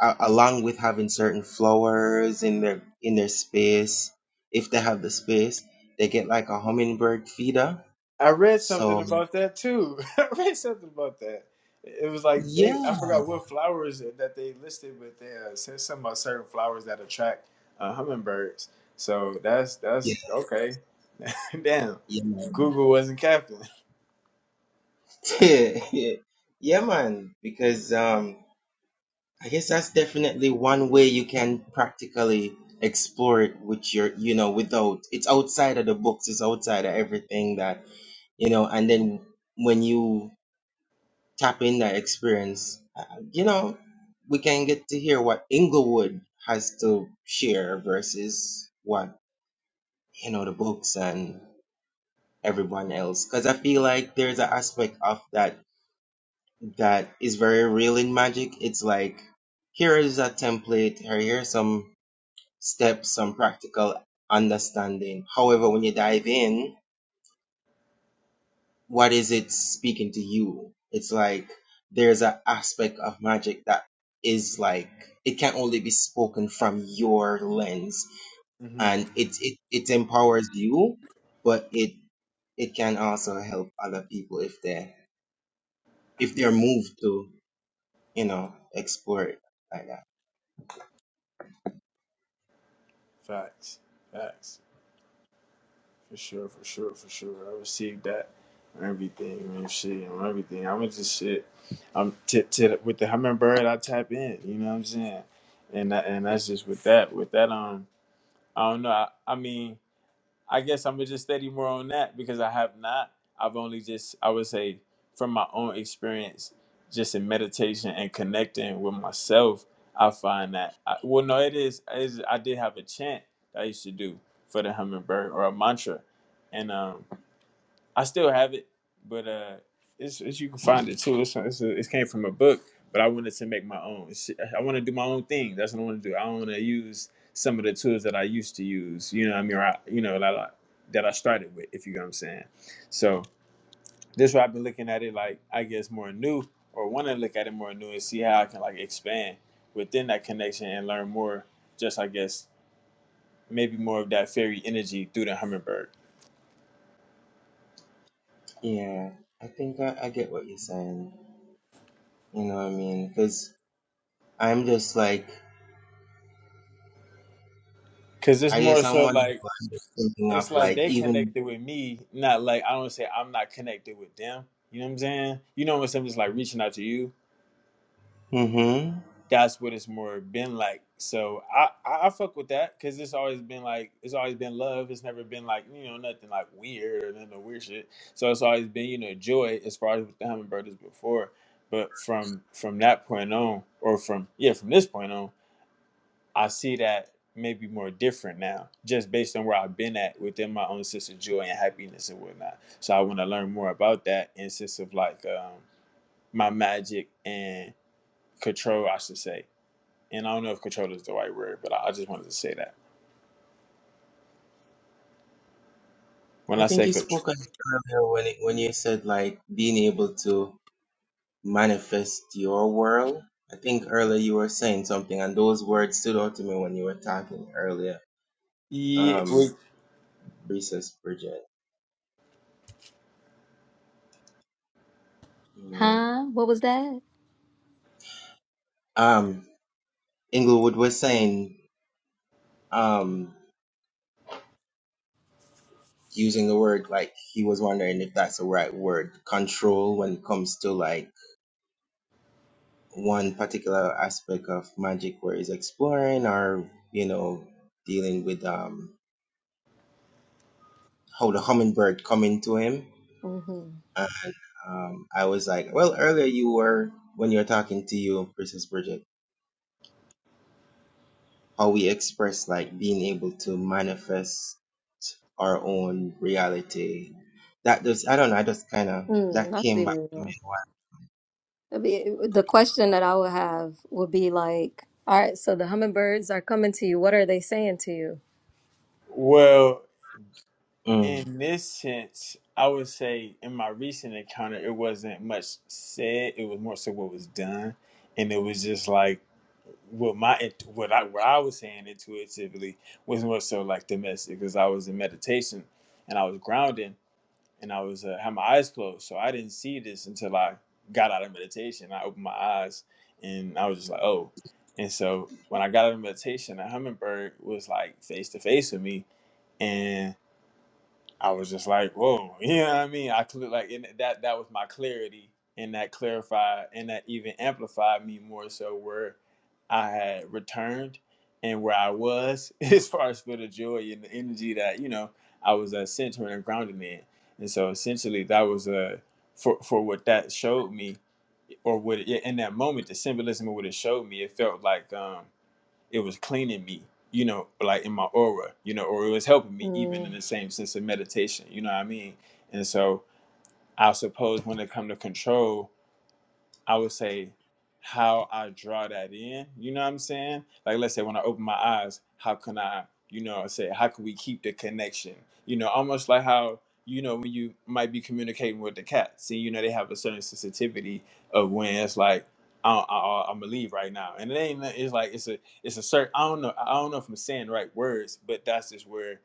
[SPEAKER 2] a- along with having certain flowers in their in their space, if they have the space, they get like a hummingbird feeder.
[SPEAKER 7] I read something
[SPEAKER 2] So
[SPEAKER 7] about that too. I read something about that. It was like
[SPEAKER 2] yeah,
[SPEAKER 7] they I forgot what flowers that they listed, but they uh, said something about certain flowers that attract uh, hummingbirds. So that's
[SPEAKER 2] yeah,
[SPEAKER 7] that's okay. Damn,
[SPEAKER 2] yeah.
[SPEAKER 7] Google wasn't capping.
[SPEAKER 2] yeah, yeah, man. Because um, I guess that's definitely one way you can practically explore it with your, you know, without it's outside of the books, it's outside of everything that you know. And then when you tap in that experience, uh, you know, we can get to hear what Inglewood has to share versus what you know the books and everyone else. Because I feel like there's an aspect of that that is very real in magic. It's like here is a template, or here's some steps, some practical understanding. However, when you dive in, what is it speaking to you? It's like there's an aspect of magic that is like it can only be spoken from your lens,
[SPEAKER 7] hmm
[SPEAKER 2] and it it, it empowers you, but it it can also help other people if they if they're moved to you know explore it like that.
[SPEAKER 7] Facts, facts, for sure, for sure, for sure. I received that and everything, and Shit, and everything. I was just shit. I'm tit tit with the hummingbird. I tap in. You know what I'm saying? And that, and that's just with that. With that, um, I don't know. I, I mean. I guess I'm gonna just study more on that because I have not. I've only just, I would say, from my own experience, just in meditation and connecting with myself, I find that. I, well, no, it is, it is. I did have a chant that I used to do for the hummingbird or a mantra, and um, I still have it, but uh, it's, it's you can find it too. It's, it's a, it came from a book, but I wanted to make my own. It's- I want to do my own thing. That's what I want to do. I want to use some of the tools that I used to use. You know, what I mean, or I, you know that I that I started with. If you know what I'm saying. So this is why I've been looking at it like I guess more new, or want to look at it more new and see how I can like expand within that connection and learn more. Just I guess maybe more of that fairy energy through the hummingbird.
[SPEAKER 2] Yeah, I think I, I get what you're saying. You know what I mean? Because I'm just like,
[SPEAKER 7] Cause it's
[SPEAKER 2] I
[SPEAKER 7] more
[SPEAKER 2] guess I'm
[SPEAKER 7] so
[SPEAKER 2] one
[SPEAKER 7] like
[SPEAKER 2] who I'm just thinking
[SPEAKER 7] it's
[SPEAKER 2] of
[SPEAKER 7] like
[SPEAKER 2] like
[SPEAKER 7] they
[SPEAKER 2] even.
[SPEAKER 7] connected with me, not like I don't say I'm not connected with them. You know what I'm saying? You know when something's like reaching out to you,
[SPEAKER 2] hmm
[SPEAKER 7] that's what it's more been like. So I I, I fuck with that because it's always been like it's always been love. It's never been like you know nothing like weird or none of weird shit. So it's always been you know joy as far as with the hummingbird is before. But from from that point on, or from yeah from this point on. I see that maybe more different now, just based on where I've been at within my own sense of joy and happiness and whatnot. So I want to learn more about that in sense of like um, my magic and control, I should say. And I don't know if control is the right word, but I I just wanted to say that when
[SPEAKER 2] I
[SPEAKER 7] I
[SPEAKER 2] think
[SPEAKER 7] say
[SPEAKER 2] you
[SPEAKER 7] control,
[SPEAKER 2] spoke on it earlier when it, when you said like being able to manifest your world. I think earlier you were saying something, and those words stood out to me when you were talking earlier.
[SPEAKER 7] yeah,
[SPEAKER 2] Um, Princess Bridget, you know.
[SPEAKER 4] Huh? What was that?
[SPEAKER 2] Um, Inglewood was saying. Um, using the word like he was wondering if that's the right word control when it comes to like one particular aspect of magic where he's exploring or you know dealing with um how the hummingbird coming to him
[SPEAKER 4] Mm-hmm.
[SPEAKER 2] and, um i was like well earlier you were when you were talking to you princess bridget how we express like being able to manifest our own reality that just i don't know i just kind of
[SPEAKER 4] Mm,
[SPEAKER 2] that
[SPEAKER 4] I
[SPEAKER 2] came
[SPEAKER 4] see
[SPEAKER 2] back
[SPEAKER 4] where you
[SPEAKER 2] to
[SPEAKER 4] are.
[SPEAKER 2] me
[SPEAKER 4] I mean, the question that I would have would be like, all right, so the hummingbirds are coming to you. What are they saying to you?
[SPEAKER 7] well, in this sense, I would say in my recent encounter, it wasn't much said. It was more so what was done, and it was just like what my what I what I was saying intuitively was more so like domestic because I was in meditation and I was grounded and I was uh, had my eyes closed, so I didn't see this until I got out of meditation. I opened my eyes and I was just like, oh, and so when I got out of meditation, a hummingbird was like face to face with me, and. I was just like, whoa, you know what I mean? I could like in that that was my clarity and that clarified and that even amplified me more so where I had returned and where I was as far as for the joy and the energy that, you know, I was uh, centering and grounded in. And so essentially that was uh, for for what that showed me or what it, in that moment, the symbolism of what it showed me, it felt like um it was cleaning me you know like in my aura you know or it was helping me even in
[SPEAKER 4] Mm.
[SPEAKER 7] the same sense of meditation you know what i mean and so i suppose when it come to control I would say how I draw that in. You know what I'm saying? Like let's say when I open my eyes, how can I, you know, say how can we keep the connection? You know, almost like how you know when you might be communicating with the cats, and you know they have a certain sensitivity of when it's like. "Oh, I, I, I'm gonna leave right now, and it ain't. It's like it's a it's a certain. I don't know. I don't know if I'm saying the right words, but that's just where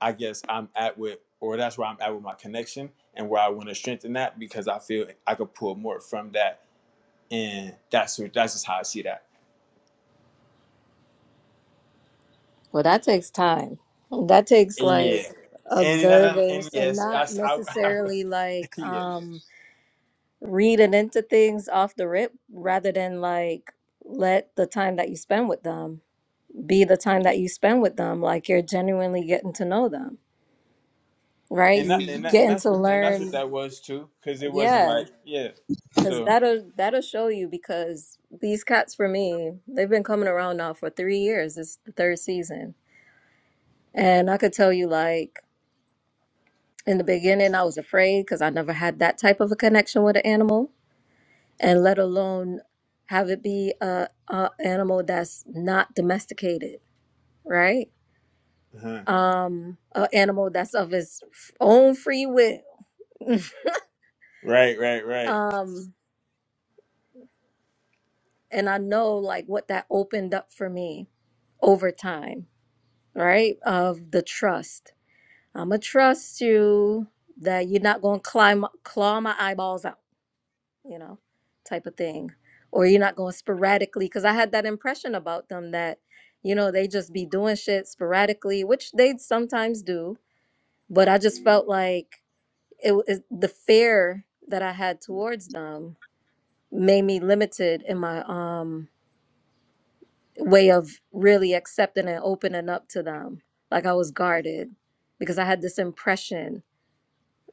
[SPEAKER 7] I guess I'm at with, or that's where I'm at with my connection, and where I want to strengthen that because I feel I could pull more from that and that's what that's just how I see that.
[SPEAKER 4] Well, that takes time. That takes
[SPEAKER 7] And yeah,
[SPEAKER 4] like
[SPEAKER 7] and and, and
[SPEAKER 4] observance and
[SPEAKER 7] yes,
[SPEAKER 4] not
[SPEAKER 7] that's I, I
[SPEAKER 4] necessarily like
[SPEAKER 7] yeah,
[SPEAKER 4] um reading into things off the rip rather than like let the time that you spend with them be the time that you spend with them like you're genuinely getting to know them right
[SPEAKER 7] and
[SPEAKER 4] you
[SPEAKER 7] that, and
[SPEAKER 4] Mhm.
[SPEAKER 7] that, and
[SPEAKER 4] getting
[SPEAKER 7] that's
[SPEAKER 4] to
[SPEAKER 7] what and that's what
[SPEAKER 4] learn
[SPEAKER 7] that was too, because it wasn't
[SPEAKER 4] yeah
[SPEAKER 7] like yeah,
[SPEAKER 4] because
[SPEAKER 7] so
[SPEAKER 4] that'll that'll show you because these cats for me they've been coming around now for three years it's the third season and i could tell you like in the beginning i was afraid because i never had that type of a connection with an animal and let alone have it be a, a animal that's not domesticated, right?
[SPEAKER 7] uh-huh.
[SPEAKER 4] Um, a animal that's of its f- own free will.
[SPEAKER 7] right, right, right.
[SPEAKER 4] um, and I know like what that opened up for me over time, right? Of the trust. I'm gonna trust you that you're not gonna climb, claw my eyeballs out you know, type of thing. Or you're not going sporadically. Cause I had that impression about them that, you know, they just be doing shit sporadically, which they sometimes do. But I just felt like it was the fear that I had towards them made me limited in my um way of really accepting and opening up to them. Like I was guarded because I had this impression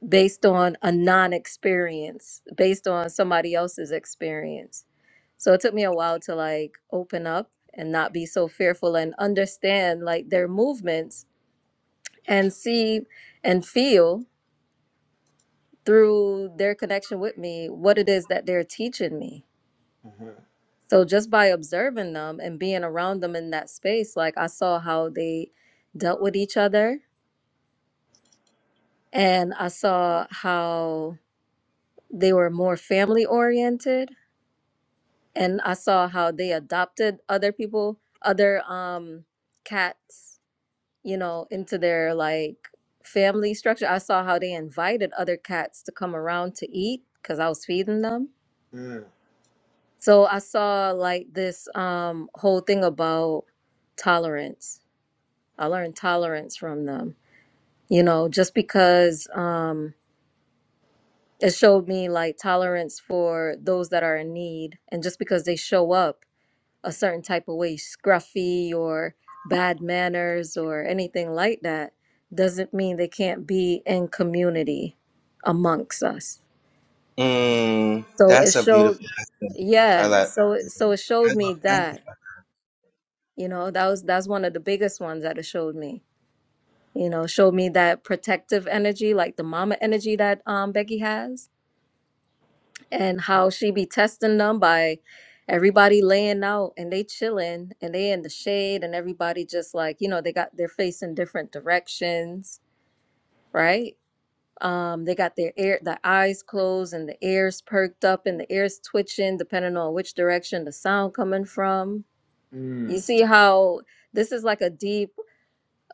[SPEAKER 4] based on a non experience, based on somebody else's experience. So it took me a while to like open up and not be so fearful and understand like their movements and see and feel through their connection with me what it is that they're teaching me.
[SPEAKER 7] Uh-huh.
[SPEAKER 4] So just by observing them and being around them in that space, like I saw how they dealt with each other and I saw how they were more family oriented and I saw how they adopted other people, other um cats, you know, into their like family structure. I saw how they invited other cats to come around to eat cuz I was feeding them.
[SPEAKER 7] Mm,
[SPEAKER 4] So I saw like this um whole thing about tolerance. I learned tolerance from them. You know, just because um it showed me like tolerance for those that are in need and just because they show up a certain type of way, scruffy or bad manners or anything like that, doesn't mean they can't be in community amongst us.
[SPEAKER 2] Mm,
[SPEAKER 4] So it
[SPEAKER 2] that's a beautiful
[SPEAKER 4] showed,
[SPEAKER 2] accent. I
[SPEAKER 4] yeah.
[SPEAKER 2] like.
[SPEAKER 4] So it- so it
[SPEAKER 2] I
[SPEAKER 4] showed
[SPEAKER 2] love
[SPEAKER 4] me
[SPEAKER 2] that.
[SPEAKER 4] that you know that was that's one of the biggest ones that it showed me. You know, showed me that protective energy, like the mama energy that um Becky has and how she be testing them by everybody laying out and they chilling and they in the shade and everybody just like you know they got their face in different directions right um they got their ear the eyes closed and the ears perked up and the ears twitching depending on which direction the sound coming from you
[SPEAKER 7] mm,
[SPEAKER 4] see how this is like a deep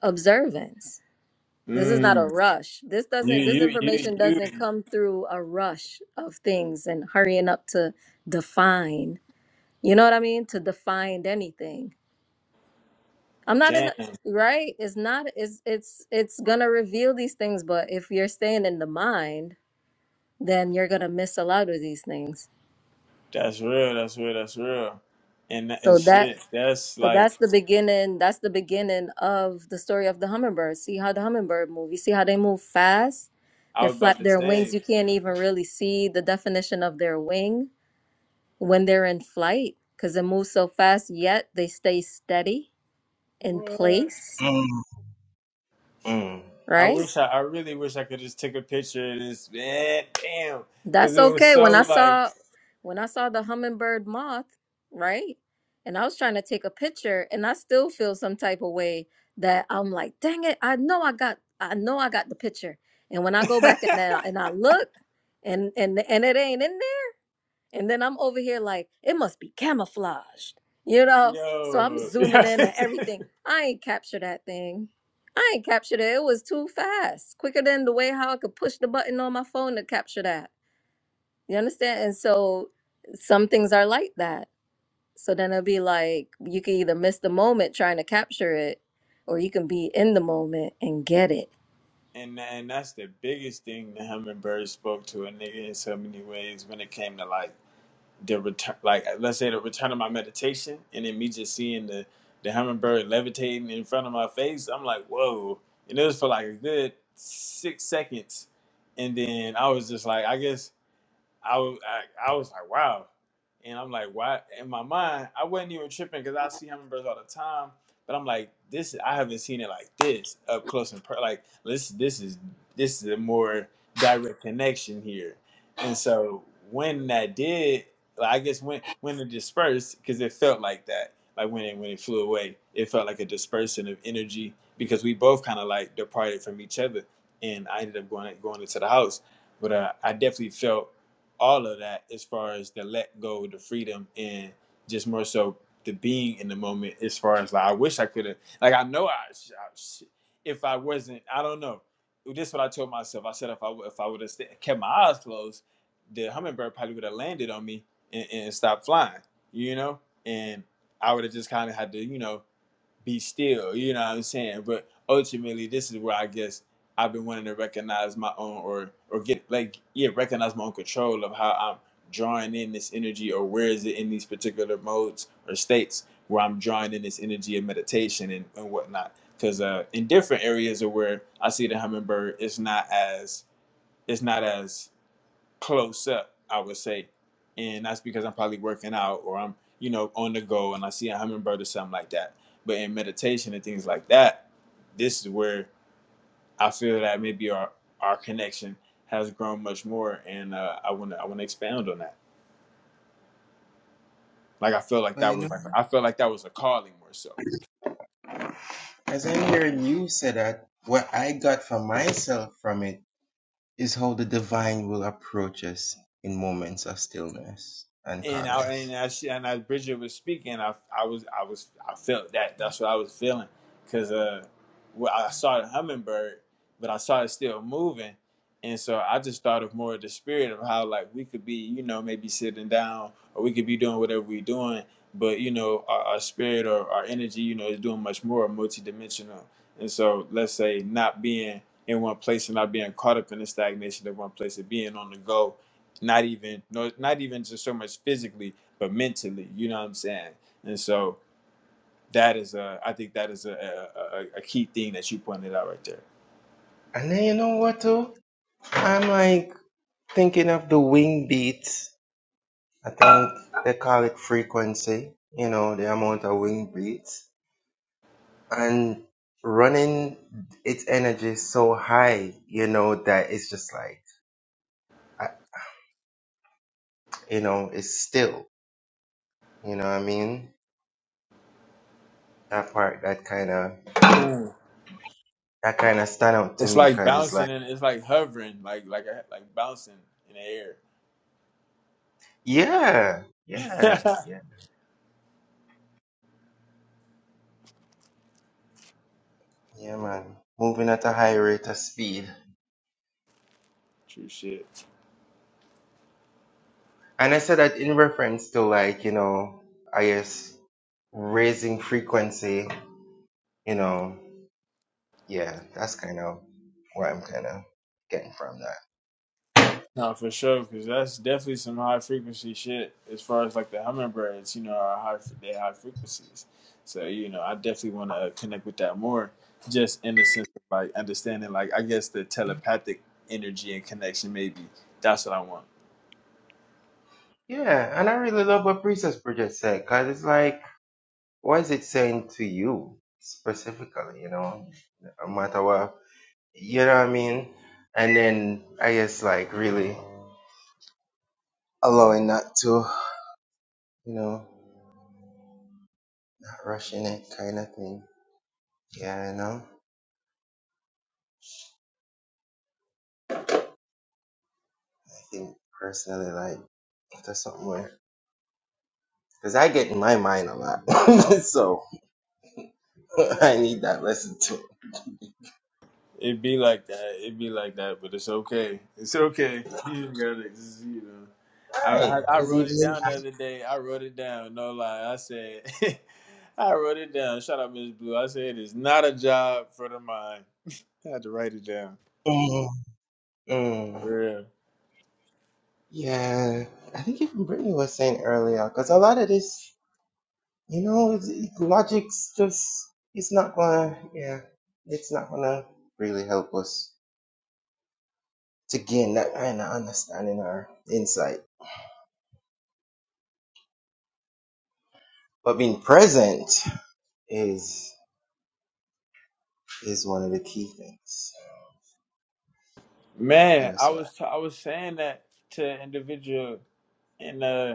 [SPEAKER 4] observance this is not a
[SPEAKER 7] mm.
[SPEAKER 4] rush this
[SPEAKER 7] You
[SPEAKER 4] doesn't this
[SPEAKER 7] you you
[SPEAKER 4] information
[SPEAKER 7] you
[SPEAKER 4] doesn't come through a rush of things and hurrying up to define You know what I mean? To define anything. I'm not in
[SPEAKER 7] damn,
[SPEAKER 4] a, right? It's not it's it's it's gonna reveal these things, but if you're staying in the mind, then you're gonna miss a lot of these things.
[SPEAKER 7] that's real, that's real, that's real, and that, and
[SPEAKER 4] So that
[SPEAKER 7] shit, that's
[SPEAKER 4] so
[SPEAKER 7] like
[SPEAKER 4] that's the beginning that's the beginning of the story of the hummingbird. See how the hummingbird move. You see how they move fast?
[SPEAKER 7] I
[SPEAKER 4] They're
[SPEAKER 7] was about
[SPEAKER 4] flap
[SPEAKER 7] to
[SPEAKER 4] their wings.
[SPEAKER 7] say
[SPEAKER 4] You can't even really see the definition of their wing when they're in flight because it moves so fast, yet they stay steady in
[SPEAKER 7] what.
[SPEAKER 4] place,
[SPEAKER 2] Mm, mm.
[SPEAKER 7] I
[SPEAKER 4] right?
[SPEAKER 7] wish I, I really wish I could just take a picture and it's man, damn, because
[SPEAKER 4] That's
[SPEAKER 7] it was
[SPEAKER 4] okay. When I
[SPEAKER 7] so like
[SPEAKER 4] saw when I saw the hummingbird moth, right? And I was trying to take a picture and I still feel some type of way that I'm like, dang it, I know I got I know I got the picture. And when I go back and I, and I look and and and it ain't in there. And then I'm over here like, it must be camouflaged. You know? So I'm
[SPEAKER 7] yo,
[SPEAKER 4] zooming in and everything. I ain't capture that thing. I ain't captured it. It was too fast. Quicker than the way how I could push the button on my phone to capture that. You understand? And so some things are like that. So then it'll be like you can either miss the moment trying to capture it, or you can be in the moment and get it.
[SPEAKER 7] and and that's the biggest thing the hummingbird spoke to a nigga in so many ways when it came to like the return, like let's say the return of my meditation, and then me just seeing the the hummingbird levitating in front of my face, I'm like whoa, and it was for like a good six seconds, and then I was just like I guess. I, was- I I was like, wow. And I'm like, why? In my mind, I wasn't even tripping because I see hummingbirds all the time. But I'm like, this I haven't seen it like this up close and per- like this this is this is a more direct connection here. And so when that did, like, I guess when when it dispersed, because it felt like that, like when it when it flew away, it felt like a dispersion of energy because we both kind of like departed from each other. And I ended up going going into the house, but uh, I definitely felt all of that as far as the let go, the freedom, and just more so the being in the moment. As far as like, I wish I could have, like, I know I, I if I wasn't, I don't know. This is what I told myself. I said if I if I would have kept my eyes closed, the hummingbird probably would have landed on me and, and stopped flying, you know, and I would have just kind of had to, you know be still, you know what I'm saying? But ultimately this is where I guess I've been wanting to recognize my own or or get like yeah, recognize my own control of how I'm drawing in this energy or where is it in these particular modes or states where I'm drawing in this energy of meditation and, and whatnot. Cause uh in different areas of where I see the hummingbird it's not as it's not as close up, I would say. And that's because I'm probably working out or I'm, you know, on the go and I see a hummingbird or something like that. But in meditation and things like that, this is where I feel that maybe our our connection has grown much more and uh, I wanna I wanna expound on that. Like I feel like
[SPEAKER 2] Well,
[SPEAKER 7] that
[SPEAKER 2] you know,
[SPEAKER 7] was like I felt like that was a calling more so.
[SPEAKER 2] as I'm hearing you say that, what I got for myself from it is how the divine will approach us in moments of stillness and
[SPEAKER 7] and I and
[SPEAKER 2] calmness.
[SPEAKER 7] as she, and as Bridget was speaking, I I was I was I felt that that's what I was feeling because uh, well, I saw the hummingbird, but I saw it still moving, and so I just thought of more of the spirit of how like we could be, you know, maybe sitting down or we could be doing whatever we're doing, but you know, our, our spirit or our energy, you know, is doing much more multidimensional, and so let's say not being in one place and not being caught up in the stagnation of one place and being on the go not even no not even just so much physically but mentally you know what i'm saying and so that is a i think that is a a, a key thing that you pointed out right there
[SPEAKER 2] And then you know what, too? I'm like thinking of the wing beats. I think they call it frequency. You know, the amount of wing beats. and running its energy so high, you know, that it's just like, I- you know, it's still, you know what I mean? That part, that kind of,
[SPEAKER 7] Mm.
[SPEAKER 2] that kind of stand out to
[SPEAKER 7] it's
[SPEAKER 2] me
[SPEAKER 7] like
[SPEAKER 2] because it's like,
[SPEAKER 7] bouncing and it's like hovering like like like bouncing in the air
[SPEAKER 2] yeah, yeah, yeah, yeah, man, moving at a high rate of speed.
[SPEAKER 7] true shit
[SPEAKER 2] And I said that in reference to like, you know, I guess raising frequency, you know, yeah, that's kind of what I'm kind of getting from that.
[SPEAKER 7] No, for sure, because that's definitely some high frequency shit. As far as like the hummingbirds, you know, are high they high frequencies. So you know, I definitely want to connect with that more, just in the sense of like understanding, like I guess the telepathic energy and connection. Maybe that's what I want.
[SPEAKER 2] Yeah, and I really love what Princess Bridget said because it's like, what is it saying to you specifically? You know, no matter what, you know what I mean? And then I guess like really allowing that to, you know, not rushing it kind of thing. Yeah, you know, I think personally, like, that's something where, because I get in my mind a lot. so I need that lesson too.
[SPEAKER 7] It be like that. It be like that, but it's okay. It's okay. You got it. It's, you know, I,
[SPEAKER 2] Right.
[SPEAKER 7] I I
[SPEAKER 2] Because
[SPEAKER 7] wrote it
[SPEAKER 2] even,
[SPEAKER 7] down the other day. I wrote it down. No lie. I said, I wrote it down. Shout out Miss Blue. I said it's not a job for the mind. I had to write it down.
[SPEAKER 2] Mm, mm.
[SPEAKER 7] Yeah,
[SPEAKER 2] Yeah, I think even Brittany was saying earlier, because a lot of this, you know, it's- it- logic's just, it's not gonna, yeah, it's not gonna really help us to gain that kind of understanding or insight. But being present is is one of the key things, and
[SPEAKER 7] man.
[SPEAKER 2] that's
[SPEAKER 7] I
[SPEAKER 2] why.
[SPEAKER 7] was t- I was saying that to an individual in uh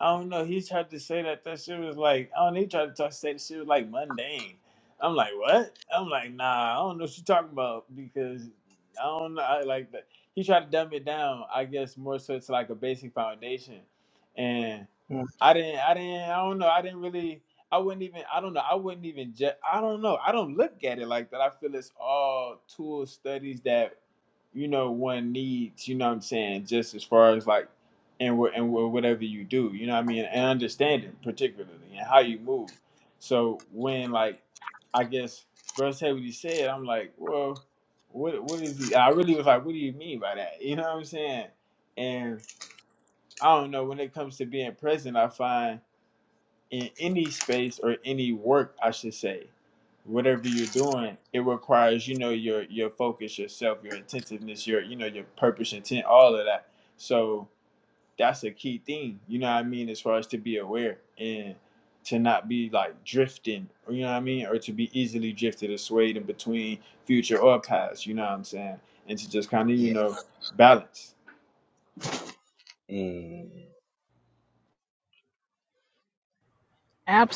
[SPEAKER 7] I don't know. He tried to say that that shit was like, I don't know. He tried to talk, say the shit was like mundane. I'm like, what? I'm like, nah, I don't know what you talking about because I don't know. I like that. He tried to dumb it down, I guess, more so it's like a basic foundation. And
[SPEAKER 2] Mm.
[SPEAKER 7] I didn't, I didn't, I don't know. I didn't really, I wouldn't even, I don't know. I wouldn't even, ju- I don't know. I don't look at it like that. I feel it's all tool studies that you know one needs you know what i'm saying just as far as like and wh- and wh- whatever you do you know what i mean and understanding particularly and how you move so when like i guess bro said what he said i'm like well what what is he i really was like what do you mean by that you know what i'm saying and i don't know when it comes to being present i find in any space or any work, I should say, whatever you're doing, it requires you know your your focus, yourself, your attentiveness, your you know your purpose, intent, all of that. So that's a key thing, you know what I mean, as far as to be aware and to not be like drifting, you know what I mean, or to be easily drifted or swayed in between future or past, you know what I'm saying, and to just kind of you
[SPEAKER 2] Yeah,
[SPEAKER 7] know balance.
[SPEAKER 2] Mm.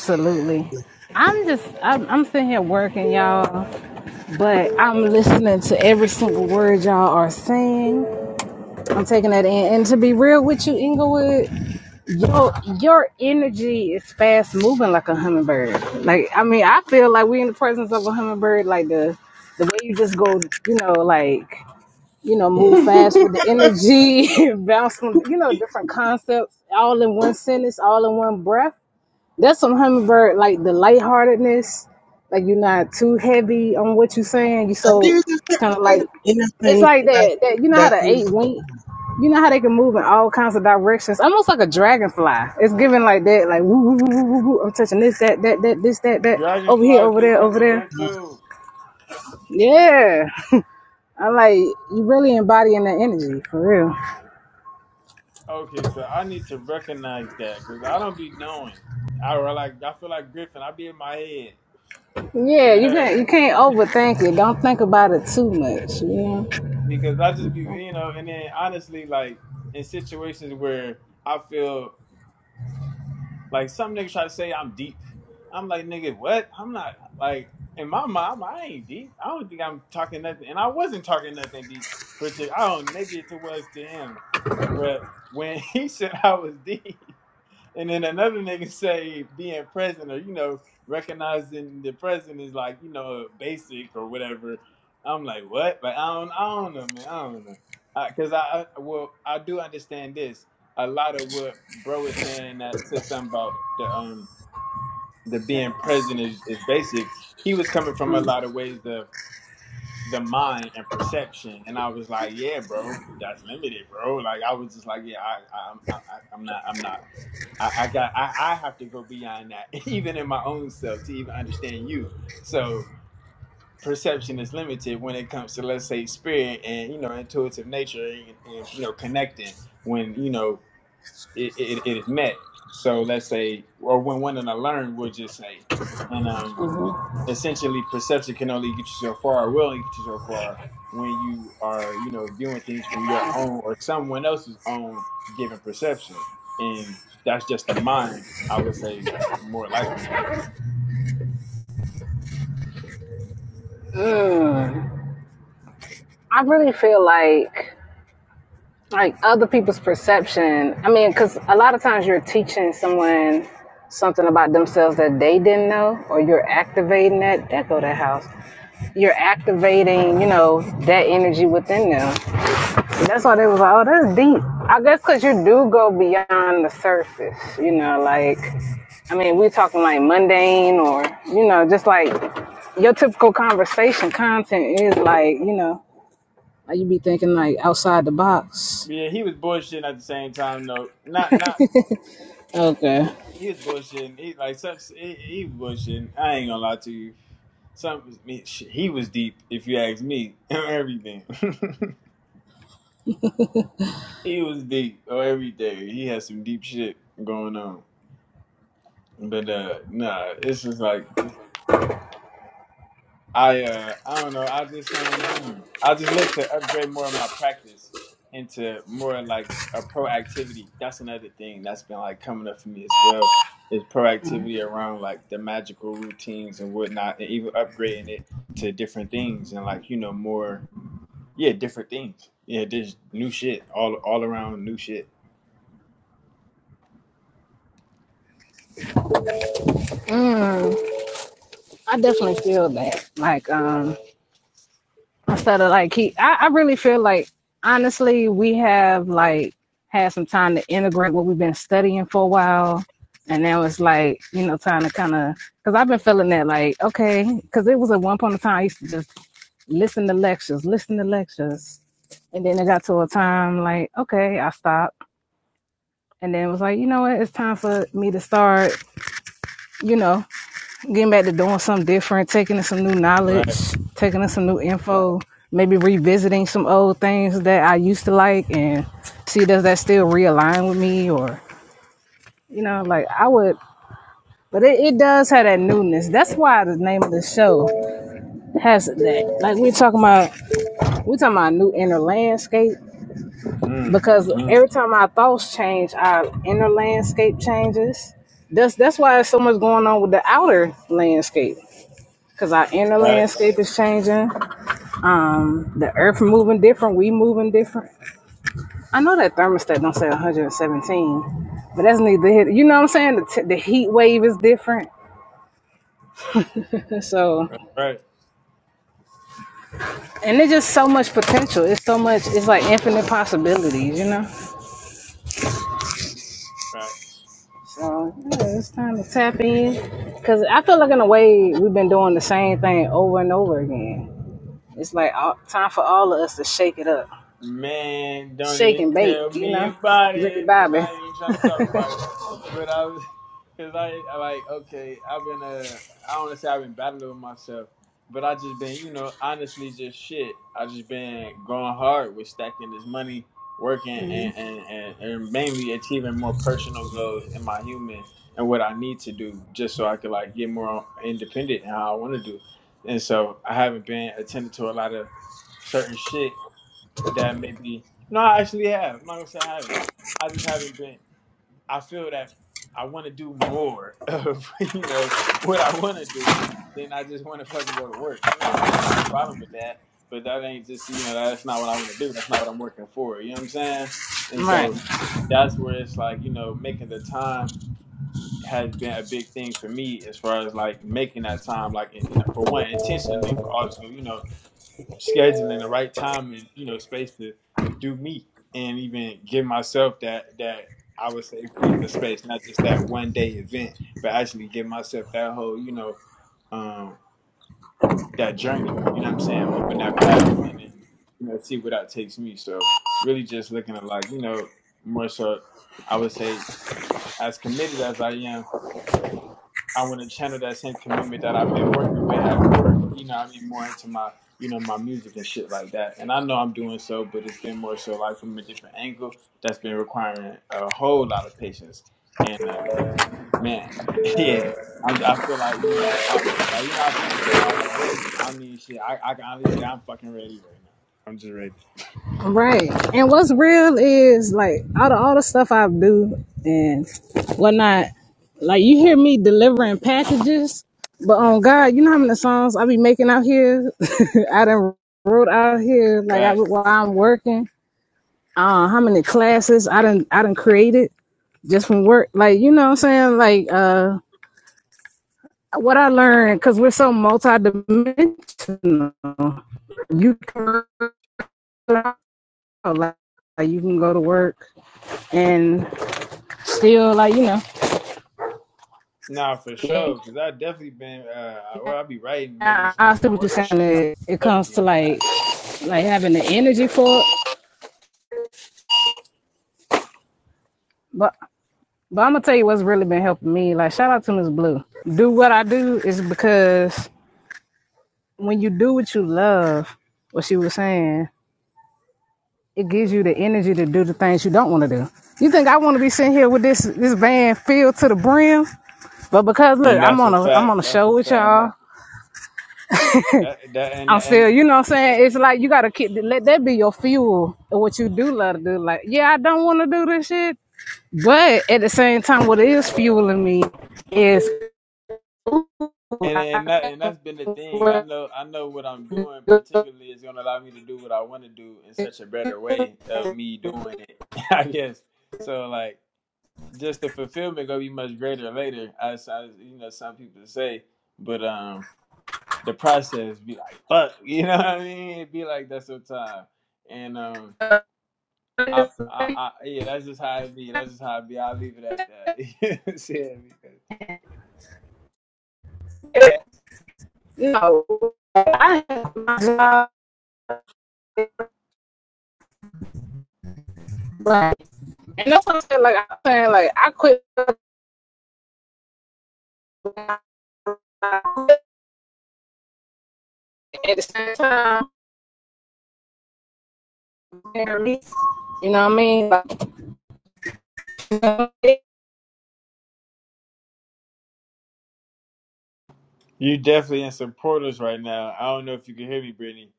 [SPEAKER 2] yeah.
[SPEAKER 1] I'm just, I'm, I'm sitting here working, y'all. But I'm listening to every single word y'all are saying. I'm taking that in. And to be real with you, Inglewood, your your energy is fast moving like a hummingbird. Like I mean, I feel like we're in the presence of a hummingbird. Like the the way you just go, you know, like you know, move fast with the energy, bounce from you know different concepts all in one sentence, all in one breath. That's some hummingbird, like the lightheartedness. Like you're not too heavy on what you're saying. You
[SPEAKER 2] And
[SPEAKER 1] so
[SPEAKER 2] there's a
[SPEAKER 1] it's
[SPEAKER 2] certain
[SPEAKER 1] kind of
[SPEAKER 2] kind
[SPEAKER 1] like
[SPEAKER 2] of
[SPEAKER 1] it's
[SPEAKER 2] innocence
[SPEAKER 1] like
[SPEAKER 2] that
[SPEAKER 1] that. That you know how
[SPEAKER 2] that
[SPEAKER 1] the eight
[SPEAKER 2] is.
[SPEAKER 1] wing. You know how they can move in all kinds of directions, almost like a dragonfly. It's giving like that, like woo, woo, woo, woo, woo, woo. I'm touching this, that, that, that, this, that, that, over here,
[SPEAKER 7] Dragonflies
[SPEAKER 1] over
[SPEAKER 7] be
[SPEAKER 1] there, over
[SPEAKER 7] coming
[SPEAKER 1] there.
[SPEAKER 7] through too.
[SPEAKER 1] Yeah, I like you really embodying the energy for real.
[SPEAKER 7] Okay, so I need to recognize that because I don't be knowing. I re- like I feel like Griffin. I be in my head
[SPEAKER 1] Yeah,
[SPEAKER 7] and
[SPEAKER 1] you
[SPEAKER 7] uh
[SPEAKER 1] can you can't overthink it. Don't think about it too much. You know.
[SPEAKER 7] because I just be you know. And then honestly, like in situations where I feel like some niggas try to say I'm deep, I'm like nigga, what? I'm not like in my mind. I ain't deep. I don't think I'm talking nothing, and I wasn't talking nothing deep. Particular, I don't. Maybe it was to him, but when he said I was deep. And then another nigga say being present or you know recognizing the present is like you know basic or whatever. I'm like what? Like I don't I don't know man I don't know because I, I well I do understand this a lot of what bro was saying that said something about the um the being present is, is basic. He was coming from a lot of ways of the mind and perception, and I was like yeah bro that's limited bro. Like I was just like yeah I I, I I- I'm not I'm not I, I got I, I have to go beyond that, even in my own self, to even understand you. So perception is limited when it comes to let's say spirit and you know intuitive nature and, and you know connecting when you know it, it, it is met. So let's say or when one and a learn, we'll just say. And um essentially perception can only get you so far or will only get you so far when you are you know viewing things from your own or someone else's own given perception and that's just the mind i would say more likely
[SPEAKER 1] Mm. I really feel like like other people's perception. I mean, because a lot of times you're teaching someone something about themselves that they didn't know, or you're activating that. That go that house. You're activating, you know, that energy within them. And that's why they was like, oh, that's deep. I guess because you do go beyond the surface, you know, like. I mean, we're talking like mundane or, you know, just like your typical conversation content is like, you know, like you be thinking like outside the box.
[SPEAKER 7] yeah he was bullshitting at the same time though not not
[SPEAKER 1] Okay.
[SPEAKER 7] he was bullshitting he like some he, he was bullshitting i ain't gonna lie to you some I mean, sh- he was deep if you ask me everything he was deep Oh, everything he had some deep shit going on But uh nah, it's just like I uh I don't know, I just um hmm, I just look to upgrade more of my practice into more like a proactivity. That's another thing that's been like coming up for me as well. Is proactivity around like the magical routines and whatnot and even upgrading it to different things and like, you know, more yeah, different things. Yeah, there's new shit, all all around new shit.
[SPEAKER 1] Mm, I definitely feel that. Like, um, instead of like he, I, I really feel like honestly, we have like had some time to integrate what we've been studying for a while, and now it's like you know time to kind of because I've been feeling that like okay, because it was at one point in time I used to just listen to lectures, listen to lectures, and then it got to a time like okay, I stopped, and then it was like you know what, it's time for me to start, you know. getting back to doing something different, taking in some new knowledge,
[SPEAKER 7] Right.
[SPEAKER 1] taking in some new info, maybe revisiting some old things that I used to like and see does that still realign with me or you know, like I would but it, it does have that newness. That's why the name of the show has that. Like we're talking about we're talking about a new inner landscape
[SPEAKER 7] Mm-hmm.
[SPEAKER 1] because
[SPEAKER 7] Mm-hmm.
[SPEAKER 1] every time our thoughts change, our inner landscape changes. That's that's why there's so much going on with the outer landscape because our inner
[SPEAKER 7] Right.
[SPEAKER 1] landscape is changing. The earth moving different, we moving different. I know that thermostat don't say 117, but that's neither here. You know what I'm saying? The, t- the heat wave is different. And so,
[SPEAKER 7] Right.
[SPEAKER 1] and there's just so much potential. It's so much, it's like infinite possibilities, you know?
[SPEAKER 7] Right.
[SPEAKER 1] So, yeah, it's time to tap in. Because I feel like, in a way, we've been doing the same thing over and over again. It's like all, time for all of us to shake it up,
[SPEAKER 7] Man, don't
[SPEAKER 1] shake
[SPEAKER 7] even
[SPEAKER 1] and bake,
[SPEAKER 7] tell
[SPEAKER 1] you
[SPEAKER 7] me
[SPEAKER 1] know?
[SPEAKER 7] about
[SPEAKER 1] Ricky
[SPEAKER 7] it, cause
[SPEAKER 1] Bobby.
[SPEAKER 7] I ain't trying to talk about it. But I was, cause I I like okay, I've been uh, I don't wanna say I've been battling with myself, but I just been you know honestly just shit. I just been going hard with stacking this money, working and and and, and mainly achieving more personal goals in my human and what I need to do, just so I could like get more independent and how I want to do. And so I haven't been attending to a lot of certain shit that maybe no, I actually have. I'm not gonna say I haven't. I just haven't been. I feel that I want to do more of you know what I want to do than I just want to fucking go to work. You know, what I'm saying? I ain't on a problem with that, but that ain't just you know that's not what I want to do. That's not what I'm working for. You know what I'm saying? And
[SPEAKER 1] Right.
[SPEAKER 7] so that's where it's like you know making the time has been a big thing for me as far as like making that time like you know for one intentionally but also you know scheduling the right time and you know space to do me and even give myself that that I would say freedom of space, not just that one day event, but actually give myself that whole you know um, that journey. You know what I'm saying? Open that path and then you know see where that takes me. So really just looking at like you know more so I would say as committed as I am I want to channel that same commitment that I've been working with at work. You know, I mean, more into my, you know, my music and shit like that. And I know I'm doing so, but it's been more so like from a different angle that's been requiring a whole lot of patience. And uh, man, yeah, I'm, I feel like you know, I like you know, I see you say, "Oh, I'm just ready." I mean, shit, I, I can honestly say I'm fucking ready right now. I'm just ready.
[SPEAKER 1] Right. And what's real is like out of all the stuff I do and whatnot, like you hear me delivering packages, but on God, you know how many songs I be making out here? I done wrote out here like I
[SPEAKER 7] But
[SPEAKER 1] while I'm working. Uh how many classes I done I done created just from work. Like, you know what I'm saying? Like uh what I learned, because we're so multidimensional. You can like, like you can go to work and still like you know
[SPEAKER 7] nah, for sure, because I definitely been, uh, well, I be writing, making
[SPEAKER 1] I, I
[SPEAKER 7] songs
[SPEAKER 1] see
[SPEAKER 7] at
[SPEAKER 1] what you're
[SPEAKER 7] work and
[SPEAKER 1] saying
[SPEAKER 7] shit. I
[SPEAKER 1] it, it comes
[SPEAKER 7] definitely be
[SPEAKER 1] to
[SPEAKER 7] on that.
[SPEAKER 1] like like having the energy for it but but i'm gonna tell you what's really been helping me like shout out to miss blue do what i do is because when you do what you love what she was saying it gives you the energy to do the things you don't want to do you think i want to be sitting here with this this van filled to the brim but because look
[SPEAKER 7] And
[SPEAKER 1] i'm
[SPEAKER 7] that's
[SPEAKER 1] on
[SPEAKER 7] a
[SPEAKER 1] a i'm
[SPEAKER 7] fact.
[SPEAKER 1] on a
[SPEAKER 7] That's
[SPEAKER 1] show
[SPEAKER 7] a
[SPEAKER 1] with
[SPEAKER 7] fact.
[SPEAKER 1] y'all
[SPEAKER 7] That that and
[SPEAKER 1] I'm
[SPEAKER 7] and
[SPEAKER 1] still, you know what I'm saying? It's like you gotta keep let that be your fuel and what you do love to do. Like, yeah, I don't wanna do this shit. But at the same time, what is fueling me is
[SPEAKER 7] and and that and that's been the thing. I know I know what I'm doing particularly is gonna allow me to do what I wanna do in such a better way of me doing it. I guess. So like just the fulfillment gonna be much greater later, as I you know, some people say. But um the process be like fuck, you know what I mean? It be like that sometimes. And um I, I, I, yeah, that's just how it be. That's just how it be. I'll leave it at that. You know what I'm saying?
[SPEAKER 1] you know, I have my job like and that's what I'm saying, like I'm saying like I quit like, at the same time, you know what I mean? Like, uh
[SPEAKER 7] You definitely in supporters right now. I don't know if you can hear me, Brittany.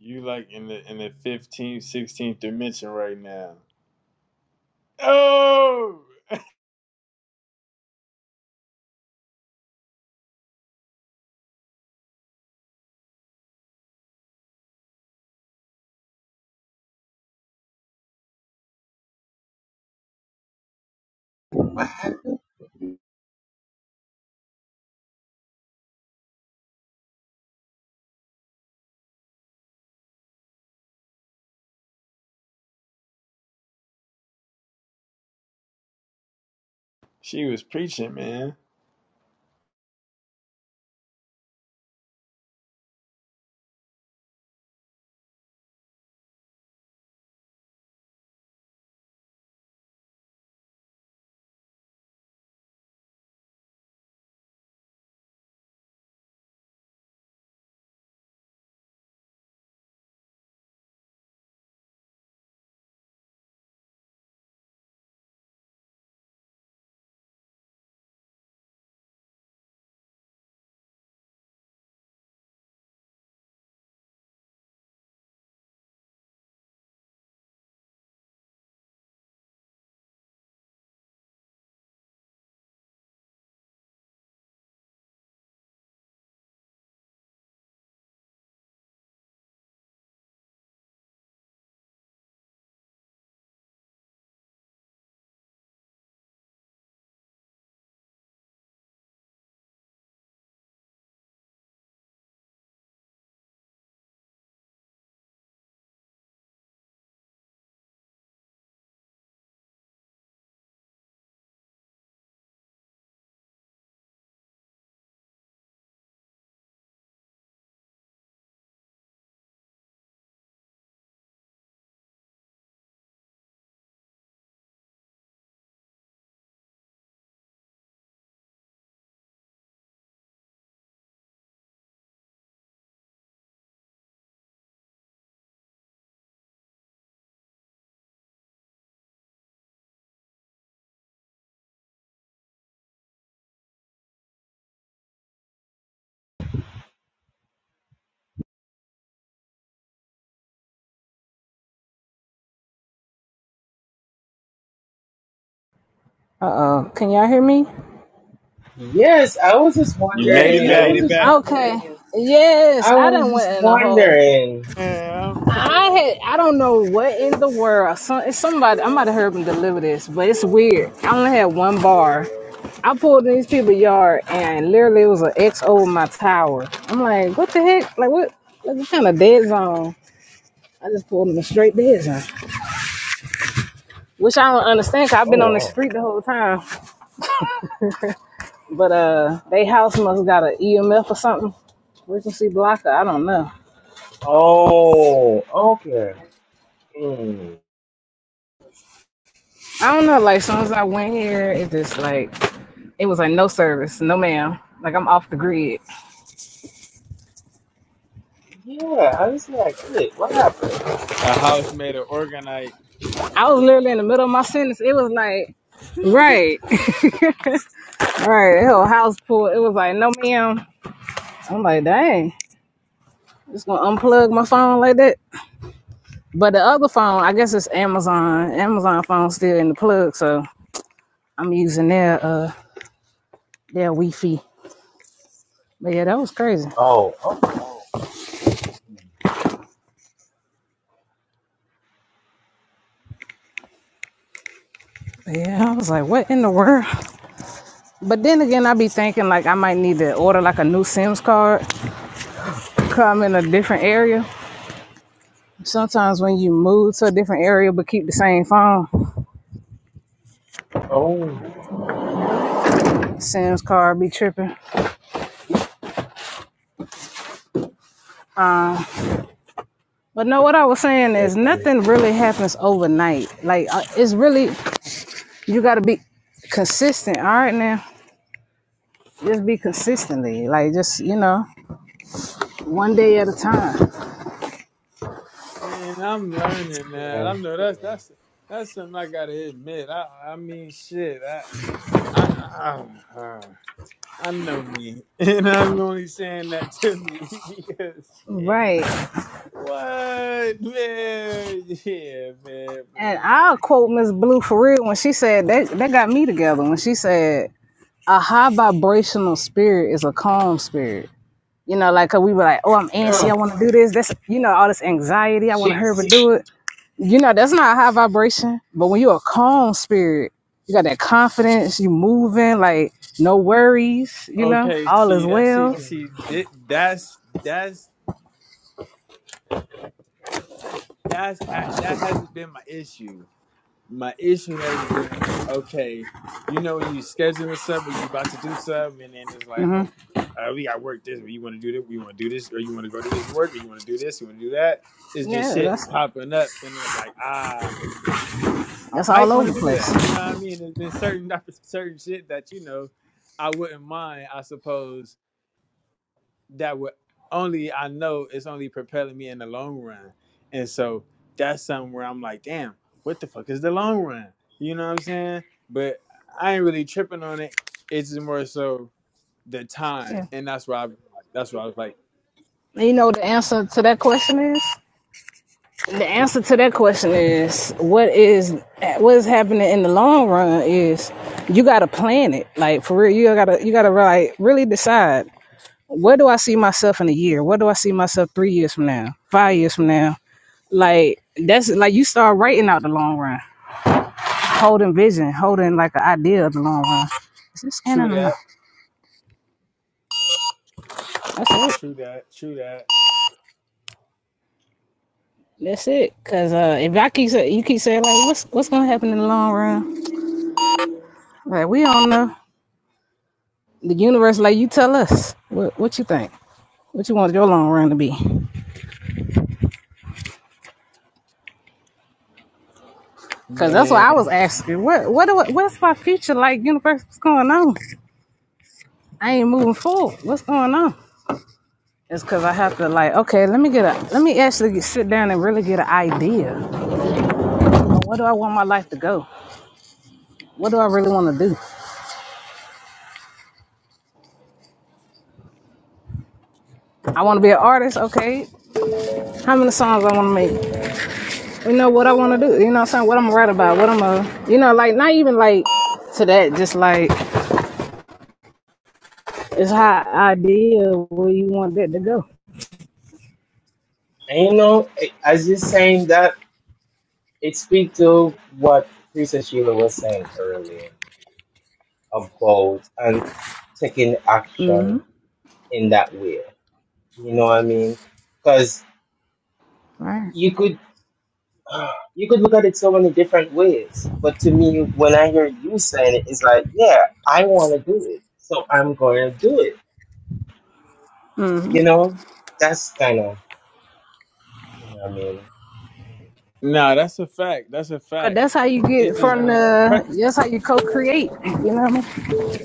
[SPEAKER 7] You like in the in the fifteenth, sixteenth dimension right now. Oh, she was preaching, man.
[SPEAKER 1] oh, can y'all hear me?
[SPEAKER 2] Yes, I was just
[SPEAKER 7] You made
[SPEAKER 1] Yes,
[SPEAKER 7] it
[SPEAKER 1] You made
[SPEAKER 7] back.
[SPEAKER 1] it
[SPEAKER 2] wondering.
[SPEAKER 1] back. Okay. Yes,
[SPEAKER 2] I
[SPEAKER 1] I
[SPEAKER 2] was
[SPEAKER 1] done
[SPEAKER 2] just
[SPEAKER 1] went in a whole
[SPEAKER 2] wondering.
[SPEAKER 7] Man, I'm
[SPEAKER 1] I had I don't know what in the world. Some it's somebody I might have heard them deliver this, but it's weird. I only had one bar. I pulled in these people's yard and literally it was an X over my tower. I'm like, what the heck? Like what like what kind of dead zone? I just pulled in a straight dead zone. Which I don't understand i I've
[SPEAKER 2] Oh
[SPEAKER 1] been on the
[SPEAKER 2] wow.
[SPEAKER 1] street the whole time. But uh they house must got an EMF or something. Frequency blocker, I don't know.
[SPEAKER 2] Oh, okay. Hmm.
[SPEAKER 1] I don't know, like as soon as I went here, it just like it was like no service, no ma'am. Like I'm off the grid.
[SPEAKER 2] Yeah, I was like, wait, what happened?
[SPEAKER 7] a house made of organite,
[SPEAKER 1] I was literally in the middle of my sentence. It was like, right, right, hell, house pool. It was like, no, ma'am. I'm like, dang, just gonna unplug my phone like that. But the other phone, I guess it's Amazon. Amazon phone still in the plug, so I'm using their uh their Wi-Fi. But yeah, that was crazy.
[SPEAKER 2] Oh, okay.
[SPEAKER 1] But yeah, I was like, what in the world? But then again, I be thinking like I might need to order like a new Sims card. Come in a different area. Sometimes when you move to a different area but keep the same phone,
[SPEAKER 2] Oh, okay.
[SPEAKER 1] Sam's car be tripping. But no, what I was saying is
[SPEAKER 2] Chicken.
[SPEAKER 1] nothing really happens
[SPEAKER 2] Mhm.
[SPEAKER 1] overnight. Like uh, it's really you got to be consistent. All right, now just be consistently. Like just you know one day at a time.
[SPEAKER 7] and I'm learning now.
[SPEAKER 2] Yeah.
[SPEAKER 7] I know that's
[SPEAKER 2] yeah.
[SPEAKER 7] that's that's something I gotta admit. I I mean, shit. I I I, I know me, and I'm only saying that to me because shit.
[SPEAKER 1] Right.
[SPEAKER 7] What man? Yeah, man,
[SPEAKER 1] And
[SPEAKER 7] man.
[SPEAKER 1] I'll
[SPEAKER 7] Like,
[SPEAKER 1] quote Miss Blue for real when she said that that got me together when she said a high vibrational spirit is a calm spirit. You know, like 'cause we were like, oh, I'm antsy. I
[SPEAKER 2] Mm.
[SPEAKER 1] want to
[SPEAKER 7] Facts.
[SPEAKER 1] do this. That's you know all this anxiety. I want to hurry
[SPEAKER 2] Jeez.
[SPEAKER 1] to do it. You know, that's not a high vibration. But when you're a calm spirit, you got that confidence, you moving, like no worries, you know,
[SPEAKER 7] Okay,
[SPEAKER 1] all
[SPEAKER 7] see
[SPEAKER 1] is
[SPEAKER 7] that. See,
[SPEAKER 1] well.
[SPEAKER 7] see
[SPEAKER 2] Mhm.
[SPEAKER 7] thi- that's that's that's ha- that hasn't been my issue. My issue has been okay. You know, you scheduling something, you about to do something, and then it's like, oh, uh, we got work this. You want to do that. We want to do this, or you want to go to this work, or you want to do this, you want to do that. It's been
[SPEAKER 1] Yeah, that's
[SPEAKER 7] shit popping up, and then it's like, ah. I
[SPEAKER 1] that's all
[SPEAKER 7] might want
[SPEAKER 1] over the
[SPEAKER 7] to do that. You
[SPEAKER 1] place.
[SPEAKER 7] know what I mean? There's been certain certain shit that you know I wouldn't mind. I suppose that would only I know it's only propelling me in the long run, and so that's something where I'm like, damn, what the fuck is the long run? You know what I'm saying? But I ain't really tripping on it. It's just more so the time,
[SPEAKER 1] Yeah.
[SPEAKER 7] and that's why I, that's why I was like,
[SPEAKER 1] And you know what the answer to that question is? The answer to that question is what is what is happening in the long run is you gotta plan it. Like for real, you gotta you gotta like really decide where do I see myself in a year? Where do I see myself three years from now? Five years from now? Like that's like you start writing out the long run, holding vision, holding like an idea of the long run. Is this scanning
[SPEAKER 7] true
[SPEAKER 1] or no?
[SPEAKER 7] that,
[SPEAKER 1] That's it.
[SPEAKER 7] true that, true that,
[SPEAKER 1] That's it. Cause uh, if I keep say, you keep saying like, what's what's gonna happen in the long run? Like we don't know. The universe, like you tell us, what what you think, what you want your long run to be. Cause that's what
[SPEAKER 7] man.
[SPEAKER 1] I was asking. What what do I- what's my future like? Universe, what's going on? I ain't moving forward. What's going on? It's cause I have to like, okay, let me get a, let me actually sit down and really get an idea Where do I want my life to go? What do I really want to do? I want to be an artist, okay. How many songs I want to make? You know what I want to do? You know what I'm saying? What I'm gonna write about? What I'm gonna, you know, like not even like to that. Just like it's how idea where you want that to go,
[SPEAKER 2] And you know, I- as you're saying that, it speaks to what Princess Sheila was saying earlier about and taking action in that way. You know what I mean? Because
[SPEAKER 1] right?
[SPEAKER 2] you could. you could look at it so many different ways. But to me, when I hear you saying it, it's like, yeah, I want to do it, so I'm going to do it. You know, that's kind of, you know what I mean?
[SPEAKER 7] No, that's a fact. That's a
[SPEAKER 1] Cause
[SPEAKER 7] fact.
[SPEAKER 1] that's how you
[SPEAKER 7] It's
[SPEAKER 1] get
[SPEAKER 7] just
[SPEAKER 1] from
[SPEAKER 7] been.
[SPEAKER 1] the. That's how you co-create. You know what I mean?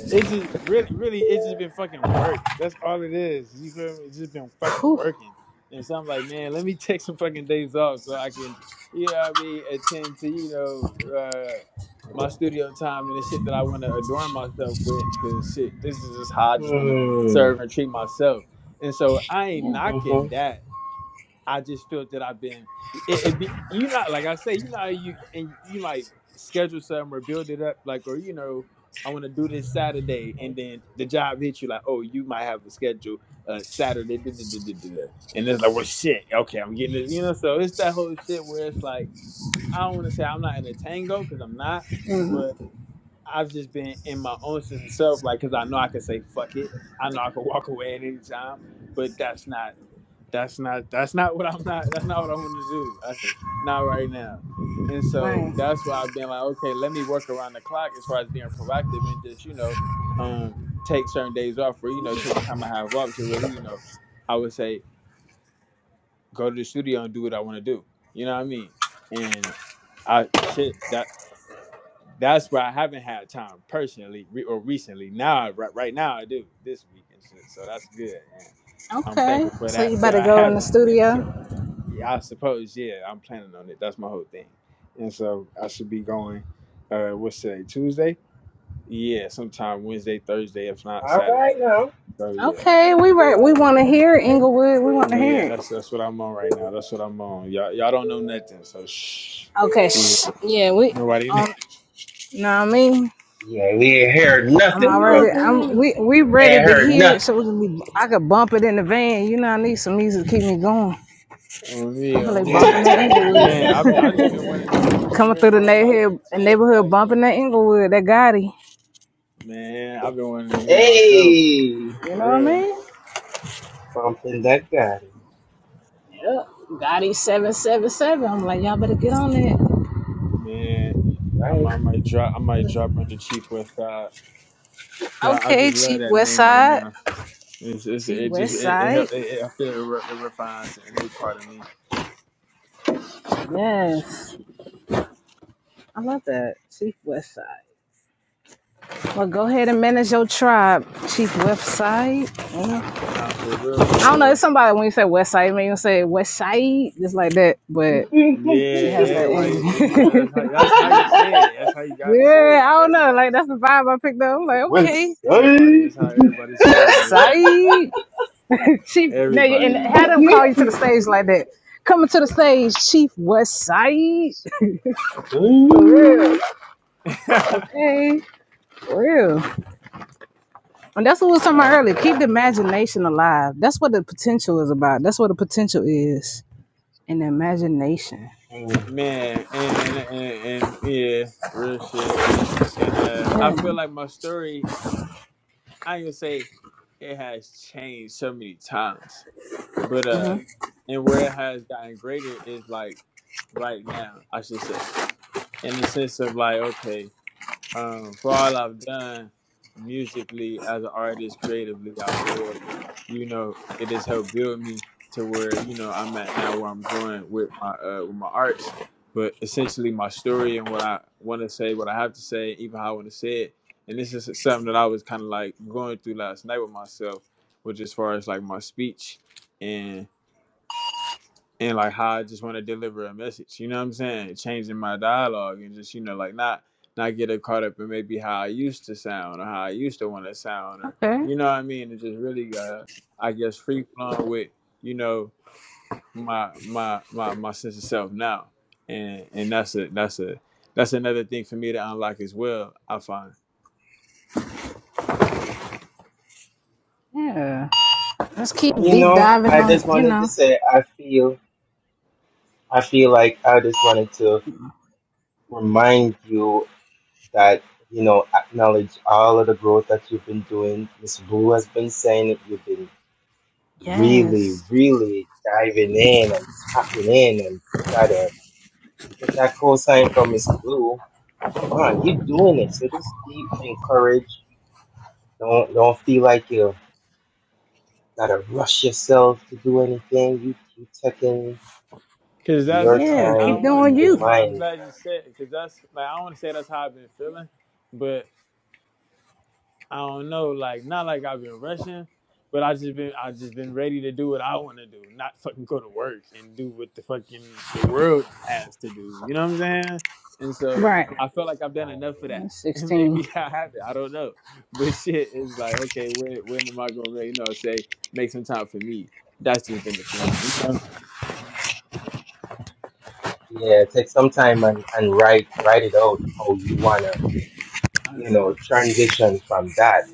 [SPEAKER 7] It's just really, really, it's just been fucking work. That's all it is. You feel me? It's just been fucking working. And so I'm like, man, let me take some fucking days off so I can, you know what I mean, attend to, you know, uh, my studio time and the shit that I want to adorn myself with. Cause shit, this is just how I just want to
[SPEAKER 2] Hmm.
[SPEAKER 7] serve and treat myself. And so I ain't
[SPEAKER 2] Mm-hmm.
[SPEAKER 7] knocking that. I just feel that I've been it, it be you know like I say you know how you and you might schedule something or build it up like or you know I want to do this Saturday
[SPEAKER 2] hmm
[SPEAKER 7] and then the job hits you like oh you might have a schedule uh Saturday da, da, da, da, da, da." and it's like well shit okay I'm getting this you know so it's that whole shit where it's like I don't want to say I'm not in a tango because I'm not but I've just been in my own sense of self like because I know I can say fuck it I know I can walk away at any time but that's not that's not that's not what I'm not that's not what I want to do. Okay, not right now. And so
[SPEAKER 1] Right.
[SPEAKER 7] that's where I've been like, okay, let me work around the clock as far as being proactive and just, you know, um, take certain days off or, you know, take the time I have off to really, you know, I would say go to the studio and do what I want to do. You know what I mean? And I shit that that's where I haven't had time personally re- or recently. Now, I- right, right now I do this week and shit. So that's good. And I'm
[SPEAKER 1] Okay.
[SPEAKER 7] thankful for
[SPEAKER 1] So you
[SPEAKER 7] that, but
[SPEAKER 1] better
[SPEAKER 7] I
[SPEAKER 1] go in the
[SPEAKER 7] haven't.
[SPEAKER 1] studio.
[SPEAKER 7] Yeah, I suppose, yeah, I'm planning on it. That's my whole thing. And so I should be going, uh, what's today, Tuesday? Yeah, sometime Wednesday, Thursday, if not
[SPEAKER 2] All
[SPEAKER 7] Saturday.
[SPEAKER 2] right now.
[SPEAKER 7] So yeah.
[SPEAKER 1] Okay, we were, we want to
[SPEAKER 2] Yes,
[SPEAKER 1] hear it,
[SPEAKER 2] yes.
[SPEAKER 1] Inglewood. We want to
[SPEAKER 7] Yeah,
[SPEAKER 1] hear it.
[SPEAKER 7] that's that's what I'm on right now. That's what I'm on. Y'all y'all don't know nothing, so shh.
[SPEAKER 1] Okay.
[SPEAKER 7] Yeah.
[SPEAKER 1] Shh. Yeah, we.
[SPEAKER 7] Nobody
[SPEAKER 1] Um, know what I mean?
[SPEAKER 2] Yeah, we ain't heard
[SPEAKER 1] I'm
[SPEAKER 7] But
[SPEAKER 2] nothing,
[SPEAKER 1] already.
[SPEAKER 2] brother.
[SPEAKER 7] no, for
[SPEAKER 1] I'm
[SPEAKER 7] real.
[SPEAKER 1] we we ready
[SPEAKER 2] Ain't
[SPEAKER 1] to
[SPEAKER 2] heard
[SPEAKER 1] hear it,
[SPEAKER 2] nothing.
[SPEAKER 1] so we can be, I could bump it in the van. You know, I need some music to keep me going.
[SPEAKER 7] on me,
[SPEAKER 1] I feel
[SPEAKER 7] on
[SPEAKER 1] like
[SPEAKER 7] me.
[SPEAKER 1] bumping that
[SPEAKER 7] Man, I've I just been
[SPEAKER 1] Inglewood,
[SPEAKER 7] wanting to hear
[SPEAKER 1] coming
[SPEAKER 7] hear
[SPEAKER 1] through the
[SPEAKER 7] more of my
[SPEAKER 1] neighborhood,
[SPEAKER 7] shit.
[SPEAKER 1] neighborhood
[SPEAKER 7] Like,
[SPEAKER 1] bumping that Inglewood, that Gotti.
[SPEAKER 7] man, I've been wanting to hear myself.
[SPEAKER 2] hey,
[SPEAKER 1] You
[SPEAKER 7] For
[SPEAKER 1] know what I
[SPEAKER 7] real.
[SPEAKER 1] mean?
[SPEAKER 2] bumping that guy.
[SPEAKER 1] Yep. Gotti seven seven seven. I'm like, y'all better get on that.
[SPEAKER 7] Man, I,
[SPEAKER 2] Right.
[SPEAKER 7] might- I might drop. I might drop under Chief West Side. 'Cause I, I
[SPEAKER 1] Okay,
[SPEAKER 7] just love
[SPEAKER 1] Chief
[SPEAKER 7] that
[SPEAKER 1] West
[SPEAKER 7] name right
[SPEAKER 1] Side.
[SPEAKER 7] now. It's, it's
[SPEAKER 1] Chief
[SPEAKER 7] it just
[SPEAKER 1] West
[SPEAKER 7] it it, help,
[SPEAKER 1] Side.
[SPEAKER 7] it, it I feel it, re, it refines a new part of me.
[SPEAKER 1] Yes, I love that. Chief West Side. Well, go ahead and manage your tribe, Chief West Side. You know.
[SPEAKER 7] Nah, for real,
[SPEAKER 1] I don't
[SPEAKER 7] for
[SPEAKER 1] know. It's
[SPEAKER 7] real.
[SPEAKER 1] somebody when you say West Side, maybe you say West Side, just like that, but it
[SPEAKER 7] Yeah,
[SPEAKER 1] has that energy.
[SPEAKER 7] everybody. eh, You know that's how that's how you say it. That's how you gotta say
[SPEAKER 1] yeah,
[SPEAKER 7] it.
[SPEAKER 1] I don't know.
[SPEAKER 7] Everybody.
[SPEAKER 1] Like
[SPEAKER 7] That's,
[SPEAKER 1] that's the vibe I picked up. I'm like, okay,
[SPEAKER 2] West
[SPEAKER 7] everybody.
[SPEAKER 2] side.
[SPEAKER 7] That's how everybody say it
[SPEAKER 1] West
[SPEAKER 7] out here.
[SPEAKER 1] Side Chief. No, you- and
[SPEAKER 7] Everybody.
[SPEAKER 1] had them call you to the stage like that. Coming to the stage, Chief West Side. For real.
[SPEAKER 2] Hey.
[SPEAKER 1] Okay. For real. And that's what we was talking about
[SPEAKER 7] nah,
[SPEAKER 1] earlier.
[SPEAKER 7] for
[SPEAKER 1] Keep
[SPEAKER 7] real.
[SPEAKER 1] the imagination alive. That's what the potential is about. That's what the potential is. And the imagination.
[SPEAKER 2] Mm.
[SPEAKER 7] Man, and and and, and yeah, real shit. And uh, I
[SPEAKER 1] Yeah.
[SPEAKER 7] feel like my story I can say it has changed so many times, but uh, and where it has gotten greater is like right now, I should say, in the sense of like, okay, um, for all I've done musically as an artist, creatively, I feel, you know, it has helped build me to where you know I'm at now, where I'm going with my uh, with my arts. But essentially, my story and what I want to say, what I have to say, even how I want to say it, and this is something that I was kind of like going through last night with myself, which as far as like my speech and like how I just want to deliver a message. You know what I'm saying? Changing my dialogue and just you know like not not get it caught up in maybe how I used to sound or how I used to want to sound or
[SPEAKER 1] Okay.
[SPEAKER 7] you know what I mean. And just really uh, I guess free flowing with you know my my my my sense of self now, and and that's a that's a that's another thing for me to unlock as well. I find.
[SPEAKER 1] Yeah. Let's keep
[SPEAKER 2] You
[SPEAKER 1] deep
[SPEAKER 2] know,
[SPEAKER 1] diving
[SPEAKER 2] I
[SPEAKER 1] on,
[SPEAKER 2] just
[SPEAKER 1] you
[SPEAKER 2] wanted to
[SPEAKER 1] know.
[SPEAKER 2] say I feel I feel like I just wanted to remind you that, you know, acknowledge all of the growth that you've been doing. Miss Blue has been saying it. You've been really,
[SPEAKER 1] Yes.
[SPEAKER 2] really diving in and tapping in and you gotta get that cosign from Miss Blue. Come on, you're doing it. So just keep encouraged. Don't don't feel like you gotta rush yourself to do anything. You keep taking
[SPEAKER 7] Cause
[SPEAKER 2] your
[SPEAKER 7] that's
[SPEAKER 1] Yeah,
[SPEAKER 7] like I
[SPEAKER 2] time
[SPEAKER 1] keep
[SPEAKER 7] don't want
[SPEAKER 1] doing
[SPEAKER 2] in
[SPEAKER 7] to.
[SPEAKER 1] you.
[SPEAKER 7] And I'm
[SPEAKER 2] divine.
[SPEAKER 7] glad you said. Cause that's like I don't want to say that's how I've been feeling, but I don't know, like not like I've been rushing, but I just been I just been ready to do what I want to do, not fucking go to work and do what the fucking the world has to do. You know what I'm saying? And so
[SPEAKER 1] Right.
[SPEAKER 7] I felt like I've
[SPEAKER 2] Uh,
[SPEAKER 7] done enough of that,
[SPEAKER 1] That's
[SPEAKER 7] and
[SPEAKER 1] 16.
[SPEAKER 7] maybe I haven't. I don't know, but shit is like okay, when when am I gonna really, you know say make some time for me? That's just been the thing, you know.
[SPEAKER 2] yeah, take some time and, and write write it out how you wanna, you know, transition from that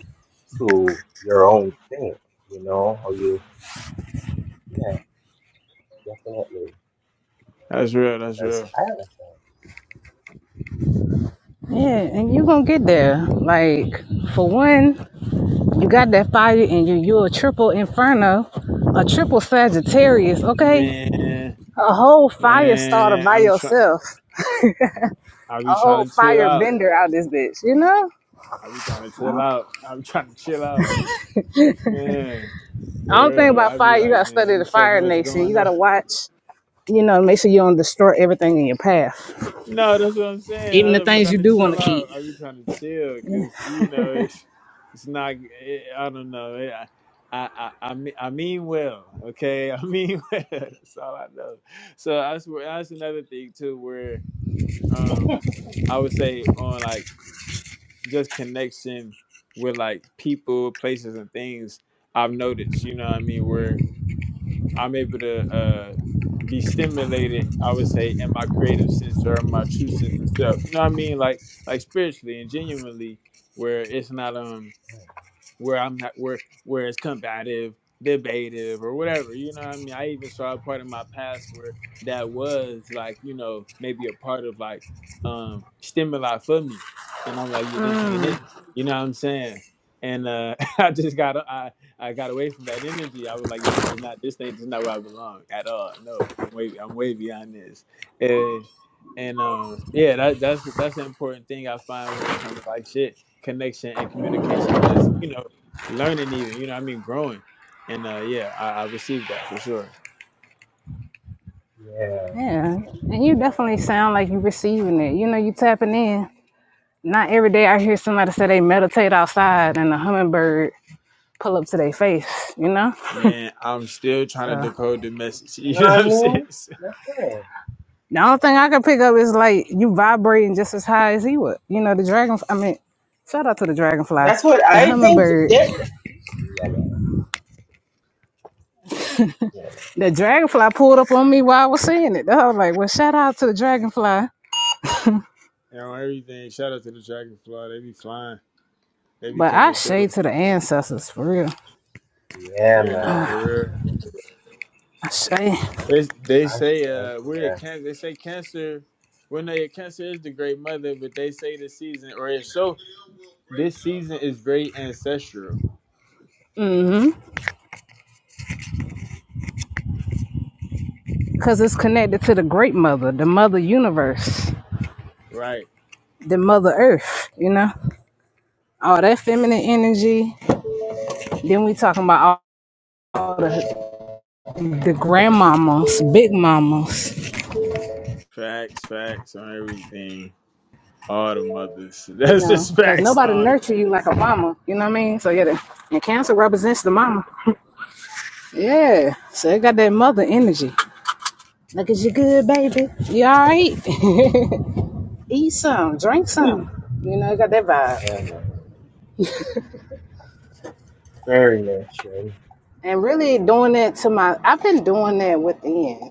[SPEAKER 2] to your own thing, you know, how you yeah, definitely.
[SPEAKER 7] That's real. That's
[SPEAKER 2] Because
[SPEAKER 7] real.
[SPEAKER 2] I understand.
[SPEAKER 1] Yeah, and you're gonna get there. Like, for one, you got that fire in you. You're a triple inferno, a triple Sagittarius, okay?
[SPEAKER 7] Man,
[SPEAKER 1] A whole fire starter
[SPEAKER 7] man,
[SPEAKER 1] by
[SPEAKER 7] I'm trying.
[SPEAKER 1] yourself.
[SPEAKER 7] I
[SPEAKER 1] A
[SPEAKER 7] be
[SPEAKER 1] whole
[SPEAKER 7] trying to chill
[SPEAKER 1] fire
[SPEAKER 7] out.
[SPEAKER 1] bender out this bitch, you know?
[SPEAKER 7] I be trying to chill out. I'm trying to chill out. Man,
[SPEAKER 1] I
[SPEAKER 7] for
[SPEAKER 1] don't think
[SPEAKER 7] real.
[SPEAKER 1] about
[SPEAKER 7] I be
[SPEAKER 1] fire, you
[SPEAKER 7] like,
[SPEAKER 1] gotta
[SPEAKER 7] man,
[SPEAKER 1] study the
[SPEAKER 7] there's so
[SPEAKER 1] fire
[SPEAKER 7] much
[SPEAKER 1] nation. You
[SPEAKER 7] going on.
[SPEAKER 1] gotta watch, you know, make sure you don't destroy everything in your path.
[SPEAKER 7] No, that's what I'm saying.
[SPEAKER 1] Even the
[SPEAKER 7] I be
[SPEAKER 1] things
[SPEAKER 7] trying
[SPEAKER 1] you
[SPEAKER 7] to
[SPEAKER 1] do wanna
[SPEAKER 7] chill
[SPEAKER 1] keep.
[SPEAKER 7] out. I be trying to chill because you know it's it's not. It, I don't know. It, I, I I I mean I mean well. Okay, I mean well. That's all I know. So that's where that's another thing too, where um I would say on like just connection with like people, places, and things. I've noticed. You know what I mean? Where I'm able to uh, be stimulated, I would say, in my creative sense or in my true sense of self. You know what I mean? Like like spiritually and genuinely, where it's not um where I'm at, where where it's combative, debative, or whatever. You know what I mean? I even saw a part of my past where that was like, you know, maybe a part of like um stimuli for me. And I'm like, yeah, this ain't it. You know what I'm saying? And uh I just got I I got away from that energy. I was like, yeah, this is not this ain't this is not where I belong at all. No, I'm way I'm way beyond this. And and um yeah, that that's that's an important thing I find when it comes to like shit, connection and communication. Just you know, learning even you know what i mean growing and uh yeah I, I received that for sure
[SPEAKER 2] Yeah.
[SPEAKER 1] Yeah, and you definitely
[SPEAKER 2] Mm.
[SPEAKER 1] sound like you're receiving it. You know, you tapping in. Not every day I hear somebody say they meditate outside and a hummingbird pull up to their face. You know,
[SPEAKER 7] man i'm still trying to
[SPEAKER 1] so
[SPEAKER 7] decode the message
[SPEAKER 2] You know
[SPEAKER 7] you
[SPEAKER 2] what
[SPEAKER 7] know
[SPEAKER 2] I
[SPEAKER 7] what i'm saying
[SPEAKER 2] mean?
[SPEAKER 7] So,
[SPEAKER 2] That's right.
[SPEAKER 1] the only thing I can pick up is like you vibrating just as high as he would. You know, the dragon. I mean, shout out to the dragonfly,
[SPEAKER 2] That's what
[SPEAKER 1] the
[SPEAKER 2] I think
[SPEAKER 1] hummingbird.
[SPEAKER 2] that yeah man, yeah man.
[SPEAKER 1] The dragonfly pulled up on me while I was saying it. I was like, well, shout out to the dragonfly.
[SPEAKER 7] you know everything shout out to the dragonfly they be flying they be
[SPEAKER 1] But I
[SPEAKER 7] coming
[SPEAKER 1] say
[SPEAKER 7] through
[SPEAKER 1] to the ancestors for real.
[SPEAKER 2] Yeah
[SPEAKER 7] yeah no
[SPEAKER 2] man.
[SPEAKER 7] for real
[SPEAKER 1] I say,
[SPEAKER 7] they, they say
[SPEAKER 2] Fashion
[SPEAKER 7] uh
[SPEAKER 2] for
[SPEAKER 7] we're a
[SPEAKER 2] that.
[SPEAKER 7] cancer they say cancer well no yeah, cancer is the great mother but they say the season or it's so this season is very ancestral
[SPEAKER 1] because it's connected to the great mother, the mother universe.
[SPEAKER 7] right
[SPEAKER 1] the mother earth, you know? All that feminine energy. Then we talking about all all the, the grandmamas, big mamas,
[SPEAKER 7] facts facts on everything all the mothers
[SPEAKER 1] you
[SPEAKER 7] that's
[SPEAKER 1] know,
[SPEAKER 7] just
[SPEAKER 1] because
[SPEAKER 7] facts
[SPEAKER 1] nobody
[SPEAKER 7] all the
[SPEAKER 1] nurture you like
[SPEAKER 7] mothers
[SPEAKER 1] a mama, you know what I mean? So yeah, the, and cancer represents the mama. Yeah, so it got that mother energy. Look at you good, baby. You all right? Eat some, drink some. You know, it got that vibe.
[SPEAKER 2] Yeah man. Very nurturing.
[SPEAKER 1] and really doing that to my i've been doing that within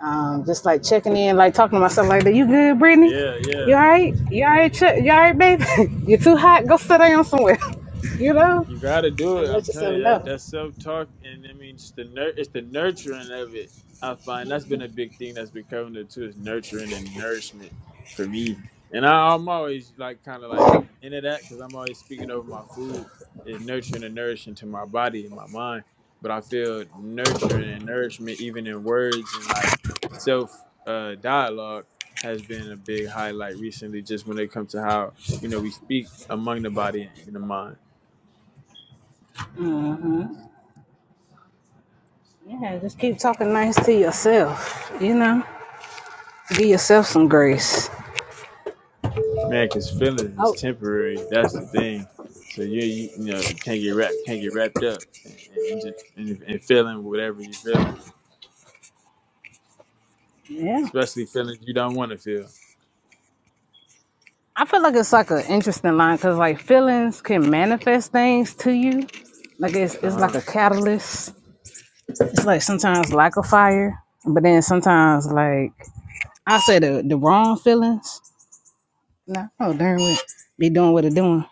[SPEAKER 1] um, just like checking in like talking to myself like that you good brittany
[SPEAKER 7] Yeah,
[SPEAKER 1] you
[SPEAKER 7] yeah.
[SPEAKER 1] all right you all right Ch- you all right baby? you too hot go sit down somewhere you know
[SPEAKER 7] You gotta do
[SPEAKER 1] and
[SPEAKER 7] it. I'm
[SPEAKER 1] let
[SPEAKER 7] telling
[SPEAKER 1] yourself
[SPEAKER 7] you that
[SPEAKER 1] know
[SPEAKER 7] that self talk and I mean just the nur- it's the nurturing of it. I find that's been a big thing that's been coming to too is nurturing and nourishment for me. And I, I'm always like kind of like into that because I'm always speaking over my food is nurturing and nourishing to my body and my mind. But I feel nurturing and nourishment even in words and like self uh, dialogue has been a big highlight recently. Just when it comes to how you know we speak among the body and the mind.
[SPEAKER 1] yeah just keep talking nice to yourself you know give yourself some grace
[SPEAKER 7] Man, cause feelings is
[SPEAKER 1] oh
[SPEAKER 7] temporary. That's the thing. So you you, you know you can't get wrapped can't get wrapped up and, and just and, and feeling whatever you feeling,
[SPEAKER 1] yeah
[SPEAKER 7] especially feelings you don't want to feel.
[SPEAKER 1] i feel like it's like an interesting line because like feelings can manifest things to you like it's,
[SPEAKER 7] Uh
[SPEAKER 1] it's like
[SPEAKER 7] huh.
[SPEAKER 1] a catalyst it's like sometimes like a fire, but then sometimes like I say the the wrong feelings. Nah, oh darn it, be doing what they're doing.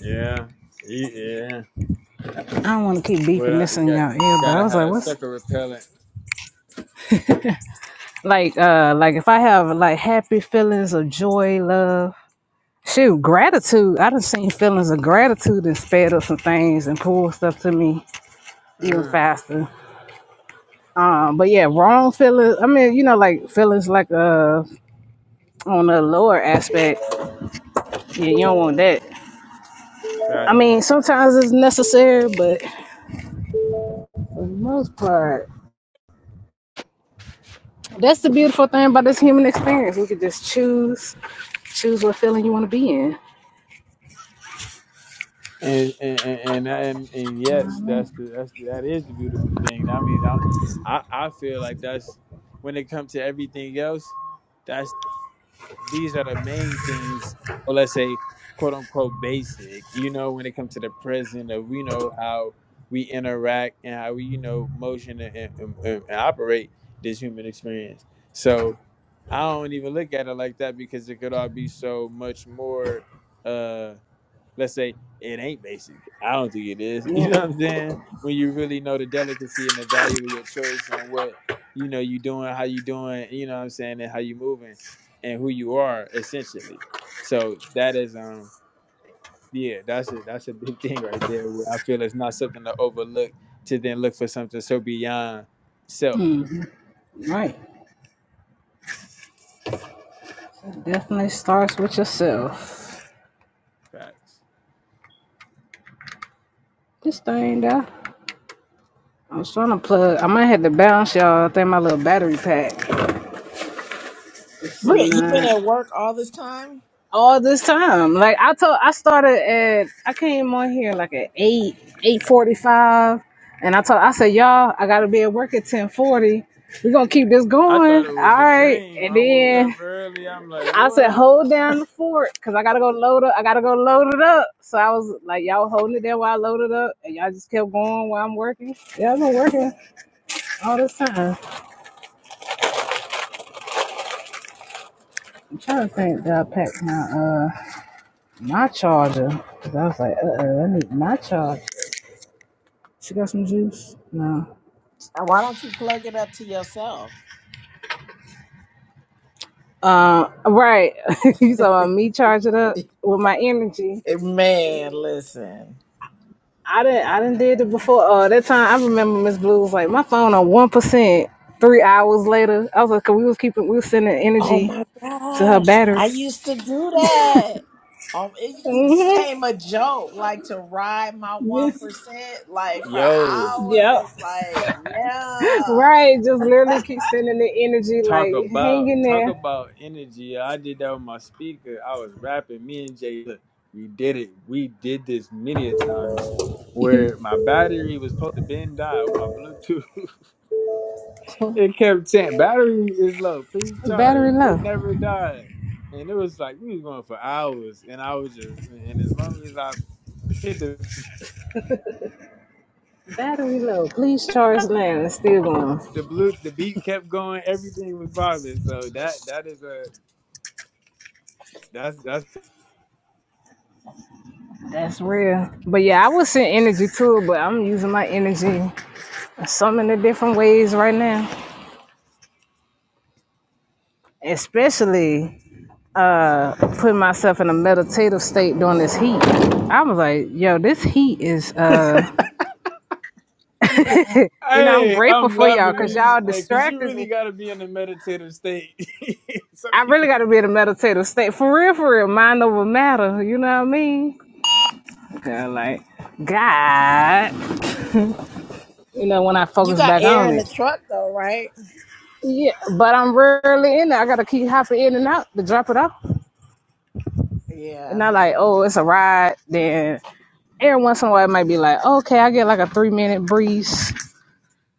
[SPEAKER 7] Yeah. Ye- Yeah.
[SPEAKER 1] I don't want to keep beeping
[SPEAKER 7] Well, uh,
[SPEAKER 1] this
[SPEAKER 7] you
[SPEAKER 1] in
[SPEAKER 7] got
[SPEAKER 1] y'all
[SPEAKER 7] you
[SPEAKER 1] ear, but I
[SPEAKER 7] gotta
[SPEAKER 1] was
[SPEAKER 7] have
[SPEAKER 1] like,
[SPEAKER 7] that
[SPEAKER 1] what's
[SPEAKER 7] sucker repellent.
[SPEAKER 1] like uh like if I have like happy feelings of joy, love. Shoot, gratitude. I done seen feelings of gratitude and sped up some things and pulled stuff to me even
[SPEAKER 7] Uh,
[SPEAKER 1] faster. Um, but yeah, wrong feelings. I mean, you know, like feelings like uh on the lower aspect. Yeah, you don't want that. I
[SPEAKER 7] right.
[SPEAKER 1] mean, sometimes it's necessary, but for the most part, that's the beautiful thing about this human experience. We can just choose, choose what feeling you want to be in. You
[SPEAKER 7] And and, and and and and
[SPEAKER 1] know what
[SPEAKER 7] yes, that's
[SPEAKER 1] I
[SPEAKER 7] the that's the, that is the beautiful thing. That means I I I feel like that's when it comes to everything else. these are the main things, or let's say, quote unquote, basic. You know, when it comes to the present, of we know how we interact and how we, you know, motion and, and, and- and operate this human experience. So I don't even look at it like that because it could all be so much more. uh let's say it ain't basic. I don't think it is. You
[SPEAKER 1] mean? Yeah,
[SPEAKER 7] know what I'm saying? When you really know the delicacy and the value of your choice and what you know you doing, how you doing, you know what I'm saying, and how you moving and who you are essentially. So that is um yeah, that's a that's a big thing right there where I feel it's not something to overlook to then look for something so beyond self.
[SPEAKER 1] right. Definitely starts with yourself.
[SPEAKER 7] Facts.
[SPEAKER 1] This thing, though. I was trying to plug. I might have to bounce y'all. I think my little battery pack. It's
[SPEAKER 6] Britt, you been
[SPEAKER 1] not.
[SPEAKER 6] at work all this time?
[SPEAKER 1] all this time. Like I told, I started at I came on here like at eight eight forty five, and I told I said y'all I gotta be at work at ten forty. We're gonna keep this
[SPEAKER 7] I thought
[SPEAKER 1] going,
[SPEAKER 7] it
[SPEAKER 1] all
[SPEAKER 7] was a
[SPEAKER 1] right?
[SPEAKER 7] dream.
[SPEAKER 1] And
[SPEAKER 7] I woke up
[SPEAKER 1] then
[SPEAKER 7] early. I'm like,
[SPEAKER 1] I said
[SPEAKER 7] what?
[SPEAKER 1] hold down the fort because I gotta go load up. I gotta go load it up. So I was like y'all holding it there while I loaded up, and y'all just kept going while I'm working. Yeah, I've been working all this time. I'm trying to think that I packed my uh my charger because I was like uh uh I need my charger. She got some juice? No.
[SPEAKER 6] And why don't you plug it up to yourself?
[SPEAKER 1] Uh, right. you talking about me charging up with my energy?
[SPEAKER 6] Man, listen.
[SPEAKER 1] I didn't. I didn't did it before. Uh, that time I remember Miss Blue was like, my phone on one percent. Three hours later, I was like, 'cause we was keeping, we was sending
[SPEAKER 6] Oh
[SPEAKER 1] energy
[SPEAKER 6] my
[SPEAKER 1] to her
[SPEAKER 6] gosh.
[SPEAKER 1] battery.
[SPEAKER 6] I used to do that. Um, it, it
[SPEAKER 1] hmm
[SPEAKER 6] became a joke, like to ride my 1%,
[SPEAKER 1] Yes.
[SPEAKER 6] like for
[SPEAKER 7] Yo.
[SPEAKER 1] Yep.
[SPEAKER 6] hours. Like, yeah.
[SPEAKER 1] Right. Just literally keep sending the energy,
[SPEAKER 7] Talk
[SPEAKER 1] like hang
[SPEAKER 7] about
[SPEAKER 1] in
[SPEAKER 7] talk
[SPEAKER 1] there.
[SPEAKER 7] about energy. I did that with my speaker. I was rapping. Me and Jay, look, we did it. We did this many a times. Where my battery was supposed to bend die on my Bluetooth, it kept saying battery is low. Please
[SPEAKER 1] Battery
[SPEAKER 7] charge. It
[SPEAKER 1] low.
[SPEAKER 7] never died, and it was like we was going for hours, and I was just rapping, and as long as I hit the
[SPEAKER 1] Battery low. Please charge now. It's still going.
[SPEAKER 7] the blue the beat kept going, everything was bobbing. So that that is a that's that's
[SPEAKER 1] That's real. But yeah, I would send energy to it, but I'm using my energy in so many different ways right now. Especially uh putting myself in a meditative state during this heat. I was like, yo, this heat is uh you know, I'm
[SPEAKER 7] Hey,
[SPEAKER 1] grateful
[SPEAKER 7] I'm
[SPEAKER 1] for y'all
[SPEAKER 7] laughing
[SPEAKER 1] because
[SPEAKER 7] because you,
[SPEAKER 1] y'all
[SPEAKER 7] hey, 'cause you
[SPEAKER 1] distracted
[SPEAKER 7] really
[SPEAKER 1] me.
[SPEAKER 7] got to be in a meditative state. Some
[SPEAKER 1] I
[SPEAKER 7] people.
[SPEAKER 1] really gotta be in a meditative state. For real, for real. Mind over matter, you know what I mean? Yeah, like God. You know, when I
[SPEAKER 6] You
[SPEAKER 1] focus
[SPEAKER 6] got
[SPEAKER 1] back
[SPEAKER 6] air
[SPEAKER 1] on
[SPEAKER 6] in the
[SPEAKER 1] it.
[SPEAKER 6] truck, though, right?
[SPEAKER 1] Yeah, but I'm rarely in there. I gotta keep hopping in and out to drop it off. and
[SPEAKER 6] Yeah.
[SPEAKER 1] not like, oh, it's a ride. Then every once in a while, it might be like, okay, I get like a three minute breeze.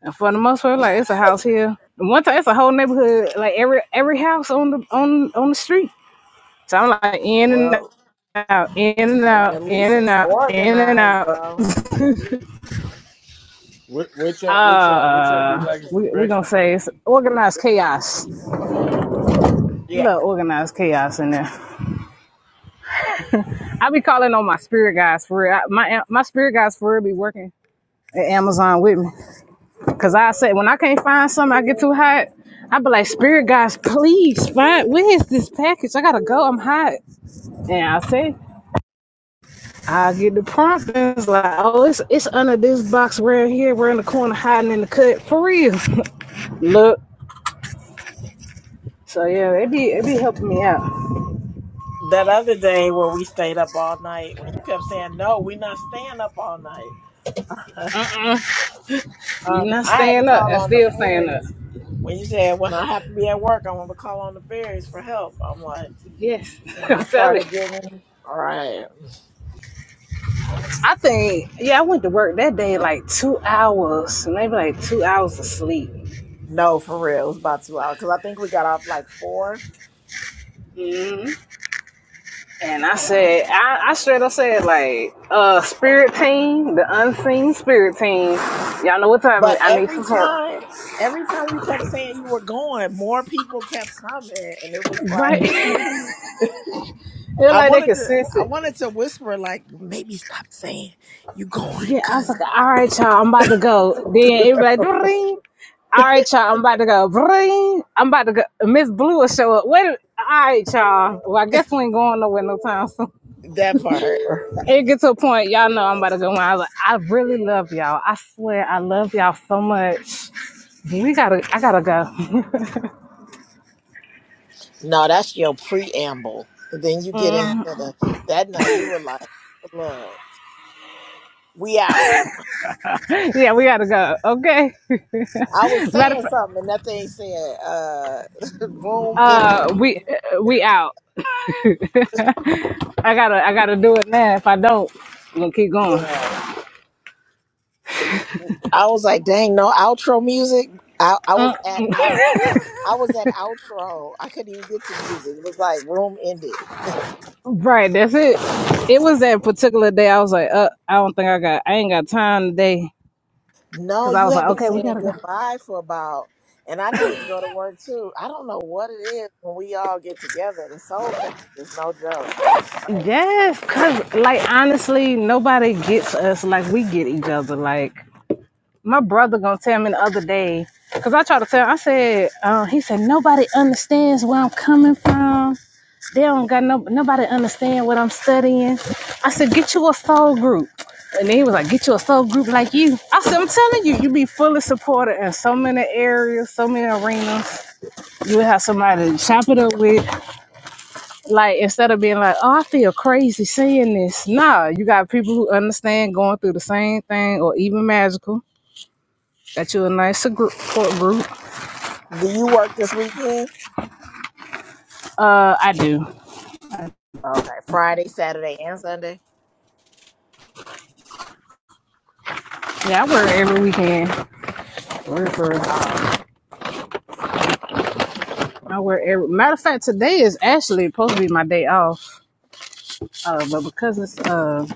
[SPEAKER 1] And for the most part, like it's a house here. And one time, it's a whole neighborhood, like every every house on the on on the street. So I'm like in and
[SPEAKER 6] Well,
[SPEAKER 1] out, in and
[SPEAKER 6] at
[SPEAKER 1] out, in
[SPEAKER 6] least
[SPEAKER 1] and
[SPEAKER 6] it's
[SPEAKER 1] out, in and
[SPEAKER 6] organized,
[SPEAKER 1] out.
[SPEAKER 6] though.
[SPEAKER 7] What what y'all what y'all what y'all be
[SPEAKER 1] Uh,
[SPEAKER 7] liking for
[SPEAKER 1] we we
[SPEAKER 7] breakfast?
[SPEAKER 1] gonna say it's organized chaos. A
[SPEAKER 6] Yeah.
[SPEAKER 1] little organized chaos in there. I be calling on my spirit guys for real. I, my my spirit guys for real be working at Amazon with me. Cause I said when I can't find something, I get too hot. I be like, Spirit guys, please find where is this package? I gotta go. I'm hot. And I say, I get the prompt. And it's like, oh, it's it's under this box right here. We're in the corner hiding in the cut for real. Look. So yeah, it be it be helping me out.
[SPEAKER 6] That other day where we stayed up all night, when you kept saying, no, we're not staying up all night.
[SPEAKER 1] You
[SPEAKER 6] Um,
[SPEAKER 1] not
[SPEAKER 6] I had to
[SPEAKER 1] staying up
[SPEAKER 6] call
[SPEAKER 1] and
[SPEAKER 6] on the
[SPEAKER 1] still staying up.
[SPEAKER 6] fairies when you said when I have to be at work, I want to call on the fairies for help. I'm like,
[SPEAKER 1] Yes,
[SPEAKER 6] when I
[SPEAKER 1] I'm telling
[SPEAKER 6] started
[SPEAKER 1] you.
[SPEAKER 6] getting, all right,
[SPEAKER 1] I think yeah, I went to work that day like two hours, maybe like two hours of sleep.
[SPEAKER 6] no, for real, it was about two hours because I think we got off like four.
[SPEAKER 1] And I said, I, I straight up said, like, uh, spirit team, the unseen spirit team, y'all know what time it is.
[SPEAKER 6] But
[SPEAKER 1] I need
[SPEAKER 6] every
[SPEAKER 1] some help.
[SPEAKER 6] time, every time you kept saying you were going, more people kept coming, and it was
[SPEAKER 1] Right?
[SPEAKER 6] like
[SPEAKER 1] they
[SPEAKER 6] I
[SPEAKER 1] like, they
[SPEAKER 6] wanted
[SPEAKER 1] could
[SPEAKER 6] to,
[SPEAKER 1] sense
[SPEAKER 6] I
[SPEAKER 1] it.
[SPEAKER 6] wanted to whisper like, maybe stop saying you going,
[SPEAKER 1] Yeah, I was
[SPEAKER 6] cause
[SPEAKER 1] like, all right, y'all, I'm about to go. Then it was like, "Dring." all right, y'all, I'm about to go. Dring. I'm about to go. Miss Blue will show up. Wait, a- all right, y'all. Well, I guess we ain't going nowhere no time soon.
[SPEAKER 6] that part.
[SPEAKER 1] It gets to a point, y'all know I'm about to go. on. I was like, I really love y'all. I swear, I love y'all so much. We gotta, I gotta go.
[SPEAKER 6] No, that's your preamble. And then you get into the that night you were like, look, we out.
[SPEAKER 1] yeah, we gotta go. Okay.
[SPEAKER 6] I was
[SPEAKER 1] Matter of
[SPEAKER 6] saying
[SPEAKER 1] fact,
[SPEAKER 6] something and that thing said, uh room ended.
[SPEAKER 1] uh, we uh, we out. I gotta I gotta do it now. If I don't, I'm gonna keep going.
[SPEAKER 6] Yeah. I was like, dang, no outro music. I, I
[SPEAKER 1] Uh,
[SPEAKER 6] was at out I was at outro. I couldn't even get to music. It was like room ended.
[SPEAKER 1] right, that's it. It was that particular day. I was like, uh, I don't think I got. I ain't got time today.
[SPEAKER 6] No,
[SPEAKER 1] Cause I
[SPEAKER 6] you
[SPEAKER 1] was like,
[SPEAKER 6] have been
[SPEAKER 1] okay, we
[SPEAKER 6] saying
[SPEAKER 1] gotta go.
[SPEAKER 6] goodbye for about and I needed to go to work too. I don't know what it is when we all get together. The soul family is no joke. It's like.
[SPEAKER 1] Yes, cause like honestly, nobody gets us like we get each other. Like my brother gonna tell me the other day because i tried to tell him. i said uh, he said nobody understands where i'm coming from they don't got no nobody understand what i'm studying i said get you a soul group and then he was like get you a soul group like you i said i'm telling you you be fully supported in so many areas so many arenas you would have somebody to chop it up with like instead of being like oh i feel crazy saying this nah you got people who understand going through the same thing or even magical Got you a nice support group.
[SPEAKER 6] Do you work this weekend?
[SPEAKER 1] Uh, I do.
[SPEAKER 6] Okay, Friday, Saturday, and Sunday.
[SPEAKER 1] Yeah, I wear it every weekend. For for real.
[SPEAKER 6] Oh, okay.
[SPEAKER 1] I wear it every. Matter of fact, today is actually supposed to be my day off. Uh, but because it's uh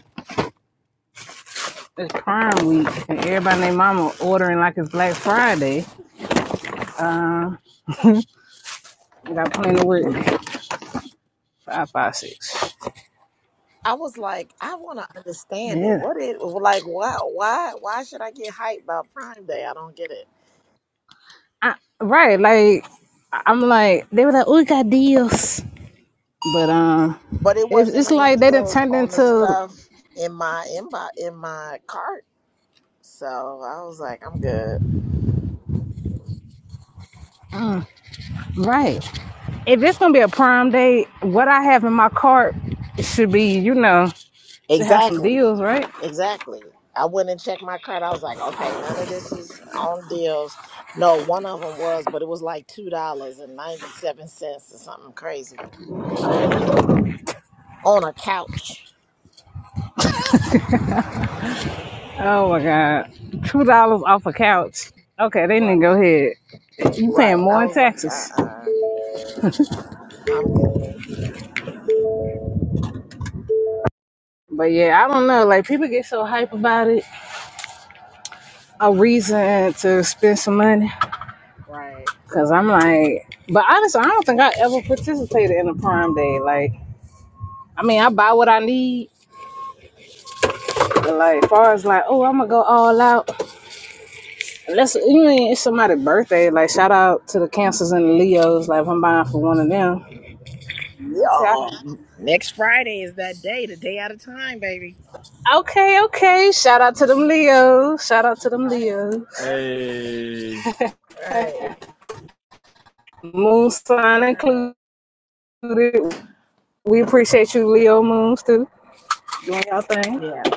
[SPEAKER 1] it's Prime Week and everybody and mama ordering like it's Black Friday, uh, I got plenty of work. Five, five, six.
[SPEAKER 6] I was like, I want to understand it.
[SPEAKER 1] Yeah.
[SPEAKER 6] What it like? Why? Why? Why should I get hyped about Prime Day? I don't get it.
[SPEAKER 1] I, right. Like I- I'm like they were like, oh, we got deals, but um,
[SPEAKER 6] But it
[SPEAKER 1] it,
[SPEAKER 6] wasn't
[SPEAKER 1] it's
[SPEAKER 6] any
[SPEAKER 1] like they didn't
[SPEAKER 6] deals
[SPEAKER 1] turn
[SPEAKER 6] on the
[SPEAKER 1] into
[SPEAKER 6] stuff in my inbox in my cart, so I was like, I'm good.
[SPEAKER 1] right. if it's gonna be a prime day, what I have in my cart should be, you know, should have some
[SPEAKER 6] Exactly,
[SPEAKER 1] deals, right?
[SPEAKER 6] exactly. I went and checked my cart. I was like, okay, none of this is on deals. No, one of them was, but it was like two dollars and ninety seven cents or something crazy. on a couch.
[SPEAKER 1] Oh my god, two dollars off a couch. Okay, they need
[SPEAKER 6] Right.
[SPEAKER 1] to go ahead. You paying
[SPEAKER 6] Right.
[SPEAKER 1] more
[SPEAKER 6] I
[SPEAKER 1] in
[SPEAKER 6] was like, uh
[SPEAKER 1] taxes.
[SPEAKER 6] uh i am good.
[SPEAKER 1] But yeah, I don't know. Like people get so hype about it, a reason to spend some money.
[SPEAKER 6] Right.
[SPEAKER 1] Cause I'm like, but honestly, I don't think I ever participated in a prime day. Like, I mean, I buy what I need, but like, far as like, oh, I'm gonna go all out. Let's you mean it's somebody's birthday. Like shout out to the cancers and the Leos. Like if I'm buying for one of them. Okay, I
[SPEAKER 6] Yeah.
[SPEAKER 1] can
[SPEAKER 6] Next Friday is that day, the day out of time, baby.
[SPEAKER 1] Okay, okay. Shout out to them Leos. Shout out to them Leos.
[SPEAKER 6] Right.
[SPEAKER 7] Hey,
[SPEAKER 6] Right. Right.
[SPEAKER 1] Moon sign included. We appreciate you, Leo Moons, too. Doing y'all thing.
[SPEAKER 6] Yeah.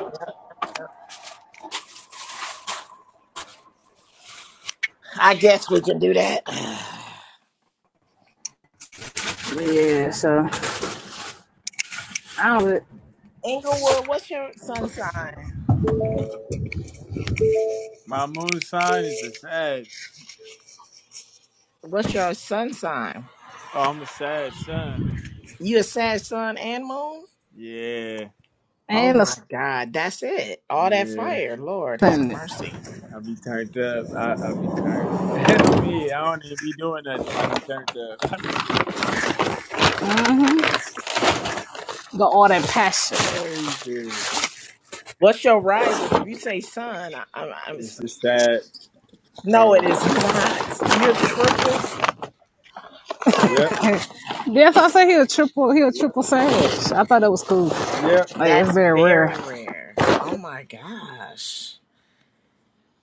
[SPEAKER 6] I guess we can do that.
[SPEAKER 1] Yeah, so I don't really,
[SPEAKER 6] Inglewood, what's your sun sign?
[SPEAKER 7] my moon sign is a Sag.
[SPEAKER 6] What's your sun sign?
[SPEAKER 7] Oh, I'm a Sag son.
[SPEAKER 6] You a sad sun and moon?
[SPEAKER 7] Yeah,
[SPEAKER 6] Oh
[SPEAKER 1] and
[SPEAKER 6] my God, that's it. All that
[SPEAKER 7] man,
[SPEAKER 6] fire, Lord have
[SPEAKER 1] ascendant.
[SPEAKER 6] mercy.
[SPEAKER 7] I be turned up. I I be turned. Me, I don't even be doing nothing. I be turned up. I be,
[SPEAKER 1] Got all that passion.
[SPEAKER 7] oh, everything.
[SPEAKER 6] What's your rising? If you say sun, I, I'm, I'm
[SPEAKER 7] It's a Sag. Hold
[SPEAKER 6] No, it
[SPEAKER 7] on.
[SPEAKER 6] is not. Your triples,
[SPEAKER 7] Yep.
[SPEAKER 1] Yes, I say he a triple he a triple sandwich. I thought that was cool.
[SPEAKER 7] Yep.
[SPEAKER 1] Like it's
[SPEAKER 6] that's
[SPEAKER 1] very rare.
[SPEAKER 6] very rare. Oh my gosh.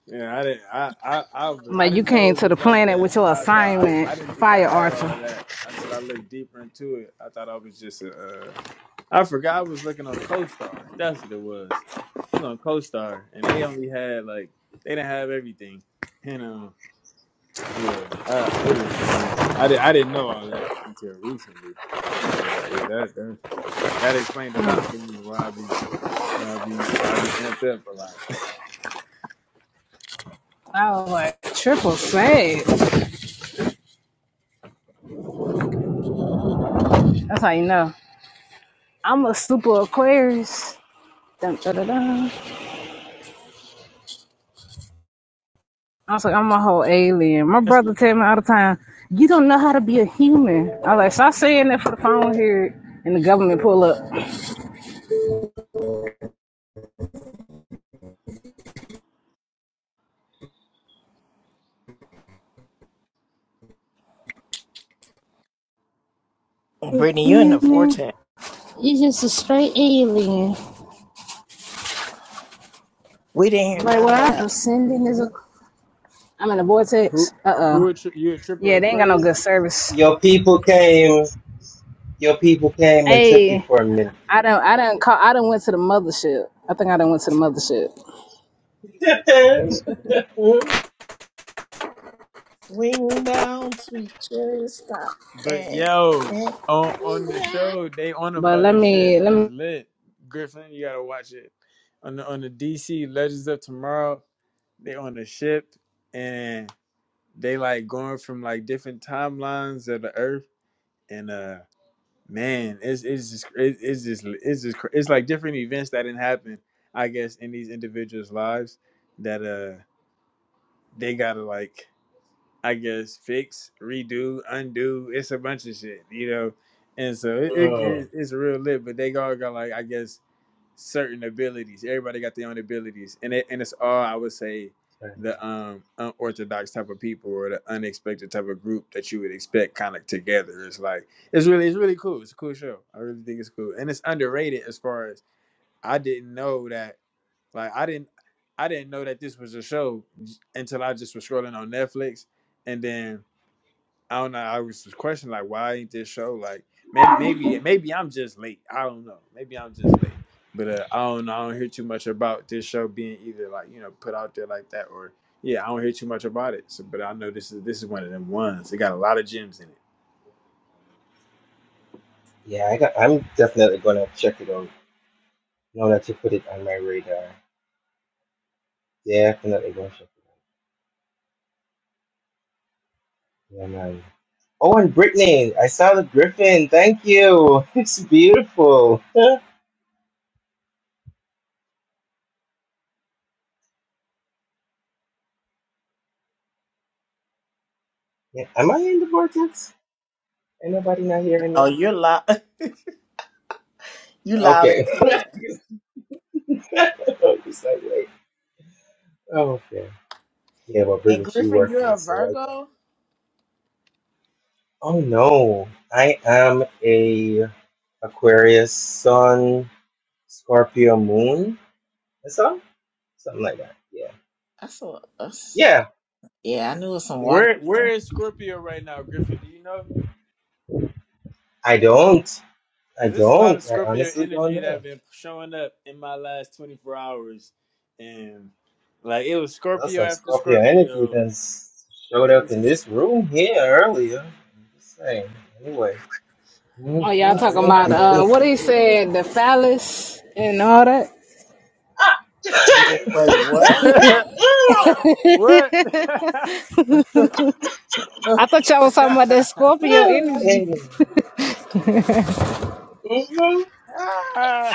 [SPEAKER 7] Yeah, I didn't. I I I, was- I
[SPEAKER 1] Like you
[SPEAKER 7] didn't know
[SPEAKER 1] came
[SPEAKER 7] it
[SPEAKER 1] to the
[SPEAKER 7] was like
[SPEAKER 1] planet
[SPEAKER 7] that.
[SPEAKER 1] with your
[SPEAKER 7] I thought I,
[SPEAKER 1] assignment,
[SPEAKER 7] I didn't think I
[SPEAKER 1] fire
[SPEAKER 7] had all
[SPEAKER 1] archer.
[SPEAKER 7] of that until I looked deeper into it. I thought I was just a. Uh, I forgot I was looking on CoStar. That's what it was. I was on CoStar, and they only had like they didn't have everything. And um, yeah, uh, it was, yeah. I did. I didn't know all that until recently. But uh, yeah, that, that that explained a lot for me why I be why I be why I be amped up a lot.
[SPEAKER 1] I was like, triple sage. That's how you know. I'm a super Aquarius. Dun, dun, dun, dun. I was like, I'm a whole alien. My brother tell me all the time, you don't know how to be a human. I was like, stop saying that for the phone here and the government pull up.
[SPEAKER 6] Brittany, you're in the
[SPEAKER 1] Human,
[SPEAKER 6] vortex.
[SPEAKER 1] you just a straight alien.
[SPEAKER 6] We didn't hear
[SPEAKER 1] I'm like,
[SPEAKER 6] none of
[SPEAKER 1] well, I'm
[SPEAKER 6] that.
[SPEAKER 1] ascending is a. I'm in a
[SPEAKER 7] Who
[SPEAKER 1] vortex. Uh oh.
[SPEAKER 7] who a tri- you a triple
[SPEAKER 1] Yeah, they ain't got no
[SPEAKER 7] Aquarius?
[SPEAKER 1] good service.
[SPEAKER 2] Your people came your people came and took you
[SPEAKER 1] Hey,
[SPEAKER 2] for a minute.
[SPEAKER 1] I don't. I don't call. I don't went to the mothership. I think I done went to the mothership.
[SPEAKER 2] oh,
[SPEAKER 6] Swing down, sweet cherry, stop.
[SPEAKER 7] But
[SPEAKER 6] And,
[SPEAKER 7] yo,
[SPEAKER 6] and
[SPEAKER 7] on on the show, they on a
[SPEAKER 1] But let
[SPEAKER 7] mothership.
[SPEAKER 1] me. Let
[SPEAKER 7] It's
[SPEAKER 1] me.
[SPEAKER 7] lit. Griffin, you gotta watch it. On the on the DC Legends of Tomorrow, they on a ship and they like going from like different timelines of the Earth. And uh, man, it's it's just it, it's just it's just cra- it's like different events that didn't happen, I guess, in these individuals' lives that uh they gotta like I guess fix, redo, undo. It's a bunch of shit, you know. And so it, it,
[SPEAKER 2] sorry.
[SPEAKER 7] it- it's real lit, but they all got like I guess certain abilities. Everybody got their own abilities, and it, and it's all I would say the um unorthodox type of people or the unexpected type of group that you would expect kind of together. It's like it's really it's really cool. It's a cool show. I really think it's cool, and it's underrated as far as I didn't know that like I didn't. I didn't know that this was a show until I just was scrolling on Netflix, and then I don't know. I was just questioning like, why ain't this show like? Maybe maybe maybe I'm just late. I don't know. Maybe I'm just late. But uh, I don't know. I don't hear too much about this show being either like you know put out there like that or yeah. I don't hear too much about it. So, but I know this is this is one of them ones. It got a lot of gems in it.
[SPEAKER 2] yeah, I got. I'm definitely gonna check it out. Now that you put it on my radar, definitely gonna check it. Yeah, man. Oh, and Brittany, I saw the griffin. Thank you. It's beautiful. Yeah, am I in the vortex? Ain't nobody not hearing me?
[SPEAKER 6] oh, you're loud. You loud
[SPEAKER 2] Okay.
[SPEAKER 6] and clear.
[SPEAKER 2] It's like, wait. Oh, okay. Yeah, well,
[SPEAKER 6] And
[SPEAKER 2] Brittany, she
[SPEAKER 6] Griffin, you're
[SPEAKER 2] working,
[SPEAKER 6] a
[SPEAKER 2] so like that.
[SPEAKER 6] Virgo.
[SPEAKER 2] Oh no, I am a Aquarius Sun, Scorpio Moon. That's all? Something like that. Yeah.
[SPEAKER 6] That's a, that's
[SPEAKER 2] Yeah.
[SPEAKER 6] yeah. I knew it was some water.
[SPEAKER 7] Where where is Scorpio right now, Griffin? Do you know?
[SPEAKER 2] I don't. I
[SPEAKER 7] Cause there's a lot of
[SPEAKER 2] don't. I
[SPEAKER 7] Scorpio
[SPEAKER 2] honestly don't
[SPEAKER 7] energy that
[SPEAKER 2] know.
[SPEAKER 7] have been showing up in my last 24 hours, and like it was
[SPEAKER 2] Well,
[SPEAKER 7] Scorpio
[SPEAKER 2] some
[SPEAKER 7] after
[SPEAKER 2] Scorpio energy
[SPEAKER 7] Scorpio.
[SPEAKER 2] that showed
[SPEAKER 7] It
[SPEAKER 2] up
[SPEAKER 7] was
[SPEAKER 2] in this room here earlier. I'm just saying. Anyway.
[SPEAKER 1] Oh, y'all talking
[SPEAKER 7] oh,
[SPEAKER 1] about
[SPEAKER 7] yeah,
[SPEAKER 1] uh, what he said, the phallus and all that.
[SPEAKER 2] Ah!
[SPEAKER 6] Wait, what?
[SPEAKER 7] I- what?
[SPEAKER 1] I thought y'all was talking about that Scorpio energy.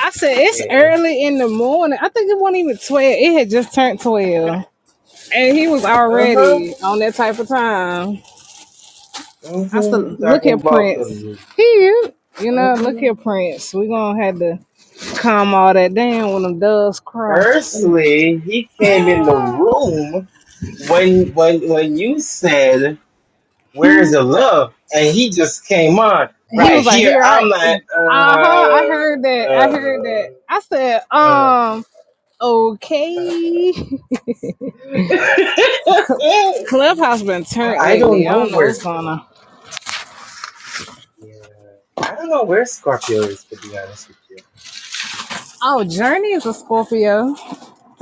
[SPEAKER 1] I said it's
[SPEAKER 2] yeah.
[SPEAKER 1] early in the morning. I think it wasn't even twelve. It had just turned twelve, and he was
[SPEAKER 2] Uh huh.
[SPEAKER 1] already on that type of time. I said,
[SPEAKER 2] hmm
[SPEAKER 1] look here,
[SPEAKER 2] Talking about
[SPEAKER 1] Prince.
[SPEAKER 2] the.
[SPEAKER 1] Here, you know, look here, Prince. We gonna have to calm all that down when them doves cry.
[SPEAKER 2] Firstly, he came in the room when when when you said, "Where is the love?" and he just came on
[SPEAKER 1] he
[SPEAKER 2] right
[SPEAKER 1] was like,
[SPEAKER 2] here.
[SPEAKER 1] "Here, I,
[SPEAKER 2] I'm like,
[SPEAKER 1] uh huh, I heard
[SPEAKER 2] uh,
[SPEAKER 1] that, I heard that."
[SPEAKER 2] uh,
[SPEAKER 1] I said,
[SPEAKER 2] uh.
[SPEAKER 1] "Um, okay." Clubhouse been
[SPEAKER 2] Well,
[SPEAKER 1] turned
[SPEAKER 2] I don't
[SPEAKER 1] lately. I
[SPEAKER 2] know
[SPEAKER 1] don't know
[SPEAKER 2] where
[SPEAKER 1] what's going
[SPEAKER 2] Scorpio.
[SPEAKER 1] on.
[SPEAKER 2] I don't know where Scorpio is to be honest with you.
[SPEAKER 1] Oh, Journey is a Scorpio.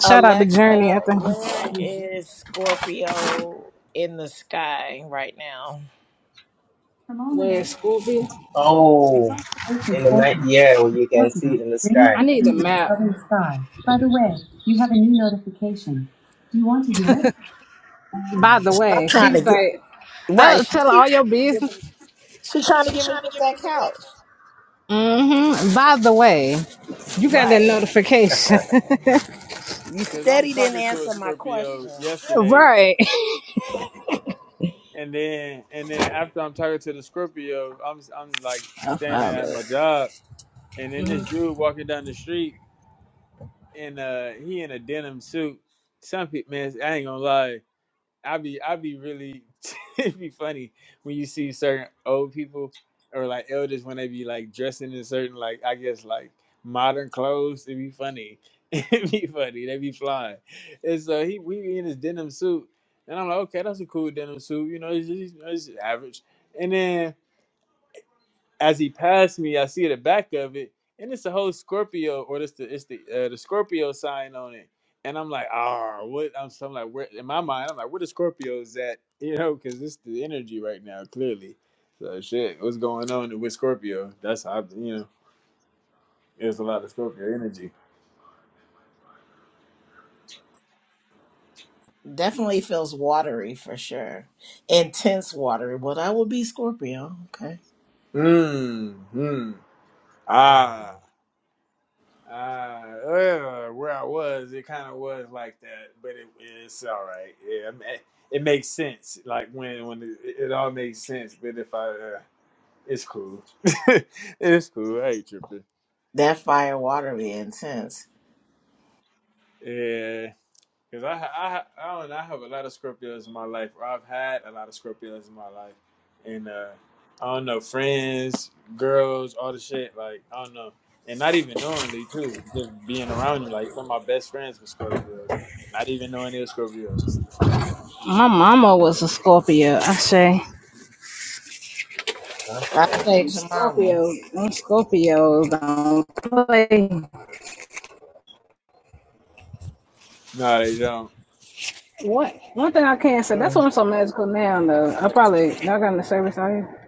[SPEAKER 1] Shout out to Journey. I
[SPEAKER 6] Alexa,
[SPEAKER 1] think.
[SPEAKER 6] where
[SPEAKER 2] Oh yeah.
[SPEAKER 6] is Scorpio in the sky right now? From
[SPEAKER 1] Wait,
[SPEAKER 6] Almanac
[SPEAKER 1] Scorpio.
[SPEAKER 2] Oh, in
[SPEAKER 6] Ocean
[SPEAKER 2] the night. Yeah, well, you can see it
[SPEAKER 6] Fortnum
[SPEAKER 2] in the
[SPEAKER 6] rings
[SPEAKER 2] sky.
[SPEAKER 1] I
[SPEAKER 6] the
[SPEAKER 1] need
[SPEAKER 6] sea
[SPEAKER 1] a
[SPEAKER 6] in the
[SPEAKER 1] map.
[SPEAKER 6] southern sky. By the way, you have a new notification. Do you want to hear it?
[SPEAKER 1] By the
[SPEAKER 6] Stop
[SPEAKER 1] way,
[SPEAKER 6] trying to
[SPEAKER 1] she's
[SPEAKER 6] get
[SPEAKER 1] like, "Oh,
[SPEAKER 6] right.
[SPEAKER 1] tell her all
[SPEAKER 6] She's
[SPEAKER 1] your
[SPEAKER 6] trying to give
[SPEAKER 1] business."
[SPEAKER 6] me. She's trying to
[SPEAKER 1] You
[SPEAKER 6] get me to
[SPEAKER 1] trying to
[SPEAKER 6] get
[SPEAKER 1] get me?
[SPEAKER 6] that couch.
[SPEAKER 1] Mm-hmm. By the way, you got that
[SPEAKER 6] Right.
[SPEAKER 1] notification,
[SPEAKER 2] Okay.
[SPEAKER 6] You
[SPEAKER 7] Cause I'm
[SPEAKER 6] steady didn't
[SPEAKER 7] talking to a
[SPEAKER 6] answer my
[SPEAKER 7] Scorpio
[SPEAKER 6] question.
[SPEAKER 7] yesterday,
[SPEAKER 1] right?
[SPEAKER 7] and then and then after I'm talking to the Scorpio, I'm I'm like
[SPEAKER 1] I
[SPEAKER 7] standing
[SPEAKER 1] found
[SPEAKER 7] at
[SPEAKER 1] it.
[SPEAKER 7] my job, and then this dude walking down the street. and uh he in a denim suit. Some people, man, I ain't gonna lie. I be I be really it would be funny when you see certain old people or like elders when they be like dressing in certain like I guess like modern clothes. It would be funny. It would be funny. They be flying. And so he we be in his denim suit, and I'm like, okay, that's a cool denim suit. You know, it's, it's, it's average. And then as he passed me, I see the back of it, and it's a whole Scorpio, or it's the it's the uh, the Scorpio sign on it. And I'm like, ah, what? I'm, so I'm like, where? In my mind, I'm like, where the Scorpios at? You know, because it's the energy right now, clearly. So shit, what's going on with Scorpio? That's how I- you know, there's a lot of Scorpio energy.
[SPEAKER 6] Definitely feels watery for sure. Intense watery. Well, that would be Scorpio. Okay.
[SPEAKER 7] Hmm. Hmm.
[SPEAKER 2] Hmm,
[SPEAKER 7] Ah. Uh, uh, where I was, it kind of was like that, but it, it's all right. Yeah, I mean, it makes sense. Like when when it, it all makes sense. But if I, uh, it's cool. it's cool. I ain't tripping.
[SPEAKER 6] That fire watery intense.
[SPEAKER 7] Yeah. Because I, I, I, don't, I have a lot of Scorpios in my life, or I've had a lot of Scorpios in my life. And uh, I don't know, friends, girls, all the shit. Like, I don't know. And not even knowingly, too. Just being around them. Like, some of my best friends were Scorpios. Not even knowing they were Scorpios.
[SPEAKER 1] My mama was a Scorpio. I say.
[SPEAKER 6] That
[SPEAKER 2] Gotcha.
[SPEAKER 6] shapes mama.
[SPEAKER 1] Scorpio, them Scorpios don't play.
[SPEAKER 7] No, they don't.
[SPEAKER 1] What? One thing I can't say.
[SPEAKER 2] Hmm. Hmm.
[SPEAKER 1] That's why I'm so magical now. Though I
[SPEAKER 7] What
[SPEAKER 1] probably not got in the service out here,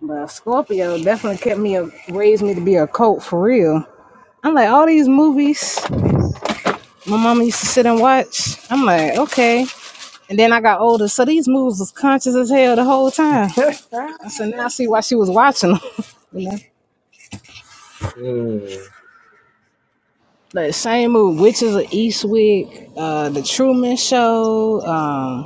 [SPEAKER 1] but Scorpio definitely kept me a raised me to be a cult for real. I'm like all these movies my mama used to sit and watch. I'm like okay, and then I got older, so these movies was conscious as hell the whole time. I said now I see why she was watching them. you know.
[SPEAKER 2] Mm,
[SPEAKER 1] Like same movie, Witches of Eastwick, uh, The Truman Show, um,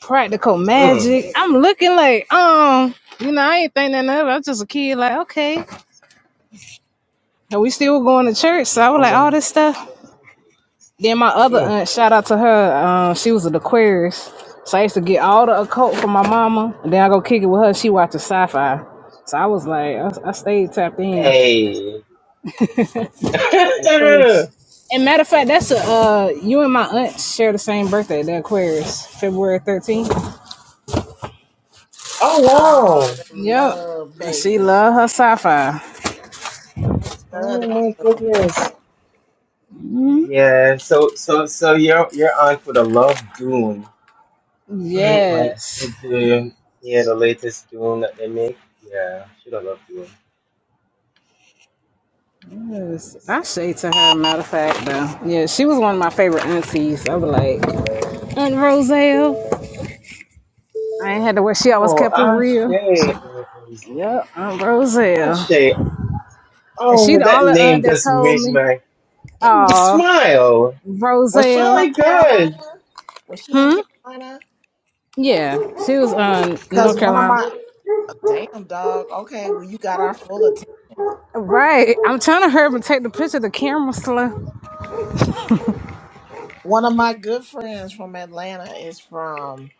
[SPEAKER 1] practical
[SPEAKER 2] mm,
[SPEAKER 1] magic. I'm looking like, um, you know, I ain't think nothing of it. I was just a kid, like, okay. And we still going to church. So I was like,
[SPEAKER 2] mama.
[SPEAKER 1] all this stuff. Then my other
[SPEAKER 2] Mm.
[SPEAKER 1] aunt, shout out to her, um, she was an Aquarius. So I used to get all the occult from my mama. And then I go kick it with her. She watches sci fi. So I was like, I, I stayed tapped in.
[SPEAKER 2] Hey. oh
[SPEAKER 1] Aquarius. And matter of fact, that's a uh, you and my aunt share the same birthday, the Aquarius, February 13th.
[SPEAKER 6] Ah,
[SPEAKER 2] wow.
[SPEAKER 6] them
[SPEAKER 1] Yep.
[SPEAKER 6] love
[SPEAKER 1] She
[SPEAKER 6] baby.
[SPEAKER 1] love her sci-fi.
[SPEAKER 6] Oh, love them,
[SPEAKER 2] Oh my
[SPEAKER 6] love them.
[SPEAKER 2] goodness. Yeah. So so so you're you're on for the Love Dune, like
[SPEAKER 1] Yes.
[SPEAKER 2] it- the yeah the latest Dune that they make. Yeah, should I love Dune? Let
[SPEAKER 1] Yes,
[SPEAKER 2] me
[SPEAKER 1] I
[SPEAKER 2] see.
[SPEAKER 1] shade to her. Matter of fact, though, yeah, she was one of my favorite aunties. I was like Aunt Roselle. I ain't had to wear. She always
[SPEAKER 2] Oh,
[SPEAKER 1] kept it real.
[SPEAKER 2] Ashay. Oh, what was that?
[SPEAKER 1] Yep, Aunt Roselle,
[SPEAKER 2] Ashay.
[SPEAKER 1] and she
[SPEAKER 2] Oh,
[SPEAKER 1] the
[SPEAKER 2] that
[SPEAKER 1] only
[SPEAKER 2] name
[SPEAKER 1] aunt that
[SPEAKER 2] just
[SPEAKER 1] told
[SPEAKER 2] made
[SPEAKER 1] me,
[SPEAKER 2] my
[SPEAKER 1] "Oh,
[SPEAKER 2] smile.
[SPEAKER 6] Was she
[SPEAKER 2] Oh
[SPEAKER 1] Roselle,
[SPEAKER 2] my
[SPEAKER 6] from Carolina?
[SPEAKER 2] gosh.
[SPEAKER 6] Was she in
[SPEAKER 1] hmm."
[SPEAKER 6] Carolina?
[SPEAKER 1] Yeah, she was um
[SPEAKER 6] Cause
[SPEAKER 1] North
[SPEAKER 6] one of
[SPEAKER 1] Carolina.
[SPEAKER 6] my damn dog. Okay, well you got our full attention.
[SPEAKER 1] Right, I'm trying to hurry up and take the picture. of The camera slow.
[SPEAKER 6] One of my good friends from Atlanta is from,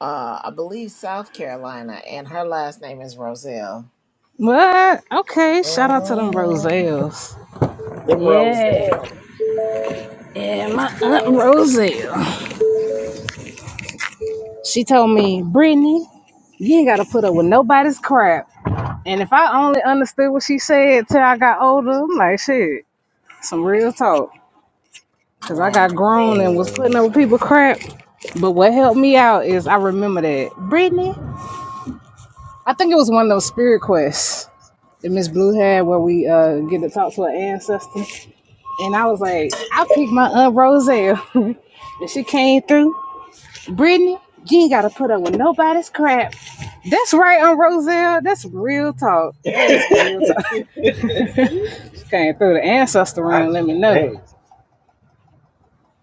[SPEAKER 6] uh, I believe South Carolina, and her last name is Roselle.
[SPEAKER 1] What? Okay, shout out to them
[SPEAKER 6] Mhm.
[SPEAKER 1] Roselles.
[SPEAKER 6] The
[SPEAKER 1] Yeah,
[SPEAKER 6] Roselle,
[SPEAKER 1] yeah,
[SPEAKER 2] Yeah,
[SPEAKER 1] my aunt Roselle. She told me, Brittany, You ain't gotta put up with nobody's crap. And if I only understood what she said till I got older, I'm like, shit, some real talk. Cause I got
[SPEAKER 6] right?
[SPEAKER 1] grown and was
[SPEAKER 2] man.
[SPEAKER 1] putting up with people crap. But what helped me out is I remember that. Brittany, I think it was one of those spirit quests that Miss Blue had where we uh, get to talk to an ancestor. And I was like, I picked my Aunt Roselle, and she came through. Brittany, you ain't gotta put up with nobody's crap. That's right, on Roselle. That's real talk. That is
[SPEAKER 2] I
[SPEAKER 1] some real talk. She came through the ancestor room, let me know.
[SPEAKER 2] shame.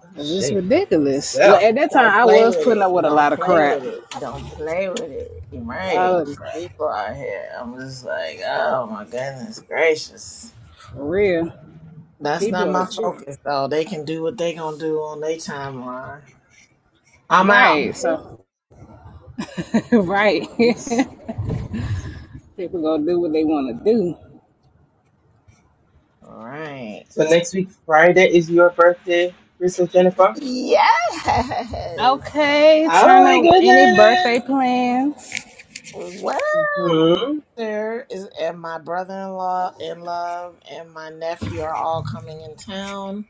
[SPEAKER 2] I
[SPEAKER 1] Cause it's
[SPEAKER 2] shame of
[SPEAKER 1] ridiculous. Well,
[SPEAKER 2] myself.
[SPEAKER 1] at that time
[SPEAKER 6] Don't
[SPEAKER 1] I
[SPEAKER 6] play
[SPEAKER 1] was
[SPEAKER 6] with
[SPEAKER 1] putting up
[SPEAKER 6] it.
[SPEAKER 1] with a
[SPEAKER 6] Don't
[SPEAKER 1] lot of
[SPEAKER 6] play with
[SPEAKER 1] crap.
[SPEAKER 6] it. Don't play with it.
[SPEAKER 1] A
[SPEAKER 6] Right?
[SPEAKER 1] lot of
[SPEAKER 6] These
[SPEAKER 1] crap.
[SPEAKER 6] people out here. I'm just like, oh my goodness gracious.
[SPEAKER 1] For real.
[SPEAKER 6] That's
[SPEAKER 1] People
[SPEAKER 6] not
[SPEAKER 1] are
[SPEAKER 6] my
[SPEAKER 1] true.
[SPEAKER 6] focus, though. They can do what they gonna do on their timeline. I'm out.
[SPEAKER 1] Right,
[SPEAKER 2] Mhm.
[SPEAKER 1] so right.
[SPEAKER 2] Peace and blessings.
[SPEAKER 1] People gonna do what they wanna do.
[SPEAKER 6] All right.
[SPEAKER 2] So next week, Friday, is your birthday, Crystal Jennifer.
[SPEAKER 6] Yes.
[SPEAKER 1] Okay,
[SPEAKER 2] Oh
[SPEAKER 1] turn
[SPEAKER 2] my
[SPEAKER 1] up any birthday
[SPEAKER 2] goodness.
[SPEAKER 1] plans.
[SPEAKER 6] Well,
[SPEAKER 2] Hmm.
[SPEAKER 6] there is, and my brother-in-law in love and my nephew are all coming in town.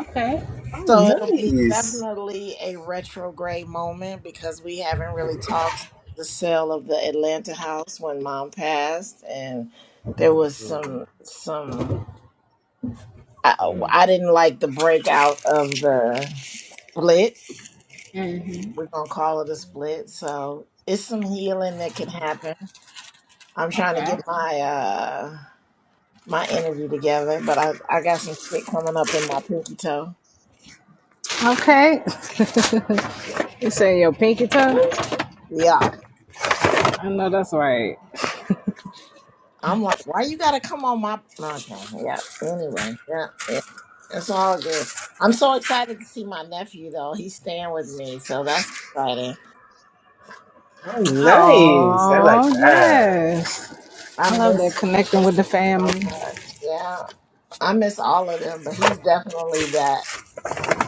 [SPEAKER 1] Okay.
[SPEAKER 2] Oh,
[SPEAKER 6] So it'll be
[SPEAKER 2] nice.
[SPEAKER 6] definitely a retrograde moment because we haven't really talked since the sale of the Atlanta house when mom passed, and there was
[SPEAKER 2] Hmm.
[SPEAKER 6] some some I,
[SPEAKER 2] Hmm.
[SPEAKER 6] I didn't like the breakout of the split. We're gonna call it a
[SPEAKER 2] hmm
[SPEAKER 6] split. So it's some healing that can
[SPEAKER 2] hmm
[SPEAKER 6] happen. I'm trying to
[SPEAKER 1] Okay.
[SPEAKER 6] get my uh my energy together, but I I got some shit coming up in my pinky toe.
[SPEAKER 1] Okay. It's in your pinky toe.
[SPEAKER 2] What?
[SPEAKER 6] Yeah,
[SPEAKER 1] I know that's right.
[SPEAKER 6] I'm like, why you gotta come on my? Okay, yeah. Anyway, yeah, yeah. It's all good. I'm so excited to see my nephew though. He's staying with me, so that's exciting.
[SPEAKER 2] Oh, nice. I like
[SPEAKER 1] Oh,
[SPEAKER 2] that.
[SPEAKER 1] yes.
[SPEAKER 6] I
[SPEAKER 1] I love that
[SPEAKER 6] miss I
[SPEAKER 1] connecting with
[SPEAKER 6] miss
[SPEAKER 1] the
[SPEAKER 6] him so
[SPEAKER 1] family.
[SPEAKER 6] much. Yeah. I miss all of them, but he's definitely that.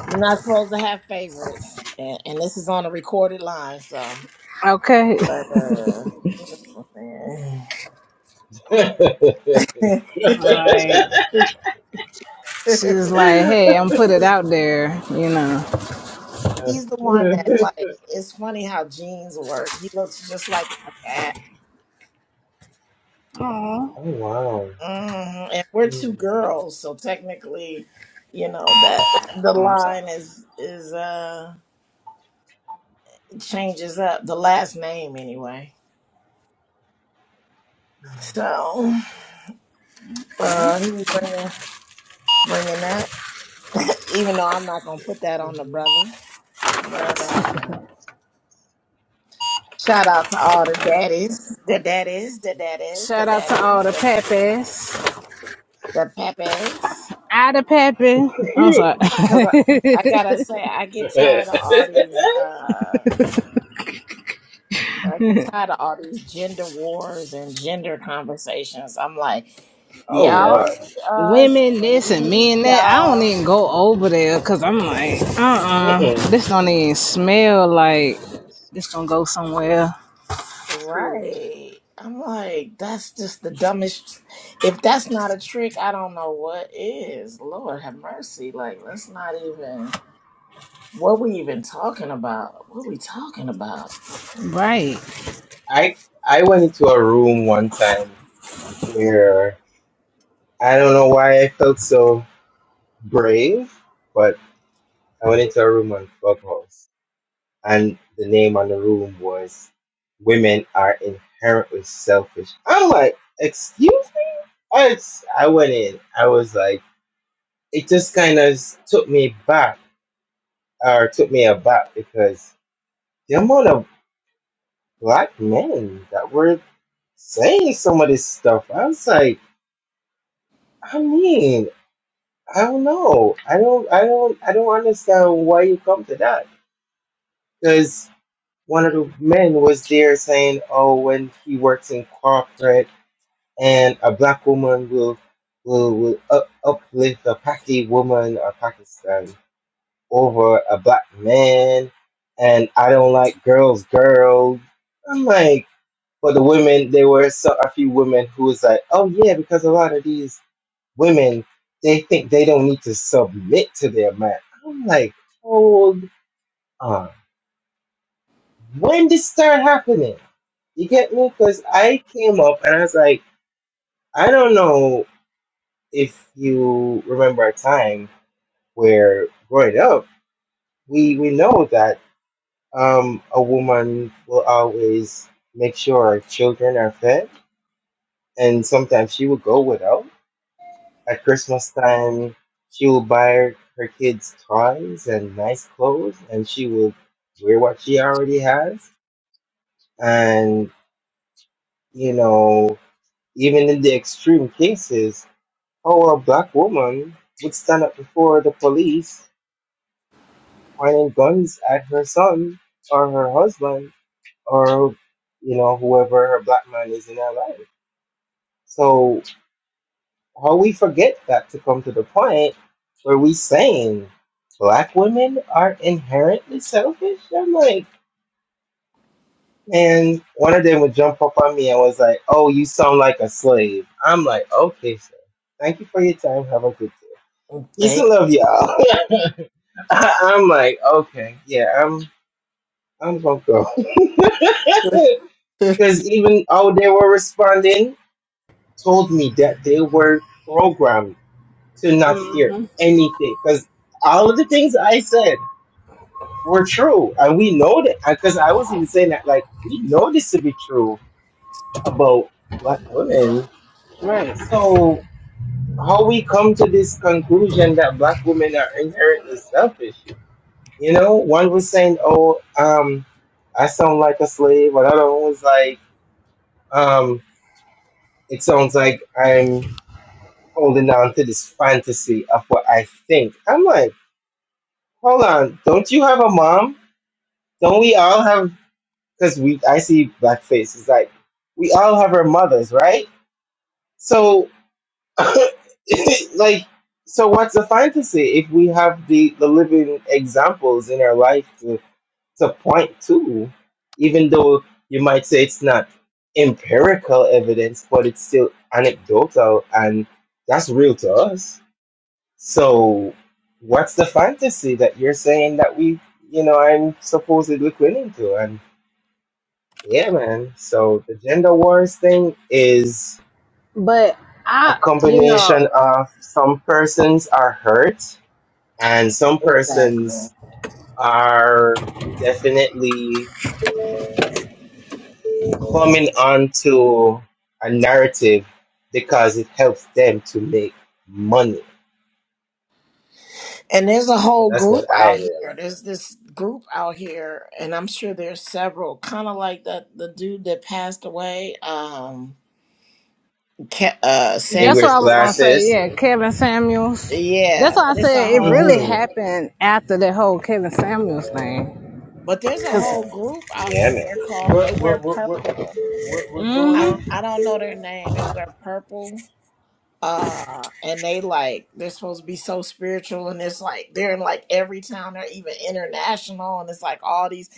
[SPEAKER 6] You're not supposed to have favorites. And, and this is on a recorded line, so
[SPEAKER 1] Okay.
[SPEAKER 6] but uh you know what I'm saying.
[SPEAKER 1] Like, she's like, hey, I'm put it out there, you know.
[SPEAKER 6] he's the one that like it's funny how genes work. He looks just like my dad.
[SPEAKER 1] Oh,
[SPEAKER 2] oh, wow.
[SPEAKER 6] hmm And we're two girls, so technically, you know, that the
[SPEAKER 1] I'm sorry.
[SPEAKER 6] line is is uh changes up the last name anyway. So uh, he was bringing bringing that, even though I'm not gonna put that on the
[SPEAKER 2] Mm-hmm.
[SPEAKER 6] brother. But uh, shout out to all the daddies, the daddies, the daddies, the
[SPEAKER 1] Shout out to all
[SPEAKER 6] daddies,
[SPEAKER 1] the
[SPEAKER 6] the,
[SPEAKER 1] Pappas.
[SPEAKER 6] the pappas.
[SPEAKER 1] I the Pappy. I'm sorry.
[SPEAKER 6] Cause I, I gotta say, I get tired of all these. Uh, I get tired of all these gender wars and gender conversations. I'm like,
[SPEAKER 2] oh
[SPEAKER 6] y'all
[SPEAKER 1] yeah.
[SPEAKER 6] need
[SPEAKER 2] Lord.
[SPEAKER 6] us,
[SPEAKER 1] Women
[SPEAKER 6] and
[SPEAKER 1] this
[SPEAKER 6] we
[SPEAKER 1] and
[SPEAKER 6] need
[SPEAKER 1] men that. I don't
[SPEAKER 6] y'all.
[SPEAKER 1] even go over there because I'm like, uh-uh.
[SPEAKER 2] Mm-mm.
[SPEAKER 1] This don't even smell like this gonna go somewhere.
[SPEAKER 6] Right. I'm like, that's just the dumbest. If that's not a trick, I don't know what is. Lord have mercy. Like, let's not even. What we even talking about? What we talking about?
[SPEAKER 1] Right.
[SPEAKER 2] I I went into a room one time where I don't know why I felt so brave, but I went into a room on Clubhouse, and the name on the room was "Women Are Inherently Selfish." I'm like, excuse me. I s- I went in. I was like, it just kind of took me back, or took me aback because the amount of black men that were saying some of this stuff. I was like, I mean, I don't know. I don't, I don't, I don't understand why you come to that. Because one of the men was there saying, oh, when he works in corporate and a black woman will will will up, uplift a Pakistani woman or Pakistan over a black man, and I don't like girls, girls. I'm like, but the women, there were so, a few women who was like, oh yeah, because a lot of these women they think they don't need to submit to their man. I'm like, hold on. When did this start happening? You get me? Because I came up and I was like, I don't know if you remember a time where growing up, we we know that um, a woman will always make sure our children are fed, and sometimes she will go without At Christmas time, she will buy her kids toys and nice clothes, and she will wear what she already has. And, you know, even in the extreme cases, how a black woman would stand up before the police pointing guns at her son or her husband or, you know, whoever her black man is in her life. So how we forget that to come to the point where we saying black women are inherently selfish. I'm like, and one of them would jump up on me and was like, "Oh, you sound like a slave." I'm like, "Okay, sir. Thank you for your time. Have a good day. Peace
[SPEAKER 6] Thank
[SPEAKER 2] and love, y'all." I'm like, "Okay, yeah, I'm I'm gonna go."
[SPEAKER 6] exactly.
[SPEAKER 2] Because even how they were responding told me that they were programmed to not hear anything because all of the things I said were true, and we know that because I was even saying that like we know this to be true about black women.
[SPEAKER 1] Right.
[SPEAKER 2] So how we come to this conclusion that black women are inherently selfish? You know, one was saying, "Oh, um, I sound like a slave," another one was like, um, "It sounds like I'm." Holding on to this fantasy of what I think. I'm like, hold on, don't you have a mom? Don't we all have? Because we, I see blackface. It's like we all have our mothers, right? So, like, so what's a fantasy if we have the the living examples in our life to to point to, even though you might say it's not empirical evidence, but it's still anecdotal, and that's real to us. So, what's the fantasy that you're saying that we, you know, I'm supposedly clinging to and Yeah, man. So the gender wars thing is
[SPEAKER 1] But
[SPEAKER 2] a
[SPEAKER 1] I, you know,
[SPEAKER 2] combination of some persons are hurt and some persons are definitely coming onto a narrative because it helps them to make money.
[SPEAKER 6] And there's a
[SPEAKER 2] So
[SPEAKER 6] whole
[SPEAKER 2] that's what
[SPEAKER 6] group
[SPEAKER 2] I
[SPEAKER 6] out
[SPEAKER 2] realize.
[SPEAKER 6] here. There's this group out here, and I'm sure there's several. Kind of like that the dude that passed away, um, Ke- uh,
[SPEAKER 2] And he
[SPEAKER 6] Sam.
[SPEAKER 1] that's what
[SPEAKER 2] wears
[SPEAKER 1] I was gonna say.
[SPEAKER 2] glasses.
[SPEAKER 1] Yeah, Kevin Samuels. That's
[SPEAKER 6] Yeah,
[SPEAKER 1] why I
[SPEAKER 6] but it's a
[SPEAKER 1] said it really
[SPEAKER 6] whole.
[SPEAKER 2] Mm-hmm.
[SPEAKER 1] happened after that whole Kevin Samuels thing.
[SPEAKER 6] But there's a
[SPEAKER 1] Cause
[SPEAKER 6] whole group out
[SPEAKER 2] Yeah,
[SPEAKER 6] here.
[SPEAKER 2] man.
[SPEAKER 6] They're called. They
[SPEAKER 7] what
[SPEAKER 6] wear
[SPEAKER 7] what what what
[SPEAKER 6] purple.
[SPEAKER 7] what, what's going
[SPEAKER 6] I
[SPEAKER 7] on?
[SPEAKER 6] I don't know their name. They wear purple. Uh, and they like they're supposed to be so spiritual, and it's like they're in like every town. They're even international, and it's like all these,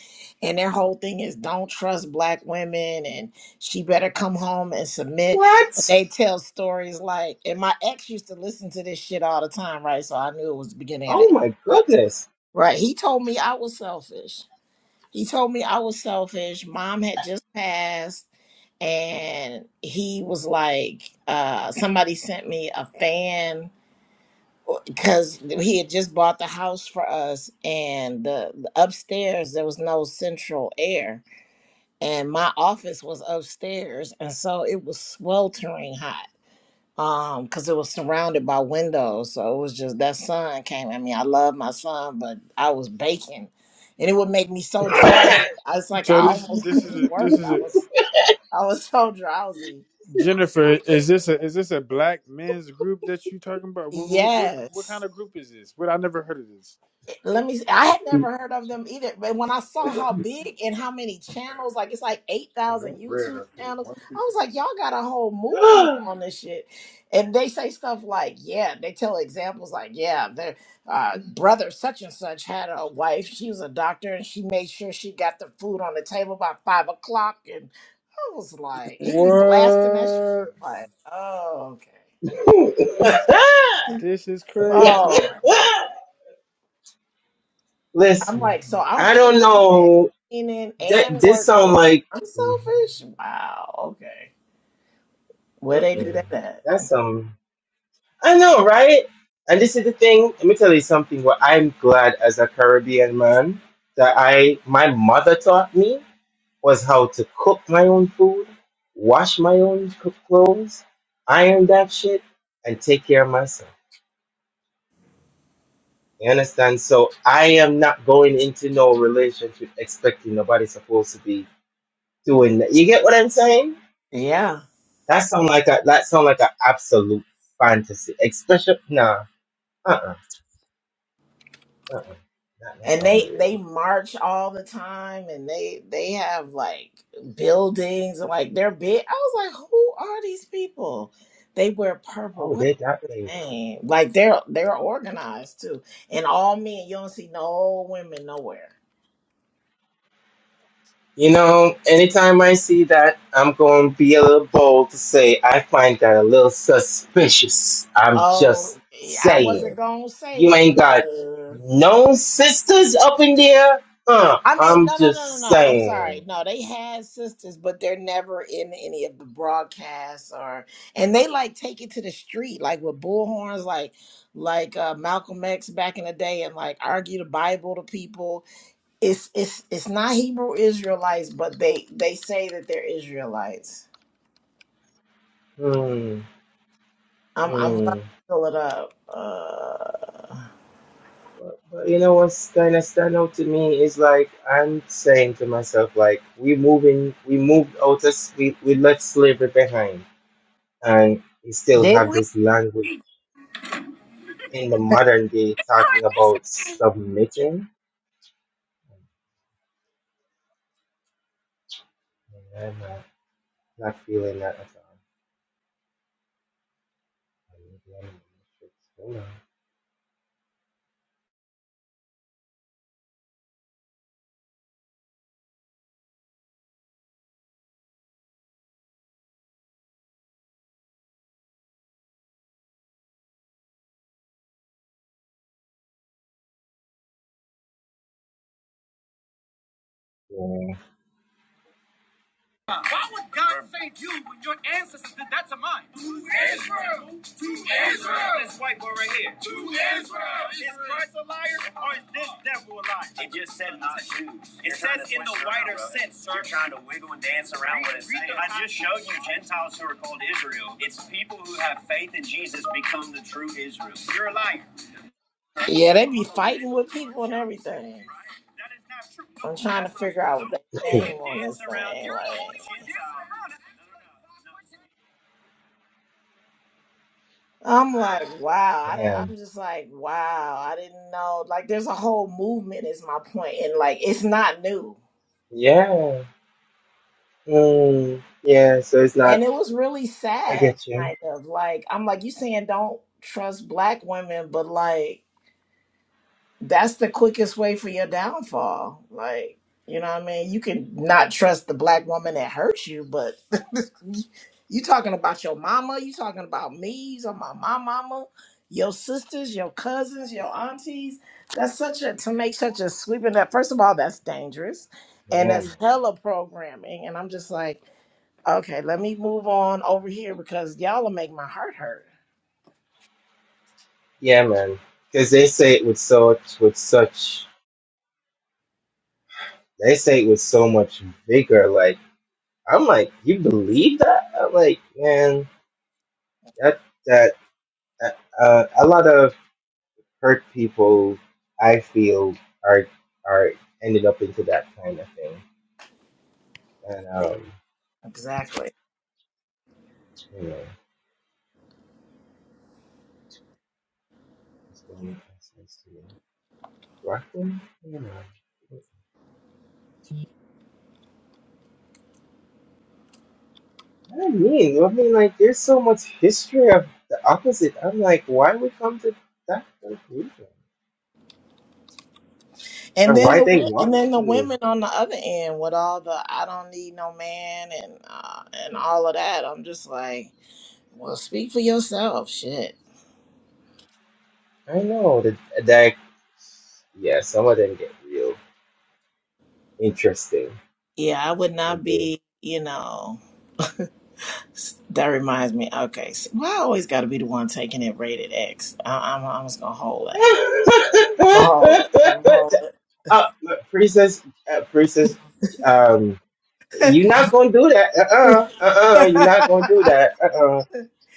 [SPEAKER 6] and their whole thing is don't trust black women, and she better come home and submit. But
[SPEAKER 2] What?
[SPEAKER 6] They tell stories like, and my ex used to listen to this shit all the time, right? So I knew it was the beginning of the
[SPEAKER 2] Oh
[SPEAKER 6] end.
[SPEAKER 2] my goodness.
[SPEAKER 6] Right. He told me I was selfish. He told me I was selfish. Mom had just passed, and he was like, uh, somebody sent me a fan because he had just bought the house for us, and the, the upstairs there was no central air, and my office was upstairs, and so it was sweltering hot um because it was surrounded by windows so it was just that sun came i mean i love my son but i was baking and it would make me so drowsy i was like i
[SPEAKER 7] So this
[SPEAKER 6] almost
[SPEAKER 7] this is
[SPEAKER 6] couldn't
[SPEAKER 7] a
[SPEAKER 6] work
[SPEAKER 7] this is
[SPEAKER 6] i
[SPEAKER 7] a
[SPEAKER 6] was i was so drowsy Uh,
[SPEAKER 7] Jennifer, is this a is this a black men's group that you talking about? What what, what,
[SPEAKER 6] yes
[SPEAKER 7] what kind of group is this? What I never heard of this.
[SPEAKER 6] Let me. See. I had never heard of them either, but when I saw
[SPEAKER 7] man.
[SPEAKER 6] how big and how many channels, like it's like eight
[SPEAKER 7] And
[SPEAKER 6] thousand
[SPEAKER 7] no bread
[SPEAKER 6] YouTube
[SPEAKER 7] up here.
[SPEAKER 6] channels,
[SPEAKER 7] One
[SPEAKER 6] I
[SPEAKER 7] piece
[SPEAKER 6] was like, y'all got a whole movement on this shit. And they say stuff like, yeah, they tell examples like, yeah, their uh, brother such and such had a wife. She was a doctor, and she made sure she got the food on the table by five o'clock. And I was like, he be blasting that shit.
[SPEAKER 7] of What?
[SPEAKER 6] Like, oh
[SPEAKER 7] This is
[SPEAKER 6] okay,
[SPEAKER 7] crazy.
[SPEAKER 6] I'm
[SPEAKER 2] Listen,
[SPEAKER 6] like, so I'm
[SPEAKER 2] I don't
[SPEAKER 6] cooking and
[SPEAKER 2] know.
[SPEAKER 6] cleaning
[SPEAKER 2] That
[SPEAKER 6] and
[SPEAKER 2] this
[SPEAKER 6] working.
[SPEAKER 2] sound like
[SPEAKER 6] I'm
[SPEAKER 2] mm-hmm,
[SPEAKER 6] selfish. Wow. Okay. Where they do
[SPEAKER 2] mm-mm.
[SPEAKER 6] that at?
[SPEAKER 2] that's some. I know, right? And this is the thing. Let me tell you something. What I'm glad as a Caribbean man that I my mother taught me was how to cook my own food, wash my own cook clothes, iron that shit, and take care of myself. You understand? So I am not going into no relationship expecting nobody's supposed to be doing that. You get what I'm saying?
[SPEAKER 6] Yeah.
[SPEAKER 2] That sound like a that sound like an absolute fantasy. Especially nah, uh uh-uh, uh uh, that don't
[SPEAKER 6] And
[SPEAKER 2] sound
[SPEAKER 6] they
[SPEAKER 2] real.
[SPEAKER 6] they march all the time, and they they have like buildings and like they're big. I was like, who are these people? They wear purple.
[SPEAKER 2] Oh,
[SPEAKER 6] What
[SPEAKER 2] they that they.
[SPEAKER 6] name? Like they're they're organized too, and all men. You don't see no women nowhere.
[SPEAKER 2] You know, anytime I see that, I'm going to be a little bold to say I find that a little suspicious. I'm just
[SPEAKER 6] Oh, I wasn't
[SPEAKER 2] saying,
[SPEAKER 6] gonna
[SPEAKER 2] you
[SPEAKER 6] say it,
[SPEAKER 2] ain't
[SPEAKER 6] but.
[SPEAKER 2] got
[SPEAKER 6] uh,
[SPEAKER 2] no sisters up in there. Uh,
[SPEAKER 6] I mean,
[SPEAKER 2] I'm
[SPEAKER 6] no, no,
[SPEAKER 2] just
[SPEAKER 6] no, no, no. I'm
[SPEAKER 2] saying.
[SPEAKER 6] sorry. No, they had sisters, but they're never in any of the broadcasts or, and they like take it to the street, like with bullhorns, like like uh, Malcolm X back in the day, and like argue the Bible to people. It's it's it's not Hebrew Israelites, but they they say that they're Israelites.
[SPEAKER 2] Hmm.
[SPEAKER 6] I'm I'm about to
[SPEAKER 2] hmm.
[SPEAKER 6] pull it up. Uh,
[SPEAKER 2] You know what's kind of stand out to me is like I'm saying to myself, like we moving, we moved out of we we left slavery behind, and we still
[SPEAKER 6] did we?
[SPEAKER 2] have this language in the modern day talking about submitting. And I'm not, not feeling that at all. I need the animal. matrix.
[SPEAKER 6] Why would God save you when your ancestors did that to mine? To Israel! To Israel! This white boy right here. To Israel! Is Christ a liar or is this devil a liar? It just said not Jews. It says in the wider sense, sir. You're trying to wiggle and dance around what it's saying. I just showed you Gentiles who are called Israel. It's people who have faith in Jesus become the true Israel. You're a liar. Yeah, they be fighting with people and everything. I'm trying to figure out what the
[SPEAKER 2] Hold on.
[SPEAKER 6] name on this thing. Like, I'm like, wow.
[SPEAKER 2] Yeah.
[SPEAKER 6] I, di-
[SPEAKER 2] Man.
[SPEAKER 6] I'm just like, wow. I didn't know. Like, there's a whole movement, is my point, and like, it's not new.
[SPEAKER 2] Yeah. Mm. Yeah. So it's not.
[SPEAKER 6] And it was really
[SPEAKER 2] I
[SPEAKER 6] sad,
[SPEAKER 2] get you.
[SPEAKER 6] kind of. Like, I'm like, you saying don't trust black women, but like. that's the quickest way for your downfall. Like, you know what I mean? You can not trust the black woman that hurts you, but you talking about your mama, you talking about me, you talking about my mama, your sisters, your cousins, your aunties. That's such a to make such a sweeping that first of all, that's dangerous. And
[SPEAKER 2] Yeah. Man.
[SPEAKER 6] that's hella programming. And I'm just like, okay, let me move on over here because y'all will make my heart hurt.
[SPEAKER 2] Yeah, man. Because they say it with such with such. They say it with so much vigor. Like I'm like, you believe that? I'm like, man, that that uh, a lot of hurt people, I feel, are are ended up into that kind of thing. And um,
[SPEAKER 6] Exactly.
[SPEAKER 2] you know, it's the one that says to me, black women, you know, I mean, I mean, like, there's so much history of the opposite. I'm like, why we come to that conclusion?
[SPEAKER 6] And
[SPEAKER 2] Or
[SPEAKER 6] then
[SPEAKER 2] why
[SPEAKER 6] the
[SPEAKER 2] they
[SPEAKER 6] wo- and
[SPEAKER 2] want
[SPEAKER 6] then the
[SPEAKER 2] to?
[SPEAKER 6] women on the other end with all the I don't need no man and uh, and all of that. I'm just like, well, speak for yourself, shit.
[SPEAKER 2] I know the, the Yeah, some of them get real interesting.
[SPEAKER 6] Yeah, I would
[SPEAKER 2] They
[SPEAKER 6] not
[SPEAKER 2] do.
[SPEAKER 6] be. You know, s- that reminds me. Okay, so why I always got to be the one taking it rated X. I, I'm I'm just gonna hold that. I'm gonna hold it. I'm gonna hold
[SPEAKER 2] uh, princess, uh, princess, um, you're not gonna do that. Uh
[SPEAKER 6] it.
[SPEAKER 2] uh-uh, uh, you're not gonna do that. Uh uh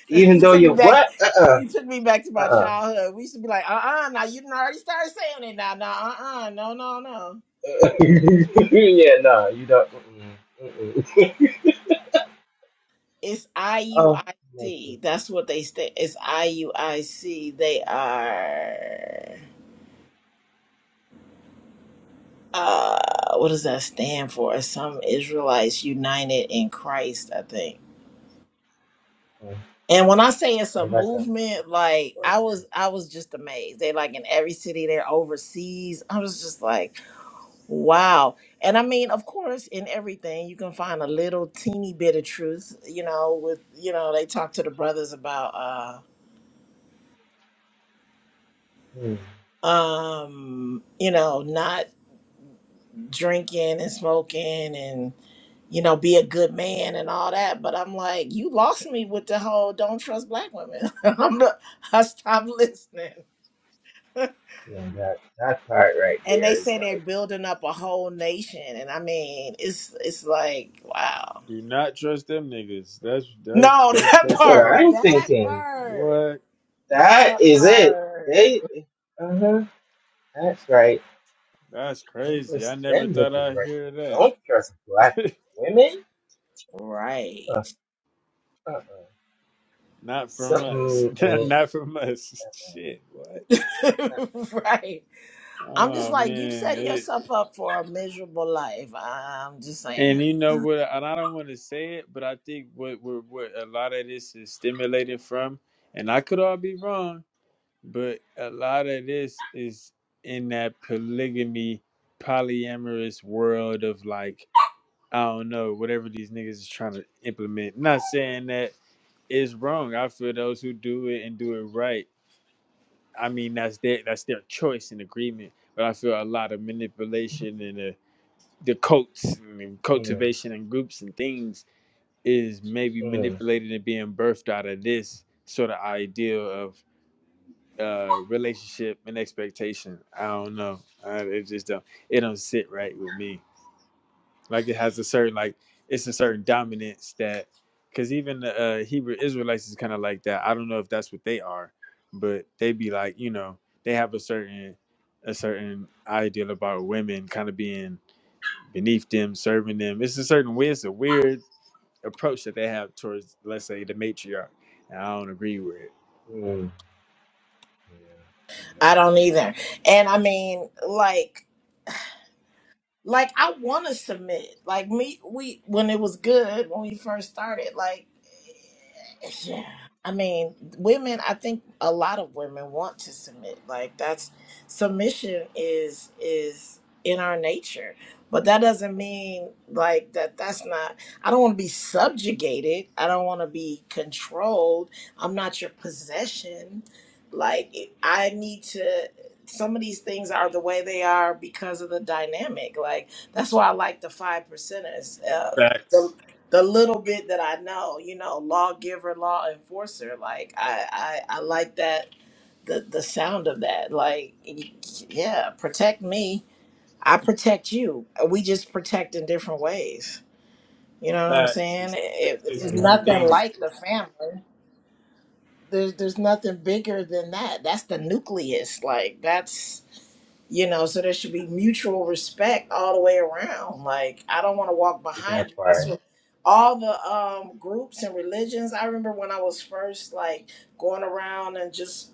[SPEAKER 2] Even
[SPEAKER 6] he
[SPEAKER 2] though
[SPEAKER 6] took me
[SPEAKER 2] you're
[SPEAKER 6] back.
[SPEAKER 2] what? Uh
[SPEAKER 6] He took me back to
[SPEAKER 2] uh-uh,
[SPEAKER 6] my childhood. We used to be like, uh uh now you done already started saying it now. Now, uh uh, no, no, no.
[SPEAKER 2] uh, yeah, no, you don't. Mm-mm, mm-mm.
[SPEAKER 6] It's
[SPEAKER 2] Oh, my
[SPEAKER 6] IUIC. That's what they stand. It's IUIC. They are uh what does that stand for? It's Some Israelites United in Christ, I think.
[SPEAKER 2] goodness.
[SPEAKER 6] And when I say it's a
[SPEAKER 2] Oh, that's of
[SPEAKER 6] movement, like I
[SPEAKER 2] course.
[SPEAKER 6] was I was just amazed. They like in every city, they're overseas. I was just like, wow. And I mean, of course, in everything you can find a little teeny bit of truth, you know, with you know, they talk to the brothers about uh.
[SPEAKER 2] Hmm.
[SPEAKER 6] um you know not drinking and smoking and you know be a good man and all that but i'm like you lost me with the whole don't trust black women i'm not i stopped listening
[SPEAKER 2] Yeah, that, that part right
[SPEAKER 6] and they
[SPEAKER 2] there is
[SPEAKER 6] say they're
[SPEAKER 2] like,
[SPEAKER 6] building up a whole nation and i mean it's it's like wow
[SPEAKER 7] Do not trust them niggas. That's that's
[SPEAKER 6] no
[SPEAKER 7] don't
[SPEAKER 6] that
[SPEAKER 2] that's
[SPEAKER 7] trust
[SPEAKER 2] what
[SPEAKER 6] part
[SPEAKER 7] them.
[SPEAKER 2] I'm
[SPEAKER 6] that
[SPEAKER 2] thinking.
[SPEAKER 6] part
[SPEAKER 7] What?
[SPEAKER 2] That
[SPEAKER 6] that
[SPEAKER 2] is it.
[SPEAKER 6] part
[SPEAKER 2] They, uh huh. That's right.
[SPEAKER 7] That's
[SPEAKER 2] Don't
[SPEAKER 7] crazy. I
[SPEAKER 2] trust
[SPEAKER 7] never
[SPEAKER 2] them
[SPEAKER 7] thought
[SPEAKER 2] niggas
[SPEAKER 7] I'd
[SPEAKER 2] right
[SPEAKER 7] hear
[SPEAKER 2] there.
[SPEAKER 7] that.
[SPEAKER 2] Don't trust black women.
[SPEAKER 6] right
[SPEAKER 2] Uh uh. uh.
[SPEAKER 7] not from us.
[SPEAKER 2] Something ain't.
[SPEAKER 7] not from us.
[SPEAKER 2] Uh, uh,
[SPEAKER 7] Shit. What?
[SPEAKER 2] not,
[SPEAKER 6] right. I'm just
[SPEAKER 7] Oh
[SPEAKER 6] like you setting
[SPEAKER 7] man.
[SPEAKER 6] yourself up for a miserable life. I'm just saying.
[SPEAKER 7] And you know what? And I don't want to say it, but I think what what, what a lot of this is stimulated from, and I could all be wrong, but a lot of this is in that polygamy, polyamorous world of like I don't know whatever these niggas is trying to implement. Not saying that is wrong. I feel those who do it and do it right. I mean that's their that's their choice and agreement. But I feel a lot of manipulation and the the cults and
[SPEAKER 2] mm,
[SPEAKER 7] cultivation and groups and things is maybe
[SPEAKER 2] mm,
[SPEAKER 7] manipulated and being birthed out of this sort of ideal of uh relationship and expectation. I don't know. I, it just don't it don't sit right with me. Like it has a certain like it's a certain dominance that because even the uh, Hebrew Israelites is kind of like that. I don't know if that's what they are, but they be like you know they have a certain a certain ideal about women kind of being beneath them, serving them. It's a certain way. It's a weird approach that they have towards, let's say, the matriarch. And I don't agree with it.
[SPEAKER 2] mm, yeah,
[SPEAKER 6] I don't either. And I mean, like. like I want to submit. Like me, we when it was good when we first started. Like, yeah, I mean, women. I think a lot of women want to submit. Like that's submission is is in our nature. But that doesn't mean like that. That's not. I don't want to be subjugated. I don't want to be controlled. I'm not your possession. Like I need to some of these things are the way they are because of the dynamic. Like that's why I like the five percenters. Uh,
[SPEAKER 7] Facts.
[SPEAKER 6] the the little bit that I know, you know, lawgiver, law enforcer. Like I I, I like that the the sound of that. Like yeah, protect me. I protect you. We just protect in different ways. You know what I'm
[SPEAKER 7] Facts.
[SPEAKER 6] saying?
[SPEAKER 7] It's,
[SPEAKER 6] It,
[SPEAKER 2] yeah.
[SPEAKER 7] it's
[SPEAKER 6] there's
[SPEAKER 2] Mm,
[SPEAKER 7] one
[SPEAKER 6] nothing
[SPEAKER 7] thing.
[SPEAKER 6] like the family. There's there's nothing bigger than that. That's the nucleus. Like that's you know so there should be mutual respect all the way around like i don't want to walk behind
[SPEAKER 2] that
[SPEAKER 6] you that's
[SPEAKER 2] part.
[SPEAKER 6] what all the um groups and religions i remember when i was first like going around and just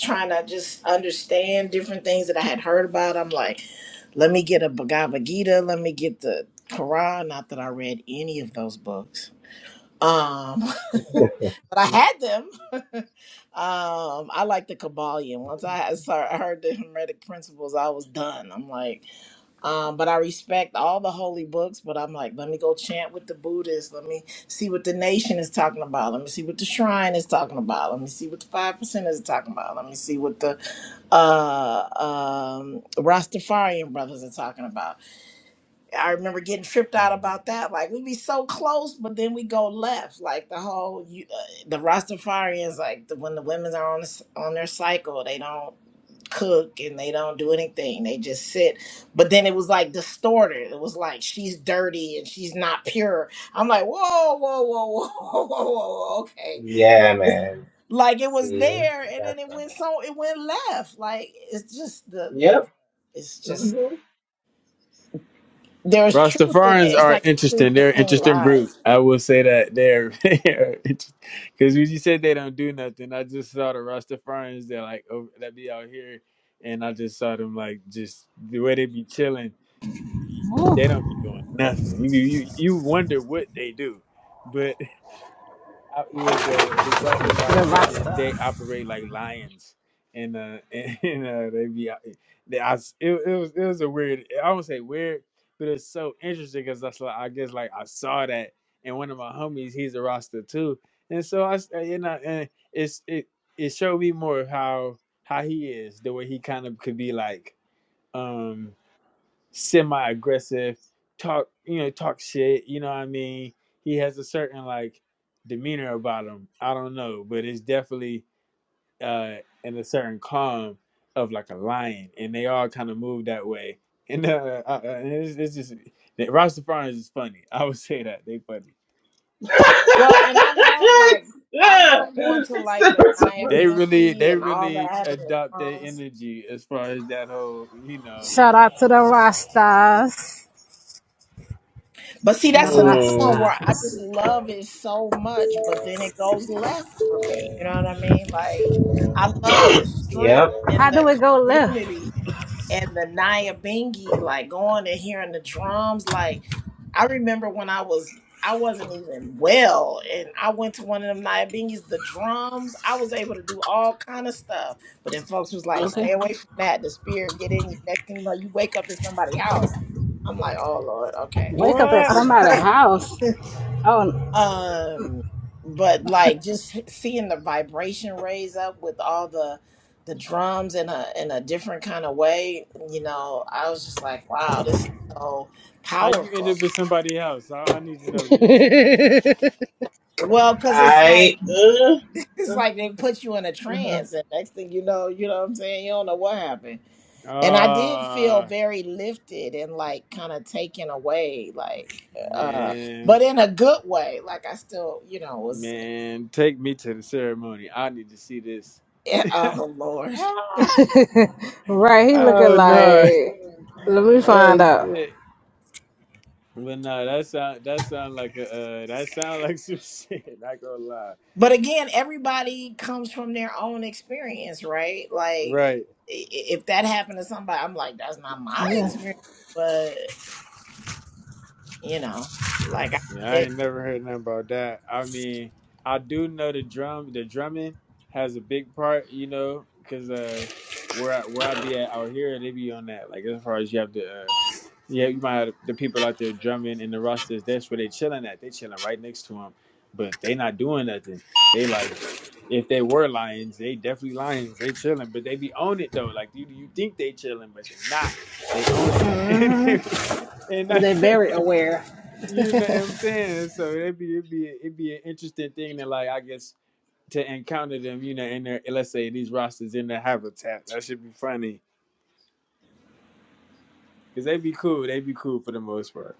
[SPEAKER 6] trying to just understand different things that i had heard about i'm like let me get a bhagavad gita let me get the quran not that i read any of those books um, but I had them. um, I like the Kabbalion. Once I had saw, I heard the Hermetic principles, I was done. I'm like, um, but I respect all the holy books. But I'm like, let me go chant with the Buddhists. Let me see what the nation is talking about. Let me see what the shrine is talking about. Let me see what the five percent is talking about. Let me see what the uh, um, Rastafarian brothers are talking about I remember getting tripped out
[SPEAKER 2] Mm.
[SPEAKER 6] about that. Like we'd be so close, but then we go left. Like the whole you, uh, the Rastafarians, like the, when the women are on this, on their cycle, they don't cook and they don't do anything. They just sit. But then it was like distorted. It was like she's dirty and she's not pure. I'm like, whoa, whoa, whoa, whoa, whoa, whoa, whoa. okay.
[SPEAKER 2] yeah, man.
[SPEAKER 6] Like it was
[SPEAKER 2] See,
[SPEAKER 6] there, and then
[SPEAKER 2] that's
[SPEAKER 6] it
[SPEAKER 2] funny.
[SPEAKER 6] went so it went left. Like it's just the the,
[SPEAKER 2] Yep.
[SPEAKER 6] it's just
[SPEAKER 2] Mm-hmm.
[SPEAKER 6] there's truth in it.
[SPEAKER 7] Rastafarians
[SPEAKER 6] It's
[SPEAKER 7] are
[SPEAKER 6] like the
[SPEAKER 7] interesting.
[SPEAKER 6] truth
[SPEAKER 7] They're an
[SPEAKER 6] between
[SPEAKER 7] interesting
[SPEAKER 6] lies.
[SPEAKER 7] group. I will say that they're because when you said they don't do nothing, I just saw the Rastafarians that like over, that be out here, and I just saw them like just the way they be chilling.
[SPEAKER 1] whew,
[SPEAKER 7] They don't be doing nothing. You you, you wonder what they do, but. I, it was uh, it was brought to my
[SPEAKER 1] the
[SPEAKER 7] attention. They
[SPEAKER 1] Rasta.
[SPEAKER 7] operate like lions, and uh, and, uh, they be out- they, I, s- it, it was it was a weird. I won't say weird, but it's so interesting because that's like I guess like I saw that, and one of my homies, he's a roster too, and so I s- uh, you know, and it's it it showed me more of how how he is the way he kind of could be like. um semi aggressive, talk you know, talk shit, you know what I mean? He has a certain like demeanor about him. I don't know, but it's definitely uh in a certain calm of like a lion and they all kind of move that way. And uh, uh uh, it's, it's just the Rastafarians is funny. I would say that they funny.
[SPEAKER 6] Well, and I love like
[SPEAKER 2] it's,
[SPEAKER 6] I
[SPEAKER 2] yeah.
[SPEAKER 6] love going to
[SPEAKER 2] It's
[SPEAKER 6] like the
[SPEAKER 2] super,
[SPEAKER 6] Naya
[SPEAKER 2] super.
[SPEAKER 7] They really
[SPEAKER 6] Binky
[SPEAKER 7] they
[SPEAKER 6] and all
[SPEAKER 7] really
[SPEAKER 6] that
[SPEAKER 7] adopt their energy as far as that whole, you know.
[SPEAKER 1] Shout out to the Rastas.
[SPEAKER 6] But see,
[SPEAKER 1] The
[SPEAKER 6] that's another one
[SPEAKER 2] Mm.
[SPEAKER 6] where I
[SPEAKER 1] Rastas.
[SPEAKER 6] just love it so much, but then it goes left for me. You know what I mean? Like, I love the
[SPEAKER 2] Yep.
[SPEAKER 6] strength in
[SPEAKER 1] How do
[SPEAKER 6] the
[SPEAKER 1] we go left?
[SPEAKER 6] community and the Naya Bingy, like going and hearing the drums. Like, I remember when I was, I wasn't even well, and I went to one of them Naya Bingies, the drums. I was able to do all kind of stuff, but then folks was like,
[SPEAKER 1] Okay.
[SPEAKER 6] "Stay away from that. The spirit get in you." Next thing you know, you wake up in somebody's house. I'm like, "Oh Lord, okay."
[SPEAKER 1] Wake up at
[SPEAKER 7] What?
[SPEAKER 1] somebody's house. Oh,
[SPEAKER 6] um but like just seeing the vibration raise up with all the the drums in a in a different kind of way you know i was just like wow this is so
[SPEAKER 7] How you end
[SPEAKER 6] powerful
[SPEAKER 7] up in somebody's house? I, I need to know this.
[SPEAKER 6] well because it's like
[SPEAKER 2] I uh,
[SPEAKER 6] it's
[SPEAKER 2] uh,
[SPEAKER 6] like they put you in a
[SPEAKER 2] uh,
[SPEAKER 6] trance and next thing you know you know what i'm saying you don't know what happened and i did feel
[SPEAKER 7] Uh
[SPEAKER 6] very lifted and like kind of taken away like uh
[SPEAKER 7] Man,
[SPEAKER 6] but in a good way like i still you know was
[SPEAKER 7] man, take me to the ceremony. I need to see this.
[SPEAKER 6] oh lord
[SPEAKER 1] right. He looking
[SPEAKER 7] oh no.
[SPEAKER 1] like. Let me find
[SPEAKER 7] Oh
[SPEAKER 1] out.
[SPEAKER 7] shit. But no, that sound that sound like a uh, that sound like some shit. Not gonna lie.
[SPEAKER 6] But again, everybody comes from their own experience, right? Like,
[SPEAKER 7] Right.
[SPEAKER 6] i- i- if that happened to somebody, I'm like, that's not my
[SPEAKER 1] Yeah.
[SPEAKER 6] experience. But, you know, like I
[SPEAKER 7] Yeah, I
[SPEAKER 6] said,
[SPEAKER 7] ain't never heard nothing about that. I mean, I do know the drum. The drumming has a big part, you know, because uh, where I, where I be at out here, they be on that. Like as far as you have to, uh, yeah, you might have the people out there drumming in the rosters. That's where they chilling at. They chilling right next to them, but they not doing nothing. They like, if they were lions, they definitely lions. They chilling, but they be on it though. Like you, you think they chilling, but they not. They own it, and
[SPEAKER 1] They
[SPEAKER 7] that's what it
[SPEAKER 1] very
[SPEAKER 7] is.
[SPEAKER 1] aware.
[SPEAKER 7] You know what I'm saying? So it'd be it'd be it'd be an interesting thing to like I guess to encounter them, you know, in their let's say these rosters in their habitat. That should be funny because they'd be cool. They'd be cool for the most part.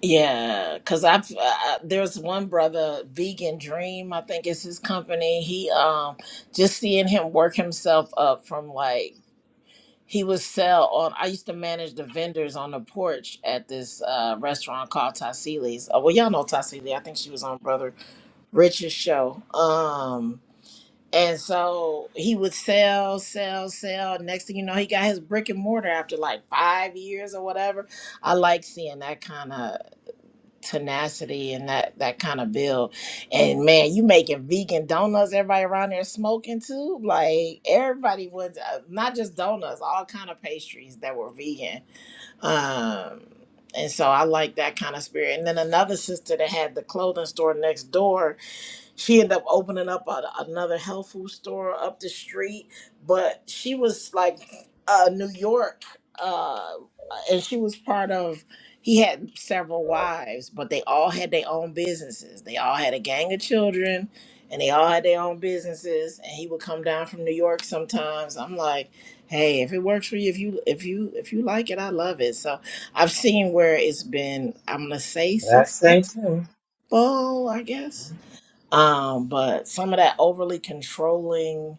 [SPEAKER 6] Yeah, because I've uh, uh, there's one brother, Vegan Dream, I think is his company. He um just seeing him work himself up from like he would sell on. I used to manage the vendors on the porch at this uh restaurant called Tassili's. Oh, well, y'all know Tassili. I think she was on Brother Rich's show. Um, and so he would sell, sell, sell. Next thing you know, he got his brick and mortar after like five years or whatever. I like seeing that kind of tenacity and that that kind of build and man you making vegan donuts everybody around there smoking too like everybody was uh, not just donuts all kind of pastries that were vegan um and so i like that kind of spirit and then another sister that had the clothing store next door she ended up opening up a, another health food store up the street but she was like uh new york uh and she was part of he had several wives but they all had their own businesses they all had a gang of children and they all had their own businesses and he would come down from new york sometimes i'm like hey if it works for you if you if you if you like it i love it so i've seen where it's been i'm gonna say
[SPEAKER 2] That same
[SPEAKER 6] successful
[SPEAKER 2] too.
[SPEAKER 6] i guess um, but some of that overly controlling,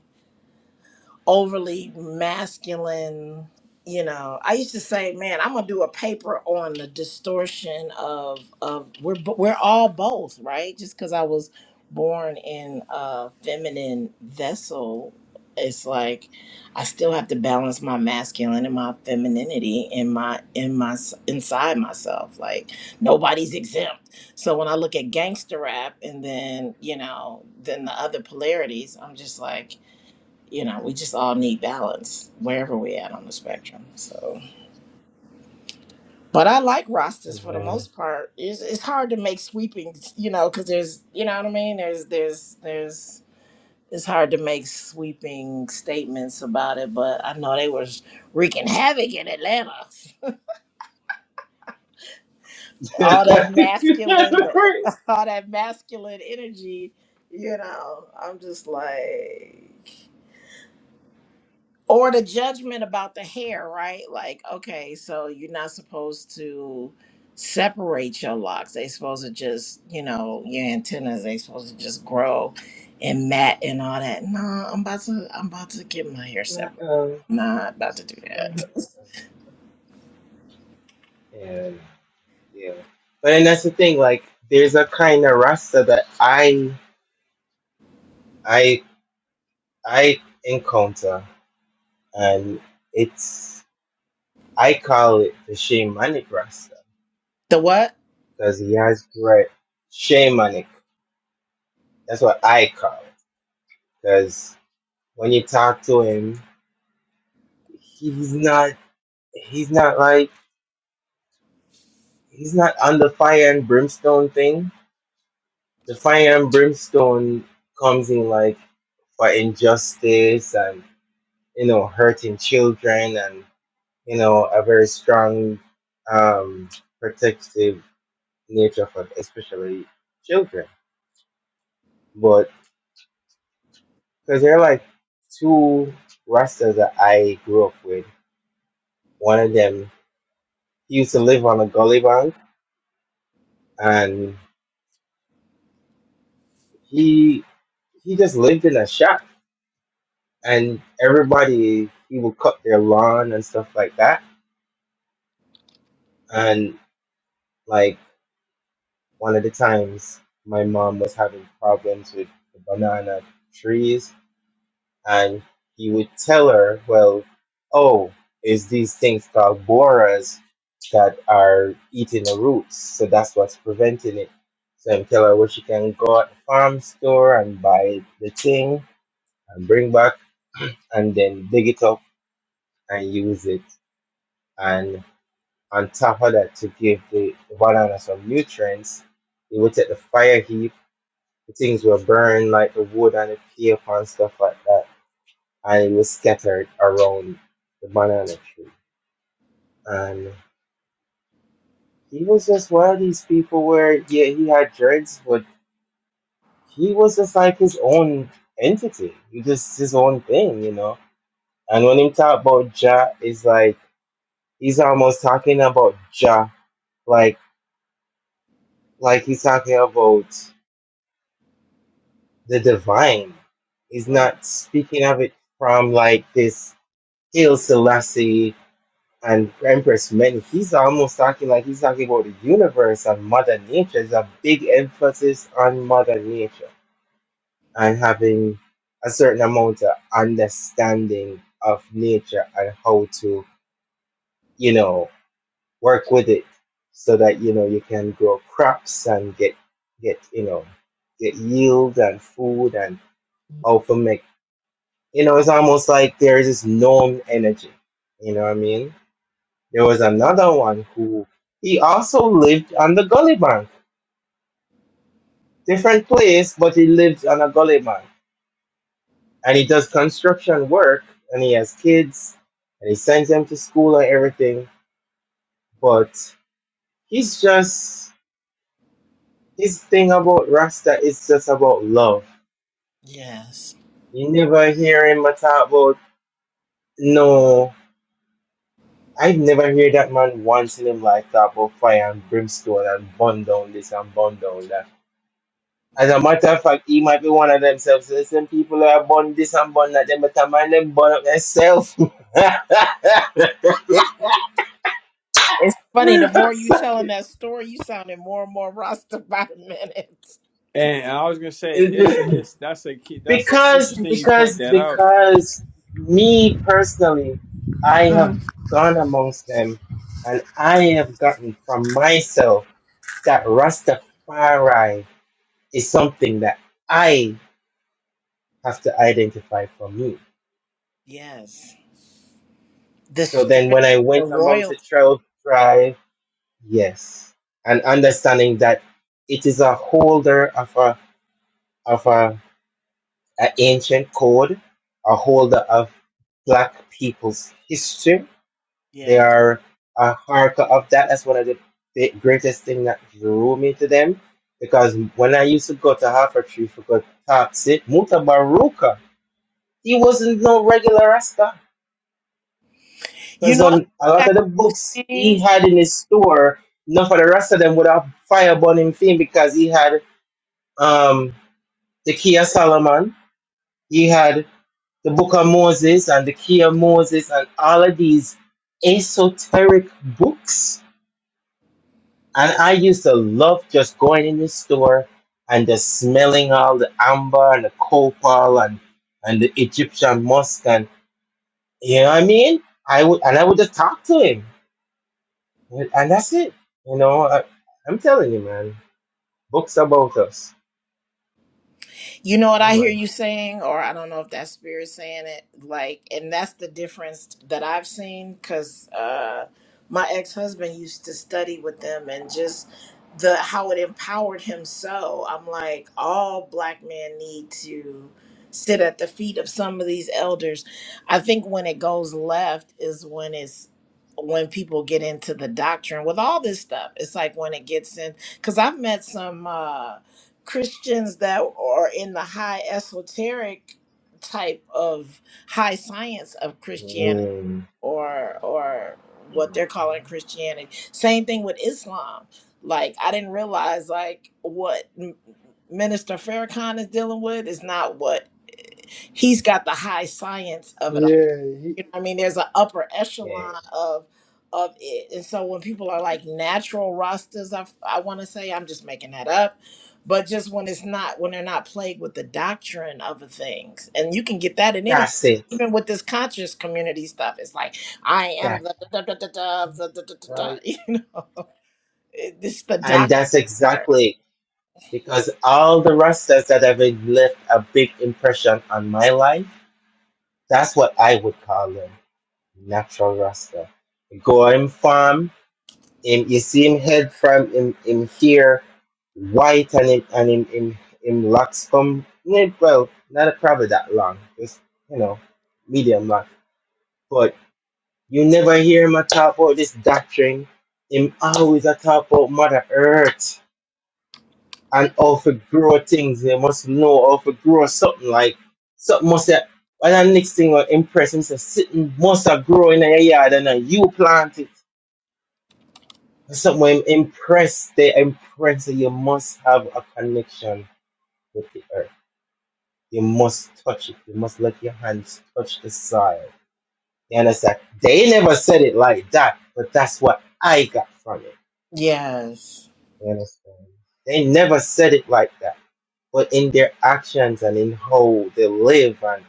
[SPEAKER 6] overly masculine you know i used to say man i'm gonna do a paper on the distortion of of we're bo- we're all both right just because i was born in a feminine vessel it's like i still have to balance my masculine and my femininity in my in my inside myself like nobody's exempt so when i look at gangster rap and then you know then the other polarities i'm just like you know, we just all need balance wherever we're at on the spectrum. So, but I like rosters for the
[SPEAKER 2] Yeah.
[SPEAKER 6] most part. It's, it's hard to make sweeping, you know, because there's, you know what I mean. There's, there's, there's. It's hard to make sweeping statements about it, but I know they was wreaking havoc in Atlanta. All that masculine,
[SPEAKER 2] right.
[SPEAKER 6] all that masculine energy, you know. I'm just like. or the judgment about the hair, right? Like, okay, so you're not supposed to separate your locks. They supposed to just, you know, your antennas. They supposed to just grow and mat and all that. No, I'm about to, I'm about to get my hair
[SPEAKER 2] Uh,
[SPEAKER 6] separated.
[SPEAKER 2] uh,
[SPEAKER 6] I'm not about to do
[SPEAKER 2] uh,
[SPEAKER 6] that.
[SPEAKER 2] and yeah. But and that's the thing, like there's a kind of rasta that I I I encounter and it's I call it the shamanic rasta
[SPEAKER 6] the what?
[SPEAKER 2] because he has great shamanic. That's what I call it. Because when you talk to him, he's not he's not like He's not on the fire and brimstone thing. The fire and brimstone comes in like for injustice and you know hurting children and you know a very strong um protective nature for especially children. But because they're like two rastas that I grew up with. One of them he used to live on a gully bank and he he just lived in a shack and everybody he would cut their lawn and stuff like that. And like one of the times, my mom was having problems with the banana trees, and he would tell her, "Well, oh, it's these things called boras that are eating the roots, so that's what's preventing it." So i tell her where she can go at the farm store and buy the thing and bring back and then dig it up and use it and." On top of that, to give the banana some nutrients, he would take the fire heap, the things were burned like the wood and the cape and stuff like that, and it was scattered around the banana tree. And he was just one of these people where, yeah, he had dreads, but he was just like his own entity. He just his own thing, you know. And when he talk about Jah, it's like he's almost talking about Jah, like like he's talking about. the divine. He's
[SPEAKER 6] Right.
[SPEAKER 2] not speaking of it from like this Hail Selassie and Empress Many. He's almost talking like he's talking about the universe and Mother Nature. There's a big emphasis on Mother Nature and having a certain amount of understanding of nature and how to, you know, work with it so that, you know, you can grow crops and get, get, you know, get yield and food and how to make you know, it's almost like there's this known energy. You know what I mean? There was another one who he also lived on the gully bank, different place, but he lived on a gully bank, and he does construction work, and he has kids, and he sends them to school and everything. But he's just his thing about Rasta is just about love.
[SPEAKER 6] Yes.
[SPEAKER 2] You never hear him talk about no. I've never heard that man once in his life talk about fire and brimstone and burn down this and burn down that. As a matter of fact, he might be one of themselves. So some people are born this and born that, them better mind them burn up themselves.
[SPEAKER 6] It's funny. The more you telling that story, you sounding more and more Rasta by the minute.
[SPEAKER 7] And I was gonna say it's a, it's that's a key. That's
[SPEAKER 2] because,
[SPEAKER 7] interesting. You point
[SPEAKER 2] because,
[SPEAKER 7] that out.
[SPEAKER 2] because me personally, I have gone amongst them and I have gotten from myself that Rastafari is something that I have to identify for me.
[SPEAKER 6] Yes. The
[SPEAKER 2] So then
[SPEAKER 6] strength,
[SPEAKER 2] when I
[SPEAKER 6] the
[SPEAKER 2] went amongst the
[SPEAKER 6] royalty.
[SPEAKER 2] trail tribe, yes, and understanding that it is a holder of a of a, a ancient code, a holder of black people's history. They are a harker of that. That's one of the bi- greatest thing that drew me to them. Because when I used to go to Harper Tree for good Topsy, Muta Baruka, he wasn't no regular Rasta
[SPEAKER 6] You
[SPEAKER 2] Because
[SPEAKER 6] know I
[SPEAKER 2] on
[SPEAKER 6] think
[SPEAKER 2] a
[SPEAKER 6] I
[SPEAKER 2] lot of
[SPEAKER 6] hear
[SPEAKER 2] the books
[SPEAKER 6] you saying?
[SPEAKER 2] he had in his store, none of the rest of them would have fireball him thing because he had um the Key of Solomon, he had the Book of Moses and the Key of Moses and all of these esoteric books. And I used to love just going in the store and just smelling all the amber and the copal and and the Egyptian musk and you know what I mean? I would and I would just talk to him. And, and that's it. You know, I, I'm telling you, man. Books about us.
[SPEAKER 6] you know what
[SPEAKER 2] Yeah,
[SPEAKER 6] I hear
[SPEAKER 2] man.
[SPEAKER 6] you saying, or I don't know if that spirit saying it. Like, and that's the difference that I've seen because uh, my ex husband used to study with them and just the how it empowered him. So I'm like, all black men need to sit at the feet of some of these elders. I think when it goes left is when it's when people get into the doctrine with all this stuff. It's like when it gets in because I've met some. uh Christians that are in the high esoteric type of high science of Christianity
[SPEAKER 2] Mm,
[SPEAKER 6] or or what
[SPEAKER 2] mm,
[SPEAKER 6] they're calling Christianity. Same thing with Islam. Like I didn't realize like what M- Minister Farrakhan is dealing with is not what he's got the high science of it
[SPEAKER 7] Yeah, he,
[SPEAKER 6] you know, what I mean, there's an upper
[SPEAKER 2] Yeah,
[SPEAKER 6] echelon of of it, and so when people are like natural rosters, I I want to say I'm just making that up, but just when it's not when they're not plagued with the doctrine of the things, and you can get that in anything.
[SPEAKER 2] that's it.
[SPEAKER 6] Even with this conscious community stuff, it's like I am
[SPEAKER 2] That
[SPEAKER 6] the da, da, da, da, da, the da, da, da, da,"
[SPEAKER 7] right.
[SPEAKER 6] you know, It- this the
[SPEAKER 2] and that's
[SPEAKER 6] doctrine part.
[SPEAKER 2] exactly because all the rastas that have left a big impression on my life. That's what I would call them, natural rasta. going farm. him you see him head from him him here white and him and him him, him locks come eh, well not probably that long just you know medium long but you never hear him a talk about this doctrine him always a talk about mother earth and how to grow things they must know how to grow something like something must have and the next thing will impress him say something must have grow in your yard and then you plant it So when impressed, they impress that you must have a connection with the earth. You must touch it. You must let your hands touch the soil. You understand? They never said it like that, but that's what I got from it.
[SPEAKER 6] Yes.
[SPEAKER 2] You understand? They never said it like that. But in their actions and in how they live and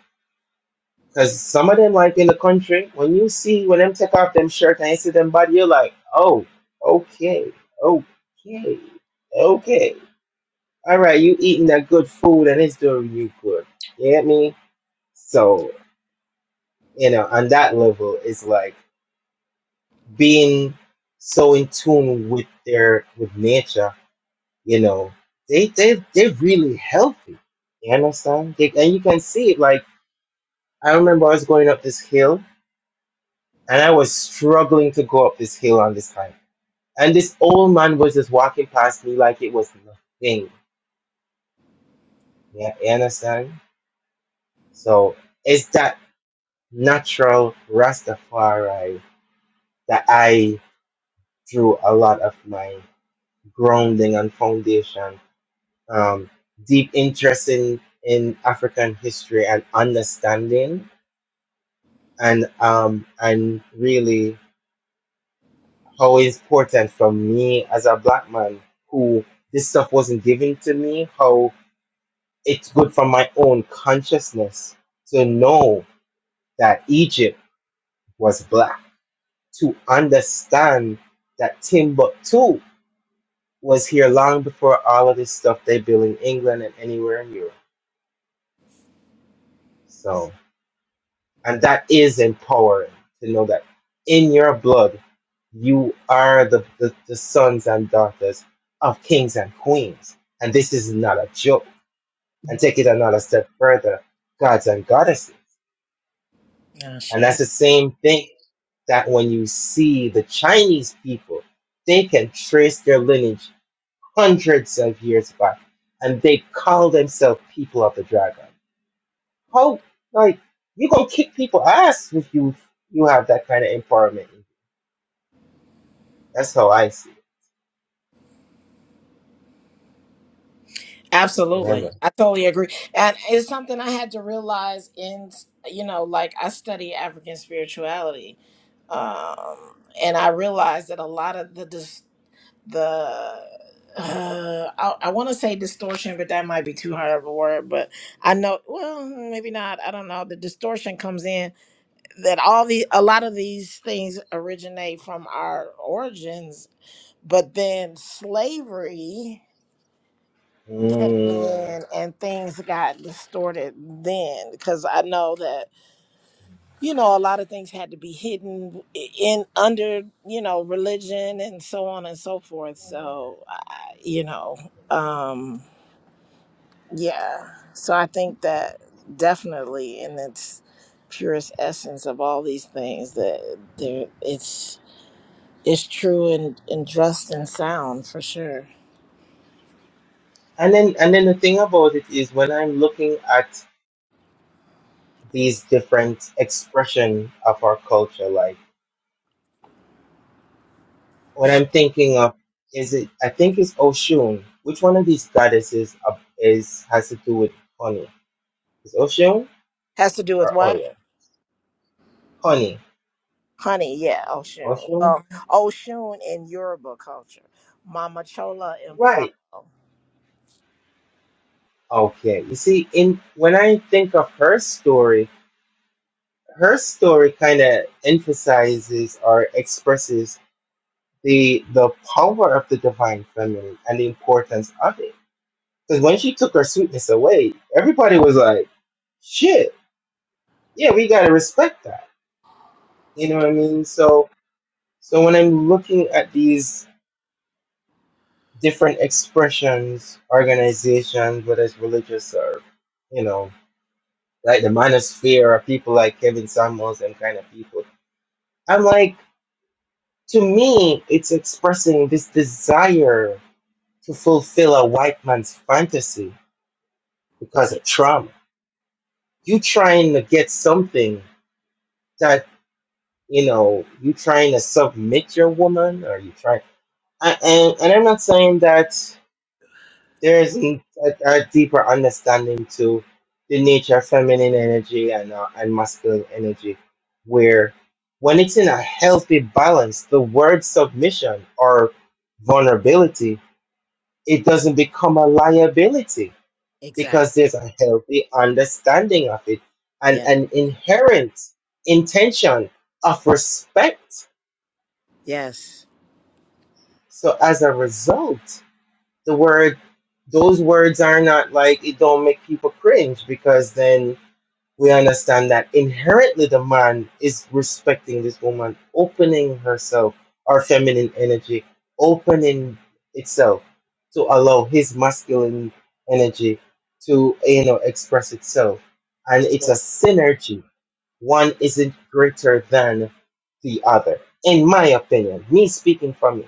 [SPEAKER 2] because some of them like in the country, when you see when them take off them shirt and you see them body, you're like, oh, okay, okay, okay. All right, you eating that good food and it's doing you good. You get me? So, you know, on that level, it's like being so in tune with their with nature. You know, they they they're really healthy. You understand? They, and you can see it. Like I remember I was going up this hill and I was struggling to go up this hill on this hike, and this old man was just walking past me like it was nothing. Yeah, you understand? So. it's that? natural Rastafari that I drew a lot of my grounding and foundation, um, deep interest in, in African history and understanding, and um, and really how important for me as a black man who this stuff wasn't given to me, how it's good for my own consciousness to know that Egypt was black, to understand that Timbuktu was here long before all of this stuff they built in England and anywhere in Europe. So, and that is empowering to know that in your blood, you are the, the, the sons and daughters of kings and queens. And this is not a joke. And take it another step further gods and goddesses. And
[SPEAKER 6] Oh,
[SPEAKER 2] that's the same thing that when you see the Chinese people, they can trace their lineage hundreds of years back and they call themselves people of the dragon How like you gonna kick people ass if you you have that kind of empowerment. That's how I see it.
[SPEAKER 6] Absolutely.
[SPEAKER 2] Remember.
[SPEAKER 6] I totally agree. And it's something I had to realize in, you know, like I study African spirituality. Um, and I realized that a lot of the, dis- the, uh, I, I want to say distortion, but that might be too hard of a word. But I know, well, maybe not. I don't know. The distortion comes in that all the, a lot of these things originate from our origins, but then slavery came
[SPEAKER 2] Mm.
[SPEAKER 6] in and things got distorted then because I know that you know a lot of things had to be hidden in under you know religion and so on and so forth so I, you know um yeah so I think that definitely in its purest essence of all these things that there it's it's true and, and just and sound for sure
[SPEAKER 2] And then and then the thing about it is when I'm looking at these different expression of our culture, like when I'm thinking of is it I think it's Oshun. Which one of these goddesses of- is has to do with honey? Is Oshun
[SPEAKER 6] has to do with
[SPEAKER 2] or
[SPEAKER 6] what
[SPEAKER 2] Oya? Honey.
[SPEAKER 6] Honey, yeah, Oshun.
[SPEAKER 2] Oshun?
[SPEAKER 6] Well, Oshun in Yoruba culture. Mama Chola in
[SPEAKER 2] Right.
[SPEAKER 6] Palo.
[SPEAKER 2] Okay. You see, in when I think of her story, her story kind of emphasizes or expresses the the power of the divine feminine and the importance of it. Because when she took her sweetness away, everybody was like, "Shit, yeah, we gotta respect that." You know what I mean? So, so when I'm looking at these different expressions, organizations, whether it's religious or, you know, like the manosphere or people like Kevin Samuels and kind of people, I'm like to me, it's expressing this desire to fulfill a white man's fantasy because
[SPEAKER 6] Yeah,
[SPEAKER 2] of trauma. You trying to get something that you know you trying to submit your woman, or you trying. And, and and I'm not saying that there isn't a, a deeper understanding to the nature of feminine energy and uh, and masculine energy, where when it's in a healthy balance, the word submission or vulnerability it doesn't become a liability
[SPEAKER 6] exactly.
[SPEAKER 2] because there's a healthy understanding of it and
[SPEAKER 6] Yeah.
[SPEAKER 2] an inherent intention of respect.
[SPEAKER 6] Yes.
[SPEAKER 2] So as a result, the word those words are not like it don't make people cringe because then we understand that inherently the man is respecting this woman, opening herself, our feminine energy, opening itself to allow his masculine energy to you know express itself. And it's a
[SPEAKER 6] Yeah.
[SPEAKER 2] synergy. One isn't greater than the other. In my opinion, me speaking for me.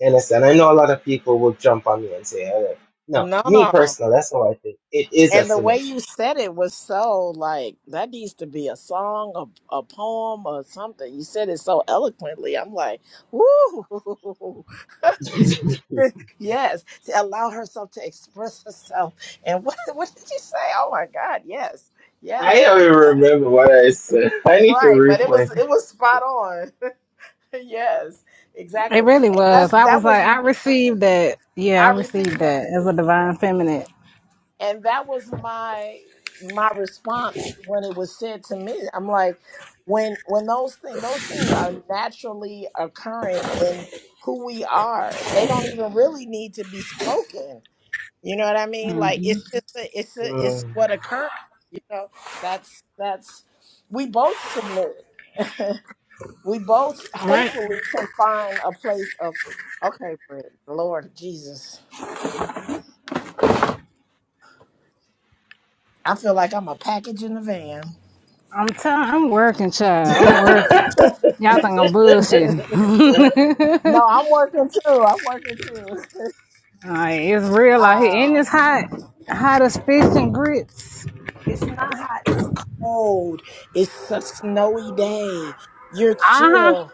[SPEAKER 2] You understand? I know a lot of people will jump on me and say, "Oh, no,
[SPEAKER 6] No,
[SPEAKER 2] me
[SPEAKER 6] no.
[SPEAKER 2] personally, that's how I think. It is a
[SPEAKER 6] And the way
[SPEAKER 2] synergy
[SPEAKER 6] you said it was so like that needs to be a song, a, a poem, or something. You said it so eloquently. I'm like, woo. yes. To allow herself to express herself. And what what did you say? Oh my God. Yes. Yes.
[SPEAKER 2] I don't even remember what I said. I need to
[SPEAKER 6] Right, but it
[SPEAKER 2] replay.
[SPEAKER 6] was it was spot on. yes,
[SPEAKER 1] It
[SPEAKER 6] exactly.
[SPEAKER 1] really
[SPEAKER 6] And
[SPEAKER 1] was.
[SPEAKER 6] that's
[SPEAKER 1] I
[SPEAKER 6] that
[SPEAKER 1] was like,
[SPEAKER 6] was
[SPEAKER 1] I received that. Yeah, I
[SPEAKER 6] I
[SPEAKER 1] received
[SPEAKER 6] received that
[SPEAKER 1] that as a divine feminine.
[SPEAKER 6] and that was my my response when it was said to me. I'm like when when those things those things are naturally occurring in who we are. They don't even really need to be spoken. You know what I mean? Like it's just a, it's a, it's
[SPEAKER 2] Um,
[SPEAKER 6] what occurred, you know. That's that's we both submit. We both
[SPEAKER 1] Right.
[SPEAKER 6] hopefully can find a place of okay, Fred. Lord Jesus. I feel like I'm a package in the van.
[SPEAKER 1] I'm telling. I'm working, child. I'm working. Y'all think I'm bullshitting?
[SPEAKER 6] No, I'm working too. I'm working too.
[SPEAKER 1] like, it's real out here, and it's
[SPEAKER 6] Um
[SPEAKER 1] hot, hot as fish and grits.
[SPEAKER 6] it's not hot, it's cold. It's a snowy day.
[SPEAKER 1] Uh
[SPEAKER 6] You're
[SPEAKER 1] huh.
[SPEAKER 6] chill.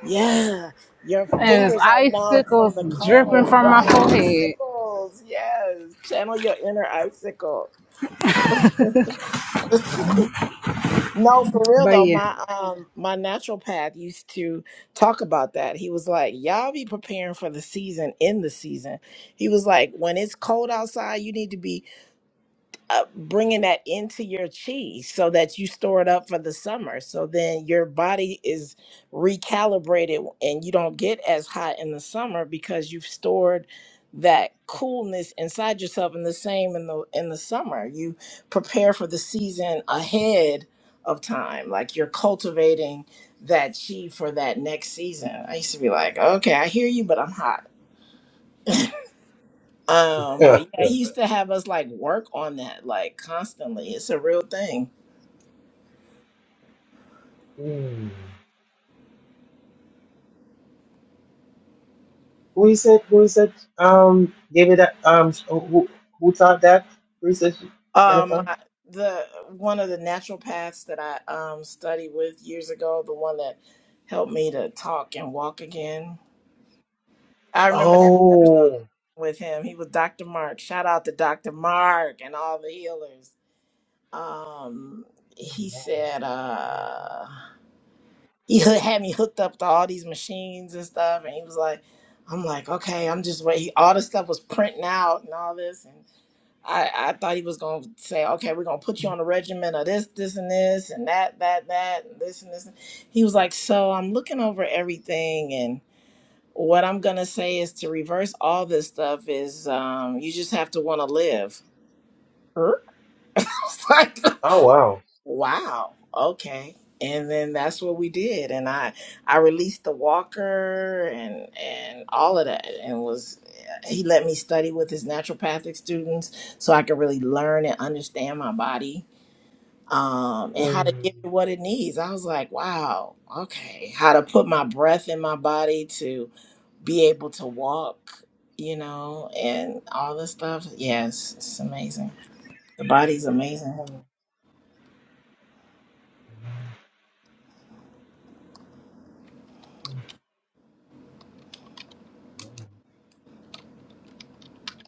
[SPEAKER 6] Yeah. Your
[SPEAKER 1] And it's
[SPEAKER 6] fingers are numb from
[SPEAKER 1] icicles
[SPEAKER 6] the
[SPEAKER 1] dripping
[SPEAKER 6] cold.
[SPEAKER 1] from my
[SPEAKER 6] Right?
[SPEAKER 1] forehead.
[SPEAKER 6] Icicles. Yes. Channel your inner icicle. No, for real
[SPEAKER 1] But
[SPEAKER 6] though,
[SPEAKER 1] yeah,
[SPEAKER 6] my um my naturopath used to talk about that. He was like, Y'all be preparing for the season in the season. He was like, When it's cold outside, you need to be uh, bringing that into your chi so that you store it up for the summer. So then your body is recalibrated and you don't get as hot in the summer because you've stored that coolness inside yourself and the same in the in the summer you prepare for the season ahead of time like you're cultivating that chi for that next season i used to be like okay i hear you but i'm hot um, but yeah, he used to have us like work on that like constantly. It's a real thing.
[SPEAKER 2] hmm. who is it? Who is it? Um, gave it that. Um, who who who taught that? Who is it?
[SPEAKER 6] Um,
[SPEAKER 2] Jennifer.
[SPEAKER 6] I- the one of the naturopaths that I um studied with years ago, the one that helped me to talk and walk again. I remember that person
[SPEAKER 2] Oh.
[SPEAKER 6] with him. He was Dr. Mark. Shout out to Dr. Mark and all the healers. Um, he said, uh. he hoo- had me hooked up to all these machines and stuff and he was like i'm like okay i'm just waiting." all this stuff was printing out and all this and i i thought he was going to say okay we're going to put you on a regimen of this this and this and that that that and this and this he was like so i'm looking over everything and what i'm going to say is to reverse all this stuff is um you just have to want to live Huh? I was like,
[SPEAKER 2] Oh wow.
[SPEAKER 6] Wow. Okay. And then that's what we did. And I I released the walker and and all of that and was he let me study with his naturopathic students so I could really learn and understand my body um and how to
[SPEAKER 2] Hmm.
[SPEAKER 6] give it what it needs. I was like, wow, okay. How to put my breath in my body to be able to walk, you know, and all this stuff. Yes, it's amazing. The body's amazing.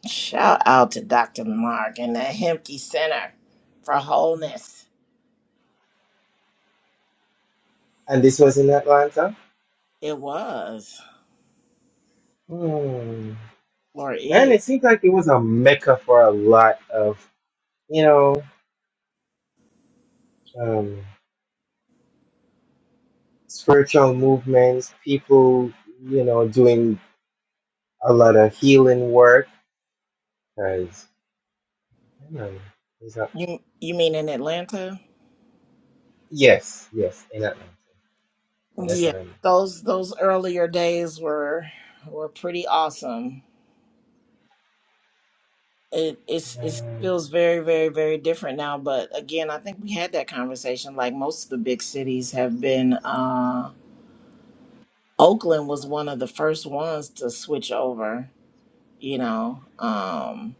[SPEAKER 6] Shout out to Dr. Mark and the Hemke Center for Wholeness.
[SPEAKER 2] And this was in Atlanta.
[SPEAKER 6] It was
[SPEAKER 2] Hmm.
[SPEAKER 6] or
[SPEAKER 2] Man,
[SPEAKER 6] is.
[SPEAKER 2] it seems like it was a mecca for a lot of you know um, spiritual movements, people you know doing a lot of healing work because I don't know. Is that,
[SPEAKER 6] You you mean in Atlanta?
[SPEAKER 2] yes, yes, in Atlanta. Yeah, that's
[SPEAKER 6] Yeah.
[SPEAKER 2] what I mean.
[SPEAKER 6] Those those earlier days were were pretty awesome. It it's it
[SPEAKER 2] Um,
[SPEAKER 6] feels very, very, very different now. But again, I think we had that conversation. Like most of the big cities have been uh Oakland was one of the first ones to switch over, you know. Um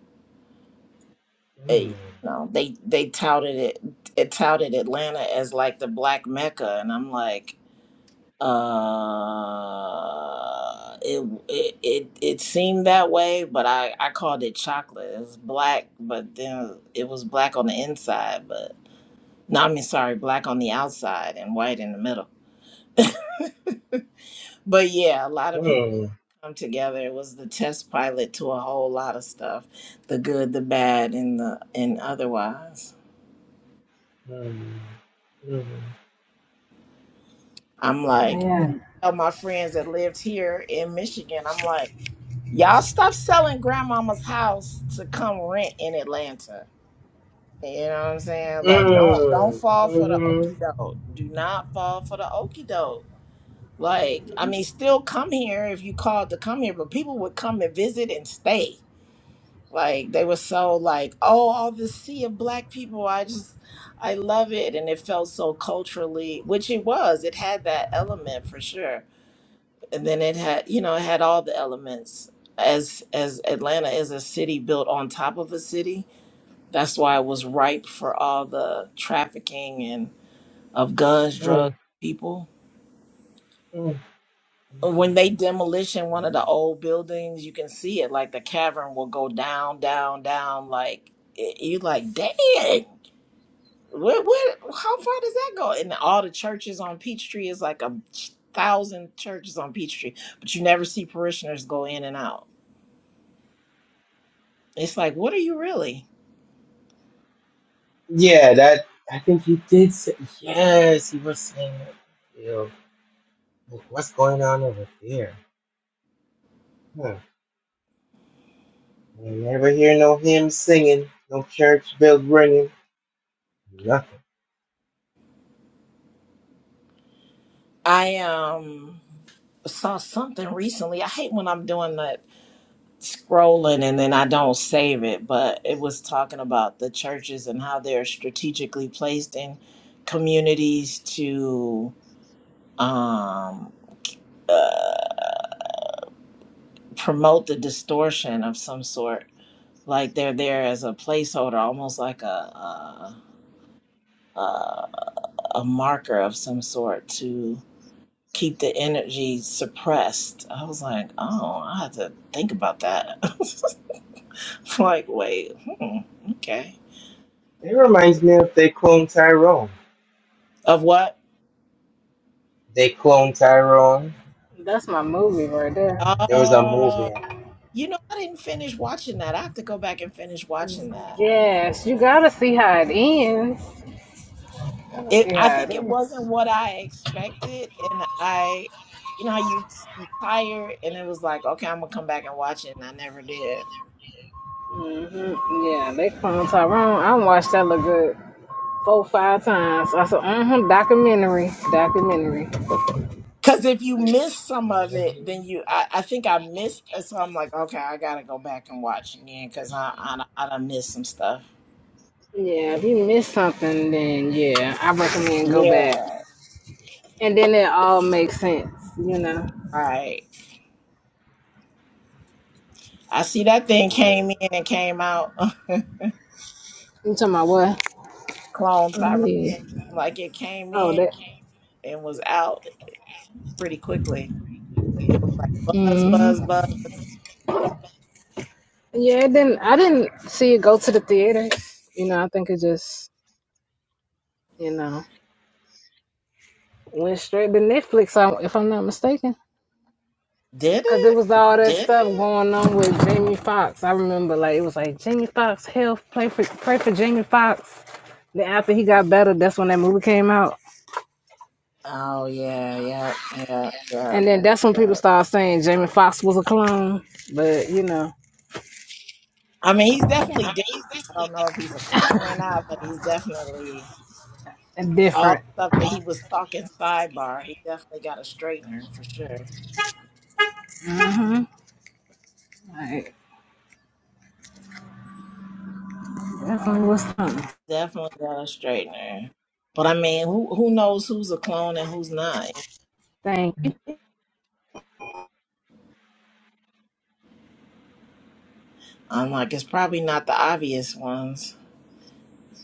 [SPEAKER 6] they
[SPEAKER 2] mm,
[SPEAKER 6] you know they they touted it it touted Atlanta as like the black mecca and I'm like uh it it it, it seemed that way but I I called it chocolate it was black but then it was black on the inside but no I mean sorry black on the outside and white in the middle but yeah a lot of people
[SPEAKER 2] mm,
[SPEAKER 6] come together it was the test pilot to a whole lot of stuff the good the bad and the and otherwise
[SPEAKER 2] mm, mm, mm,
[SPEAKER 6] I'm like
[SPEAKER 2] mm,
[SPEAKER 1] man,
[SPEAKER 6] tell my friends that lived here in Michigan, I'm like, y'all stop selling grandmama's house to come rent in Atlanta. You know what I'm saying? Like, don't don't
[SPEAKER 2] mhm,
[SPEAKER 6] fall for the
[SPEAKER 2] mm,
[SPEAKER 6] okie doke. Do not fall for the okie doke. Like, I mean, still come here if you called to come here, but people would come and visit and stay. Like, they were so like, oh, all this sea of black people. I just, I love it, and it felt so culturally, which it was. It had that element for sure and then it had you know it had all the elements as as atlanta is a city built on top of a city that's why it was ripe for all the trafficking and of guns
[SPEAKER 2] mm. mm.
[SPEAKER 6] drugs people when they demolition one of the old buildings you can see it like the cavern will go down down down like it, you're like dang what what how far does that go and all the churches on peachtree is like a thousand churches on peachtree but you never see parishioners go in and out It's like, what are you really?
[SPEAKER 2] Yeah, that I think he did say yes. He was saying, you know, like, what's going on over there? Huh. I never hear no hymn singing, no church bell ringing, nothing.
[SPEAKER 6] I um saw something recently. I hate when I'm doing that scrolling and then I don't save it, but it was talking about the churches and how they're strategically placed in communities to um uh, promote the distortion of some sort. Like they're there as a placeholder, almost like a a, a, a marker of some sort to keep the energy suppressed. I was like, oh, I have to think about that. like, wait, hmm, okay.
[SPEAKER 2] It reminds me of They Clone Tyrone.
[SPEAKER 6] Of what?
[SPEAKER 2] They Clone Tyrone.
[SPEAKER 1] that's my movie right there.
[SPEAKER 2] There was a
[SPEAKER 6] Oh,
[SPEAKER 2] movie.
[SPEAKER 6] you know, I didn't finish watching that. I have to go back and finish watching that.
[SPEAKER 1] Yes, you gotta see how it ends. gotta
[SPEAKER 6] It,
[SPEAKER 1] see
[SPEAKER 6] I
[SPEAKER 1] how it
[SPEAKER 6] think
[SPEAKER 1] ends.
[SPEAKER 6] it wasn't what I expected, and I, you know, how you you tired, and it was like, okay, I'm gonna come back and watch it, and I never did.
[SPEAKER 1] hmm Yeah, they clone Tyrone. I watched that look good four, five times. I said, mm-hmm, documentary, documentary.
[SPEAKER 6] Because if you miss some of
[SPEAKER 2] hmm
[SPEAKER 6] it, then you, I, I think I missed, uh, so I'm like, okay, I gotta go back and watch again because I, I, I done missed some stuff.
[SPEAKER 1] Yeah, if you miss something, then yeah, I recommend go back.
[SPEAKER 6] Yeah,
[SPEAKER 1] And then it all makes sense, you know.
[SPEAKER 6] right. I see that thing
[SPEAKER 2] Yeah,
[SPEAKER 6] came in and came out.
[SPEAKER 1] You talking about what?
[SPEAKER 6] Clone
[SPEAKER 1] Oh,
[SPEAKER 6] Tyrone,
[SPEAKER 1] yeah.
[SPEAKER 6] like it came
[SPEAKER 1] Oh,
[SPEAKER 6] in
[SPEAKER 1] that.
[SPEAKER 6] and was out pretty quickly. It was like buzz, buzz,
[SPEAKER 1] hmm
[SPEAKER 6] buzz.
[SPEAKER 1] Yeah, it didn't. I didn't see it go to the theater. You know, I think it just, you know, went straight to Netflix. I- If I'm not mistaken.
[SPEAKER 6] Did
[SPEAKER 1] Cause there
[SPEAKER 6] it?
[SPEAKER 1] was all that Yeah. stuff going on with Jamie Foxx. I remember like it was like Jamie Foxx health, play for pray for Jamie Foxx. Then after he got better, that's when that movie came out.
[SPEAKER 6] Oh yeah, yeah, yeah, yeah.
[SPEAKER 1] And then that's when people started saying Jamie Foxx was a clone. But you know,
[SPEAKER 6] I mean, he's definitely different. I don't know if he's a clone or not, but he's definitely all
[SPEAKER 1] different.
[SPEAKER 6] the stuff that he was talking sidebar. He definitely got a straightener for sure.
[SPEAKER 1] Like that's only what's something.
[SPEAKER 6] Definitely got a straightener. But I mean, who who knows who's a clone and who's not?
[SPEAKER 1] Thank you.
[SPEAKER 6] I'm like, it's probably not the obvious ones.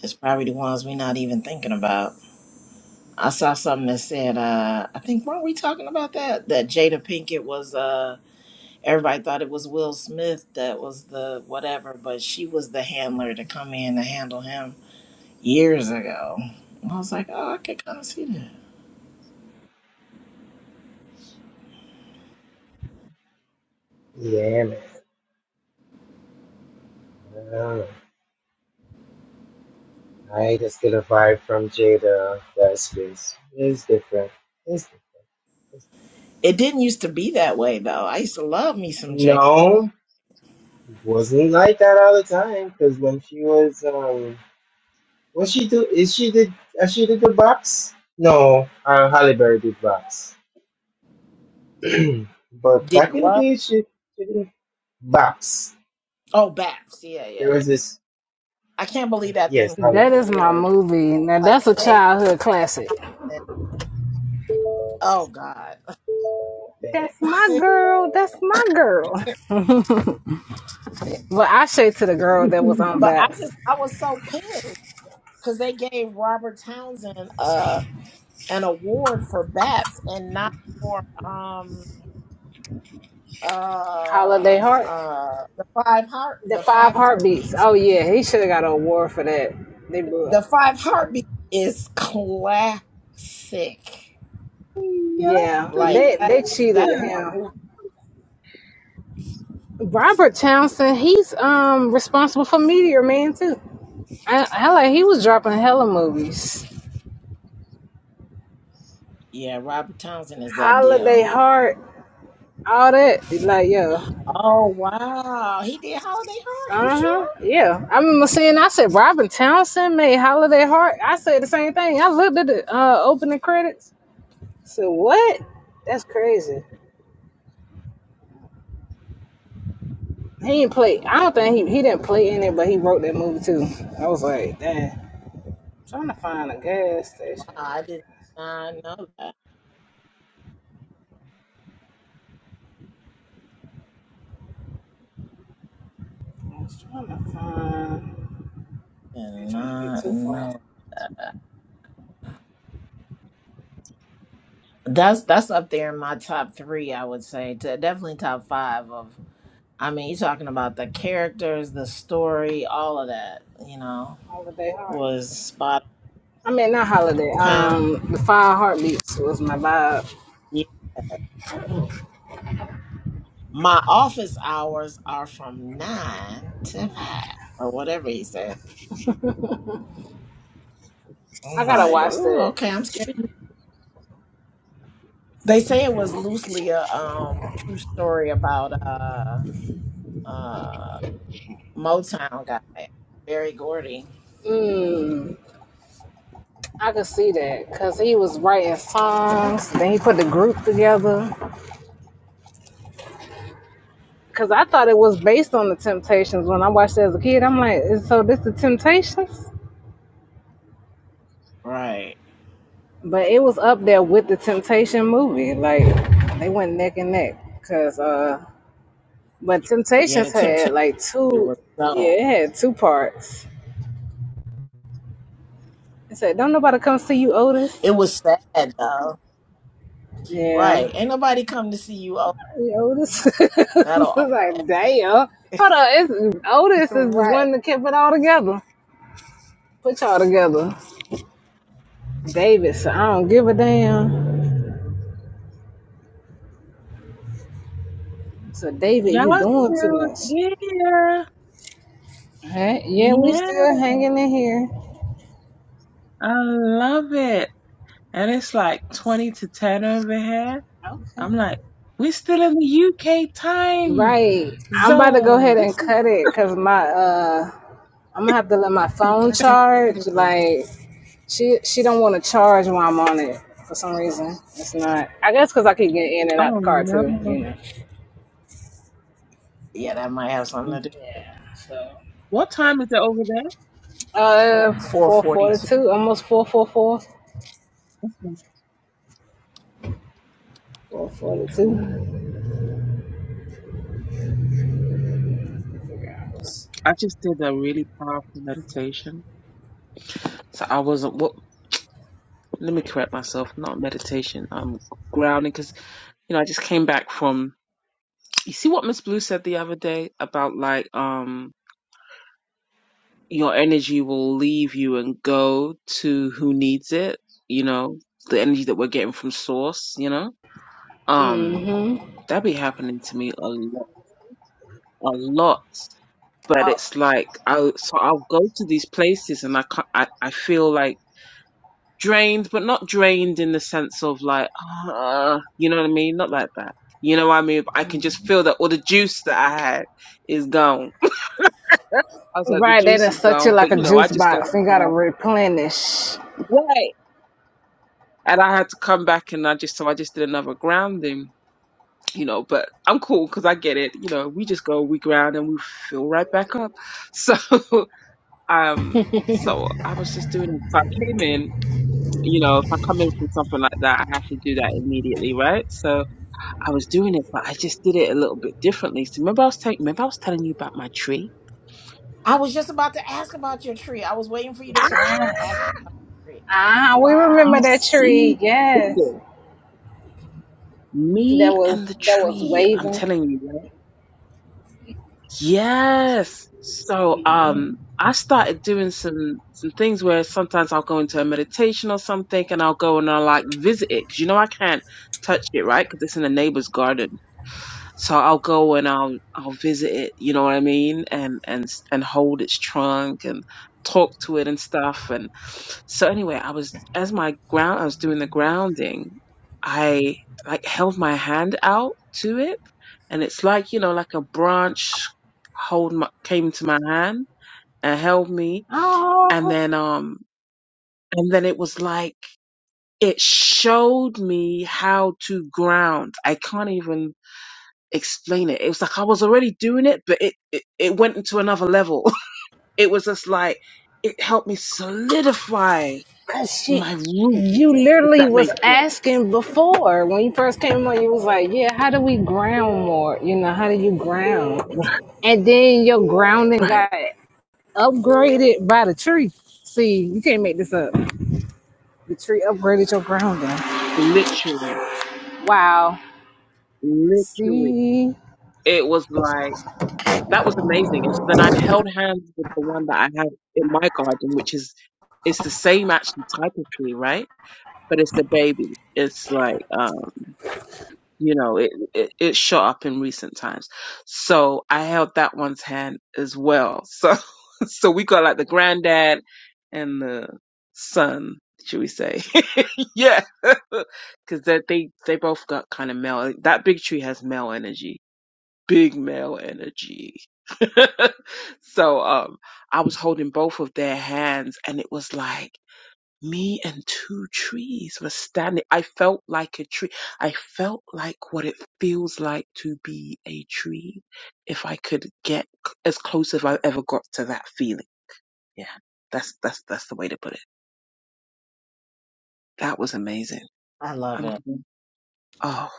[SPEAKER 6] It's probably the ones we're not even thinking about. I saw something that said, uh, I think weren't we talking about that? That Jada Pinkett was uh everybody thought it was Will Smith that was the whatever, but she was the handler to come in to handle him years ago. And I was like, oh, I could kind of see that.
[SPEAKER 2] yeah, man. I don't know. I just get a vibe from Jada. That space is different. It's different.
[SPEAKER 6] It didn't used to be that way though. I used to love me some J.
[SPEAKER 2] No, it wasn't like that all the time. Because when she was, um, what she do? Is she did? Uh, she did the box? No, uh, Halle Berry did box. but
[SPEAKER 6] Did
[SPEAKER 2] back in the
[SPEAKER 6] what?
[SPEAKER 2] day, she, she didn't box.
[SPEAKER 6] Oh, Baps. Yeah,
[SPEAKER 2] There
[SPEAKER 6] yeah, yeah.
[SPEAKER 2] was this.
[SPEAKER 6] I can't believe that
[SPEAKER 2] Yes,
[SPEAKER 6] thing won an
[SPEAKER 1] That
[SPEAKER 2] hologram.
[SPEAKER 1] is my
[SPEAKER 6] award.
[SPEAKER 1] movie. Now
[SPEAKER 6] Like,
[SPEAKER 1] that's a
[SPEAKER 6] yay.
[SPEAKER 1] childhood classic.
[SPEAKER 6] oh God.
[SPEAKER 1] That's my
[SPEAKER 2] Facts.
[SPEAKER 1] girl. That's my girl. But I say to the girl that was on
[SPEAKER 6] But I
[SPEAKER 1] Babs,
[SPEAKER 6] just I was so pissed because they gave Robert Townsend uh an award for Baps and not for um uh
[SPEAKER 1] Holiday Heart.
[SPEAKER 6] uh the five heart
[SPEAKER 1] The
[SPEAKER 6] the
[SPEAKER 1] Five
[SPEAKER 6] five
[SPEAKER 1] Heartbeats.
[SPEAKER 6] heartbeats.
[SPEAKER 1] Oh yeah, he should have got an award for that. They blew up.
[SPEAKER 6] The five heartbeat is classic.
[SPEAKER 5] Y'all
[SPEAKER 1] Yeah,
[SPEAKER 5] still
[SPEAKER 6] Like
[SPEAKER 1] they
[SPEAKER 6] that
[SPEAKER 1] they
[SPEAKER 6] is
[SPEAKER 1] cheated
[SPEAKER 6] that's
[SPEAKER 5] here.
[SPEAKER 6] my
[SPEAKER 1] him.
[SPEAKER 6] movie.
[SPEAKER 1] Robert Townsend, he's um responsible for Meteor Man too. I, I like he was dropping hella movies.
[SPEAKER 6] Yeah, Robert Townsend is that
[SPEAKER 1] Holiday
[SPEAKER 6] deal.
[SPEAKER 1] Heart, all that. It's Like yo,
[SPEAKER 6] Oh wow, he did Holiday Heart. You
[SPEAKER 1] uh huh,
[SPEAKER 6] sure?
[SPEAKER 1] yeah. I remember seeing. I said Robert Townsend made Holiday Heart. I said the same thing. I looked at the uh, opening credits. I said what? That's crazy. He didn't play. I don't think he he didn't play in it, but he wrote that movie too. I was like, damn. I'm trying to find a gas
[SPEAKER 6] Wow,
[SPEAKER 1] station.
[SPEAKER 6] I did not know that.
[SPEAKER 1] I was trying to find.
[SPEAKER 6] Did
[SPEAKER 1] I ain't trying to get
[SPEAKER 6] not
[SPEAKER 1] too far.
[SPEAKER 6] know that. That's that's up there in my top three. I would say to definitely top five of. I mean, you're talking about the characters, the story, all of that. You know,
[SPEAKER 1] Holiday Heart.
[SPEAKER 6] was spot
[SPEAKER 1] I mean, not Holiday.
[SPEAKER 6] on. Huh?
[SPEAKER 1] Um, the Five Heartbeats was my vibe.
[SPEAKER 6] Yeah. My office hours are from nine to five or whatever he said.
[SPEAKER 1] I
[SPEAKER 6] Oh
[SPEAKER 1] gotta
[SPEAKER 6] my.
[SPEAKER 1] watch
[SPEAKER 6] Oh,
[SPEAKER 1] that.
[SPEAKER 6] okay. I'm scared. They say it was loosely a um true story about uh uh Motown guy, Barry Gordy.
[SPEAKER 1] Mm, I could see that because he was writing songs. Then he put the group together. Because I thought it was based on the Temptations when I watched it as a kid. I'm like, so this the Temptations?
[SPEAKER 6] Right.
[SPEAKER 1] But it was up there with the Temptation movie. Like they went neck and neck. Cause uh but
[SPEAKER 6] Yeah, the
[SPEAKER 1] Temptations
[SPEAKER 6] temptation
[SPEAKER 1] had like two
[SPEAKER 6] was
[SPEAKER 1] yeah,
[SPEAKER 6] so.
[SPEAKER 1] it had two parts. It said, Don't nobody come see you, Otis.
[SPEAKER 6] It was sad though.
[SPEAKER 1] Yeah.
[SPEAKER 6] Right. Ain't nobody come to see you. Oh,
[SPEAKER 1] You Otis I was
[SPEAKER 6] that'll
[SPEAKER 1] like, damn. Hold on, it's Otis is the
[SPEAKER 6] right.
[SPEAKER 1] one that kept it all together. Put y'all together. David, so I don't give a damn. So David, you
[SPEAKER 5] Y'all
[SPEAKER 1] doing too
[SPEAKER 5] still
[SPEAKER 1] much.
[SPEAKER 5] here.
[SPEAKER 1] All right, yeah, we
[SPEAKER 5] Yeah.
[SPEAKER 1] still hanging in here.
[SPEAKER 5] I love it. And it's like 20 to 10 over here.
[SPEAKER 1] Okay.
[SPEAKER 5] I'm like, we're still in the UK time
[SPEAKER 1] Right. I'm about to go
[SPEAKER 5] zone.
[SPEAKER 1] ahead
[SPEAKER 5] This
[SPEAKER 1] and
[SPEAKER 5] is,
[SPEAKER 1] cut it because my uh I'm gonna have to let my
[SPEAKER 6] You
[SPEAKER 1] phone
[SPEAKER 6] got to cut
[SPEAKER 1] charge.
[SPEAKER 6] it.
[SPEAKER 1] Like she she don't want to charge while I'm on it for some reason. It's not I guess because I keep getting in and out
[SPEAKER 5] oh
[SPEAKER 1] the car too,
[SPEAKER 5] no.
[SPEAKER 1] you know.
[SPEAKER 6] Yeah, that might have something to do.
[SPEAKER 1] Yeah. So
[SPEAKER 5] What time is it over there?
[SPEAKER 1] uh
[SPEAKER 6] Four
[SPEAKER 1] four
[SPEAKER 6] forty
[SPEAKER 1] forty
[SPEAKER 6] two.
[SPEAKER 1] two, almost four four four. Four forty two.
[SPEAKER 5] I just did a really powerful meditation. So I wasn't, what, let me correct myself, not meditation. I'm grounding because, you know, I just came back from you see what Miss Blue said the other day about like um your energy will leave you and go to who needs it, you know, the energy that we're getting from source, you know? Um
[SPEAKER 1] Mm-hmm.
[SPEAKER 5] that be happening to me a lot a lot. But
[SPEAKER 1] Oh
[SPEAKER 5] it's like I so I'll go to these places and I can't, I, I feel like drained, but not drained in the sense of like uh, you know what I mean? Not like that. You know what I mean? I can just feel that all the juice that I had is gone I was like, the
[SPEAKER 1] right, they
[SPEAKER 5] juice
[SPEAKER 1] done
[SPEAKER 5] is
[SPEAKER 1] suck you
[SPEAKER 5] gone, but
[SPEAKER 1] like a
[SPEAKER 5] you know, I
[SPEAKER 1] juice
[SPEAKER 5] just go
[SPEAKER 1] box.
[SPEAKER 5] back
[SPEAKER 1] You
[SPEAKER 5] and
[SPEAKER 1] gotta
[SPEAKER 5] I,
[SPEAKER 1] replenish.
[SPEAKER 5] right, and I had to come back, and I just so I just did another grounding, you know. But I'm cool because I get it, you know. We just go, we ground, and we fill right back up. So, um, so I was just doing. it. So I came in, you know, if I come in from something like that, I have to do that immediately, right? So I was doing it, but I just did it a little bit differently. So remember, I was telling, remember I was telling you about my tree.
[SPEAKER 6] I was just about to ask about your tree. I was waiting for you to finish. Ask
[SPEAKER 1] Yes.
[SPEAKER 6] your tree.
[SPEAKER 1] Ah, we
[SPEAKER 5] You
[SPEAKER 1] remember
[SPEAKER 6] Wow.
[SPEAKER 1] that tree,
[SPEAKER 5] see,
[SPEAKER 1] yes.
[SPEAKER 5] listen.
[SPEAKER 1] that
[SPEAKER 5] Me and
[SPEAKER 1] was
[SPEAKER 5] the
[SPEAKER 1] that was
[SPEAKER 5] tree. I'm
[SPEAKER 1] waving.
[SPEAKER 5] telling you, right? Yes. So, um, I started doing some some things where sometimes I'll go into a meditation or something, and I'll go and I'll like visit it because you know I can't touch it, right? Because it's in a neighbor's garden. So I'll go and I'll I'll visit it, you know what I mean, and and s- and hold its trunk and talk to it and stuff. And so anyway, I was as my ground I was doing the grounding, I like held my hand out to it, and it's like you know like a branch hold my, came to my hand and held me, and
[SPEAKER 1] Oh,
[SPEAKER 5] then um and then it was like it showed me how to ground. I can't even explain it. It was like I was already doing it, but it it, it went into another level. it was just like it helped me solidify
[SPEAKER 1] cause she,
[SPEAKER 5] my roots,
[SPEAKER 1] you
[SPEAKER 5] if
[SPEAKER 1] literally
[SPEAKER 5] that makes
[SPEAKER 1] was
[SPEAKER 5] sense.
[SPEAKER 1] asking before when you first came on. You was like, "Yeah, how do we ground more? You know, how do you ground?"
[SPEAKER 5] Right,
[SPEAKER 1] And then your grounding
[SPEAKER 5] right.
[SPEAKER 1] got upgraded by the tree. See, you can't make this up. The tree upgraded your grounding.
[SPEAKER 5] Literally,
[SPEAKER 1] Wow.
[SPEAKER 5] literally.
[SPEAKER 1] See.
[SPEAKER 5] It was like that was amazing. And so then I held hands with the one that I have in my garden, which is it's the same actually type of tree, right? But it's a baby. It's like um you know it, it it shot up in recent times so i held that one's hand as well so so we got like the granddad and the son should we say yeah because they they they both got kind of male like, that big tree has male energy big male energy so um i was holding both of their hands and it was like me and two trees were standing. I felt like a tree. I felt like what it feels like to be a tree. If I could get c- as close as I ever got to that feeling. Yeah, that's that's that's the way to put it. That was amazing.
[SPEAKER 6] I love
[SPEAKER 5] I'm
[SPEAKER 6] it.
[SPEAKER 5] gonna- oh,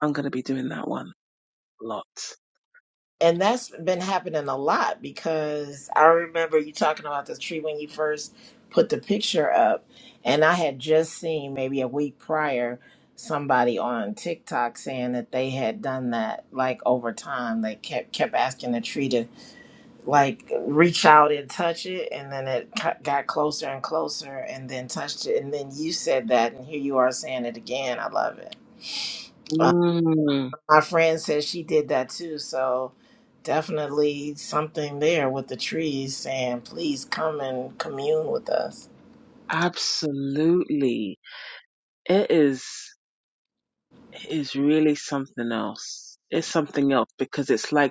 [SPEAKER 5] I'm gonna be doing that one lots.
[SPEAKER 6] And that's been happening a lot because I remember you talking about the tree when you first put the picture up. And I had just seen maybe a week prior somebody on TikTok saying that they had done that like over time. They kept kept asking the tree to like reach out and touch it and then it cu- got closer and closer and then touched it and then you said that and here you are saying it again. I love it
[SPEAKER 5] Mm,
[SPEAKER 6] my friend says she did that too. So definitely something there with the trees saying, please come and commune with us.
[SPEAKER 5] absolutely, it is. It is really something else. It's something else because it's like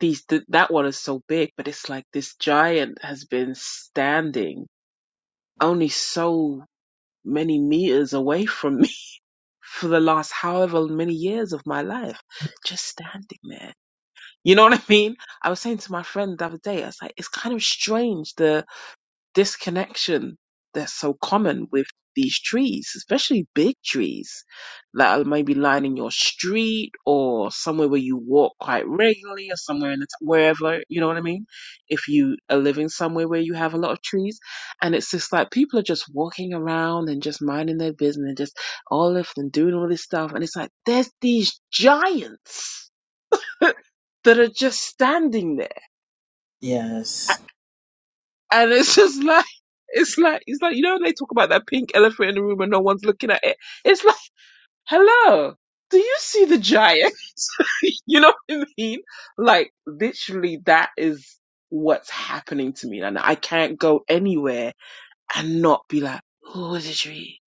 [SPEAKER 5] these th- that one is so big, but it's like this giant has been standing only so many meters away from me for the last however many years of my life, just standing there. You know what I mean? I was saying to my friend the other day, I was like, it's kind of strange the disconnection that's so common with these trees, especially big trees that are maybe lining your street or somewhere where you walk quite regularly or somewhere in the t- wherever, you know what I mean? If you are living somewhere where you have a lot of trees and it's just like people are just walking around and just minding their business and just all of them doing all this stuff. And it's like, there's these giants that are just standing there
[SPEAKER 6] Yes,
[SPEAKER 5] And it's just like it's like it's like you know when they talk about that pink elephant in the room and no one's looking at it. It's like, hello, do you see the giant? you know what I mean? Like literally, that is what's happening to me, and I can't go anywhere and not be like, oh, it's a tree.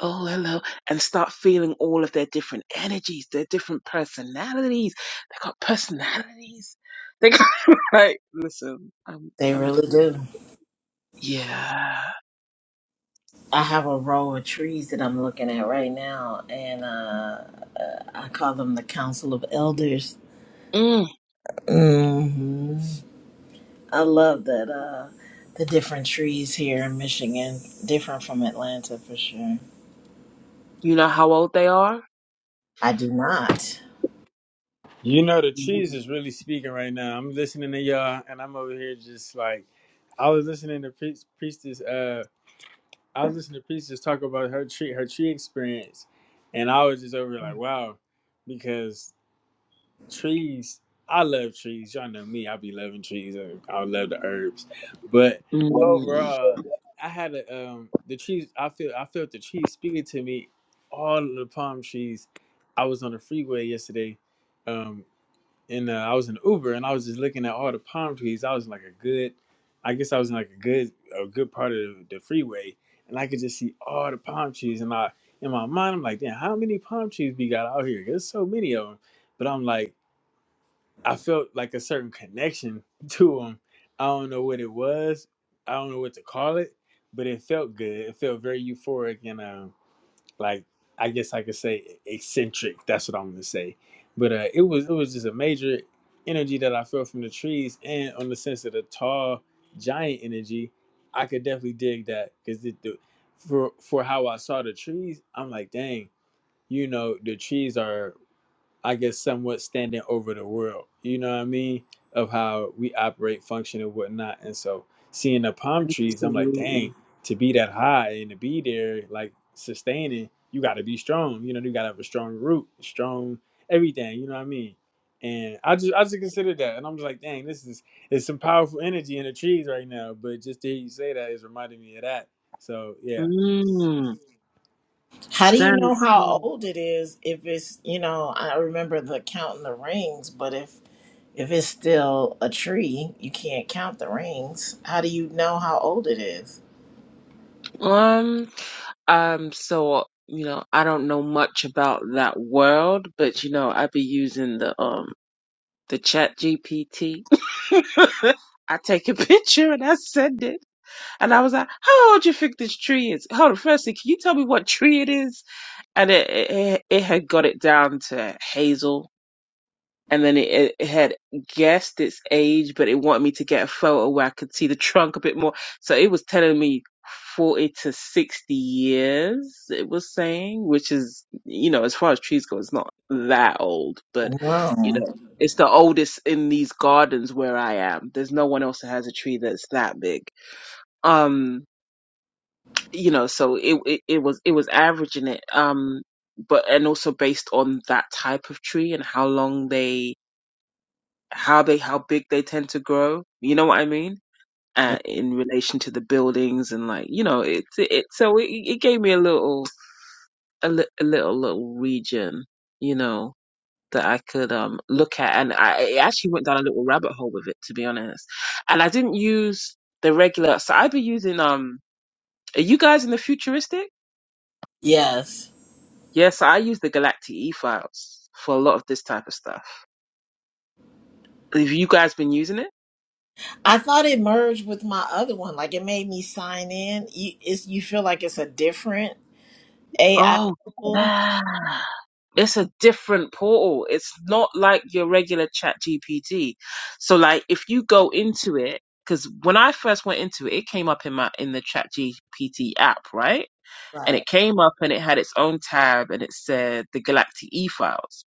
[SPEAKER 5] Oh, hello, and start feeling all of their different energies, their different personalities. They got personalities. They got like, listen, I'm,
[SPEAKER 6] they
[SPEAKER 5] I'm having,
[SPEAKER 6] really
[SPEAKER 5] a,
[SPEAKER 6] do.
[SPEAKER 5] yeah
[SPEAKER 6] I have a row of trees that I'm looking at right now, and uh, uh, I call them the Council of Elders.
[SPEAKER 5] Mm.
[SPEAKER 6] hmm I love that uh, the different trees here in Michigan, different from Atlanta for sure.
[SPEAKER 5] You know how old they are?
[SPEAKER 6] I do not.
[SPEAKER 7] You know the cheese
[SPEAKER 5] Mhm.
[SPEAKER 7] is really speaking right now. I'm listening to y'all, and I'm over here just like I was listening to Priest, Priestess. uh I was listening to Peace just talk about her tree her tree experience, and I was just over like, wow, because trees. I love trees. Y'all know me. I be loving trees. I I love the herbs, but
[SPEAKER 5] Mm.
[SPEAKER 7] overall, I had a um the trees. I feel I felt the trees speaking to me. All of the palm trees. I was on the freeway yesterday, um, and uh, I was in Uber and I was just looking at all the palm trees. I was in like a good, I guess I was in like a good a good part of the freeway, and I could just see all the palm trees. And I in my mind, I'm like, damn, how many palm trees we got out here? There's so many of them. But I'm like, I felt like a certain connection to them. I don't know what it was. I don't know what to call it, but it felt good. It felt very euphoric and um like I guess I could say e-, eccentric. That's what I'm gonna say. But uh, it was it was just a major energy that I felt from the trees, and on the sense of the tall giant energy, I could definitely dig that because for for how I saw the trees, I'm like, dang, you know, the trees are I guess, somewhat standing over the world. You know what I mean? Of how we operate, function, and whatnot. And so seeing the palm trees, I'm like, dang,
[SPEAKER 5] Absolutely.
[SPEAKER 7] to be that high and to be there, like sustaining, you got to be strong. You know, you got to have a strong root, strong everything. You know what I mean? And I just, I just considered that, and I'm just like, dang, this is, it's some powerful energy in the trees right now. But just to hear you say that is reminding me of that. So yeah,
[SPEAKER 5] Mm.
[SPEAKER 6] How do you
[SPEAKER 5] Standing
[SPEAKER 6] know how
[SPEAKER 5] tall.
[SPEAKER 6] old it is if it's, you know, I remember the counting the rings, but if if it's still a tree, you can't count the rings. How do you know how old it is?
[SPEAKER 5] Um, um, so, you know, I don't know much about that world, but you know, I be using the um the chat GPT. I take a picture and I send it. And I was like, how old you think this tree is? Hold on, firstly, can you tell me what tree it is? And it, it, it had got it down to hazel and then it, it had guessed its age, but it wanted me to get a photo where I could see the trunk a bit more. So it was telling me 40 to 60 years, it was saying, which is, you know, as far as trees go, it's not that old, but, you
[SPEAKER 6] No.
[SPEAKER 5] know, it's the oldest in these gardens where I am. There's no one else that has a tree that's that big. Um, you know, so it, it, it was, it was averaging it. Um, but, and also based on that type of tree and how long they how they how big they tend to grow. You know what I mean? Uh, in relation to the buildings and like you know it's it, it so it, it gave me a little a, li- a little little region you know that I could um look at and I it actually went down a little rabbit hole with it to be honest and I didn't use the regular so I'd be using um are you guys in the futuristic
[SPEAKER 6] Yes.
[SPEAKER 5] Yes, I use the galactic e files for a lot of this type of stuff have you guys been using it
[SPEAKER 6] I thought it merged with my other one. Like it made me sign in. You, it's, you feel like it's a different AI
[SPEAKER 5] oh
[SPEAKER 6] tool.
[SPEAKER 5] yeah it's a different portal. It's not like your regular chat GPT. So like if you go into it, because when I first went into it, it came up in my in the chat GPT app, right? And
[SPEAKER 6] Right,
[SPEAKER 5] it came up and it had its own tab and it said the Galactic E files.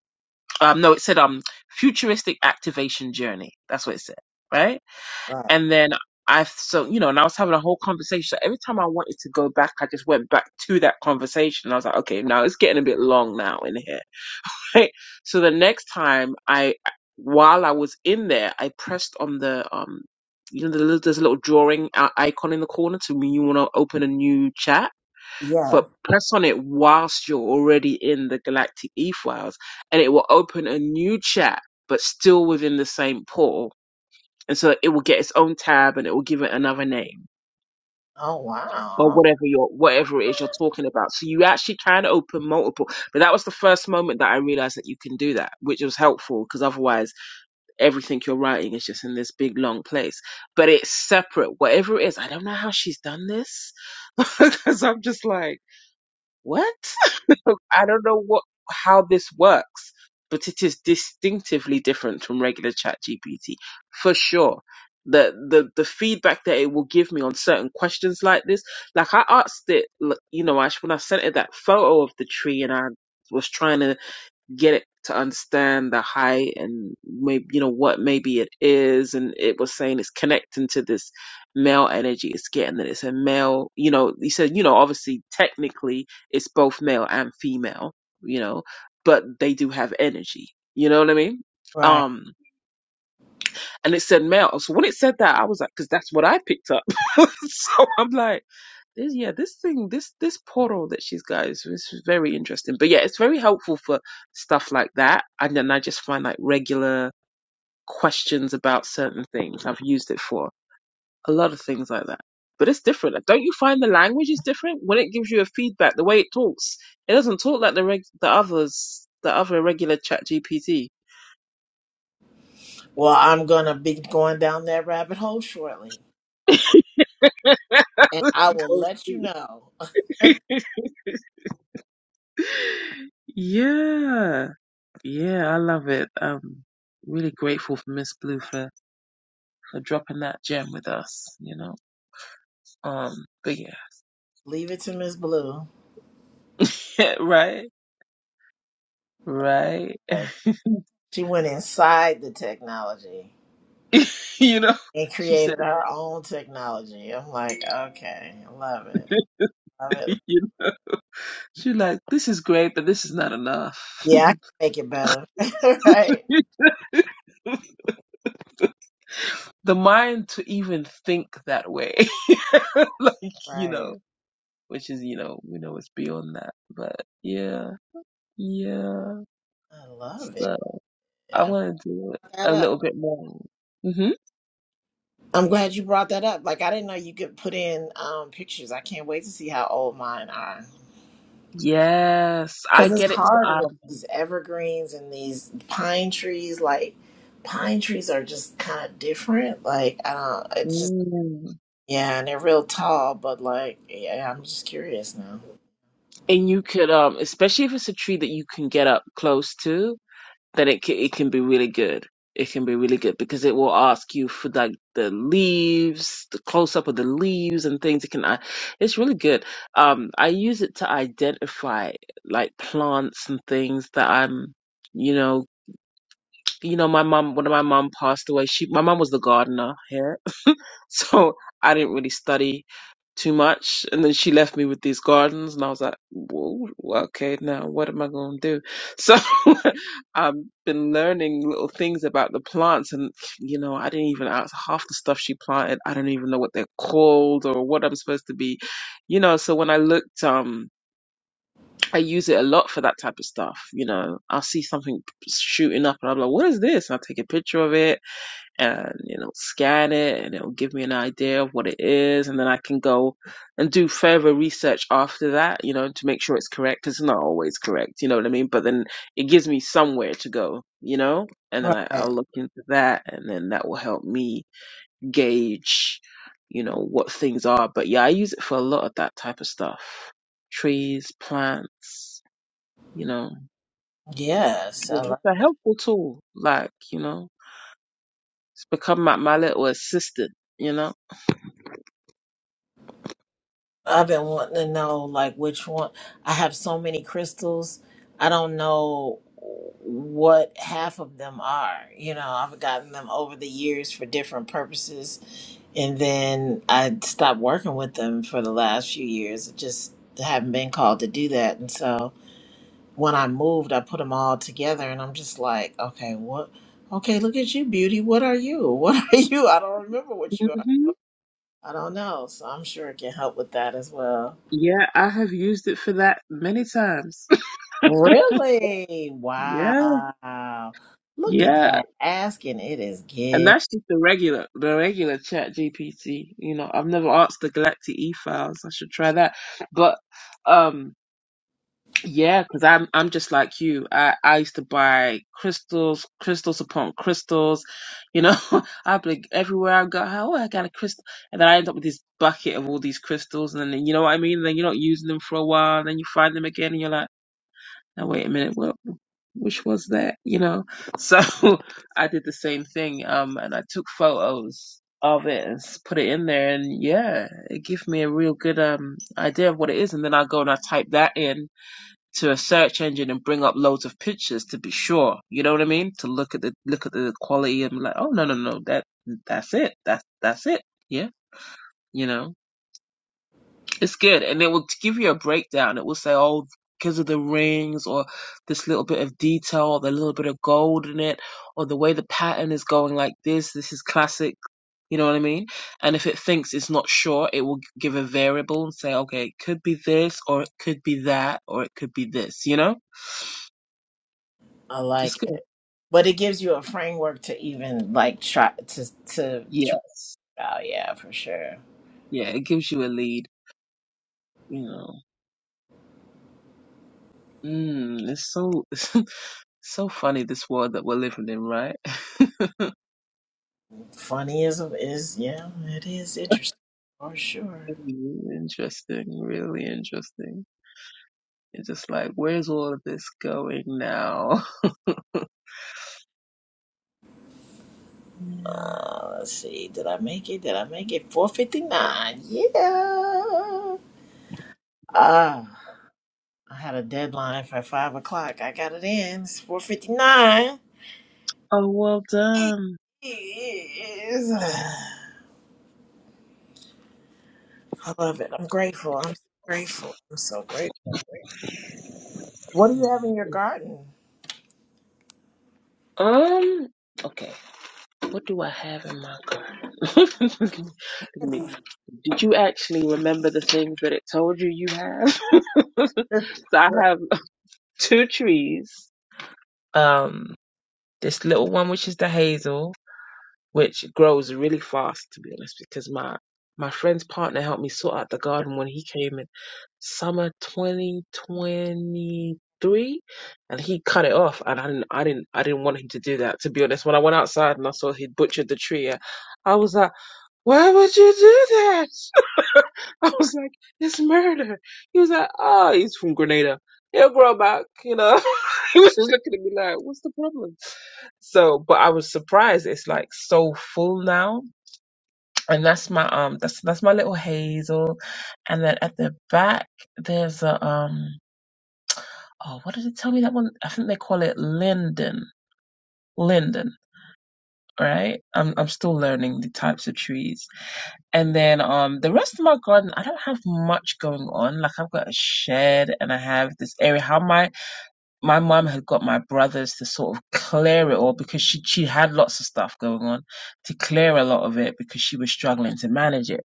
[SPEAKER 5] Um no, it said um futuristic activation journey. That's what it said, right?
[SPEAKER 6] right.
[SPEAKER 5] And then I so you know, and I was having a whole conversation. So every time I wanted to go back, I just went back to that conversation. And I was like, okay, now it's getting a bit long now in here so the next time I, while I was in there, I pressed on the um, you know, the little, there's a little drawing i- icon in the corner to mean you want to open a new chat, but
[SPEAKER 6] Yes.
[SPEAKER 5] press on it whilst you're already in the Galactic e-files, and it will open a new chat, but still within the same portal, and so it will get its own tab and it will give it another name
[SPEAKER 6] Oh,
[SPEAKER 5] or
[SPEAKER 6] wow.
[SPEAKER 5] whatever you're whatever it is you're talking about. So you actually can open multiple. But that was the first moment that I realized that you can do that, which was helpful because otherwise everything you're writing is just in this big long place. But it's separate. Whatever it is, I don't know how she's done this because I'm just like, what? pro- I don't know what how this works, but it is distinctively different from regular Chat GPT for sure. The, the the feedback that it will give me on certain questions like this, like I asked it, l- you know, Ash, when I sent it that photo of the tree and I was trying to get it to understand the height and maybe you know what maybe it is and it was saying it's connecting to this male energy it's getting that it's a male you know he said you know obviously technically it's both male and female you know but they do have energy you know what i mean
[SPEAKER 6] Right.
[SPEAKER 5] um and it said male so when it said that i was like because that's what i picked up so i'm like this, yeah, this thing, this this portal that she's got is, is very interesting. But yeah, it's very helpful for stuff like that. And then I just find like regular questions about certain things. I've used it for a lot of things like that. But it's different. Don't you find the language is different when it gives you a feedback? The way it talks, it doesn't talk like the reg- the others, the other regular Chat GPT.
[SPEAKER 6] Well, I'm going to be going down that rabbit hole shortly. And
[SPEAKER 5] Go
[SPEAKER 6] I will let you
[SPEAKER 5] see.
[SPEAKER 6] know.
[SPEAKER 5] yeah, yeah, I love it. Um, really grateful for Miss Blue for. for dropping that gem with us, you know. Um, but yeah,
[SPEAKER 6] Leave it to Miss Blue.
[SPEAKER 5] right, right.
[SPEAKER 6] Like, she went inside the technology
[SPEAKER 5] you know,
[SPEAKER 6] and
[SPEAKER 5] she said,
[SPEAKER 6] created her own technology. I'm like, okay, love it. Love it.
[SPEAKER 5] you know, she like, this is great, but this is not enough.
[SPEAKER 6] Yeah, I can make it better. right.
[SPEAKER 5] the mind to even think that way, like, you
[SPEAKER 6] Right.
[SPEAKER 5] know, which is, you know, we know it's beyond that, but yeah, yeah.
[SPEAKER 6] I love it.
[SPEAKER 5] So I
[SPEAKER 6] Yeah,
[SPEAKER 5] want to do it
[SPEAKER 6] pick That
[SPEAKER 5] a
[SPEAKER 6] up.
[SPEAKER 5] little bit more. hmm
[SPEAKER 6] I'm glad you brought that up. Like I didn't know you could put in um, pictures. I can't wait to see how old mine are.
[SPEAKER 5] Yes, I
[SPEAKER 6] Cause
[SPEAKER 5] get
[SPEAKER 6] it's
[SPEAKER 5] it. To,
[SPEAKER 6] hard with
[SPEAKER 5] um,
[SPEAKER 6] these evergreens and these pine trees. Like pine trees are just kind of different. Like I don't. It's just
[SPEAKER 5] mm.
[SPEAKER 6] Yeah, and they're real tall, but like, yeah, I'm just curious now.
[SPEAKER 5] and you could um especially if it's a tree that you can get up close to then it can, it can be really good it can be really good because it will ask you for like the leaves the close up of the leaves and things it can I- it's really good um i use it to identify like plants and things that i'm you know you know my mom when my mom passed away she my mom was the gardener here so I didn't really study too much. And then she left me with these gardens, and I was like, whoa, okay, now what am I going to do? So I've been learning little things about the plants, and you know, I didn't even ask half the stuff she planted. I don't even know what they're called or what I'm supposed to be, you know. So when I looked, um, I use it a lot for that type of stuff. You know, I'll see something shooting up, and I'm like, what is this? And I'll take a picture of it and it'll scan it and it'll give me an idea of what it is and then I can go and do further research after that, you know, to make sure it's correct. It's not always correct, you know what I mean? But then it gives me somewhere to go, you know? And then I,
[SPEAKER 6] Right.
[SPEAKER 5] I'll look into that and then that will help me gauge, you know, what things are. But yeah, I use it for a lot of that type of stuff. Trees, plants, you know.
[SPEAKER 6] Yes,
[SPEAKER 5] Yeah,
[SPEAKER 6] I, li-
[SPEAKER 5] It's a helpful tool, like, you know, it's become my, my little assistant, you know?
[SPEAKER 6] I've been wanting to know like which one. I have so many crystals. I don't know what half of them are. You know, I've gotten them over the years for different purposes, and then I stopped working with them for the last few years. I just haven't been called to do that, and so. when I moved, I put them all together, and I'm just like, okay, what? Okay, look at you, beauty. What are you? What are you? I don't remember what you are.
[SPEAKER 5] hmm
[SPEAKER 6] I don't know. So I'm sure it can help with that as well.
[SPEAKER 5] Yeah, I have used it for that many times.
[SPEAKER 6] Really?
[SPEAKER 5] Yeah,
[SPEAKER 6] Wow. Look at
[SPEAKER 5] yeah,
[SPEAKER 6] that. Asking it is
[SPEAKER 5] and
[SPEAKER 6] good.
[SPEAKER 5] that's just the regular, the regular Chat GPT. You know, I've never asked the Galactic E files. I should try that. But um, yeah, because I'm I'm just like you. I I used to buy crystals, crystals upon crystals. You know, I'd be like, everywhere I go. Oh, I got a crystal, and then I end up with this bucket of all these crystals, and then you know what I mean. Then you're not using them for a while, and then you find them again, and you're like, now wait a minute, what? which was that, you know? So I did the same thing, um, and I took photos of it and s- put it in there, and yeah, it gave me a real good um idea of what it is. And then I go and I type that in to a search engine and bring up loads of pictures to be sure, you know what I mean? To look at the look at the quality and be like, oh no no no, that that's it, that's that's it, yeah, you know. It's good, and it will give you a breakdown. It will say, "Oh, because of the rings, or this little bit of detail, or the little bit of gold in it, or the way the pattern is going like this. This is classic." You know what I mean? And if it thinks it's not sure, it will give a variable and say, "Okay, it could be this, or it could be that, or it could be this." You know,
[SPEAKER 6] I
[SPEAKER 5] it's
[SPEAKER 6] like
[SPEAKER 5] good.
[SPEAKER 6] it, but it gives you a framework to even like try to to try
[SPEAKER 5] Yes,
[SPEAKER 6] it out. Yeah, for sure.
[SPEAKER 5] yeah, it gives you a lead. You know, mm, it's so so funny this world that we're living in, right?
[SPEAKER 6] Funny is is yeah, it is interesting for sure.
[SPEAKER 5] Interesting, really interesting. It's just like, where's all of this going now? Yeah.
[SPEAKER 6] Uh, let's see. Did I make it? Did I make it? 459. Yeah. Ah, I had a deadline for 5 o'clock. I got it in. It's 459.
[SPEAKER 5] Oh, well done.
[SPEAKER 6] I love it. I'm grateful. I'm so grateful. I'm so grateful. What do you have in your garden?
[SPEAKER 5] Um, okay. What do I have in my card? Look at me. Did you actually remember the things that it told you you have? so I have two trees. Um, this little one, which is the hazel. which grows really fast to be honest because my my friend's partner helped me sort out the garden when he came in summer 2023 and he cut it off and I didn't I didn't I didn't want him to do that to be honest when I went outside and I saw he'd butchered the tree I was like why would you do that I was like, it's murder. He was like, oh, he's from Grenada. He'll grow back, you know. he was just looking at me like, what's the problem? So, but I was surprised. It's like so full now. And that's my um that's that's my little hazel. And then at the back there's a um oh what did it tell me that one? I think they call it linden. Linden, right? I'm I'm still learning the types of trees. And then um the rest of my garden, I don't have much going on. Like I've got a shed and I have this area. How my my mum had got my brothers to sort of clear it all because she she had lots of stuff going on to clear a lot of it because she was struggling to manage it.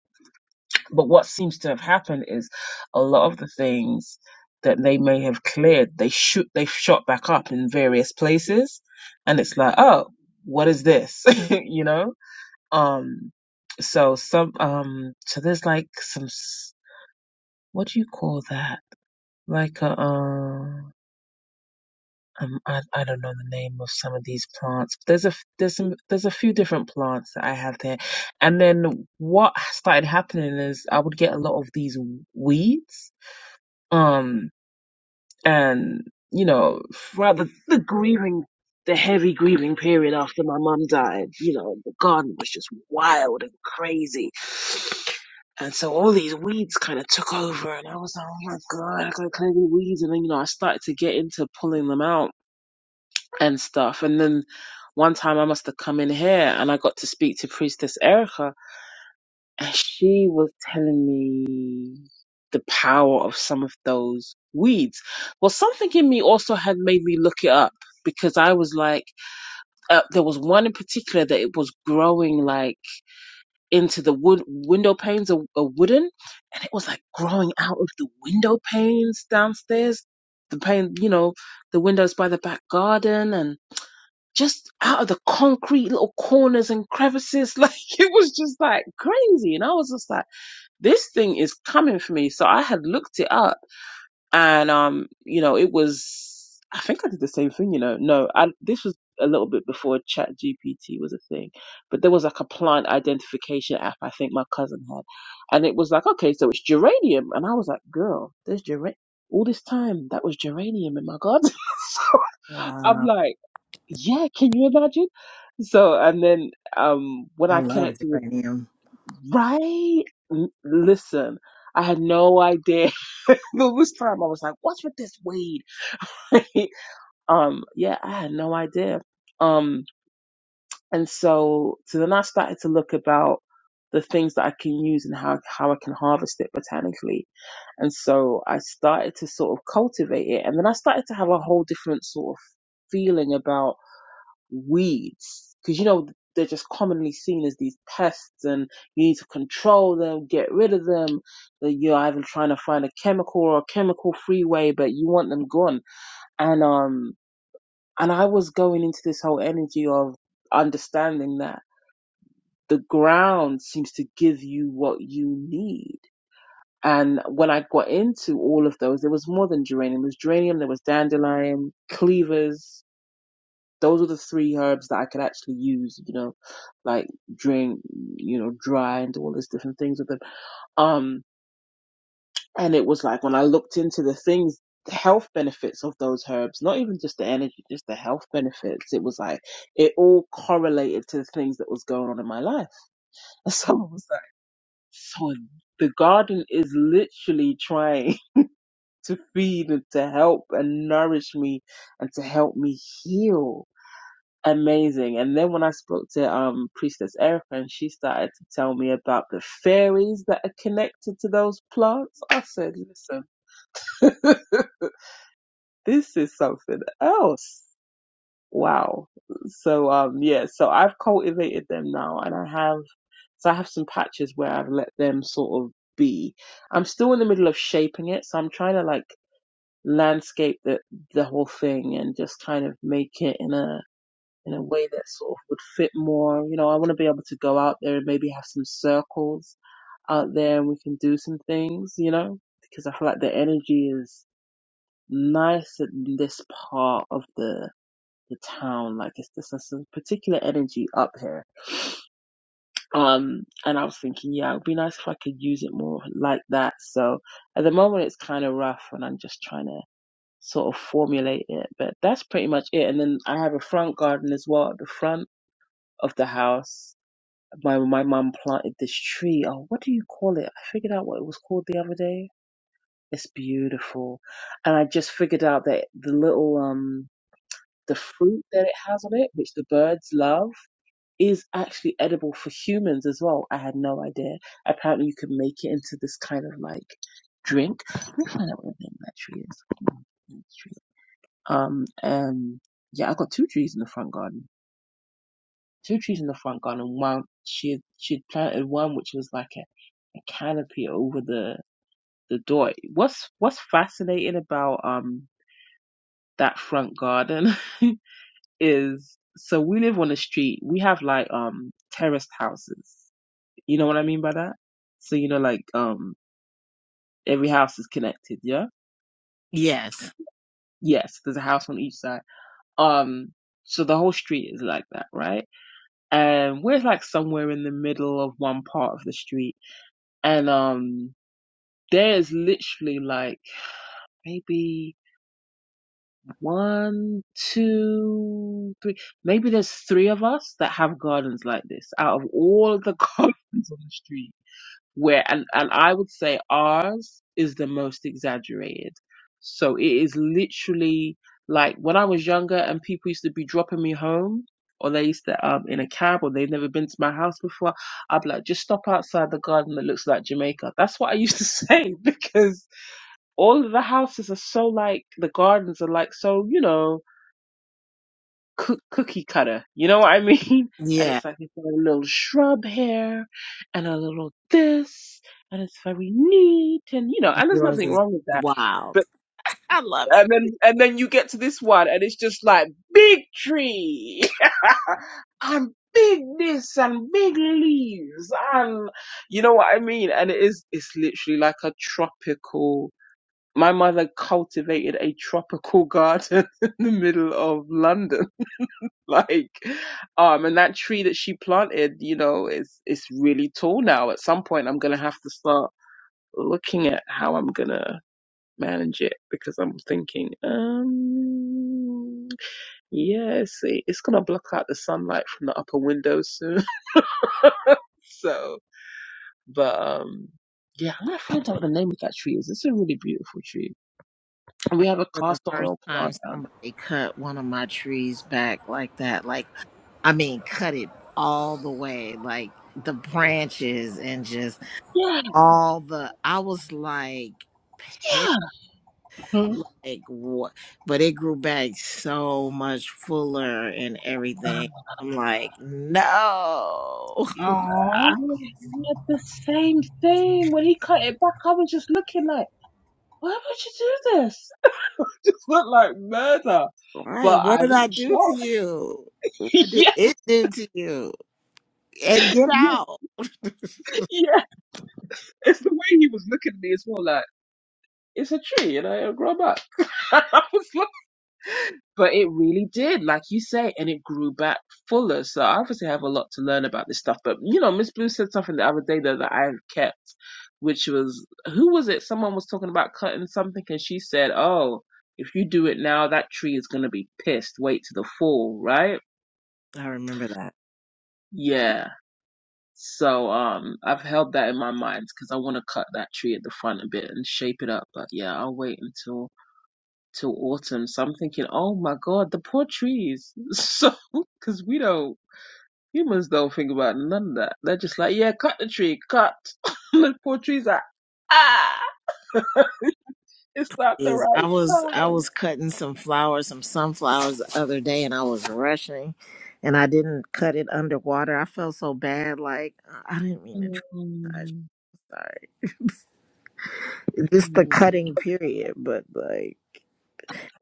[SPEAKER 5] But what seems to have happened is a lot of the things that they may have cleared, they shoot they shot back up in various places, and it's like, oh, what is this? you know? Um, so some um, so there's like some s- what do you call that? Like a uh, um, I I don't know the name of some of these plants. There's a f- there's some there's a few different plants that I have there, and then what started happening is I would get a lot of these weeds. Um, and you know throughout the, the grieving the heavy grieving period after my mum died you know the garden was just wild and crazy and so all these weeds kind of took over and i was like oh my god i gotta clear the weeds and then you know i started to get into pulling them out and stuff and then one time i must have come in here and i got to speak to priestess erica and she was telling me the power of some of those weeds. Well, something in me also had made me look it up because I was like, uh, there was one in particular that it was growing like into the wood window panes or, or wooden, and it was like growing out of the window panes downstairs, the pane, you know, the windows by the back garden and just out of the concrete little corners and crevices. Like it was just like crazy. And I was just like, this thing is coming for me. So I had looked it up and, um, you know, it was, I think I did the same thing, you know, no, I, this was a little bit before chat GPT was a thing, but there was like a plant identification app I think my cousin had. And it was like, okay, so it's geranium. And I was like, girl, there's geranium. All this time, that was geranium in my garden. so
[SPEAKER 6] wow.
[SPEAKER 5] I'm like, yeah, can you imagine? So, and then, um, when
[SPEAKER 6] I
[SPEAKER 5] I
[SPEAKER 6] love
[SPEAKER 5] connected with
[SPEAKER 6] geranium.
[SPEAKER 5] Right? L- listen, I had no idea. the first time I was like, what's with this weed? Right? um, yeah, I had no idea. Um, and so, so then I started to look about the things that I can use and how, how I can harvest it botanically. And so I started to sort of cultivate it. And then I started to have a whole different sort of feeling about weeds because you know they're just commonly seen as these pests and you need to control them get rid of them that you're either trying to find a chemical or a chemical free way but you want them gone and um and i was going into this whole energy of understanding that the ground seems to give you what you need and when I got into all of those, there was more than geranium. There was geranium, there was dandelion, cleavers, those were the three herbs that I could actually use, you know, like drink, you know, dry and do all these different things with them. Um, and it was like when I looked into the things, the health benefits of those herbs, not even just the energy, just the health benefits. It was like it all correlated to the things that was going on in my life. And someone was like, so the garden is literally trying to feed and to help and nourish me and to help me heal amazing. And then when I spoke to um Priestess Erica and she started to tell me about the fairies that are connected to those plants, I said, listen, this is something else. Wow. So um yeah, so I've cultivated them now and I have so I have some patches where I've let them sort of be. I'm still in the middle of shaping it, so I'm trying to like landscape the the whole thing and just kind of make it in a in a way that sort of would fit more. You know, I want to be able to go out there and maybe have some circles out there and we can do some things, you know, because I feel like the energy is nice in this part of the the town. Like it's just a some particular energy up here. Um, and I was thinking, yeah, it would be nice if I could use it more like that. So at the moment, it's kind of rough, and I'm just trying to sort of formulate it. But that's pretty much it. And then I have a front garden as well at the front of the house My my mom planted this tree. Oh, what do you call it? I figured out what it was called the other day. It's beautiful, and I just figured out that the little um the fruit that it has on it, which the birds love, is actually edible for humans as well. I had no idea. Apparently, you can make it into this kind of like drink. Let me find out what the name of that tree is. Um, and yeah, I got two trees in the front garden two trees in the front garden. and One she she had planted one which was like a, a canopy over the the door. What's what's fascinating about um that front garden is so we live on the street. We have like um terraced houses. You know what I mean by that? So you know like um every house is connected. Yeah.
[SPEAKER 6] Yes.
[SPEAKER 5] Yes, there's a house on each side. Um, so the whole street is like that, right? And we're like somewhere in the middle of one part of the street, and um There's literally like maybe one, two, three. Maybe there's three of us that have gardens like this out of all of the gardens on the street. Where and and I would say ours is the most exaggerated. So it is literally like when I was younger and people used to be dropping me home. Or they used to um in a cab, or they'd never been to my house before. I'd be like, just stop outside the garden that looks like Jamaica. That's what I used to say because all of the houses are so like the gardens are like so you know cook, cookie cutter you know what i mean and
[SPEAKER 6] Yeah.
[SPEAKER 5] it's like it's got a little shrub here and a little this and it's very neat and you know and there's
[SPEAKER 6] Yours
[SPEAKER 5] nothing
[SPEAKER 6] is
[SPEAKER 5] wrong with that
[SPEAKER 6] wild.
[SPEAKER 5] but
[SPEAKER 6] I love it.
[SPEAKER 5] and then and then you get to this one and it's just like big tree and big this and big leaves and you know what i mean and it is it's literally like a tropical my mother cultivated a tropical garden in the middle of London. Like, um, and that tree that she planted, you know, is it's really tall now. At some point, I'm gonna have to start looking at how I'm gonna manage it because I'm thinking, um, yeah, see, it's gonna block out the sunlight from the upper window soon. so, but um, yeah, I'm gonna find out what the name of that tree is. It's a really beautiful tree. And we have a
[SPEAKER 6] For the
[SPEAKER 5] cast
[SPEAKER 6] first
[SPEAKER 5] oil
[SPEAKER 6] time
[SPEAKER 5] plant out.
[SPEAKER 6] somebody cut one of my trees back like that. Like I mean cut it all the way, like the branches and just
[SPEAKER 5] Yeah,
[SPEAKER 6] all the I was like
[SPEAKER 5] yeah.
[SPEAKER 6] like what but it grew back so much fuller and everything i'm like no
[SPEAKER 5] I
[SPEAKER 1] Oh,
[SPEAKER 5] had the same thing. When he cut it back, I was just looking like, why would you do this? It's not like murder.
[SPEAKER 6] right
[SPEAKER 5] But
[SPEAKER 6] what
[SPEAKER 5] I
[SPEAKER 6] did
[SPEAKER 5] was
[SPEAKER 6] i do to
[SPEAKER 5] shocked.
[SPEAKER 6] you what did
[SPEAKER 5] yeah,
[SPEAKER 6] it do to you and get
[SPEAKER 5] yeah,
[SPEAKER 6] out
[SPEAKER 5] yeah. It's the way he was looking at me as well, like, it's a tree, and I grow back. I was like, But it really did, like you say, and it grew back fuller. So I obviously have a lot to learn about this stuff. But you know, Miss Blue said something the other day though that I have kept, which was who was it? Someone was talking about cutting something, and she said, "Oh, if you do it now, that tree is gonna be pissed. Wait till the fall, right?"
[SPEAKER 6] i remember that
[SPEAKER 5] Yeah. So um, I've held that in my mind because I want to cut that tree at the front a bit and shape it up. But yeah, I'll wait until till autumn. So I'm thinking, oh my God, the poor trees. So, because we don't, humans don't think about none of that. They're just like, yeah, cut the tree, cut. the poor trees are, ah, it's not the
[SPEAKER 6] is I
[SPEAKER 5] right
[SPEAKER 6] was I
[SPEAKER 5] time.
[SPEAKER 6] was cutting some flowers, some sunflowers the other day, and I was rushing, and I didn't cut it underwater. I felt so bad, like I didn't mean to. Try.
[SPEAKER 5] Mm,
[SPEAKER 6] Sorry, just the
[SPEAKER 5] mm.
[SPEAKER 6] cutting period, but like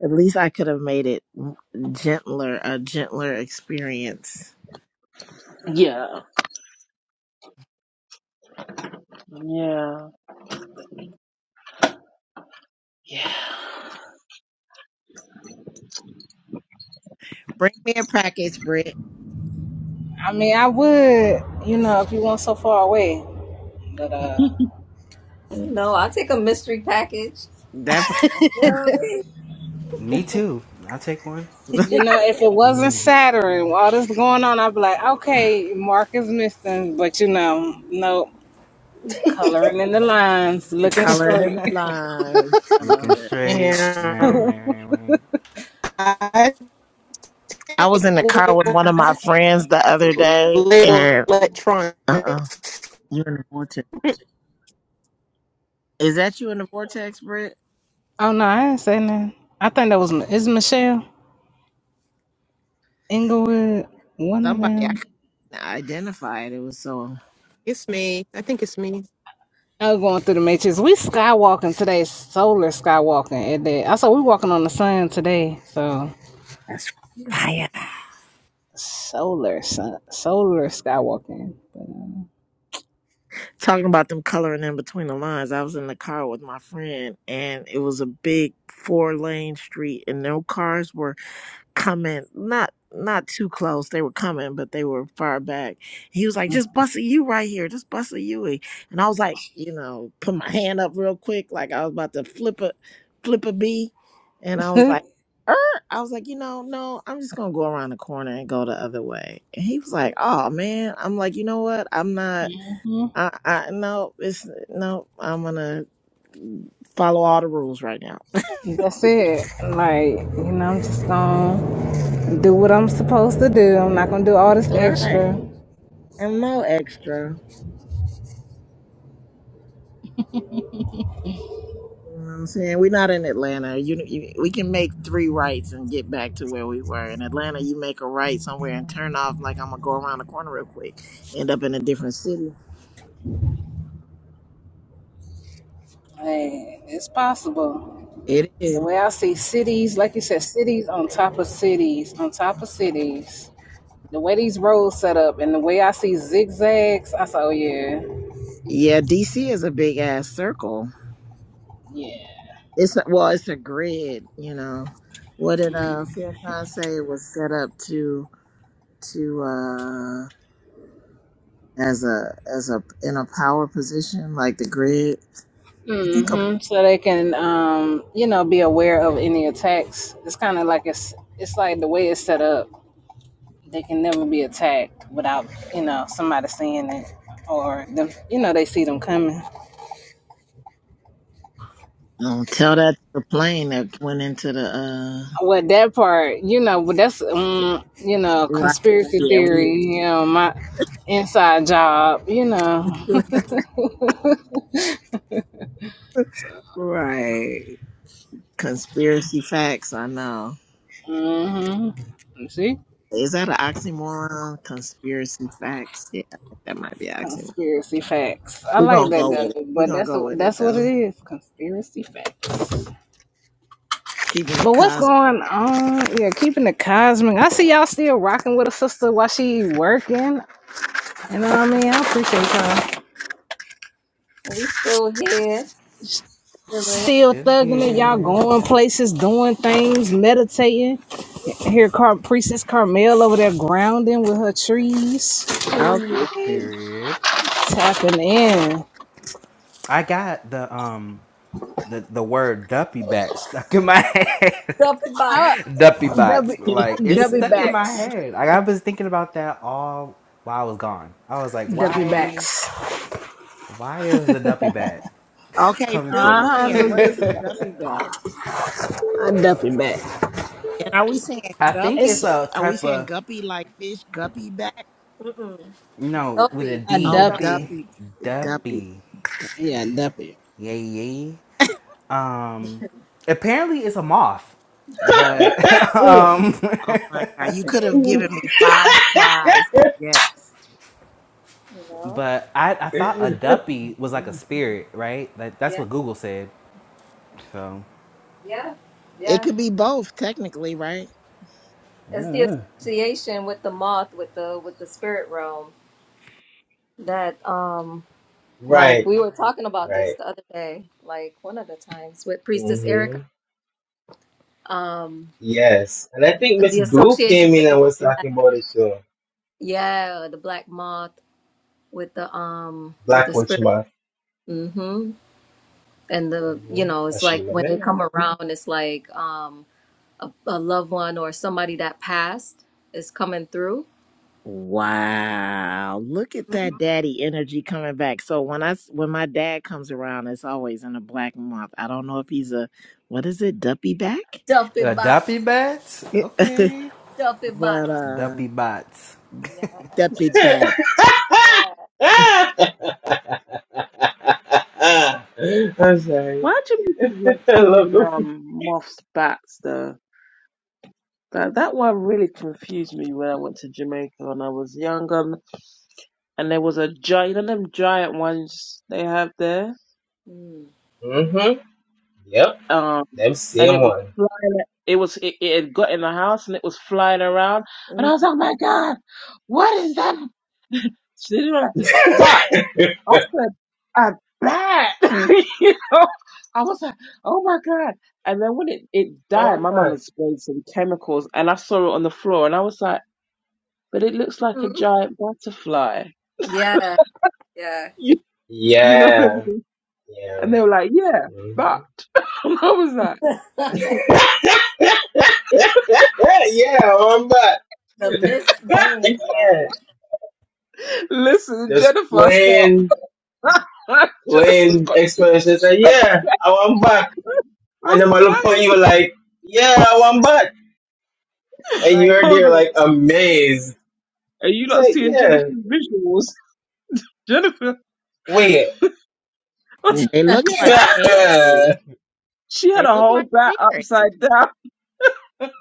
[SPEAKER 6] at least I could have made it gentler, a gentler experience.
[SPEAKER 5] Yeah, yeah, yeah.
[SPEAKER 6] Bring me a package, Britt.
[SPEAKER 1] I mean, I would, you know, if you weren't so far away, but uh.
[SPEAKER 4] You know, I'll take a mystery package.
[SPEAKER 6] That part.
[SPEAKER 4] You
[SPEAKER 3] Me too. I'll take one.
[SPEAKER 1] You know, if it wasn't
[SPEAKER 3] Mhm.
[SPEAKER 1] Saturn, all this going on, I'd be like, okay, Mark is missing, but you know, no coloring in the lines, looking
[SPEAKER 6] colored in
[SPEAKER 1] straight.
[SPEAKER 6] the lines.
[SPEAKER 3] Looking straight. Right,
[SPEAKER 10] And
[SPEAKER 3] right, right, right.
[SPEAKER 10] I
[SPEAKER 6] I was
[SPEAKER 10] think
[SPEAKER 6] in the car with one of my friends the other day,
[SPEAKER 10] little
[SPEAKER 6] and uh, uh-uh,
[SPEAKER 10] electronics.
[SPEAKER 6] you're in the vortex. Is that you in the vortex, Britt?
[SPEAKER 1] Oh no, I didn't say nothing. I think that was is Michelle Inglewood, one of
[SPEAKER 6] Somebody I
[SPEAKER 1] them.
[SPEAKER 6] couldn't identify it. It was so
[SPEAKER 1] I was going through the matrix. We skywalking today, solar skywalking. At that, I saw we walking on the sun today, so
[SPEAKER 6] that's fire.
[SPEAKER 1] solar sun, solar skywalking.
[SPEAKER 6] Talking about them coloring in between the lines. I was in the car with my friend and it was a big four lane street and no cars were coming not not too close they were coming but they were far back he was like just bust a u right here just bust a u and i was like you know put my hand up real quick like i was about to flip a flip a b and i was like er. i was like you know no i'm just gonna go around the corner and go the other way and he was like oh man i'm like you know what i'm not i i no it's no i'm gonna follow all the rules right now
[SPEAKER 1] But that's it. Like you know, I'm just gonna. do what I'm supposed to do. I'm not gonna do all this
[SPEAKER 6] right
[SPEAKER 1] extra.
[SPEAKER 6] and no extra You know what I'm saying we're not in Atlanta. You, you, we can make three rights and get back to where we were. In Atlanta, you make a right somewhere and turn off like I'm gonna go around the corner real quick, end up in a different city.
[SPEAKER 1] Hey, it's possible.
[SPEAKER 6] It
[SPEAKER 1] The
[SPEAKER 6] is.
[SPEAKER 1] way I see cities, like you said, cities on top of cities, on top of cities. The way these roads set up and the way I see zigzags, I saw, oh yeah.
[SPEAKER 6] Yeah, DC is a big ass circle.
[SPEAKER 1] Yeah.
[SPEAKER 6] It's a, well, it's a grid. You know, what did uh Faircon say it was set up to to uh as a as a in a power position like the grid. I think a,
[SPEAKER 1] hmm So they can, um, you know, be aware of any attacks. It's kind of like it's, it's like the way it's set up. They can never be attacked without, you know, somebody seeing it or them, you know, they see them coming.
[SPEAKER 6] don't tell that to the plane that went into the uh
[SPEAKER 1] Well, that part, you know, but that's um, you know,
[SPEAKER 6] Right.
[SPEAKER 1] conspiracy
[SPEAKER 6] Yeah,
[SPEAKER 1] theory.
[SPEAKER 6] we
[SPEAKER 1] You know, my inside job. You know,
[SPEAKER 6] right. Conspiracy facts, I know.
[SPEAKER 1] hmm see,
[SPEAKER 6] Is that an oxymoron? Conspiracy facts. Yeah, I think that might be an oxymoron.
[SPEAKER 1] conspiracy facts. I
[SPEAKER 6] We're
[SPEAKER 1] like
[SPEAKER 6] gonna
[SPEAKER 1] that
[SPEAKER 6] go with it.
[SPEAKER 1] though,
[SPEAKER 6] We're
[SPEAKER 1] but
[SPEAKER 6] gonna
[SPEAKER 1] that's
[SPEAKER 6] go with it
[SPEAKER 1] that's what
[SPEAKER 6] though.
[SPEAKER 1] it is, conspiracy facts.
[SPEAKER 6] Keeping it
[SPEAKER 1] But what's
[SPEAKER 6] cosmic.
[SPEAKER 1] going on? Yeah, keeping the cosmic. I see y'all still rocking with a sister while she working. You know what I mean? I appreciate y'all.
[SPEAKER 4] We still here. Chilling.
[SPEAKER 1] Still
[SPEAKER 3] Still
[SPEAKER 1] thugging it. Y'all
[SPEAKER 3] here.
[SPEAKER 1] going places, doing things, meditating. I hear Car- Priestess Carmel over there grounding with her trees,
[SPEAKER 4] Mm.
[SPEAKER 6] Okay.
[SPEAKER 3] Period.
[SPEAKER 1] tapping in.
[SPEAKER 3] I got the um the the word duppy bat stuck in my head.
[SPEAKER 4] Dumpy bot.
[SPEAKER 1] Uh,
[SPEAKER 3] duppy
[SPEAKER 1] W,
[SPEAKER 3] bots. Like it's
[SPEAKER 1] W
[SPEAKER 3] stuck in my
[SPEAKER 1] backs,
[SPEAKER 3] head. Like I was thinking about that all while I was gone. I was like,
[SPEAKER 1] W
[SPEAKER 3] why
[SPEAKER 1] backs.
[SPEAKER 3] why is the duppy bat
[SPEAKER 6] Okay,
[SPEAKER 1] Uh
[SPEAKER 3] coming
[SPEAKER 6] fill
[SPEAKER 3] through?
[SPEAKER 1] huh, I
[SPEAKER 6] me
[SPEAKER 4] Um,
[SPEAKER 6] in. What is a
[SPEAKER 1] duppy
[SPEAKER 6] guppy back?
[SPEAKER 1] a duppy back.
[SPEAKER 6] And are we saying
[SPEAKER 3] I think it's
[SPEAKER 1] It's
[SPEAKER 6] guppy?
[SPEAKER 3] a
[SPEAKER 6] Are we
[SPEAKER 3] type
[SPEAKER 6] saying
[SPEAKER 3] of
[SPEAKER 6] guppy like fish? Guppy back?
[SPEAKER 4] Mm-mm.
[SPEAKER 3] no with a
[SPEAKER 4] Dumpy.
[SPEAKER 1] a
[SPEAKER 6] Oh,
[SPEAKER 3] D.
[SPEAKER 4] Dumpy.
[SPEAKER 1] duppy.
[SPEAKER 6] duppy. Duppy.
[SPEAKER 3] Duppy.
[SPEAKER 6] Du-
[SPEAKER 1] Yeah, duppy.
[SPEAKER 3] Yeah, yeah. Um apparently it's a moth. But um.
[SPEAKER 6] Oh my god. You could have given me five tries to guess.
[SPEAKER 4] You know?
[SPEAKER 3] But I, I thought a duppy was like a spirit, right? Like, that's
[SPEAKER 4] Yeah.
[SPEAKER 3] what Google said. So
[SPEAKER 4] Yeah.
[SPEAKER 6] It
[SPEAKER 4] Yeah.
[SPEAKER 6] could be both, technically, right?
[SPEAKER 4] It's the association with the moth, with the with the spirit realm that um Like
[SPEAKER 2] Right,
[SPEAKER 4] we were talking about this
[SPEAKER 2] right.
[SPEAKER 4] the other day, like one of the times with Priestess Erica,
[SPEAKER 2] Mm-hmm.
[SPEAKER 4] um,
[SPEAKER 2] Yes. And I think Miss
[SPEAKER 4] the
[SPEAKER 2] Blue
[SPEAKER 4] association
[SPEAKER 2] came in
[SPEAKER 4] with the
[SPEAKER 2] and was
[SPEAKER 4] black,
[SPEAKER 2] talking about it too.
[SPEAKER 4] yeah, the black moth with the um with
[SPEAKER 2] Black
[SPEAKER 4] the
[SPEAKER 2] Witch
[SPEAKER 4] spirit,
[SPEAKER 2] Month.
[SPEAKER 4] mm-hmm. and the you
[SPEAKER 2] Mm-hmm.
[SPEAKER 4] know it's like
[SPEAKER 2] Ashima
[SPEAKER 4] when they
[SPEAKER 2] Menon.
[SPEAKER 4] come around, it's like um a, a loved one or somebody that passed is coming through.
[SPEAKER 6] Wow. Look at
[SPEAKER 4] Mhm.
[SPEAKER 6] that daddy energy coming back. So when I s- when my dad comes around, it's always in a black month. I don't know if he's a what is it, duppy back?
[SPEAKER 4] Dumpy
[SPEAKER 3] A
[SPEAKER 4] bot,
[SPEAKER 3] duppy bats? Okay.
[SPEAKER 4] dumpy bot.
[SPEAKER 6] but uh
[SPEAKER 3] Duppy bots.
[SPEAKER 4] Yeah,
[SPEAKER 6] duppy back.
[SPEAKER 4] yeah.
[SPEAKER 2] I'm sorry.
[SPEAKER 5] Why do you like
[SPEAKER 2] I love them.
[SPEAKER 5] calling um moths bats though? That that one really confused me when I went to Jamaica when I was younger. and there was a giant, you know, them giant ones they have there.
[SPEAKER 4] Mm.
[SPEAKER 2] Mm-hmm. Yep.
[SPEAKER 5] Um,
[SPEAKER 2] Them
[SPEAKER 5] and
[SPEAKER 2] same
[SPEAKER 5] it was
[SPEAKER 2] one.
[SPEAKER 5] flying. It was it, it had got in the house and it was flying around, and I was like, "Oh "My God, what is that?" So they were like- But I said, "A bat," you know. I was like, "Oh my God!" And then when it it died,
[SPEAKER 2] Oh,
[SPEAKER 5] my mum
[SPEAKER 2] man.
[SPEAKER 5] had sprayed some chemicals, and I saw it on the floor, and I was like, "But it looks like a
[SPEAKER 4] Mm-mm.
[SPEAKER 5] giant butterfly."
[SPEAKER 4] Yeah,
[SPEAKER 5] You, you know what I mean?
[SPEAKER 2] Yeah. Yeah.
[SPEAKER 5] And they were like, yeah,
[SPEAKER 2] Mm-hmm.
[SPEAKER 5] that. And I was like,
[SPEAKER 4] yeah.
[SPEAKER 5] that.
[SPEAKER 2] yeah, I'm back.
[SPEAKER 4] the
[SPEAKER 2] I
[SPEAKER 4] misname,
[SPEAKER 2] can't.
[SPEAKER 4] like,
[SPEAKER 5] Listen,
[SPEAKER 2] Just
[SPEAKER 5] Jennifer, stop.
[SPEAKER 2] plain,
[SPEAKER 5] Jennifer's
[SPEAKER 2] plain
[SPEAKER 5] got
[SPEAKER 2] explanation. Say, yeah, I want back. And then
[SPEAKER 5] I'm
[SPEAKER 2] I look point
[SPEAKER 5] dying.
[SPEAKER 2] you were like, yeah, I want back. And
[SPEAKER 4] like,
[SPEAKER 2] you're
[SPEAKER 5] Hold
[SPEAKER 2] there
[SPEAKER 5] on.
[SPEAKER 2] like amazed.
[SPEAKER 5] Are you
[SPEAKER 2] It's
[SPEAKER 5] not
[SPEAKER 2] like,
[SPEAKER 5] seeing Jennifer's
[SPEAKER 2] yeah,
[SPEAKER 5] visuals? Jennifer,
[SPEAKER 2] wait.
[SPEAKER 6] Mm, They
[SPEAKER 5] she
[SPEAKER 6] look
[SPEAKER 5] had a,
[SPEAKER 6] like
[SPEAKER 4] like,
[SPEAKER 6] fairies.
[SPEAKER 5] she had
[SPEAKER 6] They
[SPEAKER 5] a
[SPEAKER 6] look
[SPEAKER 5] whole
[SPEAKER 6] like
[SPEAKER 5] bat
[SPEAKER 6] fairies.
[SPEAKER 5] upside down.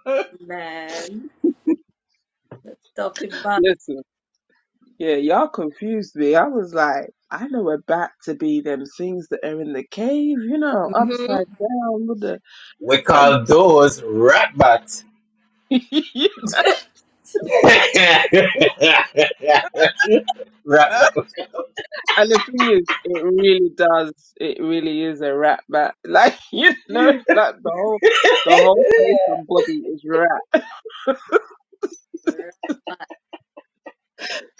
[SPEAKER 4] man, talking about.
[SPEAKER 5] Listen, yeah, y'all confused me. I was like, I know a bat to be them things that are in the cave, you know,
[SPEAKER 4] hmm
[SPEAKER 5] upside down with
[SPEAKER 2] we call those rat bats.
[SPEAKER 5] the.
[SPEAKER 4] Right.
[SPEAKER 2] rat bat. Rat
[SPEAKER 5] And the thing is, it really does. It really is a rat bat. Like you know, like the whole, the whole face and body is rat.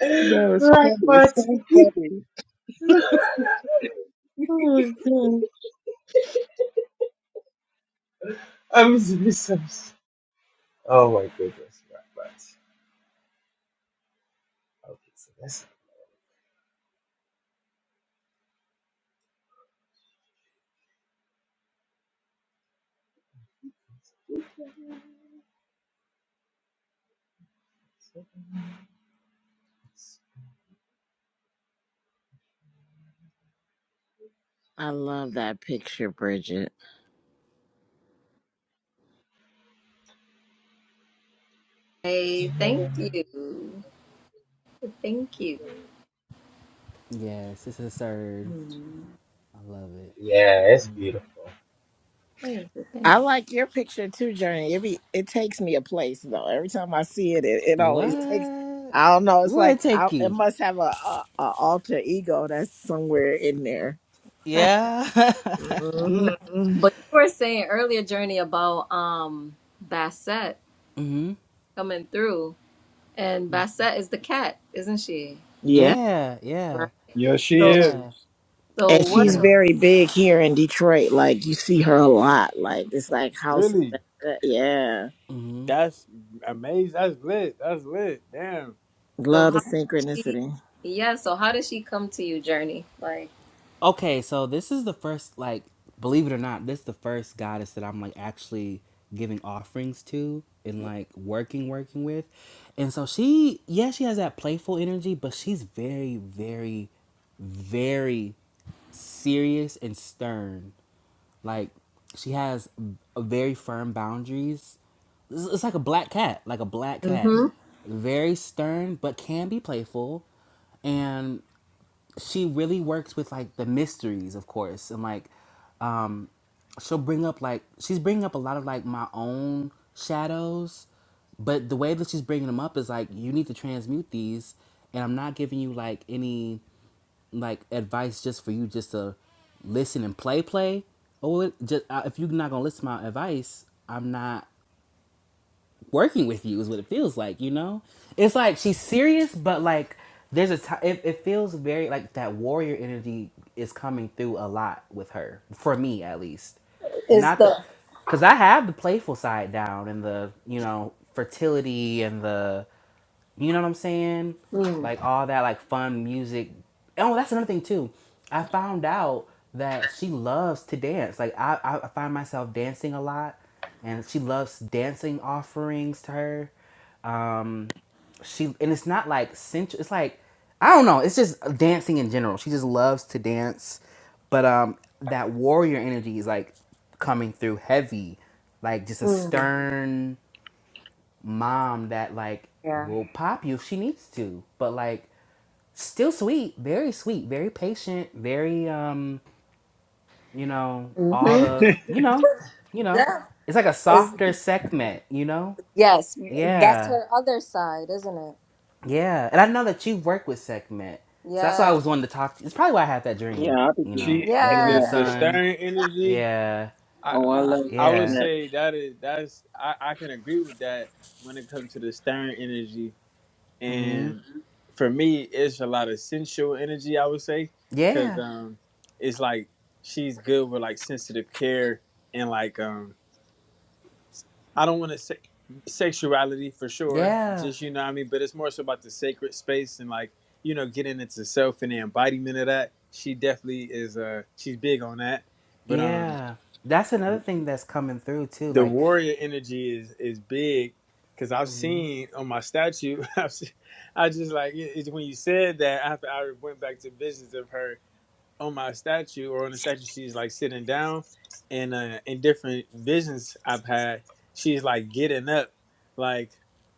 [SPEAKER 2] bat.
[SPEAKER 5] No, it's funny. It's so funny. Oh my god.
[SPEAKER 2] I'm so sorry. Oh my goodness, rat bat. Okay, so that's that's
[SPEAKER 6] I love that picture, Bridget.
[SPEAKER 4] Hey, thank you, thank you.
[SPEAKER 3] yes, this is served.
[SPEAKER 4] Hmm.
[SPEAKER 3] I love it.
[SPEAKER 2] Yeah, it's beautiful.
[SPEAKER 4] Thank you,
[SPEAKER 6] I
[SPEAKER 4] thank
[SPEAKER 6] like your picture too, Journey. Every it takes me a place though. Every time I see it, it, it
[SPEAKER 4] you.
[SPEAKER 6] always takes.
[SPEAKER 3] What?
[SPEAKER 6] I don't know. It's
[SPEAKER 3] Where
[SPEAKER 6] like
[SPEAKER 3] it
[SPEAKER 6] I,
[SPEAKER 3] take
[SPEAKER 6] it
[SPEAKER 3] you?
[SPEAKER 6] must have a, a, a alter ego that's somewhere in there.
[SPEAKER 3] Yeah.
[SPEAKER 4] No.
[SPEAKER 6] hmm
[SPEAKER 4] But you were saying earlier, Journey, about um Bassett
[SPEAKER 3] mhm.
[SPEAKER 4] coming through, and Bassett is the cat, isn't she?
[SPEAKER 6] Yeah,
[SPEAKER 3] Yeah.
[SPEAKER 4] Right.
[SPEAKER 3] Yeah.
[SPEAKER 7] Yes, she
[SPEAKER 4] So,
[SPEAKER 7] is.
[SPEAKER 3] Yeah.
[SPEAKER 4] so
[SPEAKER 6] and
[SPEAKER 4] what?
[SPEAKER 6] she's
[SPEAKER 3] Yeah.
[SPEAKER 6] very big here in Detroit. Like you see her a lot. Like it's like House.
[SPEAKER 7] Really?
[SPEAKER 6] of- Yeah,
[SPEAKER 3] Mhm.
[SPEAKER 7] that's amazing. That's lit. That's lit. Damn.
[SPEAKER 4] So
[SPEAKER 6] love the
[SPEAKER 4] how she?
[SPEAKER 6] synchronicity.
[SPEAKER 4] Yeah. So how did she come to you, Journey? Like.
[SPEAKER 3] Okay, so this is the first like believe it or not, this is the first goddess that I'm like actually giving offerings to and like working working with. And so she yeah, she has that playful energy, but she's very very very serious and stern. Like she has a very firm boundaries. It's it's like a black cat, like a black cat. Very stern, but can be playful. And she really works with like the mysteries, of course, and like um, she'll bring up like she's bringing up a lot of like my own shadows, but the way that she's bringing them up is like you need to transmute these, and I'm not giving you like any like advice just for you just to listen and play play. Or just uh, if you're not gonna listen to my advice, I'm not working with you is what it feels like, you know? It's like she's serious, but like there's a time it, it feels very like that warrior energy is coming through a lot with her, for me at least.
[SPEAKER 4] is
[SPEAKER 3] Not the
[SPEAKER 4] the
[SPEAKER 3] because I have the playful side down and the, you know, fertility and the you know what I'm saying?
[SPEAKER 4] mm,
[SPEAKER 3] Like all that like fun music. Oh, that's another thing too. I found out that she loves to dance. Like I, I find myself dancing a lot and she loves dancing offerings to her. Um she and it's not like sensual it's like I don't know, it's just dancing in general. She just loves to dance. But um that warrior energy is like coming through heavy. Like just a
[SPEAKER 4] mm,
[SPEAKER 3] stern mom that like
[SPEAKER 4] Yeah.
[SPEAKER 3] will pop you if she needs to, but like still sweet, very sweet, very patient, very um, you know, all
[SPEAKER 4] hmm
[SPEAKER 3] the you know, you know,
[SPEAKER 4] yeah
[SPEAKER 3] it's like a
[SPEAKER 4] is
[SPEAKER 3] softer segment, you know?
[SPEAKER 4] yes that's
[SPEAKER 3] Yeah.
[SPEAKER 4] her other side isn't it
[SPEAKER 3] Yeah. And I know that you've worked with segment. So that's why I
[SPEAKER 4] yeah
[SPEAKER 3] was wanting to talk to you. It's probably why I had that dream,
[SPEAKER 5] Yeah, I'll be
[SPEAKER 3] you
[SPEAKER 5] doing
[SPEAKER 3] know,
[SPEAKER 7] She
[SPEAKER 5] that.
[SPEAKER 3] you and
[SPEAKER 4] yeah
[SPEAKER 7] the
[SPEAKER 3] the
[SPEAKER 5] now.
[SPEAKER 7] the
[SPEAKER 3] sun.
[SPEAKER 7] stern energy.
[SPEAKER 3] Yeah.
[SPEAKER 7] I
[SPEAKER 5] Oh, I
[SPEAKER 7] I
[SPEAKER 5] love
[SPEAKER 4] hmm
[SPEAKER 7] I
[SPEAKER 5] that.
[SPEAKER 7] would
[SPEAKER 3] Yeah.
[SPEAKER 5] now.
[SPEAKER 7] say that is that's I I can agree with that when it comes to the stern energy.
[SPEAKER 3] Mm-hmm.
[SPEAKER 7] And for me, it's a lot of sensual energy. I would say because
[SPEAKER 3] Yeah.
[SPEAKER 7] um, it's like she's good with like sensitive care and like um I don't want to say sexuality for sure.
[SPEAKER 3] Yeah.
[SPEAKER 7] Just you know what I mean, but it's more so about the sacred space and like you know getting into self and the embodiment of that. She definitely is. Uh, she's big on that. But um,
[SPEAKER 3] Yeah. That's another thing that's coming through too.
[SPEAKER 7] the
[SPEAKER 3] Like
[SPEAKER 7] warrior energy is is big because I've
[SPEAKER 3] mhm.
[SPEAKER 7] seen on my statue. I've seen, I just like it, it's when you said that after I went back to visions of her on my statue or on the statue she's like sitting down and uh in different visions i've had she's like getting up like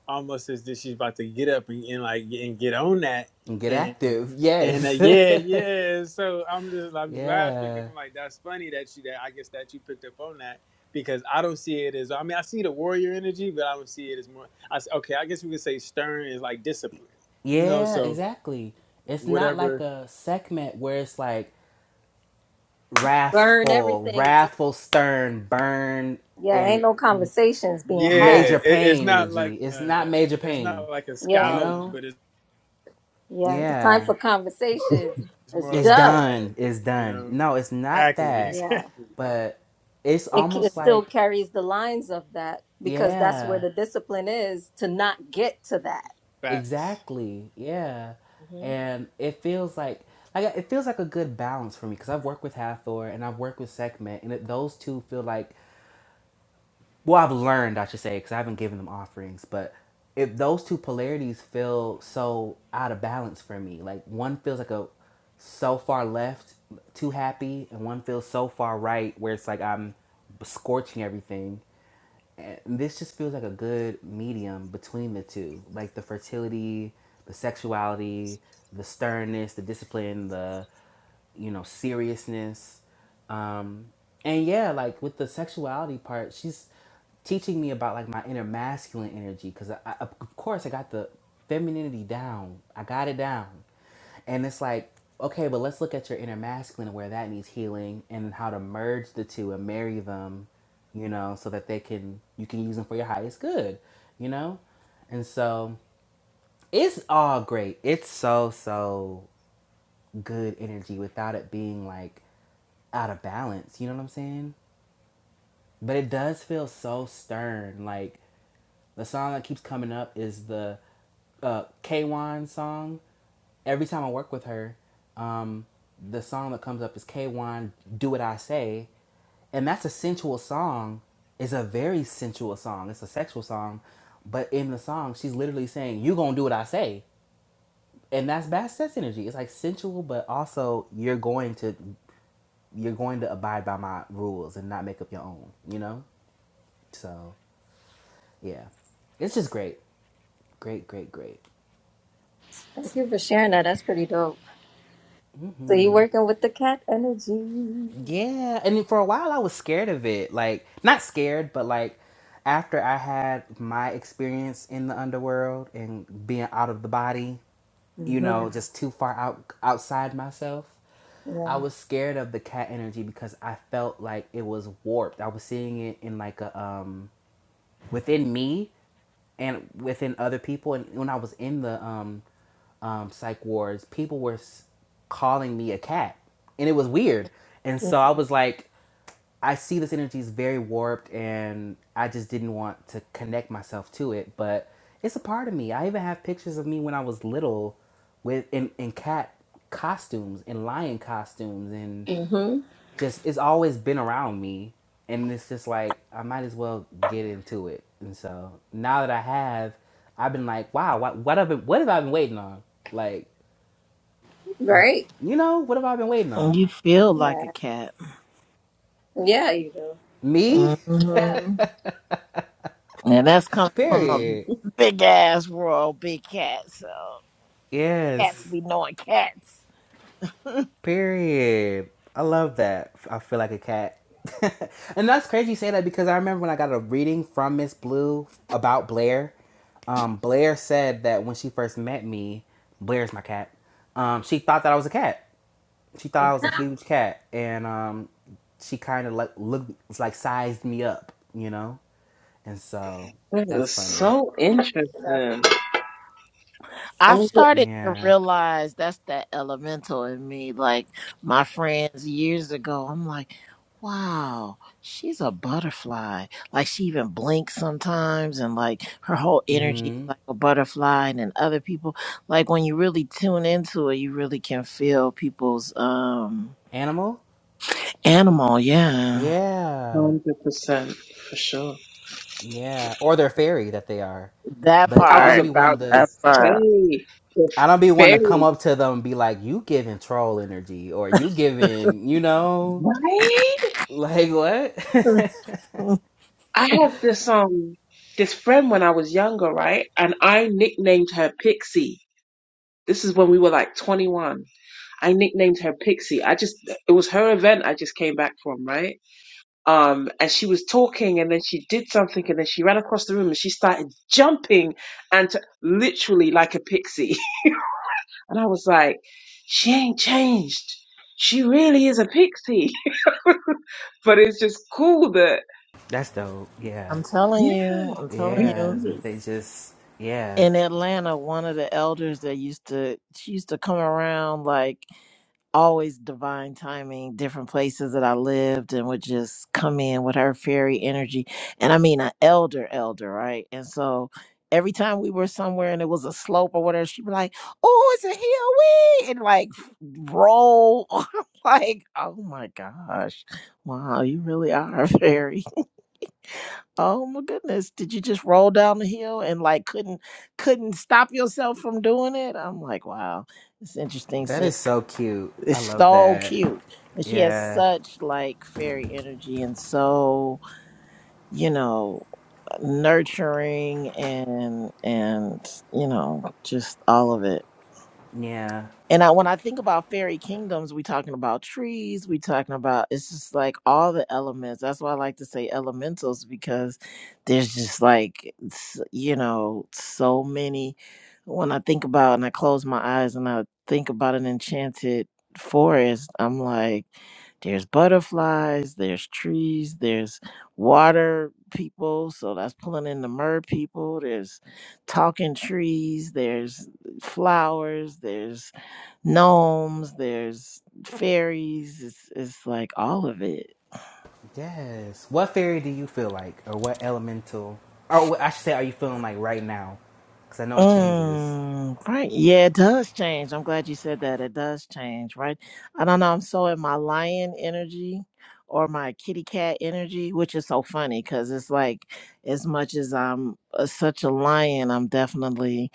[SPEAKER 7] almost as if she's about to get up and, and like and get on that
[SPEAKER 3] Get
[SPEAKER 7] and
[SPEAKER 3] active.
[SPEAKER 7] and uh,
[SPEAKER 3] Yes.
[SPEAKER 7] yeah yeah so i'm just i'm just laughing because
[SPEAKER 3] yeah.
[SPEAKER 7] i'm like that's funny that you that i guess that you picked up on that because i don't see it as i mean i see the warrior energy but i don't see it as more i s- okay i guess we could say stern is like discipline you know
[SPEAKER 3] Yeah,
[SPEAKER 7] so
[SPEAKER 3] exactly. It's not like
[SPEAKER 7] whatever
[SPEAKER 3] a segment where it's like
[SPEAKER 4] burn
[SPEAKER 3] wrathful,
[SPEAKER 4] everything down
[SPEAKER 3] wrathful, stern, burn,
[SPEAKER 4] yeah
[SPEAKER 3] and
[SPEAKER 4] ain't no conversations being
[SPEAKER 7] Yeah,
[SPEAKER 4] had
[SPEAKER 3] major
[SPEAKER 7] it, it's
[SPEAKER 3] pain
[SPEAKER 7] not
[SPEAKER 3] energy.
[SPEAKER 7] like
[SPEAKER 3] It's
[SPEAKER 7] uh
[SPEAKER 3] not major
[SPEAKER 7] it's
[SPEAKER 3] pain,
[SPEAKER 7] not like a
[SPEAKER 3] you
[SPEAKER 4] yeah
[SPEAKER 7] scowling,
[SPEAKER 3] know?
[SPEAKER 7] but it's,
[SPEAKER 4] yeah the time
[SPEAKER 3] Yeah.
[SPEAKER 4] for conversations
[SPEAKER 7] it's
[SPEAKER 4] is
[SPEAKER 7] more
[SPEAKER 3] It's
[SPEAKER 7] like
[SPEAKER 4] done
[SPEAKER 7] a hey,
[SPEAKER 3] done. It's
[SPEAKER 7] you
[SPEAKER 3] done.
[SPEAKER 7] know.
[SPEAKER 3] No, it's not
[SPEAKER 7] Exactly,
[SPEAKER 3] that.
[SPEAKER 4] yeah
[SPEAKER 7] exactly.
[SPEAKER 3] But it's
[SPEAKER 4] it, c-
[SPEAKER 3] almost
[SPEAKER 4] it still
[SPEAKER 3] like,
[SPEAKER 4] carries the lines of that because that's where
[SPEAKER 3] yeah.
[SPEAKER 4] the discipline is to not get to that
[SPEAKER 7] Facts.
[SPEAKER 3] Exactly. Yeah.
[SPEAKER 4] hmm
[SPEAKER 3] And it feels like like it feels like a good balance for me because I've worked with Hathor and I've worked with Sekhmet and it, those two feel like well I've learned I should say because I haven't given them offerings but if those two polarities feel so out of balance for me like one feels like a so far left too happy and one feels so far right where it's like I'm scorching everything this just feels like a good medium between the two, like the fertility, the sexuality, the sternness, the discipline, the you know seriousness, um, and yeah, like with the sexuality part, she's teaching me about like my inner masculine energy because I, I, of course I got the femininity down, I got it down, and it's like, okay, but let's look at your inner masculine where that needs healing and how to merge the two and marry them, you know, so that they can you can use them for your highest good, you know? And so it's all great. It's so so good energy without it being like out of balance, you know what I'm saying? But it does feel so stern. Like the song that keeps coming up is the uh K-Wan song every time I work with her, um, the song that comes up is K1 Do What I Say. And that's a sensual song. It's a very sensual song. It's a sexual song. But in the song, she's literally saying, You gonna do what I say. And that's bad sex energy. It's like sensual, but also you're going to you're going to abide by my rules and not make up your own, you know? So yeah. It's just great. Great, great, great.
[SPEAKER 4] thank you for sharing that that's pretty dope So
[SPEAKER 3] Mm-hmm.
[SPEAKER 4] you're working with the cat energy.
[SPEAKER 3] Yeah, and for a while I was scared of it. Like, not scared, but like after I had my experience in the underworld and being out of the body, you
[SPEAKER 4] hmm
[SPEAKER 3] know, just too far out outside myself, I
[SPEAKER 4] Yeah.
[SPEAKER 3] was scared of the cat energy because I felt like it was warped. I was seeing it in like a um within me and within other people. And when I was in the um, um, psych wards, people were calling me a cat, and it was weird. And so I was like, I see this energy is very warped, and I just didn't want to connect myself to it. But it's a part of me. I even have pictures of me when I was little, with in, in cat costumes and lion costumes and
[SPEAKER 4] hmm
[SPEAKER 3] just it's always been around me and it's just like i might as well get into it and so now that i have i've been like wow what, what have been what have i been waiting on like
[SPEAKER 4] Right.
[SPEAKER 3] you know what have i been waiting on
[SPEAKER 6] you feel like a
[SPEAKER 4] Yeah.
[SPEAKER 6] cat.
[SPEAKER 4] Yeah, you do.
[SPEAKER 3] me
[SPEAKER 6] hmm
[SPEAKER 4] Yeah.
[SPEAKER 6] And that's coming from
[SPEAKER 3] period
[SPEAKER 6] a big ass royal big cat. So cats
[SPEAKER 3] yes
[SPEAKER 6] be knowing cats.
[SPEAKER 3] period i love that i feel like a cat and that's crazy you say that because i remember when i got a reading from miss blue about blair um, Blair said that when she first met me, Blair's my cat. Um, she thought that I was a cat, she thought I was a huge cat, and um, she kind of like looked like sized me up, you know, and so that's
[SPEAKER 5] This is
[SPEAKER 3] funny.
[SPEAKER 5] so interesting. I
[SPEAKER 6] I've
[SPEAKER 5] was at
[SPEAKER 6] started to
[SPEAKER 3] Yeah.
[SPEAKER 6] realize that's that elemental in me. Like my friends years ago, I'm like, wow, she's a butterfly. Like she even blinks sometimes and like her whole energy is
[SPEAKER 3] Mm-hmm.
[SPEAKER 6] like a butterfly. And then other people, like when you really tune into it, you really can feel people's um
[SPEAKER 3] Animal.
[SPEAKER 6] animal. Yeah.
[SPEAKER 3] Yeah.
[SPEAKER 5] hundred percent for sure.
[SPEAKER 3] Yeah. Or they're fairy that they are,
[SPEAKER 6] That
[SPEAKER 3] but
[SPEAKER 5] I
[SPEAKER 3] I
[SPEAKER 5] was
[SPEAKER 3] don't
[SPEAKER 6] part.
[SPEAKER 3] be one
[SPEAKER 5] about to
[SPEAKER 3] to.
[SPEAKER 6] That part.
[SPEAKER 5] say the
[SPEAKER 3] I don't be one to come
[SPEAKER 5] fairy,
[SPEAKER 3] up to them and be like, "You giving troll energy," or "You giving," you know,
[SPEAKER 5] right?
[SPEAKER 3] like what?
[SPEAKER 5] I have this um this friend when I was younger, right? And I nicknamed her Pixie. This is when we were like 21. I nicknamed her Pixie. I just it was her event I just came back from, right? Um and she was talking and then she did something and then she ran across the room and she started jumping and t- literally like a pixie. And I was like, she ain't changed. She really is a pixie. but it's just cool that
[SPEAKER 3] that's dope. Yeah.
[SPEAKER 6] I'm telling
[SPEAKER 5] yeah,
[SPEAKER 6] you. I'm telling you.
[SPEAKER 3] Yeah.
[SPEAKER 5] we
[SPEAKER 3] They just. Yeah.
[SPEAKER 6] in Atlanta, one of the elders that used to she used to come around like always divine timing, different places that I lived and would just come in with her fairy energy. And I mean an elder elder, right? And so every time we were somewhere and it was a slope or whatever, she'd be like, Oh, it's a hill we and like f- roll. I'm like, oh my gosh. Wow, you really are a fairy. Oh my goodness. Did you just roll down the hill and like couldn't couldn't stop yourself from doing it? I'm like, wow, it's interesting
[SPEAKER 3] That
[SPEAKER 6] seeing
[SPEAKER 3] is so cute. I
[SPEAKER 6] it's
[SPEAKER 3] love
[SPEAKER 6] so
[SPEAKER 3] that.
[SPEAKER 6] cute. And she has
[SPEAKER 3] Yeah.
[SPEAKER 6] such like fairy energy and so, you know, nurturing and and you know, just all of it.
[SPEAKER 3] Yeah.
[SPEAKER 6] And I, when I think about fairy kingdoms, we talking about trees, we talking about it's just like all the elements. That's why I like to say elementals because there's just like s- you know so many. When I think about and I close my eyes and I think about an enchanted forest, I'm like, there's butterflies, there's trees, there's water people, so that's pulling in the mer people. There's talking trees, there's eh, flowers, there's gnomes, there's fairies. It's, it's like all of it.
[SPEAKER 3] Yes. What fairy do you feel like, or what elemental, or I should say, are you feeling like right now? Because I know it changes.
[SPEAKER 6] Mm, right. Yeah, it does change. I'm glad you said that. It does change, right? I don't know. I'm so in my lion energy or my kitty cat energy, which is so funny because it's like as much as I'm uh, such a lion, I'm definitely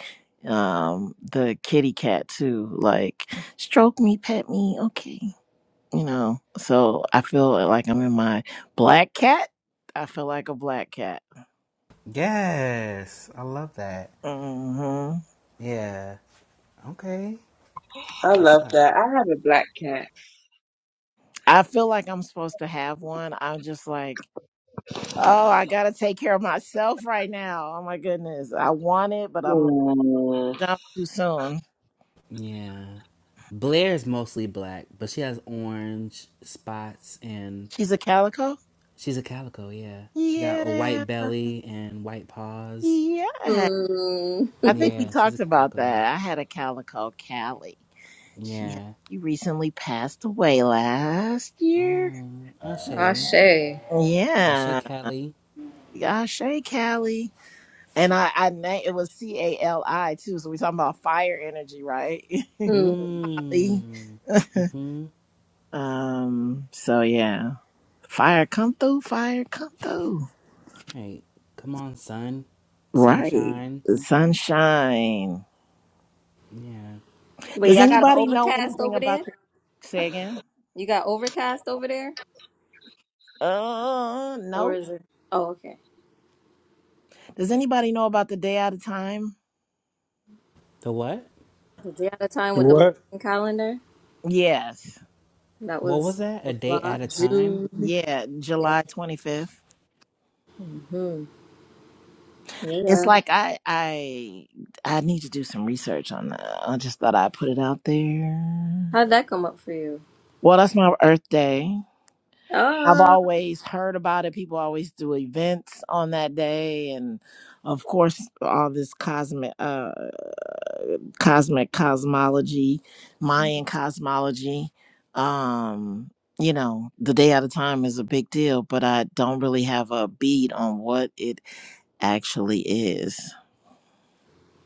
[SPEAKER 6] um the kitty cat too. Like, stroke me, pet me. Okay. you know. So I feel like I'm in my black cat. I feel like a black cat.
[SPEAKER 3] Yes. I love that.
[SPEAKER 6] hmm
[SPEAKER 3] Yeah. Okay.
[SPEAKER 5] I
[SPEAKER 3] That's what's
[SPEAKER 5] love
[SPEAKER 3] up.
[SPEAKER 5] that. I have a black cat.
[SPEAKER 6] I feel like I'm supposed to have one. I'm just like, oh, I gotta take care of myself right now. Oh my goodness, I want it, but I'm like,
[SPEAKER 5] Mm,
[SPEAKER 6] jump too soon.
[SPEAKER 3] Yeah. Blair's mostly black, but she has orange spots and
[SPEAKER 6] She's a calico.
[SPEAKER 3] she's a calico, yeah. She got a
[SPEAKER 6] Yeah,
[SPEAKER 3] white belly and white paws.
[SPEAKER 6] yeah.
[SPEAKER 4] Mm.
[SPEAKER 6] I think we
[SPEAKER 3] Yeah, she's a
[SPEAKER 6] talked about
[SPEAKER 3] calico.
[SPEAKER 6] that. I had a calico, Callie. She had,
[SPEAKER 3] Yeah.
[SPEAKER 6] she recently passed away last year.
[SPEAKER 3] Oh, I say,
[SPEAKER 4] Ashe.
[SPEAKER 3] I say,
[SPEAKER 6] Yeah.
[SPEAKER 3] Catley.
[SPEAKER 6] Gosh, hey, Callie. And I, I named it was C A L I too. So we're talking about fire energy, right?
[SPEAKER 4] Mhm.
[SPEAKER 6] Ali.
[SPEAKER 3] Mmm. Mm-hmm.
[SPEAKER 6] um. So yeah, fire come through. Fire come through.
[SPEAKER 3] Hey, come on, sun.
[SPEAKER 6] Right.
[SPEAKER 3] Sunshine.
[SPEAKER 6] Sunshine.
[SPEAKER 3] Yeah.
[SPEAKER 4] Wait,
[SPEAKER 6] Does
[SPEAKER 4] y'all got an
[SPEAKER 6] anybody know
[SPEAKER 4] overcast
[SPEAKER 6] anything
[SPEAKER 4] over there?
[SPEAKER 6] about the? Say again.
[SPEAKER 4] You got overcast over there?
[SPEAKER 6] Uh,
[SPEAKER 4] Or
[SPEAKER 6] nope.
[SPEAKER 4] is it? Oh, okay.
[SPEAKER 6] Does
[SPEAKER 4] It's
[SPEAKER 6] anybody know about the day out of time?
[SPEAKER 3] The what?
[SPEAKER 4] The day at a time
[SPEAKER 7] The
[SPEAKER 4] with the
[SPEAKER 7] What?
[SPEAKER 4] Mayan calendar?
[SPEAKER 6] Yes.
[SPEAKER 4] That
[SPEAKER 3] What was
[SPEAKER 4] was
[SPEAKER 3] that? A day
[SPEAKER 4] July,
[SPEAKER 3] at a time?
[SPEAKER 4] June.
[SPEAKER 6] Yeah,
[SPEAKER 4] Yeah.
[SPEAKER 6] July 25th.
[SPEAKER 4] hmm
[SPEAKER 6] It's
[SPEAKER 4] Yeah.
[SPEAKER 6] like I I I need to do some research on that. I just thought I'd put it out there.
[SPEAKER 4] How'd that come up for you?
[SPEAKER 6] Well, that's my Earth Day. I've
[SPEAKER 4] Oh,
[SPEAKER 6] always heard about it. People always do events on that day, and of course, all this cosmic, uh, cosmic cosmology, Mayan cosmology. Um, you know, the day at a time is a big deal, but I don't really have a beat on what it actually is.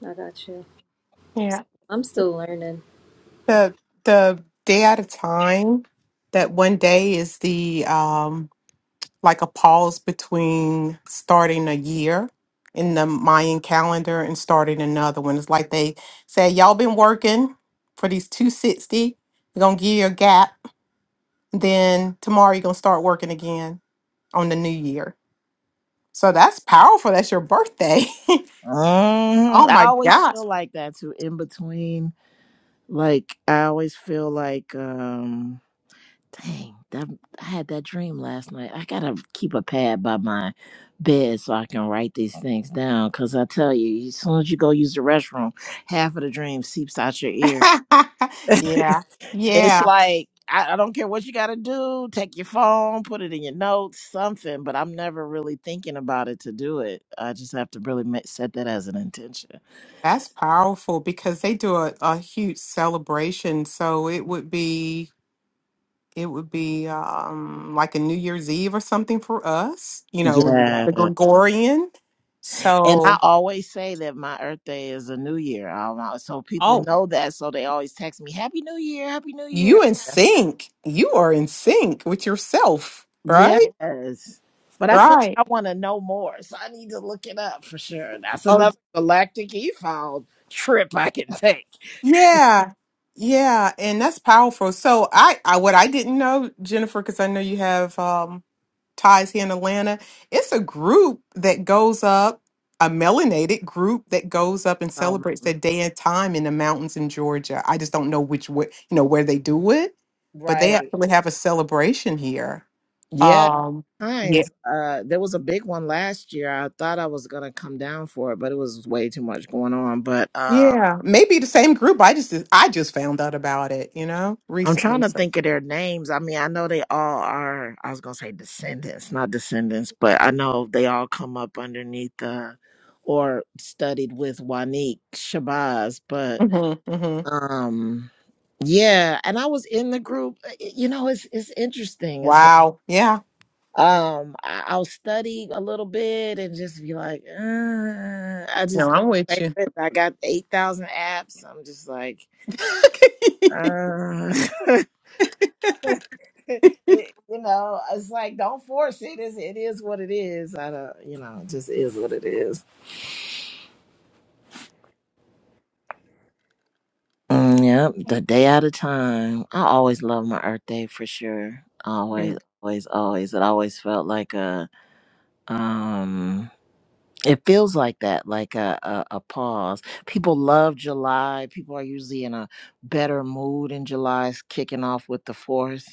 [SPEAKER 4] I got you.
[SPEAKER 10] Yeah.
[SPEAKER 4] I'm still learning.
[SPEAKER 10] The the day at a time, that one day is the um like a pause between starting a year in the Mayan calendar and starting another one. It's like they say, Y'all been working for these 260 We sixty, you're gonna give you a gap, then tomorrow you're gonna start working again on the new year. So that's powerful. That's your birthday.
[SPEAKER 6] Mhm.
[SPEAKER 10] Oh
[SPEAKER 6] I
[SPEAKER 10] my
[SPEAKER 6] always
[SPEAKER 10] God.
[SPEAKER 6] feel like that too. In between, like I always feel like, um, dang, that I had that dream last night. I gotta keep a pad by my bed so I can write these things down. Cause I tell you, as soon as you go use the restroom, half of the dream seeps out your ear,
[SPEAKER 10] Yeah.
[SPEAKER 6] it's
[SPEAKER 10] Yeah.
[SPEAKER 6] like I, I don't care what you got to do. Take your phone, put it in your notes, something. But I'm never really thinking about it to do it. I just have to really ma- set that as an intention.
[SPEAKER 10] That's powerful because they do a, a huge celebration. So it would be it would be um like a New Year's Eve or something for us, you know, in Right.
[SPEAKER 6] Yeah,
[SPEAKER 10] the Gregorian.
[SPEAKER 6] and I
[SPEAKER 10] So
[SPEAKER 6] always say that my Earth Day is a New Year. Um, I- so people
[SPEAKER 10] oh,
[SPEAKER 6] know that, so they always text me Happy New Year, Happy New Year.
[SPEAKER 10] you in
[SPEAKER 6] That's,
[SPEAKER 10] sync. You are in sync with yourself,
[SPEAKER 6] yes,
[SPEAKER 10] right?
[SPEAKER 6] but I feel like
[SPEAKER 10] Right.
[SPEAKER 6] I want to know more, so I need to look it up for sure. That's
[SPEAKER 10] Oh
[SPEAKER 6] another galactic e file trip I can take.
[SPEAKER 10] yeah. Yeah, and that's powerful. So I, I what I didn't know, Jennifer, because I know you have um ties here in Atlanta. It's a group that goes up, a melanated group that goes up and celebrates that day and time in the mountains in Georgia. I just don't know which way, you know, where they do it, but they
[SPEAKER 6] Right.
[SPEAKER 10] actually have a celebration here.
[SPEAKER 6] Yeah.
[SPEAKER 10] Um, yeah,
[SPEAKER 6] Times. Uh, there was a big one last year. I thought I was gonna come down for it, but it was way too much going on. But uh,
[SPEAKER 10] yeah, maybe the same group. I just I just found out about it, you know,
[SPEAKER 6] I'm trying
[SPEAKER 10] recently.
[SPEAKER 6] to
[SPEAKER 10] So,
[SPEAKER 6] think of their names. I mean, I know they all are. I was gonna say descendants, not descendants, but I know they all come up underneath uh, or studied with Wanique Shabazz. But
[SPEAKER 10] hmm hmm
[SPEAKER 6] um, yeah, and I was in the group. Uh, You know, it's it's interesting. It's
[SPEAKER 10] wow, yeah.
[SPEAKER 6] Um, I, I'll study a little bit and just be like, uh, I
[SPEAKER 10] No,
[SPEAKER 6] just don't.
[SPEAKER 10] I'm with
[SPEAKER 6] like
[SPEAKER 10] you.
[SPEAKER 6] this. I got eight thousand apps. I'm just like, uh, you know, it's like don't force it. It's, it is what it is. I don't, you know, it just is what it is. Mm, yep, the day at a time. I always love my Earth Day for sure. Always, always, always. It always felt like a um. It feels like that, like a, a, a pause. People love July. People are usually in a better mood in July, It's kicking off with the fourth.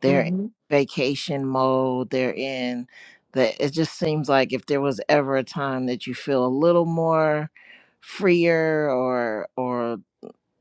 [SPEAKER 6] They're in vacation mode. They're in the, it just seems like if there was ever a time that you feel a little more freer or, or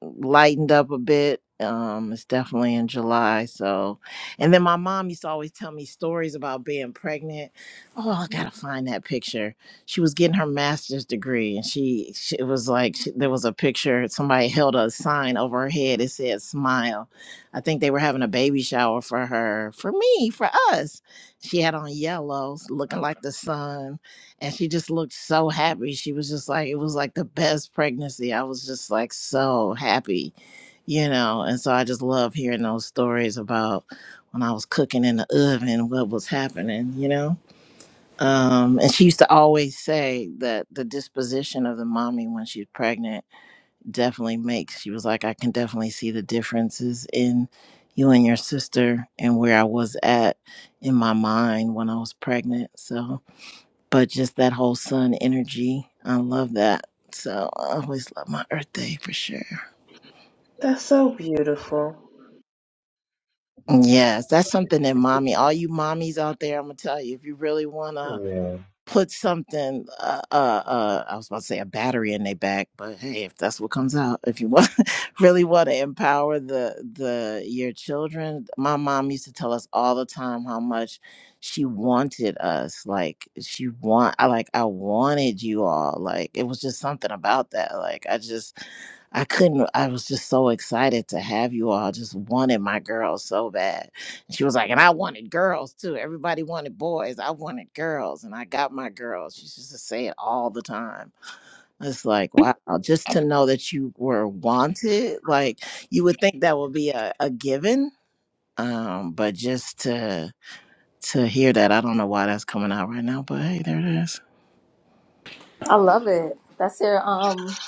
[SPEAKER 6] lightened up a bit. Um, it's definitely in July. So, and then my mom used to always tell me stories about being pregnant. Oh, I gotta find that picture. She was getting her master's degree, and she, she it was like she, there was a picture. Somebody held a sign over her head. It said "Smile." I think they were having a baby shower for her, for me, for us. She had on yellow, looking like the sun and she just looked so happy. She was just like, it was like the best pregnancy. I was just like so happy, you know. And so I just love hearing those stories about when I was cooking in the oven, what was happening, you know. Um, and she used to always say that the disposition of the mommy when she's pregnant definitely makes. She was like, I can definitely see the differences in you and your sister and where I was at in my mind when I was pregnant. So but just that whole sun energy. I love that. So I always love my Earth Day for sure.
[SPEAKER 5] that's so beautiful.
[SPEAKER 6] Yes, that's something that mommy, all you mommies out there, I'm gonna tell you, if you really wanna
[SPEAKER 2] Yeah.
[SPEAKER 6] put something uh, uh uh i was about to say a battery in their back but hey if that's what comes out if you want really want to empower the the your children my mom used to tell us all the time how much she wanted us like she want i like i wanted you all like it was just something about that like i just i couldn't i was just so excited to have you all I just wanted my girls so bad she was like, and I wanted girls too. Everybody wanted boys. I wanted girls, and I got my girls. She used to say it all the time. It's like, wow, just to know that you were wanted, like you would think that would be a, a given. Um, but just to to hear that, I don't know why that's coming out right now, but hey, there it is.
[SPEAKER 4] I love it. That's your um,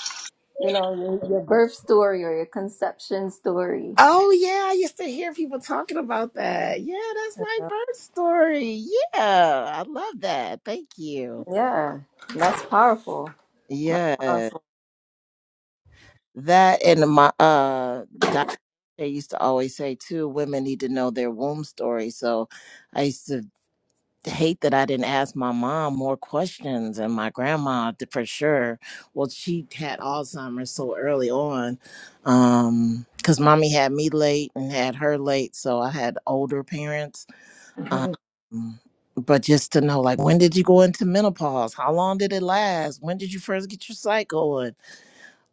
[SPEAKER 4] you know, your, your birth story or your conception story.
[SPEAKER 6] Oh yeah, I used to hear people talking about that. Yeah, that's my birth story. Yeah, I love that. Thank you.
[SPEAKER 4] Yeah, that's powerful. That's
[SPEAKER 6] Yes.
[SPEAKER 4] powerful.
[SPEAKER 6] That and my uh doctor used to always say too, women need to know their womb story. So I used to hate that I didn't ask my mom more questions and my grandma d- for sure. Well, she had Alzheimer's so early on. Um because mommy had me late and had her late, so I had older parents. Um
[SPEAKER 4] Mhm.
[SPEAKER 6] but just to know like when did you go into menopause? How long did it last? When did you first get your cycle?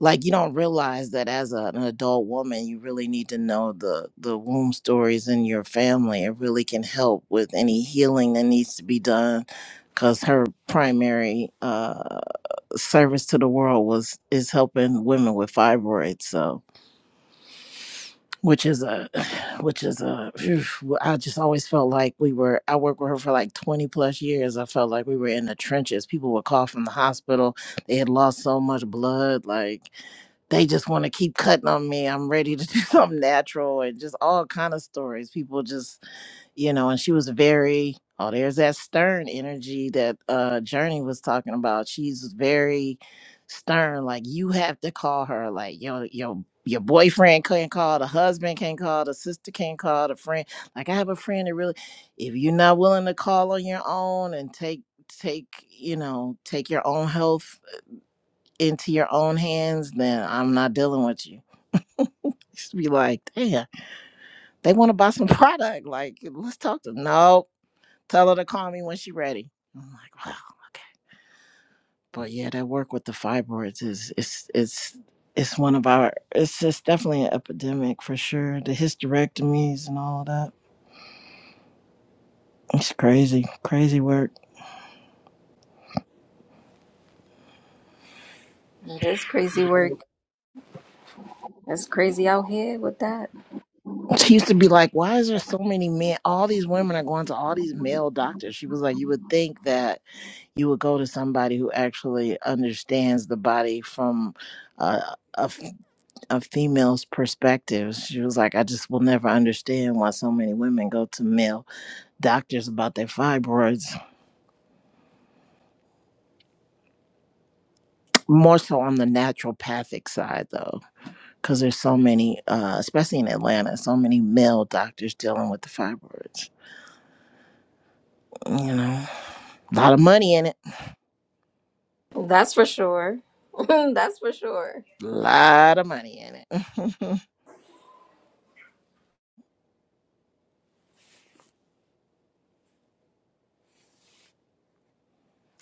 [SPEAKER 6] like you don't realize that as a, an adult woman you really need to know the the womb stories in your family it really can help with any healing that needs to be done because her primary uh service to the world was is helping women with fibroids so which is a which is a phew, well, i just always felt like we were i worked with her for like 20 plus years i felt like we were in the trenches people would call from the hospital they had lost so much blood like they just want to keep cutting on me i'm ready to do something natural and just all kind of stories people just you know, and she was very oh, there's that stern energy that uh Journey was talking about. She's very stern, like you have to call her, like your your your boyfriend can't call, the husband can't call, the sister can't call, the friend. Like I have a friend that really if you're not willing to call on your own and take take you know take your own health into your own hands then i'm not dealing with you just be like damn they want to buy some product like let's talk to them. no Tell her to call me when she's ready. I'm like, wow, okay. But yeah, that work with the fibroids is it's it's it's one of our it's it's definitely an epidemic for sure. The hysterectomies and all of that. It's crazy, crazy work.
[SPEAKER 4] It is crazy work. It's crazy out here with that.
[SPEAKER 6] She used to be like, Why is there so many men all these women are going to all these male doctors? She was like, You would think that you would go to somebody who actually understands the body from uh, a a female's perspective. She was like, I just will never understand why so many women go to male doctors about their fibroids. More so on the naturopathic side, though, because there's so many, uh, especially in Atlanta, so many male doctors dealing with the fibroids. You know, a lot of money in it.
[SPEAKER 4] That's for sure. that's for sure.
[SPEAKER 6] A lot of money in it.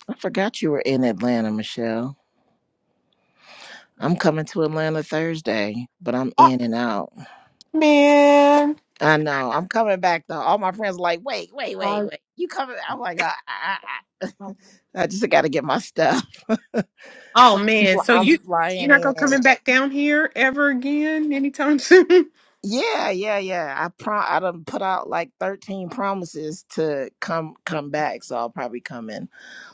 [SPEAKER 6] I forgot you were in Atlanta, Michelle. I'm coming to Atlanta Thursday, but I'm in and out.
[SPEAKER 10] man.
[SPEAKER 6] I know. I'm coming back though. All my friends are like, wait, wait, wait, wait. You coming? I'm like, I, I, I, I just got to get my stuff.
[SPEAKER 10] Oh
[SPEAKER 6] so
[SPEAKER 10] man, so
[SPEAKER 6] I'm
[SPEAKER 10] you you're
[SPEAKER 6] flying
[SPEAKER 10] not gonna coming
[SPEAKER 6] in.
[SPEAKER 10] back down here ever again anytime soon?
[SPEAKER 6] Yeah, yeah, yeah. I prom. I done put out like 13 promises to come come back. So I'll probably come in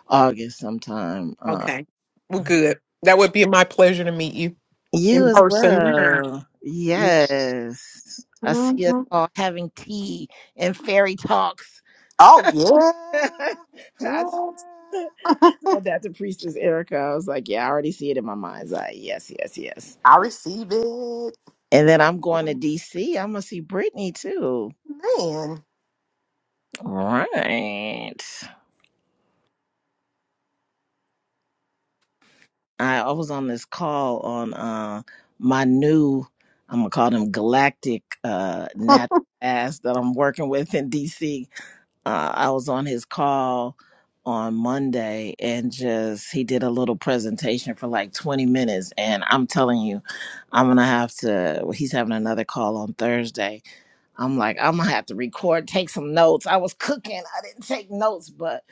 [SPEAKER 6] August sometime. Uh,
[SPEAKER 10] Okay, well, good. That would be my pleasure to meet you
[SPEAKER 6] you
[SPEAKER 10] in
[SPEAKER 6] as
[SPEAKER 10] person.
[SPEAKER 6] well. Yes. I see us
[SPEAKER 10] Mhm.
[SPEAKER 6] all having tea and fairy talks.
[SPEAKER 10] Oh yeah,
[SPEAKER 6] I,
[SPEAKER 10] yeah.
[SPEAKER 6] told that to Priestess Erica. I was like, yeah, I already see it in my mind's eye. Yes, yes, yes.
[SPEAKER 10] I receive it,
[SPEAKER 6] And then I'm going to DC. I'm gonna see Brittany too.
[SPEAKER 10] man.
[SPEAKER 6] All right. I, I was on this call on uh my new I'm gonna call them galactic uh natural ass that I'm working with in DC uh, I was on his call on Monday and just he did a little presentation for like 20 minutes and I'm telling you I'm going to have to well, he's having another call on Thursday. I'm like I'm going to have to record, take some notes. I was cooking. I didn't take notes, but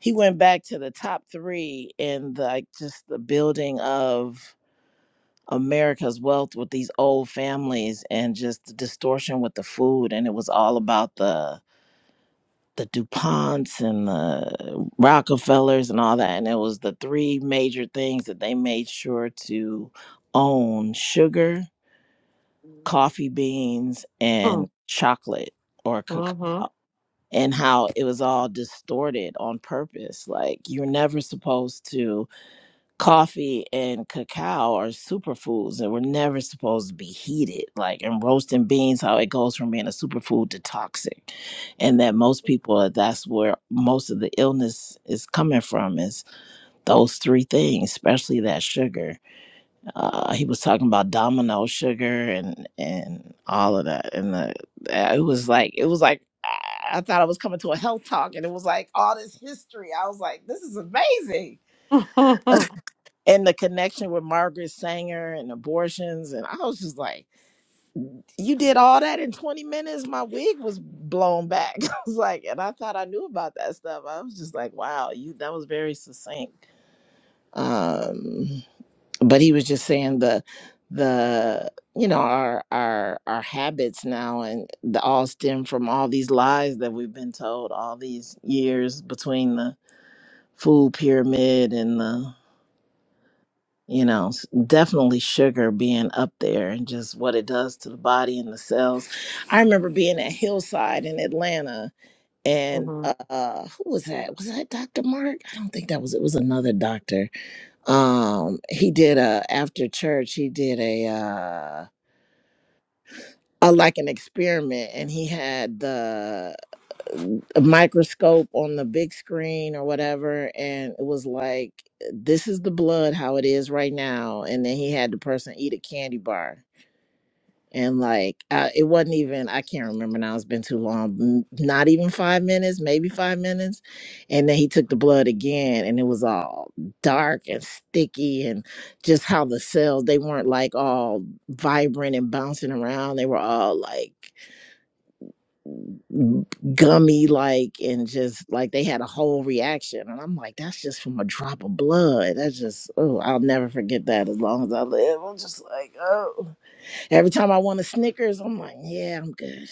[SPEAKER 6] he went back to the top 3 and like just the building of America's wealth with these old families and just the distortion with the food and it was all about the the DuPonts and the Rockefellers and all that. And it was the three major things that they made sure to own sugar, coffee beans, and chocolate or cacao.
[SPEAKER 10] Mm-hmm.
[SPEAKER 6] And how it was all distorted on purpose. Like you're never supposed to coffee and cacao are superfoods and were never supposed to be heated like in roasting beans how it goes from being a superfood to toxic and that most people uh, that's where most of the illness is coming from is those three things especially that sugar uh, he was talking about domino sugar and and all of that and the, uh, it was like it was like I I thought I was coming to a health talk, and it was like all this history. I was like, "This is amazing." and the connection with Margaret Sanger and abortions. And I was just like, you did all that in 20 minutes. My wig was blown back. I was like, and I thought I knew about that stuff. I was just like, wow, you that was very succinct. Um, but he was just saying the the you know our our our habits now and the all stem from all these lies that we've been told all these years between the food pyramid and the you know s- definitely sugar being up there and just what it does to the body and the cells i remember being at hillside in atlanta and uh uh, who was that was that dr mark i don't think that was it was another doctor um he did a after church he did a uh a, like an experiment and he had the a microscope on the big screen or whatever and it was like this is the blood how it is right now and then he had the person eat a candy bar and like I, it wasn't even i can't remember now it's been too long m- not even five minutes maybe five minutes and then he took the blood again and it was all dark and sticky and just how the cells they weren't like all vibrant and bouncing around they were all like gummy like and just like they had a whole reaction and i'm like that's just from a drop of blood that's just oh i'll never forget that as long as i live i'm just like oh every time i want a snickers i'm like yeah i'm good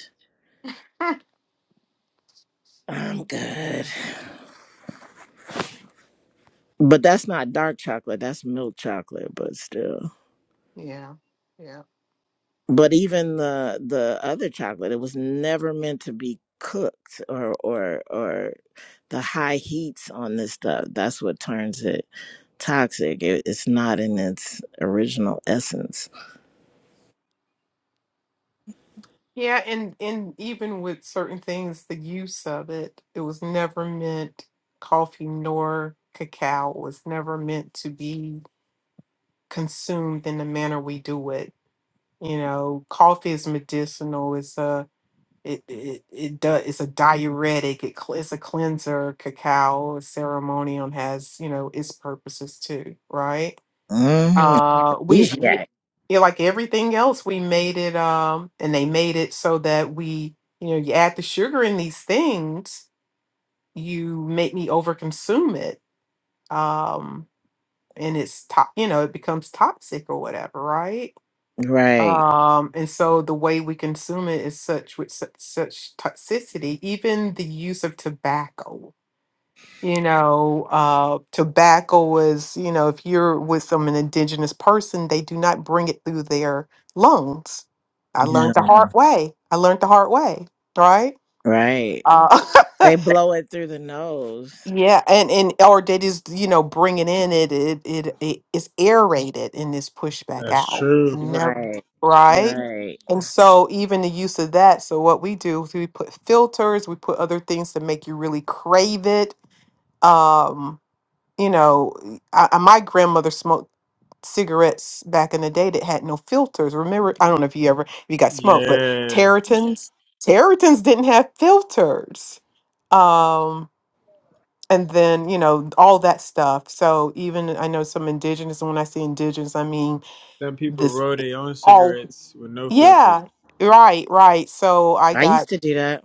[SPEAKER 6] i'm good but that's not dark chocolate that's milk chocolate but still
[SPEAKER 10] Yeah, yeah.
[SPEAKER 6] but even the the other chocolate it was never meant to be cooked or or or the high heats on this stuff that's what turns it toxic it, it's not in its original essence
[SPEAKER 10] Yeah, and and even with certain things, the use of it, it was never meant coffee nor cacao was never meant to be consumed in the manner we do it. You know, coffee is medicinal. It's a it it it does it's a diuretic. It cl- it's a cleanser. Cacao ceremonial has you know its purposes too, right?
[SPEAKER 6] mm-hmm.
[SPEAKER 10] Uh, we we-
[SPEAKER 6] Aphrodisiac.
[SPEAKER 10] yeah, like everything else, we made it um, and they made it so that we, you know, you add the sugar in these things, you make me overconsume it, um, and it's to- you know, it becomes toxic or whatever, right?
[SPEAKER 6] right
[SPEAKER 10] Um, and so the way we consume it is such with such, such toxicity. Even the use of tobacco, you know uh tobacco is you know if you're with some an indigenous person they do not bring it through their lungs i learned
[SPEAKER 6] no
[SPEAKER 10] the Mhm. hard way i learned the hard way right
[SPEAKER 6] right
[SPEAKER 10] uh
[SPEAKER 6] they blow it through the nose
[SPEAKER 10] yeah and and or they just you know bring it in it it it, it is aerated and is pushed back
[SPEAKER 7] That's
[SPEAKER 10] out
[SPEAKER 7] true.
[SPEAKER 10] and never
[SPEAKER 6] right
[SPEAKER 10] right
[SPEAKER 6] right
[SPEAKER 10] and so even the use of that so what we do is we put filters we put other things to make you really crave it um you know, I, I- my grandmother smoked cigarettes back in the day that had no filters. Remember, I don't know if you ever if you got smoked, but
[SPEAKER 7] Yeah.
[SPEAKER 10] Territons, Territons didn't have filters. Um, and then you know all that stuff. So even I know some indigenous, and when I say indigenous, I mean
[SPEAKER 7] Some people
[SPEAKER 10] this
[SPEAKER 7] roll their own
[SPEAKER 10] all.
[SPEAKER 7] cigarettes with no filter.
[SPEAKER 10] Yeah, right, right. So I
[SPEAKER 6] i
[SPEAKER 10] got.
[SPEAKER 6] used to do that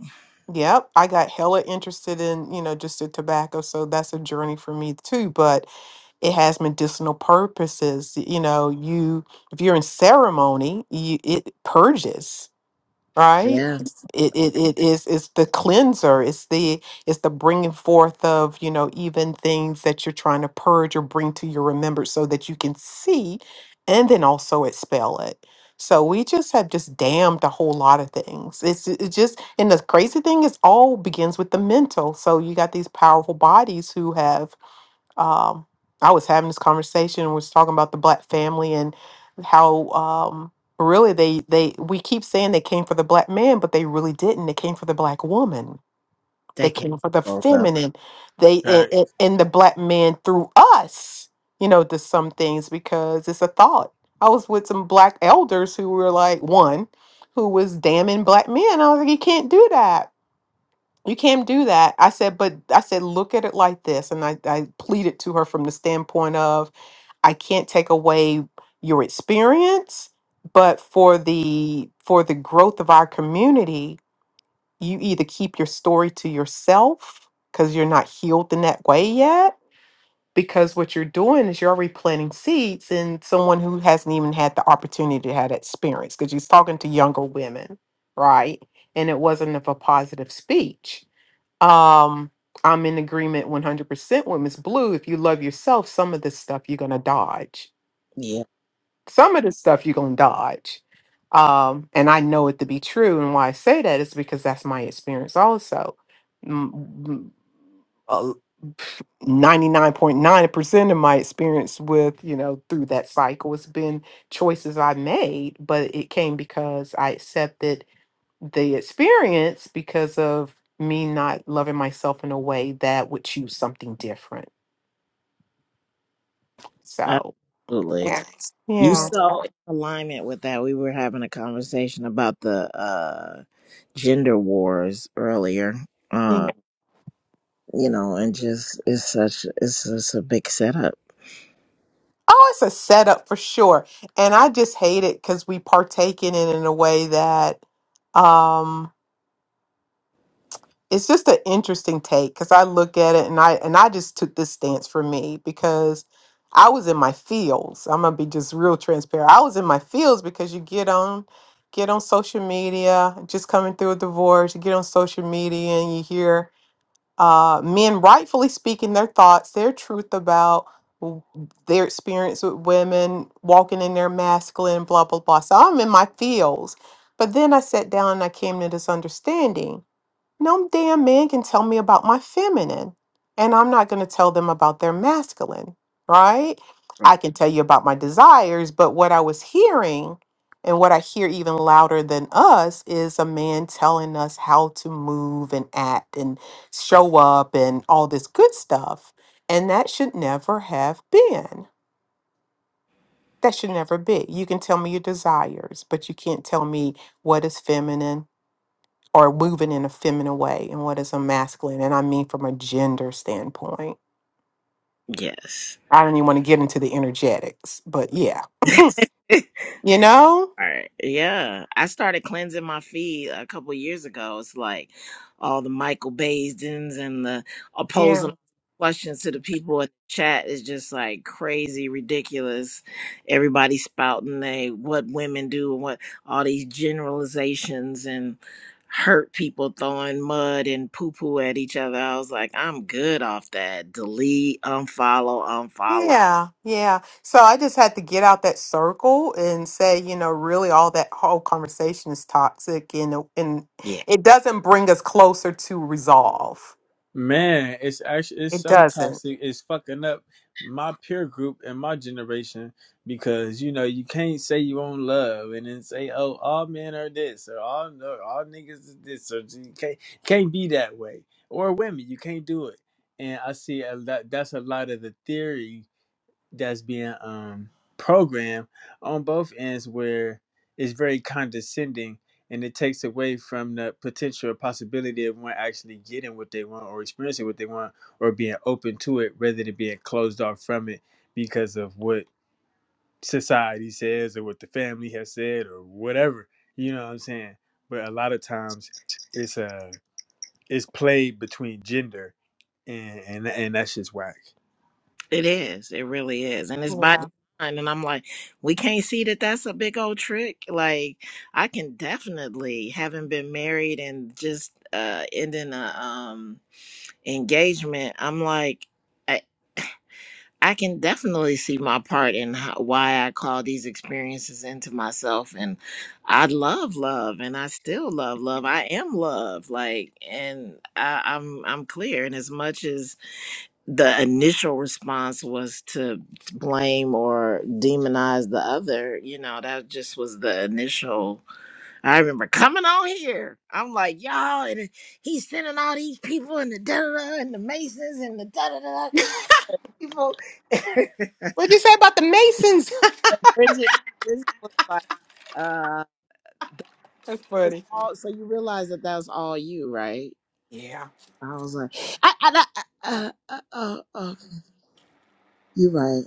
[SPEAKER 10] Yep, I got hella interested in, you know, just the tobacco. So that's a journey for me too. But it has medicinal purposes you know you if you're in ceremony you, it purges right
[SPEAKER 6] yeah
[SPEAKER 10] Yes. it, it it is it's the cleanser it's the it's the bringing forth of you know even things that you're trying to purge or bring to your remembrance so that you can see and then also expel it so we just have just damned a whole lot of things it's, it's just and the crazy thing is all begins with the mental so you got these powerful bodies who have um, I was having this conversation. We was talking about the black family and how um, really they they we keep saying they came for the black man, but they really didn't. They came for the black woman. They
[SPEAKER 6] they can
[SPEAKER 10] came for the
[SPEAKER 6] both up
[SPEAKER 10] feminine. They and, and and the black man through us, you know, to some things because it's a thought. I was with some black elders who were like one who was damning black men. I was like, you can't do that you can't do that. I said, but I said, look at it like this. And I, I pleaded to her from the standpoint of, I can't take away your experience, but for the for the growth of our community, you either keep your story to yourself because you're not healed in that way yet. Because what you're doing is you're already planting seeds in someone who hasn't even had the opportunity to have that experience. Because you're talking to younger women, right? And it wasn't of a positive speech. Um, I'm in agreement 100% with Miss Blue. If you love yourself, some of this stuff you're going to dodge.
[SPEAKER 6] yeah
[SPEAKER 10] Some of this stuff you're going to dodge. Um, and I know it to be true. And why I say that is because that's my experience also. Mm, mm, uh, 99.9% of my experience with, you know, through that cycle has been choices I made, but it came because I accepted the experience because of me not loving myself in a way that would choose something different. So,
[SPEAKER 6] absolutely
[SPEAKER 10] Yeah.
[SPEAKER 6] You
[SPEAKER 10] yeah.
[SPEAKER 6] saw in alignment with that. We were having a conversation about the uh, gender wars earlier.
[SPEAKER 10] Yeah.
[SPEAKER 6] Uh, you know, and just it's such it's just a big setup.
[SPEAKER 10] Oh, it's a setup for sure. And I just hate it because we partake in it in a way that um, it's just an interesting take because I look at it and I and I just took this stance for me because I was in my fields. I'm gonna be just real transparent. I was in my fields because you get on get on social media, just coming through a divorce, you get on social media and you hear uh, men rightfully speaking their thoughts, their truth about w- their experience with women, walking in their masculine, blah blah blah. So I'm in my fields. But then I sat down and I came to this understanding no damn man can tell me about my feminine, and I'm not going to tell them about their masculine, right?
[SPEAKER 6] Right.
[SPEAKER 10] I can tell you about my desires, but what I was hearing and what I hear even louder than us is a man telling us how to move and act and show up and all this good stuff. And that should never have been. That should never be. You can tell me your desires, but you can't tell me what is feminine or moving in a feminine way and what is a masculine. And I mean from a gender standpoint.
[SPEAKER 6] Yes.
[SPEAKER 10] I don't even want to get into the energetics, but yeah, you know?
[SPEAKER 6] All Right. Yeah, I started cleansing my feed a couple years ago. It's like all the Michael Baisdens and the
[SPEAKER 10] Yeah.
[SPEAKER 6] opposing questions to the people in the chat is just like crazy, ridiculous. Everybody spouting they what women do and what all these generalizations and hurt people throwing mud and poo poo at each other. I was like, I'm good off that. Delete, unfollow, unfollow.
[SPEAKER 10] Yeah. Yeah. So I just had to get out that circle and say, you know, really all that whole conversation is toxic and it- and it doesn't bring us closer to resolve.
[SPEAKER 7] Man, it's actually it's
[SPEAKER 10] It
[SPEAKER 7] so
[SPEAKER 10] doesn't.
[SPEAKER 7] toxic. It's fucking up my peer group and my generation because you know you can't say you own love and then say oh all men are this or all no all niggas is this or you can't can't be that way or women you can't do it. And I see a lot, that's a lot of the theory that's being um programmed on both ends where it's very condescending and it takes away from the potential possibility of one actually getting what they want or experiencing what they want or being open to it rather than being closed off from it because of what society says or what the family has said or whatever you know what i'm saying but a lot of times it's uh it's played between gender and and, and that's just whack
[SPEAKER 6] It is. It really is. And it's by
[SPEAKER 10] Yeah.
[SPEAKER 6] design. And I'm like, we can't see that that's a big old trick. Like, I can definitely, having been married and just uh ending a um engagement, I'm like, I, I can definitely see my part in how, why I call these experiences into myself. And I love love and I still love love. I am love. Like, and I, I'm, I'm clear. And as much as the initial response was to blame or demonize the other you know that just was the initial i remember coming on here i'm like y'all and he's sending all these people and the da da da and the masons and the da da da people
[SPEAKER 10] What'd you say about the Masons?
[SPEAKER 6] Bridget, Bridget was like, uh,
[SPEAKER 10] That's
[SPEAKER 6] It's
[SPEAKER 10] funny.
[SPEAKER 6] all- so you realize that that was all you right
[SPEAKER 10] Yeah.
[SPEAKER 6] i was like I, I, I, uh, uh, uh, uh, you're right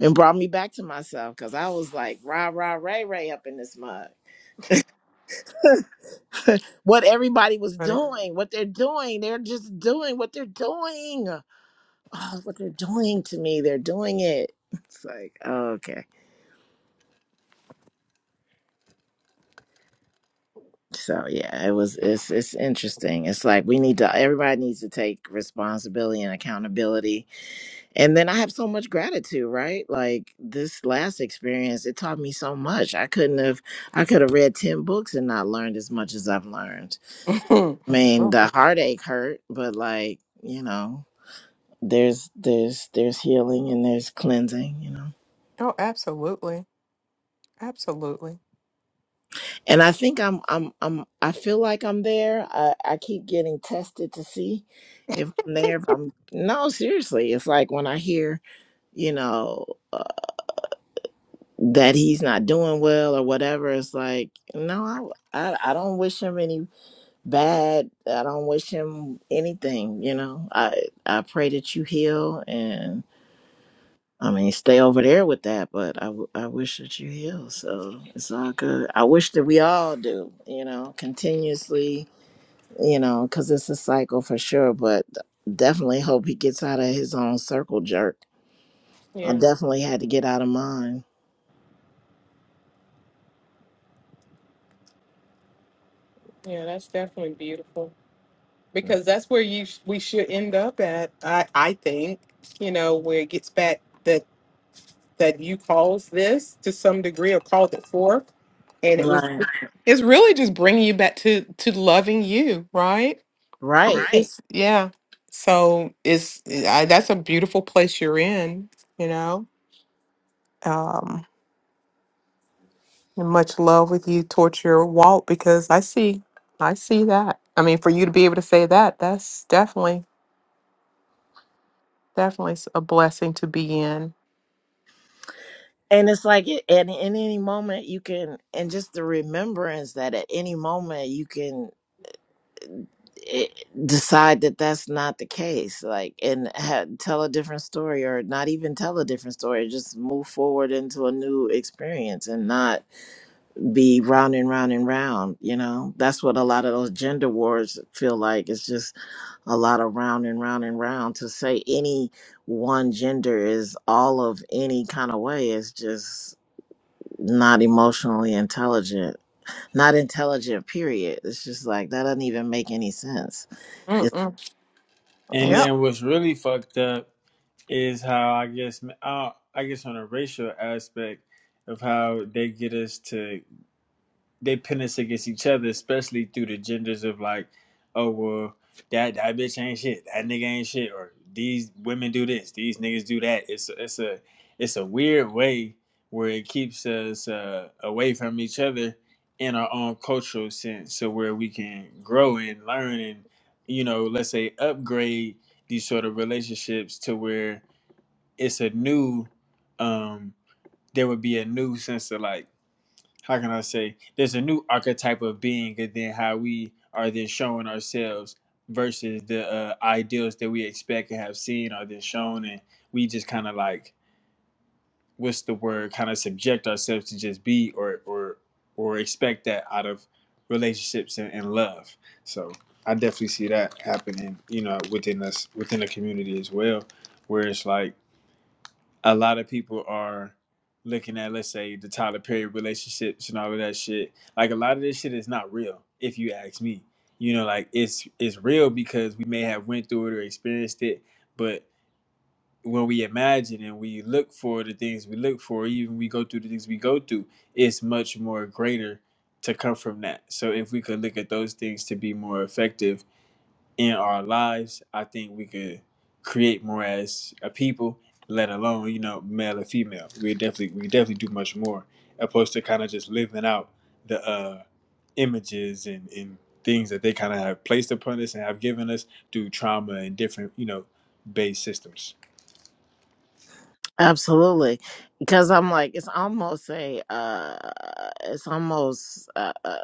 [SPEAKER 6] and brought me back to myself because I was like, rah, rah, ray, ray up in this mug. what everybody was
[SPEAKER 10] Funny.
[SPEAKER 6] doing, what they're doing, they're just doing what they're doing. Oh, what they're doing to me, they're doing it. It's like, oh, okay. So yeah, it was it's it's interesting. It's like we need to everybody needs to take responsibility and accountability. And then I have so much gratitude, right? Like this last experience, it taught me so much. I couldn't have I could have read 10 books and not learned as much as I've learned
[SPEAKER 10] oh,
[SPEAKER 6] I mean,
[SPEAKER 10] oh,
[SPEAKER 6] the heartache hurt, but like, you know, there's there's there's healing and there's cleansing, you know.
[SPEAKER 10] absolutely. Absolutely.
[SPEAKER 6] And I think I'm I'm I'm I feel like I'm there. I I keep getting tested to see if I'm there. If I'm no, seriously, it's like when I hear, you know, uh, that he's not doing well or whatever, it's like, no, I I, I don't wish him any bad. I don't wish him anything, you know. I I pray that you heal and I mean, stay over there with that, but I, w- I wish that you heal. So it's all good. I wish that we all do, you know, continuously, you know, because it's a cycle for sure. But definitely hope he gets out of his own circle jerk. I
[SPEAKER 10] Yeah,
[SPEAKER 6] definitely had to get out of mine.
[SPEAKER 10] yeah, that's definitely beautiful because that's where you sh- we should end up at. I I think you know where it gets back that that you caused this to some degree or called it forth, and it was
[SPEAKER 6] Right.
[SPEAKER 10] it's really just bringing you back to to loving you, right? Right.
[SPEAKER 6] Right.
[SPEAKER 10] It's, yeah. So it's I, that's a beautiful place you're in, you know. Um. and much love with you towards your walk because I see, I see that. I mean, for you to be able to say that, that's definitely, definitely s- a blessing to be in.
[SPEAKER 6] And it's like at, at any moment you can, and just the remembrance that at any moment you can it, decide that that's not the case like and ha- tell a different story or not even tell a different story just move forward into a new experience and not be round and round and round you know that's what a lot of those gender wars feel like it's just a lot of round and round and round to say any one gender is all of any kind of way is just not emotionally intelligent not intelligent period it's just like that doesn't even make any sense
[SPEAKER 10] Mm-mm.
[SPEAKER 7] and
[SPEAKER 10] Yeah,
[SPEAKER 7] then what's really fucked up is how I guess uh, I guess on a racial aspect of how they get us to they pin us against each other, especially through the genders of like, oh well, that that bitch ain't shit, that nigga ain't shit, or these women do this, these niggas do that. It's it's a it's a weird way where it keeps us uh, away from each other in our own cultural sense, so where we can grow and learn and you know, let's say upgrade these sort of relationships to where it's a new um there would be a new sense of like how can i say there's a new archetype of being and then how we are then showing ourselves versus the uh, ideals that we expect and have seen are then shown and we just kind of like what's the word kind of subject ourselves to just be or or or expect that out of relationships and, and love so i definitely see that happening you know within us within the community as well where it's like a lot of people are looking at let's say the Tyler Perry relationships and all of that shit. Like a lot of this shit is not real, if you ask me. You know, like it's it's real because we may have went through it or experienced it, but when we imagine and we look for the things we look for, even we go through the things we go through, it's much more greater to come from that. So if we could look at those things to be more effective in our lives, I think we could create more as a people, let alone, you know, male or female. We definitely we definitely do much more opposed to kind of just living out the uh images and, and things that they kind of have placed upon us and have given us through trauma and different, you know, based systems.
[SPEAKER 6] Absolutely, because I'm like it's almost a uh, it's almost uh, uh,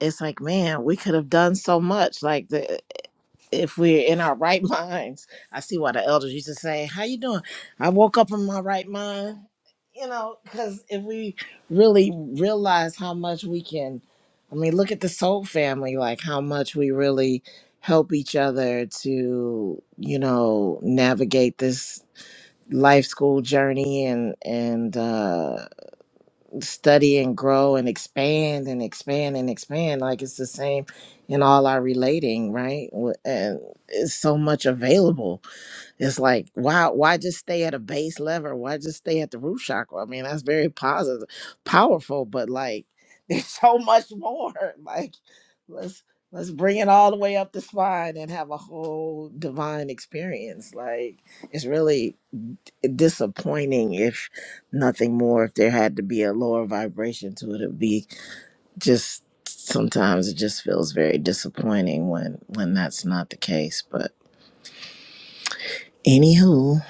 [SPEAKER 6] it's like man, we could have done so much. Like the if we're in our right minds, I see why the elders used to say, "How you doing?" I woke up in my right mind, you know, because if we really realize how much we can, I mean, look at the soul family, like how much we really help each other to, you know, navigate this life school journey and and uh study and grow and expand and expand and expand like it's the same in all our relating right W- and it's so much available it's like why why just stay at a base level why just stay at the root chakra i mean that's very positive powerful but like there's so much more like let's let's bring it all the way up the spine and have a whole divine experience like it's really disappointing if nothing more if there had to be a lower vibration to it it would be just sometimes it just feels very disappointing when when that's not the case but anywho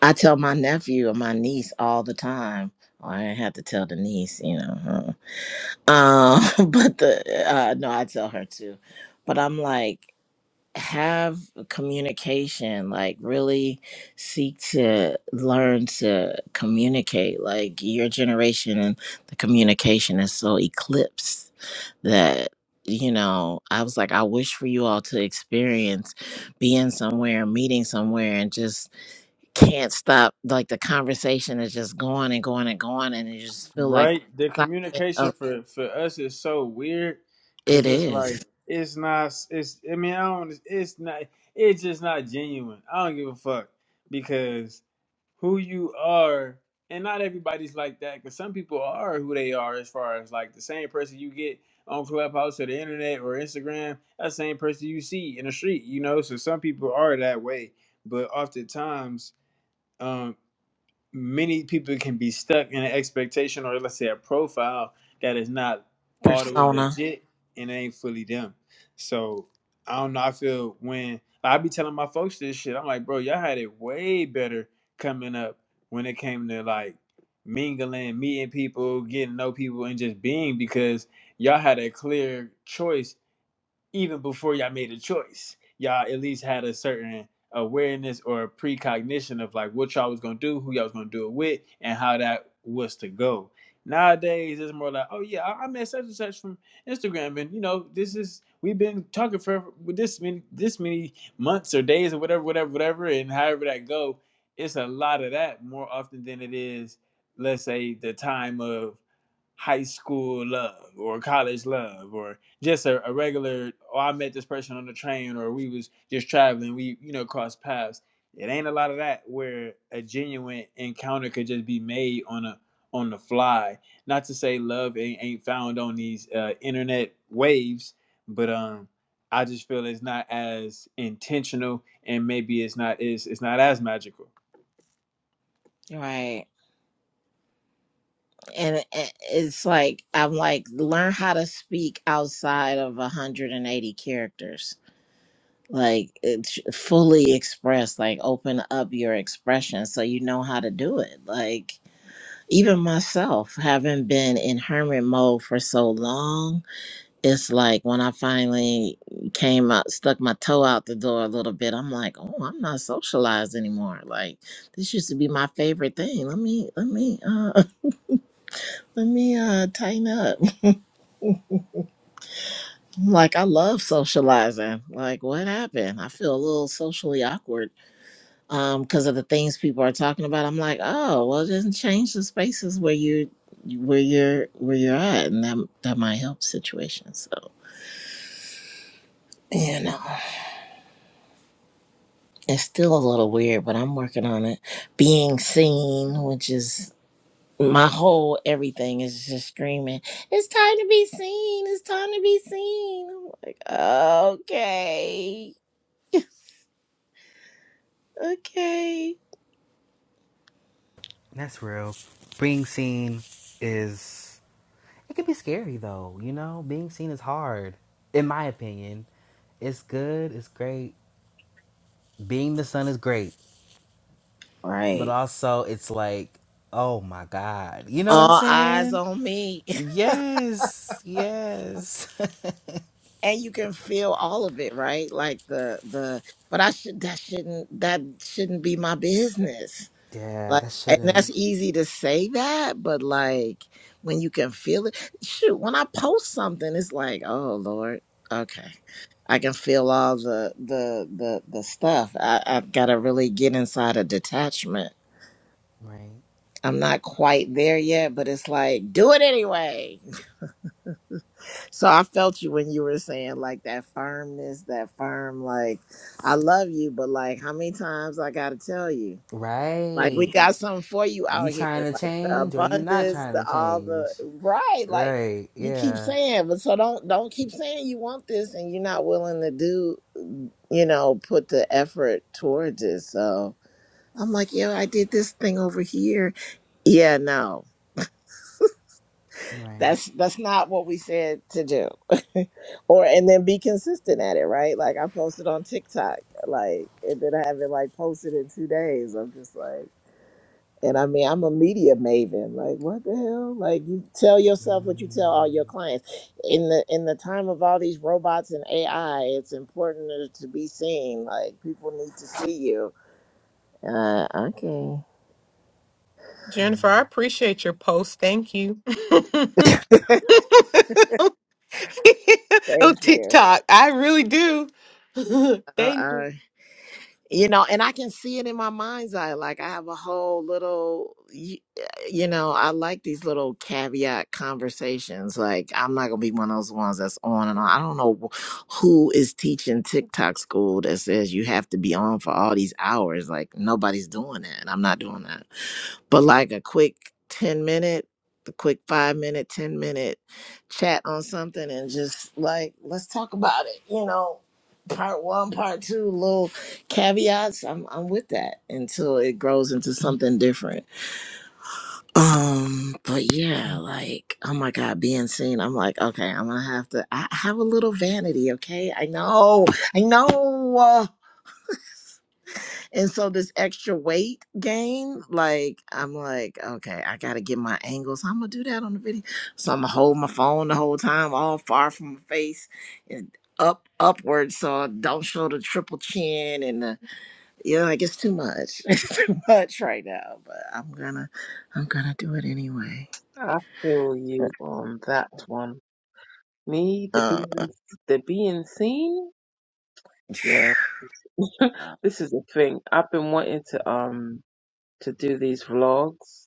[SPEAKER 6] i tell my nephew and my niece all the time Oh, i didn't have to tell the niece you know huh? um but the uh no i tell her too but i'm like have communication like really seek to learn to communicate like your generation and the communication is so eclipsed that you know i was like i wish for you all to experience being somewhere meeting somewhere and just can't stop like the conversation is just going and going and going and you just feel like
[SPEAKER 7] Right? The
[SPEAKER 6] the excitement
[SPEAKER 7] communication
[SPEAKER 6] of
[SPEAKER 7] for for us is so weird
[SPEAKER 6] it
[SPEAKER 7] cuz it's
[SPEAKER 6] is
[SPEAKER 7] like it's not it's I mean, I don't it's not it's just not genuine. I don't give a fuck because who you are and not everybody's like that because some people are who they are as far as like the same person you get on clubhouse or the internet or instagram that same person you see in the street you know so some people are that way but oftentimes um, many people can be stuck in an expectation or let's say a profile that is not all the way
[SPEAKER 6] persona
[SPEAKER 7] legit and ain't fully them. So I don't know. I feel when I be telling my folks this shit, I'm like, bro, y'all had it way better coming up when it came to like mingling, meeting people, getting to know people, and just being because y'all had a clear choice even before y'all made a choice, y'all at least had a certain awareness or a precognition of like what y'all was gonna do, who y'all was gonna do it with, and how that was to go. Nowadays, it's more like, oh yeah, I, I met such and such from Instagram, and you know, this is we've been talking for with this many this many months or days or whatever, whatever, whatever, and however that go, it's a lot of that more often than it is, let's say, the time of high school love or college love or just a, a regular oh i met this person on the train or we was just traveling we you know crossed paths it ain't a lot of that where a genuine encounter could just be made on a on the fly not to say love ain't, ain't found on these uh, internet waves but um i just feel it's not as intentional and maybe it's not is it's not as magical
[SPEAKER 6] right and it- it's like i'm like learn how to speak outside of 180 characters like it's fully express like open up your expression so you know how to do it like even myself having been in hermit mode for so long it's like when i finally came out stuck my toe out the door a little bit i'm like oh i'm not socialized anymore like this used to be my favorite thing let me let me uh let me uh tighten up like i love socializing like what happened i feel a little socially awkward um because of the things people are talking about i'm like oh well just change the spaces where you where you're where you're at and that that might help situations so you know it's still a little weird but i'm working on it being seen which is my whole everything is just screaming it's time to be seen it's time to be seen i'm like okay okay
[SPEAKER 3] That's real. Being seen is. It can be scary, though. You know, being seen is hard, in my opinion. It's good, it's great. Being the sun is great, but
[SPEAKER 6] right
[SPEAKER 3] also it's like, oh my God. You know what I'm
[SPEAKER 6] all eyes
[SPEAKER 3] saying?
[SPEAKER 6] on me
[SPEAKER 3] Yes, yes.
[SPEAKER 6] and you can feel all of it right like the the but i should that shouldn't that shouldn't be my business
[SPEAKER 3] yeah,
[SPEAKER 6] like
[SPEAKER 3] that
[SPEAKER 6] and
[SPEAKER 3] shouldn't,
[SPEAKER 6] that's easy to say that but like when you can feel it shoot when i post something it's like oh lord okay i can feel all the the the, the stuff I, i've got to really get inside a detachment
[SPEAKER 3] right?
[SPEAKER 6] i'm not quite there yet but it's like do it anyway So I felt you when you were saying like that firmness, that firm, like, I love you, but like, how many times I gotta tell you? Like, we
[SPEAKER 3] Right.
[SPEAKER 6] got something for you
[SPEAKER 3] You
[SPEAKER 6] out here,
[SPEAKER 3] trying to
[SPEAKER 6] like the
[SPEAKER 3] change or you not
[SPEAKER 6] abundance,
[SPEAKER 3] trying
[SPEAKER 6] the
[SPEAKER 3] to
[SPEAKER 6] all the
[SPEAKER 3] change?
[SPEAKER 6] right. Like,
[SPEAKER 3] Right,
[SPEAKER 6] you keep
[SPEAKER 3] yeah,
[SPEAKER 6] saying, but so don't don't keep saying you want this and you're not willing to do, mm, you know, put the effort towards it. So I'm like, yo, I did this thing over here. Yeah, no.
[SPEAKER 3] right.
[SPEAKER 6] That's that's not what we said to do. or and then be consistent at it, right? Like I posted on TikTok, like and then I haven't like posted in two days. I'm just like, and I mean, I'm a media maven. Like, what the hell? Like, you tell yourself what you tell all your clients. In the in the time of all these robots and AI, it's important to to be seen. Like, people need to see you. Uh, okay,
[SPEAKER 10] Jennifer, I appreciate your post. Thank you. oh,
[SPEAKER 6] thank you.
[SPEAKER 10] TikTok, I really do.
[SPEAKER 6] Uh,
[SPEAKER 10] Thank you.
[SPEAKER 6] uh, you know and i can see it in my mind's eye like i have a whole little y- eh, you know i like these little caveat conversations like i'm not gonna be one of those ones that's on and on i don't know who is teaching tiktok school that says you have to be on for all these hours like nobody's doing that and i'm not doing that but like a quick 10 minute the quick five minute 10 minute chat on something and just like let's talk about it you know part one part two little caveats i'm i'm with that until it grows into something different um but yeah like oh my god being seen i'm like okay i'm gonna have to i I have a little vanity okay i know i know uh, and so this extra weight gain like i'm like okay i gotta get my angles i'm gonna do that on the video so i'm gonna hold my phone the whole time all far from my face and up upward so I don't show the triple chin and the. Yeah, like it's too much. It's too much right now, but I'm gonna I'm gonna do it anyway.
[SPEAKER 5] I feel you on that one. Me, the
[SPEAKER 6] Uh, uh,
[SPEAKER 5] being, the being seen. Yeah, this is the thing. I've been wanting to um to do these vlogs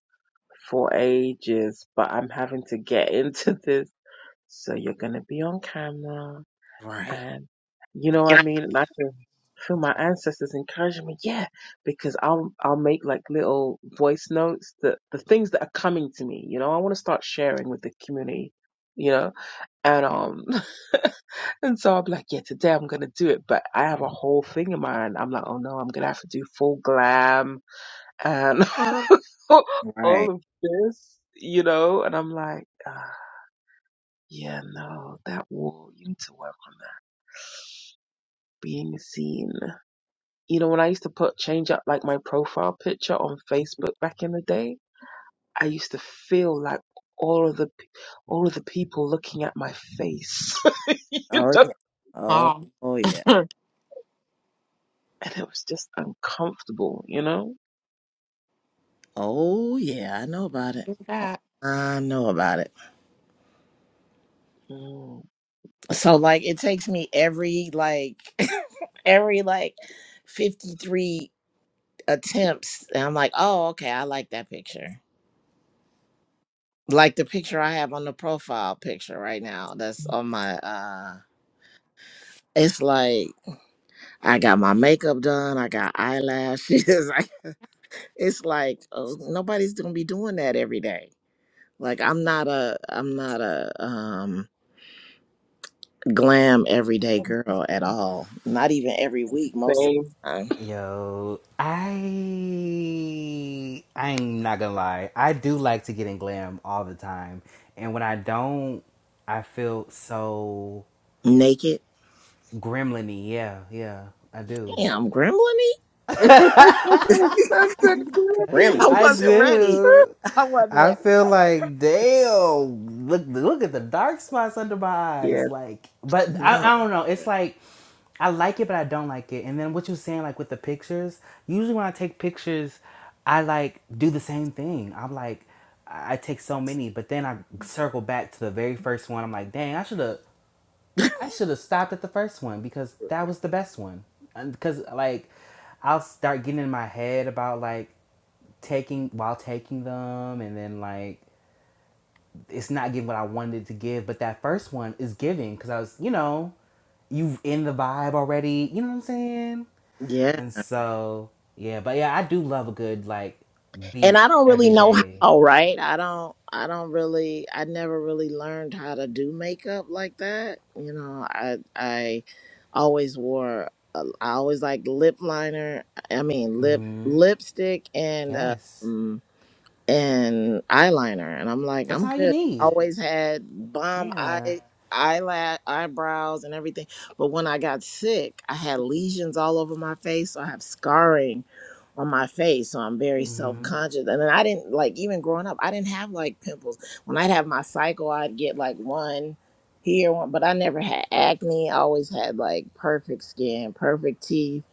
[SPEAKER 5] for ages, but I'm having to get into this. So you're gonna be on camera.
[SPEAKER 6] right.
[SPEAKER 5] And you know what I mean? And I can feel my ancestors encouraging me, yeah, because I'll I'll make like little voice notes, the the things that are coming to me, you know, I want to start sharing with the community, you know? And um and so i will be like, yeah, today I'm gonna do it. But I have a whole thing in mind. I'm like, oh no, I'm gonna have to do full glam and all
[SPEAKER 6] Right.
[SPEAKER 5] of this, you know, and I'm like, ah, yeah, no, that will you need to work on that. Being seen. you know, when I used to put change up like my profile picture on Facebook back in the day, I used to feel like all of the p- all of the people looking at my face, you
[SPEAKER 6] Oh
[SPEAKER 5] know,
[SPEAKER 6] yeah. Oh,
[SPEAKER 10] Oh,
[SPEAKER 6] oh yeah.
[SPEAKER 5] and it was just uncomfortable, you know.
[SPEAKER 6] Oh yeah, I know about it.
[SPEAKER 10] look at
[SPEAKER 6] I know about it.
[SPEAKER 5] Mm.
[SPEAKER 6] So like it takes me every like every like 53 attempts and I'm like, "Oh, okay, I like that picture." Like the picture I have on the profile picture right now. That's on my uh it's like I got my makeup done. I got eyelashes. I it's like oh, nobody's gonna be doing that every day like i'm not a i'm not a um glam everyday girl at all not even every week most of
[SPEAKER 5] Same.
[SPEAKER 6] the time
[SPEAKER 3] Yo, I I'm not gonna lie. I do like to get in glam all the time, and when I don't, I feel so
[SPEAKER 6] naked
[SPEAKER 3] gremlin-y. Yeah, yeah, I do.
[SPEAKER 6] damn gremlin
[SPEAKER 10] that.
[SPEAKER 5] That's a
[SPEAKER 6] i
[SPEAKER 5] problem.
[SPEAKER 3] I
[SPEAKER 10] Gremlins.
[SPEAKER 6] wasn't ready
[SPEAKER 3] do.
[SPEAKER 6] I,
[SPEAKER 3] I feel like damn. Look, look at the dark spots under my
[SPEAKER 5] Yeah,
[SPEAKER 3] eyes. Like, but
[SPEAKER 6] no
[SPEAKER 3] I, I don't know. It's like I like it, but I don't like it. And then what you're saying, like with the pictures. Usually when I take pictures, I like do the same thing. I'm like, I I take so many, but then I circle back to the very first one. I'm like, dang, I should have, I should have stopped at the first one because that was the best one. And Because like, I'll start getting in my head about like taking while taking them and then like it's not giving what I wanted to give, but that first one is giving because I was, you know, you in the vibe already, you know what I'm saying?
[SPEAKER 6] yeah
[SPEAKER 3] And so, yeah, but yeah, I do love a good like
[SPEAKER 6] and
[SPEAKER 3] beat
[SPEAKER 6] I don't really
[SPEAKER 3] every
[SPEAKER 6] know
[SPEAKER 3] day.
[SPEAKER 6] how, right? I don't I don't really I never really learned how to do makeup like that. You know, I I always wore uh, I always like lip liner, I mean lip
[SPEAKER 3] Mhm.
[SPEAKER 6] lipstick and
[SPEAKER 3] Yes.
[SPEAKER 6] uh and eyeliner and i'm like
[SPEAKER 3] That's
[SPEAKER 6] i'm
[SPEAKER 3] all you
[SPEAKER 6] good
[SPEAKER 3] need.
[SPEAKER 6] always had bomb
[SPEAKER 3] Yeah.
[SPEAKER 6] eye eyelash eyebrows and everything but when i got sick i had lesions all over my face so i have scarring on my face so i'm very self-conscious and then i didn't like even growing up i didn't have like pimples when i'd have my cycle i'd get like one here one but i never had acne i always had like perfect skin perfect teeth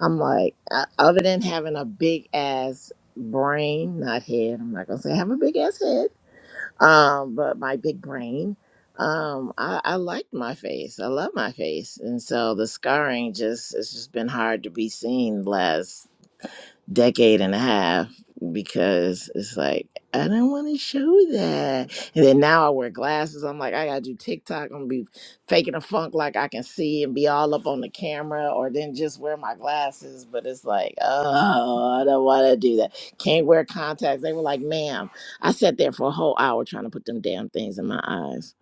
[SPEAKER 6] i'm like uh, other than having a big ass brain, not head. I'm not gonna say I have a big ass head, um, but my big brain. Um, I, I liked my face. I love my face, and so the scarring just it's just been hard to be seen the last decade and a half because it's like I don't want to show that. And then now I wear glasses. I'm like, I gotta do TikTok. I'm gonna be faking a funk like I can see and be all up on the camera, or then just wear my glasses. But it's like, oh, I don't want to do that. Can't wear contacts. They were like, ma'am, I sat there for a whole hour trying to put them damn things in my eyes.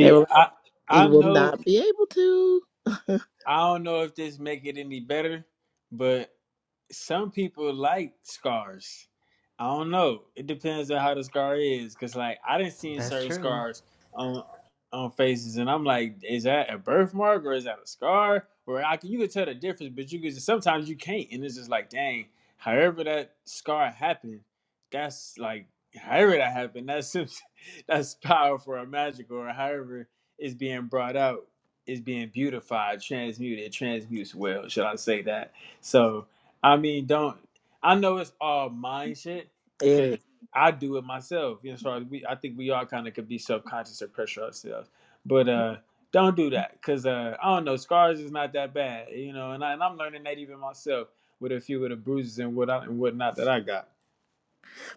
[SPEAKER 6] They were like,
[SPEAKER 7] i i
[SPEAKER 6] you will
[SPEAKER 7] know
[SPEAKER 6] not be able to.
[SPEAKER 7] I don't know if this make it any better, but some people like scars. I don't know. It depends on how the scar is, cause like I didn't see
[SPEAKER 3] That's
[SPEAKER 7] certain
[SPEAKER 3] true.
[SPEAKER 7] scars on on faces, and I'm like, is that a birthmark or is that a scar? Or I can you could tell the difference, but you could sometimes you can't, and it's just like, dang. However that scar happened, that's like however that happened. That's that's powerful or magical or however it's being brought out is being beautified, transmuted, transmutes well, should I say that? So, I mean, don't I know it's all mind shit because
[SPEAKER 6] Area.
[SPEAKER 7] I do it myself. You know, as far as we, I think we all kind of could be subconscious or pressure ourselves, but
[SPEAKER 10] It
[SPEAKER 7] uh, don't do that because uh, I don't know, scars is not that bad, you know, and, I, and I'm learning that even myself with a few of the bruises and what I, and whatnot that I got.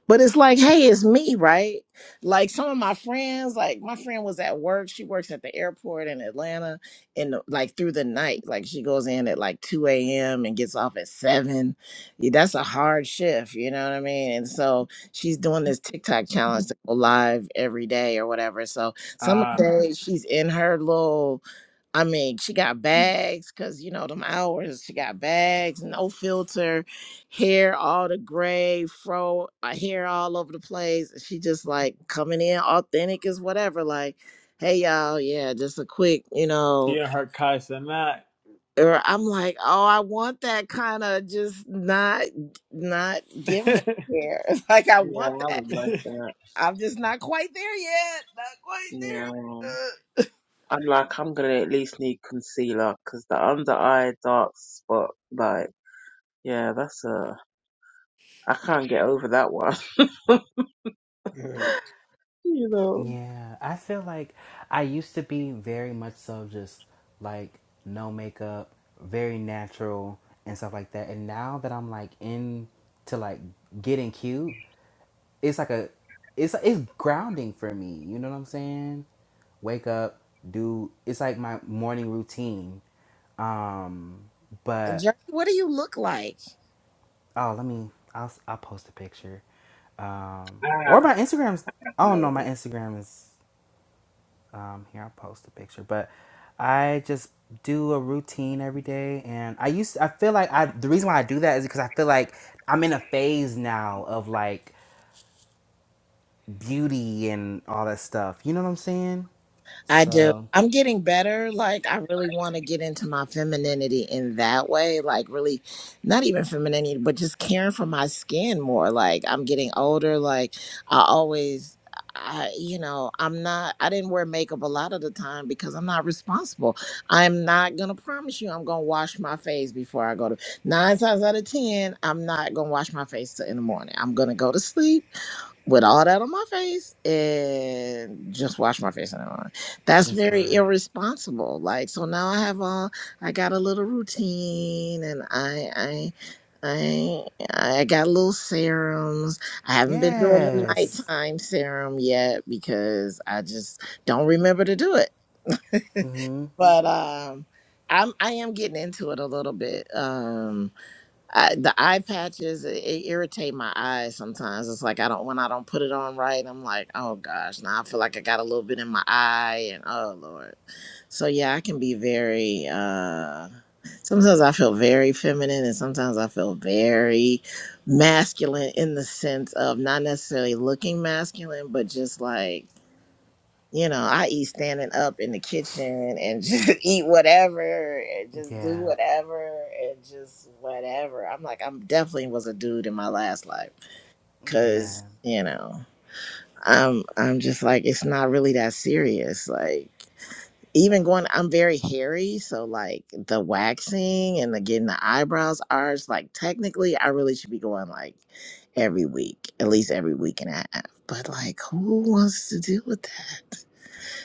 [SPEAKER 6] But it's like, hey, it's me, right? Like some of my friends, like my friend was at work. She works at the airport in Atlanta, and like through the night, like she goes in at like two a.m. and gets off at seven. Yeah, that's a hard shift, you know what I mean? And so she's doing this TikTok challenge to go live every day or whatever. So some
[SPEAKER 7] Ah,
[SPEAKER 6] days she's in her little I mean, she got bags because you know them hours. She got bags, no filter hair all the gray fro uh, hair all over the place and she just like coming in authentic as whatever like hey y'all yeah just a quick you
[SPEAKER 7] she
[SPEAKER 6] know
[SPEAKER 7] and her cuss not.
[SPEAKER 6] or i'm like oh i want that kind of just not not giving a care like i
[SPEAKER 5] yeah, I
[SPEAKER 6] want that
[SPEAKER 5] would like that.
[SPEAKER 6] i'm just not quite there yet not quite
[SPEAKER 5] Yeah,
[SPEAKER 6] there
[SPEAKER 5] I'm like, I'm gonna at least need concealer because the under eye dark spot, like. Yeah, that's uh, I can't get over that one. you know,
[SPEAKER 3] Yeah, I feel like I used to be very much so just like no makeup, very natural and stuff like that. And now that I'm like into like getting cute, it's like a it's it's grounding for me. You know what I'm saying? Wake up, do it's like my morning routine. Um, but
[SPEAKER 6] Journey, what do you look like
[SPEAKER 3] oh, let me I'll I'll post a picture. Um,
[SPEAKER 5] I have
[SPEAKER 3] or my Instagram's
[SPEAKER 5] had
[SPEAKER 3] oh no,
[SPEAKER 5] tomatoes.
[SPEAKER 3] my Instagram is Um, here, I'll post a picture. But I just do a routine every day, and I used. to, I feel like I. The reason why I do that is because I feel like I'm in a phase now of like beauty and all that stuff. You know what I'm saying?
[SPEAKER 6] I do.
[SPEAKER 3] So
[SPEAKER 6] I'm getting better. Like, I really want to get into my femininity in that way. Like, really, not even femininity, but just caring for my skin more. Like, I'm getting older. Like, I always, I, you know, I'm not, I didn't wear makeup a lot of the time because I'm not responsible. I'm not going to promise you I'm going to wash my face before I go to nine times out of 10. I'm not going to wash my face till in the morning. I'm going to go to sleep with all that on my face and just wash my face. That's
[SPEAKER 3] it's
[SPEAKER 6] very
[SPEAKER 3] real.
[SPEAKER 6] irresponsible. Like so now I have all I got a little routine and I I I I got little serums. I haven't been doing the
[SPEAKER 3] Yes.
[SPEAKER 6] nighttime serum yet because I just don't remember to do it.
[SPEAKER 3] Mhm.
[SPEAKER 6] But um I'm I am getting into it a little bit. Um I, the eye patches it, it irritate my eyes sometimes. It's like I don't when I don't put it on right. I'm like, oh gosh, now I feel like I got a little bit in my eye, and oh lord. So yeah, I can be very. uh Sometimes I feel very feminine, and sometimes I feel very masculine in the sense of not necessarily looking masculine, but just like. You know, I eat standing up in the kitchen and just eat whatever and just do
[SPEAKER 3] Yeah.
[SPEAKER 6] whatever and just whatever. I'm like, I'm definitely was a dude in my last life
[SPEAKER 3] Yeah.
[SPEAKER 6] because, you know, I'm I'm just like it's not really that serious. Like even going I'm very hairy, so like the waxing and the getting the eyebrows arched, like technically I really should be going like every week, at least every week and a half. But like who wants to deal with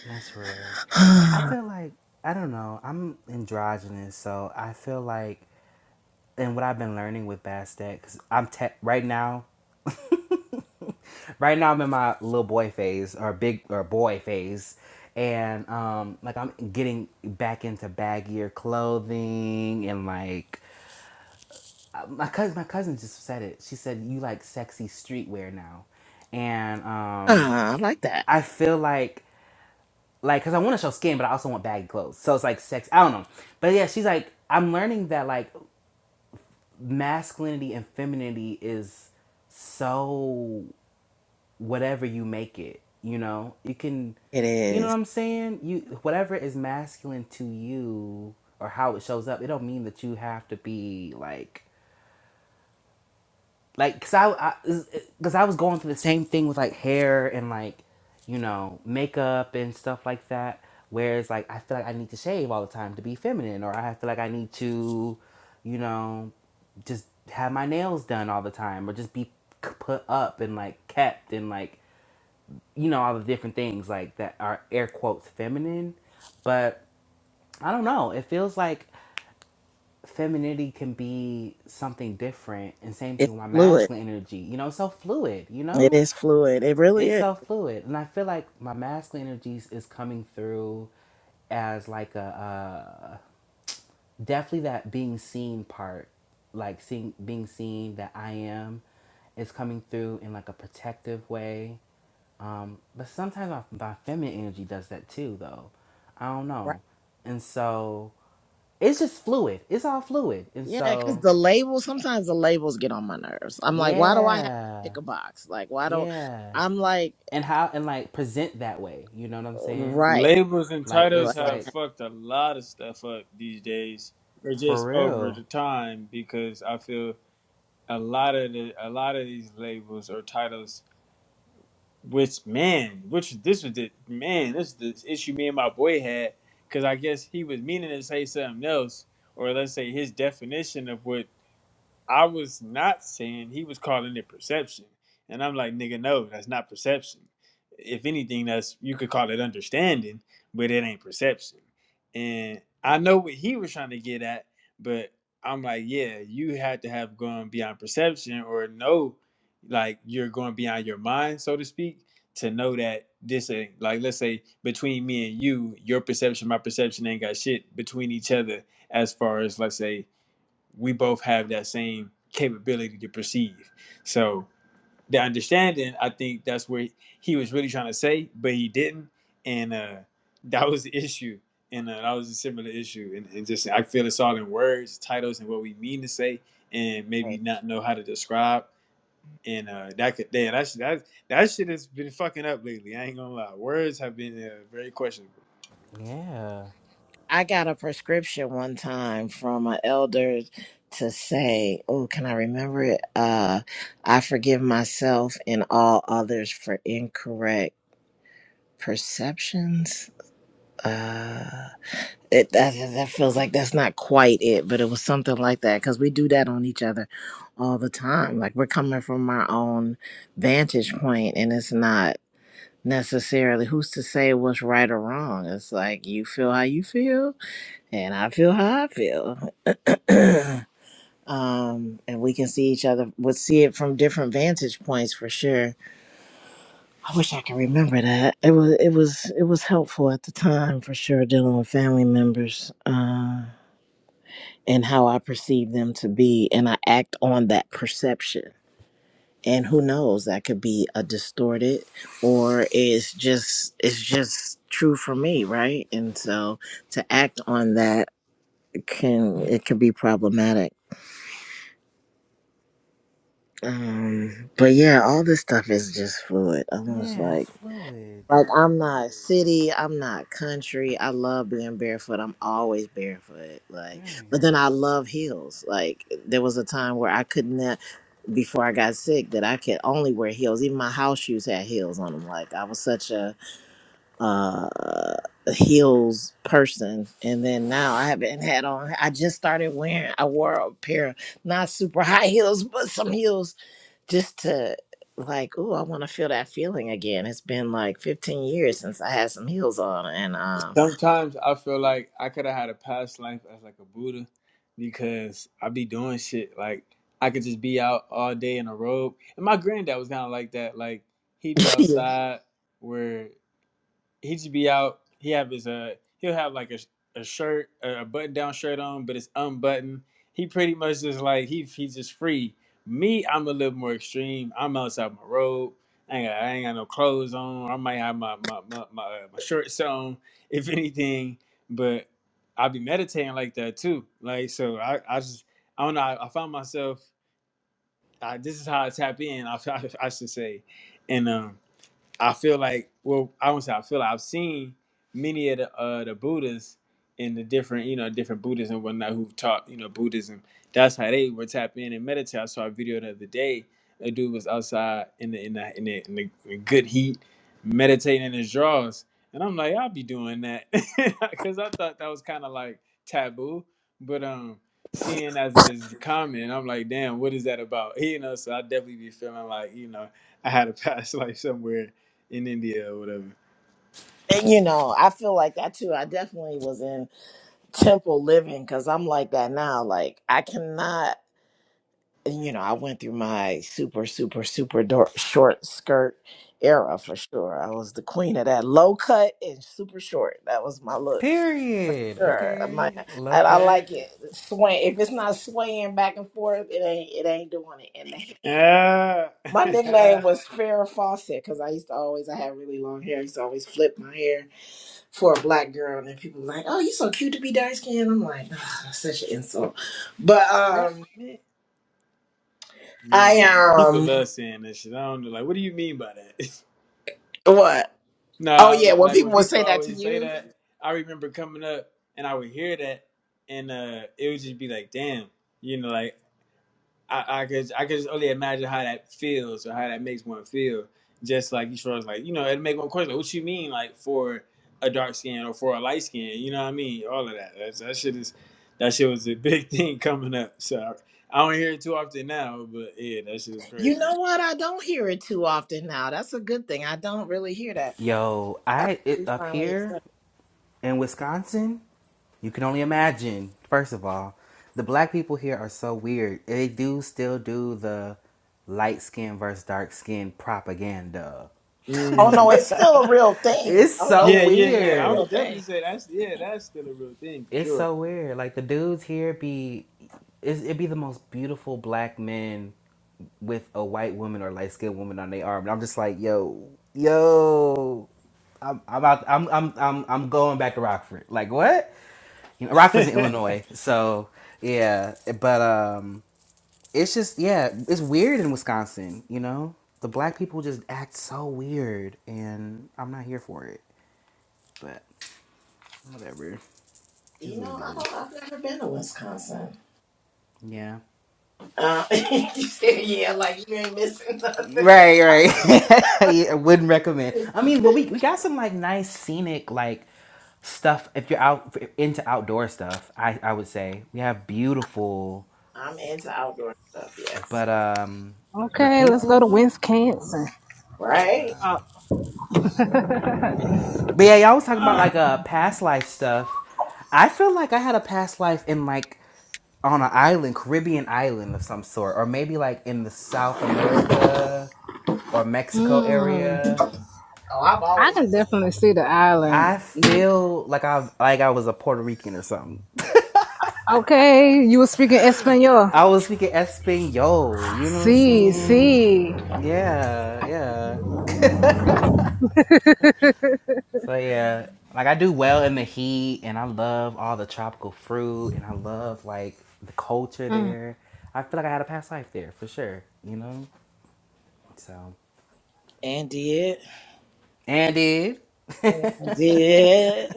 [SPEAKER 3] That's real.
[SPEAKER 6] that?
[SPEAKER 3] I feel like I don't know. I'm androgynous, so I feel like and what I've been learning with Bastet because I'm te- right now. Right now, I'm in my little boy phase or big or boy phase, and um, like I'm getting back into baggier clothing and like uh, my cousin. My cousin just said it. She said you like sexy streetwear now, and um,
[SPEAKER 6] Ah, I like that.
[SPEAKER 3] I feel like like because I want to show skin, but I also want baggy clothes. So it's like sex. I don't know, but yeah, she's like I'm learning that like masculinity and femininity is so whatever you make it you know you can
[SPEAKER 6] It
[SPEAKER 3] you know what
[SPEAKER 6] is.
[SPEAKER 3] i'm saying you whatever is masculine to you or how it shows up it don't mean that you have to be like like because i because I was going through the same thing with like hair and like you know makeup and stuff like that whereas like i feel like i need to shave all the time to be feminine or i feel like i need to you know just have my nails done all the time or just be c- put up and like kept and like you know all the different things like that are air quotes feminine but i don't know it feels like femininity can be something different and same thing
[SPEAKER 6] It's
[SPEAKER 3] with my
[SPEAKER 6] fluid.
[SPEAKER 3] masculine energy you know it's so fluid you
[SPEAKER 6] It
[SPEAKER 3] know
[SPEAKER 6] is fluid. It really
[SPEAKER 3] it's
[SPEAKER 6] is.
[SPEAKER 3] so fluid and i feel like my masculine energies is coming through as like a uh, definitely that being seen part like seeing being seen that i am is coming through in like a protective way Um, but sometimes my, my feminine energy does that too, though. I don't
[SPEAKER 6] Right.
[SPEAKER 3] know. And so it's just fluid. It's all fluid. And
[SPEAKER 6] Yeah, because
[SPEAKER 3] so,
[SPEAKER 6] the labels, sometimes the labels get on my nerves. I'm like, why do I have to
[SPEAKER 3] yeah,
[SPEAKER 6] pick a box? Like, why do not
[SPEAKER 3] yeah.
[SPEAKER 6] I'm like,
[SPEAKER 3] And how, and like present that way. You know what I'm saying?
[SPEAKER 6] right.
[SPEAKER 7] Labels and
[SPEAKER 3] Like,
[SPEAKER 7] titles
[SPEAKER 3] it's
[SPEAKER 7] have
[SPEAKER 3] like
[SPEAKER 7] fucked a lot of stuff up these days, or
[SPEAKER 3] for
[SPEAKER 7] just over
[SPEAKER 3] real.
[SPEAKER 7] the time, because I feel a lot of the a lot of these labels or titles, which man, which this was the man, this is the issue me and my boy had, because I guess he was meaning to say something else, or let's say his definition of what I was not saying he was calling it perception. And I'm like, nigga, no, that's not perception. If anything, that's you could call it understanding, but it ain't perception. And I know what he was trying to get at, but I'm like, yeah, you had to have gone beyond perception or know like you're going beyond your mind, so to speak, to know that this ain't like let's say between me and you, your perception, my perception ain't got shit between each other as far as let's say we both have that same capability to perceive. So the understanding, I think that's where he was really trying to say, but he didn't, and uh, that was the issue, and uh, that was a similar issue, and, and just I feel it's all in words, titles, and what we mean to say, and maybe
[SPEAKER 6] Like,
[SPEAKER 7] not know how to describe, and uh, that could, damn, that that that shit has been fucking up lately. I ain't gonna lie, words have been uh, very questionable.
[SPEAKER 3] Yeah.
[SPEAKER 6] I got a prescription one time from an elder to say, "Oh, can I remember it? Uh, I forgive myself and all others for incorrect perceptions." Uh, it that, that that feels like that's not quite it, but it was something like that because we do that on each other all the time. Like we're coming from our own vantage point, and it's not necessarily who's to say what's right or wrong. It's like you feel how you feel and I feel how I feel. um, and we can see each other. We'll see it from different vantage points for sure. I wish I could remember that. It was it was it was helpful at the time for sure dealing with family members uh, and how I perceive them to be, and I act on that perception. And who knows? That could be a distorted, or it's just it's just true for me, right? And so to act on that can it could be problematic Um, but yeah, all this stuff is just fluid. I'm just
[SPEAKER 3] Yeah, it's
[SPEAKER 6] like,
[SPEAKER 3] fluid.
[SPEAKER 6] like I'm not city, I'm not country. I love being barefoot. I'm always barefoot. Like,
[SPEAKER 3] Right.
[SPEAKER 6] but then I love heels. Like, there was a time where I couldn't, uh, before I got sick, that I could only wear heels. Even my house shoes had heels on them. Like, I was such a uh a heels person. And then now I haven't had on. I just started wearing. I wore a pair of not super high heels, but some heels just to like, oh, I want to feel that feeling again. It's been like 15 years since I had some heels on, and um,
[SPEAKER 7] Sometimes I feel like I could have had a past life as like a Buddha because I be doing shit like I could just be out all day in a robe. And my granddad was kind of like that. Like he'd be
[SPEAKER 6] yeah,
[SPEAKER 7] outside where he just be out. He have his uh he'll have like a a shirt a button down shirt on, but it's unbuttoned. He pretty much just like he he's just free. Me, I'm a little more extreme. I'm outside my robe. I ain't, got, I ain't got no clothes on. I might have my my my my, uh, my shorts on, if anything. But I be meditating like that too. Like so, I I just I don't know. I, I found myself. I, this is how I tap in. I I, I should say, and um I feel like, well, I don't say I feel like I've seen many of the uh, the Buddhas in the different, you know, different Buddhists and whatnot who've taught, you know, Buddhism. That's how they were tapping in and meditate. I saw a video the other day. A dude was outside in the in the in the, in the, good heat, meditating in his drawers, and I'm like, I'll be doing that because I thought that was kind of like taboo, but um. Seeing as it is common, I'm like, damn, what is that about? You know, so I definitely be feeling like, you know, I had a past life somewhere in India or whatever.
[SPEAKER 6] and, you know, I feel like that too. I definitely was in temple living because I'm like that now. Like I cannot, you know, I went through my super, super, super dor- short skirt era for sure. I was the queen of that low cut and super short. That was my look
[SPEAKER 3] Period.
[SPEAKER 6] Sure, my,
[SPEAKER 3] Okay. Low
[SPEAKER 6] I, I
[SPEAKER 3] cut.
[SPEAKER 6] like it. Sway. If it's not swaying back and forth, it ain't it ain't doing it. And the hair.
[SPEAKER 7] Ah,
[SPEAKER 6] My nickname was Farrah Fawcett because I used to always I had really long hair. I used to always flip my hair for a black girl, and then people were like, "Oh, you so cute to be dark skinned." I'm like, "Ugh, that's such an insult. But
[SPEAKER 7] right,
[SPEAKER 6] um,
[SPEAKER 7] man.
[SPEAKER 6] I
[SPEAKER 7] Man, people
[SPEAKER 6] um,
[SPEAKER 7] love saying that shit. I don't know, like, what do you mean by that?
[SPEAKER 6] what?
[SPEAKER 7] no,
[SPEAKER 6] Oh
[SPEAKER 7] I,
[SPEAKER 6] yeah, when
[SPEAKER 7] like when
[SPEAKER 6] people would
[SPEAKER 7] people
[SPEAKER 6] say that to
[SPEAKER 7] always say
[SPEAKER 6] you,
[SPEAKER 7] that, I remember coming up and I would hear that, and uh, it would just be like, damn, you know, like I, I could I could just only imagine how that feels or how that makes one feel. Just like you was like, you know, it make one question, like, what you mean like for a dark skin or for a light skin, you know what I mean? All of that. That's, that shit is that shit was a big thing coming up. So I, I don't hear it too often now, but yeah, that shit is
[SPEAKER 6] you
[SPEAKER 7] crazy.
[SPEAKER 6] know what? I don't hear it too often now. That's a good thing. I don't really hear that.
[SPEAKER 3] Yo,
[SPEAKER 6] I,
[SPEAKER 3] I it,
[SPEAKER 6] we
[SPEAKER 3] up
[SPEAKER 6] finally accept.
[SPEAKER 3] here in Wisconsin. You can only imagine, first of all, the black people here are so weird. They do still do the light skin versus dark skin propaganda.
[SPEAKER 6] Oh no,
[SPEAKER 7] Mm.
[SPEAKER 6] it's still a real thing.
[SPEAKER 3] It's
[SPEAKER 6] Oh no,
[SPEAKER 3] so
[SPEAKER 6] no,
[SPEAKER 7] Yeah,
[SPEAKER 6] it's
[SPEAKER 7] yeah, yeah.
[SPEAKER 6] still a
[SPEAKER 7] I
[SPEAKER 3] weird.
[SPEAKER 6] real
[SPEAKER 7] would definitely
[SPEAKER 6] thing.
[SPEAKER 7] say that's yeah, that's still a real thing for
[SPEAKER 3] It's so
[SPEAKER 7] sure.
[SPEAKER 3] weird. Like the dudes here be it's, it be the most beautiful black men with a white woman or light skinned woman on their arm. And I'm just like, yo, yo, I'm I'm out, I'm I'm I'm I'm going back to Rockford. Like what? You know, Rockford's in Illinois, so yeah. But um, it's just yeah, it's weird in Wisconsin. You know, the black people just act so weird, and I'm not here for it. But whatever, is
[SPEAKER 6] You
[SPEAKER 3] what
[SPEAKER 6] know,
[SPEAKER 3] it
[SPEAKER 6] I don't,
[SPEAKER 3] is.
[SPEAKER 6] I've never been to Wisconsin.
[SPEAKER 3] Yeah.
[SPEAKER 6] Uh, you said, yeah, like you ain't missing nothing.
[SPEAKER 3] Right, right. I wouldn't recommend. I mean, well, we we got some like nice scenic like stuff. If you're out into outdoor stuff, I I would say we have beautiful,
[SPEAKER 6] I'm into outdoor stuff, yes.
[SPEAKER 3] but um, the
[SPEAKER 1] Okay, let's go to
[SPEAKER 3] people.
[SPEAKER 1] Wisconsin.
[SPEAKER 6] Right?
[SPEAKER 3] But yeah, y'all was talking about like uh past life stuff. I feel like I had a past life in like on an island, Caribbean island of some sort, or maybe like in the South America or Mexico
[SPEAKER 1] Mm,
[SPEAKER 3] area.
[SPEAKER 6] Oh, I've
[SPEAKER 1] I
[SPEAKER 6] always
[SPEAKER 1] can
[SPEAKER 6] been
[SPEAKER 1] definitely
[SPEAKER 6] South
[SPEAKER 1] see the
[SPEAKER 6] America.
[SPEAKER 1] island.
[SPEAKER 3] I
[SPEAKER 1] Yeah.
[SPEAKER 3] feel like I like I was a Puerto Rican or something.
[SPEAKER 1] Okay, you were speaking Espanol.
[SPEAKER 3] I was speaking Espanol. You know what I'm
[SPEAKER 1] See,
[SPEAKER 3] saying?
[SPEAKER 1] see.
[SPEAKER 3] Yeah, yeah. So yeah, like I do well in the heat, and I love all the tropical fruit, and I love like the culture there. I feel like I had a past life there for sure, you know. So
[SPEAKER 6] And did.
[SPEAKER 3] and did
[SPEAKER 6] And did.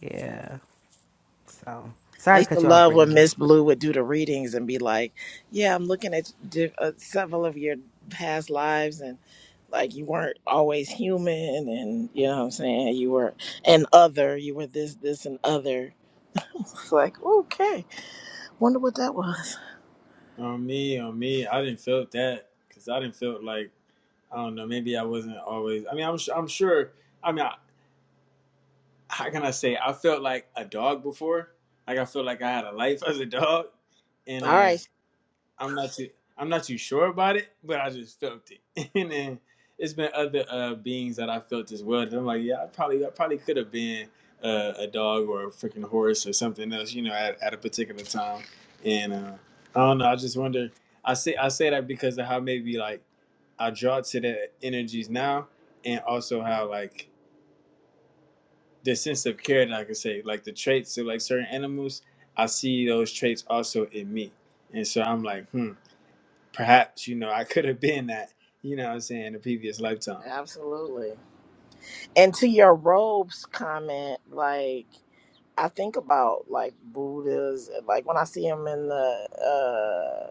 [SPEAKER 3] yeah. So
[SPEAKER 6] I
[SPEAKER 3] sorry to
[SPEAKER 6] used to
[SPEAKER 3] cut you off,
[SPEAKER 6] love when
[SPEAKER 3] Brittany.
[SPEAKER 6] Miss Blue would do the readings and be like, "Yeah, I'm looking at di- uh, several of your past lives, and like you weren't always human, and you know what I'm saying you were an other, you were this, this, and other." It's like, okay, wonder what that was.
[SPEAKER 7] On me, on me, I didn't feel that because I didn't feel like I don't know. Maybe I wasn't always. I mean, I'm su- I'm sure. I mean, I, how can I say? I felt like a dog before. Like I felt like I had a life as a dog, and
[SPEAKER 6] All
[SPEAKER 7] uh
[SPEAKER 6] right,
[SPEAKER 7] I'm not too I'm not too sure about it, but I just felt it. and then it's been other uh, beings that I felt as well. That I'm like, yeah, I probably I probably could have been uh, a dog or a freaking horse or something else, you know, at, at a particular time. And uh, I don't know. I just wonder. I say I say that because of how maybe like I draw to the energies now, and also how like the sense of care that I could say, like the traits of like certain animals, I see those traits also in me, and so I'm like, hmm perhaps you know I could have been that you know what I'm saying in a previous lifetime.
[SPEAKER 6] absolutely. And to your robes comment, like I think about like Buddhas, like when I see them in the uh,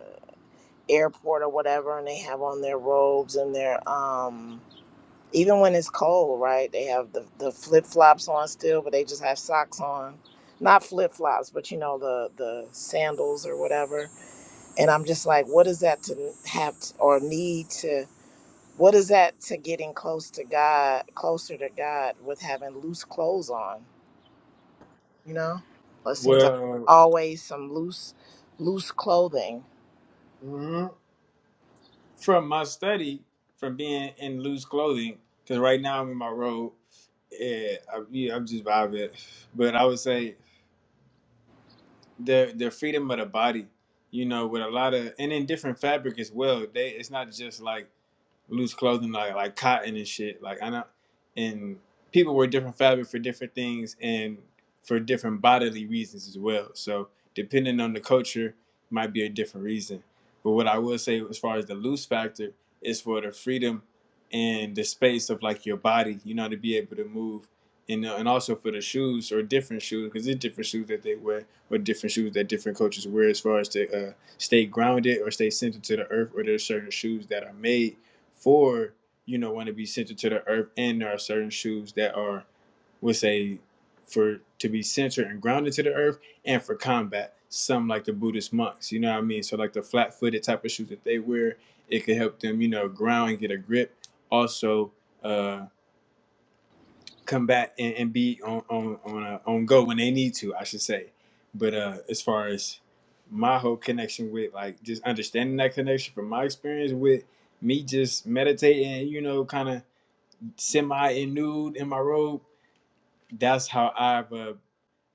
[SPEAKER 6] airport or whatever and they have on their robes and their um even when it's cold right they have the, the flip-flops on still but they just have socks on not flip-flops but you know the the sandals or whatever and i'm just like what is that to have to, or need to what is that to getting close to god closer to god with having loose clothes on you know it seems like
[SPEAKER 7] Well,
[SPEAKER 6] always some loose loose clothing
[SPEAKER 7] mhm, from my study, from being in loose clothing, because right now I'm in my robe, yeah, I, yeah, I'm just vibing. But I would say the the freedom of the body, you know, with a lot of and in different fabric as well. They it's not just like loose clothing like like cotton and shit. Like I know, and people wear different fabric for different things and for different bodily reasons as well. So depending on the culture, might be a different reason. But what I will say as far as the loose factor is for the freedom and the space of like your body, you know, to be able to move. And, uh, and also for the shoes or different shoes because it's different shoes that they wear or different shoes that different cultures wear as far as to uh, stay grounded or stay centered to the earth or there's certain shoes that are made for you know want to be centered to the earth and there are certain shoes that are would say for to be centered and grounded to the earth and for combat some like the buddhist monks you know what i mean so like the flat-footed type of shoes that they wear it could help them you know ground and get a grip also uh combat and, and be on on on, uh, on go when they need to, I should say. But uh, as far as my whole connection with like just understanding that connection from my experience with me just meditating, you know, kind of semi in nude in my robe. That's how I've uh,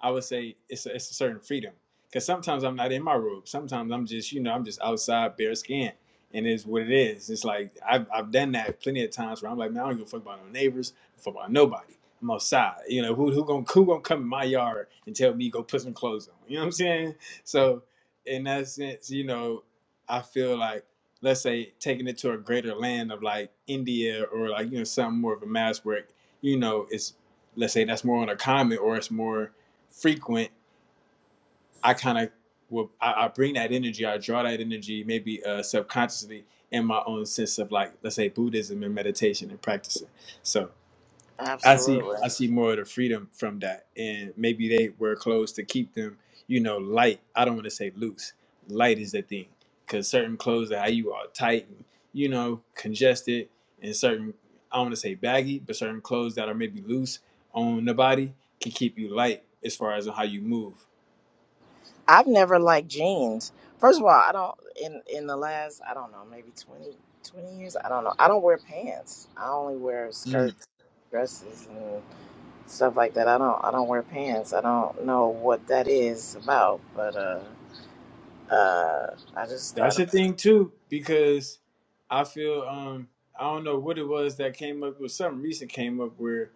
[SPEAKER 7] I would say it's a, it's a certain freedom because sometimes I'm not in my robe. Sometimes I'm just you know I'm just outside bare skin, and it's what it is. It's like I've I've done that plenty of times where I'm like, man, I don't give a fuck about no neighbors, I don't fuck about nobody. I'm outside. You know who who gonna who gonna come in my yard and tell me go put some clothes on? You know what I'm saying? So in that sense, you know, I feel like let's say taking it to a greater land of like India or like you know something more of a mass where you know it's let's say that's more on a common or it's more frequent, I kind of will I, I bring that energy, I draw that energy maybe uh, subconsciously in my own sense of like let's say Buddhism and meditation and practicing. So I see
[SPEAKER 6] absolutely
[SPEAKER 7] I see more of the freedom from that, and maybe they wear clothes to keep them you know light. I don't want to say loose. Light is the thing because certain clothes that how you all tight and you know congested, and certain I don't want to say baggy, but certain clothes that are maybe loose on the body can keep you light as far as how you move.
[SPEAKER 6] I've never liked jeans. First of all, I don't in in the last I don't know maybe 20 20 years. I don't know. I don't wear pants. I only wear skirts, dresses, and stuff like that. I don't I don't wear pants. I don't know what that is about. But uh, uh, I just I
[SPEAKER 7] That's
[SPEAKER 6] don't.
[SPEAKER 7] the thing too, because I feel um I don't know what it was that came up with some recent came up where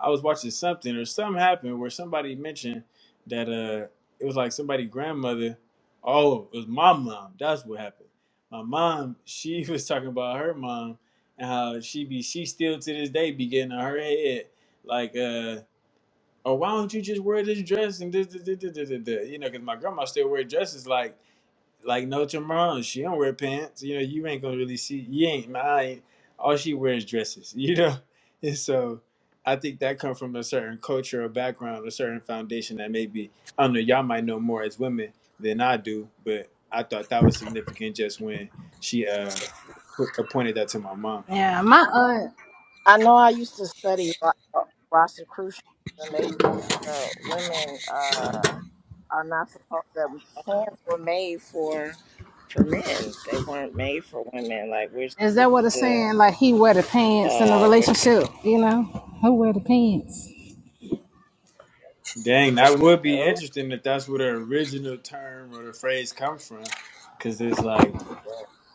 [SPEAKER 7] I was watching something or something happened where somebody mentioned that uh it was like somebody grandmother. Oh, it was my mom. That's what happened. My mom, she was talking about her mom and how she be she still to this day be getting on her head like uh oh why don't you just wear this dress and this, this, this, this, this, this, this," you know because my grandma still wear dresses like like no tomorrow. She don't wear pants. You know, you ain't gonna really see. You ain't mine. All she wears dresses. You know, and so I think that come from a certain culture or background, a certain foundation that maybe I don't know. Y'all might know more as women than I do, but I thought that was significant just when she uh put, appointed that to my mom.
[SPEAKER 1] Yeah, my aunt.
[SPEAKER 6] I know I used to study Ro- Rosicrucians, and they uh, women uh are not supposed. The pants were made for for men. They weren't made for women. Like we're
[SPEAKER 1] Is
[SPEAKER 6] supposed
[SPEAKER 1] that what it's
[SPEAKER 6] to.
[SPEAKER 1] saying? Like he wear the pants in a
[SPEAKER 6] uh where
[SPEAKER 1] relationship, you know? Who wear the pants?
[SPEAKER 7] Dang, that would be interesting if that's where the original term or the phrase comes from, because it's like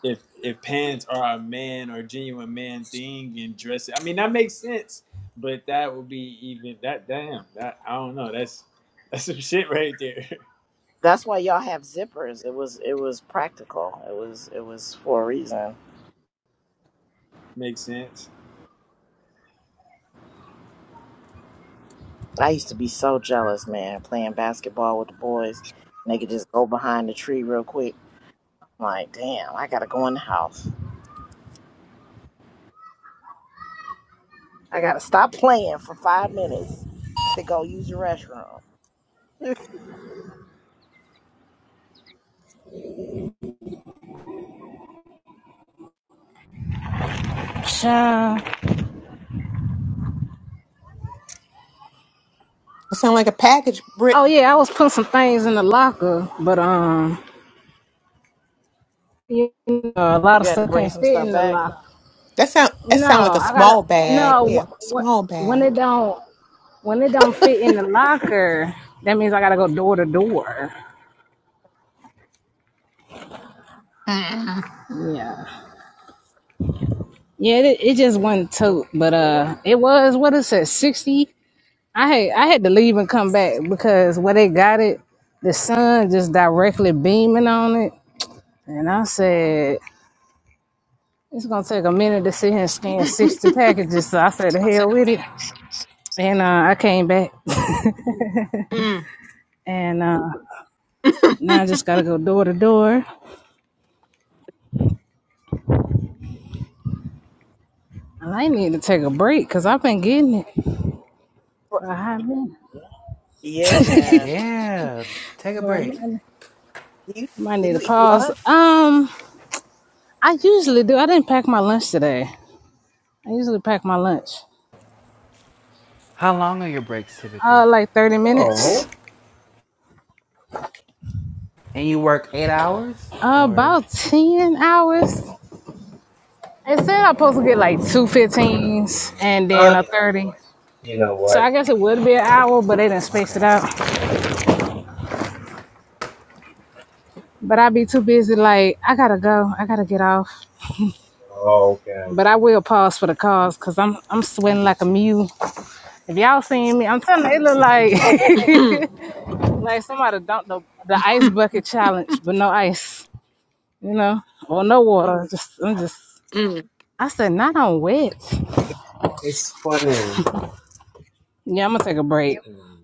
[SPEAKER 7] if if pants are a man or genuine man thing and dress I mean that makes sense, but that would be even that damn that I don't know that's that's some shit right there.
[SPEAKER 6] that's why y'all have zippers. It was it was practical. It was it was for a reason.
[SPEAKER 7] makes sense.
[SPEAKER 6] I used to be so jealous, man, playing basketball with the boys. And they could just go behind the tree real quick. I'm like, damn, I gotta go in the house. I gotta stop playing for five minutes to go use the restroom.
[SPEAKER 1] Sure.
[SPEAKER 10] sounds like a package, Bri
[SPEAKER 1] Oh yeah, I was putting some things in the locker, but um, you know, a lot of
[SPEAKER 6] you had to
[SPEAKER 1] stuff
[SPEAKER 6] bring
[SPEAKER 1] can't
[SPEAKER 6] some
[SPEAKER 1] fit
[SPEAKER 6] stuff
[SPEAKER 1] in the
[SPEAKER 6] back.
[SPEAKER 1] locker.
[SPEAKER 10] That sound that
[SPEAKER 1] No,
[SPEAKER 10] sound like a
[SPEAKER 1] I gotta
[SPEAKER 10] small bag.
[SPEAKER 1] no.
[SPEAKER 10] Yeah,
[SPEAKER 1] Wh-
[SPEAKER 10] small
[SPEAKER 1] wh- when it
[SPEAKER 10] bag.
[SPEAKER 1] don't when it don't fit in the locker, that means I gotta go door to door.
[SPEAKER 10] Mm.
[SPEAKER 1] Yeah. Yeah, it, it just wasn't
[SPEAKER 6] Door
[SPEAKER 1] tote, but
[SPEAKER 6] door?
[SPEAKER 1] uh, it was what it said, sixty I had I had to leave and come back because where they got it, the sun just directly beaming on it, and I said it's gonna take a minute to sit here and scan sixty packages. So I said
[SPEAKER 10] It's
[SPEAKER 1] the
[SPEAKER 10] gonna
[SPEAKER 1] hell
[SPEAKER 10] take
[SPEAKER 1] with it, and uh, I came back, and uh, now I just gotta go door to door. And I need to take a break because I've been getting it for a hot
[SPEAKER 6] Yeah, you have.
[SPEAKER 1] minute.
[SPEAKER 3] Yeah, take a
[SPEAKER 1] Well, I
[SPEAKER 6] Do
[SPEAKER 3] break.
[SPEAKER 6] you
[SPEAKER 1] might
[SPEAKER 6] do you,
[SPEAKER 1] might
[SPEAKER 6] do
[SPEAKER 1] need to
[SPEAKER 6] you eat
[SPEAKER 1] pause.
[SPEAKER 6] lunch?
[SPEAKER 1] Um, I usually do. I didn't pack my lunch today. I usually pack my lunch.
[SPEAKER 3] How long are your breaks typically?
[SPEAKER 1] Uh, like thirty minutes.
[SPEAKER 2] Oh,
[SPEAKER 3] And you work eight hours or?
[SPEAKER 1] About 10 hours. It said I'm supposed to get like
[SPEAKER 3] Oh
[SPEAKER 1] two
[SPEAKER 3] yo,
[SPEAKER 1] 15s and then
[SPEAKER 2] uh,
[SPEAKER 1] a 30.
[SPEAKER 2] you know
[SPEAKER 1] So
[SPEAKER 2] what?
[SPEAKER 1] I guess it would be an hour, but they didn't space it
[SPEAKER 3] okay,
[SPEAKER 1] out. But I'd be too busy, like, I gotta go. I gotta get off.
[SPEAKER 2] Oh, okay.
[SPEAKER 1] But I will pause for the calls because I'm I'm
[SPEAKER 3] I
[SPEAKER 1] sweating like a
[SPEAKER 3] get you.
[SPEAKER 1] mule. If y'all seen me, I'm telling you, it look like
[SPEAKER 10] Mm.
[SPEAKER 1] like somebody dumped the, the ice bucket challenge, but no ice, you know, or no water. Just I'm just
[SPEAKER 10] Mm.
[SPEAKER 1] I said not on wet.
[SPEAKER 2] It's funny.
[SPEAKER 1] Yeah, I'm gonna take a break.
[SPEAKER 2] Mm.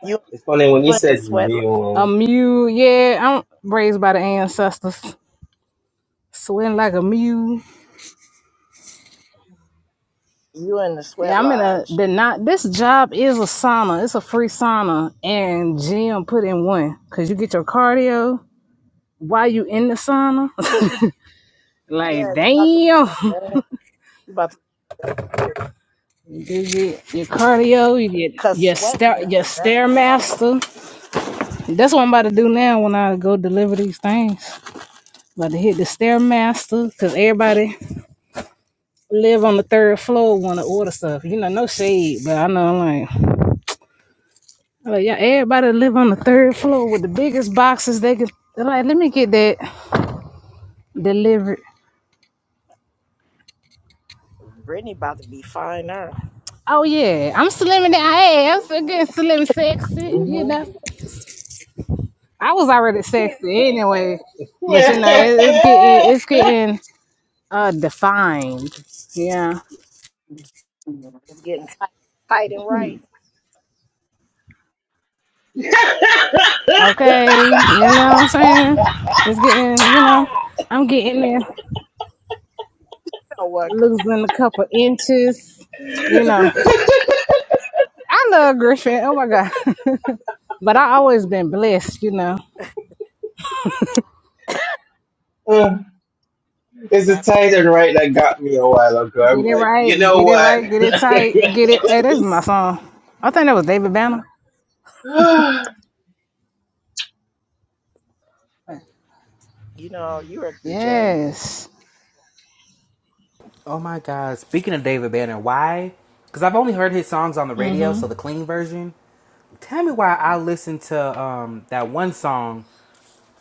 [SPEAKER 6] You
[SPEAKER 2] It's funny when you
[SPEAKER 6] you in the
[SPEAKER 2] said
[SPEAKER 6] sweat lodge.
[SPEAKER 1] A
[SPEAKER 2] Leo.
[SPEAKER 1] mule, yeah. I'm raised by the ancestors. Sweating like a mule.
[SPEAKER 6] You in the sweat
[SPEAKER 1] Yeah, I'm in a
[SPEAKER 6] lodge.
[SPEAKER 1] the not this job is a sauna. It's a free sauna and gym put in one. Cause you get your cardio while you in the sauna. like
[SPEAKER 6] Yeah, you about to
[SPEAKER 1] damn.
[SPEAKER 6] you about to
[SPEAKER 1] You get your cardio, you get
[SPEAKER 6] cause
[SPEAKER 1] your
[SPEAKER 6] sweating
[SPEAKER 1] stair
[SPEAKER 6] is
[SPEAKER 1] your
[SPEAKER 6] the best form.
[SPEAKER 1] stairmaster. That's what I'm about to do now when I go deliver these things. About to hit the stairmaster. Cause everybody live on the third floor want to order stuff. You know, no shade, but I know like, like yeah, everybody live on the third floor with the biggest boxes they can. They're like, let me get that delivered.
[SPEAKER 6] Brittany about to be finer.
[SPEAKER 1] Oh yeah, I'm slimming that. Hey, I'm still getting slim sexy.
[SPEAKER 2] hmm
[SPEAKER 1] You know, I was already sexy anyway, but you
[SPEAKER 2] Yeah.
[SPEAKER 1] know, it, it's getting it's getting uh defined. Yeah.
[SPEAKER 6] It's getting tight, tight and right.
[SPEAKER 1] Okay. You know what I'm saying? It's getting. You know, I'm getting there.
[SPEAKER 6] So what? good-
[SPEAKER 1] Losing a couple inches. You know. I love Griffin. Oh my God. but I always been blessed, you know.
[SPEAKER 2] Uh, it's the
[SPEAKER 6] That
[SPEAKER 2] Titan, right? That got me a while ago.
[SPEAKER 1] Get
[SPEAKER 2] I'm
[SPEAKER 1] it
[SPEAKER 2] like, you
[SPEAKER 1] right,
[SPEAKER 2] know
[SPEAKER 1] get it
[SPEAKER 2] what?
[SPEAKER 1] right, get it
[SPEAKER 2] Let
[SPEAKER 1] tight, get it. Hey, that's
[SPEAKER 2] me
[SPEAKER 1] my
[SPEAKER 2] s-
[SPEAKER 1] song. I think that was David Banner.
[SPEAKER 6] you know you're a DJ.
[SPEAKER 1] Yes.
[SPEAKER 3] Oh my God. Speaking of David Banner, why? Because I've only heard his songs on the radio, so the clean version. Tell me why I listened to um, that one song.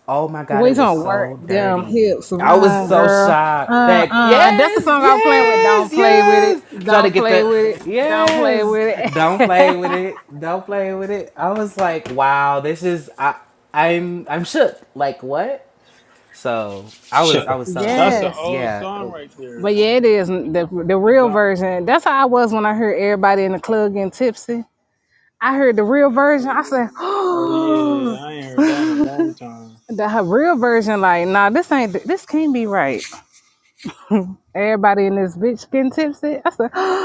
[SPEAKER 3] Oh my God,
[SPEAKER 1] We
[SPEAKER 3] it was
[SPEAKER 1] gonna work
[SPEAKER 3] so
[SPEAKER 1] them
[SPEAKER 3] dirty.
[SPEAKER 1] hips
[SPEAKER 3] I was
[SPEAKER 1] around,
[SPEAKER 3] so
[SPEAKER 1] girl.
[SPEAKER 3] shocked.
[SPEAKER 1] Uh,
[SPEAKER 3] That,
[SPEAKER 1] uh, that's the
[SPEAKER 3] yes,
[SPEAKER 1] song I was playing with. Don't
[SPEAKER 3] yes,
[SPEAKER 1] play with it.
[SPEAKER 3] yes. Trying to
[SPEAKER 1] Don't
[SPEAKER 3] get
[SPEAKER 1] play
[SPEAKER 3] the,
[SPEAKER 1] with it. Don't play
[SPEAKER 3] yes.
[SPEAKER 1] with
[SPEAKER 3] Don't play
[SPEAKER 1] it.
[SPEAKER 3] with it. Don't play with it. I was like, wow, this is, I, I'm, I'm shook. Like, what? So I was,
[SPEAKER 2] Shook
[SPEAKER 3] I
[SPEAKER 2] it.
[SPEAKER 3] was so
[SPEAKER 7] That's
[SPEAKER 3] shook.
[SPEAKER 7] an
[SPEAKER 1] yes.
[SPEAKER 7] old
[SPEAKER 3] Yeah.
[SPEAKER 7] song
[SPEAKER 3] Oh,
[SPEAKER 7] right there.
[SPEAKER 1] But yeah, it is the the
[SPEAKER 7] The
[SPEAKER 1] real
[SPEAKER 7] dump.
[SPEAKER 1] version. That's how I was when I heard everybody in the club getting tipsy. I heard the real version. I
[SPEAKER 7] Oh
[SPEAKER 1] said,
[SPEAKER 7] yeah, I ain't heard that in a long time.
[SPEAKER 1] The her real version, like, nah, this ain't, this can't be right. Everybody in this bitch getting tipsy. I said,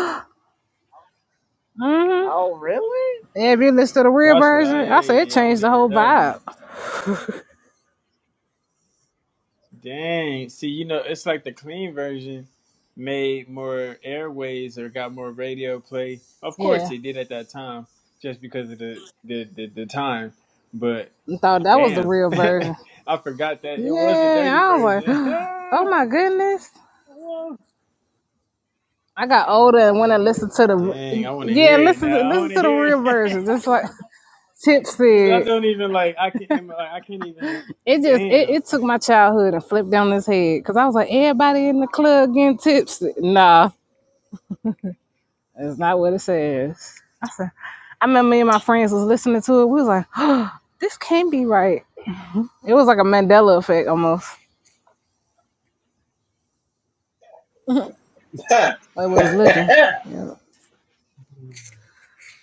[SPEAKER 1] mm-hmm.
[SPEAKER 6] Oh really?
[SPEAKER 1] if you listen to the real
[SPEAKER 7] That's what I
[SPEAKER 1] version, I said it
[SPEAKER 7] hey I want
[SPEAKER 1] changed
[SPEAKER 7] to
[SPEAKER 1] the
[SPEAKER 7] hear
[SPEAKER 1] whole
[SPEAKER 7] that one.
[SPEAKER 1] vibe.
[SPEAKER 7] Dang. See, you know, it's like the clean version made more airways or got more radio play. Of course
[SPEAKER 1] Yeah,
[SPEAKER 7] it did at that time, just because of the the, the, the time. But
[SPEAKER 1] I thought that was the
[SPEAKER 7] damn.
[SPEAKER 1] real version.
[SPEAKER 7] I forgot that it was a
[SPEAKER 1] Yeah,
[SPEAKER 7] dirty
[SPEAKER 1] I was like,
[SPEAKER 7] version.
[SPEAKER 1] oh my goodness. I got older and when I listened to
[SPEAKER 7] Dang, I
[SPEAKER 1] the,
[SPEAKER 7] want to
[SPEAKER 1] yeah,
[SPEAKER 7] hear it
[SPEAKER 1] listen,
[SPEAKER 7] now.
[SPEAKER 1] to,
[SPEAKER 7] I
[SPEAKER 1] listen
[SPEAKER 7] want to
[SPEAKER 1] to the
[SPEAKER 7] hear
[SPEAKER 1] real
[SPEAKER 7] it
[SPEAKER 1] version. Just like
[SPEAKER 7] because I
[SPEAKER 1] tipsy.
[SPEAKER 7] don't even like. I can't. I can't even.
[SPEAKER 1] It just, it,
[SPEAKER 7] Damn.
[SPEAKER 1] it took my childhood and flipped down his head because I was like, everybody in the club getting tipsy. Nah, It's not what it says. I said, I remember me and my friends was listening to it. We was like, "Oh, this can't be right. It was like a Mandela effect almost. Like we was looking. Yeah.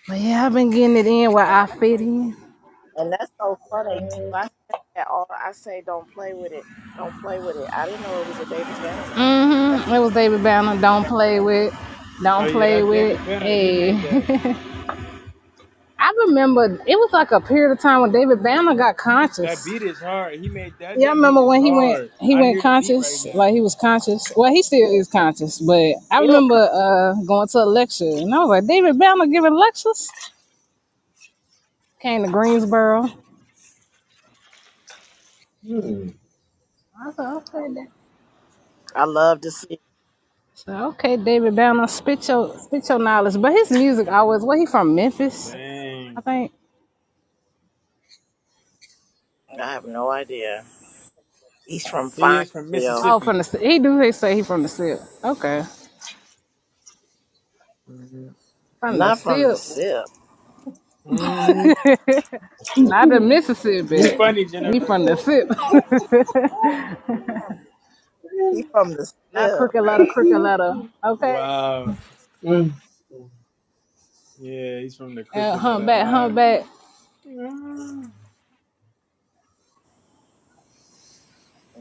[SPEAKER 1] But yeah, I've been getting it in where I fit in.
[SPEAKER 6] And that's so funny.
[SPEAKER 2] Uh,
[SPEAKER 6] I say that all I say don't play with it. Don't play with it. I didn't know it was a David Banner song. I
[SPEAKER 1] Mm-hmm. It was David Banner. Don't play with. It.
[SPEAKER 7] Oh
[SPEAKER 1] Don't
[SPEAKER 7] yeah,
[SPEAKER 1] play
[SPEAKER 7] that's
[SPEAKER 1] with it.
[SPEAKER 7] David Banner. He
[SPEAKER 1] Hey.
[SPEAKER 7] made that.
[SPEAKER 1] I remember it was like a period of time when David Banner got
[SPEAKER 7] That
[SPEAKER 1] conscious.
[SPEAKER 7] beat is hard. He made that.
[SPEAKER 1] Yeah, I
[SPEAKER 7] That beat
[SPEAKER 1] remember
[SPEAKER 7] is
[SPEAKER 1] when he went
[SPEAKER 7] hard.
[SPEAKER 1] he
[SPEAKER 7] I
[SPEAKER 1] went
[SPEAKER 7] hear the beat right
[SPEAKER 1] conscious,
[SPEAKER 7] now.
[SPEAKER 1] like he was conscious. Well, he still is conscious, but I
[SPEAKER 6] feel
[SPEAKER 1] remember
[SPEAKER 6] conscious.
[SPEAKER 1] uh going to a lecture and I was like, David Banner giving lectures? Came to Greensboro.
[SPEAKER 2] hmm.
[SPEAKER 1] I said, okay, Da-
[SPEAKER 6] I love to see. It.
[SPEAKER 1] so okay, David Banner, spit your spit your knowledge. But his music always what he from Memphis, I
[SPEAKER 7] Dang.
[SPEAKER 1] think.
[SPEAKER 6] I have no idea. He's from
[SPEAKER 7] He is from
[SPEAKER 6] Fineville,
[SPEAKER 1] Oh, from
[SPEAKER 7] Mississippi.
[SPEAKER 1] the ci- he do they say he from the SIP. Okay.
[SPEAKER 7] hmm
[SPEAKER 1] From the
[SPEAKER 6] not from the
[SPEAKER 1] SIP.
[SPEAKER 6] SIP.
[SPEAKER 7] hmm
[SPEAKER 1] Not the
[SPEAKER 7] You
[SPEAKER 1] Mississippi.
[SPEAKER 7] funny,
[SPEAKER 1] He
[SPEAKER 7] Jennifer.
[SPEAKER 1] from the SIP.
[SPEAKER 6] He's from the
[SPEAKER 1] Not
[SPEAKER 6] SIP.
[SPEAKER 1] crooked letter, crooked letter. Okay.
[SPEAKER 7] Wow.
[SPEAKER 2] Mm.
[SPEAKER 7] Yeah, he's from the
[SPEAKER 1] Uh,
[SPEAKER 7] crooked letter
[SPEAKER 1] humpback,
[SPEAKER 7] I.
[SPEAKER 1] humpback.
[SPEAKER 7] Mhm.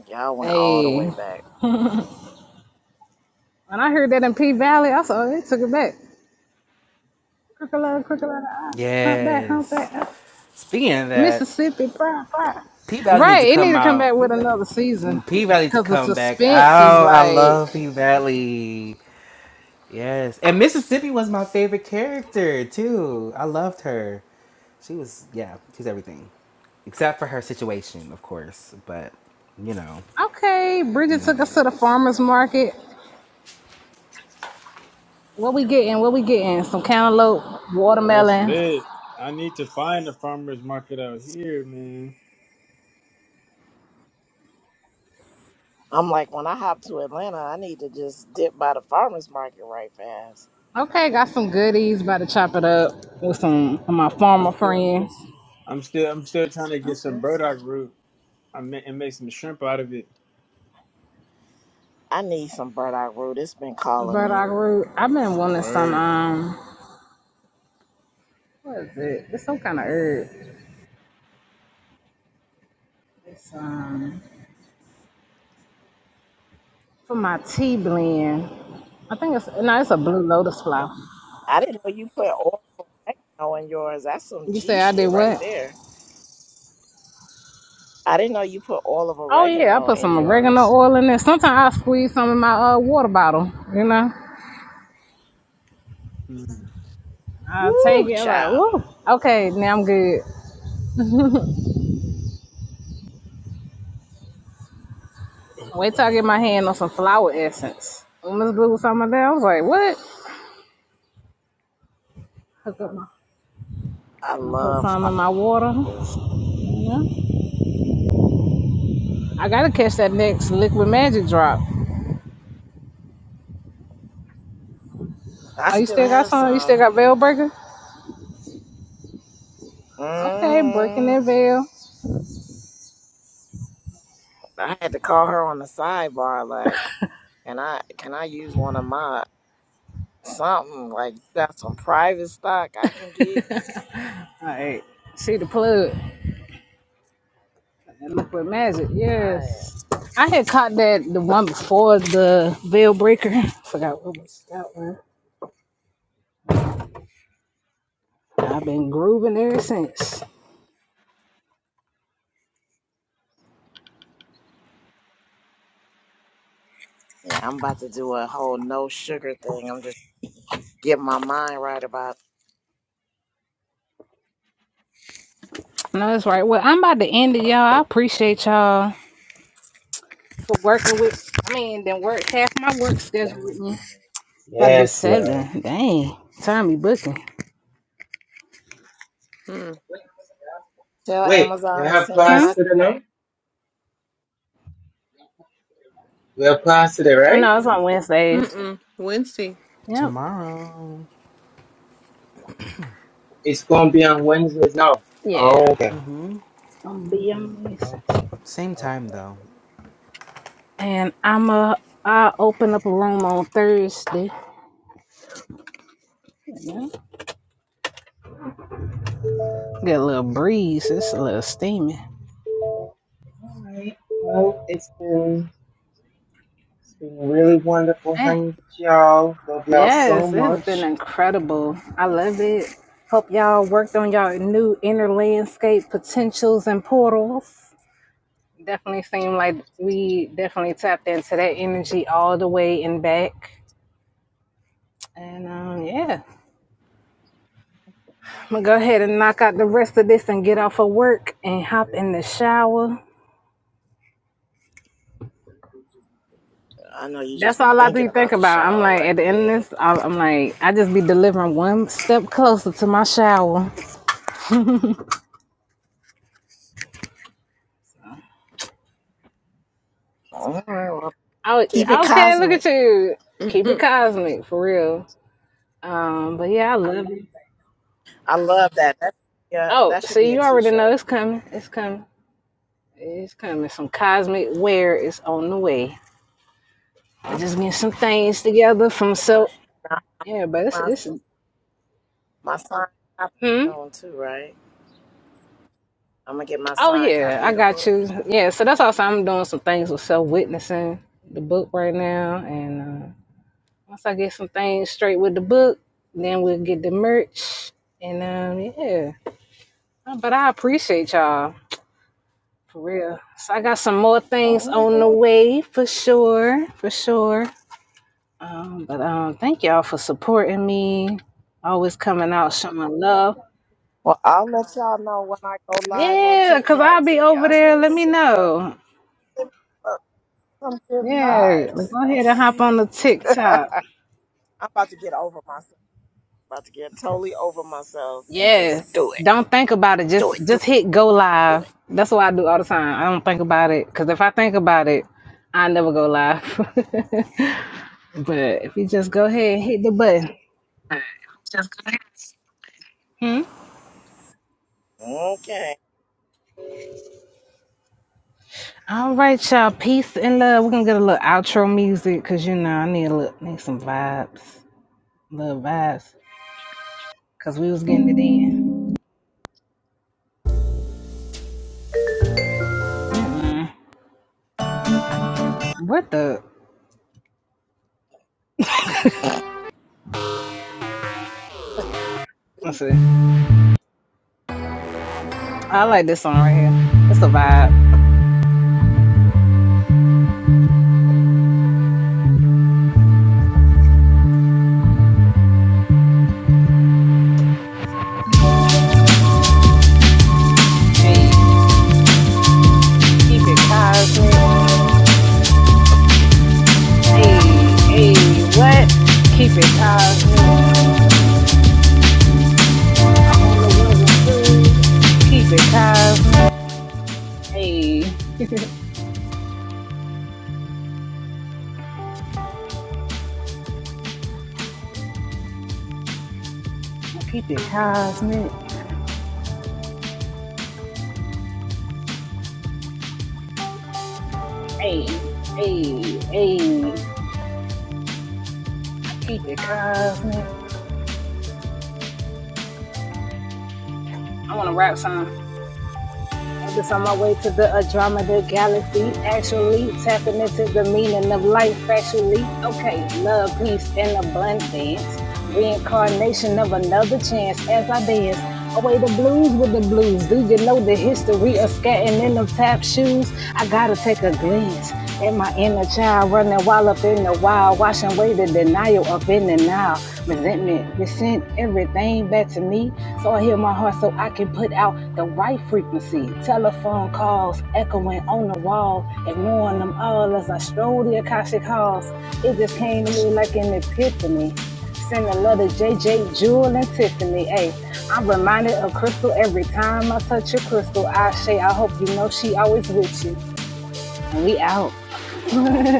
[SPEAKER 6] Y'all went all the
[SPEAKER 1] Hey,
[SPEAKER 6] way
[SPEAKER 1] when
[SPEAKER 6] back.
[SPEAKER 1] I heard that in P Valley, I saw they took it back. Crooked love, crooked love, ah, hump back, hump
[SPEAKER 3] Yes.
[SPEAKER 1] back, ah.
[SPEAKER 3] Speaking of that,
[SPEAKER 1] Mississippi, pride, pride.
[SPEAKER 3] P Valley needs to
[SPEAKER 1] Right, it need
[SPEAKER 3] come
[SPEAKER 1] to come
[SPEAKER 3] out.
[SPEAKER 1] back with another season
[SPEAKER 3] P Valley to
[SPEAKER 1] because the
[SPEAKER 3] come back
[SPEAKER 1] suspense is
[SPEAKER 3] out. I
[SPEAKER 1] like,
[SPEAKER 3] love P Valley. Yes, and Mississippi was my favorite character too. I loved her. She was yeah, she's everything, except for her situation, of course. But you know,
[SPEAKER 1] okay,
[SPEAKER 3] you
[SPEAKER 1] Bridget
[SPEAKER 3] know how
[SPEAKER 1] took
[SPEAKER 3] that
[SPEAKER 1] us to the
[SPEAKER 3] goes.
[SPEAKER 1] farmer's market. What we getting? What we getting? Some cantaloupe,
[SPEAKER 7] That's
[SPEAKER 1] watermelon.
[SPEAKER 7] lit. I need to find a farmers market out here, man.
[SPEAKER 6] I'm like, when I hop to Atlanta, I need to just dip by the farmer's market right fast.
[SPEAKER 1] Okay, got some goodies. About to chop it up with
[SPEAKER 7] I'm,
[SPEAKER 1] some of my farmer friends.
[SPEAKER 7] I'm still, I'm still trying to get some
[SPEAKER 1] Okay.
[SPEAKER 7] burdock root. I ma- and make some shrimp out of it.
[SPEAKER 6] I need some burdock root. It's been calling
[SPEAKER 1] But
[SPEAKER 6] me.
[SPEAKER 1] I grew. I've been wanting some.
[SPEAKER 7] Word.
[SPEAKER 1] Um, what is it? It's some kind of herb. It's, um, for my tea blend, I think it's no, it's a blue lotus flower.
[SPEAKER 6] I didn't know you put oil of oregano in yours. That's some
[SPEAKER 1] You
[SPEAKER 6] G
[SPEAKER 1] say I did
[SPEAKER 6] shit right
[SPEAKER 1] what?
[SPEAKER 6] there. I didn't know you put oil of
[SPEAKER 1] Oh yeah, I
[SPEAKER 6] oregano
[SPEAKER 1] put some
[SPEAKER 6] in
[SPEAKER 1] oregano
[SPEAKER 6] yours.
[SPEAKER 1] oil in there. Sometimes I squeeze some in my uh, water bottle. You know,
[SPEAKER 7] Mm.
[SPEAKER 1] I take
[SPEAKER 6] Woo,
[SPEAKER 1] it. I'm like,
[SPEAKER 6] child.
[SPEAKER 1] woo. Okay, now I'm good. Wait till I get my hand on some flower essence. When Miss Blue was talking about that, I was like, what? Hook up my.
[SPEAKER 6] I
[SPEAKER 1] I'm gonna put
[SPEAKER 6] love
[SPEAKER 1] some in my water.
[SPEAKER 6] flowers.
[SPEAKER 1] Yeah. I gotta catch that next liquid magic drop.
[SPEAKER 6] I
[SPEAKER 1] Oh, you
[SPEAKER 6] still
[SPEAKER 1] still got
[SPEAKER 6] have
[SPEAKER 1] some? You still
[SPEAKER 6] some.
[SPEAKER 1] got veil breaker? Okay, breaking
[SPEAKER 6] hmm
[SPEAKER 1] that veil.
[SPEAKER 6] I had to call her on the sidebar, like, can I can I use one of mine? something like got some private stock I can get.
[SPEAKER 1] All right. See the plug and look what magic.
[SPEAKER 6] All right.
[SPEAKER 1] Yes. I had caught that the one before the veil breaker. Forgot what was that one. I've been grooving ever since.
[SPEAKER 6] Yeah, I'm about to do a whole no sugar thing. I'm just getting my mind right about it.
[SPEAKER 1] No, that's right. Well, I'm about to end it, y'all. I appreciate y'all for working with I mean, then work half my work schedule with me. About to be
[SPEAKER 2] Yes, love.
[SPEAKER 1] seven. Dang. Time be booking.
[SPEAKER 10] Mm. Mm.
[SPEAKER 6] Tell
[SPEAKER 2] Wait, we
[SPEAKER 6] Amazon to
[SPEAKER 2] have
[SPEAKER 6] send me
[SPEAKER 2] class
[SPEAKER 1] Huh?
[SPEAKER 6] my
[SPEAKER 2] today, no?
[SPEAKER 6] check.
[SPEAKER 2] We have class today,
[SPEAKER 1] Oh
[SPEAKER 2] right?
[SPEAKER 1] no, it's on Wednesdays.
[SPEAKER 10] Mm. Wednesday.
[SPEAKER 1] Yep.
[SPEAKER 3] Tomorrow,
[SPEAKER 2] It's gonna be on Wednesdays now. Oh,
[SPEAKER 1] Yeah.
[SPEAKER 2] okay.
[SPEAKER 1] I'm be on Wednesdays.
[SPEAKER 2] Okay.
[SPEAKER 3] same
[SPEAKER 2] Okay.
[SPEAKER 3] time though.
[SPEAKER 1] And I'm a I open up a room on Thursday. Get a little breeze. It's a little steamy.
[SPEAKER 2] All right. Well, it's been it's been really wonderful
[SPEAKER 1] Eh,
[SPEAKER 2] hanging with y'all. Love y'all so
[SPEAKER 1] Yes, it's
[SPEAKER 2] much.
[SPEAKER 1] been incredible. I love it. Hope y'all worked on y'all new inner landscape potentials and portals. Definitely seemed like we definitely tapped into that energy all the way and back. And um, yeah, I'm gonna go ahead and knock out the rest of this and get off of work and hop in the shower.
[SPEAKER 6] I know you just
[SPEAKER 1] That's
[SPEAKER 6] be
[SPEAKER 1] all I
[SPEAKER 6] thinking
[SPEAKER 1] do think
[SPEAKER 6] about the
[SPEAKER 1] about. I'm
[SPEAKER 6] shower,
[SPEAKER 1] like,
[SPEAKER 6] like
[SPEAKER 1] at the end of
[SPEAKER 6] yeah.
[SPEAKER 1] this, I- I'm like, I just be delivering one step closer to my shower.
[SPEAKER 6] All right, well,
[SPEAKER 1] Oh,
[SPEAKER 6] keep it
[SPEAKER 1] okay. Look at
[SPEAKER 6] cosmic.
[SPEAKER 1] you. Keep it cosmic for real. Um, but yeah, I love it.
[SPEAKER 6] I love that. That yeah,
[SPEAKER 1] Oh,
[SPEAKER 6] that should
[SPEAKER 1] see,
[SPEAKER 6] be a
[SPEAKER 1] you already know
[SPEAKER 6] T-shirt.
[SPEAKER 1] it's coming. It's coming. It's coming. Some cosmic wear is on the way. I just getting some things together from so.
[SPEAKER 6] Now, I'll
[SPEAKER 1] Yeah,
[SPEAKER 6] get
[SPEAKER 1] but it's it's.
[SPEAKER 6] my my signed copy
[SPEAKER 1] Hmm.
[SPEAKER 6] soon too, right? I'm gonna get my
[SPEAKER 1] Oh
[SPEAKER 6] signed
[SPEAKER 1] yeah,
[SPEAKER 6] copy
[SPEAKER 1] I
[SPEAKER 6] of the
[SPEAKER 1] got
[SPEAKER 6] book.
[SPEAKER 1] you. Yeah. So that's also I'm doing some things with self witnessing the book right now, and uh, once I get some things straight with the book, then we'll get the merch. And um, yeah. But I appreciate y'all. For real. So I got some more things on the
[SPEAKER 6] hmm
[SPEAKER 1] way for sure. For sure. Um, but um thank y'all for supporting me. Always coming out showing love.
[SPEAKER 6] Well, I'll let y'all know when I go live on
[SPEAKER 1] Yeah, cause
[SPEAKER 6] TikTok
[SPEAKER 1] I'll
[SPEAKER 6] so
[SPEAKER 1] be over
[SPEAKER 6] y'all
[SPEAKER 1] there.
[SPEAKER 6] can
[SPEAKER 1] Let me know.
[SPEAKER 6] Some good
[SPEAKER 1] Yeah. like,
[SPEAKER 6] vibes.
[SPEAKER 1] Go ahead and hop on the TikTok.
[SPEAKER 6] I'm about to get over myself. about to get totally over myself and
[SPEAKER 1] Yes.
[SPEAKER 6] just do it.
[SPEAKER 1] Don't think about it.
[SPEAKER 6] Do
[SPEAKER 1] Just
[SPEAKER 6] it. Do it.
[SPEAKER 1] just hit go
[SPEAKER 6] Do
[SPEAKER 1] live.
[SPEAKER 6] it.
[SPEAKER 1] That's what I do all the time. I don't think about it. Cause if I think about it, I never go live. but if you just go ahead and hit the button.
[SPEAKER 10] Mm-hmm.
[SPEAKER 1] hmm.
[SPEAKER 6] Okay.
[SPEAKER 1] All right, y'all. Peace and love. We're gonna get a little outro music because you know I need a little need some vibes. Little vibes. Cause we was getting it in. Mm. What the let's see. I like this song right here. It's a vibe. Hey, keep it cosmic. Hey, hey, what? Keep it cosmic. On the level three. Keep it cosmic. Hey. keep it cosmic. Hey, hey, hey. Keep it cosmic. I want to rap some. I'm just on my way to the Andromeda Galaxy, actually tapping into the meaning of life, factually. Okay, love, peace, and abundance. Reincarnation of another chance as I dance. Away the blues with the blues. Do you know the history of scatting in them tap shoes? I gotta take a glance. And my inner child running wild up in the wild, washing away the denial up in the now. Resentment, resent everything back to me. So I hear my heart so I can put out the right frequency. Telephone calls echoing on the wall, ignoring them all as I stroll the Akashic Halls. It just came to me like an epiphany. Sending love to JJ, Jewel, and Tiffany. Hey, I'm reminded of Crystal every time I touch your crystal. I say, I hope you know she always with you. And we out.